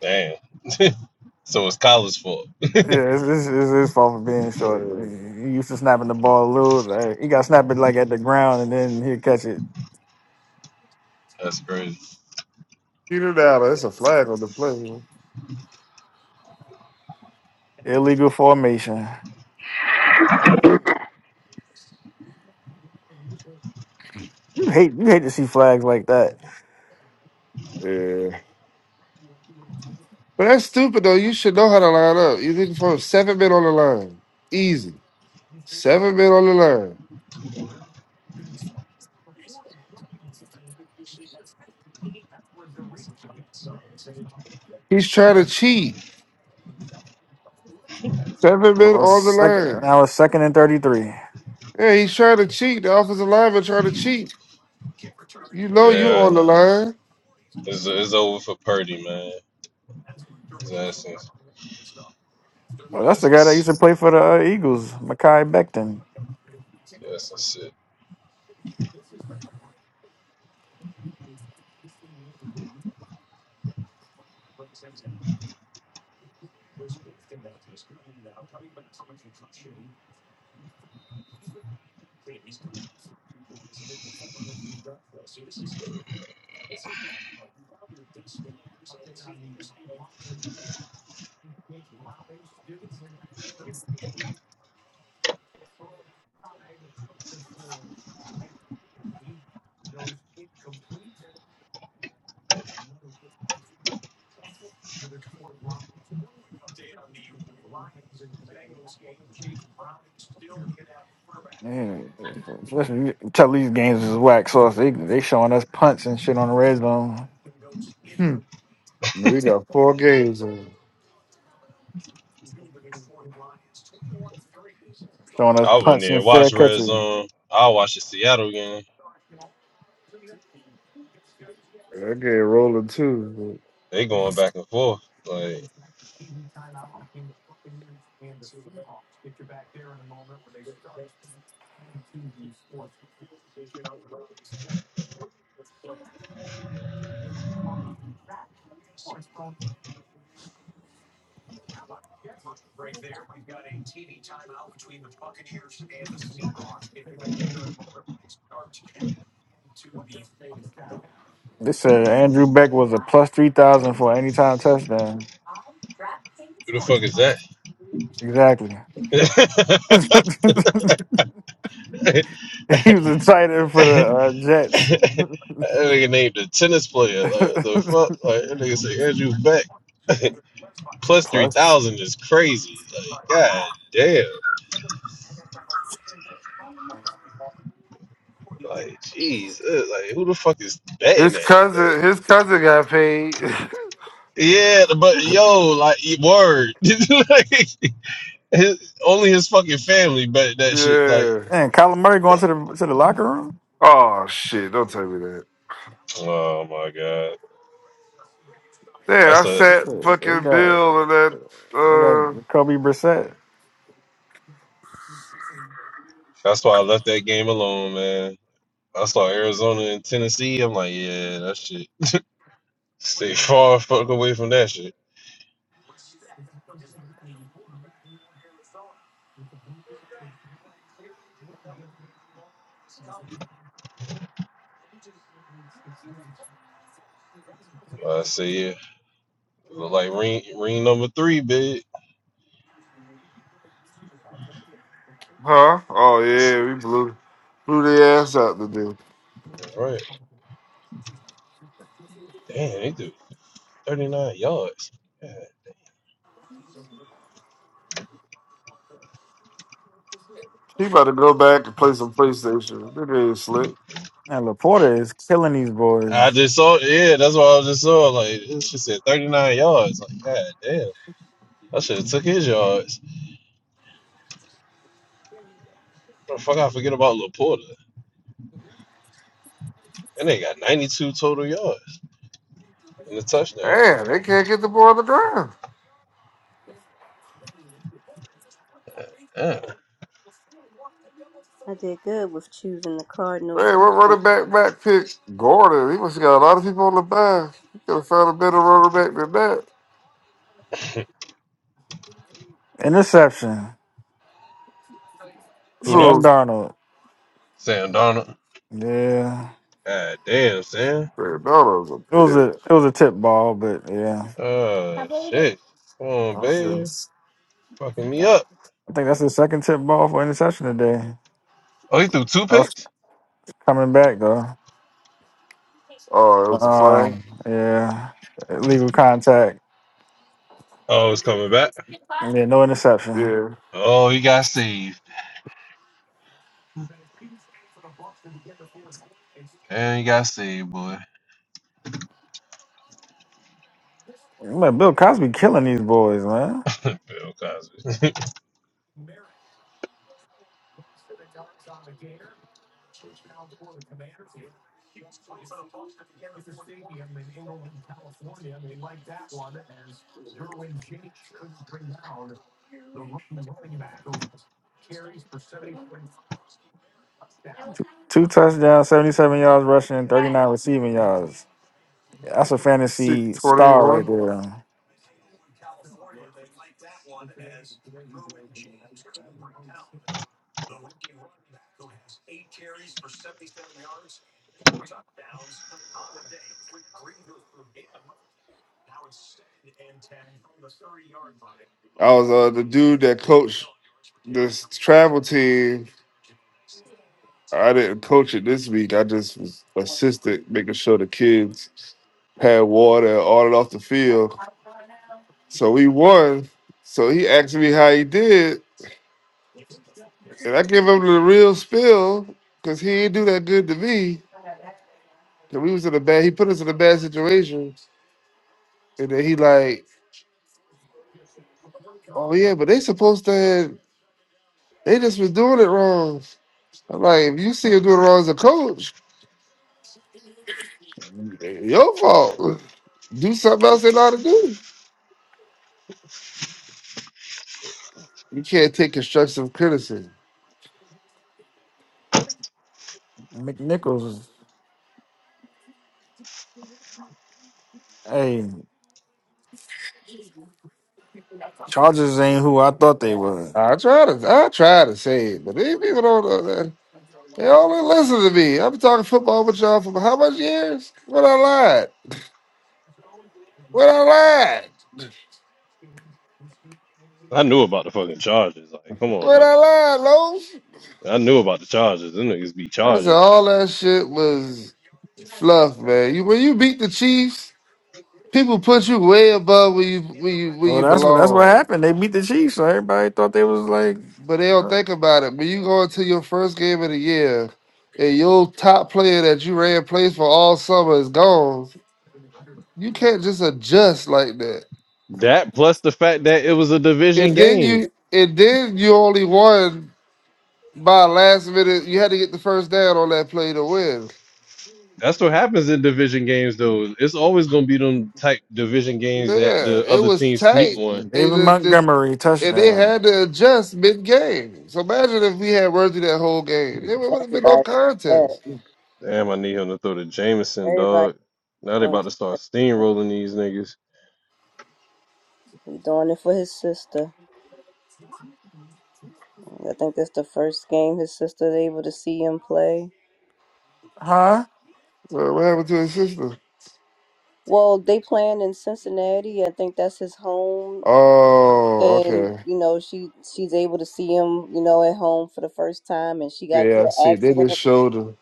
Speaker 9: Damn. (laughs) so it's Kyler's fault.
Speaker 3: yeah, it's, it's, it's his fault for being short.
Speaker 5: Yeah.
Speaker 3: He used to snapping the ball loose. Like, he got snapped it like at the ground, and then he'd catch it.
Speaker 9: That's crazy.
Speaker 5: Peter Allen, it's a flag on the play. man.
Speaker 3: Illegal formation. You hate you hate to see flags like that.
Speaker 5: Yeah. But that's stupid though. You should know how to line up. You're looking for seven men on the line. Easy. Seven men on the line. He's trying to cheat. Seven men
Speaker 3: Well, it's
Speaker 5: on the
Speaker 3: second,
Speaker 5: line.
Speaker 3: now it's second and thirty three.
Speaker 5: Yeah, he's trying to cheat. The offensive lineman trying to cheat. You know you
Speaker 9: Yeah,
Speaker 5: on the line.
Speaker 9: it's, it's over for Purdy, man. His essence,
Speaker 3: Well, that's the guy that used
Speaker 9: essence,
Speaker 3: to play for the uh, Eagles, Makai Becton.
Speaker 9: essence. Shit.
Speaker 3: Man, (laughs) tell these games is whack sauce. They they showing us punts and shit on the red zone,
Speaker 5: We got four games on.
Speaker 3: showing us
Speaker 9: I wouldn't
Speaker 3: punts
Speaker 9: even
Speaker 3: and fair
Speaker 9: watch Red
Speaker 3: catches.
Speaker 9: Zone. I'll watch the Seattle game.
Speaker 5: That game rolling too.
Speaker 9: They going back and forth. Like,
Speaker 3: They said Andrew Beck was a plus three thousand for any time touchdown.
Speaker 9: who the fuck is
Speaker 3: Exactly. (laughs) he
Speaker 9: that?
Speaker 3: was a tight end for the
Speaker 9: (laughs)
Speaker 3: uh,
Speaker 9: (laughs)
Speaker 3: Jets.
Speaker 9: that nigga named a tennis player. Like what the
Speaker 3: (laughs)
Speaker 9: fuck? Like that nigga say Andrew Beck. (laughs) Plus three
Speaker 3: plus,
Speaker 9: thousand is crazy. Like, god damn. Like, jeez. uh, Like who the fuck is betting
Speaker 5: His
Speaker 9: that?
Speaker 5: cousin,
Speaker 9: Like,
Speaker 5: his cousin got paid. (laughs)
Speaker 9: yeah, but yo, like e, word. (laughs) like his, only his fucking family bet that shit. Like
Speaker 5: yeah.
Speaker 3: man, Kyler Murray going to the to the locker room.
Speaker 5: Oh shit! Don't tell me that.
Speaker 9: Oh my god.
Speaker 5: Yeah, I
Speaker 9: That's a
Speaker 3: That's
Speaker 5: sat
Speaker 3: it. They
Speaker 5: fucking
Speaker 3: got
Speaker 5: Bill and that.
Speaker 3: they got
Speaker 5: Uh,
Speaker 3: Kobe Brissett
Speaker 9: that's why I left that game alone, man. I saw Arizona and Tennessee. I'm like, yeah, that shit. Stay (laughs) far fuck away from that shit. I say yeah. Look like ring ring number three, big.
Speaker 5: huh? Oh yeah, we blew blew their ass out today.
Speaker 9: right. Damn, they do 39 yards. God.
Speaker 5: He about to go back and play some PlayStation. They ain't slick.
Speaker 3: and Laporta is killing these boys.
Speaker 9: I just saw yeah, that's what I just saw. Like this shit said 39 yards. Like, god damn. I should have took his yards. What the fuck I forget about Laporta. And they got 92 total yards and a touchdown.
Speaker 5: Man, they can't get the ball on the ground.
Speaker 9: God Damn.
Speaker 1: I did good with choosing the Cardinals.
Speaker 5: Hey, what
Speaker 1: defense.
Speaker 5: running back Mac picked Gordon? He must have got a lot of people on the bench. He could have found a better running back than that.
Speaker 3: Interception.
Speaker 9: Who that?
Speaker 3: Sam
Speaker 5: Who?
Speaker 3: Darnold.
Speaker 9: Sam Darnold.
Speaker 3: Yeah.
Speaker 9: God damn, Sam.
Speaker 5: McDonald's a
Speaker 3: It was
Speaker 5: pick.
Speaker 3: a it was a tip ball, but yeah,
Speaker 9: Oh shit. Come on,
Speaker 5: Okay.
Speaker 9: baby. Fucking me
Speaker 3: I
Speaker 9: up.
Speaker 3: think that's the second tip ball for interception today.
Speaker 9: Oh, he threw two
Speaker 3: I was
Speaker 9: picks?
Speaker 3: coming back though.
Speaker 5: Oh, it was a flag?
Speaker 3: Um, yeah, illegal contact.
Speaker 9: Oh, it's coming back.
Speaker 3: Yeah, no interception.
Speaker 5: Yeah.
Speaker 9: Oh, he got saved. And he got saved, boy.
Speaker 3: Man, Bill Cosby killing these boys, man.
Speaker 9: (laughs) Bill Cosby.
Speaker 3: Two touchdowns, seventy-seven yards rushing, thirty-nine receiving yards. That's a
Speaker 5: Six
Speaker 3: fantasy
Speaker 5: twenty
Speaker 3: star right
Speaker 5: one.
Speaker 3: there.
Speaker 5: I was uh, the dude that coached this travel team. I didn't coach it this week. I just was assistant, making sure the kids had water and ordered off the field. So he won. So he asked me how he did, and I gave him the real spill because he didn't do that good to me. And we was in a bad. He put us in a bad situation, and then he like, oh yeah, but they supposed to. Have, they just was doing it wrong. I'm like, if you see him doing it wrong as a coach, it ain't your fault. Do something else they know how to do. You can't take constructive criticism.
Speaker 3: McNichols, hey, Chargers ain't who I thought they were.
Speaker 5: I try to, I try to say it, but these people don't know that. Y'all didn't listen to me. I've been talking football with y'all for how much years? What I lied? What I lied?
Speaker 9: (laughs) I knew about the fucking charges. Like, come on
Speaker 5: What
Speaker 9: now.
Speaker 5: I lied, Lowe's?
Speaker 9: I knew about the charges. Them niggas be
Speaker 5: I said
Speaker 9: charging.
Speaker 5: all that shit was fluff, man. You when you beat the Chiefs, people put you way above where you where you where
Speaker 3: Well,
Speaker 5: you
Speaker 3: that's what that's what
Speaker 5: belong.
Speaker 3: happened. They beat the Chiefs, so everybody thought they was like
Speaker 5: But they don't think about it. When you go into your first game of the year and your top player that you ran plays for all summer is gone, you can't just adjust like that.
Speaker 9: That plus the fact that it was a
Speaker 5: And
Speaker 9: division
Speaker 5: then
Speaker 9: game.
Speaker 5: you and then you only won. By last minute, you had to get the first down on that play to win.
Speaker 9: That's what happens in division games, though. It's always gonna be them type division games that
Speaker 5: Yeah,
Speaker 9: the
Speaker 5: it
Speaker 9: other
Speaker 5: was
Speaker 9: team sneak
Speaker 5: tight,
Speaker 9: one.
Speaker 5: and,
Speaker 3: David
Speaker 5: the, the,
Speaker 3: Montgomery
Speaker 5: and they
Speaker 3: touchdown.
Speaker 5: had to adjust mid game. So imagine if we had Worthy that whole game, it would have been no
Speaker 1: Everybody, yes,
Speaker 5: contest.
Speaker 9: Damn, I need him to throw the Jameson,
Speaker 1: everybody
Speaker 9: dog. Now they
Speaker 1: going.
Speaker 9: about to
Speaker 1: to
Speaker 9: start
Speaker 1: touchdown.
Speaker 9: steamrolling these niggas.
Speaker 1: He doing it for his sister. I think that's the first game his sister's able to see him play.
Speaker 3: Huh?
Speaker 5: So what happened to his sister?
Speaker 1: Well, they playing in Cincinnati. I think that's his home,
Speaker 5: Oh,
Speaker 1: and
Speaker 5: okay.
Speaker 1: you know she she's able to see him, you know, at home for the first time. And she got
Speaker 5: Yeah,
Speaker 1: into
Speaker 5: I
Speaker 1: an
Speaker 5: see. They just
Speaker 1: accident.
Speaker 5: showed her.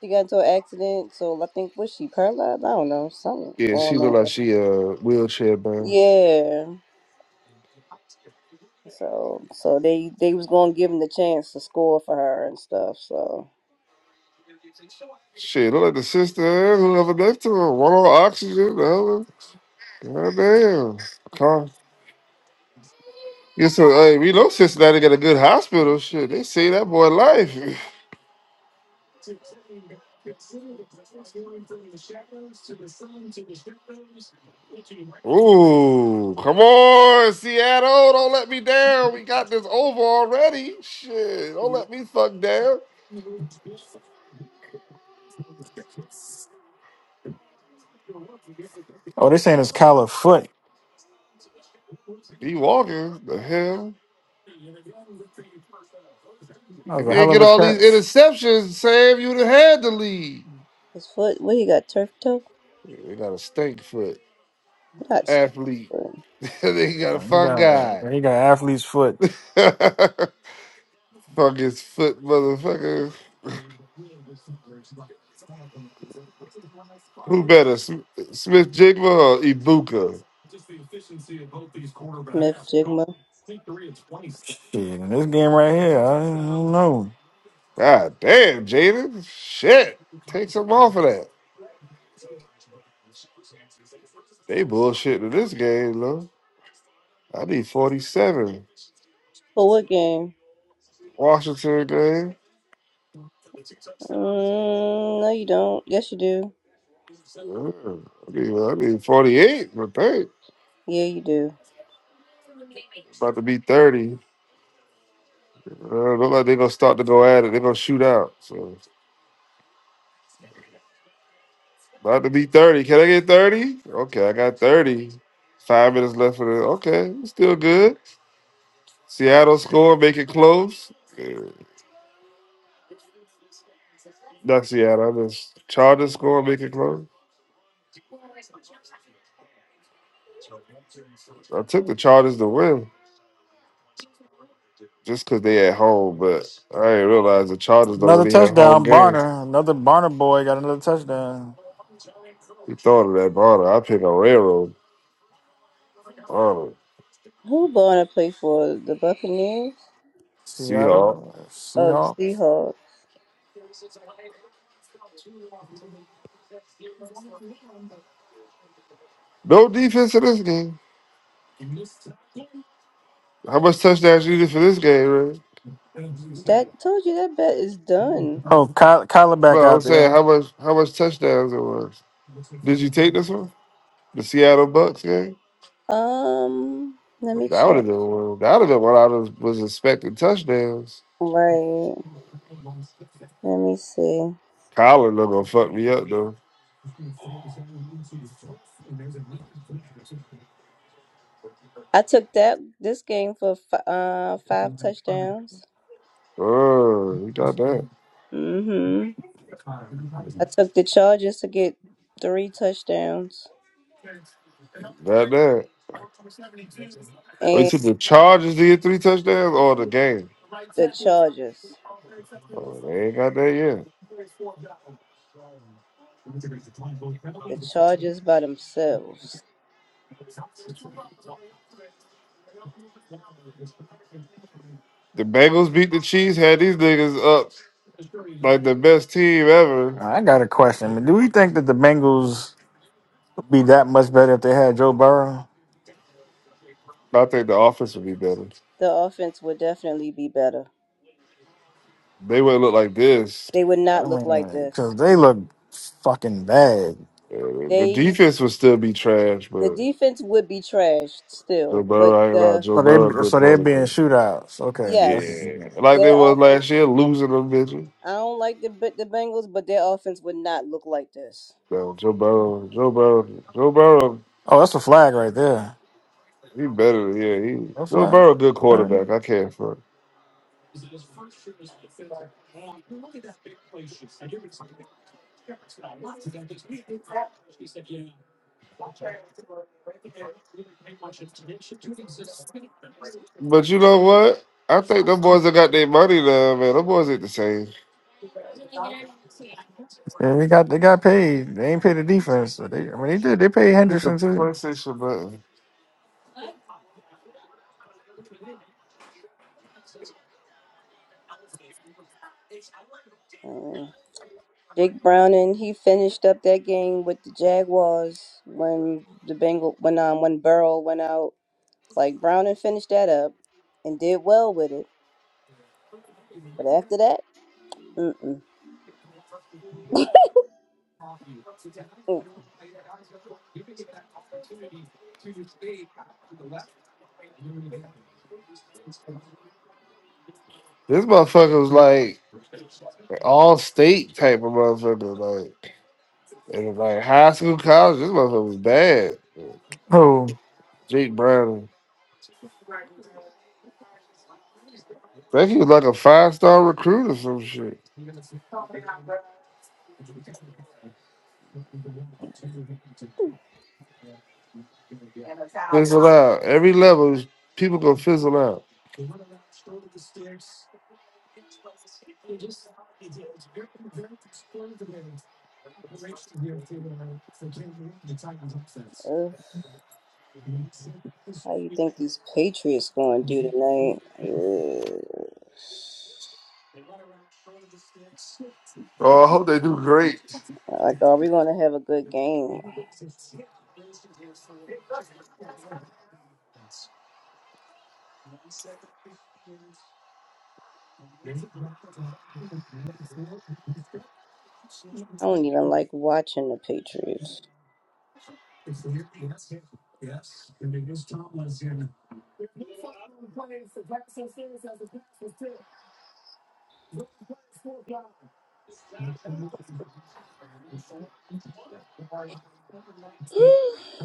Speaker 1: She got into an accident, so I think was she paralyzed? I don't know, something
Speaker 5: Yeah, she
Speaker 1: going on.
Speaker 5: looked like she uh wheelchair bound.
Speaker 1: Yeah. So so they they was gonna give him the chance to score for her and stuff. So
Speaker 5: Shit, look like the sister and whoever next to her, one on oxygen, the other. God damn. Yeah, so hey, we know Cincinnati got a good hospital. Shit, they saved that boy life. (laughs) (sighs) Ooh, come on, Seattle! Don't let me down. We got this over already. Shit, don't let me fuck down.
Speaker 3: Oh, they saying it's Kyler foot.
Speaker 5: Be walking the hell.
Speaker 3: That was
Speaker 5: If
Speaker 3: a
Speaker 5: you
Speaker 3: hell
Speaker 5: ain't
Speaker 3: of
Speaker 5: get
Speaker 3: a
Speaker 5: all these
Speaker 3: catch.
Speaker 5: interceptions, Sam, you'd have had the lead.
Speaker 1: his foot, what he got turf toe?
Speaker 5: They got a stink foot
Speaker 1: Not
Speaker 5: athlete. (laughs) they got a
Speaker 3: He
Speaker 5: fun
Speaker 3: got,
Speaker 5: guy.
Speaker 3: he got athlete's foot.
Speaker 5: (laughs) Fuck his foot, motherfucker. Who better, Sm- Smith Jigma or Ibuka?
Speaker 1: Smith Jigma.
Speaker 3: Shit, in this game right here, I don't know.
Speaker 5: God damn, Jaden. Shit. Take some off of that. They bullshitting in this game, though. I need 47.
Speaker 1: For what game?
Speaker 5: Washington game.
Speaker 1: Mm, no, you don't. Yes, you do.
Speaker 5: Yeah, I, need, I need 48, but they
Speaker 1: Yeah, you do.
Speaker 5: about to be 30. Uh, look like they're going to start to go at it. They're going to shoot out. So, about to be 30. Can I get 30? Okay, I got 30. Five minutes left for the. Okay, still good. Seattle score, make it close. Yeah. That's Seattle. I just Chargers score, make it close. I took the Chargers to win just because they at home, but I didn't realize the Chargers don't
Speaker 3: Another
Speaker 5: really have home
Speaker 3: touchdown,
Speaker 5: games.
Speaker 3: Barner. Another Barner boy got another touchdown.
Speaker 5: You thought of that, Bonner. I pick a railroad. Bonner.
Speaker 1: Who Bonner play for? The Buccaneers
Speaker 5: Seahawk.
Speaker 3: Seattle
Speaker 1: or the
Speaker 3: Seahawks.
Speaker 1: Seahawks?
Speaker 5: No defense in this game. How much touchdowns you did for this game, Ray?
Speaker 1: That told you that bet is done.
Speaker 3: Oh, Ky- Kyler back
Speaker 5: No, I'm
Speaker 3: out
Speaker 5: saying
Speaker 3: there.
Speaker 5: how much how much touchdowns it was. Did you take this one? The Seattle Bucks game?
Speaker 1: Um, let me
Speaker 5: That would have
Speaker 1: check.
Speaker 5: been one. That would have been what I was, was expecting touchdowns.
Speaker 1: Right. Let me see.
Speaker 5: Colin not gonna fuck me up though.
Speaker 1: I took that this game for fi- uh five touchdowns.
Speaker 5: Oh, he got that.
Speaker 1: Mm-hmm. I took the Chargers to get three touchdowns,
Speaker 5: Got that. Oh, you
Speaker 1: and
Speaker 5: took the Chargers to get three touchdowns or the game?
Speaker 1: the Chargers,
Speaker 5: Oh, they ain't got that yet.
Speaker 1: the Chargers by themselves,
Speaker 5: The Bengals beat the Chiefs, had these niggas up like the best team ever.
Speaker 3: I got a question. do we think that the Bengals would be that much better if they had Joe Burrow?
Speaker 5: I think the offense would be better.
Speaker 1: the offense would definitely be better.
Speaker 5: They wouldn't look like this.
Speaker 1: They would
Speaker 3: I
Speaker 1: not look like
Speaker 3: mean,
Speaker 1: this.
Speaker 3: because they look fucking bad.
Speaker 5: Uh, the
Speaker 1: They
Speaker 5: defense would still be trash,
Speaker 1: the
Speaker 5: but
Speaker 1: defense would be trashed
Speaker 5: Joe
Speaker 1: still, but
Speaker 5: Burrow, I ain't gonna lie,
Speaker 1: the
Speaker 5: Joe
Speaker 3: So
Speaker 5: Burrow, a
Speaker 3: they
Speaker 5: good
Speaker 3: so they're being
Speaker 5: quarterback.
Speaker 3: shootouts. Okay. That's
Speaker 1: yes,
Speaker 5: Yeah, like they
Speaker 1: their
Speaker 5: was last
Speaker 1: offense.
Speaker 5: year, losing them bitches.
Speaker 1: I don't like the the Bengals, but their offense would not look like this.
Speaker 5: No, Joe Burrow, Joe Burrow, Joe Burrow.
Speaker 3: oh, that's a flag right there.
Speaker 5: He better, yeah. He
Speaker 3: No
Speaker 5: Joe
Speaker 3: flag.
Speaker 5: Burrow, good
Speaker 3: Okay.
Speaker 5: quarterback. I can't front. But you know what? I think them boys that got their money now, man. Them boys ain't the same.
Speaker 3: Yeah, they got they got paid. They ain't paid the defense. So they I mean they did. They paid
Speaker 5: Hit the
Speaker 3: Henderson too.
Speaker 5: PlayStation button.
Speaker 1: Uh, Jake Browning he finished up that game with the Jaguars when the Bengal when um when Burrow went out. Like Browning finished that up and did well with it, but after that, mm mm.
Speaker 5: This motherfucker was like all state type of motherfucker, like and like high school, college. This motherfucker was bad.
Speaker 3: Oh,
Speaker 5: Jake Brown. I think he was like a five star recruit or some shit. Fizzle out. Every level, people gonna fizzle out.
Speaker 1: mm. How you think these Patriots going to do tonight?
Speaker 5: Oh, I hope they do great.
Speaker 1: Uh, like, are we going to have a good game? I don't even like watching the Patriots. (sighs)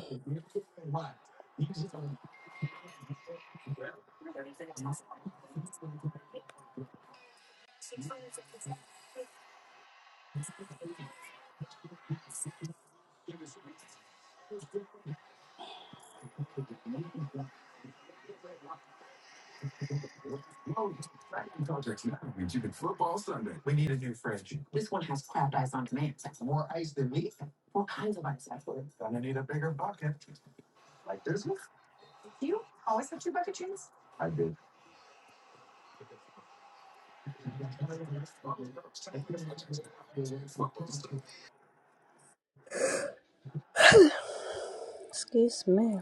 Speaker 1: Excuse me.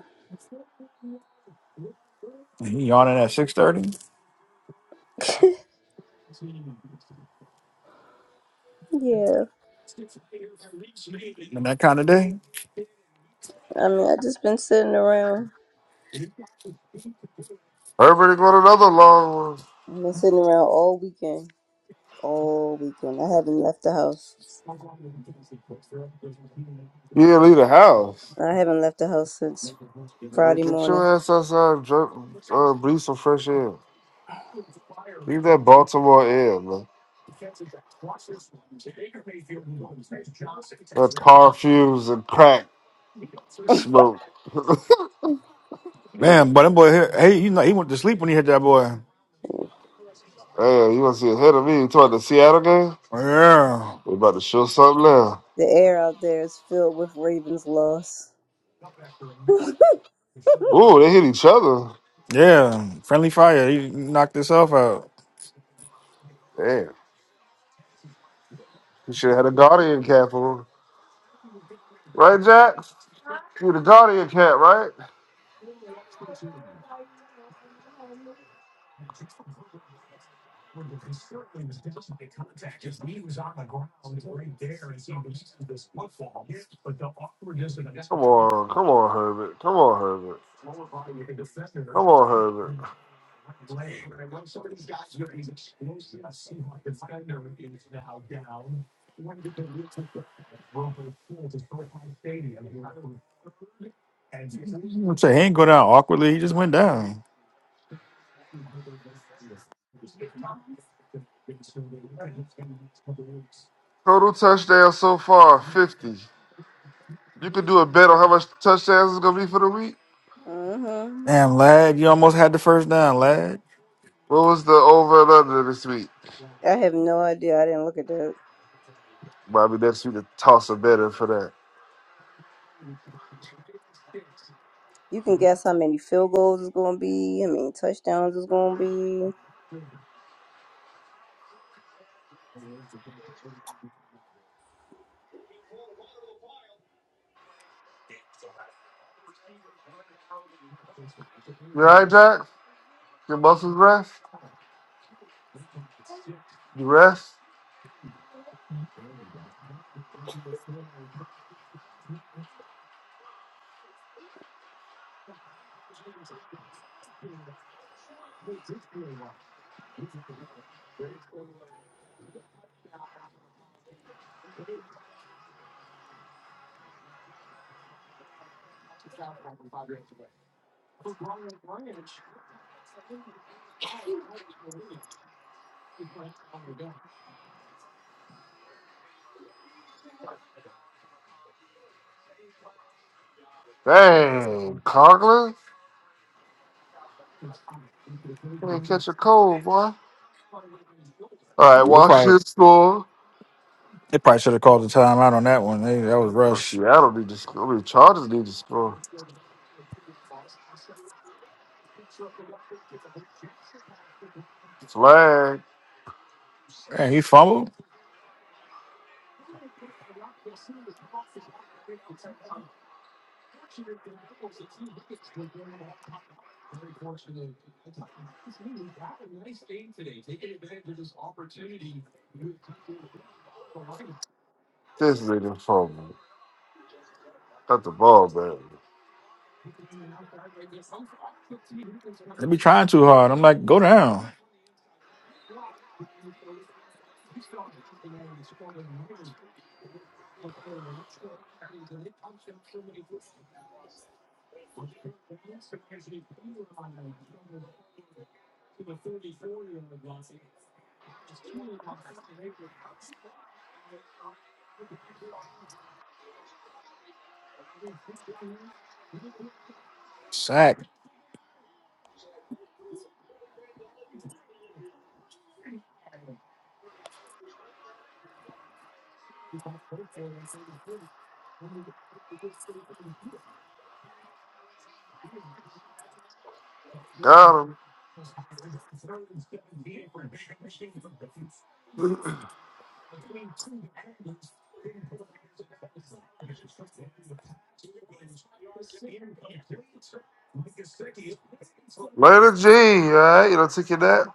Speaker 3: he yawning at six thirty
Speaker 1: Yeah.
Speaker 3: and that kind of day.
Speaker 1: I mean, I just been sitting around.
Speaker 5: Herbert going another long one.
Speaker 1: I've been sitting around all weekend. All weekend. I haven't left the house.
Speaker 5: Yeah, leave the house.
Speaker 1: I haven't left the house since
Speaker 5: Man,
Speaker 1: Friday
Speaker 5: Get
Speaker 1: morning.
Speaker 5: your ass outside and dr- uh, breathe some fresh air. Leave that Baltimore air, man. That tar fumes and crack smoke. (laughs)
Speaker 3: Man,
Speaker 1: (sighs)
Speaker 3: but that boy here, hey, you know he went to sleep when he hit that boy.
Speaker 5: Hey, you want to see ahead of me? You talking about the Seattle game?
Speaker 3: Yeah,
Speaker 5: We about to show something now.
Speaker 1: The air out there is filled with Ravens loss. (laughs)
Speaker 5: Ooh, they hit each other.
Speaker 3: yeah. Friendly fire. He knocked himself out.
Speaker 5: Damn. You should have had a Guardian cap on. Right, Jack? You the Guardian cap, right? Come on. Come on, Herbert. Come on, Herbert. Come on, Herbert.
Speaker 3: I'm saying he ain't go down awkwardly. He just went down.
Speaker 5: Total touchdown so far, 50. You could do a bet on how much touchdowns it's going to be for the week?
Speaker 1: Mm-hmm.
Speaker 3: Damn, lad, you almost had the first down,
Speaker 5: What was the over and under this week?
Speaker 1: I have no idea. I didn't look it up.
Speaker 5: Bobby next week to toss a bet in for that.
Speaker 1: You can guess how many field goals it's going to be. I mean, touchdowns it's going to be.
Speaker 5: You alright, Jack? Your muscles rest? You rest? Dang, Conklin? You ain't catch a cold, boy. Alright,
Speaker 3: lad.
Speaker 5: Washington score.
Speaker 3: They probably should have called the timeout on that one. They, that was
Speaker 5: Oh,
Speaker 3: rush.
Speaker 5: Seattle need to score. I mean, Chargers need to score. Flag.
Speaker 3: Man, he fumbled.
Speaker 5: This nigga fumble. Got the ball, baby.
Speaker 3: They be trying too hard. I'm like, go down. Sack.
Speaker 5: Got him. (clears throat) Later, G. Alright, you know, take your nap.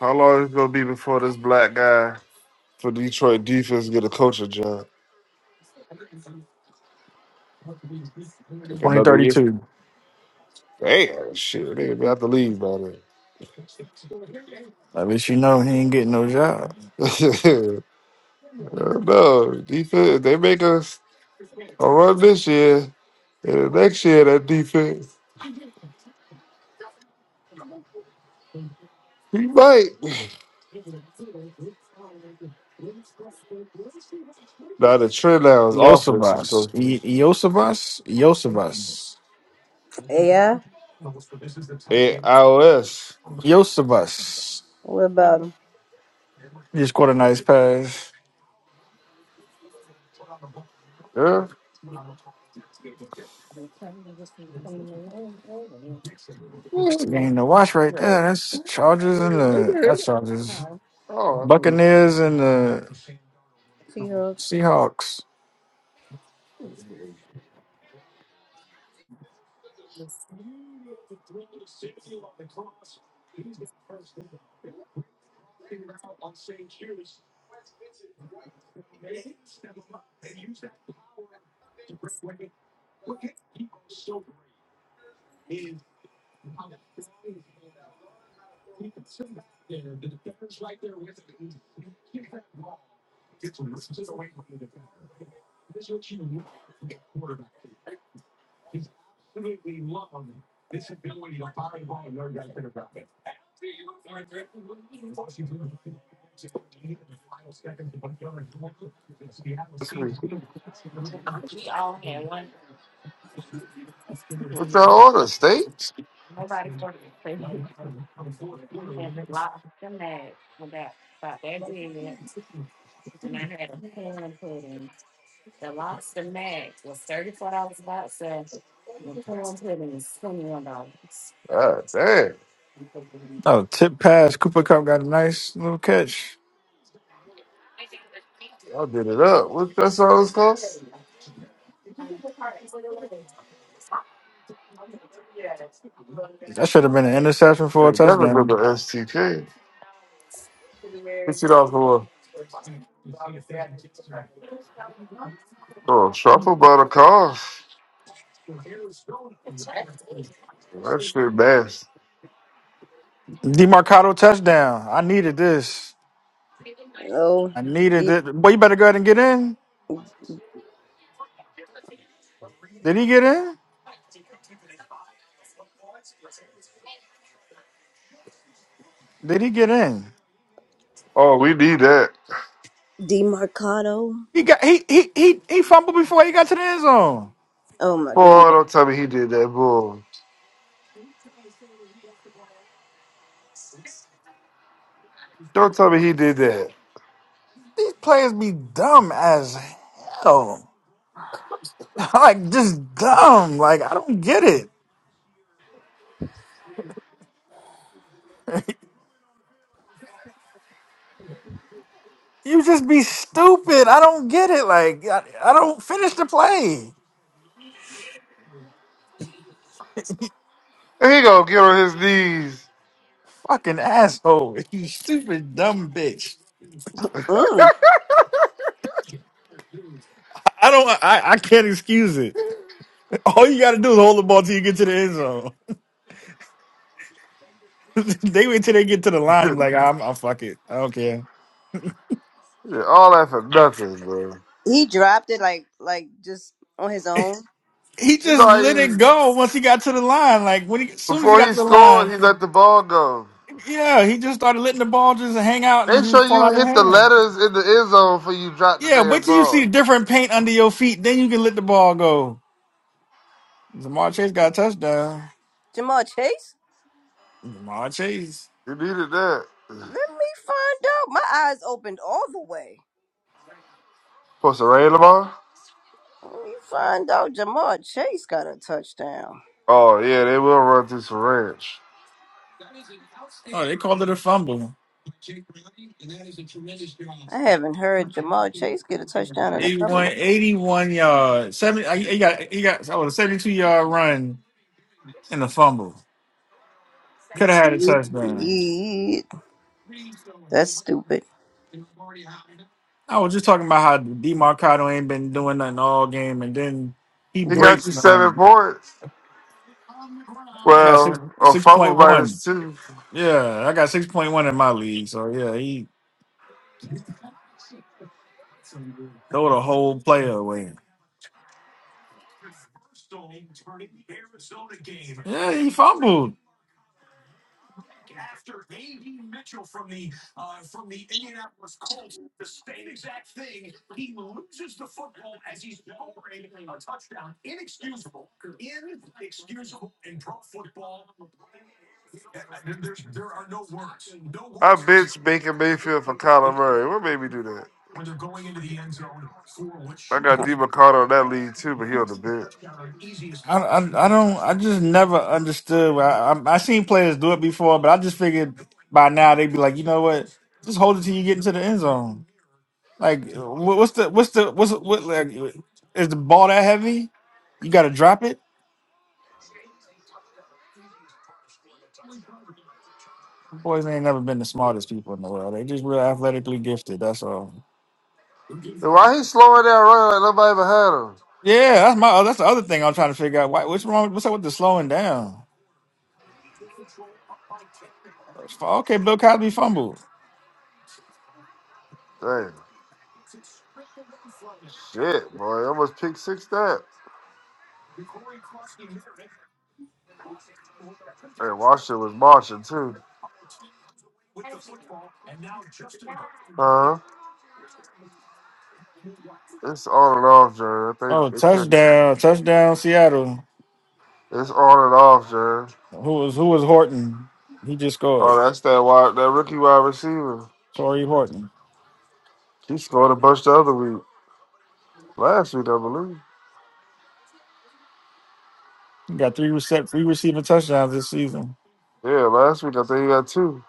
Speaker 5: How long is it gonna be before this black guy for Detroit defense get a coaching job? Like another year.
Speaker 3: 2032.
Speaker 5: Damn, shit, they gonna have to leave by then.
Speaker 3: At least you know he ain't getting no job.
Speaker 5: (laughs) no defense. They make us a run this year, and the next year that defense, we might. (sighs) Now the trend now is offensive
Speaker 3: Yosavas. Y-
Speaker 5: coaches
Speaker 3: Yosavas? Yosavas.
Speaker 1: Yeah,
Speaker 5: and iOS.
Speaker 3: Yosavas.
Speaker 1: What about them?
Speaker 3: He just caught a nice pass.
Speaker 5: Yeah.
Speaker 3: That's the
Speaker 5: Oh,
Speaker 3: game to watch right there. That's the Chargers and the not Chargers.
Speaker 5: I thought
Speaker 3: Buccaneers and the
Speaker 1: Seahawks.
Speaker 3: Seahawks.
Speaker 5: that's me. What's our order, states? Ah, damn,
Speaker 3: Oh, tip pass. Cooper Cup got a nice little catch.
Speaker 5: y'all did it up. What that song cost?
Speaker 3: That should have been an interception
Speaker 5: Hey,
Speaker 3: for a
Speaker 5: That remember
Speaker 3: touchdown.
Speaker 5: STK. Fifty dollars for a, for a truffle butter car. That shit nasty.
Speaker 3: Demarcado touchdown. I needed this.
Speaker 1: Oh,
Speaker 3: I needed
Speaker 1: D-
Speaker 3: it. Boy, you better go ahead and get in. Did he get in? Did he get in?
Speaker 5: Oh, we need that.
Speaker 1: Demarcado.
Speaker 3: He got he he he he fumbled before he got to the end zone.
Speaker 1: Oh my goodness.
Speaker 5: Boy, don't tell me he did that, boy. Don't tell me he did that.
Speaker 3: These players be dumb as hell. (laughs) Like just dumb. Like I don't get it. You just be stupid. I don't get it. Like I, I don't finish the play.
Speaker 5: And he gonna get on his knees.
Speaker 3: Fucking asshole. (laughs) You stupid dumb bitch.
Speaker 1: Mm.
Speaker 3: I don't I, I can't excuse it. (laughs) All you gotta do is hold the ball till you get to the end zone. (laughs) they wait till they get to the line and
Speaker 5: (laughs)
Speaker 3: be like, I'm I fuck it. I don't care.
Speaker 5: Yeah, All that for nothing, bro.
Speaker 1: He dropped it like like just on his own.
Speaker 3: He
Speaker 5: You
Speaker 3: just let
Speaker 5: know, he,
Speaker 3: it go once he got to the line. Like when he as soon as he
Speaker 5: before
Speaker 3: got
Speaker 5: he
Speaker 3: to the
Speaker 5: scored,
Speaker 3: line,
Speaker 5: he let the ball go.
Speaker 3: yeah, he just started letting the ball just hang out and
Speaker 5: Make
Speaker 3: just
Speaker 5: sure
Speaker 3: fall
Speaker 5: you
Speaker 3: out of
Speaker 5: hit the
Speaker 3: hand.
Speaker 5: letters in the end zone before you drop the
Speaker 3: Yeah, wait
Speaker 5: damn
Speaker 3: till you see
Speaker 5: ball.
Speaker 3: the different paint under your feet, then you can let the ball go. Jamar Chase got a touchdown.
Speaker 1: Jamal Chase.
Speaker 3: Jamar Chase.
Speaker 5: You needed that.
Speaker 1: Let me find out. My eyes opened all the way.
Speaker 5: For Saran Lamar?
Speaker 1: Let me find out. Jamal Chase got a touchdown.
Speaker 5: Oh, yeah, they will run through some ranch.
Speaker 3: Oh, they called it a fumble.
Speaker 1: I haven't heard Jamal Chase get a
Speaker 3: 81,
Speaker 1: touchdown in a couple
Speaker 3: 81
Speaker 1: of
Speaker 3: yards. Seven. I- He got. He got. Oh, a seventy-two yard run and a fumble. Could have had a touchdown.
Speaker 1: years. That's stupid.
Speaker 3: I was just talking about how Demarcado ain't been doing nothing all game, and then he
Speaker 5: He
Speaker 1: Then
Speaker 5: got
Speaker 3: breaks
Speaker 5: you seven
Speaker 3: one.
Speaker 5: points.
Speaker 3: I got six
Speaker 5: Well, a
Speaker 3: six
Speaker 5: fumble
Speaker 3: point one.
Speaker 5: minus two.
Speaker 3: Yeah, I got six point one in my league. So yeah, he throw the whole player away. Yeah, he fumbled. I,
Speaker 5: I bitch Baker Mayfield for Kyler Murray. What made me do that? I got D McConnell on that lead too, but he on the bench.
Speaker 3: I, I don't I just never understood. I, I I seen players do it before, but I just figured by now they'd be like, you know what? Just hold it till you get into the end zone. Like, wha- what's the what's the what's what like? Is the ball that heavy? You got to drop it. Boys ain't never been the smartest people in the world. They just real athletically gifted. That's all.
Speaker 5: And why he slowing down running like nobody ever
Speaker 3: Yeah, that's my. oh, That's the other thing I'm trying to figure out. Why, what's wrong? What's up with the slowing down? Okay, Bill Cosby fumbled.
Speaker 5: had him? Damn. Shit, boy. Almost pick six that. And Washington was marching too. Huh? It's on and off, Jared. I think
Speaker 3: Oh,
Speaker 5: it could.
Speaker 3: touchdown! Touchdown, Seattle.
Speaker 5: It's on and off, Jared.
Speaker 3: Who was who was Horton? He just scored.
Speaker 5: Oh, that's that wide, that rookie wide receiver.
Speaker 3: Torrey Horton.
Speaker 5: He scored a bunch the other week. Last week, I believe.
Speaker 3: He got three recep three receiving touchdowns this season.
Speaker 5: Yeah, last week I think he got two.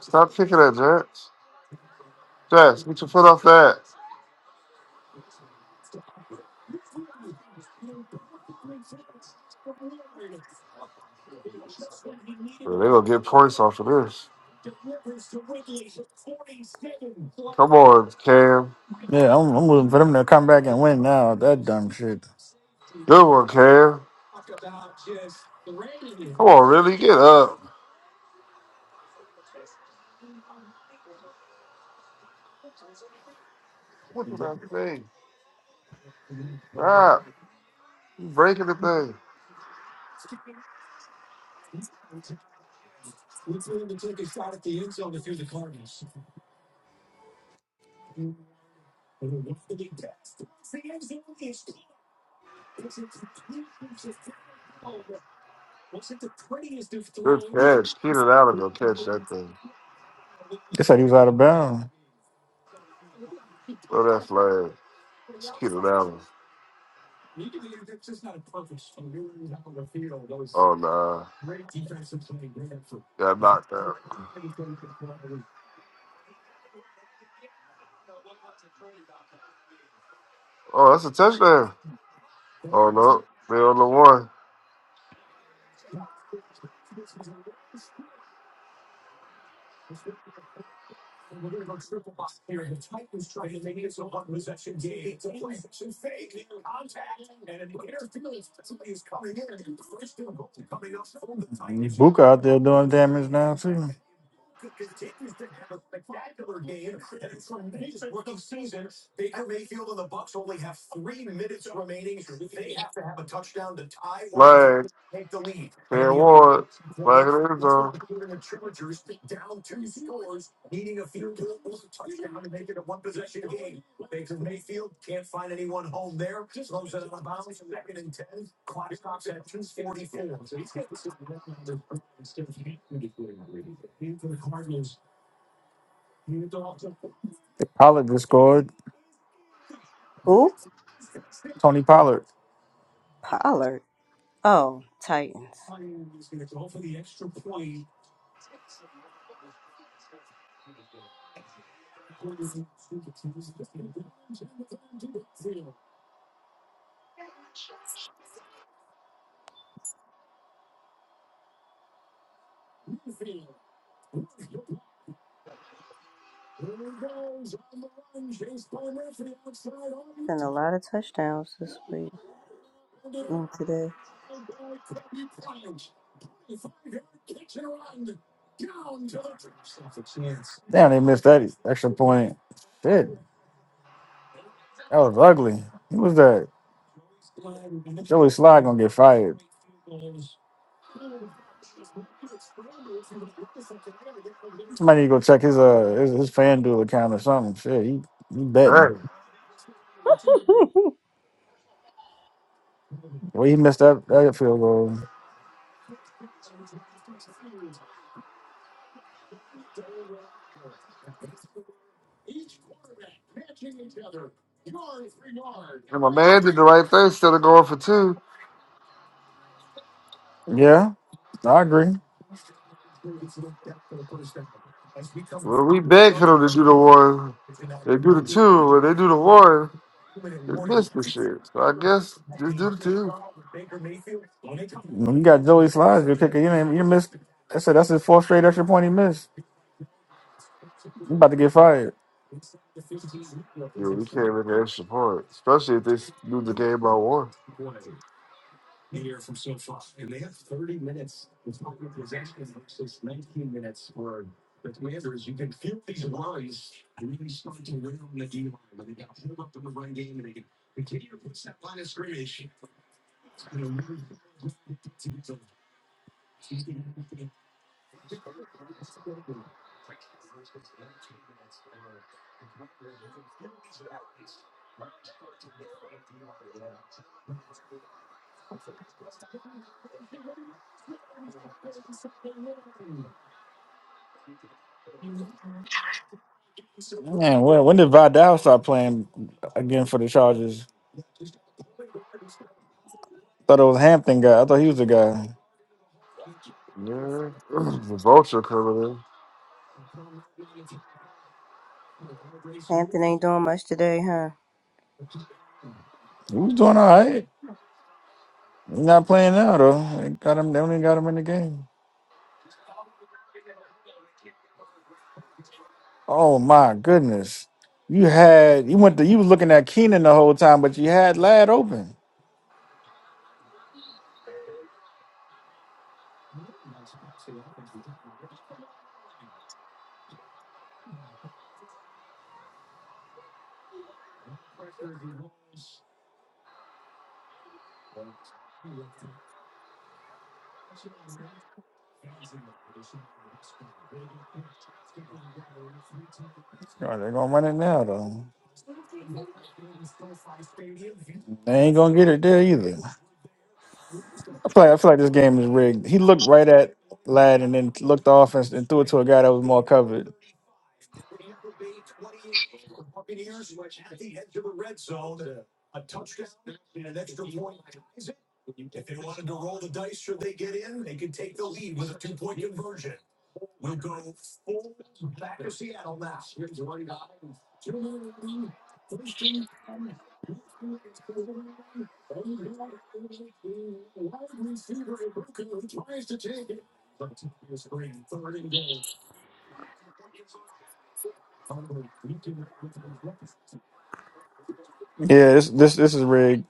Speaker 5: Stop kicking at Jets. Jets, get your foot off that. They're going to get points off of this. Come on, Cam.
Speaker 3: Yeah, I'm, I'm rooting for them to come back and win now. That dumb shit.
Speaker 5: Good one, Cam. Come on, really. Get up. What did I say? Stop. You breaking the thing. Good catch. Keenan Allen going to catch that thing.
Speaker 3: They said he was out of bounds.
Speaker 5: Throw that flag. It's Keenan Allen. Oh, nah. Got knocked out. Oh, that's a touchdown. Oh, no. They on the one.
Speaker 3: Booker out there doing damage now too.
Speaker 5: Flag. Cam Ward. Flag in the end zone.
Speaker 3: Pollard just scored.
Speaker 1: who?
Speaker 3: Tony Pollard.
Speaker 1: Pollard. Oh, Titans. Been a lot of touchdowns this week. Mm, today.
Speaker 3: Damn, they missed that extra point. Shit, that was ugly. Who was that? Sly gonna get fired. Somebody need to go check his uh his, his FanDuel account or something. Shit, he, he betting.
Speaker 5: Dang.
Speaker 3: Well, he missed that that field goal.
Speaker 5: And my man did the right thing instead of going for two.
Speaker 3: Yeah, I agree.
Speaker 5: Well, we beg for them to do the one. They do the two. When they do the one, they miss the shit. So I guess just do the two.
Speaker 3: When you got Joey Slides, you're kicking. You ain't you missed. I said that's his fourth straight extra point he missed. You about to get fired.
Speaker 5: Dude, we can't make an extra point, especially if they s- lose the game by one.
Speaker 3: Man, when, when did Vidal start playing again for the Chargers? Thought it was Hampton guy. I thought he was the guy.
Speaker 5: Yeah, (clears throat) the vulture coming in.
Speaker 1: Hampton ain't doing much today, huh?
Speaker 3: He was doing all right. Not playing now though. They got him. They only got him in the game. Oh my goodness! You had you went to you was looking at Keenan the whole time, but you had Lad open. Oh, they're gonna run it now though. They ain't gonna get it there either. I feel like, I feel like this game is rigged. He looked right at Lad and then looked the offense and threw it to a guy that was more covered. Yeah, this this this is rigged.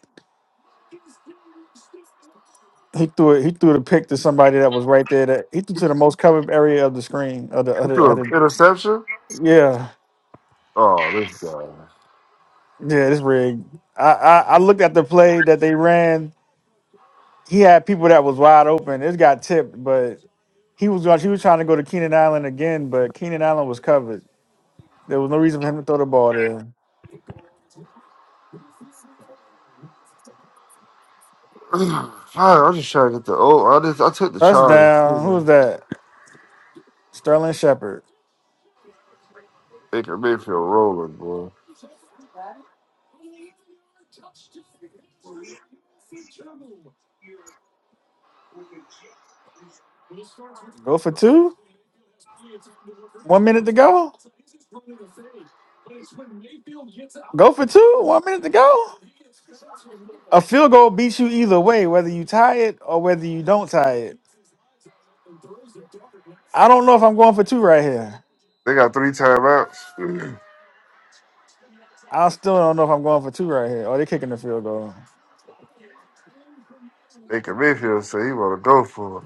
Speaker 3: He threw it. He threw the pick to somebody that was right there. That he threw to the most covered area of the screen. Of the, of
Speaker 5: He
Speaker 3: the,
Speaker 5: threw
Speaker 3: of
Speaker 5: an
Speaker 3: the,
Speaker 5: interception.
Speaker 3: yeah.
Speaker 5: Oh, this guy.
Speaker 3: Yeah, this rig. I, I I looked at the play that they ran. He had people that was wide open. It got tipped, but he was going. He was trying to go to Keenan Allen again, but Keenan Allen was covered. There was no reason for him to throw the ball there.
Speaker 5: (clears throat) Fine, I'm just trying to get the. Oh, I just I took the Chargers too,
Speaker 3: Touchdown. Who was
Speaker 5: man.
Speaker 3: that? Sterling Shepard.
Speaker 5: Baker Mayfield rolling, boy.
Speaker 3: Go for two. One minute to go. Go for two. One minute to go. A field goal beats you either way, whether you tie it or whether you don't tie it. I don't know if I'm going for two right here.
Speaker 5: They got three timeouts. (clears throat)
Speaker 3: I still don't know if I'm going for two right here. Oh, they're kicking the field goal.
Speaker 5: Baker Mayfield said he want to go for it.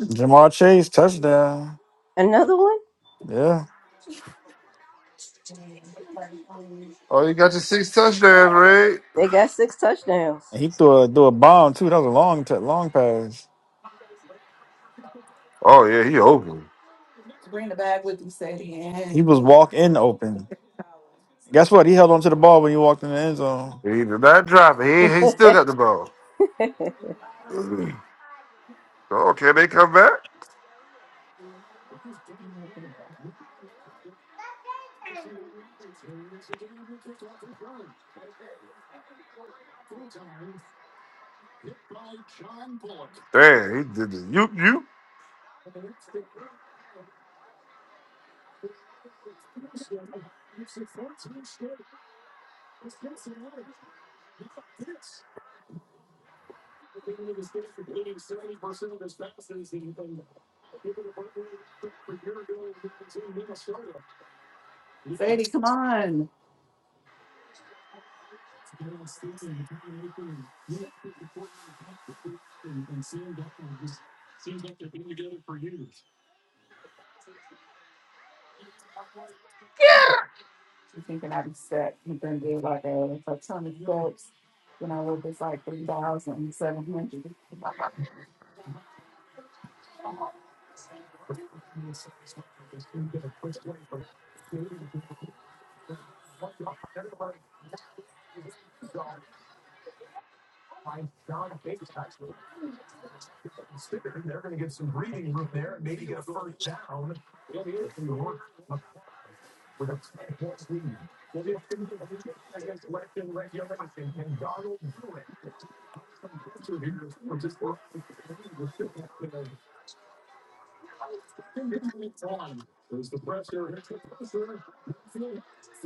Speaker 3: Jamar Chase touchdown.
Speaker 1: Another one?
Speaker 3: Yeah,
Speaker 5: Oh, you got your six touchdowns, Ray.
Speaker 1: They got six touchdowns.
Speaker 3: and he threw a threw a bomb too. That was a long t- long pass.
Speaker 5: Oh yeah, he open.
Speaker 3: He was walk in open. Guess what? He held onto the ball when he walked in the end zone.
Speaker 5: He did not drop it.
Speaker 1: (laughs)
Speaker 5: He he still got the ball.
Speaker 1: hmm.
Speaker 5: (clears throat) oh, can they come back? Damn, he did the you you.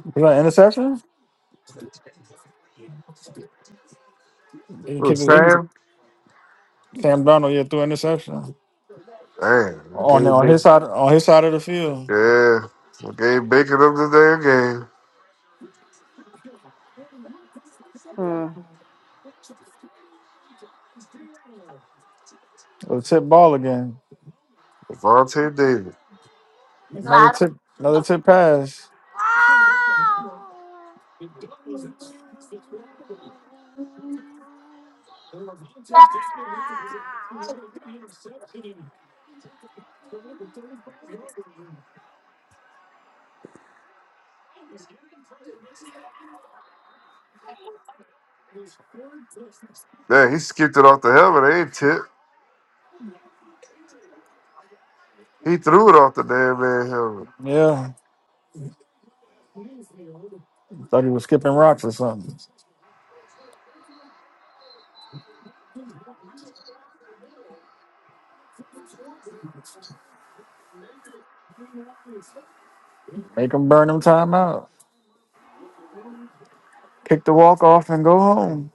Speaker 3: Was that an interception?
Speaker 5: Oh, Sam.
Speaker 3: Sam Donald yeah threw an interception
Speaker 5: Damn,
Speaker 3: on
Speaker 5: gave
Speaker 3: on his
Speaker 5: Baker.
Speaker 3: side on his side of the field.
Speaker 5: Yeah, we gave Baker up the damn game.
Speaker 3: A tip ball again.
Speaker 5: Devontae Davis.
Speaker 3: Another tip. Another tip pass.
Speaker 5: Damn, he skipped it off the helmet. They ain't tip. He threw it off the damn man helmet.
Speaker 3: Yeah, thought he was skipping rocks or something. Make him burn him timeout. kick the walk off and go home.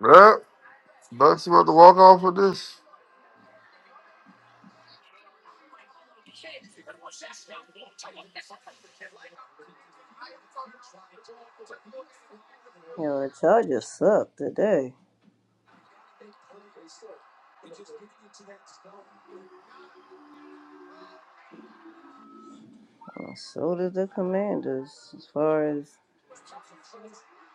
Speaker 5: Bruh, Bucks about to walk off with this.
Speaker 1: Yeah, the Chargers suck today. And so did the Commanders as far as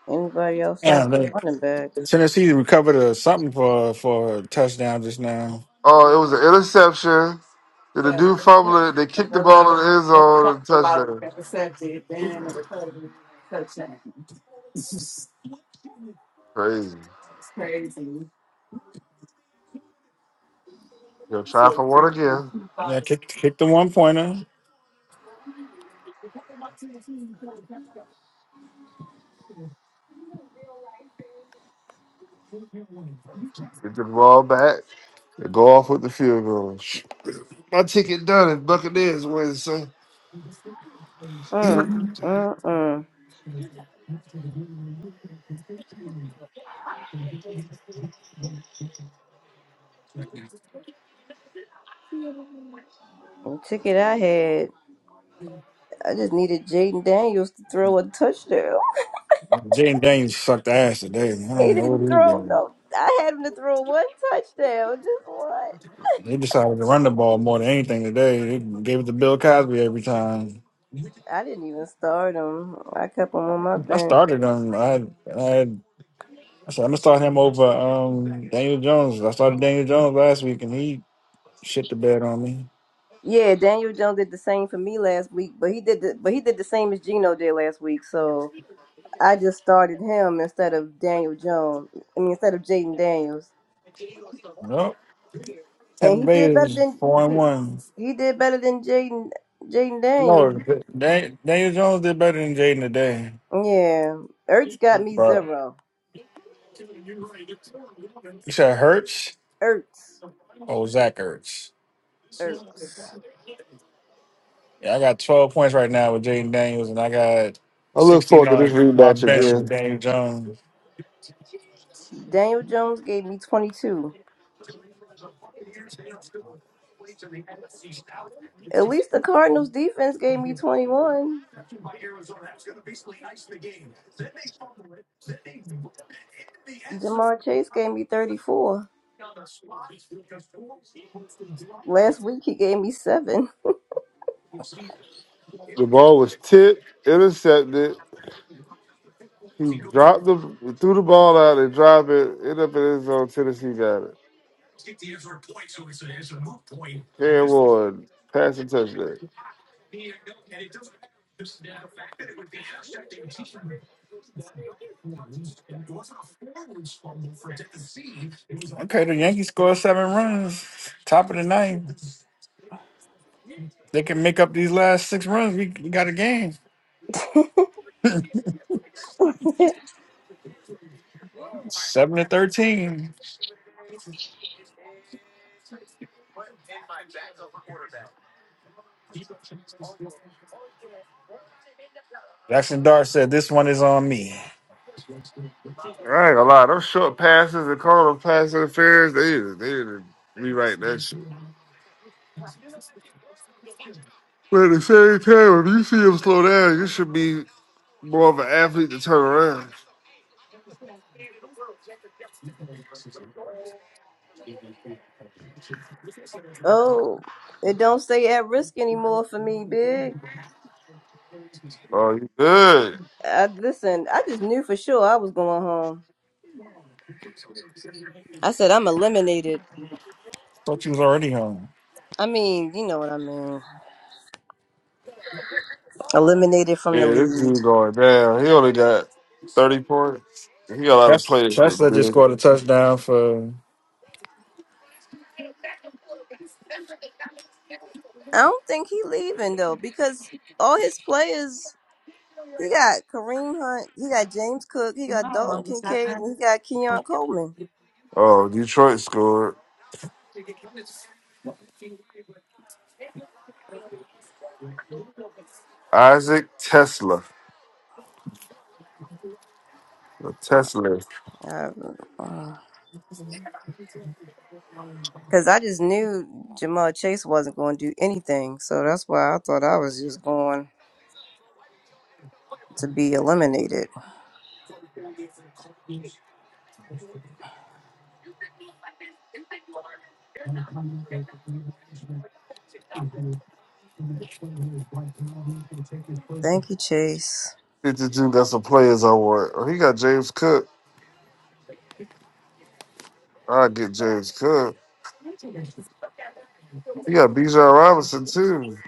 Speaker 1: anybody outside of
Speaker 3: Damn, they,
Speaker 1: running backs.
Speaker 3: Tennessee recovered a something for for a touchdown just now.
Speaker 5: Oh, it was an interception. Did the dude fumble it? They kicked the ball in the end zone and touchdown. Crazy. Gonna try for one again.
Speaker 3: Yeah, kicked kicked the one pointer.
Speaker 5: Get the ball back. and Go off with the field goal. My ticket done is Buccaneers win, son. (clears throat)
Speaker 1: Mm.
Speaker 5: I
Speaker 1: Mm mm. The ticket I had, I just needed Jaden Daniels to throw a touchdown.
Speaker 3: Jaden Daniels sucked ass today. I
Speaker 1: He
Speaker 3: don't know
Speaker 1: didn't
Speaker 3: what he
Speaker 1: throw
Speaker 3: did.
Speaker 1: no. I had him to throw one touchdown, just one.
Speaker 3: They decided to run the ball more than anything today. They gave it to Bill Cosby every time.
Speaker 1: I didn't even start him. I kept him on my
Speaker 3: I
Speaker 1: bench.
Speaker 3: started him. I I, had, I said I'm gonna start him over um, Daniel Jones. I started Daniel Jones last week and he shit the bed on me.
Speaker 1: Yeah, Daniel Jones did the same for me last week, but he did the but he did the same as Gino did last week. So I just started him instead of Daniel Jones. I mean, instead of Jaden Daniels,
Speaker 3: Well, Tampa
Speaker 1: and he
Speaker 3: Bay
Speaker 1: did better
Speaker 3: is four and
Speaker 1: than
Speaker 3: one.
Speaker 1: he did better than Jaden Jaden
Speaker 3: No,
Speaker 1: Daniels.
Speaker 3: Dan- Daniel Jones did better than Jaden today.
Speaker 1: Yeah, Ertz got me
Speaker 3: But
Speaker 1: zero.
Speaker 3: you said Hurts
Speaker 1: Ertz,
Speaker 3: Oh, Zach Ertz?
Speaker 1: Ertz.
Speaker 3: Yeah, I got 12 points right now with Jaden Daniels, and I got
Speaker 5: look
Speaker 3: 16
Speaker 5: forward to this
Speaker 3: on my
Speaker 5: rematch
Speaker 3: bench with
Speaker 5: again.
Speaker 3: Daniel Jones.
Speaker 1: Daniel Jones gave me twenty two. At least the Cardinals defense gave me 21. Jamar Chase gave me 34. Last week he gave me seven.
Speaker 5: The ball was tipped, intercepted. He dropped the threw the ball out and dropped it. Ended up in his zone. Tennessee got it. Cam Ward pass and touchdown.
Speaker 3: Okay, the Yankees scored seven runs, top of the ninth. They can make up these last six runs. We, we got a game,
Speaker 1: (laughs)
Speaker 3: seven to 13. Jackson Dart said, This one is on me.
Speaker 5: I ain't gonna lie, those short passes and calling them pass interference, they need to- they need to rewrite that shit. But at the same time, if you see him slow down, you should be more of an athlete to turn around.
Speaker 1: oh, it don't say at risk anymore for me, big.
Speaker 5: Oh, you good.
Speaker 1: I, listen, I just knew for sure I was going home. I said I'm eliminated.
Speaker 3: Thought you was already home.
Speaker 1: I mean, you know what I mean. Eliminated from the
Speaker 5: Yeah, this
Speaker 1: league.
Speaker 5: dude going down. He only got 30 points. He got a lot of
Speaker 3: Tesla,
Speaker 5: players with
Speaker 3: Tesla just scored a
Speaker 5: big.
Speaker 3: touchdown for
Speaker 1: I don't think he leaving though because all his players. He got Kareem Hunt. He got James Cook. He got Dalton Kincaid. And he got Kenyon Coleman.
Speaker 5: Oh, Detroit scored. Isaac Tesla. The
Speaker 1: Uh,
Speaker 5: Tesla.
Speaker 1: uh, uh. Cause I just knew Jamal Chase wasn't going to do anything, so that's why I thought I was just going to be eliminated. Thank you, Chase.
Speaker 5: 52 got some players I want. Oh, he got James Cook. I get James Cook. He got Bijan Robinson, too.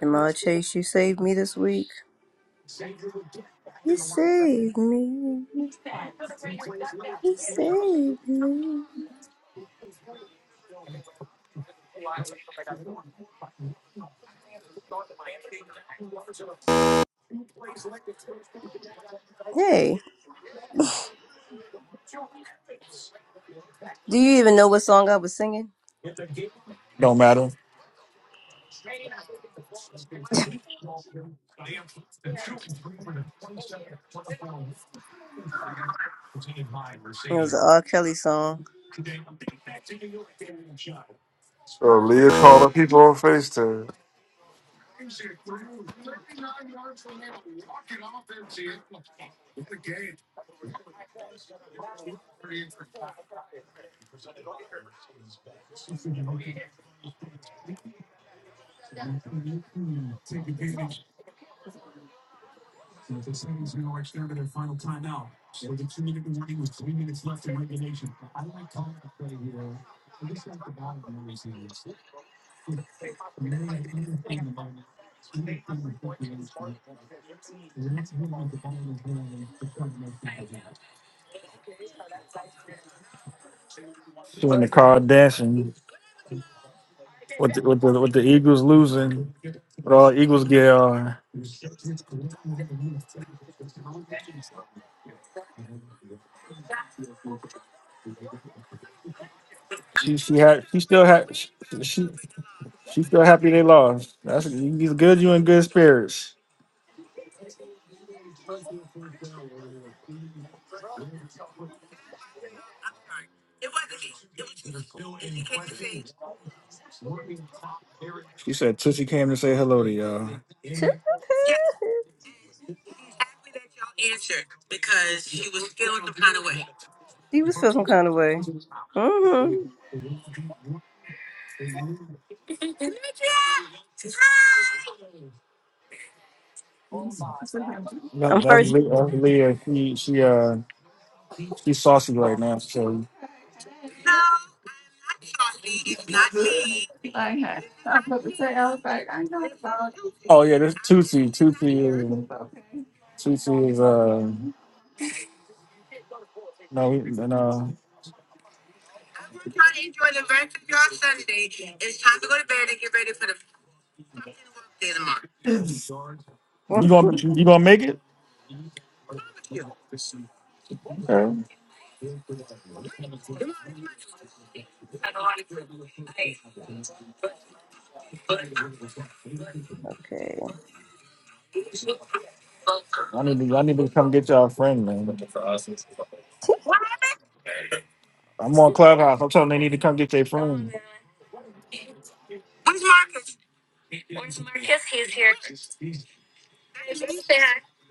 Speaker 1: Jamal Chase, you saved me this week. You saved me. You saved me. Hey, do you even know what song I was singing?
Speaker 3: don't matter.
Speaker 1: It was an R. Kelly song.
Speaker 5: Oh, Leah calling people on FaceTime.
Speaker 3: She in the car dancing with the, with the with the Eagles losing. With all Eagles gear on. She she had she still had she she she still happy they lost. That's you good. You in good spirits. She said Tootsie came to say hello to y'all.
Speaker 1: (laughs) She was feel some kind of way. Mm-hmm.
Speaker 3: That,
Speaker 1: I'm
Speaker 3: that's,
Speaker 1: first.
Speaker 3: Le- that's Leah. She she uh she's saucy right now. So oh yeah, this Tootsie. Tootsie is Tootsie is uh. No, we- no.
Speaker 1: (laughs)
Speaker 3: You gonna you gonna make it? Uh,
Speaker 1: okay.
Speaker 3: I need to I need to come get y'all a friend, man. I'm on Clubhouse. I'm telling them they need to come get their friend. What's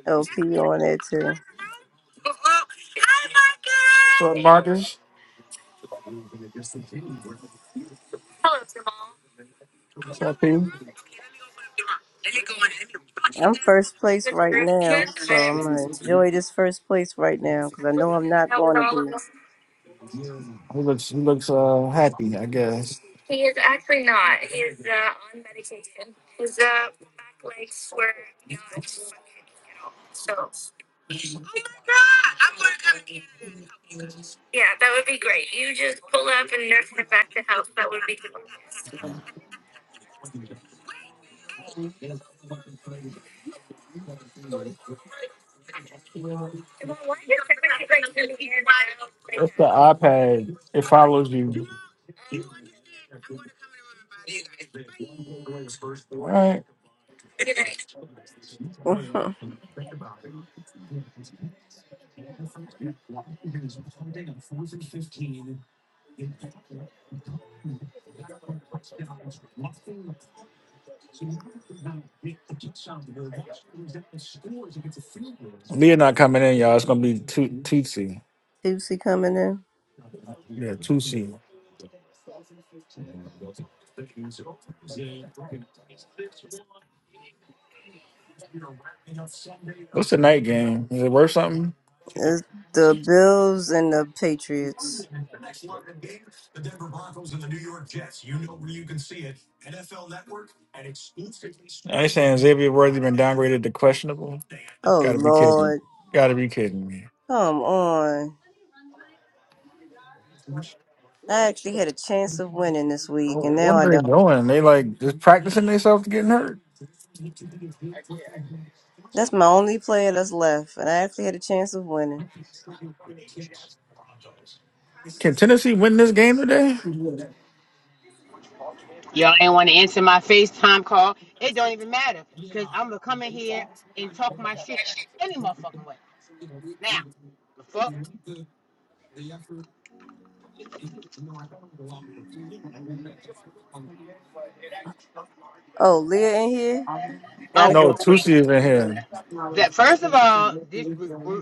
Speaker 1: LP on there too.
Speaker 3: up, Marcus? What's up, P? He
Speaker 1: I'm first place right now, so I'm gonna enjoy this first place right now because I know I'm not going to be.
Speaker 3: looks he looks uh happy, I guess. That's the iPad. It follows you. All right.
Speaker 1: Mhm.
Speaker 3: Leah not coming in, y'all. It's gonna be to- Tootsie.
Speaker 1: Tuesday coming in.
Speaker 3: Yeah, two seed. What's the night game? Is it worth something?
Speaker 1: It's the Bills and the Patriots.
Speaker 3: I ain't saying Xavier Worthy been downgraded to questionable.
Speaker 1: Oh
Speaker 3: Got to be kidding.
Speaker 1: Lord,
Speaker 3: Got to be kidding me.
Speaker 1: come on! I actually had a chance of winning this week, and now
Speaker 3: What
Speaker 1: I
Speaker 3: are they
Speaker 1: don't.
Speaker 3: doing? They like just practicing themselves to getting hurt.
Speaker 1: That's my only player that's left, and I actually had a chance of winning.
Speaker 3: Can Tennessee win this game today?
Speaker 12: Y'all ain't want to answer my FaceTime call. It don't even matter because I'm going to come in here and talk my shit any motherfucking way. Now, the fuck?
Speaker 1: Oh, Leah in here? Gotta
Speaker 12: Oh,
Speaker 1: go.
Speaker 3: No,
Speaker 12: oh
Speaker 3: Tusi
Speaker 12: wait.
Speaker 3: is in here.
Speaker 12: That, first of all, this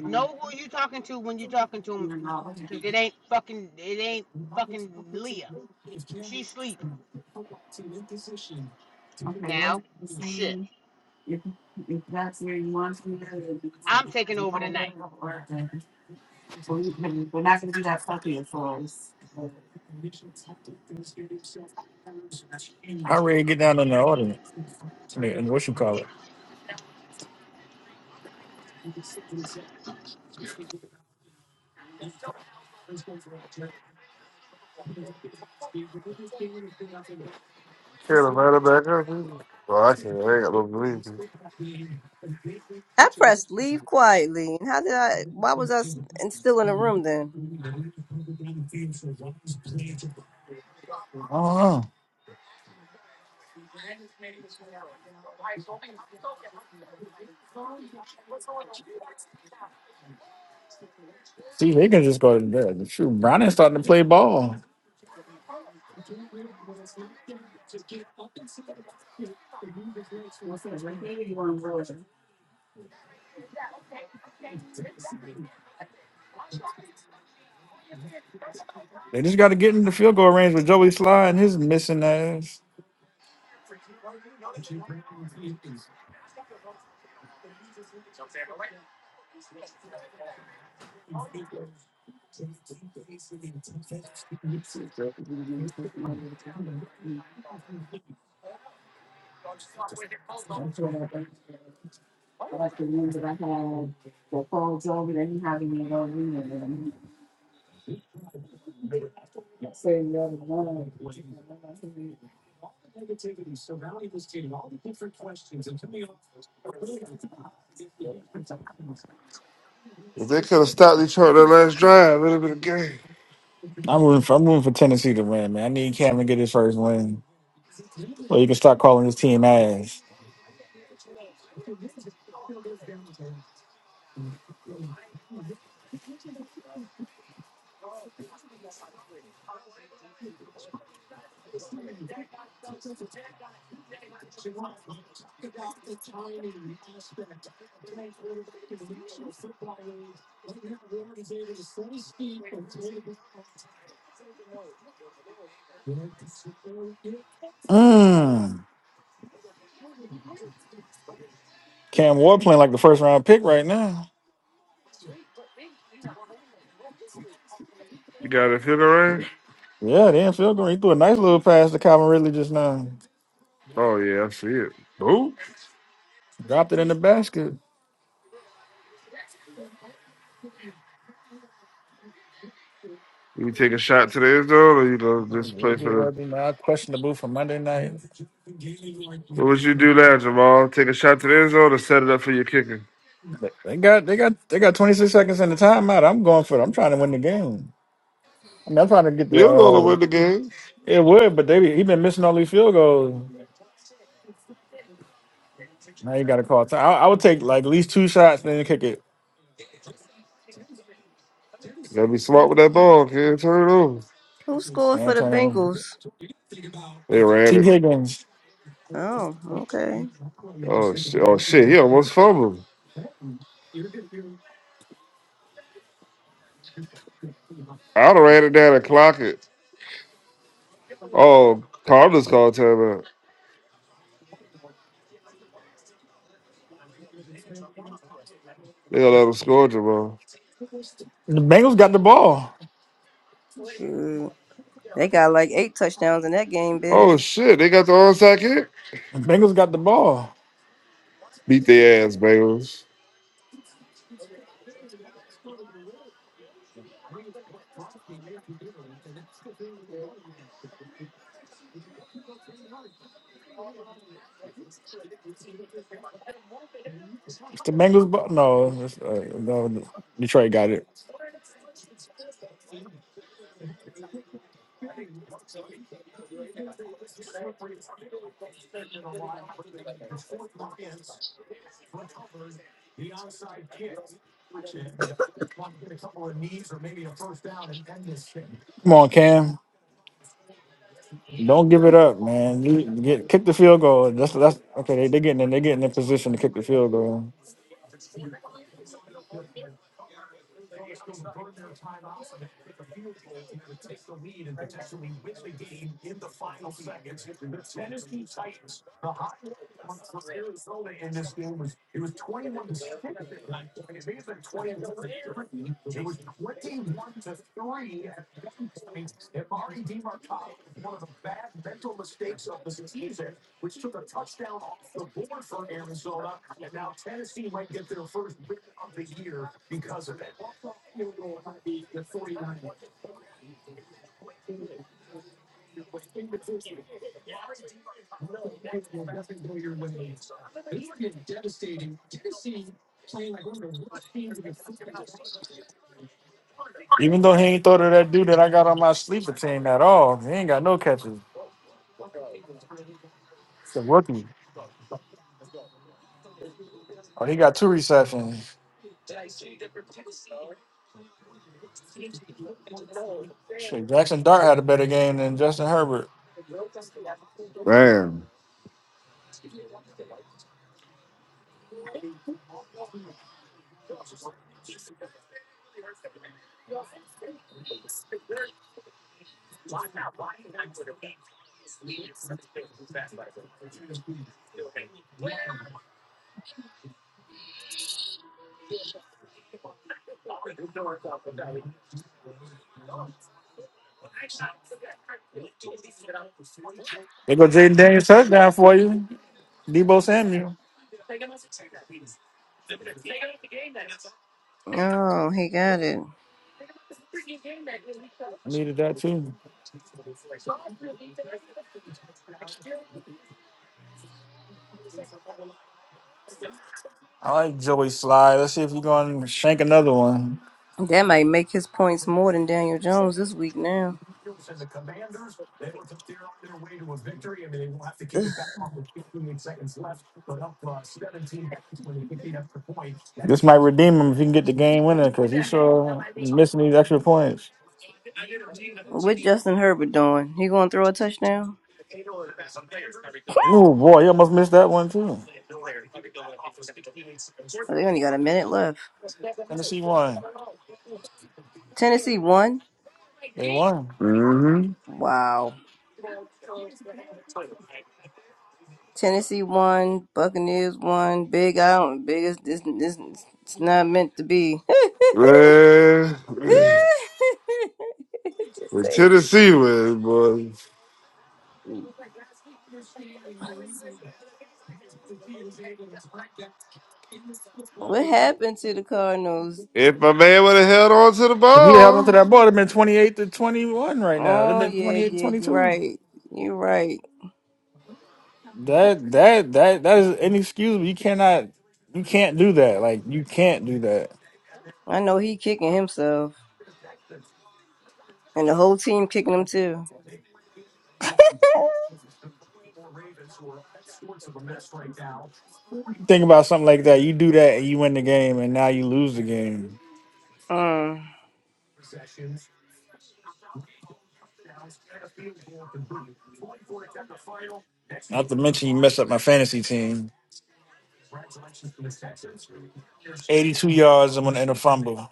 Speaker 12: know who you talking to when you talking to him because it ain't fucking, it ain't fucking Leah. She sleep now. Shit. I'm taking over tonight.
Speaker 3: How ready to get down in the audience? And what you call it?
Speaker 5: Can't invite her back up. either. Well, I can't. I ain't got no belief.
Speaker 1: I pressed leave quietly. And how did I? Why was I s- and still in the room then?
Speaker 3: Oh, See, they can just go to bed. Shoot, Brownie's starting to play ball. They just got to get in the field goal range with Joey Sly and his missing ass.
Speaker 5: If they could have stopped Detroit that last drive, it would have been a game.
Speaker 3: I'm rooting for, I'm rooting for Tennessee to win, man. I need Cam to get his first win. Well, you can start calling this team ass. Mm. Cam Ward playing like the first round pick right now.
Speaker 5: You got it, feel the range?
Speaker 3: Yeah, they in field goal. He threw a nice little pass to Calvin Ridley just now.
Speaker 5: Oh yeah, I see it. Oh,
Speaker 3: Dropped it in the basket.
Speaker 5: you take a shot to the end zone, or you gonna
Speaker 3: Maybe
Speaker 5: just
Speaker 3: it
Speaker 5: play
Speaker 3: would be a
Speaker 5: for the?
Speaker 3: worthy odd question to move for Monday night.
Speaker 5: What would you do now, Jamal? Take a shot to the end zone or set it up for your kicker?
Speaker 3: They they got they got they got 26 seconds in the timeout. I'm going for it. I'm trying to win the game. I mean, I'm trying to get
Speaker 5: You
Speaker 3: the.
Speaker 5: don't know to
Speaker 3: Uh,
Speaker 5: win the game.
Speaker 3: it would, but they be- he been missing all these field goals. Now you got to call time. I, I would take like at least two shots, then kick it.
Speaker 5: You gotta be smart with that ball, kid. Turn it over.
Speaker 1: Who scored
Speaker 3: Man,
Speaker 1: for the
Speaker 3: turn it.
Speaker 1: Bengals?
Speaker 5: They ran
Speaker 3: T
Speaker 5: it.
Speaker 3: Higgins.
Speaker 1: Oh, okay.
Speaker 5: Oh shit! Oh shit! He almost fumbled. I'd have ran it down and clock it. Oh, Cardinals called timeout. They gonna let him score, Jamal.
Speaker 3: The Bengals got the ball.
Speaker 1: Shoot. They got like eight touchdowns in that game, big.
Speaker 5: Oh shit! They got the onside kick.
Speaker 3: The Bengals got the ball.
Speaker 5: Beat their ass, Bengals.
Speaker 3: It's the Bengals. Ball. No, it's, uh, no, Detroit got it. Come on, Cam. Don't give it up, man. You get kick the field goal. That's that's okay. They they getting in, they getting in position to kick the field goal. Even though he ain't throw to that dude that I got on my sleeper team at all, he ain't got no catches. It's a rookie. Oh, he got two receptions. Shit, Jackson Dart had a better game than Justin Herbert.
Speaker 5: Damn.
Speaker 3: They go Jaden Daniels touchdown for you. Debo Samuel.
Speaker 1: Oh, he got it.
Speaker 3: I needed that too. I like Joey Sly. Let's see if you're going to shank another one.
Speaker 1: That might make his points more than Daniel Jones this week now.
Speaker 3: This might redeem him if he can get the game winner because he sure is missing these extra points.
Speaker 1: What Justin Herbert doing? He going to throw a touchdown?
Speaker 3: Ooh, boy, he almost missed that one too.
Speaker 1: Oh, they only got a minute left.
Speaker 3: Tennessee won.
Speaker 1: Tennessee won.
Speaker 3: They won.
Speaker 5: Mm-hmm.
Speaker 1: Wow. Tennessee won. Buccaneers won. Big. I don't. Big. It's, it's, it's, it's not meant to be. (laughs)
Speaker 5: Man,
Speaker 1: (laughs)
Speaker 5: (sighs)
Speaker 1: Just
Speaker 5: when
Speaker 1: say,
Speaker 5: Tennessee wins, boy.
Speaker 1: what happened to the Cardinals?
Speaker 5: If my man would have held on to the
Speaker 3: If he'd held on to
Speaker 5: ball,
Speaker 3: that ball, it'd been twenty eight to twenty one right now. It'd
Speaker 1: Oh
Speaker 3: been
Speaker 1: yeah, yeah, you're
Speaker 3: 28-22.
Speaker 1: right. You're right.
Speaker 3: That that that that is inexcusable. You cannot you can't do that. Like you can't do that.
Speaker 1: I know he kicking himself, and the whole team kicking him too.
Speaker 3: Think about something like that. You do that and you win the game, and now you lose the game.
Speaker 1: Mm.
Speaker 3: Not to mention you mess up my fantasy team. 82 yards and, one- and a fumble.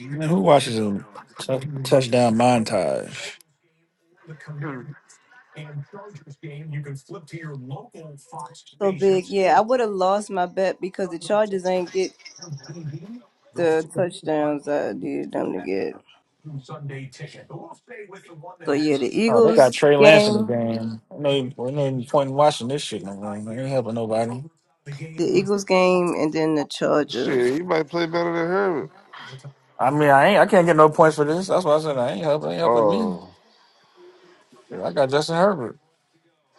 Speaker 3: Man, who watches a t- touchdown montage?
Speaker 1: So big, yeah. I would have lost my bet because the Chargers ain't get the touchdowns I needed them to get. So yeah, the
Speaker 3: Oh, they got
Speaker 1: Eagles
Speaker 3: Trey Lance in the
Speaker 1: game,
Speaker 3: game. I know, I know you point in watching this shit no more. man. Ain't helping nobody.
Speaker 1: the Eagles game, and then the Chargers
Speaker 5: shit, he might play better than Herbert.
Speaker 3: I mean, I ain't. I can't get no points for this. That's why I said I ain't helping. Ain't helping me.
Speaker 5: Oh,
Speaker 3: I got Justin Herbert.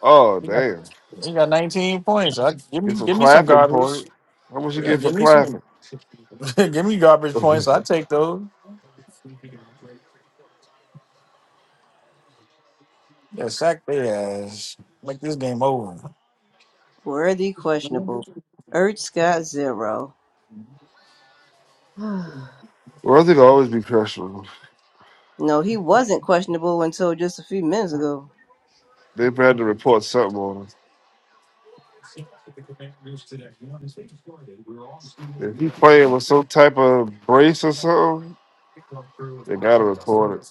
Speaker 5: oh,
Speaker 3: He got,
Speaker 5: damn.
Speaker 3: he got 19 points. I give me
Speaker 5: Get some
Speaker 3: give me some
Speaker 5: clapping
Speaker 3: garbage.
Speaker 5: point. How much you
Speaker 3: Yeah,
Speaker 5: get for
Speaker 3: give me some.
Speaker 5: clapping?
Speaker 3: (laughs) give me
Speaker 5: (laughs)
Speaker 3: garbage points.
Speaker 5: well,
Speaker 3: I take those. Yeah, sack their ass. Make this game over.
Speaker 1: worthy questionable. Ertz got zero. (sighs)
Speaker 5: I think I'll always be pressuring. him.
Speaker 1: No, he wasn't questionable until just a few minutes ago.
Speaker 5: They've had to report something on him. If he playing with some type of brace or something, they gotta report it.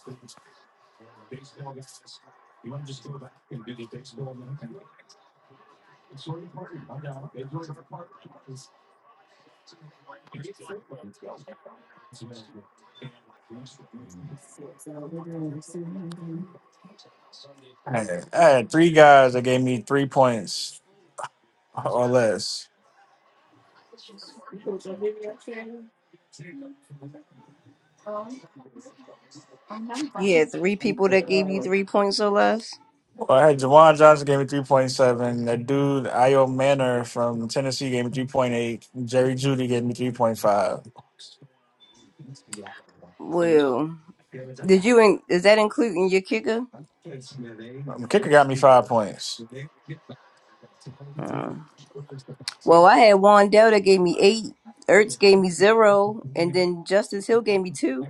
Speaker 3: I had, I had three guys that gave me three points or less.
Speaker 1: You had three people that gave you three points or less.
Speaker 3: Well, I had Jawan Johnson gave me 3.7. That dude, Io Manor from Tennessee, gave me 3.8. Jerry Judy gave me 3.5.
Speaker 1: Well, did you? In- is that including your kicker?
Speaker 3: Um, kicker got me five points. (laughs)
Speaker 1: Uh, well, I had Wandell that gave me eight. Ertz gave me zero, and then Justice Hill gave me two.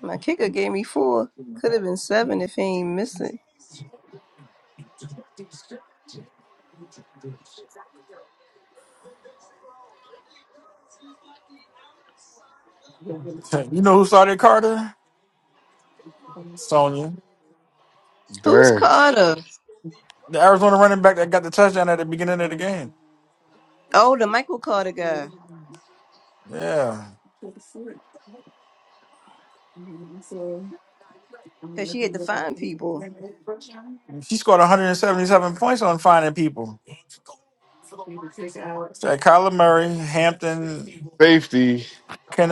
Speaker 1: My kicker gave me four. Could have been seven if he ain't miss it.
Speaker 3: you know who started Carter? Sonya.
Speaker 1: Who's
Speaker 5: Damn.
Speaker 1: Carter?
Speaker 3: The Arizona running back that got the touchdown at the beginning of the game.
Speaker 1: Oh, the Michael Carter guy.
Speaker 3: Yeah.
Speaker 1: Cause she had to find people.
Speaker 3: She scored 177 points on finding people. That Kyler Murray, Hampton,
Speaker 5: Safety.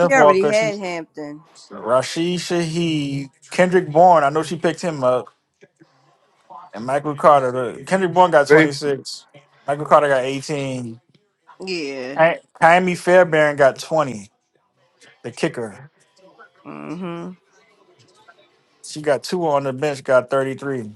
Speaker 1: She already
Speaker 3: Walker,
Speaker 1: had Hampton.
Speaker 3: Rashid Shaheed, Kendrick Bourne. I know she picked him up. And Michael Carter. The- Kendrick Bourne got
Speaker 5: Safety
Speaker 3: 26. Michael Carter got 18. Ki-
Speaker 1: Yeah.
Speaker 3: Kyamie Fairbairn got 20, the kicker.
Speaker 1: Mm-hmm.
Speaker 3: She got two on the bench, got 33.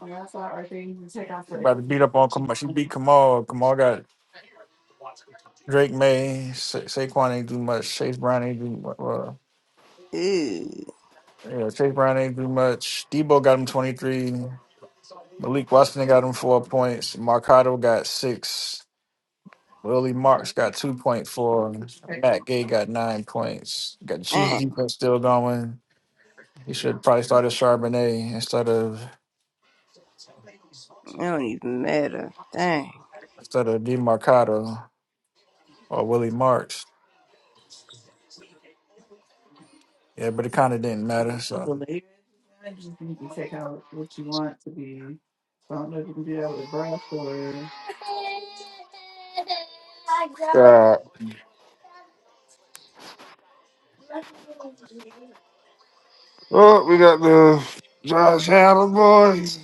Speaker 3: Oh, that's a lot right there. You can take off About to the- beat up on Kamal. She beat Kamal. Kamal got Drake May. Sa- Saquon ain't do much. Chase Brown ain't do much. Well,
Speaker 1: Ew.
Speaker 3: yeah, Chase Brown ain't do much. Debo got him 23. Malik Washington got him four points. Marcado got six. Willie Marks got 2.4. Matt Gay got nine points. Got the Chiefs defense still going. He should probably start at Charbonnet instead of
Speaker 1: It don't even matter. Dang.
Speaker 3: instead of DeMarcado or Willie Marks. Yeah, but it kind of didn't matter. So
Speaker 5: stop. Oh, we got the Josh Allen boys.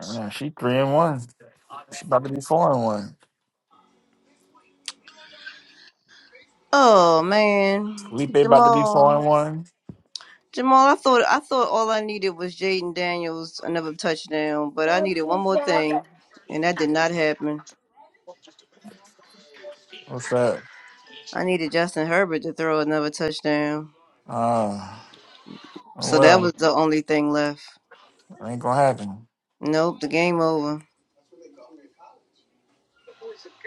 Speaker 3: man, she three and one. She about to be four and one.
Speaker 1: Oh man,
Speaker 3: Felipe about to be four
Speaker 1: Jamal.
Speaker 3: and one.
Speaker 1: Jamal, I thought I thought all I needed was Jaden Daniels another touchdown, but I needed one more thing, and that did not happen.
Speaker 3: What's that?
Speaker 1: I needed Justin Herbert to throw another touchdown,
Speaker 3: Uh, oh
Speaker 1: so that was
Speaker 3: well,
Speaker 1: the only thing left.
Speaker 3: it ain't gonna happen.
Speaker 1: Nope, the game over.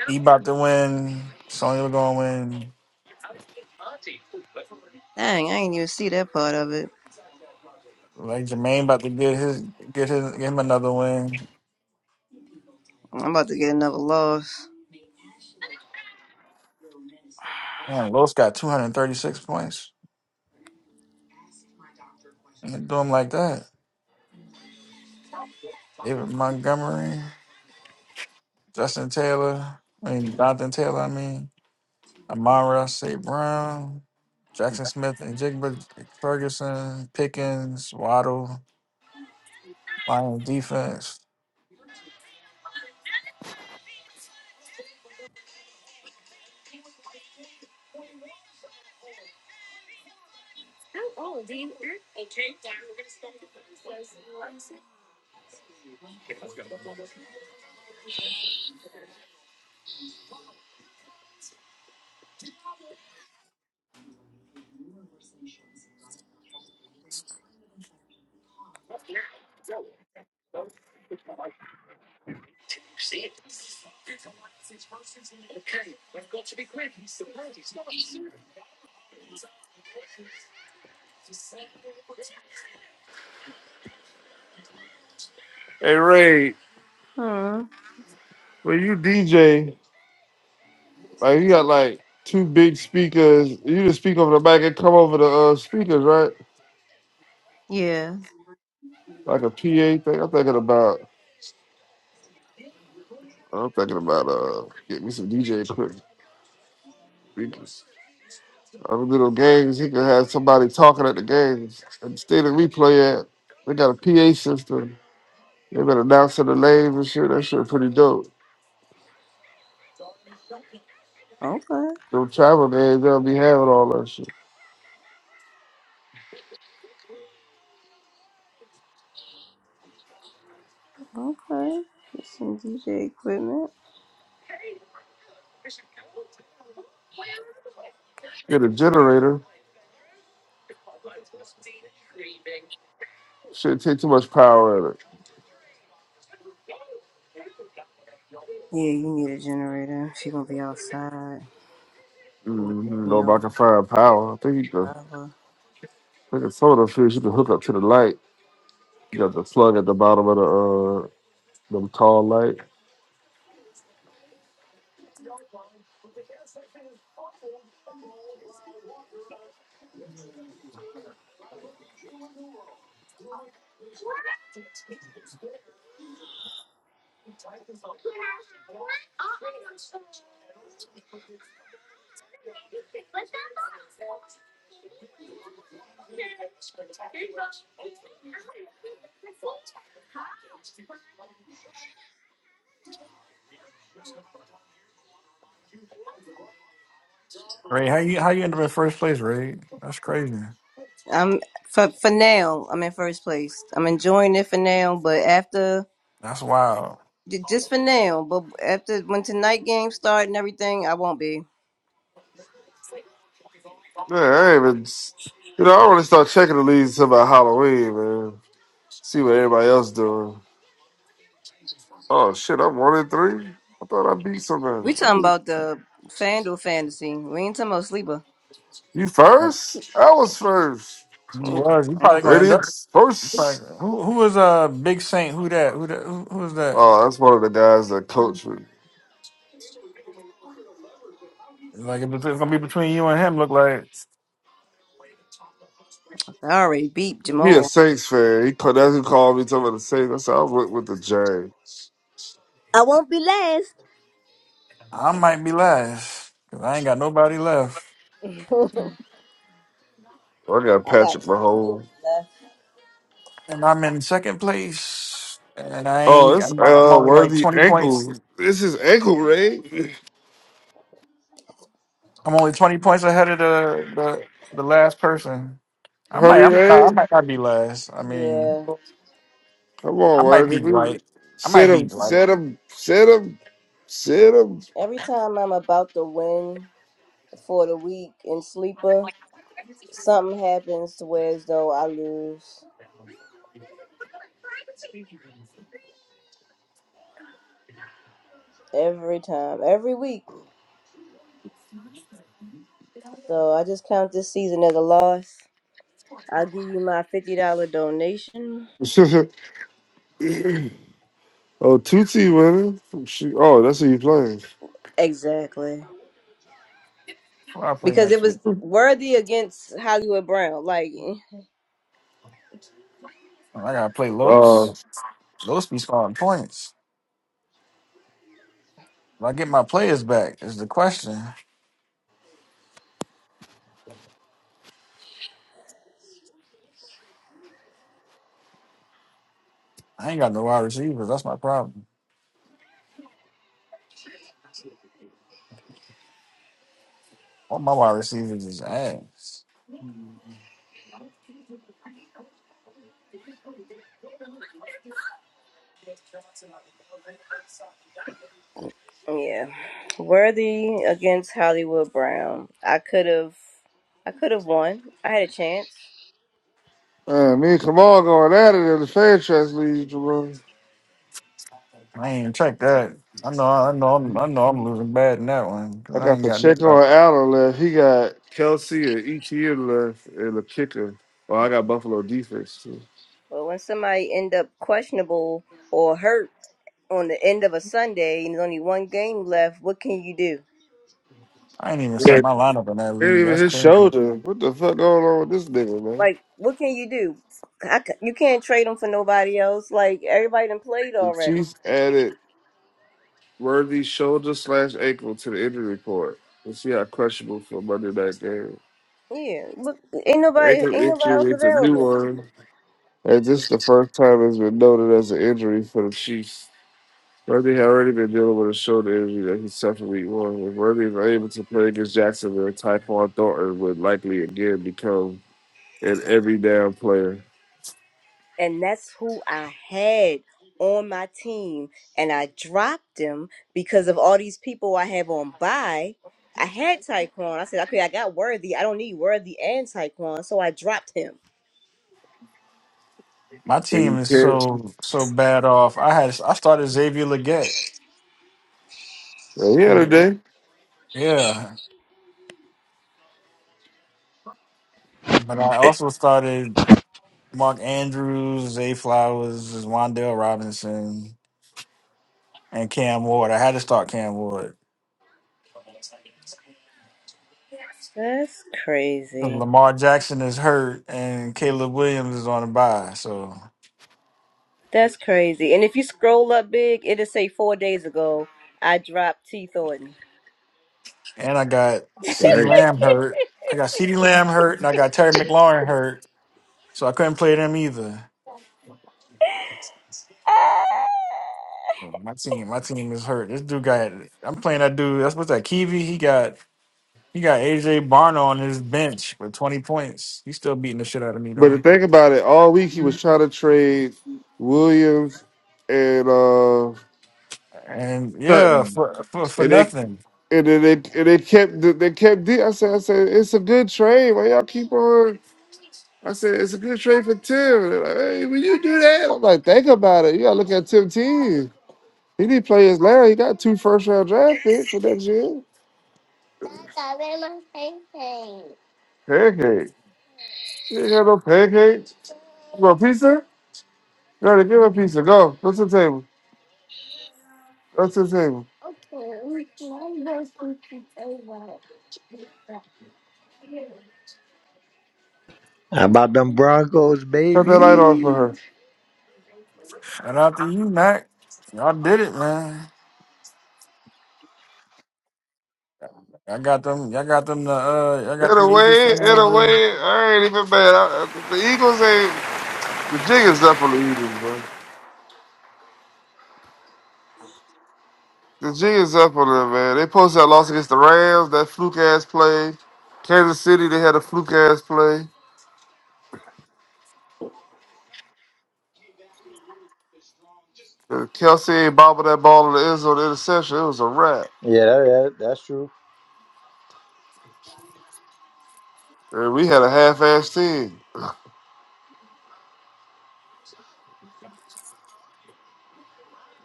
Speaker 3: He about to win. Sonya gonna win.
Speaker 1: Dang, I ain't even see that part of it.
Speaker 3: Like Jermaine about to get his get his get him another win.
Speaker 1: I'm about to get another loss.
Speaker 3: Man, Los got two hundred thirty six points. And do him like that. David Montgomery, Justin Taylor, I mean Jonathan Taylor. I mean. Amara St. Brown, Jackson Smith and Jigba Ferguson, Pickens, Waddle, Lion defense.
Speaker 5: Hey Ray,
Speaker 1: Hmm.
Speaker 5: when you DJ, like you got like two big speakers. You just speak over the back and come over the uh, speakers, right?
Speaker 1: Yeah.
Speaker 5: Like a PA thing. I'm thinking about. I'm thinking about uh, get me some DJ equipment. Speakers. Other little games, he could have somebody talking at the games. At the stadium we play at, they got a PA system. They been announcing the names and shit. That shit pretty dope.
Speaker 1: Okay.
Speaker 5: Them travel games, they'll be having all that shit.
Speaker 1: Okay. Get some DJ equipment.
Speaker 5: Get a generator. Shit take too much power in it.
Speaker 1: Yeah, you need a generator if you're gonna be outside with
Speaker 5: Mm-hmm. Know about
Speaker 1: no
Speaker 5: the firepower. I think you can,
Speaker 1: power.
Speaker 5: I think a soda fish, you can hook up to the light. You got the plug at the bottom of the uh, the tall light.
Speaker 3: Ray, how you how you end up in first place, Ray? That's crazy.
Speaker 1: I'm for for now. I'm in first place. I'm enjoying it for now, but after
Speaker 3: That's wild.
Speaker 1: j- just for now. But after when tonight games start and everything, I won't be.
Speaker 5: Yeah, I ain't even, s- you know, I only start checking the leads until about Halloween, man. See what everybody else doing. Oh shit, I'm one in three. I thought I beat somebody.
Speaker 1: We talking about the FanDuel fantasy. We ain't talking about sleeper.
Speaker 5: You
Speaker 3: You
Speaker 5: first? I was first.
Speaker 1: Mm,
Speaker 3: was you probably
Speaker 1: Uh-uh.
Speaker 3: gonna end up
Speaker 5: Radiant's
Speaker 3: you probably,
Speaker 5: first.
Speaker 3: who who was uh Big Saint? Who that? Who that who, who was that?
Speaker 5: Oh, that's one of the guys that coached me.
Speaker 3: Like if it's gonna be between you and him, look like
Speaker 1: I already beat
Speaker 5: He a
Speaker 1: Jamal.
Speaker 5: Saints fan. He ca- that's who called me talking about the Saints. I said I went with the James.
Speaker 1: I won't be last.
Speaker 3: I might be last. Cause I ain't got nobody left.
Speaker 5: I got
Speaker 1: I
Speaker 5: Patrick
Speaker 1: got some teams
Speaker 5: Mahomes.
Speaker 1: left.
Speaker 3: And I'm in second place. And I
Speaker 5: Oh,
Speaker 3: ain't
Speaker 5: it's
Speaker 3: I'm, I'm
Speaker 5: uh
Speaker 3: only like
Speaker 5: worthy
Speaker 3: twenty points
Speaker 5: ankle. This is ankle Ray.
Speaker 3: I'm only 20 points ahead of the the, the last person. I might,
Speaker 5: Hurry,
Speaker 3: I might, I
Speaker 5: Ray.
Speaker 3: might not be last. I mean,
Speaker 1: Yeah.
Speaker 5: Come
Speaker 3: I
Speaker 5: on,
Speaker 3: might
Speaker 5: worthy.
Speaker 3: be
Speaker 5: We-
Speaker 3: Dwight. I might
Speaker 5: Sit
Speaker 3: be
Speaker 5: him,
Speaker 3: Dwight.
Speaker 5: sit him, sit him, sit him.
Speaker 1: Every time I'm about to win for the week in sleeper. something happens to where as though I lose every time, every week. So I just count this season as a loss. I'll give you my fifty dollar donation.
Speaker 5: (laughs) oh, Tootsie winning. She, oh, that's who you playing.
Speaker 1: Exactly.
Speaker 3: What I play
Speaker 1: Because it
Speaker 3: next week?
Speaker 1: was worthy against Hollywood Brown. Like
Speaker 3: Oh, I gotta play
Speaker 5: Uh,
Speaker 3: Los. Los be scoring points. If I get my players back, is the question. I ain't got no wide receivers. That's my problem. All my wide receivers is ass.
Speaker 1: yeah. Worthy against Hollywood Brown. I could have I could have won. I had a chance.
Speaker 5: man, me and Kamal going at it in the fan trust league, Jamal.
Speaker 3: I ain't even check that. I know, I know, I'm, I know, I'm losing bad in that one because
Speaker 5: I
Speaker 3: I
Speaker 5: got
Speaker 3: ain't got
Speaker 5: Pacheco
Speaker 3: nobody.
Speaker 5: and Allen left. He got Kelsey and ETN left and the kicker. Well, I got Buffalo defense too.
Speaker 1: But when somebody end up questionable or hurt on the end of a Sunday and there's only one game left, what can you do?
Speaker 3: I ain't even set my lineup in that
Speaker 5: ain't
Speaker 3: league.
Speaker 5: even
Speaker 3: That's
Speaker 5: his
Speaker 3: crazy.
Speaker 5: shoulder. What the fuck going on with this nigga, man?
Speaker 1: Like, what can you do? I c you can't trade them for nobody else. Like, everybody done played
Speaker 5: The
Speaker 1: already.
Speaker 5: Chiefs added Worthy's shoulder slash ankle to the injury report. Let's see how questionable for Monday night game.
Speaker 1: Yeah, but ain't
Speaker 5: The
Speaker 1: nobody,
Speaker 5: ankle
Speaker 1: ain't nobody else
Speaker 5: injury is a new
Speaker 1: available.
Speaker 5: one, and this is the first time it's been noted as an injury for the Chiefs. Worthy had already been dealing with a shoulder injury that he suffered week one. If Worthy is unable to play against Jacksonville, Typhon Thornton would likely again become an every down player.
Speaker 1: And that's who I had on my team, and I dropped him because of all these people I have on buy. I had Taekwon. I said, okay, I got Worthy. I don't need Worthy and Taekwon, so I dropped him.
Speaker 3: My
Speaker 5: He
Speaker 3: team is
Speaker 5: can't.
Speaker 3: so so bad off. I had I started Xavier Leggett.
Speaker 5: Well, he had a
Speaker 3: And-
Speaker 5: day.
Speaker 3: Yeah, but I also started Mark Andrews, Zay Flowers, Wandale Robinson, and Cam Ward. I had to start Cam Ward.
Speaker 1: That's
Speaker 3: 'Cause
Speaker 1: crazy.
Speaker 3: Lamar Jackson is hurt, and Caleb Williams is on a bye. So,
Speaker 1: That's crazy. And if you scroll up big, it'll say four days ago I dropped T Thornton.
Speaker 3: and I got Ceedee
Speaker 5: Dang.
Speaker 3: Lamb hurt. I got Ceedee Lamb hurt, and I got Terry McLaurin hurt. So I couldn't play them either. My team, my team is hurt. This dude got. I'm playing that dude. That's what's that? Kiwi. He got. You got AJ Barno on his bench with 20 points. He's still beating the shit out of me
Speaker 5: But to
Speaker 3: though.
Speaker 5: think about it, all week he was trying to trade Williams and uh,
Speaker 3: And yeah,
Speaker 5: Sutton,
Speaker 3: for for, for
Speaker 5: and they
Speaker 3: nothing.
Speaker 5: and then they and they kept they kept. D- I said, I said, it's a good trade. Why y'all keep on? I said, it's a good trade for Tim. They're like, hey, when you do that, I'm like, think about it. You gotta look at Tim team. He didn't play his land. He got two first round draft picks for next year. Pancake. You ain't got no pancakes. You want pizza? No, they give her pizza. Go. Go to the table. Go to the table.
Speaker 2: How about them Broncos,
Speaker 5: Cut that light off for
Speaker 2: baby?
Speaker 5: her.
Speaker 3: And after you, Mac, y'all did it, man. I got them. Y'all got them. The uh, I
Speaker 5: In
Speaker 3: got
Speaker 5: a
Speaker 3: them Eagles
Speaker 5: way, in
Speaker 3: fans.
Speaker 5: a way,
Speaker 3: uh,
Speaker 5: I ain't even mad. I, I- the Eagles ain't. The jig is up on the Eagles, bro. The jig is up on them, man. They posted that loss against the Rams, that fluke ass play. Kansas City, they had a fluke ass play. And Kelsey ain't bobbled that ball in the end zone the interception. It was a wrap.
Speaker 2: Yeah, that, that, that's true.
Speaker 5: And we had a half ass team.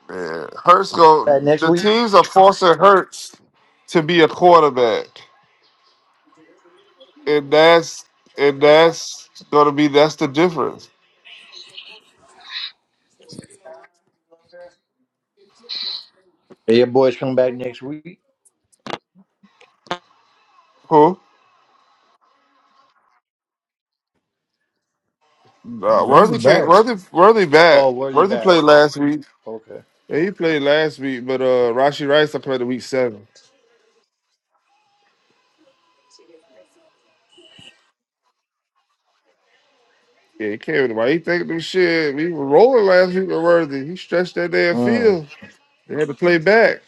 Speaker 5: Man, Hurts go.
Speaker 2: Back next
Speaker 5: The
Speaker 2: week.
Speaker 5: teams are forcing Hurts to be a quarterback, and that's and that's gonna be that's the difference.
Speaker 2: Yeah, your boys come back next week.
Speaker 5: Who? Nah, Worthy can't.
Speaker 3: Right.
Speaker 5: Worthy, Worthy back.
Speaker 2: Oh, worthy
Speaker 5: Worthy
Speaker 2: bad.
Speaker 5: played
Speaker 2: Okay.
Speaker 5: last week.
Speaker 2: Okay.
Speaker 5: Yeah, he played last week, but uh, Rashi Rice I played the week seven. Yeah, he came in. Why he thinking them shit? We were rolling last week with Worthy. He stretched that damn
Speaker 2: Mm.
Speaker 5: field. They had to play back.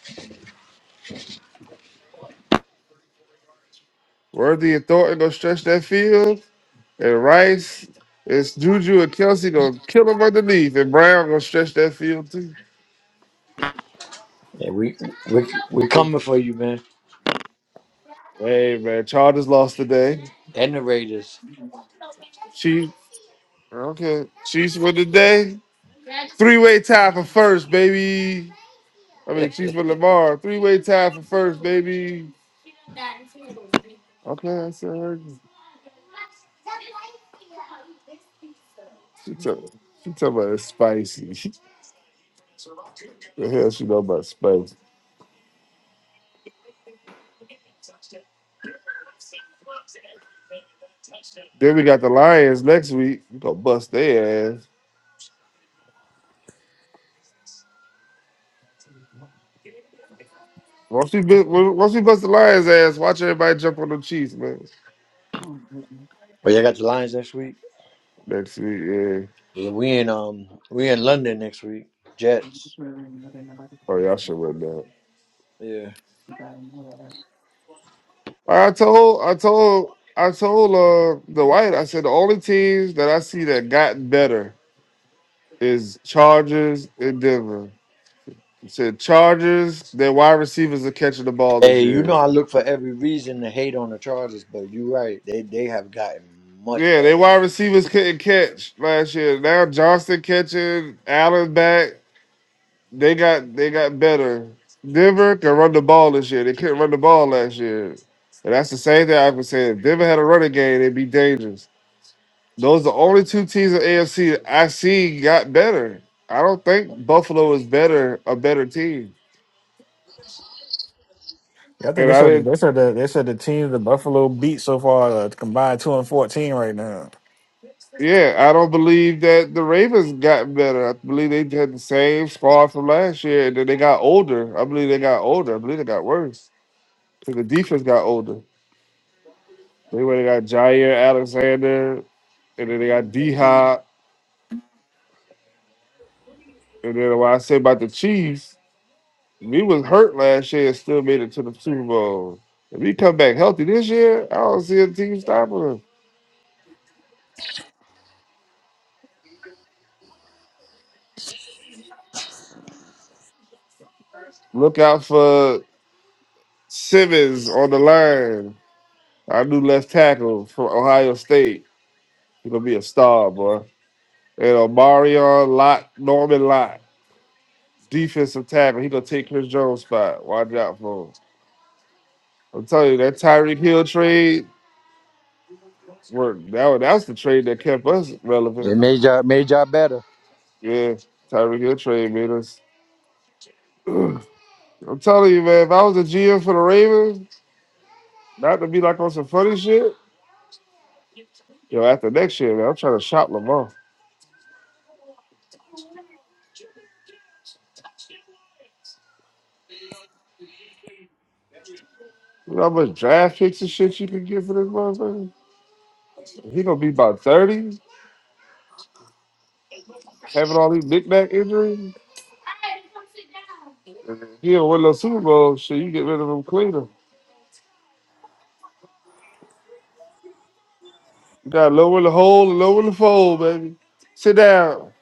Speaker 5: Worthy and Thornton gonna stretch that field, and Rice. It's Juju and Kelsey gonna kill him underneath, and Brown gonna stretch that field too.
Speaker 2: Yeah, we we we
Speaker 5: Go-
Speaker 2: coming for you, man.
Speaker 5: Hey man, Chargers lost today.
Speaker 2: And the Raiders.
Speaker 5: Chiefs, okay. Chiefs win today. Three way tie for first, baby. I
Speaker 2: (laughs) well,
Speaker 5: mean, Chiefs for Lamar. Three way tie for first, baby. Okay, I said her. She talk, she talking about it's spicy. (laughs) the hell she know about spicy? Then we got the Lions next week. We gonna bust their ass. Once we bu- once we bust the Lions ass, watch everybody jump on the Chiefs, man.
Speaker 2: you got the Lions next week.
Speaker 5: Next week, yeah.
Speaker 2: Yeah, we in um we in London next week. Jets.
Speaker 5: Oh y'all should win that.
Speaker 2: Yeah.
Speaker 5: I told, I told, I told uh the White. I said the only teams that I see that got better is Chargers and Denver. said Chargers, their wide receivers are catching the ball this
Speaker 2: Hey, you
Speaker 5: year.
Speaker 2: know I look for every reason to hate on the Chargers, but you're right. They they have gotten much
Speaker 5: Yeah, their
Speaker 2: better.
Speaker 5: wide receivers couldn't catch last year. Now Johnston catching, Allen back. They got they got better. Denver can run the ball this year. They couldn't run the ball last year. And that's the same thing I've been saying. If Denver had a running game, it'd be dangerous. Those are the only two teams in AFC that I see got better. I don't think Buffalo is better, a better team.
Speaker 3: Yeah, I think
Speaker 5: And
Speaker 3: they
Speaker 5: I
Speaker 3: said
Speaker 5: didn't
Speaker 3: they said that they said the team the Buffalo beat so far uh, combined two and fourteen right now.
Speaker 5: Yeah, I don't believe that the Ravens got better. I believe they had the same squad from last year, and then they got older. I believe they got older. I believe they got worse because the defense got older. They went and got Jair Alexander, and then they got D Hop. And then what I say about the Chiefs, we was hurt last year and still made it to the Super Bowl. If we come back healthy this year, I don't see a team stopping them. Look out for Simmons on the line, our new left tackle from Ohio State. He gonna be a star, boy. You know, Marion Locke, Norman Locke, defensive tackle. He gonna take Chris Jones' spot. Watch out for him. I'm telling you, that Tyreek Hill trade worked. That was, that was the trade that kept us relevant.
Speaker 2: It made y'all made y'all better.
Speaker 5: Yeah, Tyreek Hill trade made us. I'm telling you, man, if I was a GM for the Ravens, not to be like on some funny shit, yo, after next year, man, I'm trying to shop Lamar. You know how much draft picks and shit you can get for this motherfucker? He gonna be about 30, having all these knickknack injuries. Yeah, with the Super Bowl, shit, you get rid of them cleaner. You got lower the hole and lower the fold, baby. Sit down.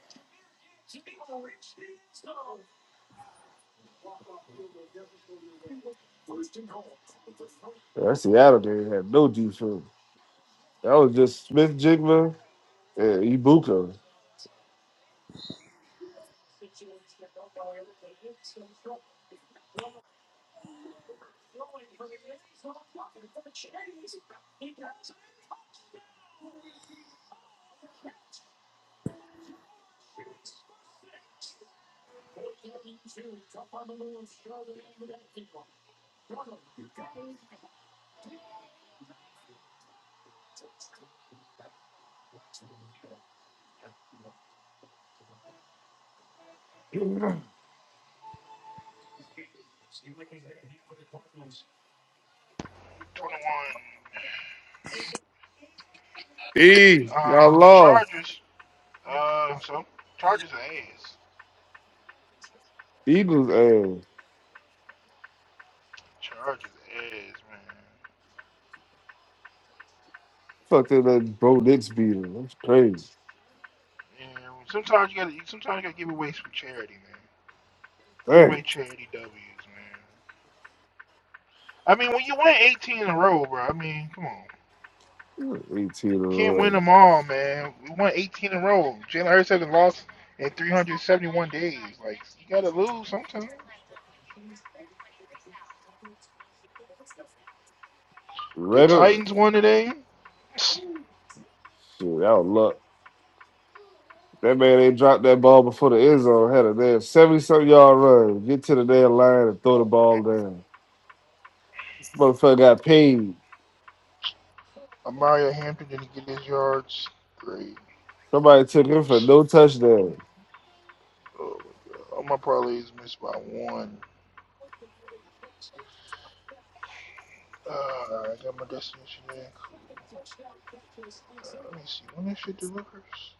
Speaker 5: Yeah, that Seattle game had no defense. That was just Smith Jigma and Ibuka.
Speaker 6: 21.
Speaker 5: E, y'all
Speaker 6: Um, the
Speaker 5: lost.
Speaker 6: Chargers. Uh, so Chargers are ass.
Speaker 5: Eagles, eh.
Speaker 6: Chargers are ass, man.
Speaker 5: Fuck that, that bro Knicks beat 'em. That's crazy.
Speaker 6: And sometimes you gotta, sometimes you gotta give away some charity, man. Give
Speaker 5: Dang.
Speaker 6: away charity W's, man. I mean, when you win 18 in a row, bro. I mean, come on, you
Speaker 5: 18 to
Speaker 6: can't win
Speaker 5: run.
Speaker 6: them all, man. We won 18 in a row. Jalen Hurts hasn't lost in three. The
Speaker 5: Red alert.
Speaker 6: Titans won today. (sniffs)
Speaker 5: Shit, that was luck. That man ain't dropped that ball before the end zone. Had a damn 70 something yard run. Get to the damn line and throw the ball down. Motherfucker got paid.
Speaker 6: I'm,
Speaker 5: Somebody took him for no touchdown.
Speaker 6: uh, I got my destination there. Can I see shit delivers?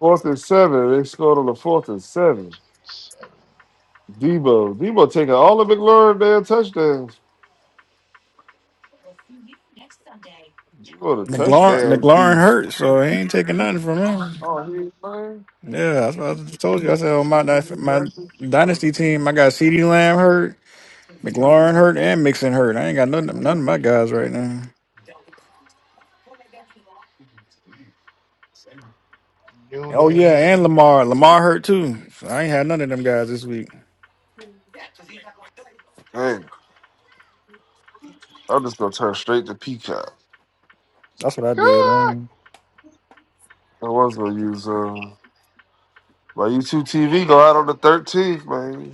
Speaker 5: Fourth and seven. They scored on the fourth and seven. Debo. Debo taking all of McLaurin damn touchdowns. Debo the
Speaker 3: McLaurin
Speaker 5: touchdown
Speaker 3: McLaurin
Speaker 5: thief.
Speaker 3: hurt, so he ain't taking nothing from him.
Speaker 5: Oh, he ain't playing?
Speaker 3: Yeah, that's what I just told you. I said on my
Speaker 5: He got
Speaker 3: dyna-
Speaker 5: me
Speaker 3: my
Speaker 5: drafted?
Speaker 3: dynasty team, I got CeeDee Lamb hurt, McLaurin hurt, and Mixon hurt. I ain't got none of them, none of my guys right now. Oh
Speaker 6: Noonan.
Speaker 3: yeah, and Lamar.
Speaker 6: Drew.
Speaker 3: Lamar hurt too. So I ain't had none of them guys this week.
Speaker 5: Hey, I'm just gonna turn straight to Peacock.
Speaker 3: That's what I did. I
Speaker 6: Oh
Speaker 3: ain't,
Speaker 5: I was gonna use uh my YouTube TV go out on the 13th, man.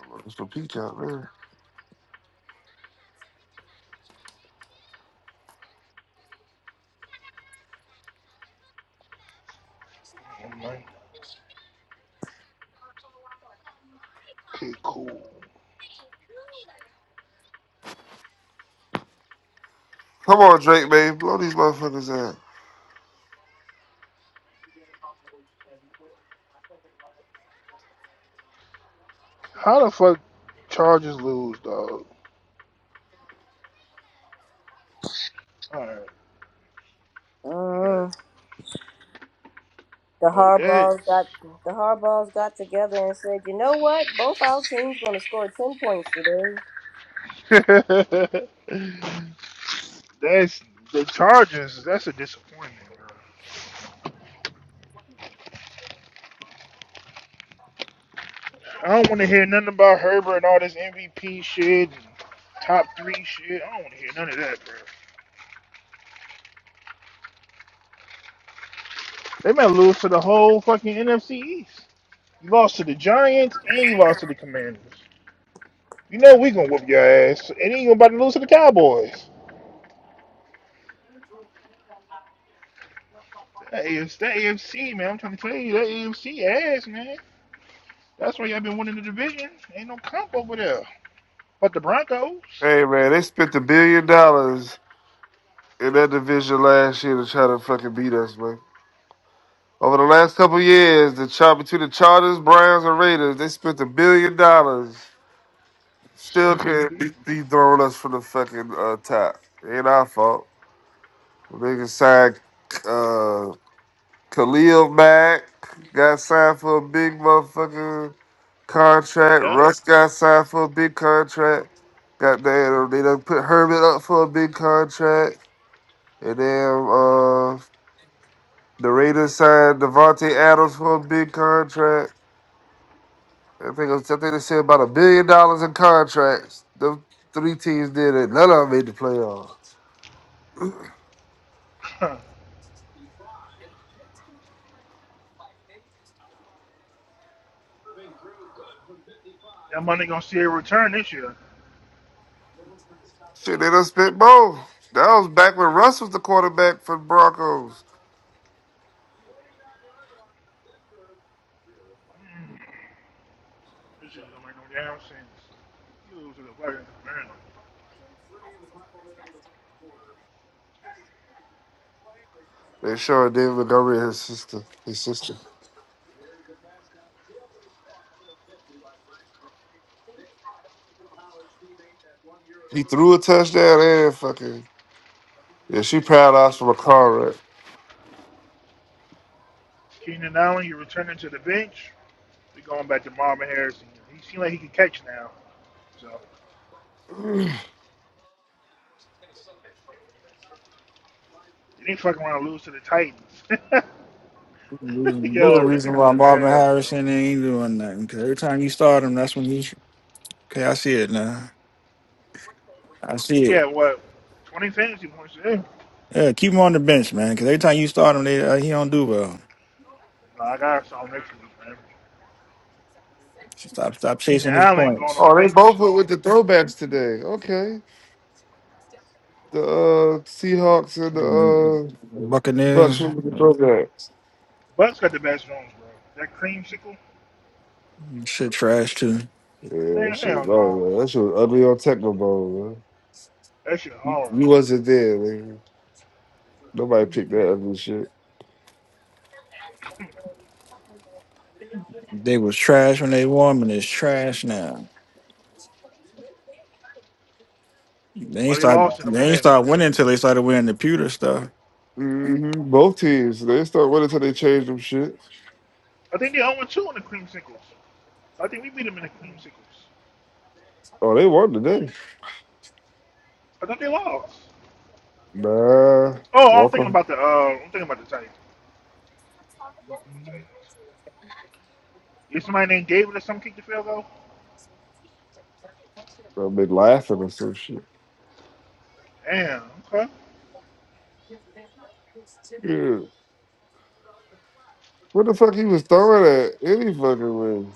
Speaker 5: I'm looking for Peacock, man.
Speaker 6: my Okay, cool.
Speaker 5: Come on, Drake, man. Blow these motherfuckers out.
Speaker 6: How the fuck Chargers lose, dog? All right, we got it.
Speaker 1: Mm, the
Speaker 6: Like
Speaker 1: hardballs
Speaker 6: that's
Speaker 1: got the hardballs got together and said, "You know what? Both our teams gonna score ten points today.
Speaker 6: (laughs) that's the Chargers. That's a disappointment, bro. I don't want to hear nothing about Herbert and all this MVP shit, and top three shit. I don't want to hear none of that, bro. They might lose to the whole fucking NFC East. You lost to the Giants and you lost to the Commanders. You know we gonna whoop your ass, and then you about to lose to the Cowboys. That AFC, that AFC, man. I'm trying to tell you, that AFC ass, man. That's why y'all been winning the division. Ain't no comp over there. But the Broncos.
Speaker 5: Hey, man, they spent a billion dollars in that division last year to try to fucking beat us, man. Over the last couple years, the chop between the Chargers, Browns, and Raiders, they spent a billion dollars.
Speaker 6: (laughs)
Speaker 5: Still can't de- dethrone us from the fucking uh, top. Ain't our fault. Niggas signed uh, Khalil Mack, got signed for a big motherfucking contract. Russ got signed for a big contract. Goddamn, they done put Herman up for a big contract. And then uh, The Raiders signed Devontae Adams for a big contract. I think it was, I think they said about a billion dollars in contracts. The three teams did it. None of them made the playoffs.
Speaker 6: that money gonna see a return this year.
Speaker 5: Shit, they done spent more. That was back when Russ was the quarterback for the Broncos.
Speaker 6: Mm, this is gonna make no damn sense. You lose to the fucking Commanders.
Speaker 5: They showed David Montgomery his sister. His sister. He threw a touchdown and fucking yeah. She paralyzed from a car wreck.
Speaker 6: Keenan Allen, you're returning to the bench. We are going back to Marvin Harrison. He seems like he can catch now. So they didn't fucking want to lose to the Titans. (laughs)
Speaker 3: you
Speaker 6: Yo,
Speaker 3: the
Speaker 6: look
Speaker 3: reason
Speaker 6: at
Speaker 3: why Marvin
Speaker 6: this ass, bro.
Speaker 3: Harrison ain't doing nothing. Cause every time you start him, that's when he. Okay, I see it now. I see
Speaker 6: He
Speaker 3: it.
Speaker 6: had what, 20 fantasy points? today.
Speaker 3: Yeah, keep him on the bench, man. Cause every time you start him, they, uh, he don't do well.
Speaker 6: Like I saw next week, man.
Speaker 3: Stop, stop
Speaker 6: Kenya
Speaker 3: chasing his
Speaker 6: Allen going on
Speaker 3: points.
Speaker 6: the
Speaker 5: Oh, they
Speaker 6: bench.
Speaker 5: both went with the throwbacks today. Okay, the uh, Seahawks and the uh, Bucks
Speaker 3: Buccaneers.
Speaker 5: went with the throwbacks.
Speaker 6: Bucks got the best Jones, bro. That creamsicle,
Speaker 3: Shit trash too.
Speaker 5: Yeah, that
Speaker 6: man,
Speaker 5: shit was
Speaker 6: hell no.
Speaker 5: going, man. That shit was ugly on Techno Bowl, man.
Speaker 6: That shit
Speaker 5: You,
Speaker 6: hard.
Speaker 5: you wasn't there, man. Nobody picked that ugly shit.
Speaker 3: They was trash when they won, and it's trash now. They ain't
Speaker 6: Well, they
Speaker 3: start.
Speaker 6: lost to them
Speaker 3: They ain't
Speaker 6: today.
Speaker 3: start winning until they started wearing the pewter stuff.
Speaker 5: hmm Both teams, they start winning until they change them shit.
Speaker 6: I think they 0 2 in the creamsicles. I think we beat them in the creamsicles.
Speaker 5: Oh, they won today.
Speaker 6: I thought they lost.
Speaker 5: Nah,
Speaker 6: Oh, I'm thinking
Speaker 5: Walker,
Speaker 6: about the uh, I'm thinking about the Titans. Titans. Is somebody named David or something kick the field goal?
Speaker 5: I've been laughing or some shit.
Speaker 6: Damn. Okay.
Speaker 5: Yeah. What the fuck he was throwing at any fucking way?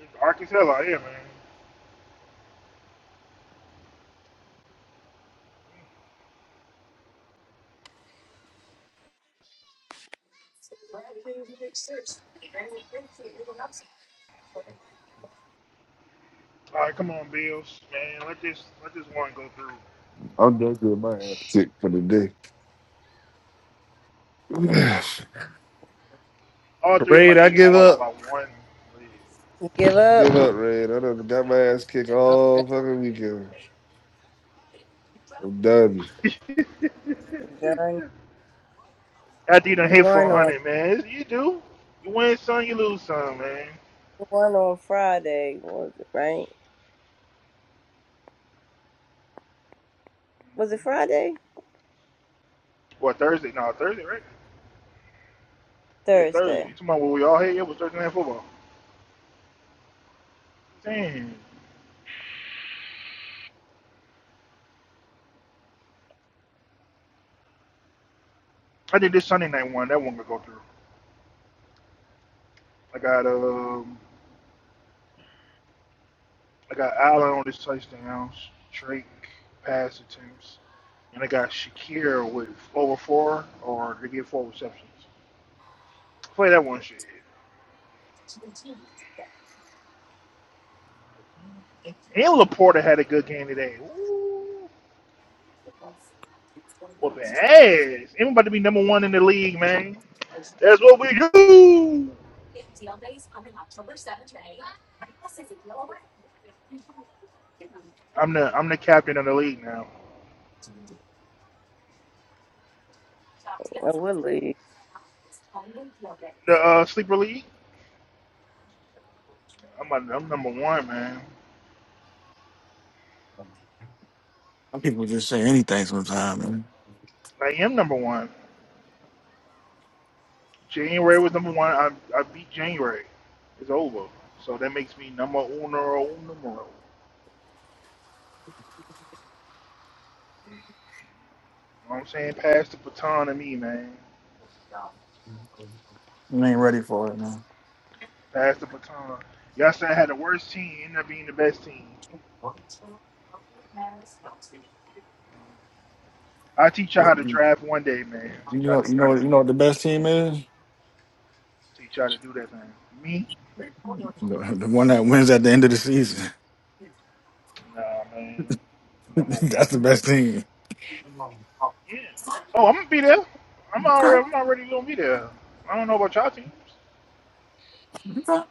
Speaker 6: It's dark as hell out here, man. All right, come on, Bills, man. Let this let this one go through.
Speaker 5: I'm done getting my ass kicked for the day. (sighs)
Speaker 6: All three of my
Speaker 5: Raid, I
Speaker 6: shits
Speaker 5: give
Speaker 6: lost
Speaker 5: up.
Speaker 6: by one.
Speaker 1: You give up.
Speaker 5: Give up, Raid. I done got my ass kicked
Speaker 1: All right,
Speaker 5: all fucking weekend. I'm done.
Speaker 6: lead. (laughs)
Speaker 1: done.
Speaker 6: After you done
Speaker 1: You
Speaker 6: hit for
Speaker 1: won
Speaker 6: one
Speaker 1: on
Speaker 6: hundred, man. You do. You win some, you lose some, man.
Speaker 1: you won on Friday, was it right? Was it Friday?
Speaker 6: What, Thursday? No, Thursday, right? Yeah, Thursday.
Speaker 1: Thursday.
Speaker 6: You talking about what we all hit? Yeah, it was Thursday Night Football. Damn. I did this Sunday night one. That one gonna go through. I got, um, I got Allen on his touchdowns, Drake pass attempts, and I got Shakir with over four, or to get four receptions. Play that one shit. And Laporta had a good game today. Ooh, whooping ass. Everybody about to be number one in the league, man. That's what we do. I'm the I'm the captain of the league now.
Speaker 1: I would leave.
Speaker 6: The uh, sleeper league. I'm a, I'm number one, man.
Speaker 3: Some people just say anything sometimes, man.
Speaker 6: I am number one. January was number one. I I beat January. It's over. So that makes me number uno numero. You know what I'm saying? Pass the baton to me, man.
Speaker 3: You ain't ready for it, man.
Speaker 6: Pass the baton. Y'all said I had the worst team, ended up being the best team. I teach y'all how to
Speaker 3: You
Speaker 6: draft one day, man.
Speaker 3: you
Speaker 6: Teach y'all
Speaker 3: know,
Speaker 6: how
Speaker 3: you
Speaker 6: to do
Speaker 3: know,
Speaker 6: that.
Speaker 3: you know what the best team is
Speaker 6: Teach y'all how to do that thing. Me?
Speaker 3: the, the one that wins at the end of the season.
Speaker 6: Nah, man.
Speaker 3: (laughs)
Speaker 6: Number
Speaker 3: that's
Speaker 6: one.
Speaker 3: the best team.
Speaker 6: Yeah. Oh, I'm gonna be there. I'm
Speaker 3: Okay,
Speaker 6: already I'm already gonna be there. I don't know about y'all teams.
Speaker 3: okay.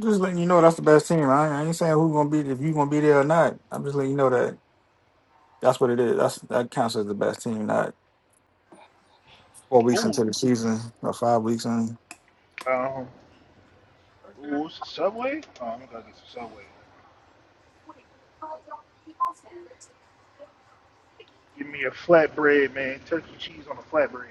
Speaker 3: Just letting you know that's the best team. I, I ain't saying who's gonna be if you gonna be there or not. I'm just letting you know that that's what it is. That's that counts as the best team. Not four weeks
Speaker 6: Ooh,
Speaker 3: into the season or five weeks in.
Speaker 6: um, ooh, it's a Subway. Oh, I'm gonna get some Subway. Give me a flatbread, man. Turkey cheese on a flatbread.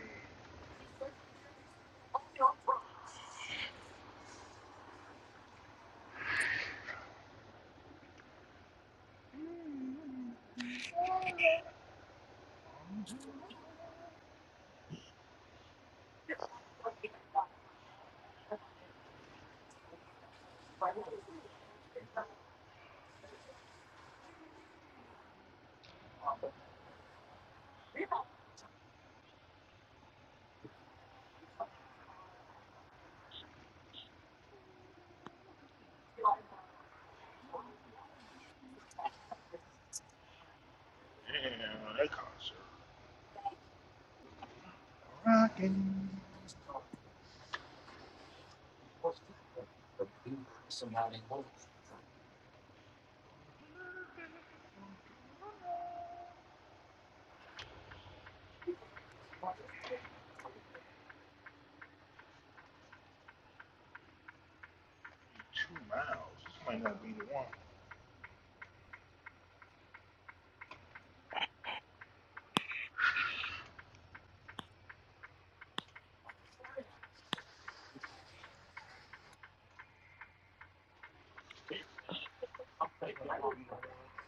Speaker 6: Damn, that concert rocking. Two miles. This might not be the one. This might not be the one.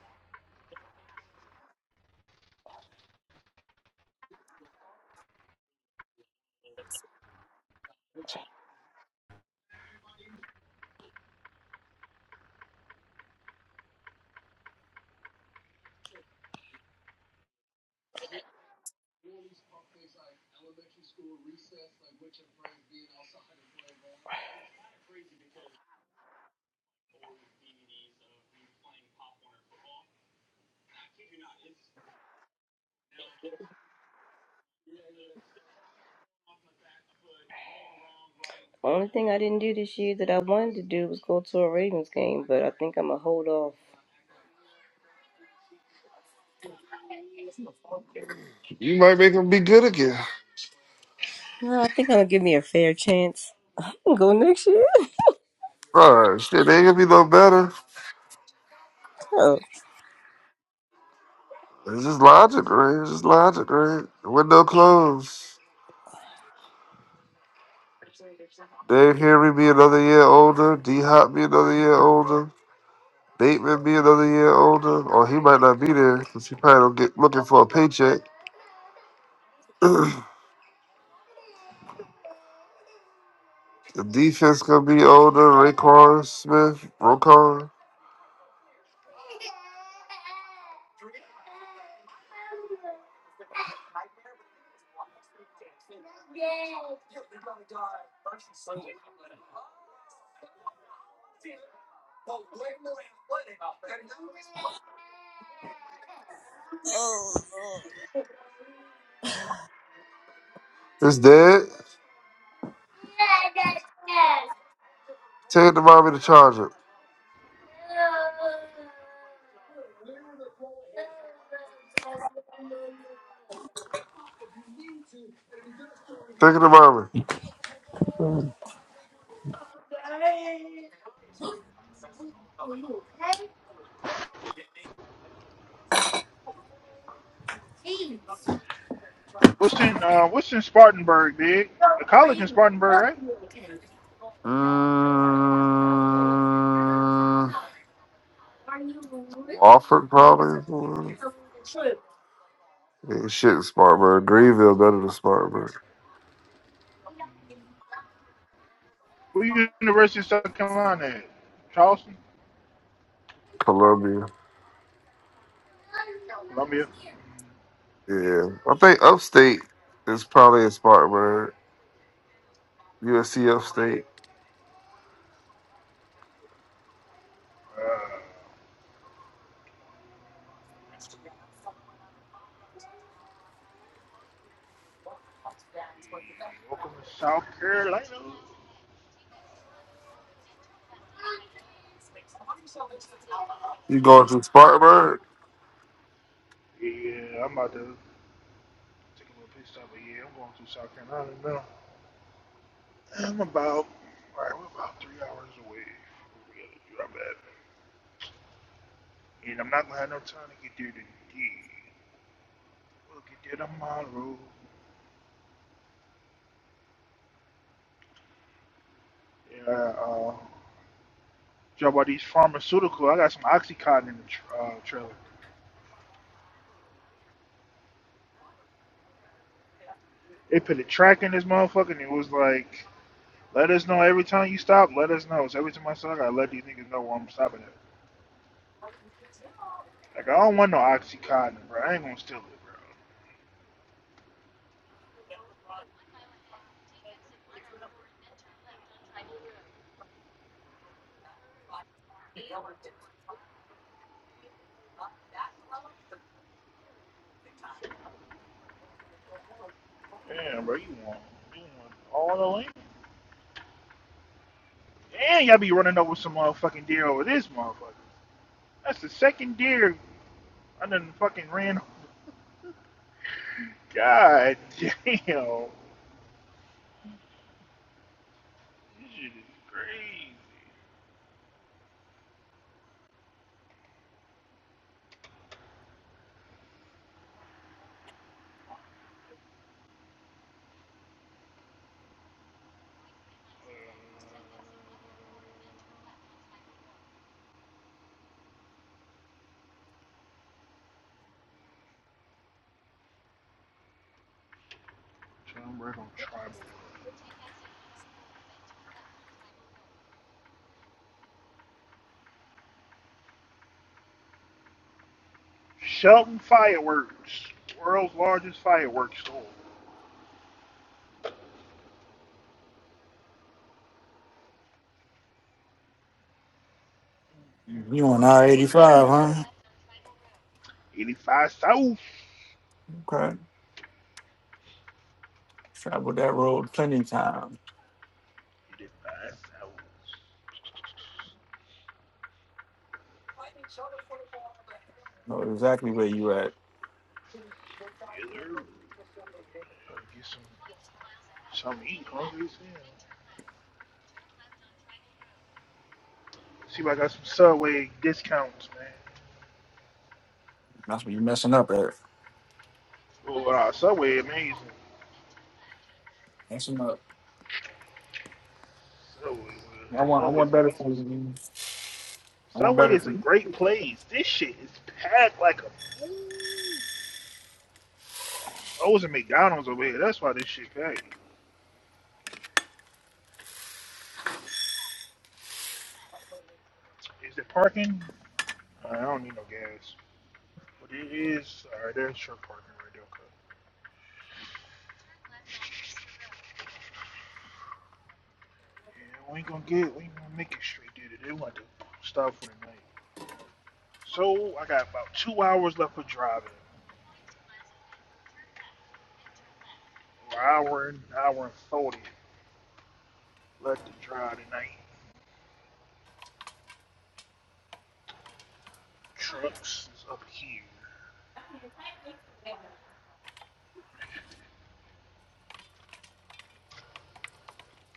Speaker 1: Only thing I didn't do this year that I wanted to do was go to a Ravens game, but I think I'm gonna hold off.
Speaker 5: You might make them be good again.
Speaker 1: No, I think I'm gonna give me a fair chance. (laughs) I can go next year.
Speaker 5: Bro, shit, they ain't gonna be no better.
Speaker 1: (laughs)
Speaker 5: It's just logic, right? It's just logic, right? Window closed. Dave Henry be another year older. D Hop be another year older. Bateman be another year older. Or he might not be there because he probably don't get looking for a paycheck. (clears throat) the defense gonna be older. Raquan Smith, Rokon. It's dead. Take it to mommy to charge it. Take it to mommy.
Speaker 6: What's in uh, What's in Spartanburg, big? A college in Spartanburg, right?
Speaker 5: Mm. Wofford probably. Yeah, shit, Spartanburg. Greenville better than Spartanburg.
Speaker 6: Where you University of South Carolina at? Charleston,
Speaker 5: Columbia.
Speaker 6: Columbia.
Speaker 5: Yeah. I think upstate is probably in Spartanburg. USC upstate.
Speaker 6: Uh, Hey, welcome to South Carolina.
Speaker 5: You going to Spartanburg?
Speaker 6: Yeah, I'm about to take a little pit stop, but yeah, I'm going to South Carolina now. I'm about, alright, we're about three hours away from where we gotta do our And I'm not gonna have no time to get there today. We'll get there tomorrow. Yeah, uh, job about these pharmaceutical. I got some Oxycontin in the tr- uh, trailer. They put a track in this motherfucker, and it was like, let us know every time you stop, let us know. So every time I stop, I let these niggas know where I'm stopping at. Like I don't want no oxycontin, bro. I ain't gonna steal it, bro. Damn, bro, you want you want all the land? Damn, y'all be running over some motherfucking deer over this motherfucker. That's the second deer I done fucking ran. over. God damn, this shit is crazy. John Brecon Tribal. Shelton Fireworks, world's largest fireworks store.
Speaker 3: You on I
Speaker 6: Oh,
Speaker 3: eighty
Speaker 6: that shit
Speaker 3: five,
Speaker 6: packed.
Speaker 3: huh?
Speaker 6: 85 South. 85
Speaker 3: Okay. Traveled that road plenty of times.
Speaker 6: South.
Speaker 3: Know exactly where you at.
Speaker 6: Killer. Gotta Get some So I'm eating hungry as hell. See if I got some Subway discounts, man.
Speaker 3: That's where you messing up at.
Speaker 6: Oh, uh, Subway amazing.
Speaker 3: Messing up.
Speaker 6: Subway, man. I'm always give me some Subway. Subway is a great place. This shit is packed like a. Ooh. I was at McDonald's over here. That's why this shit packed. Is it parking? Uh, I don't need no gas. But it is. Alright, there's short parking right there. Okay. Yeah, we ain't gonna get. We ain't gonna make it straight there today. We want to stop for the night. So I got about two hours left for driving. we hour and hour and forty left to dry tonight. Trucks is up here.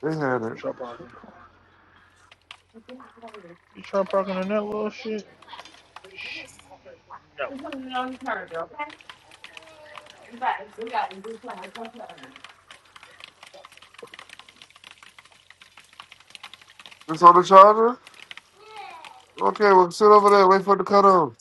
Speaker 5: They had it.
Speaker 6: Truck parking. You truck parking in that little sh- shit? No.
Speaker 5: It's on the charger? Okay, well, sit over there. Wait for the cutoff.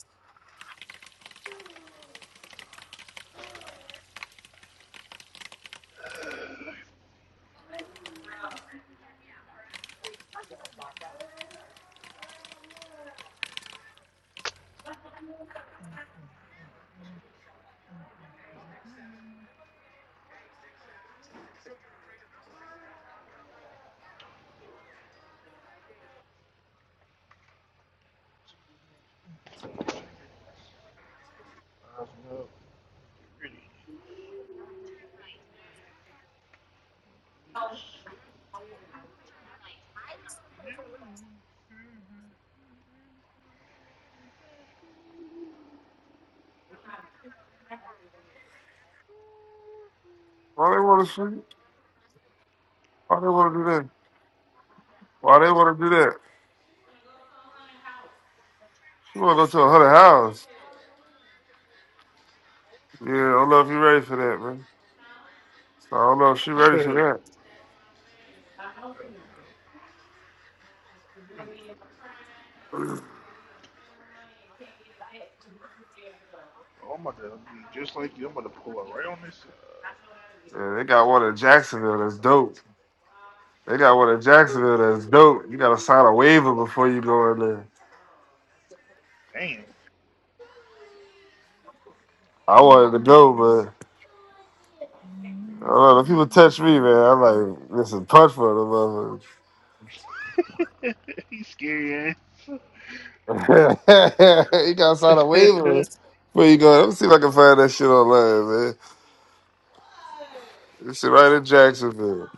Speaker 6: Eyes up.
Speaker 5: Why they want to shoot? Why they want to do that? Why they want to do that? She want to go to a hundred house. Yeah, I don't know if you ready for that, man. I don't know if she ready for
Speaker 6: Really. (laughs)
Speaker 5: that.
Speaker 6: It's- Really. oh my god, i will be just like you. I'm gonna pull around this.
Speaker 5: Yeah, they got one in Jacksonville that's dope. They got one in
Speaker 6: Uh,
Speaker 5: Jacksonville that's dope. You gotta sign a waiver before you go in there.
Speaker 6: damn.
Speaker 5: I wanted to go, but I don't know. The people touch me, man. I'm like, listen, punch for the
Speaker 6: (laughs) He's scary ass. (laughs)
Speaker 5: motherfucker. (laughs) you gotta sign a
Speaker 6: Alright. (sighs)
Speaker 5: waiver before you go. Let me see if I can find that shit online, man. This shit right in Jacksonville.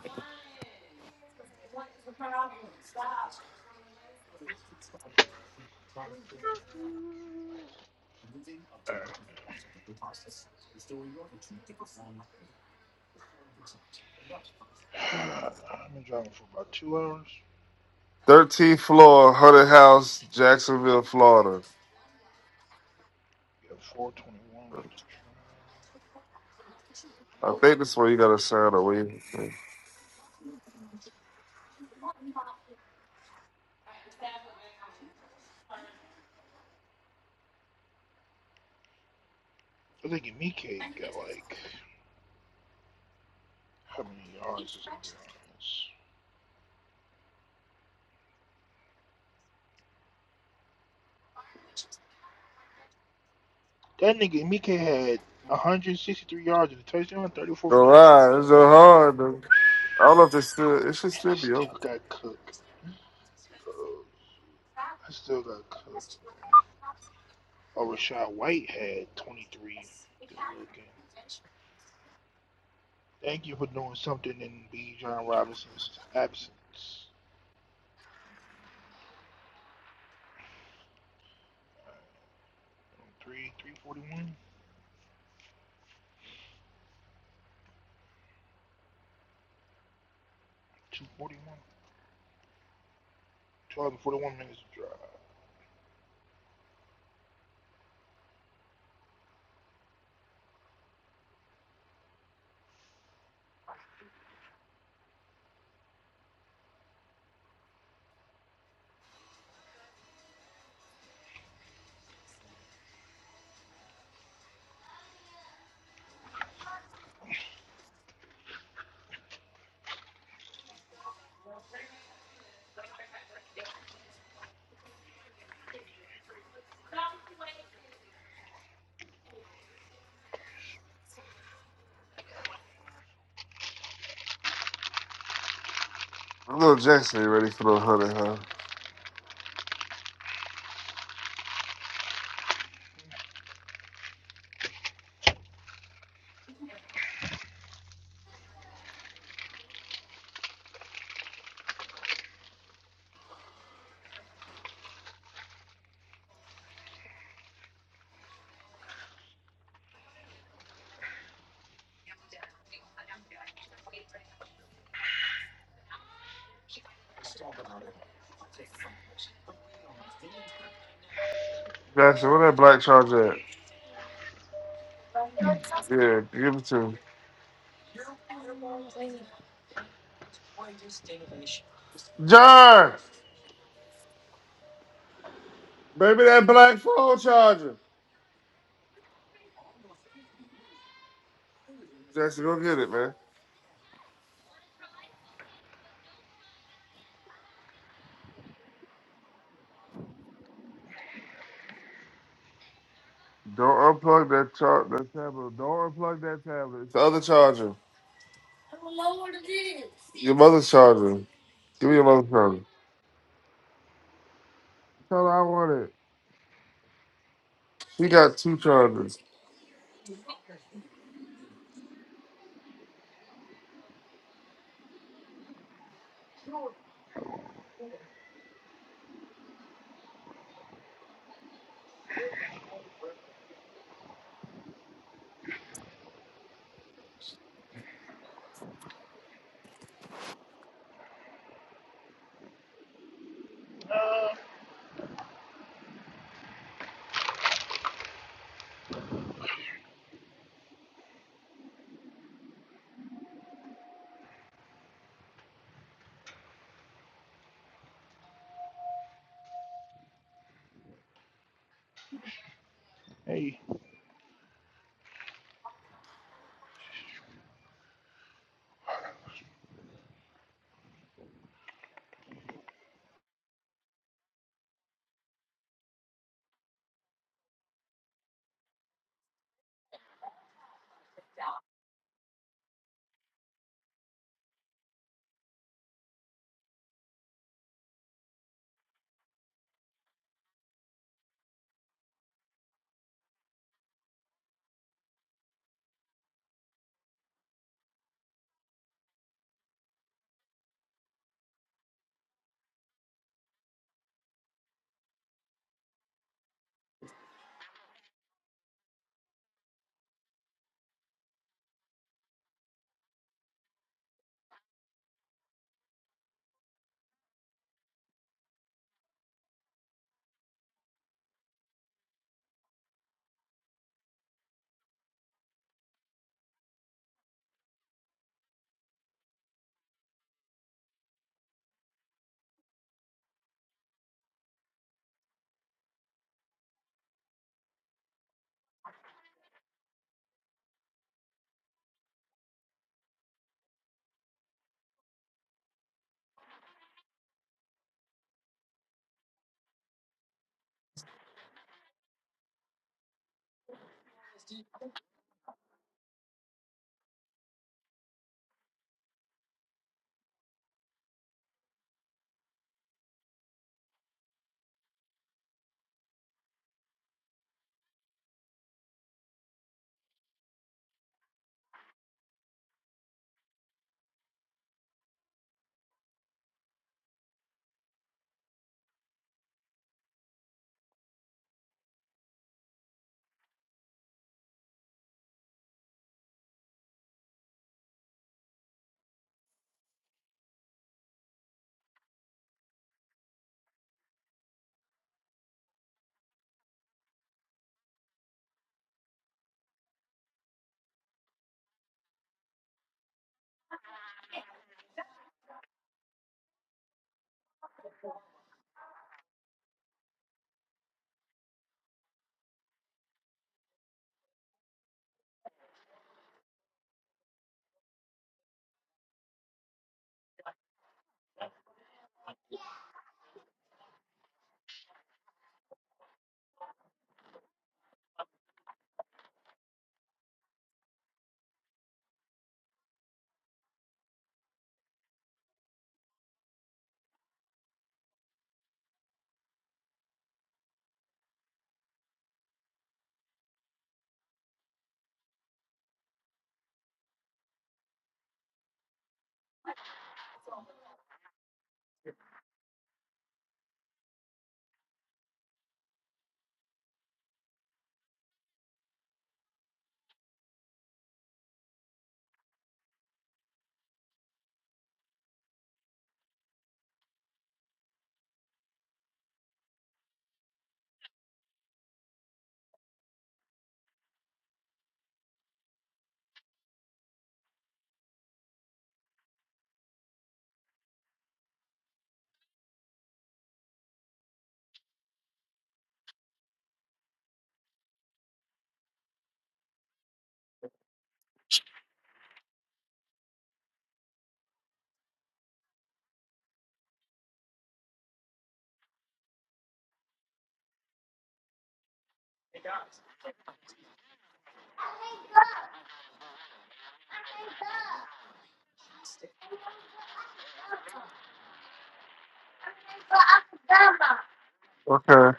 Speaker 6: I've been driving for about two hours.
Speaker 5: 13th floor, Hunted House, Jacksonville, Florida.
Speaker 6: Yeah, 421 left to
Speaker 5: I think that's where you gotta sign a waiver.
Speaker 6: drive. I think Emike got like how many yards this nigga has? That nigga Emike had 163 yards and a touchdown, 34
Speaker 5: Go
Speaker 6: fantasy
Speaker 5: ride.
Speaker 6: points,
Speaker 5: It's so hard, though. I don't know if it's still, it should
Speaker 6: and I
Speaker 5: still be
Speaker 6: still
Speaker 5: open.
Speaker 6: got Cook. Uh, I still got Cook. Oh, Rashad White had 23. Good looking. Thank you for doing something in B. John Robinson's absence. All right, um, three, 341, 241, 241 minutes to drive.
Speaker 5: I'm Jackson ain't ready for no Hunted House. Jackson, where that black charger at? Yeah, give it to me. John! Baby, that black phone charger. Jackson, go get it, man. Don't unplug that char- that tablet. Don't unplug that tablet. It's the other charger. Your mother's charger. Give me your mother's charger. Tell her I want it. She got two chargers.
Speaker 6: Hey.
Speaker 5: Okay. All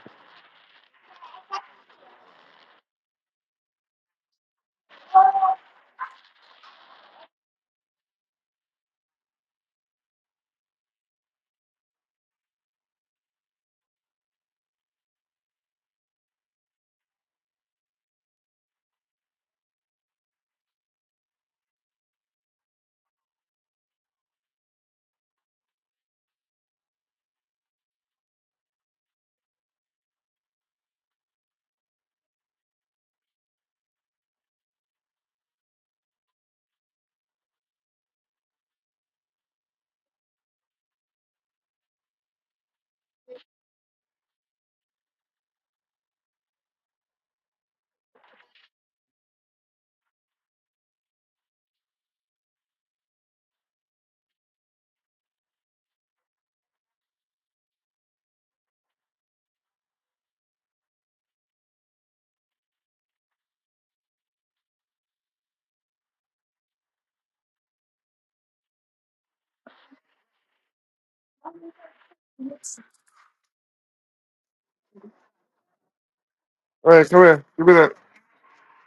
Speaker 5: right, come here. Give me that.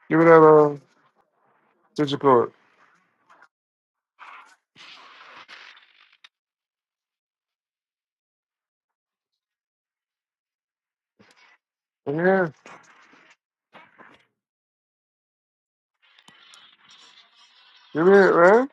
Speaker 5: Give me that, uh, digital cord. Yeah. Give me it, man.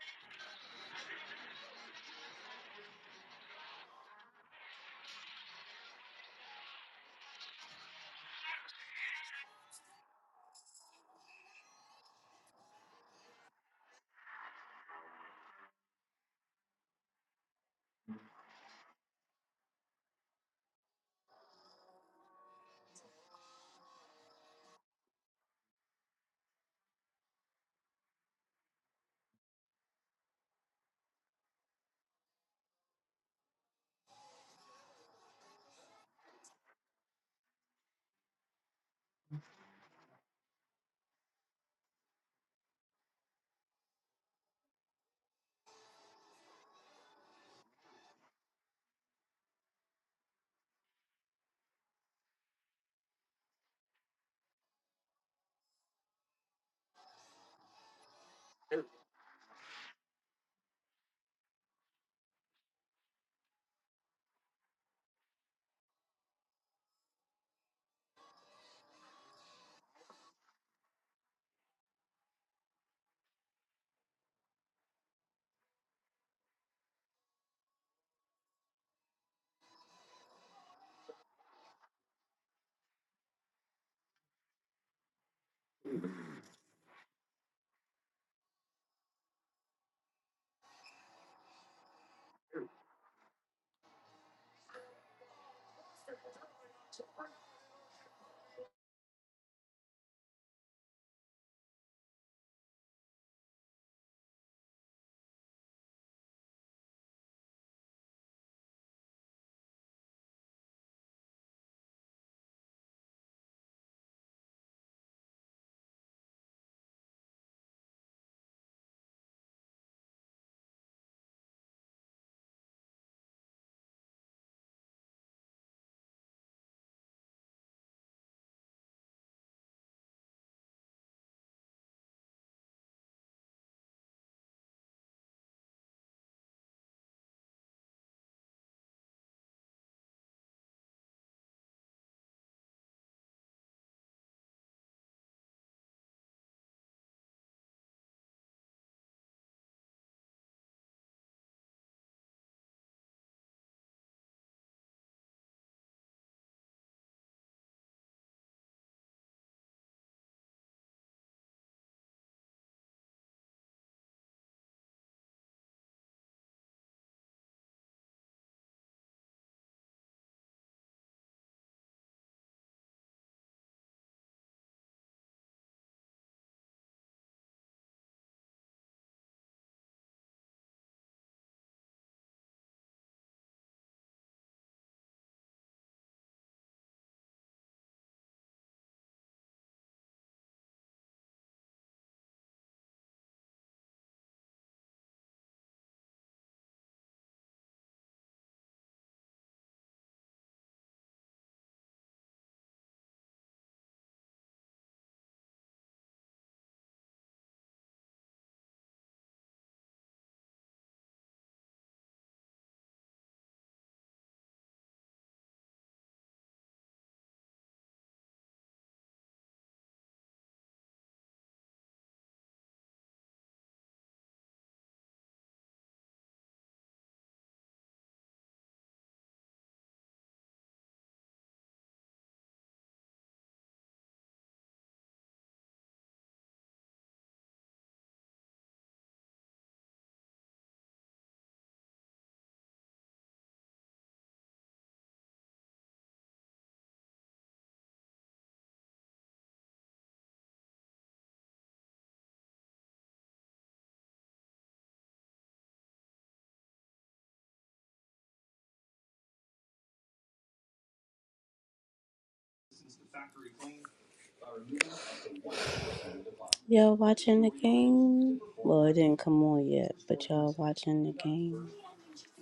Speaker 1: Y'all watching the game? Well, it didn't come on yet, but y'all watching the game?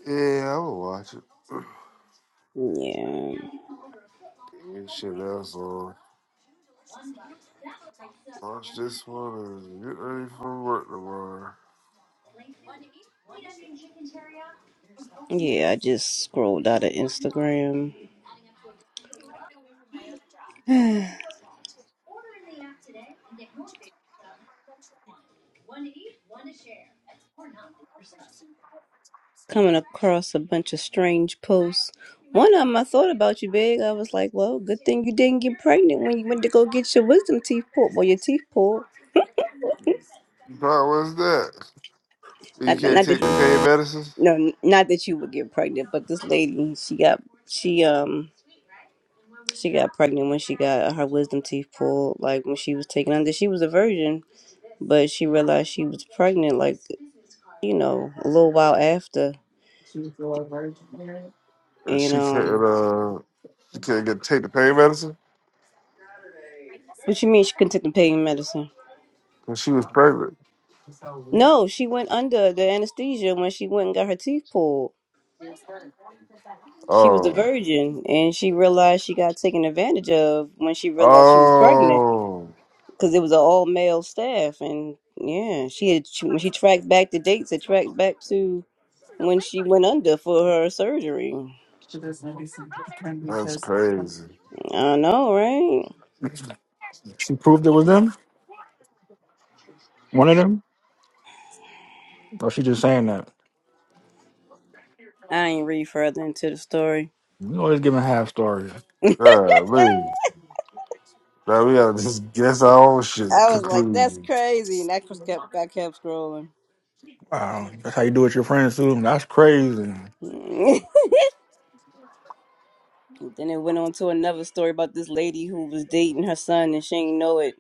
Speaker 5: Yeah, I'm gonna watch it.
Speaker 1: Yeah.
Speaker 5: (clears throat) Ain't shit else on. Watch this one and get ready for work tomorrow.
Speaker 1: Yeah, I just scrolled out of Instagram. (sighs) Coming across a bunch of strange posts. One of them, I thought about you, Big. I was like, well, good thing you didn't get pregnant when you went to go get your wisdom teeth pulled. Well, your teeth pulled.
Speaker 5: Bro, what's that? You
Speaker 1: Not that,
Speaker 5: can't
Speaker 1: not
Speaker 5: take the
Speaker 1: that,
Speaker 5: pain medicine?
Speaker 1: no, not that you would get pregnant, but this lady, she got, she, um, she got pregnant when she got her wisdom teeth pulled, like when she was taken under. She was a virgin but she realized she was pregnant like you know a little while after
Speaker 5: And
Speaker 1: and
Speaker 5: she can't
Speaker 1: um
Speaker 5: uh she can't get take the pain medicine?
Speaker 1: what you mean she couldn't take the pain medicine
Speaker 5: Because she was pregnant.
Speaker 1: no she went under the anesthesia when she went and got her teeth pulled she was a
Speaker 5: Oh.
Speaker 1: virgin and she realized she got taken advantage of when she realized she was pregnant
Speaker 5: Oh
Speaker 1: because it was an all male staff and yeah she had she, when she tracked back the dates it tracked back to when she went under for her surgery
Speaker 5: that's crazy.
Speaker 1: i know right
Speaker 3: She proved it was them? One of them? Or she just saying that?
Speaker 1: i ain't read further into the story
Speaker 3: You always giving half stories.
Speaker 5: Yeah, man. Now we gotta just guess our own shit
Speaker 1: I was like, that's
Speaker 5: conclusion.
Speaker 1: crazy. And I just kept I kept scrolling.
Speaker 3: Wow. That's how you do it with your friends too. That's crazy.
Speaker 1: (laughs) then it went on to another story about this lady who was dating her son and she ain't know it.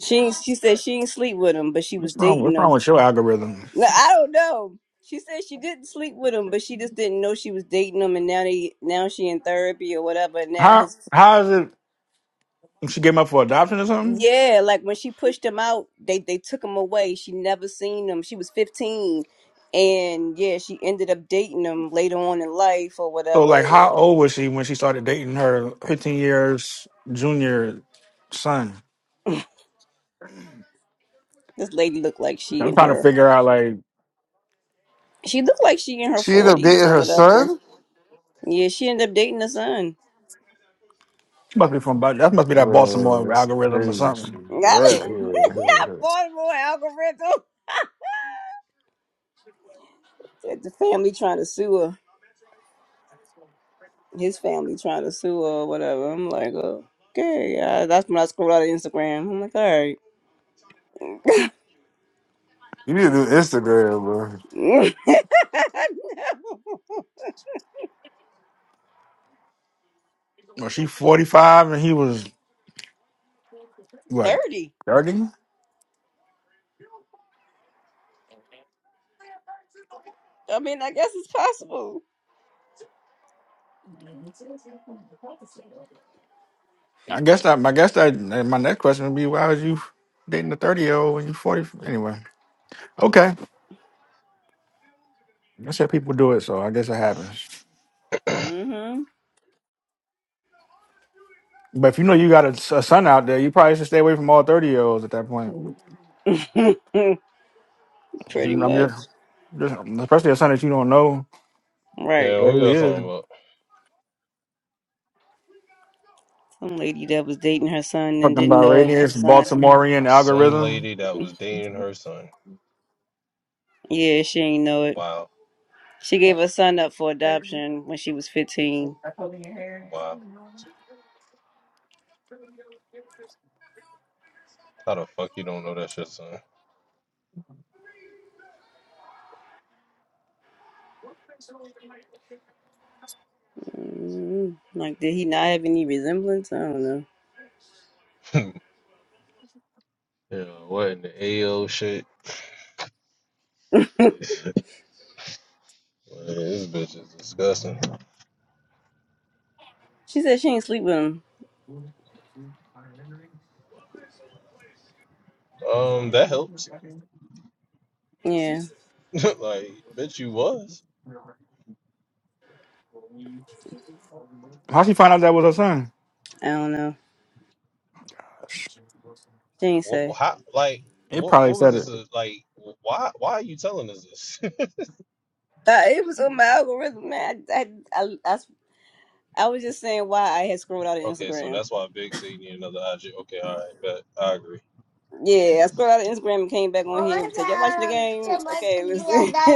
Speaker 1: She ain't- she said she ain't sleep with him, but she was
Speaker 3: What's wrong?
Speaker 1: dating
Speaker 3: What's wrong
Speaker 1: him.
Speaker 3: with your algorithm?
Speaker 1: No, I don't know. She said she didn't sleep with him, but she just didn't know she was dating him and now they now she in therapy or whatever. and Now
Speaker 3: How
Speaker 1: his
Speaker 3: how is it she gave up for adoption or something?
Speaker 1: Yeah, like when she pushed him out, they they took him away. She never seen him. She was fifteen and yeah, she ended up dating him later on in life or
Speaker 3: So
Speaker 1: whatever.
Speaker 3: like how old was she when she started dating her fifteen years junior son?
Speaker 1: This lady looked like she
Speaker 3: I'm
Speaker 1: in
Speaker 3: trying to
Speaker 1: her
Speaker 3: figure out like.
Speaker 1: she looked like she in her
Speaker 5: She ended up
Speaker 1: forties
Speaker 5: dating
Speaker 1: or
Speaker 5: her
Speaker 1: whatever.
Speaker 5: son?
Speaker 1: Yeah, she ended up dating the son.
Speaker 3: She must be from Ba- that must be that
Speaker 5: Man,
Speaker 3: Baltimore
Speaker 5: that's
Speaker 3: algorithm or
Speaker 5: crazy shit.
Speaker 3: something.
Speaker 1: (laughs) Not
Speaker 5: Yeah, yeah. (laughs)
Speaker 1: Baltimore algorithm. Said the family trying to sue her. His family trying to sue her or whatever. I'm like, oh, okay, yeah. That's when I scrolled out of Instagram. I'm like, all right. (laughs)
Speaker 5: You need to do Instagram, bro.
Speaker 1: No.
Speaker 3: Well, she forty five and he was what
Speaker 1: Thirty.
Speaker 3: thirty?
Speaker 1: I mean, I guess it's possible.
Speaker 3: I guess that. I guess that. My next question would be, why was you dating a thirty year old when you forty? Anyway, okay. That's how people do it. So I guess it happens.
Speaker 1: Mm-hmm.
Speaker 3: But if you know you got a, a son out there, you probably should stay away from all thirty year olds at that point.
Speaker 1: (laughs) Pretty
Speaker 3: Mm-hmm. I'm
Speaker 1: much.
Speaker 3: just, just especially a son that you don't know
Speaker 1: Right.
Speaker 9: Yeah,
Speaker 3: where
Speaker 9: who
Speaker 3: he
Speaker 9: y'all
Speaker 3: is.
Speaker 9: talking about?
Speaker 1: Some lady that was dating her son and
Speaker 3: Talking
Speaker 1: didn't
Speaker 3: about
Speaker 1: know it was
Speaker 3: radius,
Speaker 1: her son.
Speaker 3: Baltimorean
Speaker 9: Some
Speaker 3: algorithm.
Speaker 9: lady that was dating her son.
Speaker 1: Yeah, she ain't know it.
Speaker 9: Wow,
Speaker 1: She gave her son up for adoption when she was 15.
Speaker 9: wow. How the fuck you don't know that shit, son?
Speaker 1: Mm, like, did he not have any resemblance? I don't know.
Speaker 9: (laughs) yeah, what in the AO shit? Man,
Speaker 1: (laughs)
Speaker 9: this bitch is disgusting.
Speaker 1: She said she ain't sleep with him.
Speaker 9: Um, that helps.
Speaker 1: Yeah,
Speaker 9: (laughs) like, bitch, you was.
Speaker 3: How she find out that was her son?
Speaker 1: I don't know. She ain't
Speaker 9: What?
Speaker 1: say.
Speaker 9: How? Like,
Speaker 3: It
Speaker 9: what?
Speaker 3: probably
Speaker 9: What was
Speaker 3: said it.
Speaker 9: this? uh, Like, why? Why are you telling us this?
Speaker 1: Uh, it was on my algorithm, man. I, I, I, I, I was just saying why I had scrolled out of
Speaker 9: (laughs) okay, so
Speaker 1: Instagram.
Speaker 9: that's why Big said you need another IG. Okay, all right, bet I agree.
Speaker 1: Yeah, I scrolled out of Instagram and came back on here and said, y'all watching the game? Okay, listen. (laughs)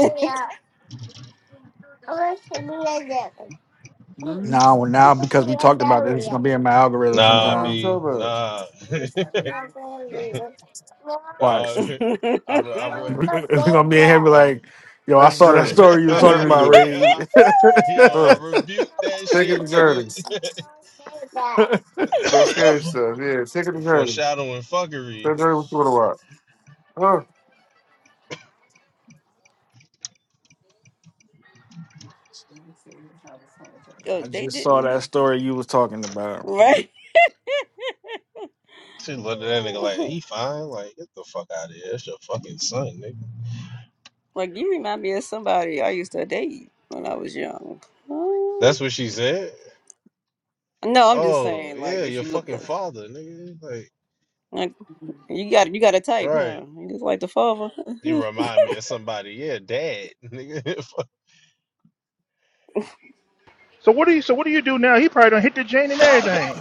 Speaker 3: Now, now because we talked about this, it's gonna be in my algorithm
Speaker 5: No,
Speaker 9: Nah,
Speaker 5: no, you
Speaker 3: sometime.
Speaker 9: B,
Speaker 5: talking about.
Speaker 9: nah. (laughs)
Speaker 3: Watch,
Speaker 9: nah I, re, I,
Speaker 3: (laughs)
Speaker 9: re,
Speaker 3: it's gonna be in here. Be
Speaker 9: I
Speaker 3: like, yo, I
Speaker 5: That's
Speaker 9: re,
Speaker 3: saw that
Speaker 5: Journey.
Speaker 3: story you was
Speaker 5: Tell
Speaker 3: talking
Speaker 9: (laughs)
Speaker 5: Journey to
Speaker 3: about,
Speaker 5: do it.
Speaker 3: Ray.
Speaker 9: yeah, yo,
Speaker 5: Huh.
Speaker 9: I rebuked that
Speaker 5: Take it
Speaker 9: shit,
Speaker 5: to Journey.
Speaker 9: nigga.
Speaker 3: (laughs)
Speaker 5: No
Speaker 9: (laughs)
Speaker 5: scary stuff. Yeah, take it to Johnny.
Speaker 9: foreshadowing
Speaker 5: Tell
Speaker 9: fuckery.
Speaker 5: Johnny what you want to Huh?
Speaker 1: oh,
Speaker 3: I
Speaker 1: they
Speaker 3: just saw
Speaker 1: didn't.
Speaker 3: that story you was talking about.
Speaker 1: Right?
Speaker 9: She looked at that nigga like
Speaker 1: (laughs)
Speaker 9: he fine. Like get the fuck out of here. That's your fucking son, nigga.
Speaker 1: Like you remind me of somebody I used to date when I was young. Uh,
Speaker 9: That's what she said.
Speaker 1: no, I'm just
Speaker 9: Oh
Speaker 1: saying, like
Speaker 9: yeah,
Speaker 1: if
Speaker 9: your
Speaker 1: she looked
Speaker 9: fucking
Speaker 1: like
Speaker 9: father, nigga. Like
Speaker 1: like you got you got a
Speaker 9: all
Speaker 1: type,
Speaker 9: right,
Speaker 1: huh? You just like the father. (laughs)
Speaker 9: you
Speaker 1: you
Speaker 9: remind me of somebody. Yeah, dad, nigga.
Speaker 6: So what do you? So what do you do now? He probably done hit the joint and everything.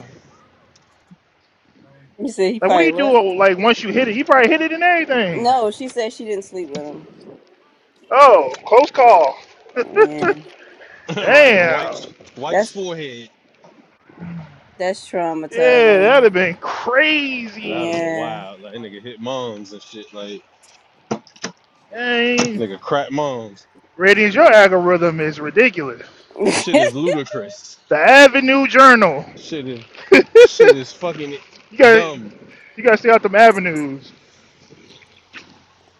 Speaker 1: said he
Speaker 6: Like what do
Speaker 1: probably
Speaker 6: you
Speaker 1: what?
Speaker 6: do? uh, Like once you hit it, he probably hit it and everything.
Speaker 1: No, she said she didn't sleep with him.
Speaker 6: Oh, close call.
Speaker 1: Yeah,
Speaker 6: (laughs)
Speaker 9: (laughs) right, White's
Speaker 6: Damn.
Speaker 9: White's
Speaker 1: that's
Speaker 9: forehead.
Speaker 1: that's
Speaker 6: Yeah, that'd
Speaker 1: traumatizing.
Speaker 6: have been
Speaker 9: That'd have
Speaker 6: crazy.
Speaker 9: been
Speaker 1: Yeah,
Speaker 9: wild. Like nigga hit moms and shit. Like
Speaker 6: Dang.
Speaker 9: nigga crap moms.
Speaker 6: Ratings, your algorithm is ridiculous.
Speaker 9: Shit
Speaker 1: (laughs)
Speaker 9: is ludicrous.
Speaker 6: The Avenue Journal.
Speaker 9: Shit is
Speaker 6: (laughs) you
Speaker 9: shit is fucking
Speaker 6: got
Speaker 9: dumb.
Speaker 6: you gotta stay out them avenues.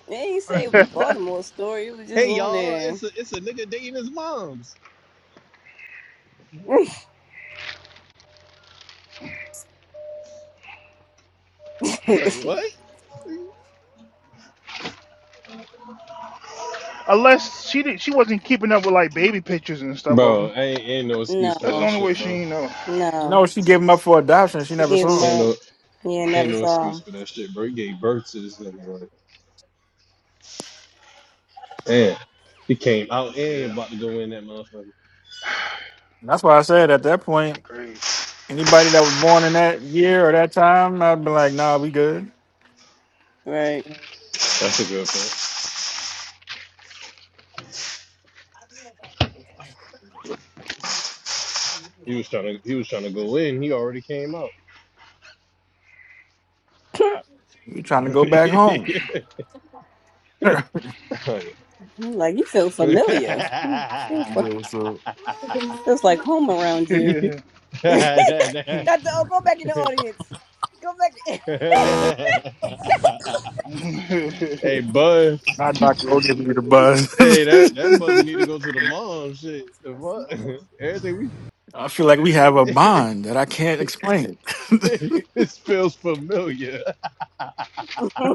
Speaker 1: they ain't
Speaker 6: (laughs)
Speaker 1: say it was a Baltimore story. It was just
Speaker 9: Hey
Speaker 1: on
Speaker 9: y'all,
Speaker 1: there.
Speaker 9: it's a it's a nigga dating his moms. (laughs)
Speaker 1: (laughs)
Speaker 9: Like what?
Speaker 6: Unless she did, she wasn't keeping up with like baby pictures and stuff of them.
Speaker 9: Bro, I ain't ain't no excuse for
Speaker 6: That's the
Speaker 1: no,
Speaker 9: that
Speaker 6: only
Speaker 9: shit,
Speaker 6: way
Speaker 9: bro.
Speaker 6: she know.
Speaker 1: no,
Speaker 3: No, she gave him up for adoption. She
Speaker 1: she
Speaker 3: never
Speaker 1: gave him
Speaker 3: saw
Speaker 9: Ain't
Speaker 3: him.
Speaker 1: up.
Speaker 9: no
Speaker 1: Yeah,
Speaker 9: ain't
Speaker 1: never
Speaker 9: no
Speaker 1: saw
Speaker 9: excuse
Speaker 1: him.
Speaker 9: for that shit, bro. He gave birth to this nigga, like, damn. He came out
Speaker 6: Yeah,
Speaker 9: and about to go in that motherfucker.
Speaker 3: That's why I said at that
Speaker 6: she
Speaker 3: point,
Speaker 6: crazy.
Speaker 3: anybody that was born in that year or that time, I'd be like, nah, we good.
Speaker 1: Right.
Speaker 9: That's a good point. He was trying to he was trying to go in. He already came out.
Speaker 3: You
Speaker 9: (laughs)
Speaker 3: trying to go back home? (laughs)
Speaker 1: I'm Like you feel familiar. Hmm, Feels
Speaker 5: You
Speaker 1: like,
Speaker 5: know what's up?
Speaker 1: feels like home
Speaker 6: (laughs)
Speaker 1: around
Speaker 6: you
Speaker 1: you. (laughs) Doctor
Speaker 9: hey,
Speaker 1: O, go back in the audience. Go back.
Speaker 9: bud.
Speaker 3: Not Dr. O giving
Speaker 6: goofy.
Speaker 3: you the buzz.
Speaker 9: Hey, that that buzzer need to go to the mom. Shit, the fuck. (laughs) Everything we.
Speaker 3: (laughs) I feel like we have a
Speaker 9: (laughs)
Speaker 3: bond that I can't explain. (laughs) yeah,
Speaker 9: (laughs) this feels familiar.
Speaker 1: (laughs)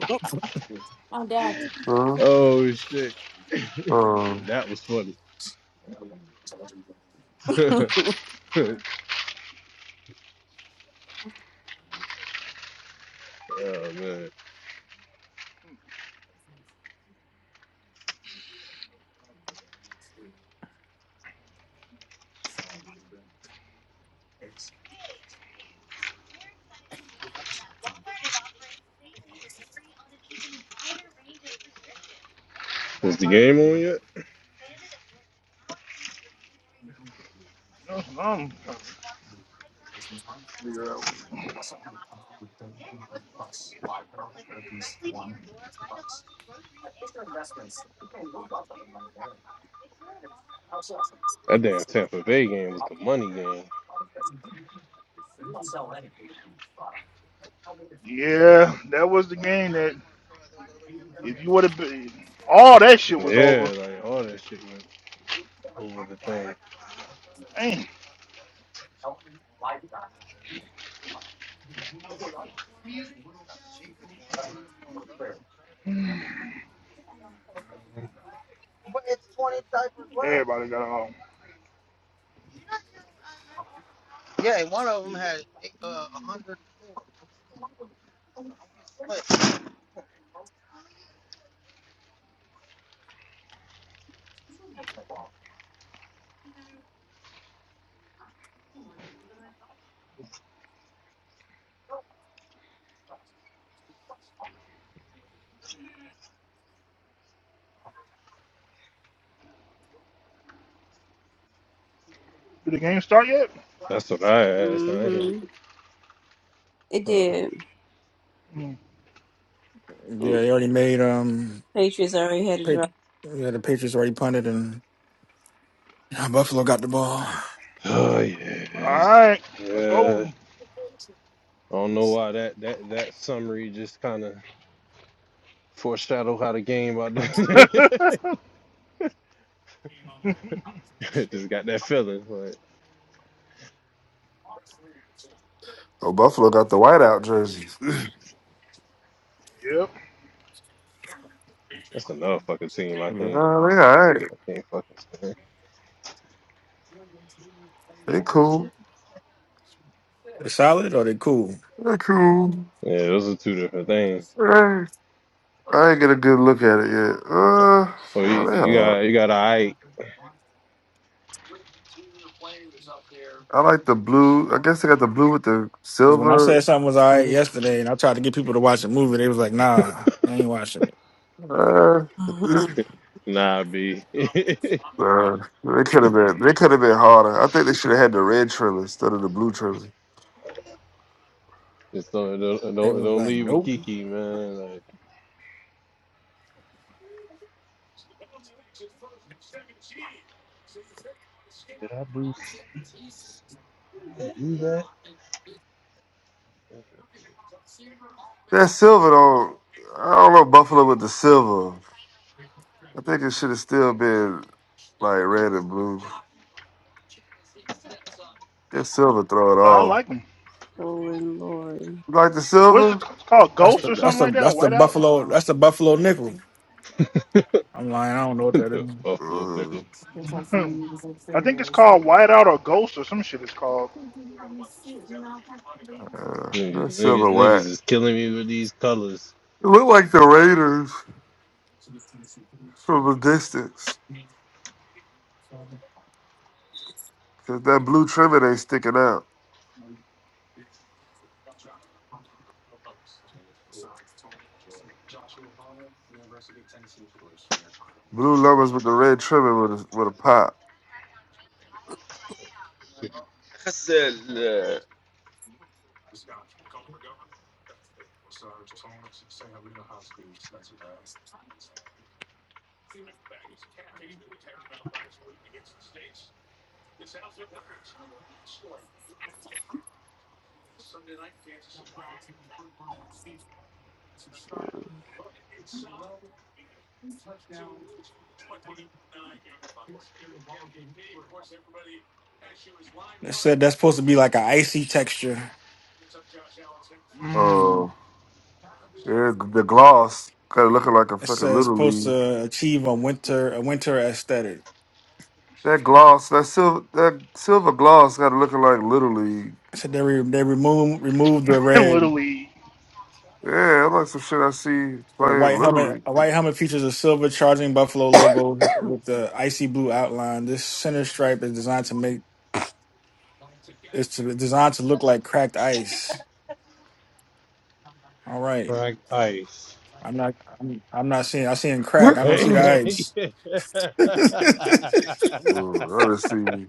Speaker 5: Huh?
Speaker 9: Oh shit,
Speaker 5: Um,
Speaker 9: that was funny. (laughs) oh man, was the game on yet?
Speaker 6: That's what I'm trying to figure out.
Speaker 9: That damn Tampa Bay game was the money game.
Speaker 6: Yeah, that was the game that if you would have been, all that shit was over.
Speaker 9: Yeah, like all that shit went over the thing.
Speaker 6: Damn, everybody got home. Did the game start yet?
Speaker 9: That's what I asked. I ain't,
Speaker 1: hmm It
Speaker 9: uh,
Speaker 1: did.
Speaker 6: Mm.
Speaker 1: Mm,
Speaker 3: they already made um.
Speaker 1: Patriots already had a
Speaker 3: Pa-
Speaker 1: drop.
Speaker 3: yeah, the Patriots already punted and yeah, Buffalo got the ball.
Speaker 9: (sighs) oh
Speaker 6: All
Speaker 9: yes,
Speaker 6: right, let's go.
Speaker 9: yeah. I don't know why that that that summary just kind of foreshadowed how the game about.
Speaker 6: (laughs)
Speaker 9: (laughs)
Speaker 6: yep.
Speaker 9: just got that feeling. Like
Speaker 5: oh, Buffalo got the whiteout jerseys. (laughs) yeah,
Speaker 6: No,
Speaker 9: that's another fucking team. I
Speaker 5: they
Speaker 9: can't.
Speaker 5: all right.
Speaker 9: I can't fucking. stand.
Speaker 5: They cool.
Speaker 3: They solid or they cool?
Speaker 5: They cool.
Speaker 9: Yeah, those are two different things.
Speaker 5: Hey, I ain't get a good look at it yet. Uh, oh,
Speaker 9: Well, you,
Speaker 5: they
Speaker 9: you got
Speaker 5: hard.
Speaker 9: you got I
Speaker 5: I like the blue. I guess they got the blue with the
Speaker 3: Because when I
Speaker 5: silver.
Speaker 3: said something was all right yesterday, and I tried to get people to watch the movie, they was like,
Speaker 9: (laughs)
Speaker 3: "Nah, they ain't watching it."
Speaker 5: Uh, (laughs) uh,
Speaker 1: Mhm.
Speaker 9: nah B. (laughs) Just
Speaker 5: they could have been. They could have been harder. I think they should have had the red trailer instead of the blue trailer.
Speaker 9: don't don't
Speaker 3: They
Speaker 9: don't
Speaker 3: was
Speaker 9: don't
Speaker 3: like,
Speaker 9: leave with
Speaker 3: "Nope."
Speaker 9: Kiki, man. Like you that
Speaker 5: That silver don't. I don't know Buffalo with the silver. I think it should have still been like red and blue. That silver throw it
Speaker 6: I
Speaker 5: off.
Speaker 6: like them.
Speaker 1: Stolen Lord.
Speaker 5: You like the
Speaker 6: What's
Speaker 5: silver?
Speaker 6: it called?
Speaker 3: That's
Speaker 6: Ghost
Speaker 3: the
Speaker 6: or
Speaker 3: that's
Speaker 6: something
Speaker 3: the
Speaker 6: like that?
Speaker 3: that's the
Speaker 6: Whiteout?
Speaker 3: Buffalo that's the Buffalo nickel.
Speaker 9: (laughs)
Speaker 3: I'm lying. I don't know what that is.
Speaker 9: the Buffalo nickel
Speaker 5: Mm,
Speaker 6: (laughs) I think it's called Whiteout or Ghost or some shit. It's called.
Speaker 5: uh, that
Speaker 9: niggas,
Speaker 5: silver
Speaker 9: niggas, niggas
Speaker 5: whack.
Speaker 9: is killing me with these colors.
Speaker 5: It looked like the Raiders from a distance. Cause that blue trimming ain't sticking out. Blue numbers with the red trimming with a, with a pop.
Speaker 9: I said, uh,
Speaker 3: They said that's supposed to be like an icy texture.
Speaker 6: Mm,
Speaker 5: Oh, yeah, the gloss kind of looking like a
Speaker 3: It
Speaker 5: fucking
Speaker 3: says
Speaker 5: little
Speaker 3: supposed
Speaker 5: league.
Speaker 3: to achieve a winter a winter aesthetic.
Speaker 5: That gloss, that silver, that silver gloss, got it looking like Little League.
Speaker 3: It said they re, they remove remove the
Speaker 6: (laughs)
Speaker 3: red.
Speaker 6: literally.
Speaker 5: Yeah, I like some shit I see
Speaker 3: Said a
Speaker 5: playing
Speaker 3: white
Speaker 5: Little
Speaker 3: helmet
Speaker 5: League.
Speaker 3: a white helmet features a silver charging buffalo logo with the icy blue outline. This center stripe is designed to make is to designed to look like cracked ice. All right, I'm not I'm, I'm not seeing I seeing crack. I don't
Speaker 9: Hey,
Speaker 3: see the ice.
Speaker 9: hey. (laughs)
Speaker 5: Ooh, I just see,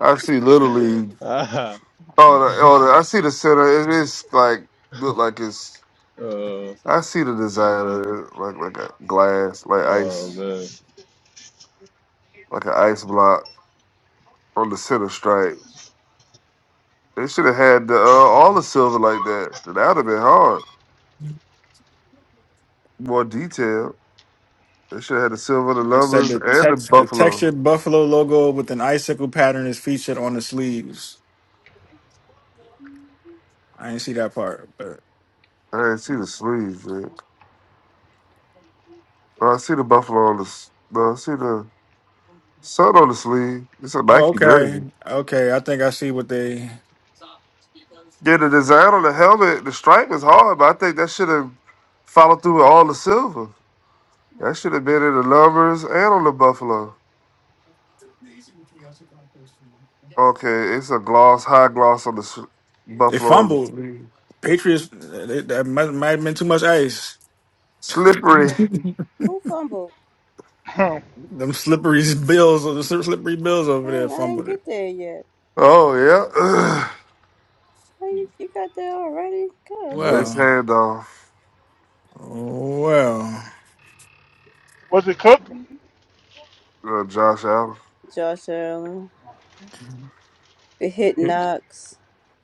Speaker 5: I see Little League.
Speaker 9: Ah,
Speaker 5: Oh, the, oh, the, I see the center. It is like look like it's.
Speaker 9: oh,
Speaker 5: I see the design of it, like like a glass, like
Speaker 9: oh
Speaker 5: ice,
Speaker 9: man,
Speaker 5: like an ice block on the center stripe. They should have had the uh, all the silver like that. That would have been hard, more detailed. They should have had the silver, the
Speaker 3: It said
Speaker 5: numbers,
Speaker 3: the
Speaker 5: and the
Speaker 3: text the
Speaker 5: buffalo.
Speaker 3: textured buffalo logo with an icicle pattern is featured on the sleeves. I didn't see that part, but.
Speaker 5: I didn't see the sleeves, man. Well, I see the buffalo on the. s- No, I see the sun on the sleeve. It's a
Speaker 3: Oh,
Speaker 5: Nike jersey.
Speaker 3: okay, okay. I think I see what they
Speaker 5: Yeah, the design on the helmet, the stripe is hard, but I think that should have followed through with all the silver. That should have been in the numbers and on the buffalo. Okay, it's a gloss, high gloss on the s
Speaker 3: they
Speaker 5: buffalo on the
Speaker 3: fumbled.
Speaker 5: sleeve.
Speaker 3: Patriots they, that might, might have been too much ice.
Speaker 5: Slippery.
Speaker 1: Who, who fumbled?
Speaker 6: (laughs) Was
Speaker 3: Them slippery (laughs) bills, the slippery bills over there
Speaker 1: Dang, I ain't
Speaker 3: fumbled it.
Speaker 1: get there yet.
Speaker 5: Oh yeah. (clears throat)
Speaker 1: How you, you got there already? Golly.
Speaker 5: Best
Speaker 3: Well,
Speaker 5: handoff.
Speaker 3: well.
Speaker 6: it cooked?
Speaker 5: Uh, Josh Allen.
Speaker 1: Josh Allen. It hit Knox.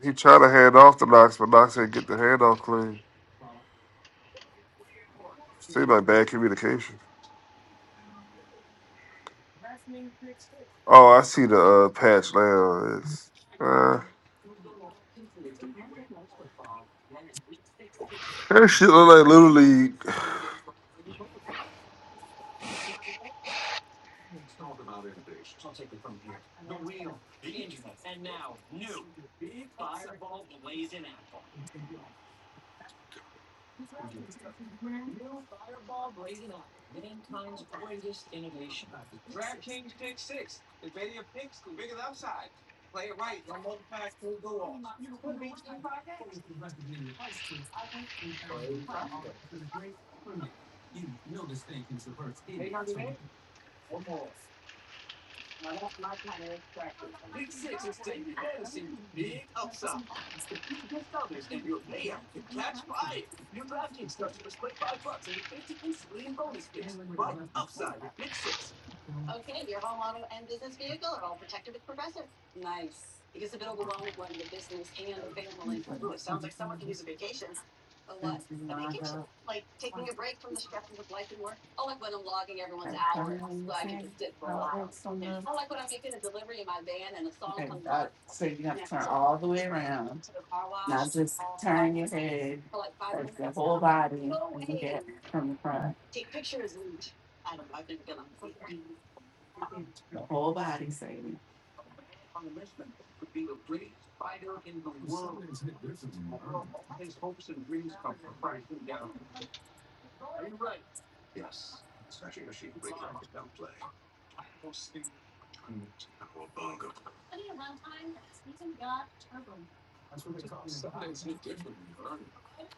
Speaker 5: He tried to hand off to Knox, but Knox didn't get the handoff clean. Seemed like bad communication. Oh, I see the uh, patch now. It's, uh, that shit look like Little League.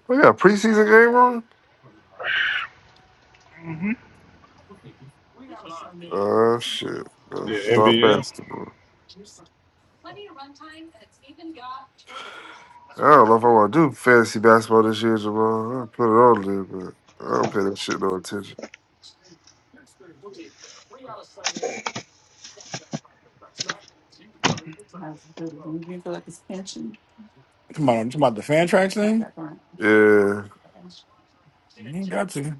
Speaker 5: We got a (sighs) preseason game on?
Speaker 6: Mm-hmm.
Speaker 5: Oh, shit. Uh,
Speaker 9: the
Speaker 5: Start
Speaker 6: Yep.
Speaker 9: NBA
Speaker 5: basketball. I don't know if I want to do fantasy basketball this year, Jamal. I'll put it on there, but I don't pay that shit no attention.
Speaker 3: Come on, talking about the fan tracks thing.
Speaker 5: Yeah,
Speaker 3: You ain't got to.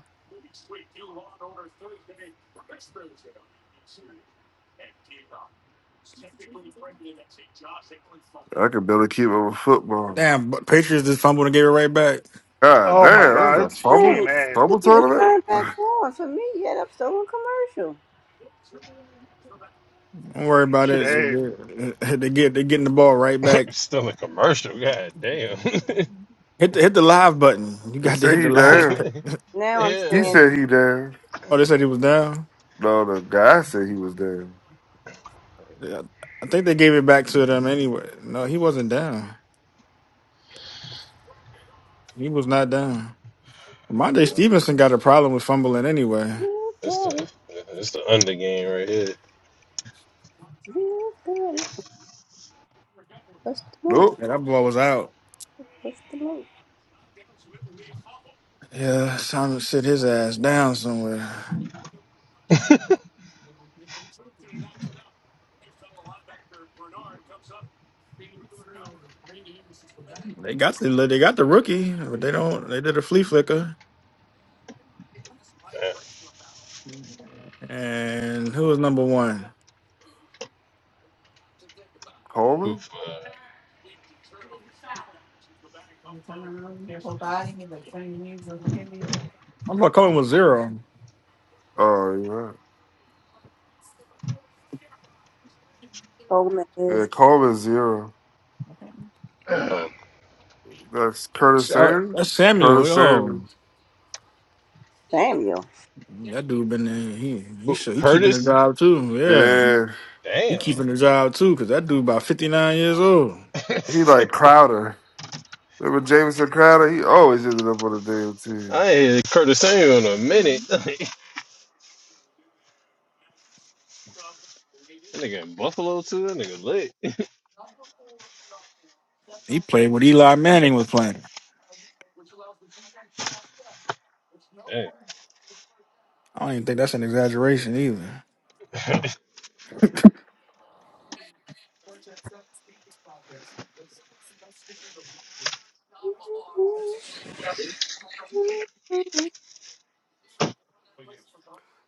Speaker 5: I can barely keep up with football.
Speaker 3: Damn, but Patriots just fumbled and gave it right back.
Speaker 5: God
Speaker 6: Oh my
Speaker 5: damn, this is a
Speaker 6: God, it's
Speaker 5: fumble,
Speaker 6: game
Speaker 1: Dang,
Speaker 6: A.
Speaker 1: he
Speaker 5: fumble
Speaker 1: didn't even
Speaker 5: tournament?
Speaker 1: turn
Speaker 5: (laughs)
Speaker 1: back on for me yet. I'm still on commercial.
Speaker 3: Don't worry about
Speaker 6: Shit
Speaker 3: it.
Speaker 6: A.
Speaker 3: They they get they getting the ball right back.
Speaker 9: (laughs) still a commercial. God damn.
Speaker 3: Hit the hit the live button. You
Speaker 5: They
Speaker 3: got to
Speaker 5: say
Speaker 3: hit
Speaker 5: he
Speaker 3: the live.
Speaker 5: down.
Speaker 3: button.
Speaker 9: (laughs)
Speaker 1: Now I'm
Speaker 9: yeah.
Speaker 5: He
Speaker 1: seeing
Speaker 5: said he down.
Speaker 3: Oh, they said he was down.
Speaker 5: No, the guy said he was down.
Speaker 3: Yeah, I think they gave it back to them anyway. No, he wasn't down. He was not down. Ramondre
Speaker 9: I
Speaker 3: Stevenson got a problem with fumbling anyway.
Speaker 1: You
Speaker 9: That's
Speaker 1: got
Speaker 9: the
Speaker 1: it.
Speaker 9: that's the under game right here.
Speaker 1: You got What's the move?
Speaker 5: Nope.
Speaker 3: Yeah, that boy was out.
Speaker 1: What's the move?
Speaker 3: Yeah, it's time to sit his ass down somewhere. They got the they got the rookie, but they don't. They did a flea flicker.
Speaker 9: Damn.
Speaker 3: And who was number one?
Speaker 5: Coleman?
Speaker 9: Oof, uh,
Speaker 3: I'm about Cohen was zero.
Speaker 5: Oh, you're
Speaker 1: Old man
Speaker 5: right. Yeah,
Speaker 1: is
Speaker 5: Coleman zero.
Speaker 9: um,
Speaker 5: That's Curtis
Speaker 3: Uh,
Speaker 5: Sanders?
Speaker 3: that's Samuel,
Speaker 5: Curtis
Speaker 3: oh,
Speaker 5: Sanders.
Speaker 1: Samuel.
Speaker 3: that dude been there. He he
Speaker 9: who-
Speaker 3: sure he keeping the
Speaker 9: Curtis.
Speaker 3: job too. Yeah,
Speaker 5: Yeah.
Speaker 3: he
Speaker 9: Damn. (laughs)
Speaker 3: keeping the job too because that dude about 59 years old.
Speaker 5: He like Crowder. Remember Jameson Crowder? He always ended up on the damn team.
Speaker 9: I ain't heard Curtis Samuel in a minute. (laughs) That nigga in Buffalo too. That nigga lit.
Speaker 3: He played what Eli Manning was playing.
Speaker 9: Damn.
Speaker 3: I don't even think that's an exaggeration either.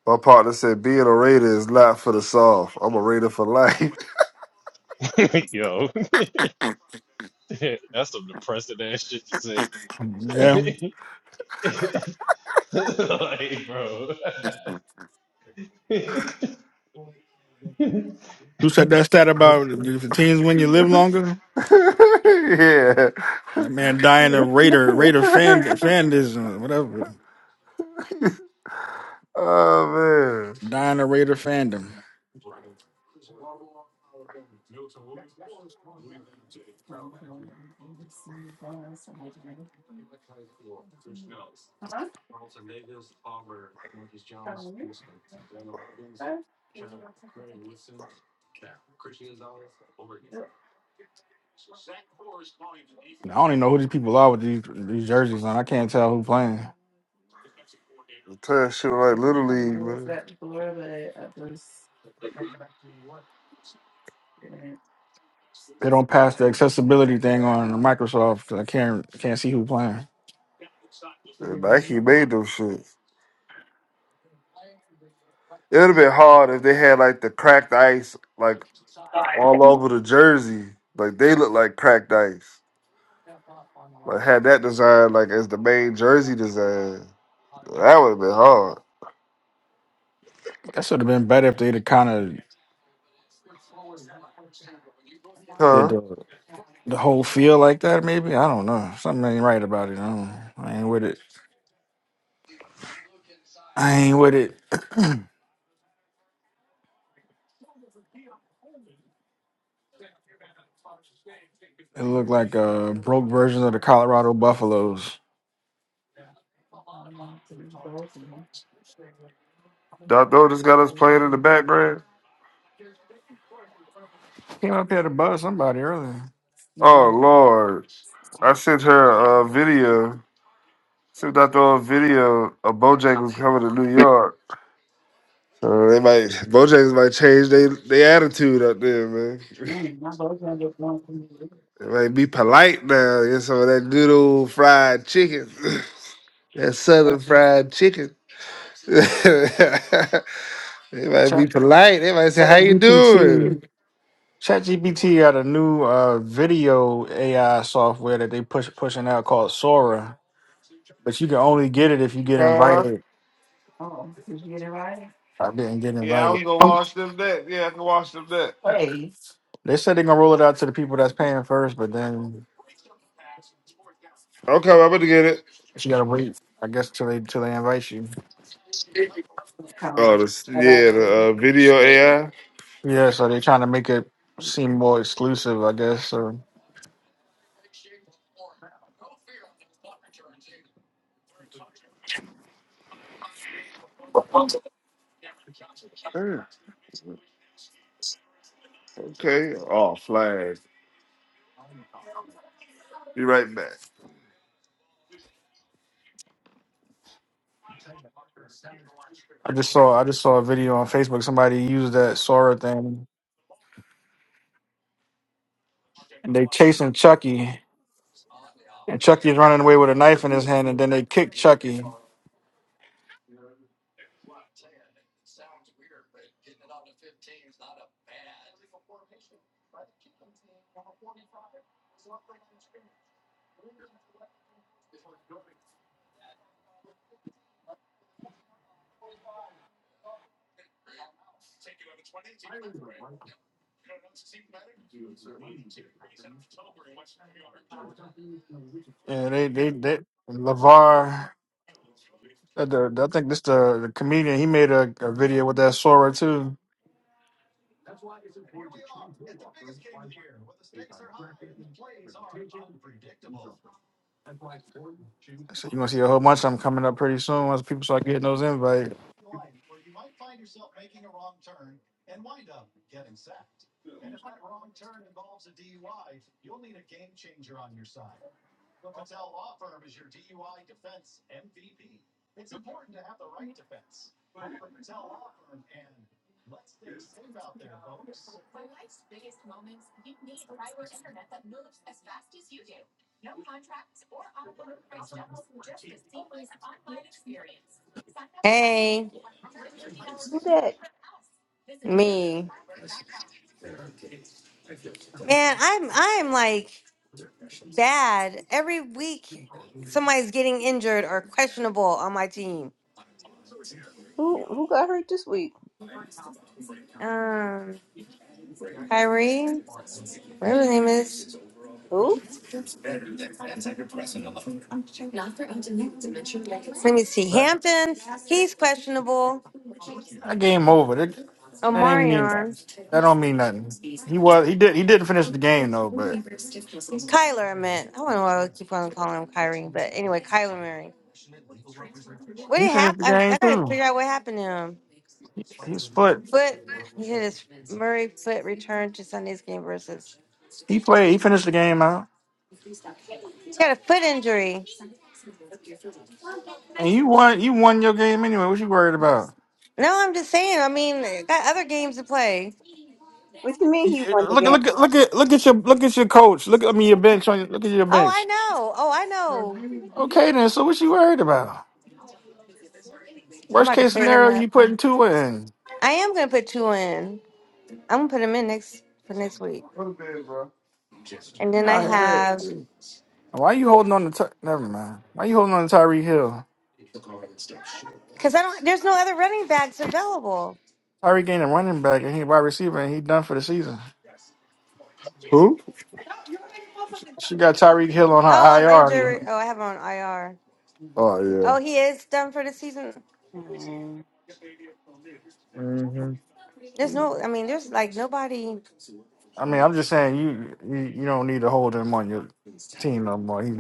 Speaker 5: My partner said being a Raider is not for the soft. I'm a Raider for life.
Speaker 9: (laughs) Yo, (laughs) that's some depressing ass shit to say.
Speaker 3: Yeah.
Speaker 9: (laughs) like, bro. (laughs)
Speaker 3: Who said that stat about if the teams win, you live longer? That
Speaker 5: (laughs)
Speaker 3: man dying a Raider, Raider fan, fandism,
Speaker 5: yeah.
Speaker 3: whatever.
Speaker 5: (laughs) (laughs) oh man,
Speaker 3: Dying a Raider fandom. I don't even know who these people are with these, these jerseys on. I can't tell who playing.
Speaker 5: I'm telling you, shit like Little League, man.
Speaker 3: They don't pass the accessibility thing on Microsoft 'cause I can't can't see who playing.
Speaker 5: And Nike made those shits. It would have been hard if they had like the cracked ice, like all over the jersey. Like they look like cracked ice. Like had that design like as the main jersey design. That would have been hard,
Speaker 3: That should have been better if they'd have kind of did
Speaker 5: huh?
Speaker 3: the the whole feel like that. Maybe I don't know. Something ain't right about it. I, don't, I ain't with it. I ain't with it. It looked like uh broke versions of the Colorado Buffaloes.
Speaker 5: Doctor just got us playing in the background.
Speaker 3: Came up here to buzz somebody earlier.
Speaker 5: Oh lord, I sent her a video. Sent Doctor a video of Bojangles coming to New York. Uh, they might Bojangles might change they their attitude up there, man. (laughs) They might be polite now. Get some of that good old fried chicken, (clears throat) (laughs) that southern fried chicken. (laughs) they might be polite. They might say, "How you doing?"
Speaker 3: ChatGPT got a new uh video AI software that they push pushing out called Sora, but you can only get it if you get
Speaker 5: Huh?
Speaker 3: invited. I didn't get
Speaker 5: Yeah, I
Speaker 3: invited.
Speaker 5: was gonna wash them that. Yeah, I can wash them that.
Speaker 3: They said they're gonna roll it out to the people that's paying first, but then
Speaker 5: Okay, I'm about to get it.
Speaker 3: you gotta wait, I guess, till they till they invite you.
Speaker 5: Oh, this, yeah, the uh, video AI.
Speaker 3: Yeah, so they're trying to make it seem more exclusive, I guess. So
Speaker 5: Yeah. Okay. Oh, flag. Be right back.
Speaker 3: I just saw I just saw a video on Facebook. Somebody used that Sora thing and they chasing Chucky, and Chucky's running away with a knife in his hand, and then they kick Chucky. Yeah, they they they Lavar. uh, The, I think this the, the comedian. He made a, a video with that Sora too. So you're gonna see a whole bunch of them coming up pretty soon once people start getting those invites.
Speaker 11: Hey,
Speaker 1: Who that?
Speaker 11: me. Man, I'm I'm like bad. Every week somebody's getting injured or questionable on my team.
Speaker 1: Who who got hurt this week?
Speaker 11: Um, Kyrie, whatever his name is.
Speaker 1: Who?
Speaker 11: Let me see. Hampton, he's questionable.
Speaker 3: That game over. That, that ain't mean that.
Speaker 11: Omarion,
Speaker 3: That don't mean nothing. He was he did he didn't finish the game though, but
Speaker 11: Kyler, I meant. I don't know why I keep on calling him Kyrie, but anyway, Kyler Murray. What
Speaker 3: he
Speaker 11: did
Speaker 3: finished the
Speaker 11: happen? I,
Speaker 3: game
Speaker 11: I gotta
Speaker 3: too.
Speaker 11: figure out what happened to him.
Speaker 3: His foot.
Speaker 11: Foot, he had his Murray foot returned to Sunday's game versus.
Speaker 3: He played. He finished the game out.
Speaker 11: He got a foot injury.
Speaker 3: And you won. You won your game anyway. What you worried about?
Speaker 11: No, I'm just saying. I mean, got other games to play.
Speaker 1: What you mean
Speaker 3: You-
Speaker 1: he
Speaker 3: you-
Speaker 1: won the
Speaker 3: Look,
Speaker 1: game?
Speaker 3: look, look at look at your look at your coach. Look, I mean your bench. On look at your
Speaker 11: Oh, I
Speaker 3: bench.
Speaker 11: know. Oh, I know.
Speaker 3: Okay, then. So what you worried about?
Speaker 11: I'm
Speaker 3: Worst
Speaker 11: about to
Speaker 3: case
Speaker 11: put him
Speaker 3: scenario,
Speaker 11: up.
Speaker 3: you putting two in.
Speaker 11: I am gonna put two in. I'm gonna put them in next for next week, and
Speaker 3: you
Speaker 11: then I
Speaker 3: out here.
Speaker 11: have
Speaker 3: Why you holding on to? Ty- Never mind. Why you holding on to Tyreek Hill?
Speaker 11: because I don't. There's no other running backs available.
Speaker 3: Tyreek ain't a running back, and he wide receiver, and he done for the season.
Speaker 5: Who?
Speaker 3: She, she got Tyreek Hill on
Speaker 11: Oh,
Speaker 3: her
Speaker 11: on injury.
Speaker 3: IR.
Speaker 11: Oh, I have him on IR.
Speaker 5: Oh
Speaker 1: (laughs)
Speaker 5: yeah.
Speaker 11: Oh, he is done for the season.
Speaker 1: Mm, I
Speaker 11: There's
Speaker 1: mean,
Speaker 11: no. I mean, there's like nobody.
Speaker 3: I mean, I'm just saying you you, you don't need to hold him on your team no more. He,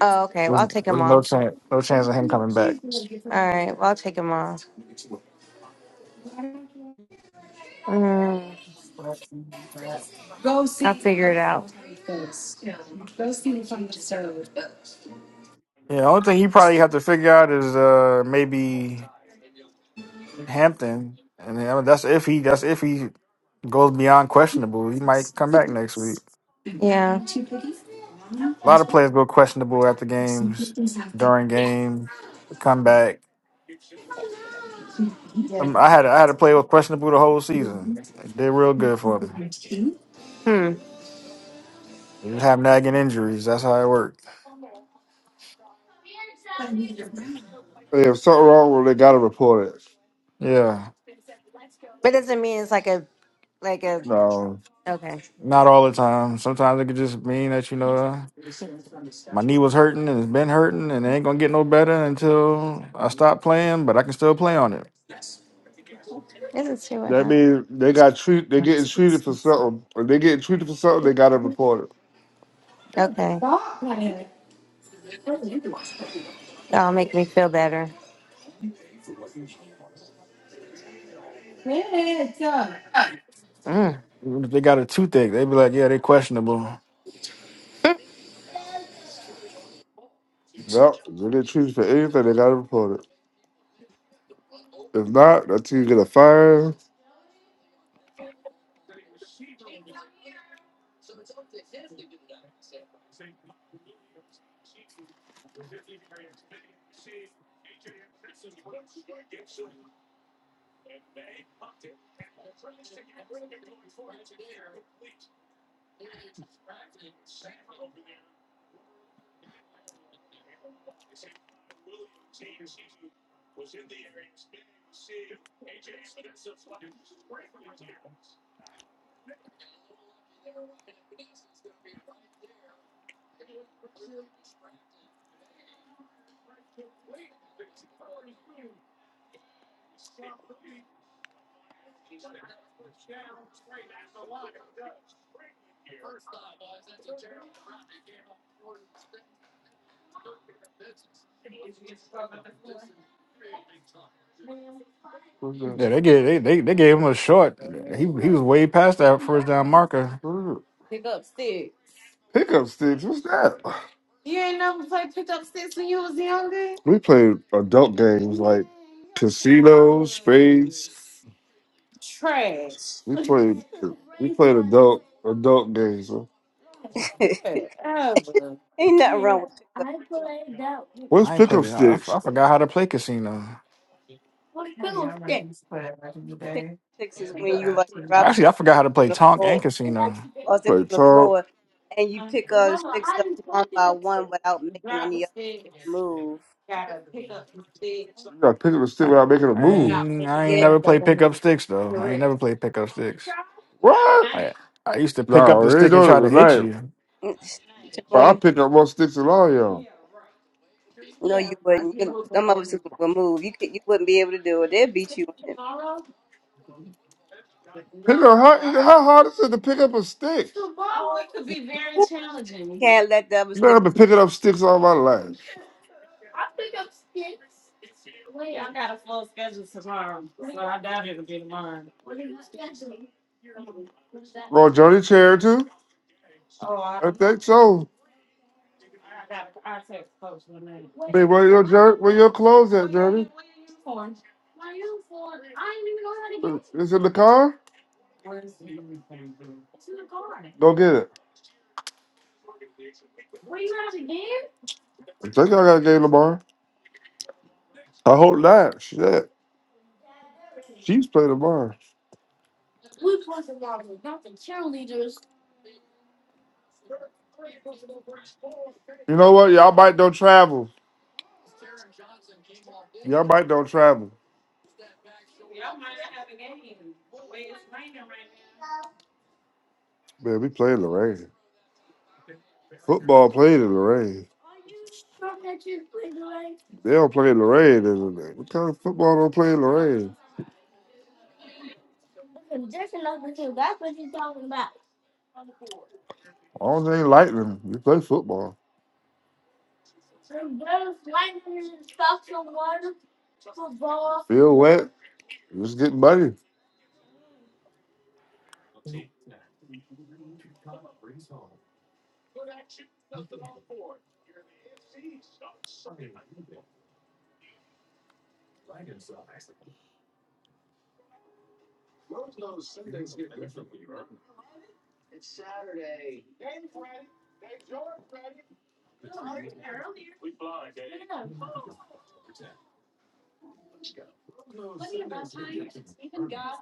Speaker 11: Oh, okay. Well,
Speaker 3: there's,
Speaker 11: I'll take him
Speaker 3: there's no
Speaker 11: off.
Speaker 3: chance no chance of him coming back.
Speaker 11: All right. Well, I'll take him off. Mm, I'll figure it out.
Speaker 3: Yeah, only thing he probably have to figure out is uh maybe Hampton, and then, I mean, that's if he that's if he goes beyond questionable. He might come back next week.
Speaker 11: Yeah.
Speaker 3: A lot of players go questionable after games, during games, come back. Um, I had I had a player was questionable the whole season. It did real good for me.
Speaker 11: Hmm.
Speaker 3: They just have nagging injuries. That's how it worked.
Speaker 5: Hey, if something wrong with them, they gotta report it.
Speaker 3: Yeah,
Speaker 11: But it doesn't mean it's like a like a.
Speaker 5: No.
Speaker 11: Okay.
Speaker 3: not all the time. Sometimes it could just mean that you know. My knee was hurting and it's been hurting and it ain't gonna get no better until I stop playing, but I can still play on it.
Speaker 11: It doesn't see what
Speaker 5: That
Speaker 11: happened.
Speaker 5: means they got treat they getting treated for something. If they getting treated for something, they gotta report
Speaker 11: Okay. That'll make me feel better. Mm.
Speaker 3: Even If they got a toothache, they be like, yeah, they questionable.
Speaker 5: it. Yep. If they get treated for anything, they gotta report it. If not, that's you get a fine. What's that?
Speaker 3: Yeah, they gave they, they, they gave him a short. He he was way past that first down marker.
Speaker 5: What's that? Pickup sticks, what's that? We played adult games like casino, spades. We played we played adult adult games.
Speaker 1: (laughs) Ain't nothing wrong with pick up
Speaker 5: What's
Speaker 3: I ain't played.
Speaker 5: pickup
Speaker 3: it. I
Speaker 5: sticks?
Speaker 3: I forgot how to play casino.
Speaker 1: pick up sixes when you like drop
Speaker 3: Actually, I forgot how
Speaker 1: six
Speaker 3: to
Speaker 1: on
Speaker 3: play
Speaker 1: the
Speaker 3: Tonk and
Speaker 1: floor pick
Speaker 3: casino.
Speaker 1: or
Speaker 5: We
Speaker 1: six
Speaker 5: played
Speaker 1: on the
Speaker 5: tall.
Speaker 1: floor and you pick up six up one by one without making any other move.
Speaker 5: You gotta pick up the stick
Speaker 3: I,
Speaker 5: without making a
Speaker 3: I
Speaker 5: move.
Speaker 3: ain't I ain't
Speaker 1: Yeah.
Speaker 3: never played pickup sticks though. I ain't never played pickup sticks.
Speaker 5: What?
Speaker 3: I I used to pick up the
Speaker 5: No, they ain't
Speaker 3: stick and try
Speaker 5: doing it
Speaker 3: to hit
Speaker 5: tonight.
Speaker 3: you.
Speaker 1: (tsk)
Speaker 5: But
Speaker 1: Jamal,
Speaker 5: I
Speaker 1: you
Speaker 5: pick up more sticks than all y'all.
Speaker 1: No, you wouldn't. You, some of us would move. You could, you wouldn't be able to do it. They'll beat you in it.
Speaker 5: Pick up how, how hard is it to pick up a stick? Man,
Speaker 1: You can't let the other stick.
Speaker 5: I've been picking up sticks all my life. Well, Jody Charity, I think so. Man, where your jer- where your clothes at, Jody? It's in the car. Go get it. I think I got a game tomorrow. I hope not. Shit. Chiefs play tomorrow. You know what? Y'all might don't travel. Y'all might don't travel. Man, we play Lorraine. Football played in Lorraine. They don't play in Lorraine, isn't it? What kind of football don't play in Lorraine? Orange ain't lightning. We play football. Feel wet. Just get muddy.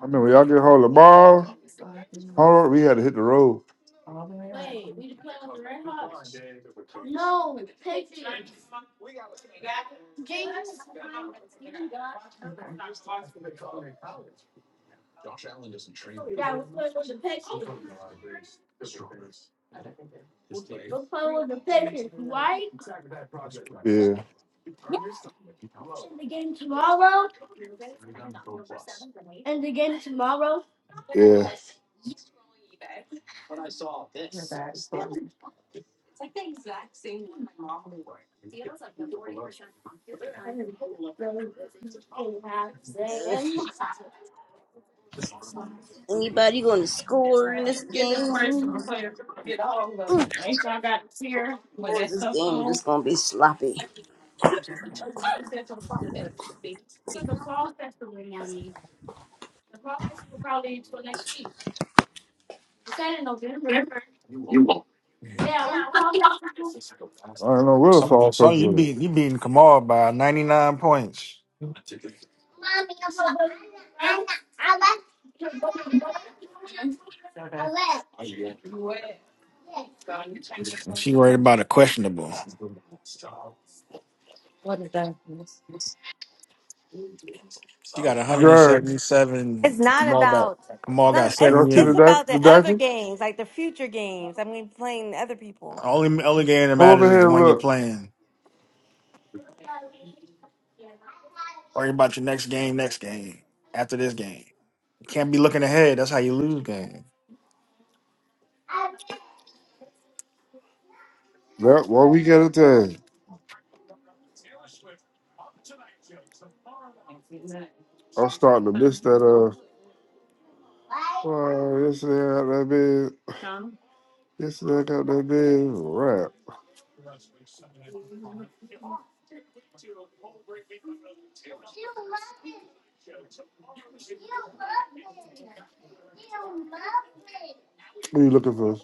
Speaker 5: I mean, when y'all get home tomorrow, home, we had to hit the road. Yeah, yeah.
Speaker 1: Anybody going to score in this game? Or this game just going to be sloppy?
Speaker 5: I don't know where the
Speaker 3: So,
Speaker 5: fall
Speaker 3: so
Speaker 5: first
Speaker 3: you
Speaker 5: with
Speaker 3: beat you beating Kamal by ninety nine points. She worried about a questionable. She got
Speaker 5: it. Jerry,
Speaker 11: It's
Speaker 3: 177.
Speaker 11: not
Speaker 3: Kamal got
Speaker 11: about it's
Speaker 3: Kamal got
Speaker 11: not it's
Speaker 5: y'all see
Speaker 11: it's
Speaker 5: the
Speaker 3: 78.
Speaker 11: about
Speaker 5: di-
Speaker 11: the
Speaker 5: the
Speaker 11: other
Speaker 5: diapers?
Speaker 11: games, like the future games. I mean playing other people.
Speaker 3: Only only game that
Speaker 5: Pull
Speaker 3: matters
Speaker 5: over
Speaker 3: is the
Speaker 5: here and
Speaker 3: one you're
Speaker 5: look.
Speaker 3: playing. Worry about your next game, next game, after this game. You can't be looking ahead. That's how you lose game.
Speaker 5: That one weekend at a time. I'm starting to miss that. uh. Well, yesterday I got that big. Yesterday I got that big rap. What are you looking for?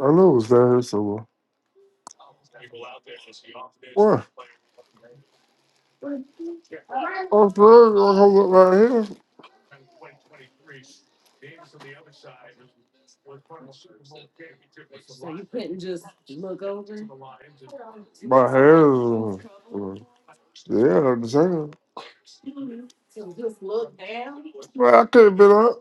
Speaker 5: I know it was down here somewhere. What? Oh, for real? I hold up right here. My hair is. uh, Yeah, I'm the same. Well, I could have been up.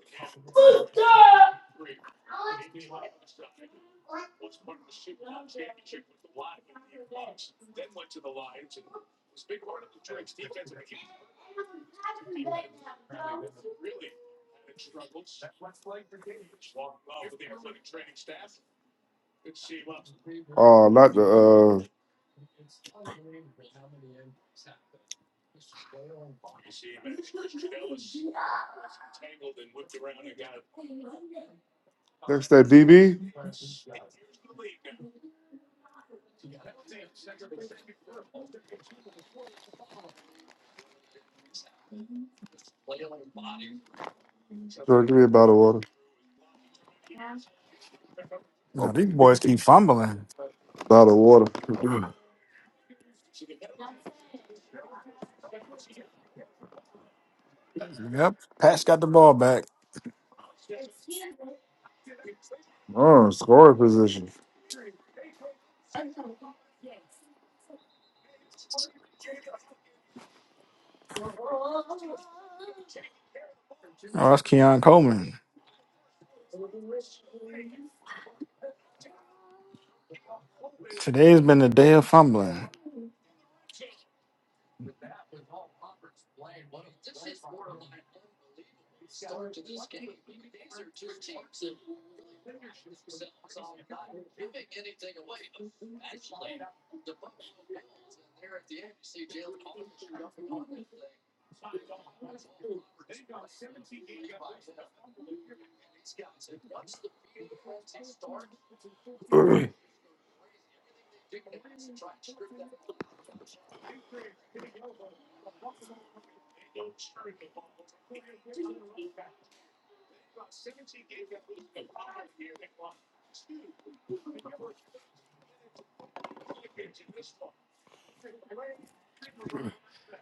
Speaker 5: Oh, not the. uh That's that DB. Sure, give me a bottle of
Speaker 3: You know,
Speaker 5: water.
Speaker 3: these boys keep fumbling.
Speaker 5: A bottle of water. (clears throat)
Speaker 3: Yep. Pat's got the ball back.
Speaker 5: Oh, scoring position.
Speaker 3: Oh, that's Keon Coleman. Today's been the day of fumbling.
Speaker 5: (clears throat)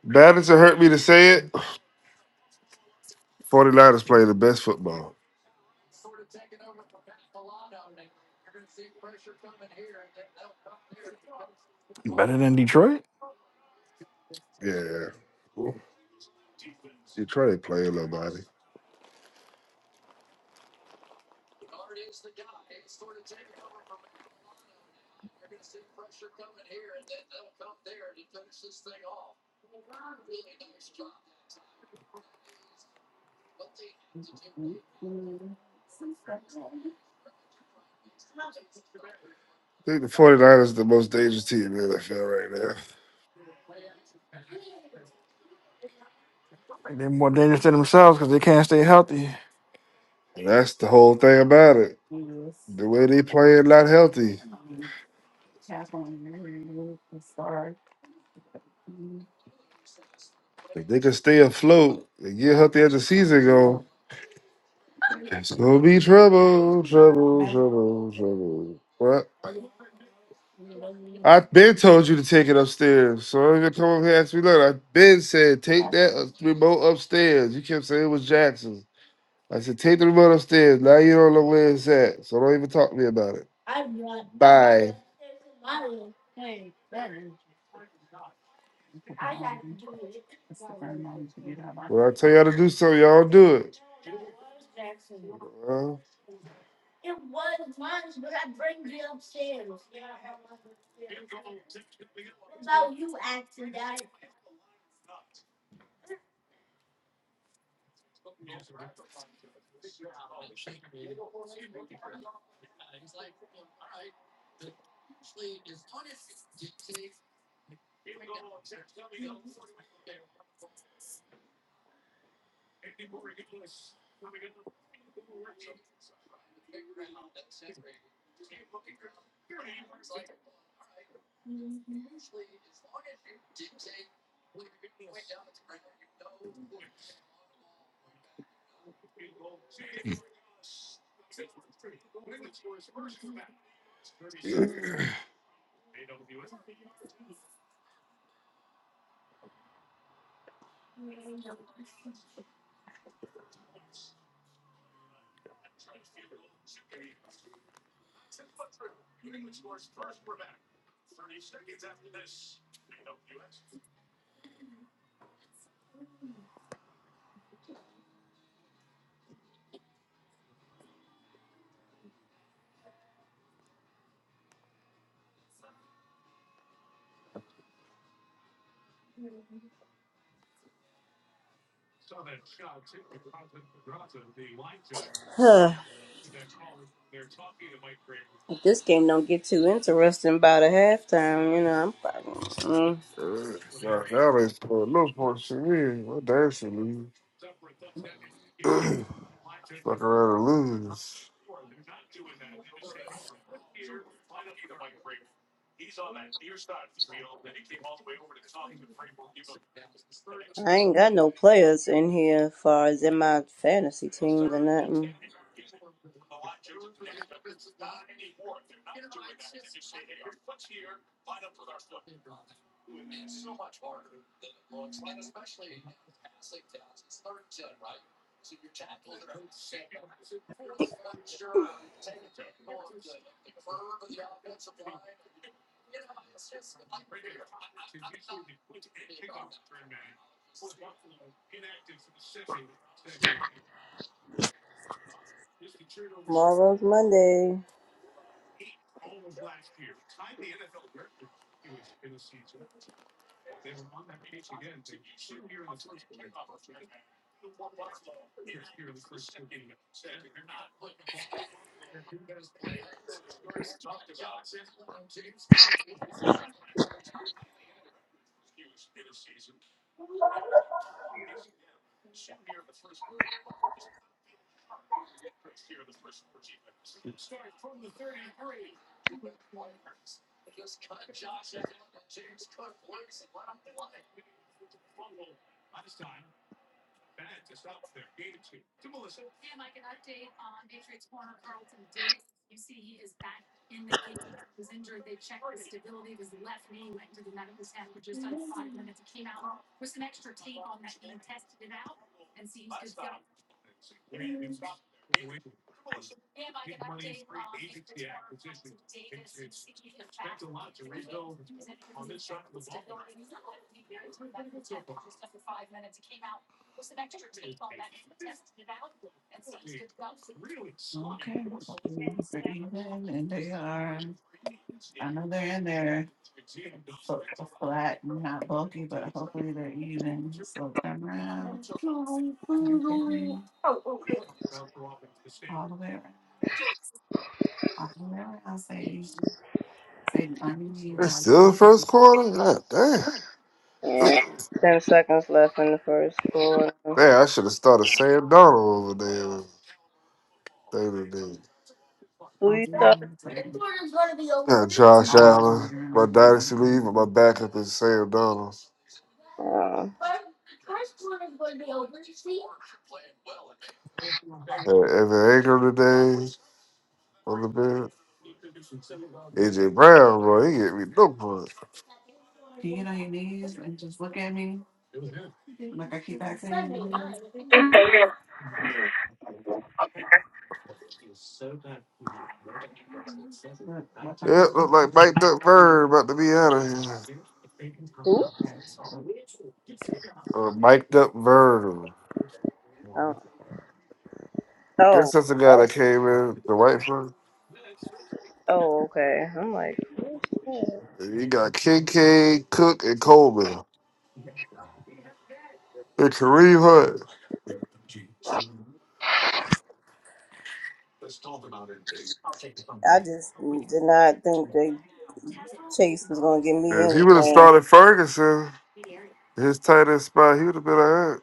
Speaker 5: Babbage hurt me to say it. 49ers play the best football.
Speaker 3: Better than Detroit?
Speaker 5: Yeah. You try to play nobody. I think the 49ers are the most dangerous team in the NFL right now.
Speaker 3: They're more dangerous to themselves because they can't stay healthy.
Speaker 5: And that's the whole thing about it. The way they playing not healthy. If they can stay afloat and get healthy as the season go, it's gonna be trouble, trouble, trouble, trouble. What? I've been told you to take it upstairs. So don't even come up here and ask me nothing. I've been said take that uh, remote upstairs. You kept saying it was Jackson's. I said take the remote upstairs. Now you don't know where it's at. So don't even talk to me about it. I'm not. Bye. When I tell y'all to do something, y'all do it. Well,
Speaker 1: Huh. If this game don't get too interesting by the halftime, you know, I'm probably, mm,
Speaker 5: uh, y'all y'all ain't scoring no points for me. My dancing league. (clears throat) Fuck around and lose.
Speaker 1: I ain't got no players in here as far as in my fantasy teams and nothing. Tomorrow's Monday.
Speaker 5: It's still the first quarter? God damn.
Speaker 1: Yeah. Ten seconds left in the first quarter.
Speaker 5: (clears throat) Man, I should have started Sam Donald over there. They did.
Speaker 1: Who you saw?
Speaker 5: Yeah, Josh Allen. My dynasty league, but my backup is Sam Donald.
Speaker 1: Uh,
Speaker 5: Had Evan Ingram today on the bench. AJ Brown, bro, he get me no points. Yeah, look like Mike up Bird about to be out of here. Uh, Mike up Bird.
Speaker 1: who?
Speaker 5: I
Speaker 1: Oh,
Speaker 5: Guess that's the guy that
Speaker 1: oh,
Speaker 5: came in, the white front.
Speaker 1: oh, okay. I'm like, who's that?
Speaker 5: He got Kincaid, Cook, and Coleman. And Kareem Hunt.
Speaker 1: I just did not think that Chase was gonna give me
Speaker 5: If he would have
Speaker 1: anything.
Speaker 5: started Ferguson, his tight end spot, he would have been all right.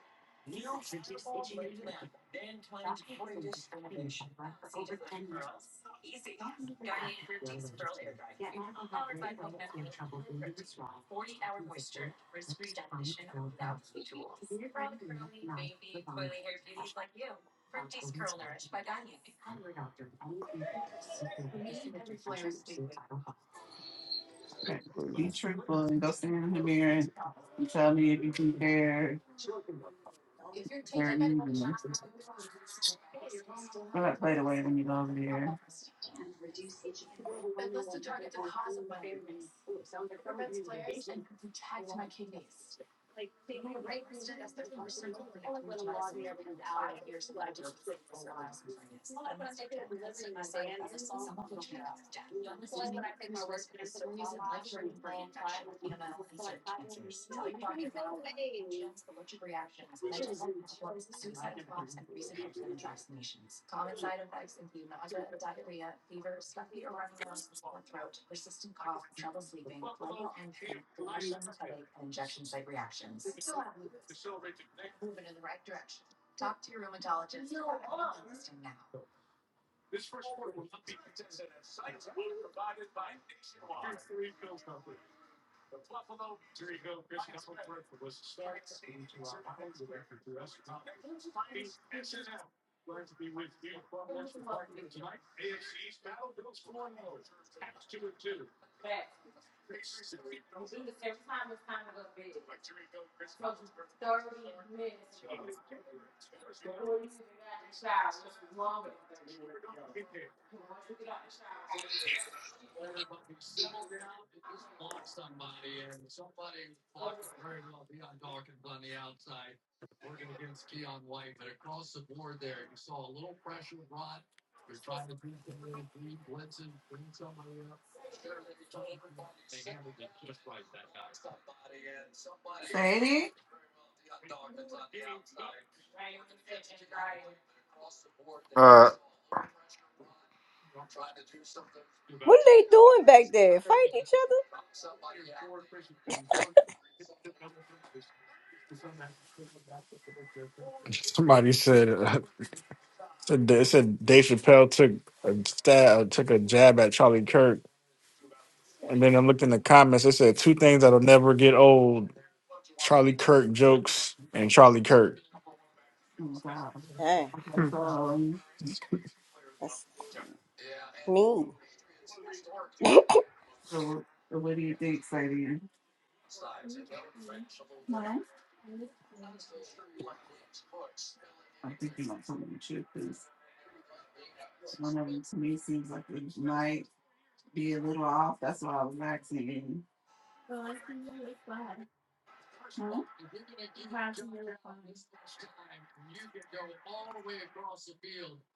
Speaker 5: Uh,
Speaker 1: What are they doing back there? Fighting each other?
Speaker 3: Somebody said uh, said they said Dave Chappelle took a stab, uh, took a jab at Charlie Kirk, and then I looked in the comments. It said two things that'll never get old: Charlie Kirk jokes and Charlie Kirk.
Speaker 1: Dang, that's mean.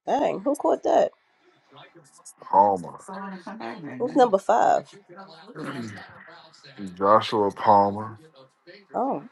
Speaker 1: Dang, who caught that?
Speaker 5: Palmer.
Speaker 1: Who's number five?
Speaker 5: Joshua Palmer.
Speaker 1: Oh,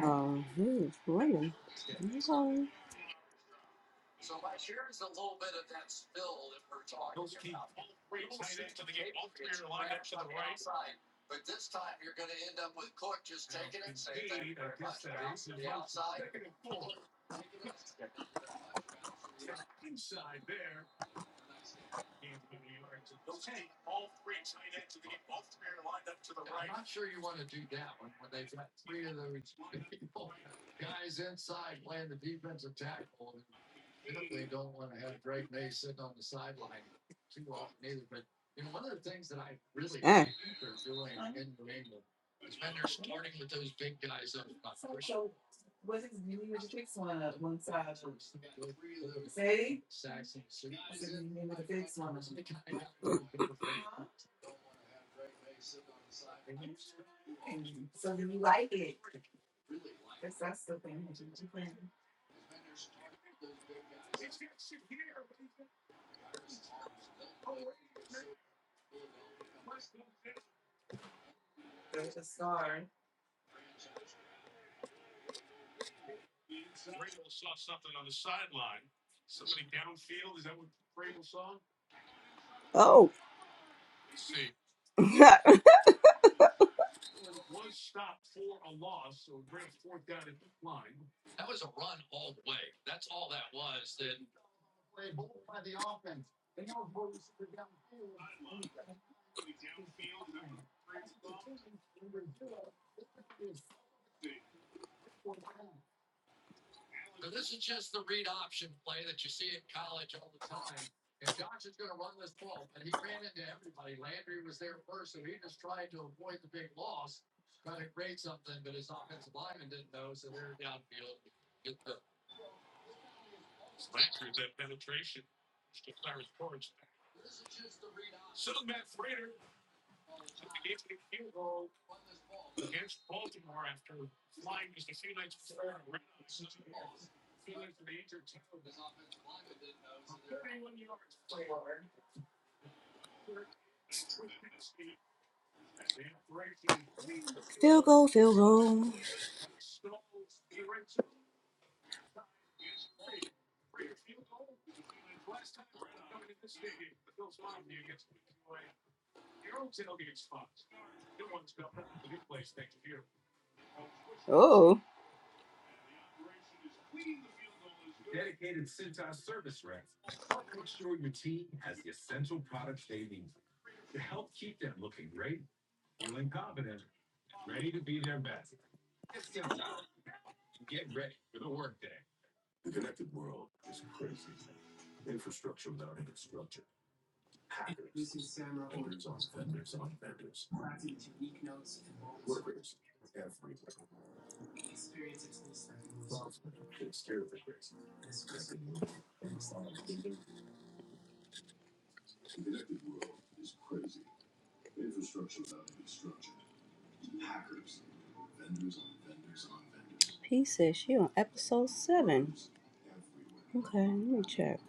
Speaker 1: um, who's running? I'm Dang. Oh, (laughs) field goal, field goal. Oh, he says she on episode seven. Okay, let me check.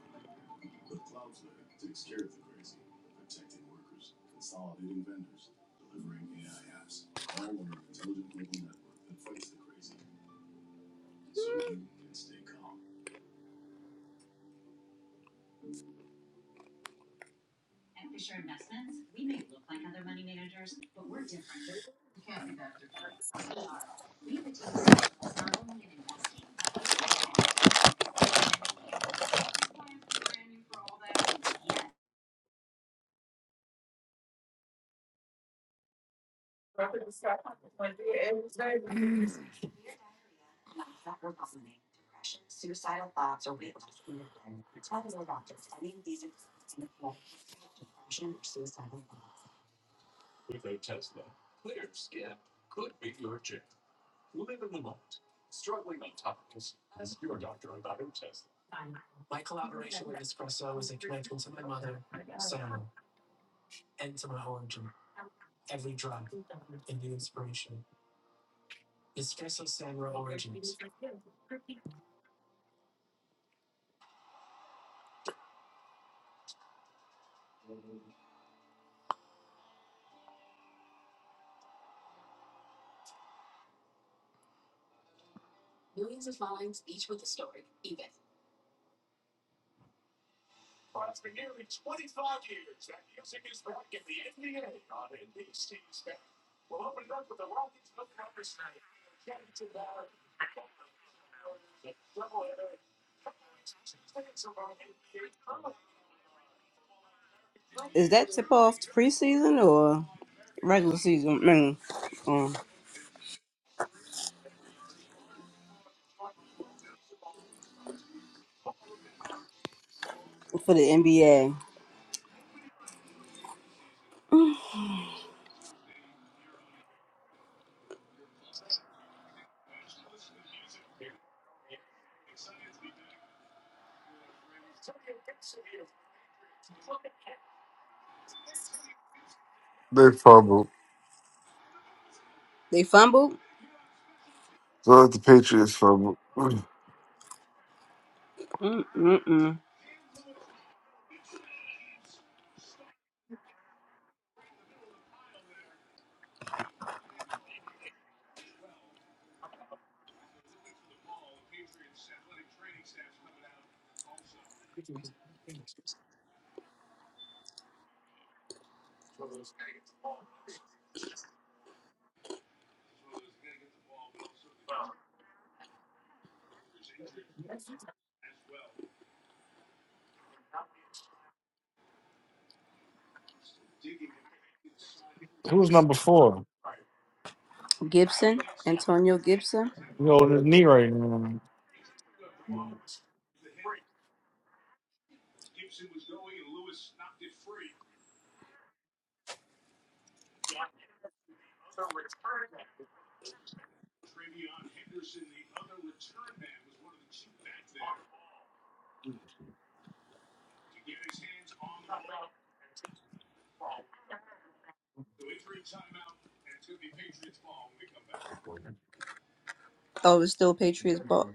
Speaker 1: Is that tip off to preseason or? regular season, I mean, um, for the NBA.
Speaker 5: They fumbled.
Speaker 1: They fumbled.
Speaker 5: So let the Patriots Fumble. (clears throat)
Speaker 1: Mm-mm-mm. Gibson, Antonio Gibson.
Speaker 3: The knee right.
Speaker 1: Oh, it's still Patriots ball.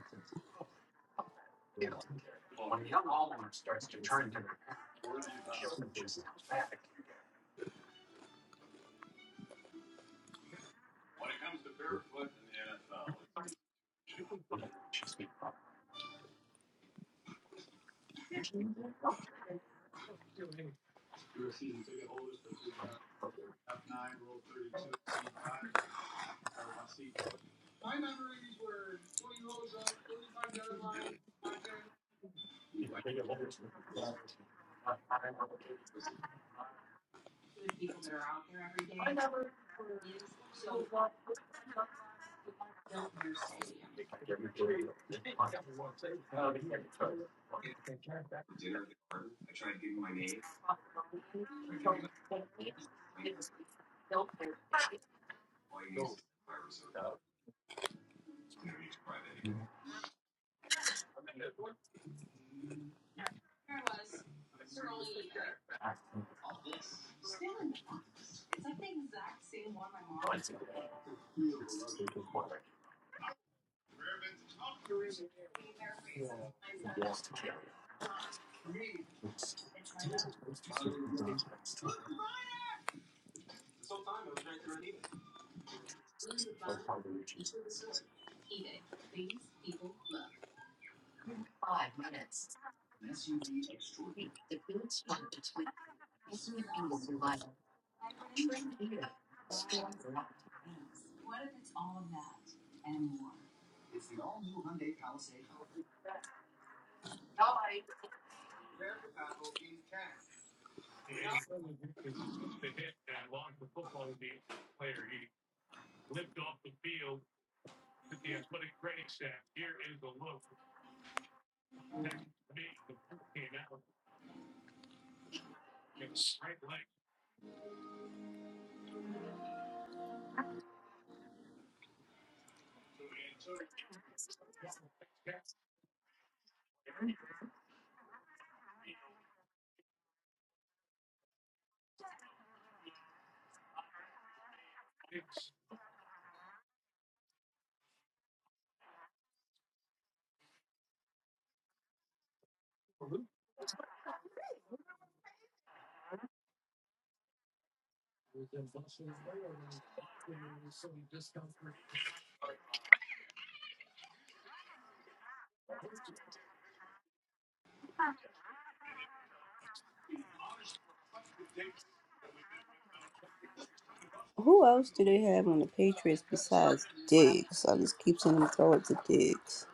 Speaker 1: Who else do they have on the Patriots besides Diggs? I just keep seeing them throw it to Diggs.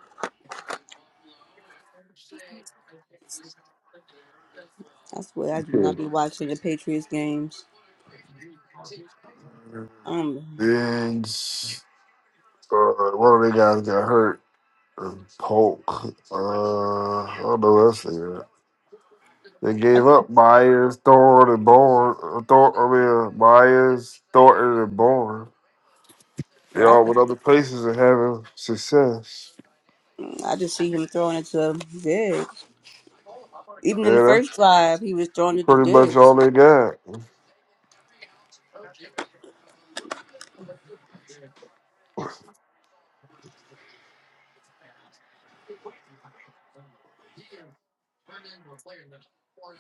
Speaker 1: That's why I do not
Speaker 5: okay.
Speaker 1: be watching the Patriots games. Um,
Speaker 5: Diggs. Uh, one of the guys got hurt. And Polk. Uh, I don't know what else they got. They
Speaker 1: I,
Speaker 5: gave up Myers, Thorne, and Bourne. Uh, Thor I mean, Myers, Thornton, and Bourne. They
Speaker 1: I,
Speaker 5: all went
Speaker 1: just,
Speaker 5: other places and having success.
Speaker 1: I just see him throwing it to Diggs. Even in the
Speaker 5: Yeah,
Speaker 1: first drive, he was throwing
Speaker 5: that's
Speaker 1: it to
Speaker 5: pretty much all
Speaker 1: Diggs.
Speaker 5: they got.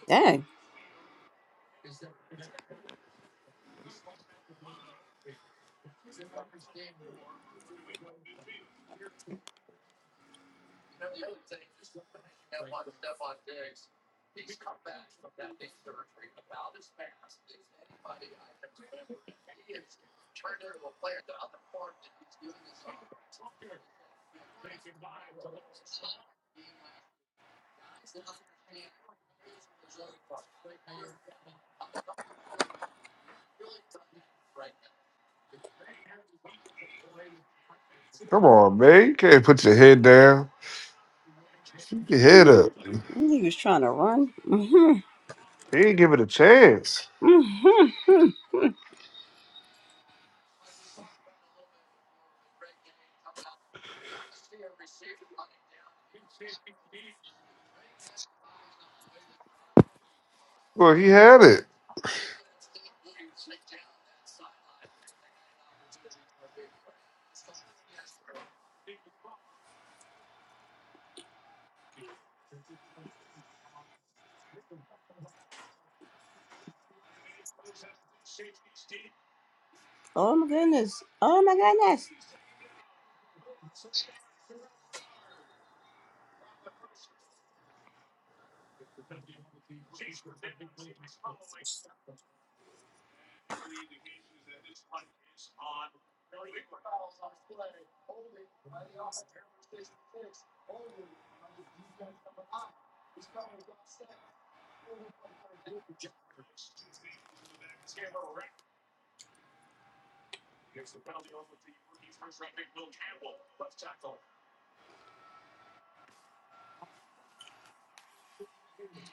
Speaker 1: Dang,
Speaker 5: Come on, man. You can't put your head down. Keep your head up. He
Speaker 1: he was trying to run.
Speaker 5: didn't give it a chance.
Speaker 1: (laughs)
Speaker 5: Well, he had it.
Speaker 1: Oh my goodness. Oh my goodness.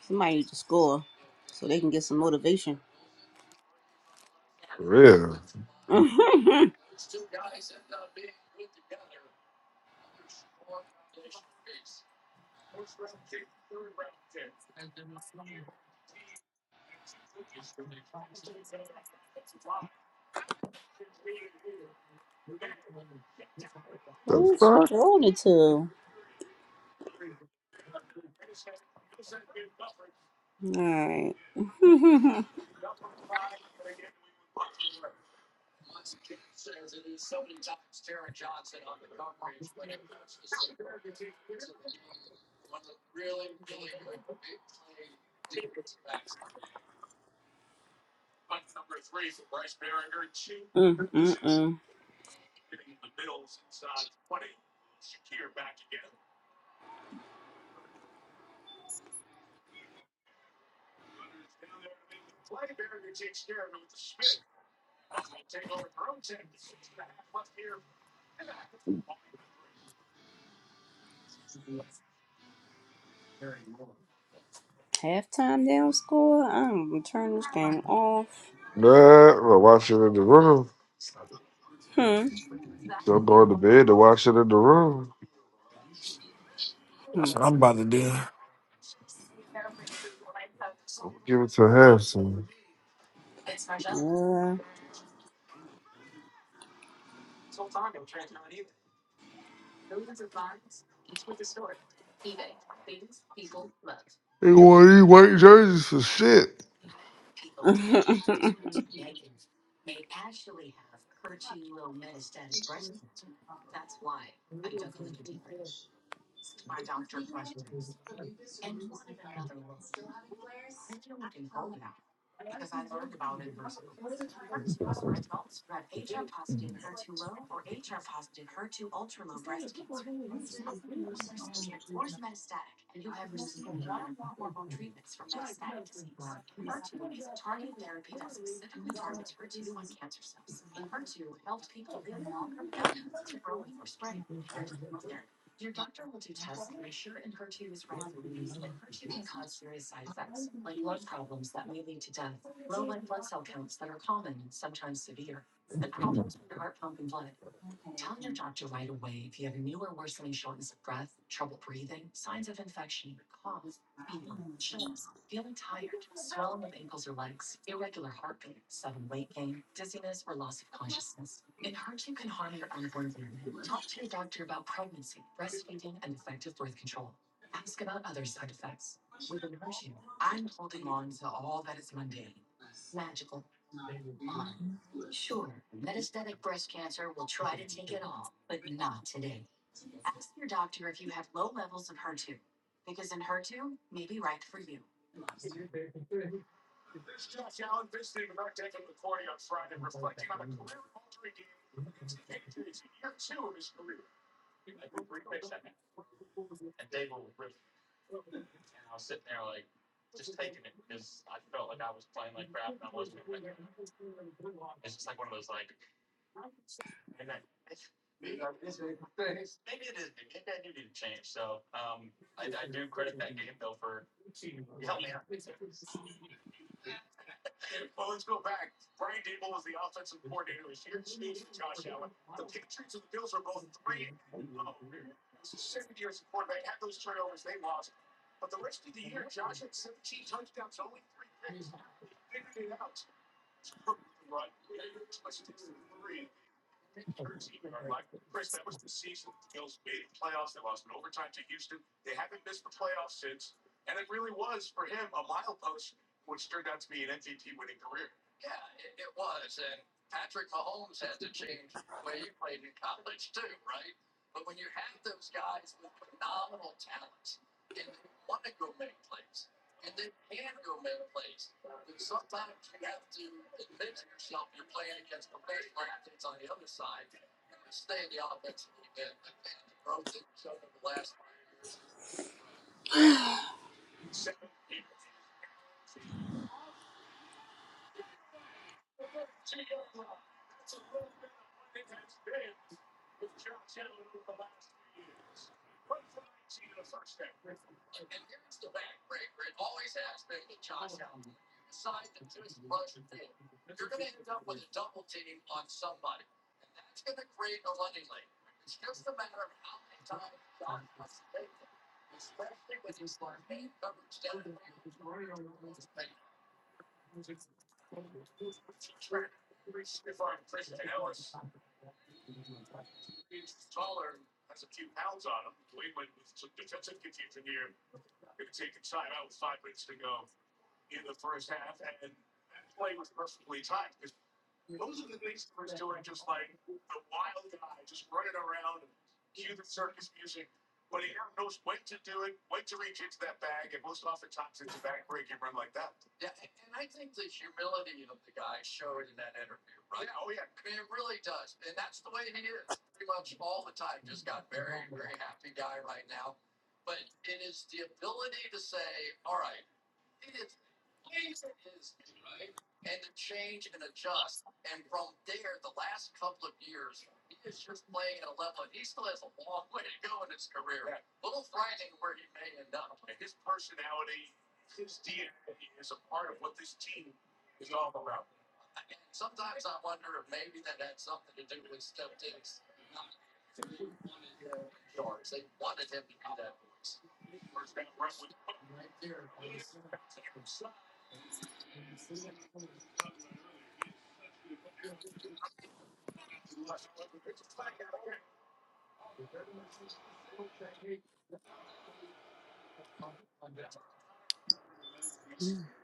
Speaker 1: Somebody needs to score so they can get some motivation.
Speaker 5: For real.
Speaker 1: (laughs)
Speaker 5: The
Speaker 1: Who's she
Speaker 5: fuck?
Speaker 1: throwing it to? Alright. (laughs) mm, mm, mm. Halftime down score? I'm gonna turn this game off.
Speaker 5: Nah, I wash it in the room.
Speaker 1: Hmm.
Speaker 5: So I'm going to bed to wash it in the room.
Speaker 1: Hmm.
Speaker 3: That's what I'm about to do.
Speaker 5: give it to Harrison.
Speaker 1: Yeah.
Speaker 5: He wore these white jerseys for shit.
Speaker 1: (laughs)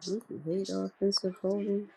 Speaker 1: We can Hate offensive holding.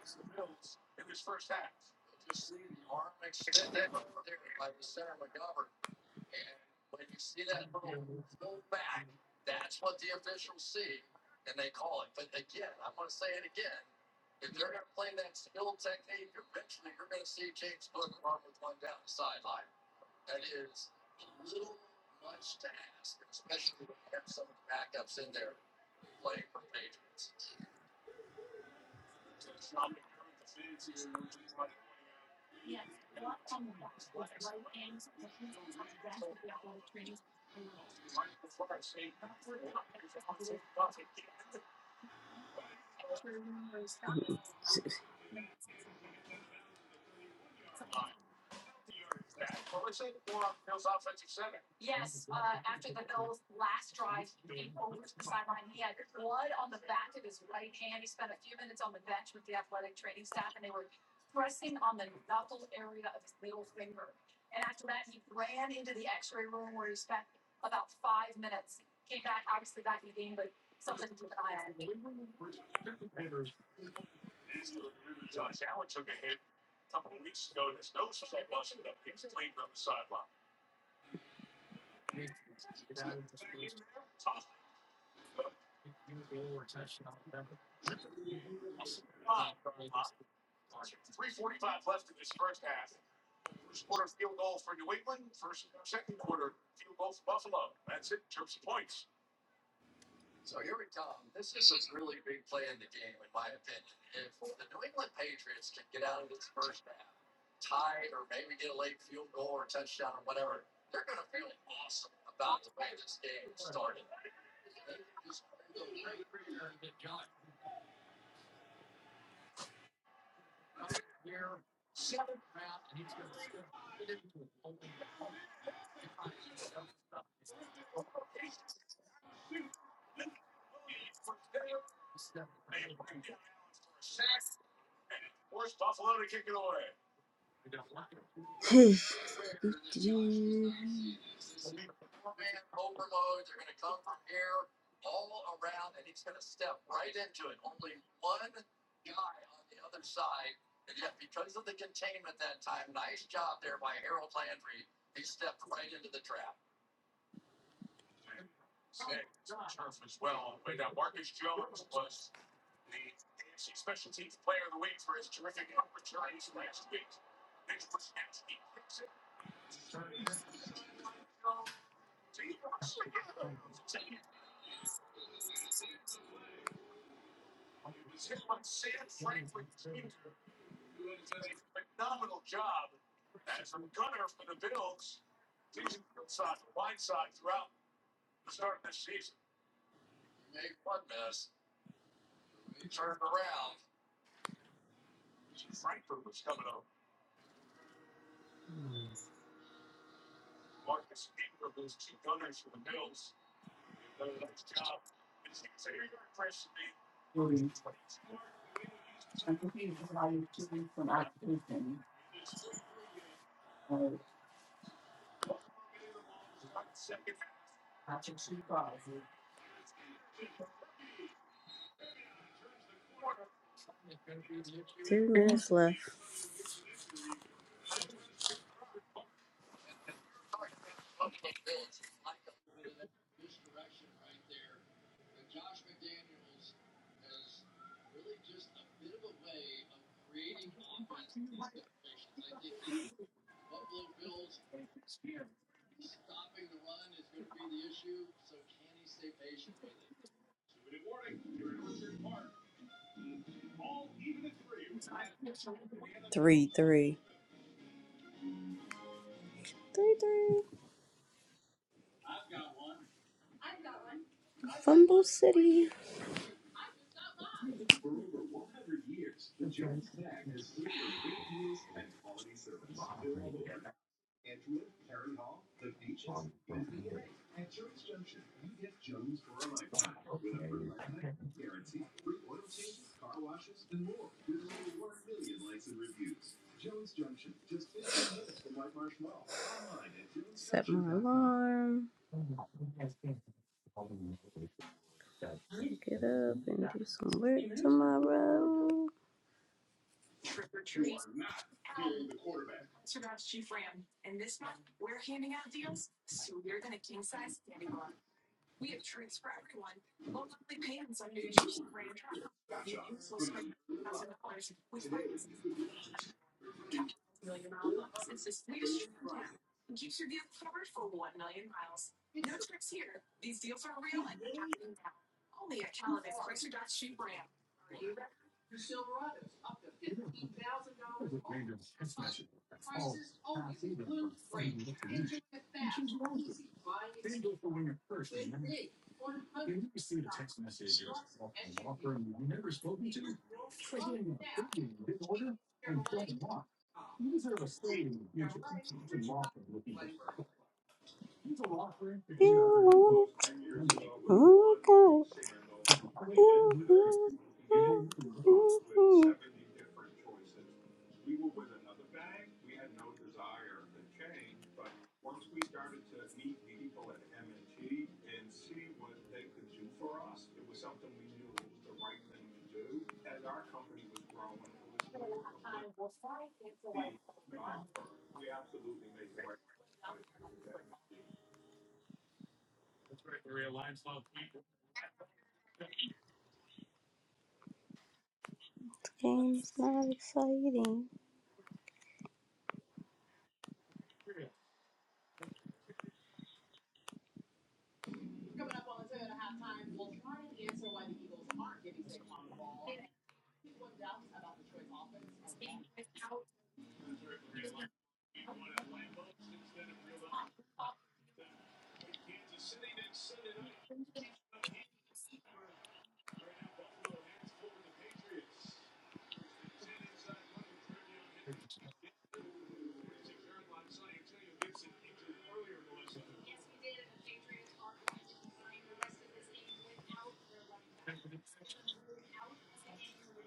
Speaker 1: (laughs) Three minutes left. Three, three. Three, three. Fumble City. Set my alarm. Get up and do some work tomorrow. The game's not exciting.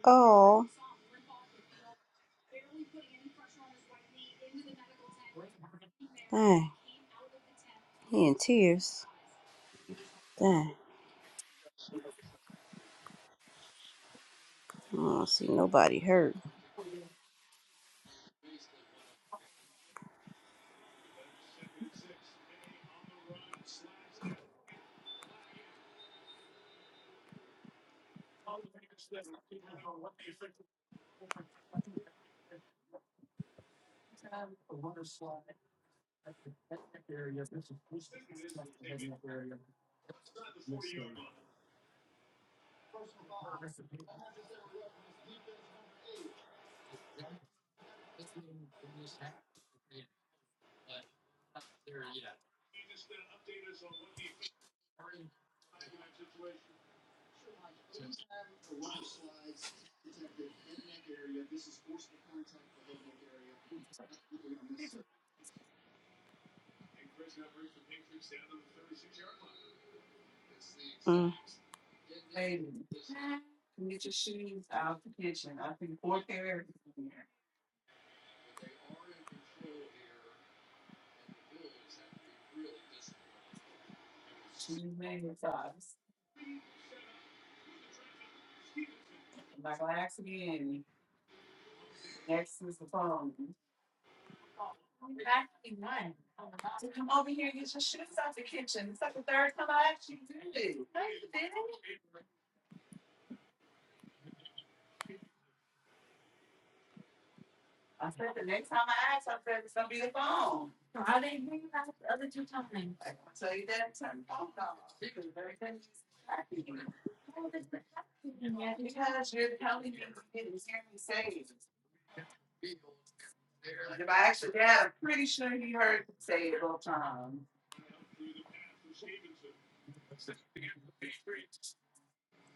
Speaker 1: Oh, dang, he in tears. Dang, I don't see nobody hurt. Mm.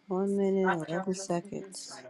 Speaker 1: One minute, eleven seconds.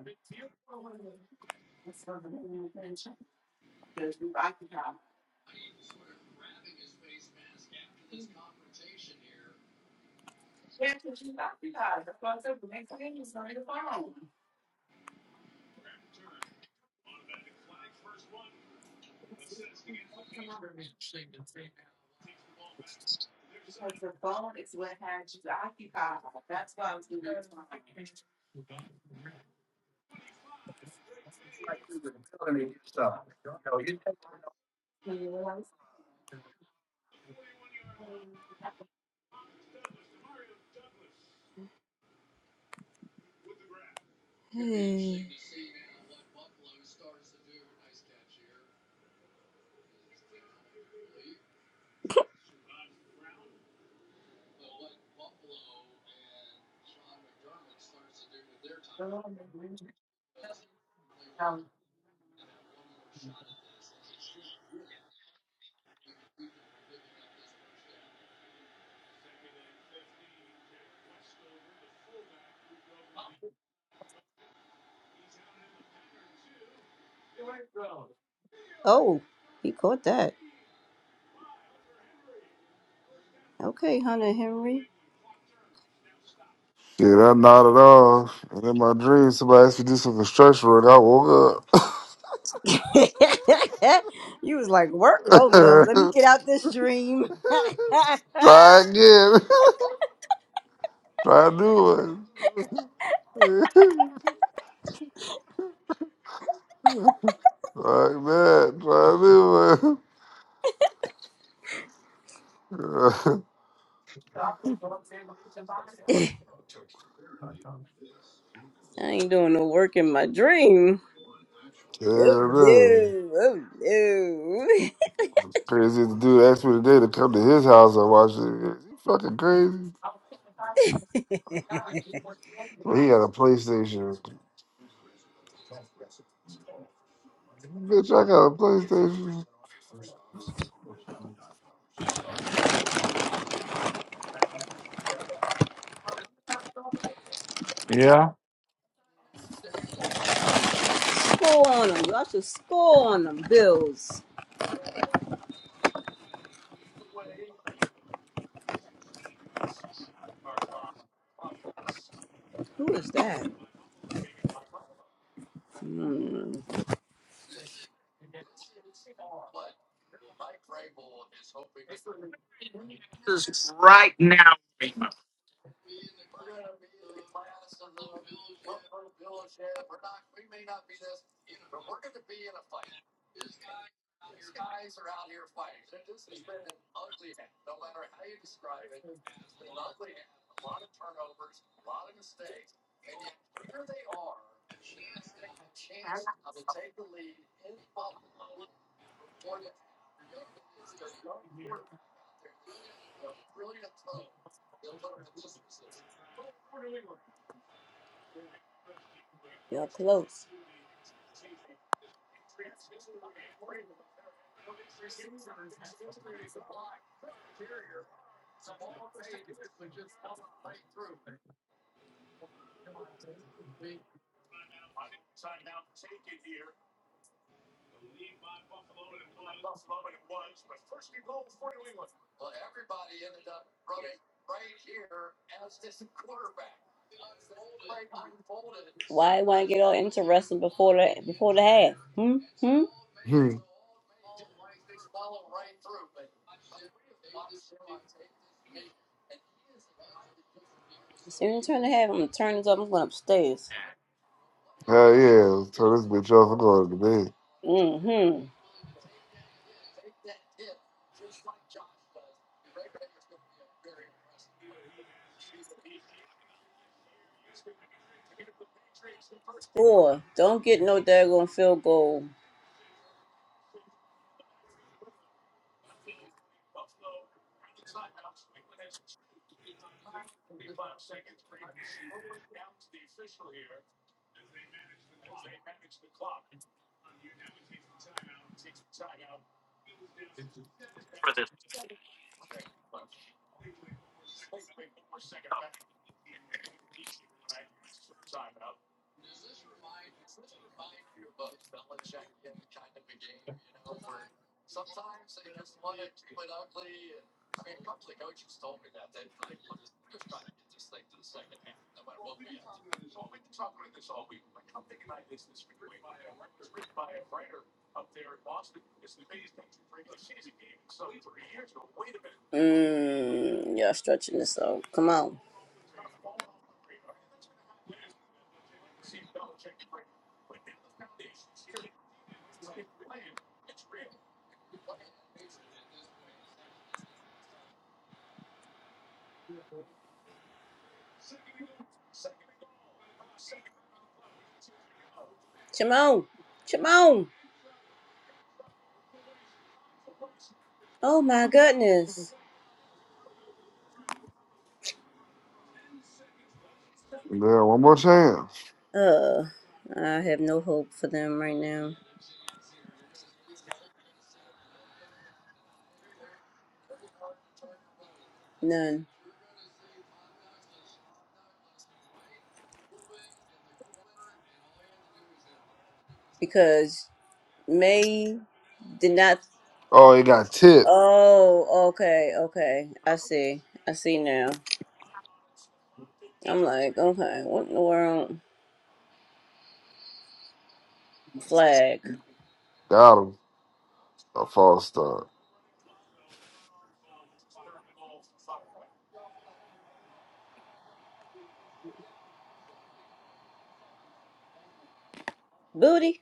Speaker 1: Hey. Oh, he caught that. Okay, Hunter Henry.
Speaker 5: Shit, I nodded off. And in my dream, somebody asked me to do some construction work. I woke up.
Speaker 1: (laughs) you was like, work? Oh no, let me
Speaker 5: (laughs)
Speaker 1: get out this dream. (laughs) I
Speaker 5: Try again. (laughs) Try a new one. (laughs) like that. Try a new one.
Speaker 1: ain't doing no work in my dream. Oh
Speaker 5: (laughs) Damn,
Speaker 1: no, oh no.
Speaker 5: Crazy as the dude asked me today to come to his house and watch it. You fucking crazy. Well, he got a PlayStation. Bitch, I got a PlayStation.
Speaker 1: (laughs) score on them. Y'all should score on them, Bills. Who is that? Hmm. Y'all close. Why want to get all interesting before the before the half? Hmm? Hmm?
Speaker 5: Hmm.
Speaker 1: As soon as you turn the half, I'm gonna turn this up. I'm going upstairs.
Speaker 5: Hell yeah. Turn this bitch off. I'm going to bed.
Speaker 1: Mm-hmm. Score. Don't get no daggone field goal. Mm, y'all stretching this out. Come on. Come on. Come on. Oh my goodness.
Speaker 5: Man, one more chance.
Speaker 1: Uh, I have no hope for them right now. None. Because May did not.
Speaker 5: Oh, he got tip.
Speaker 1: Oh, okay, okay. I see. I see now. I'm like, okay, what in the world? Flag.
Speaker 5: Got him. A false start.
Speaker 1: Booty.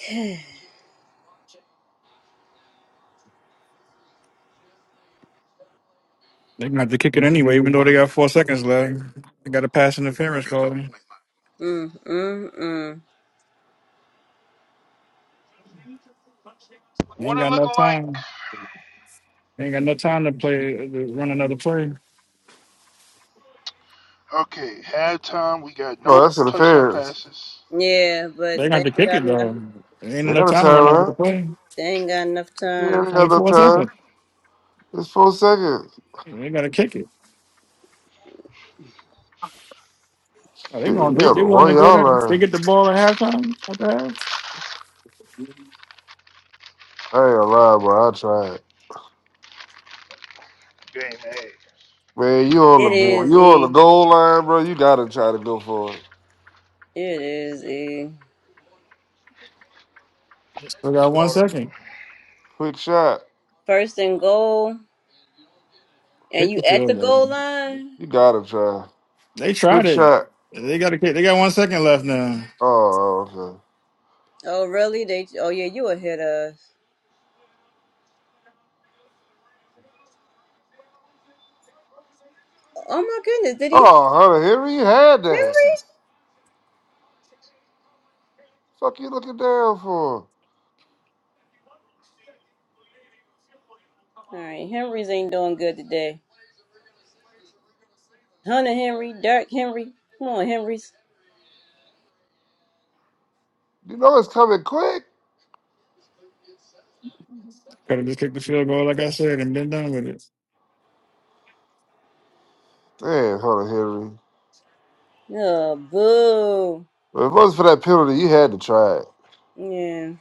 Speaker 1: (sighs) mm,
Speaker 3: They're gonna have to kick it anyway, even though they got four seconds left. They got a pass interference call. They
Speaker 1: mm, mm.
Speaker 6: What
Speaker 3: ain't
Speaker 6: it
Speaker 3: got no
Speaker 6: looking like?
Speaker 3: time. They ain't got no time to play to run another play.
Speaker 6: Okay, halftime. We got
Speaker 5: Oh,
Speaker 6: no
Speaker 5: that's an
Speaker 6: touchdown
Speaker 5: appearance.
Speaker 6: passes.
Speaker 1: Yeah,
Speaker 3: They
Speaker 1: but
Speaker 3: got
Speaker 1: they
Speaker 3: to
Speaker 1: ain't
Speaker 3: kick
Speaker 1: got
Speaker 3: it
Speaker 1: no.
Speaker 3: though. There ain't
Speaker 5: They
Speaker 3: enough
Speaker 5: got a
Speaker 3: time to run out the
Speaker 5: timeout.
Speaker 3: play.
Speaker 1: They ain't got enough
Speaker 5: Yeah,
Speaker 1: time.
Speaker 3: It's
Speaker 5: ain't
Speaker 3: only
Speaker 5: got no
Speaker 3: four
Speaker 5: time.
Speaker 3: seconds.
Speaker 5: It's four seconds.
Speaker 3: They got to kick it. Are they
Speaker 5: Shit,
Speaker 3: going?
Speaker 5: he
Speaker 3: They,
Speaker 5: on
Speaker 3: they
Speaker 5: the
Speaker 3: want to
Speaker 5: one
Speaker 3: go
Speaker 5: yard
Speaker 3: down. They
Speaker 5: line.
Speaker 3: get the ball at halftime. After half,
Speaker 5: I ain't gonna lie, but I tried.
Speaker 6: Game A.
Speaker 5: Man, you on
Speaker 1: It
Speaker 5: the
Speaker 1: is
Speaker 5: you on
Speaker 1: E.
Speaker 5: the goal line, bro. You gotta try to go for it.
Speaker 1: It is E.
Speaker 3: they got one
Speaker 6: Hold on.
Speaker 3: second.
Speaker 5: Quick shot.
Speaker 1: First and goal, and
Speaker 3: Kick
Speaker 1: you
Speaker 3: the
Speaker 1: at
Speaker 3: field
Speaker 1: the
Speaker 3: goal.
Speaker 1: goal line.
Speaker 5: You gotta try.
Speaker 3: They tried
Speaker 5: Quick
Speaker 3: it.
Speaker 5: shot.
Speaker 3: They got to kick. They got one second left now.
Speaker 5: Oh, okay.
Speaker 1: Oh really? They? Oh yeah, you will hit us. Oh my goodness, did he?
Speaker 5: Oh, Hunter Henry, you had
Speaker 1: Henry?
Speaker 5: that. Fuck you looking down for?
Speaker 1: All right, Henry's ain't doing good today. Hunter Henry, Dark Henry. Come on, Henry's.
Speaker 5: You know it's coming quick.
Speaker 3: Could have just kicked the field goal, like I said, and been done with it.
Speaker 5: Damn, Hunter Henry.
Speaker 1: Oh boo.
Speaker 5: But if it wasn't for that penalty, you had to try it.
Speaker 1: Yeah,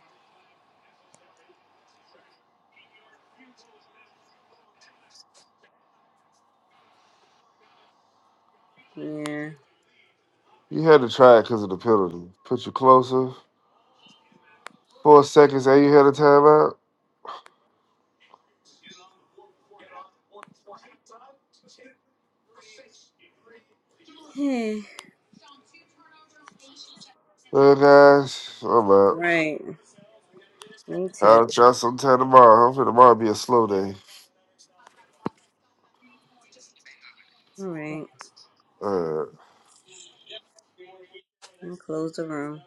Speaker 1: yeah. (sighs)
Speaker 5: You had to try it because of the penalty. Put you closer. Four seconds, and you had a timeout.
Speaker 1: Hmm.
Speaker 5: Well, guys, I'm
Speaker 1: All
Speaker 5: out.
Speaker 1: right. Me too.
Speaker 5: I'll try sometime tomorrow. Hopefully tomorrow be a slow day.
Speaker 1: All right.
Speaker 5: All right.
Speaker 1: I'm close the room.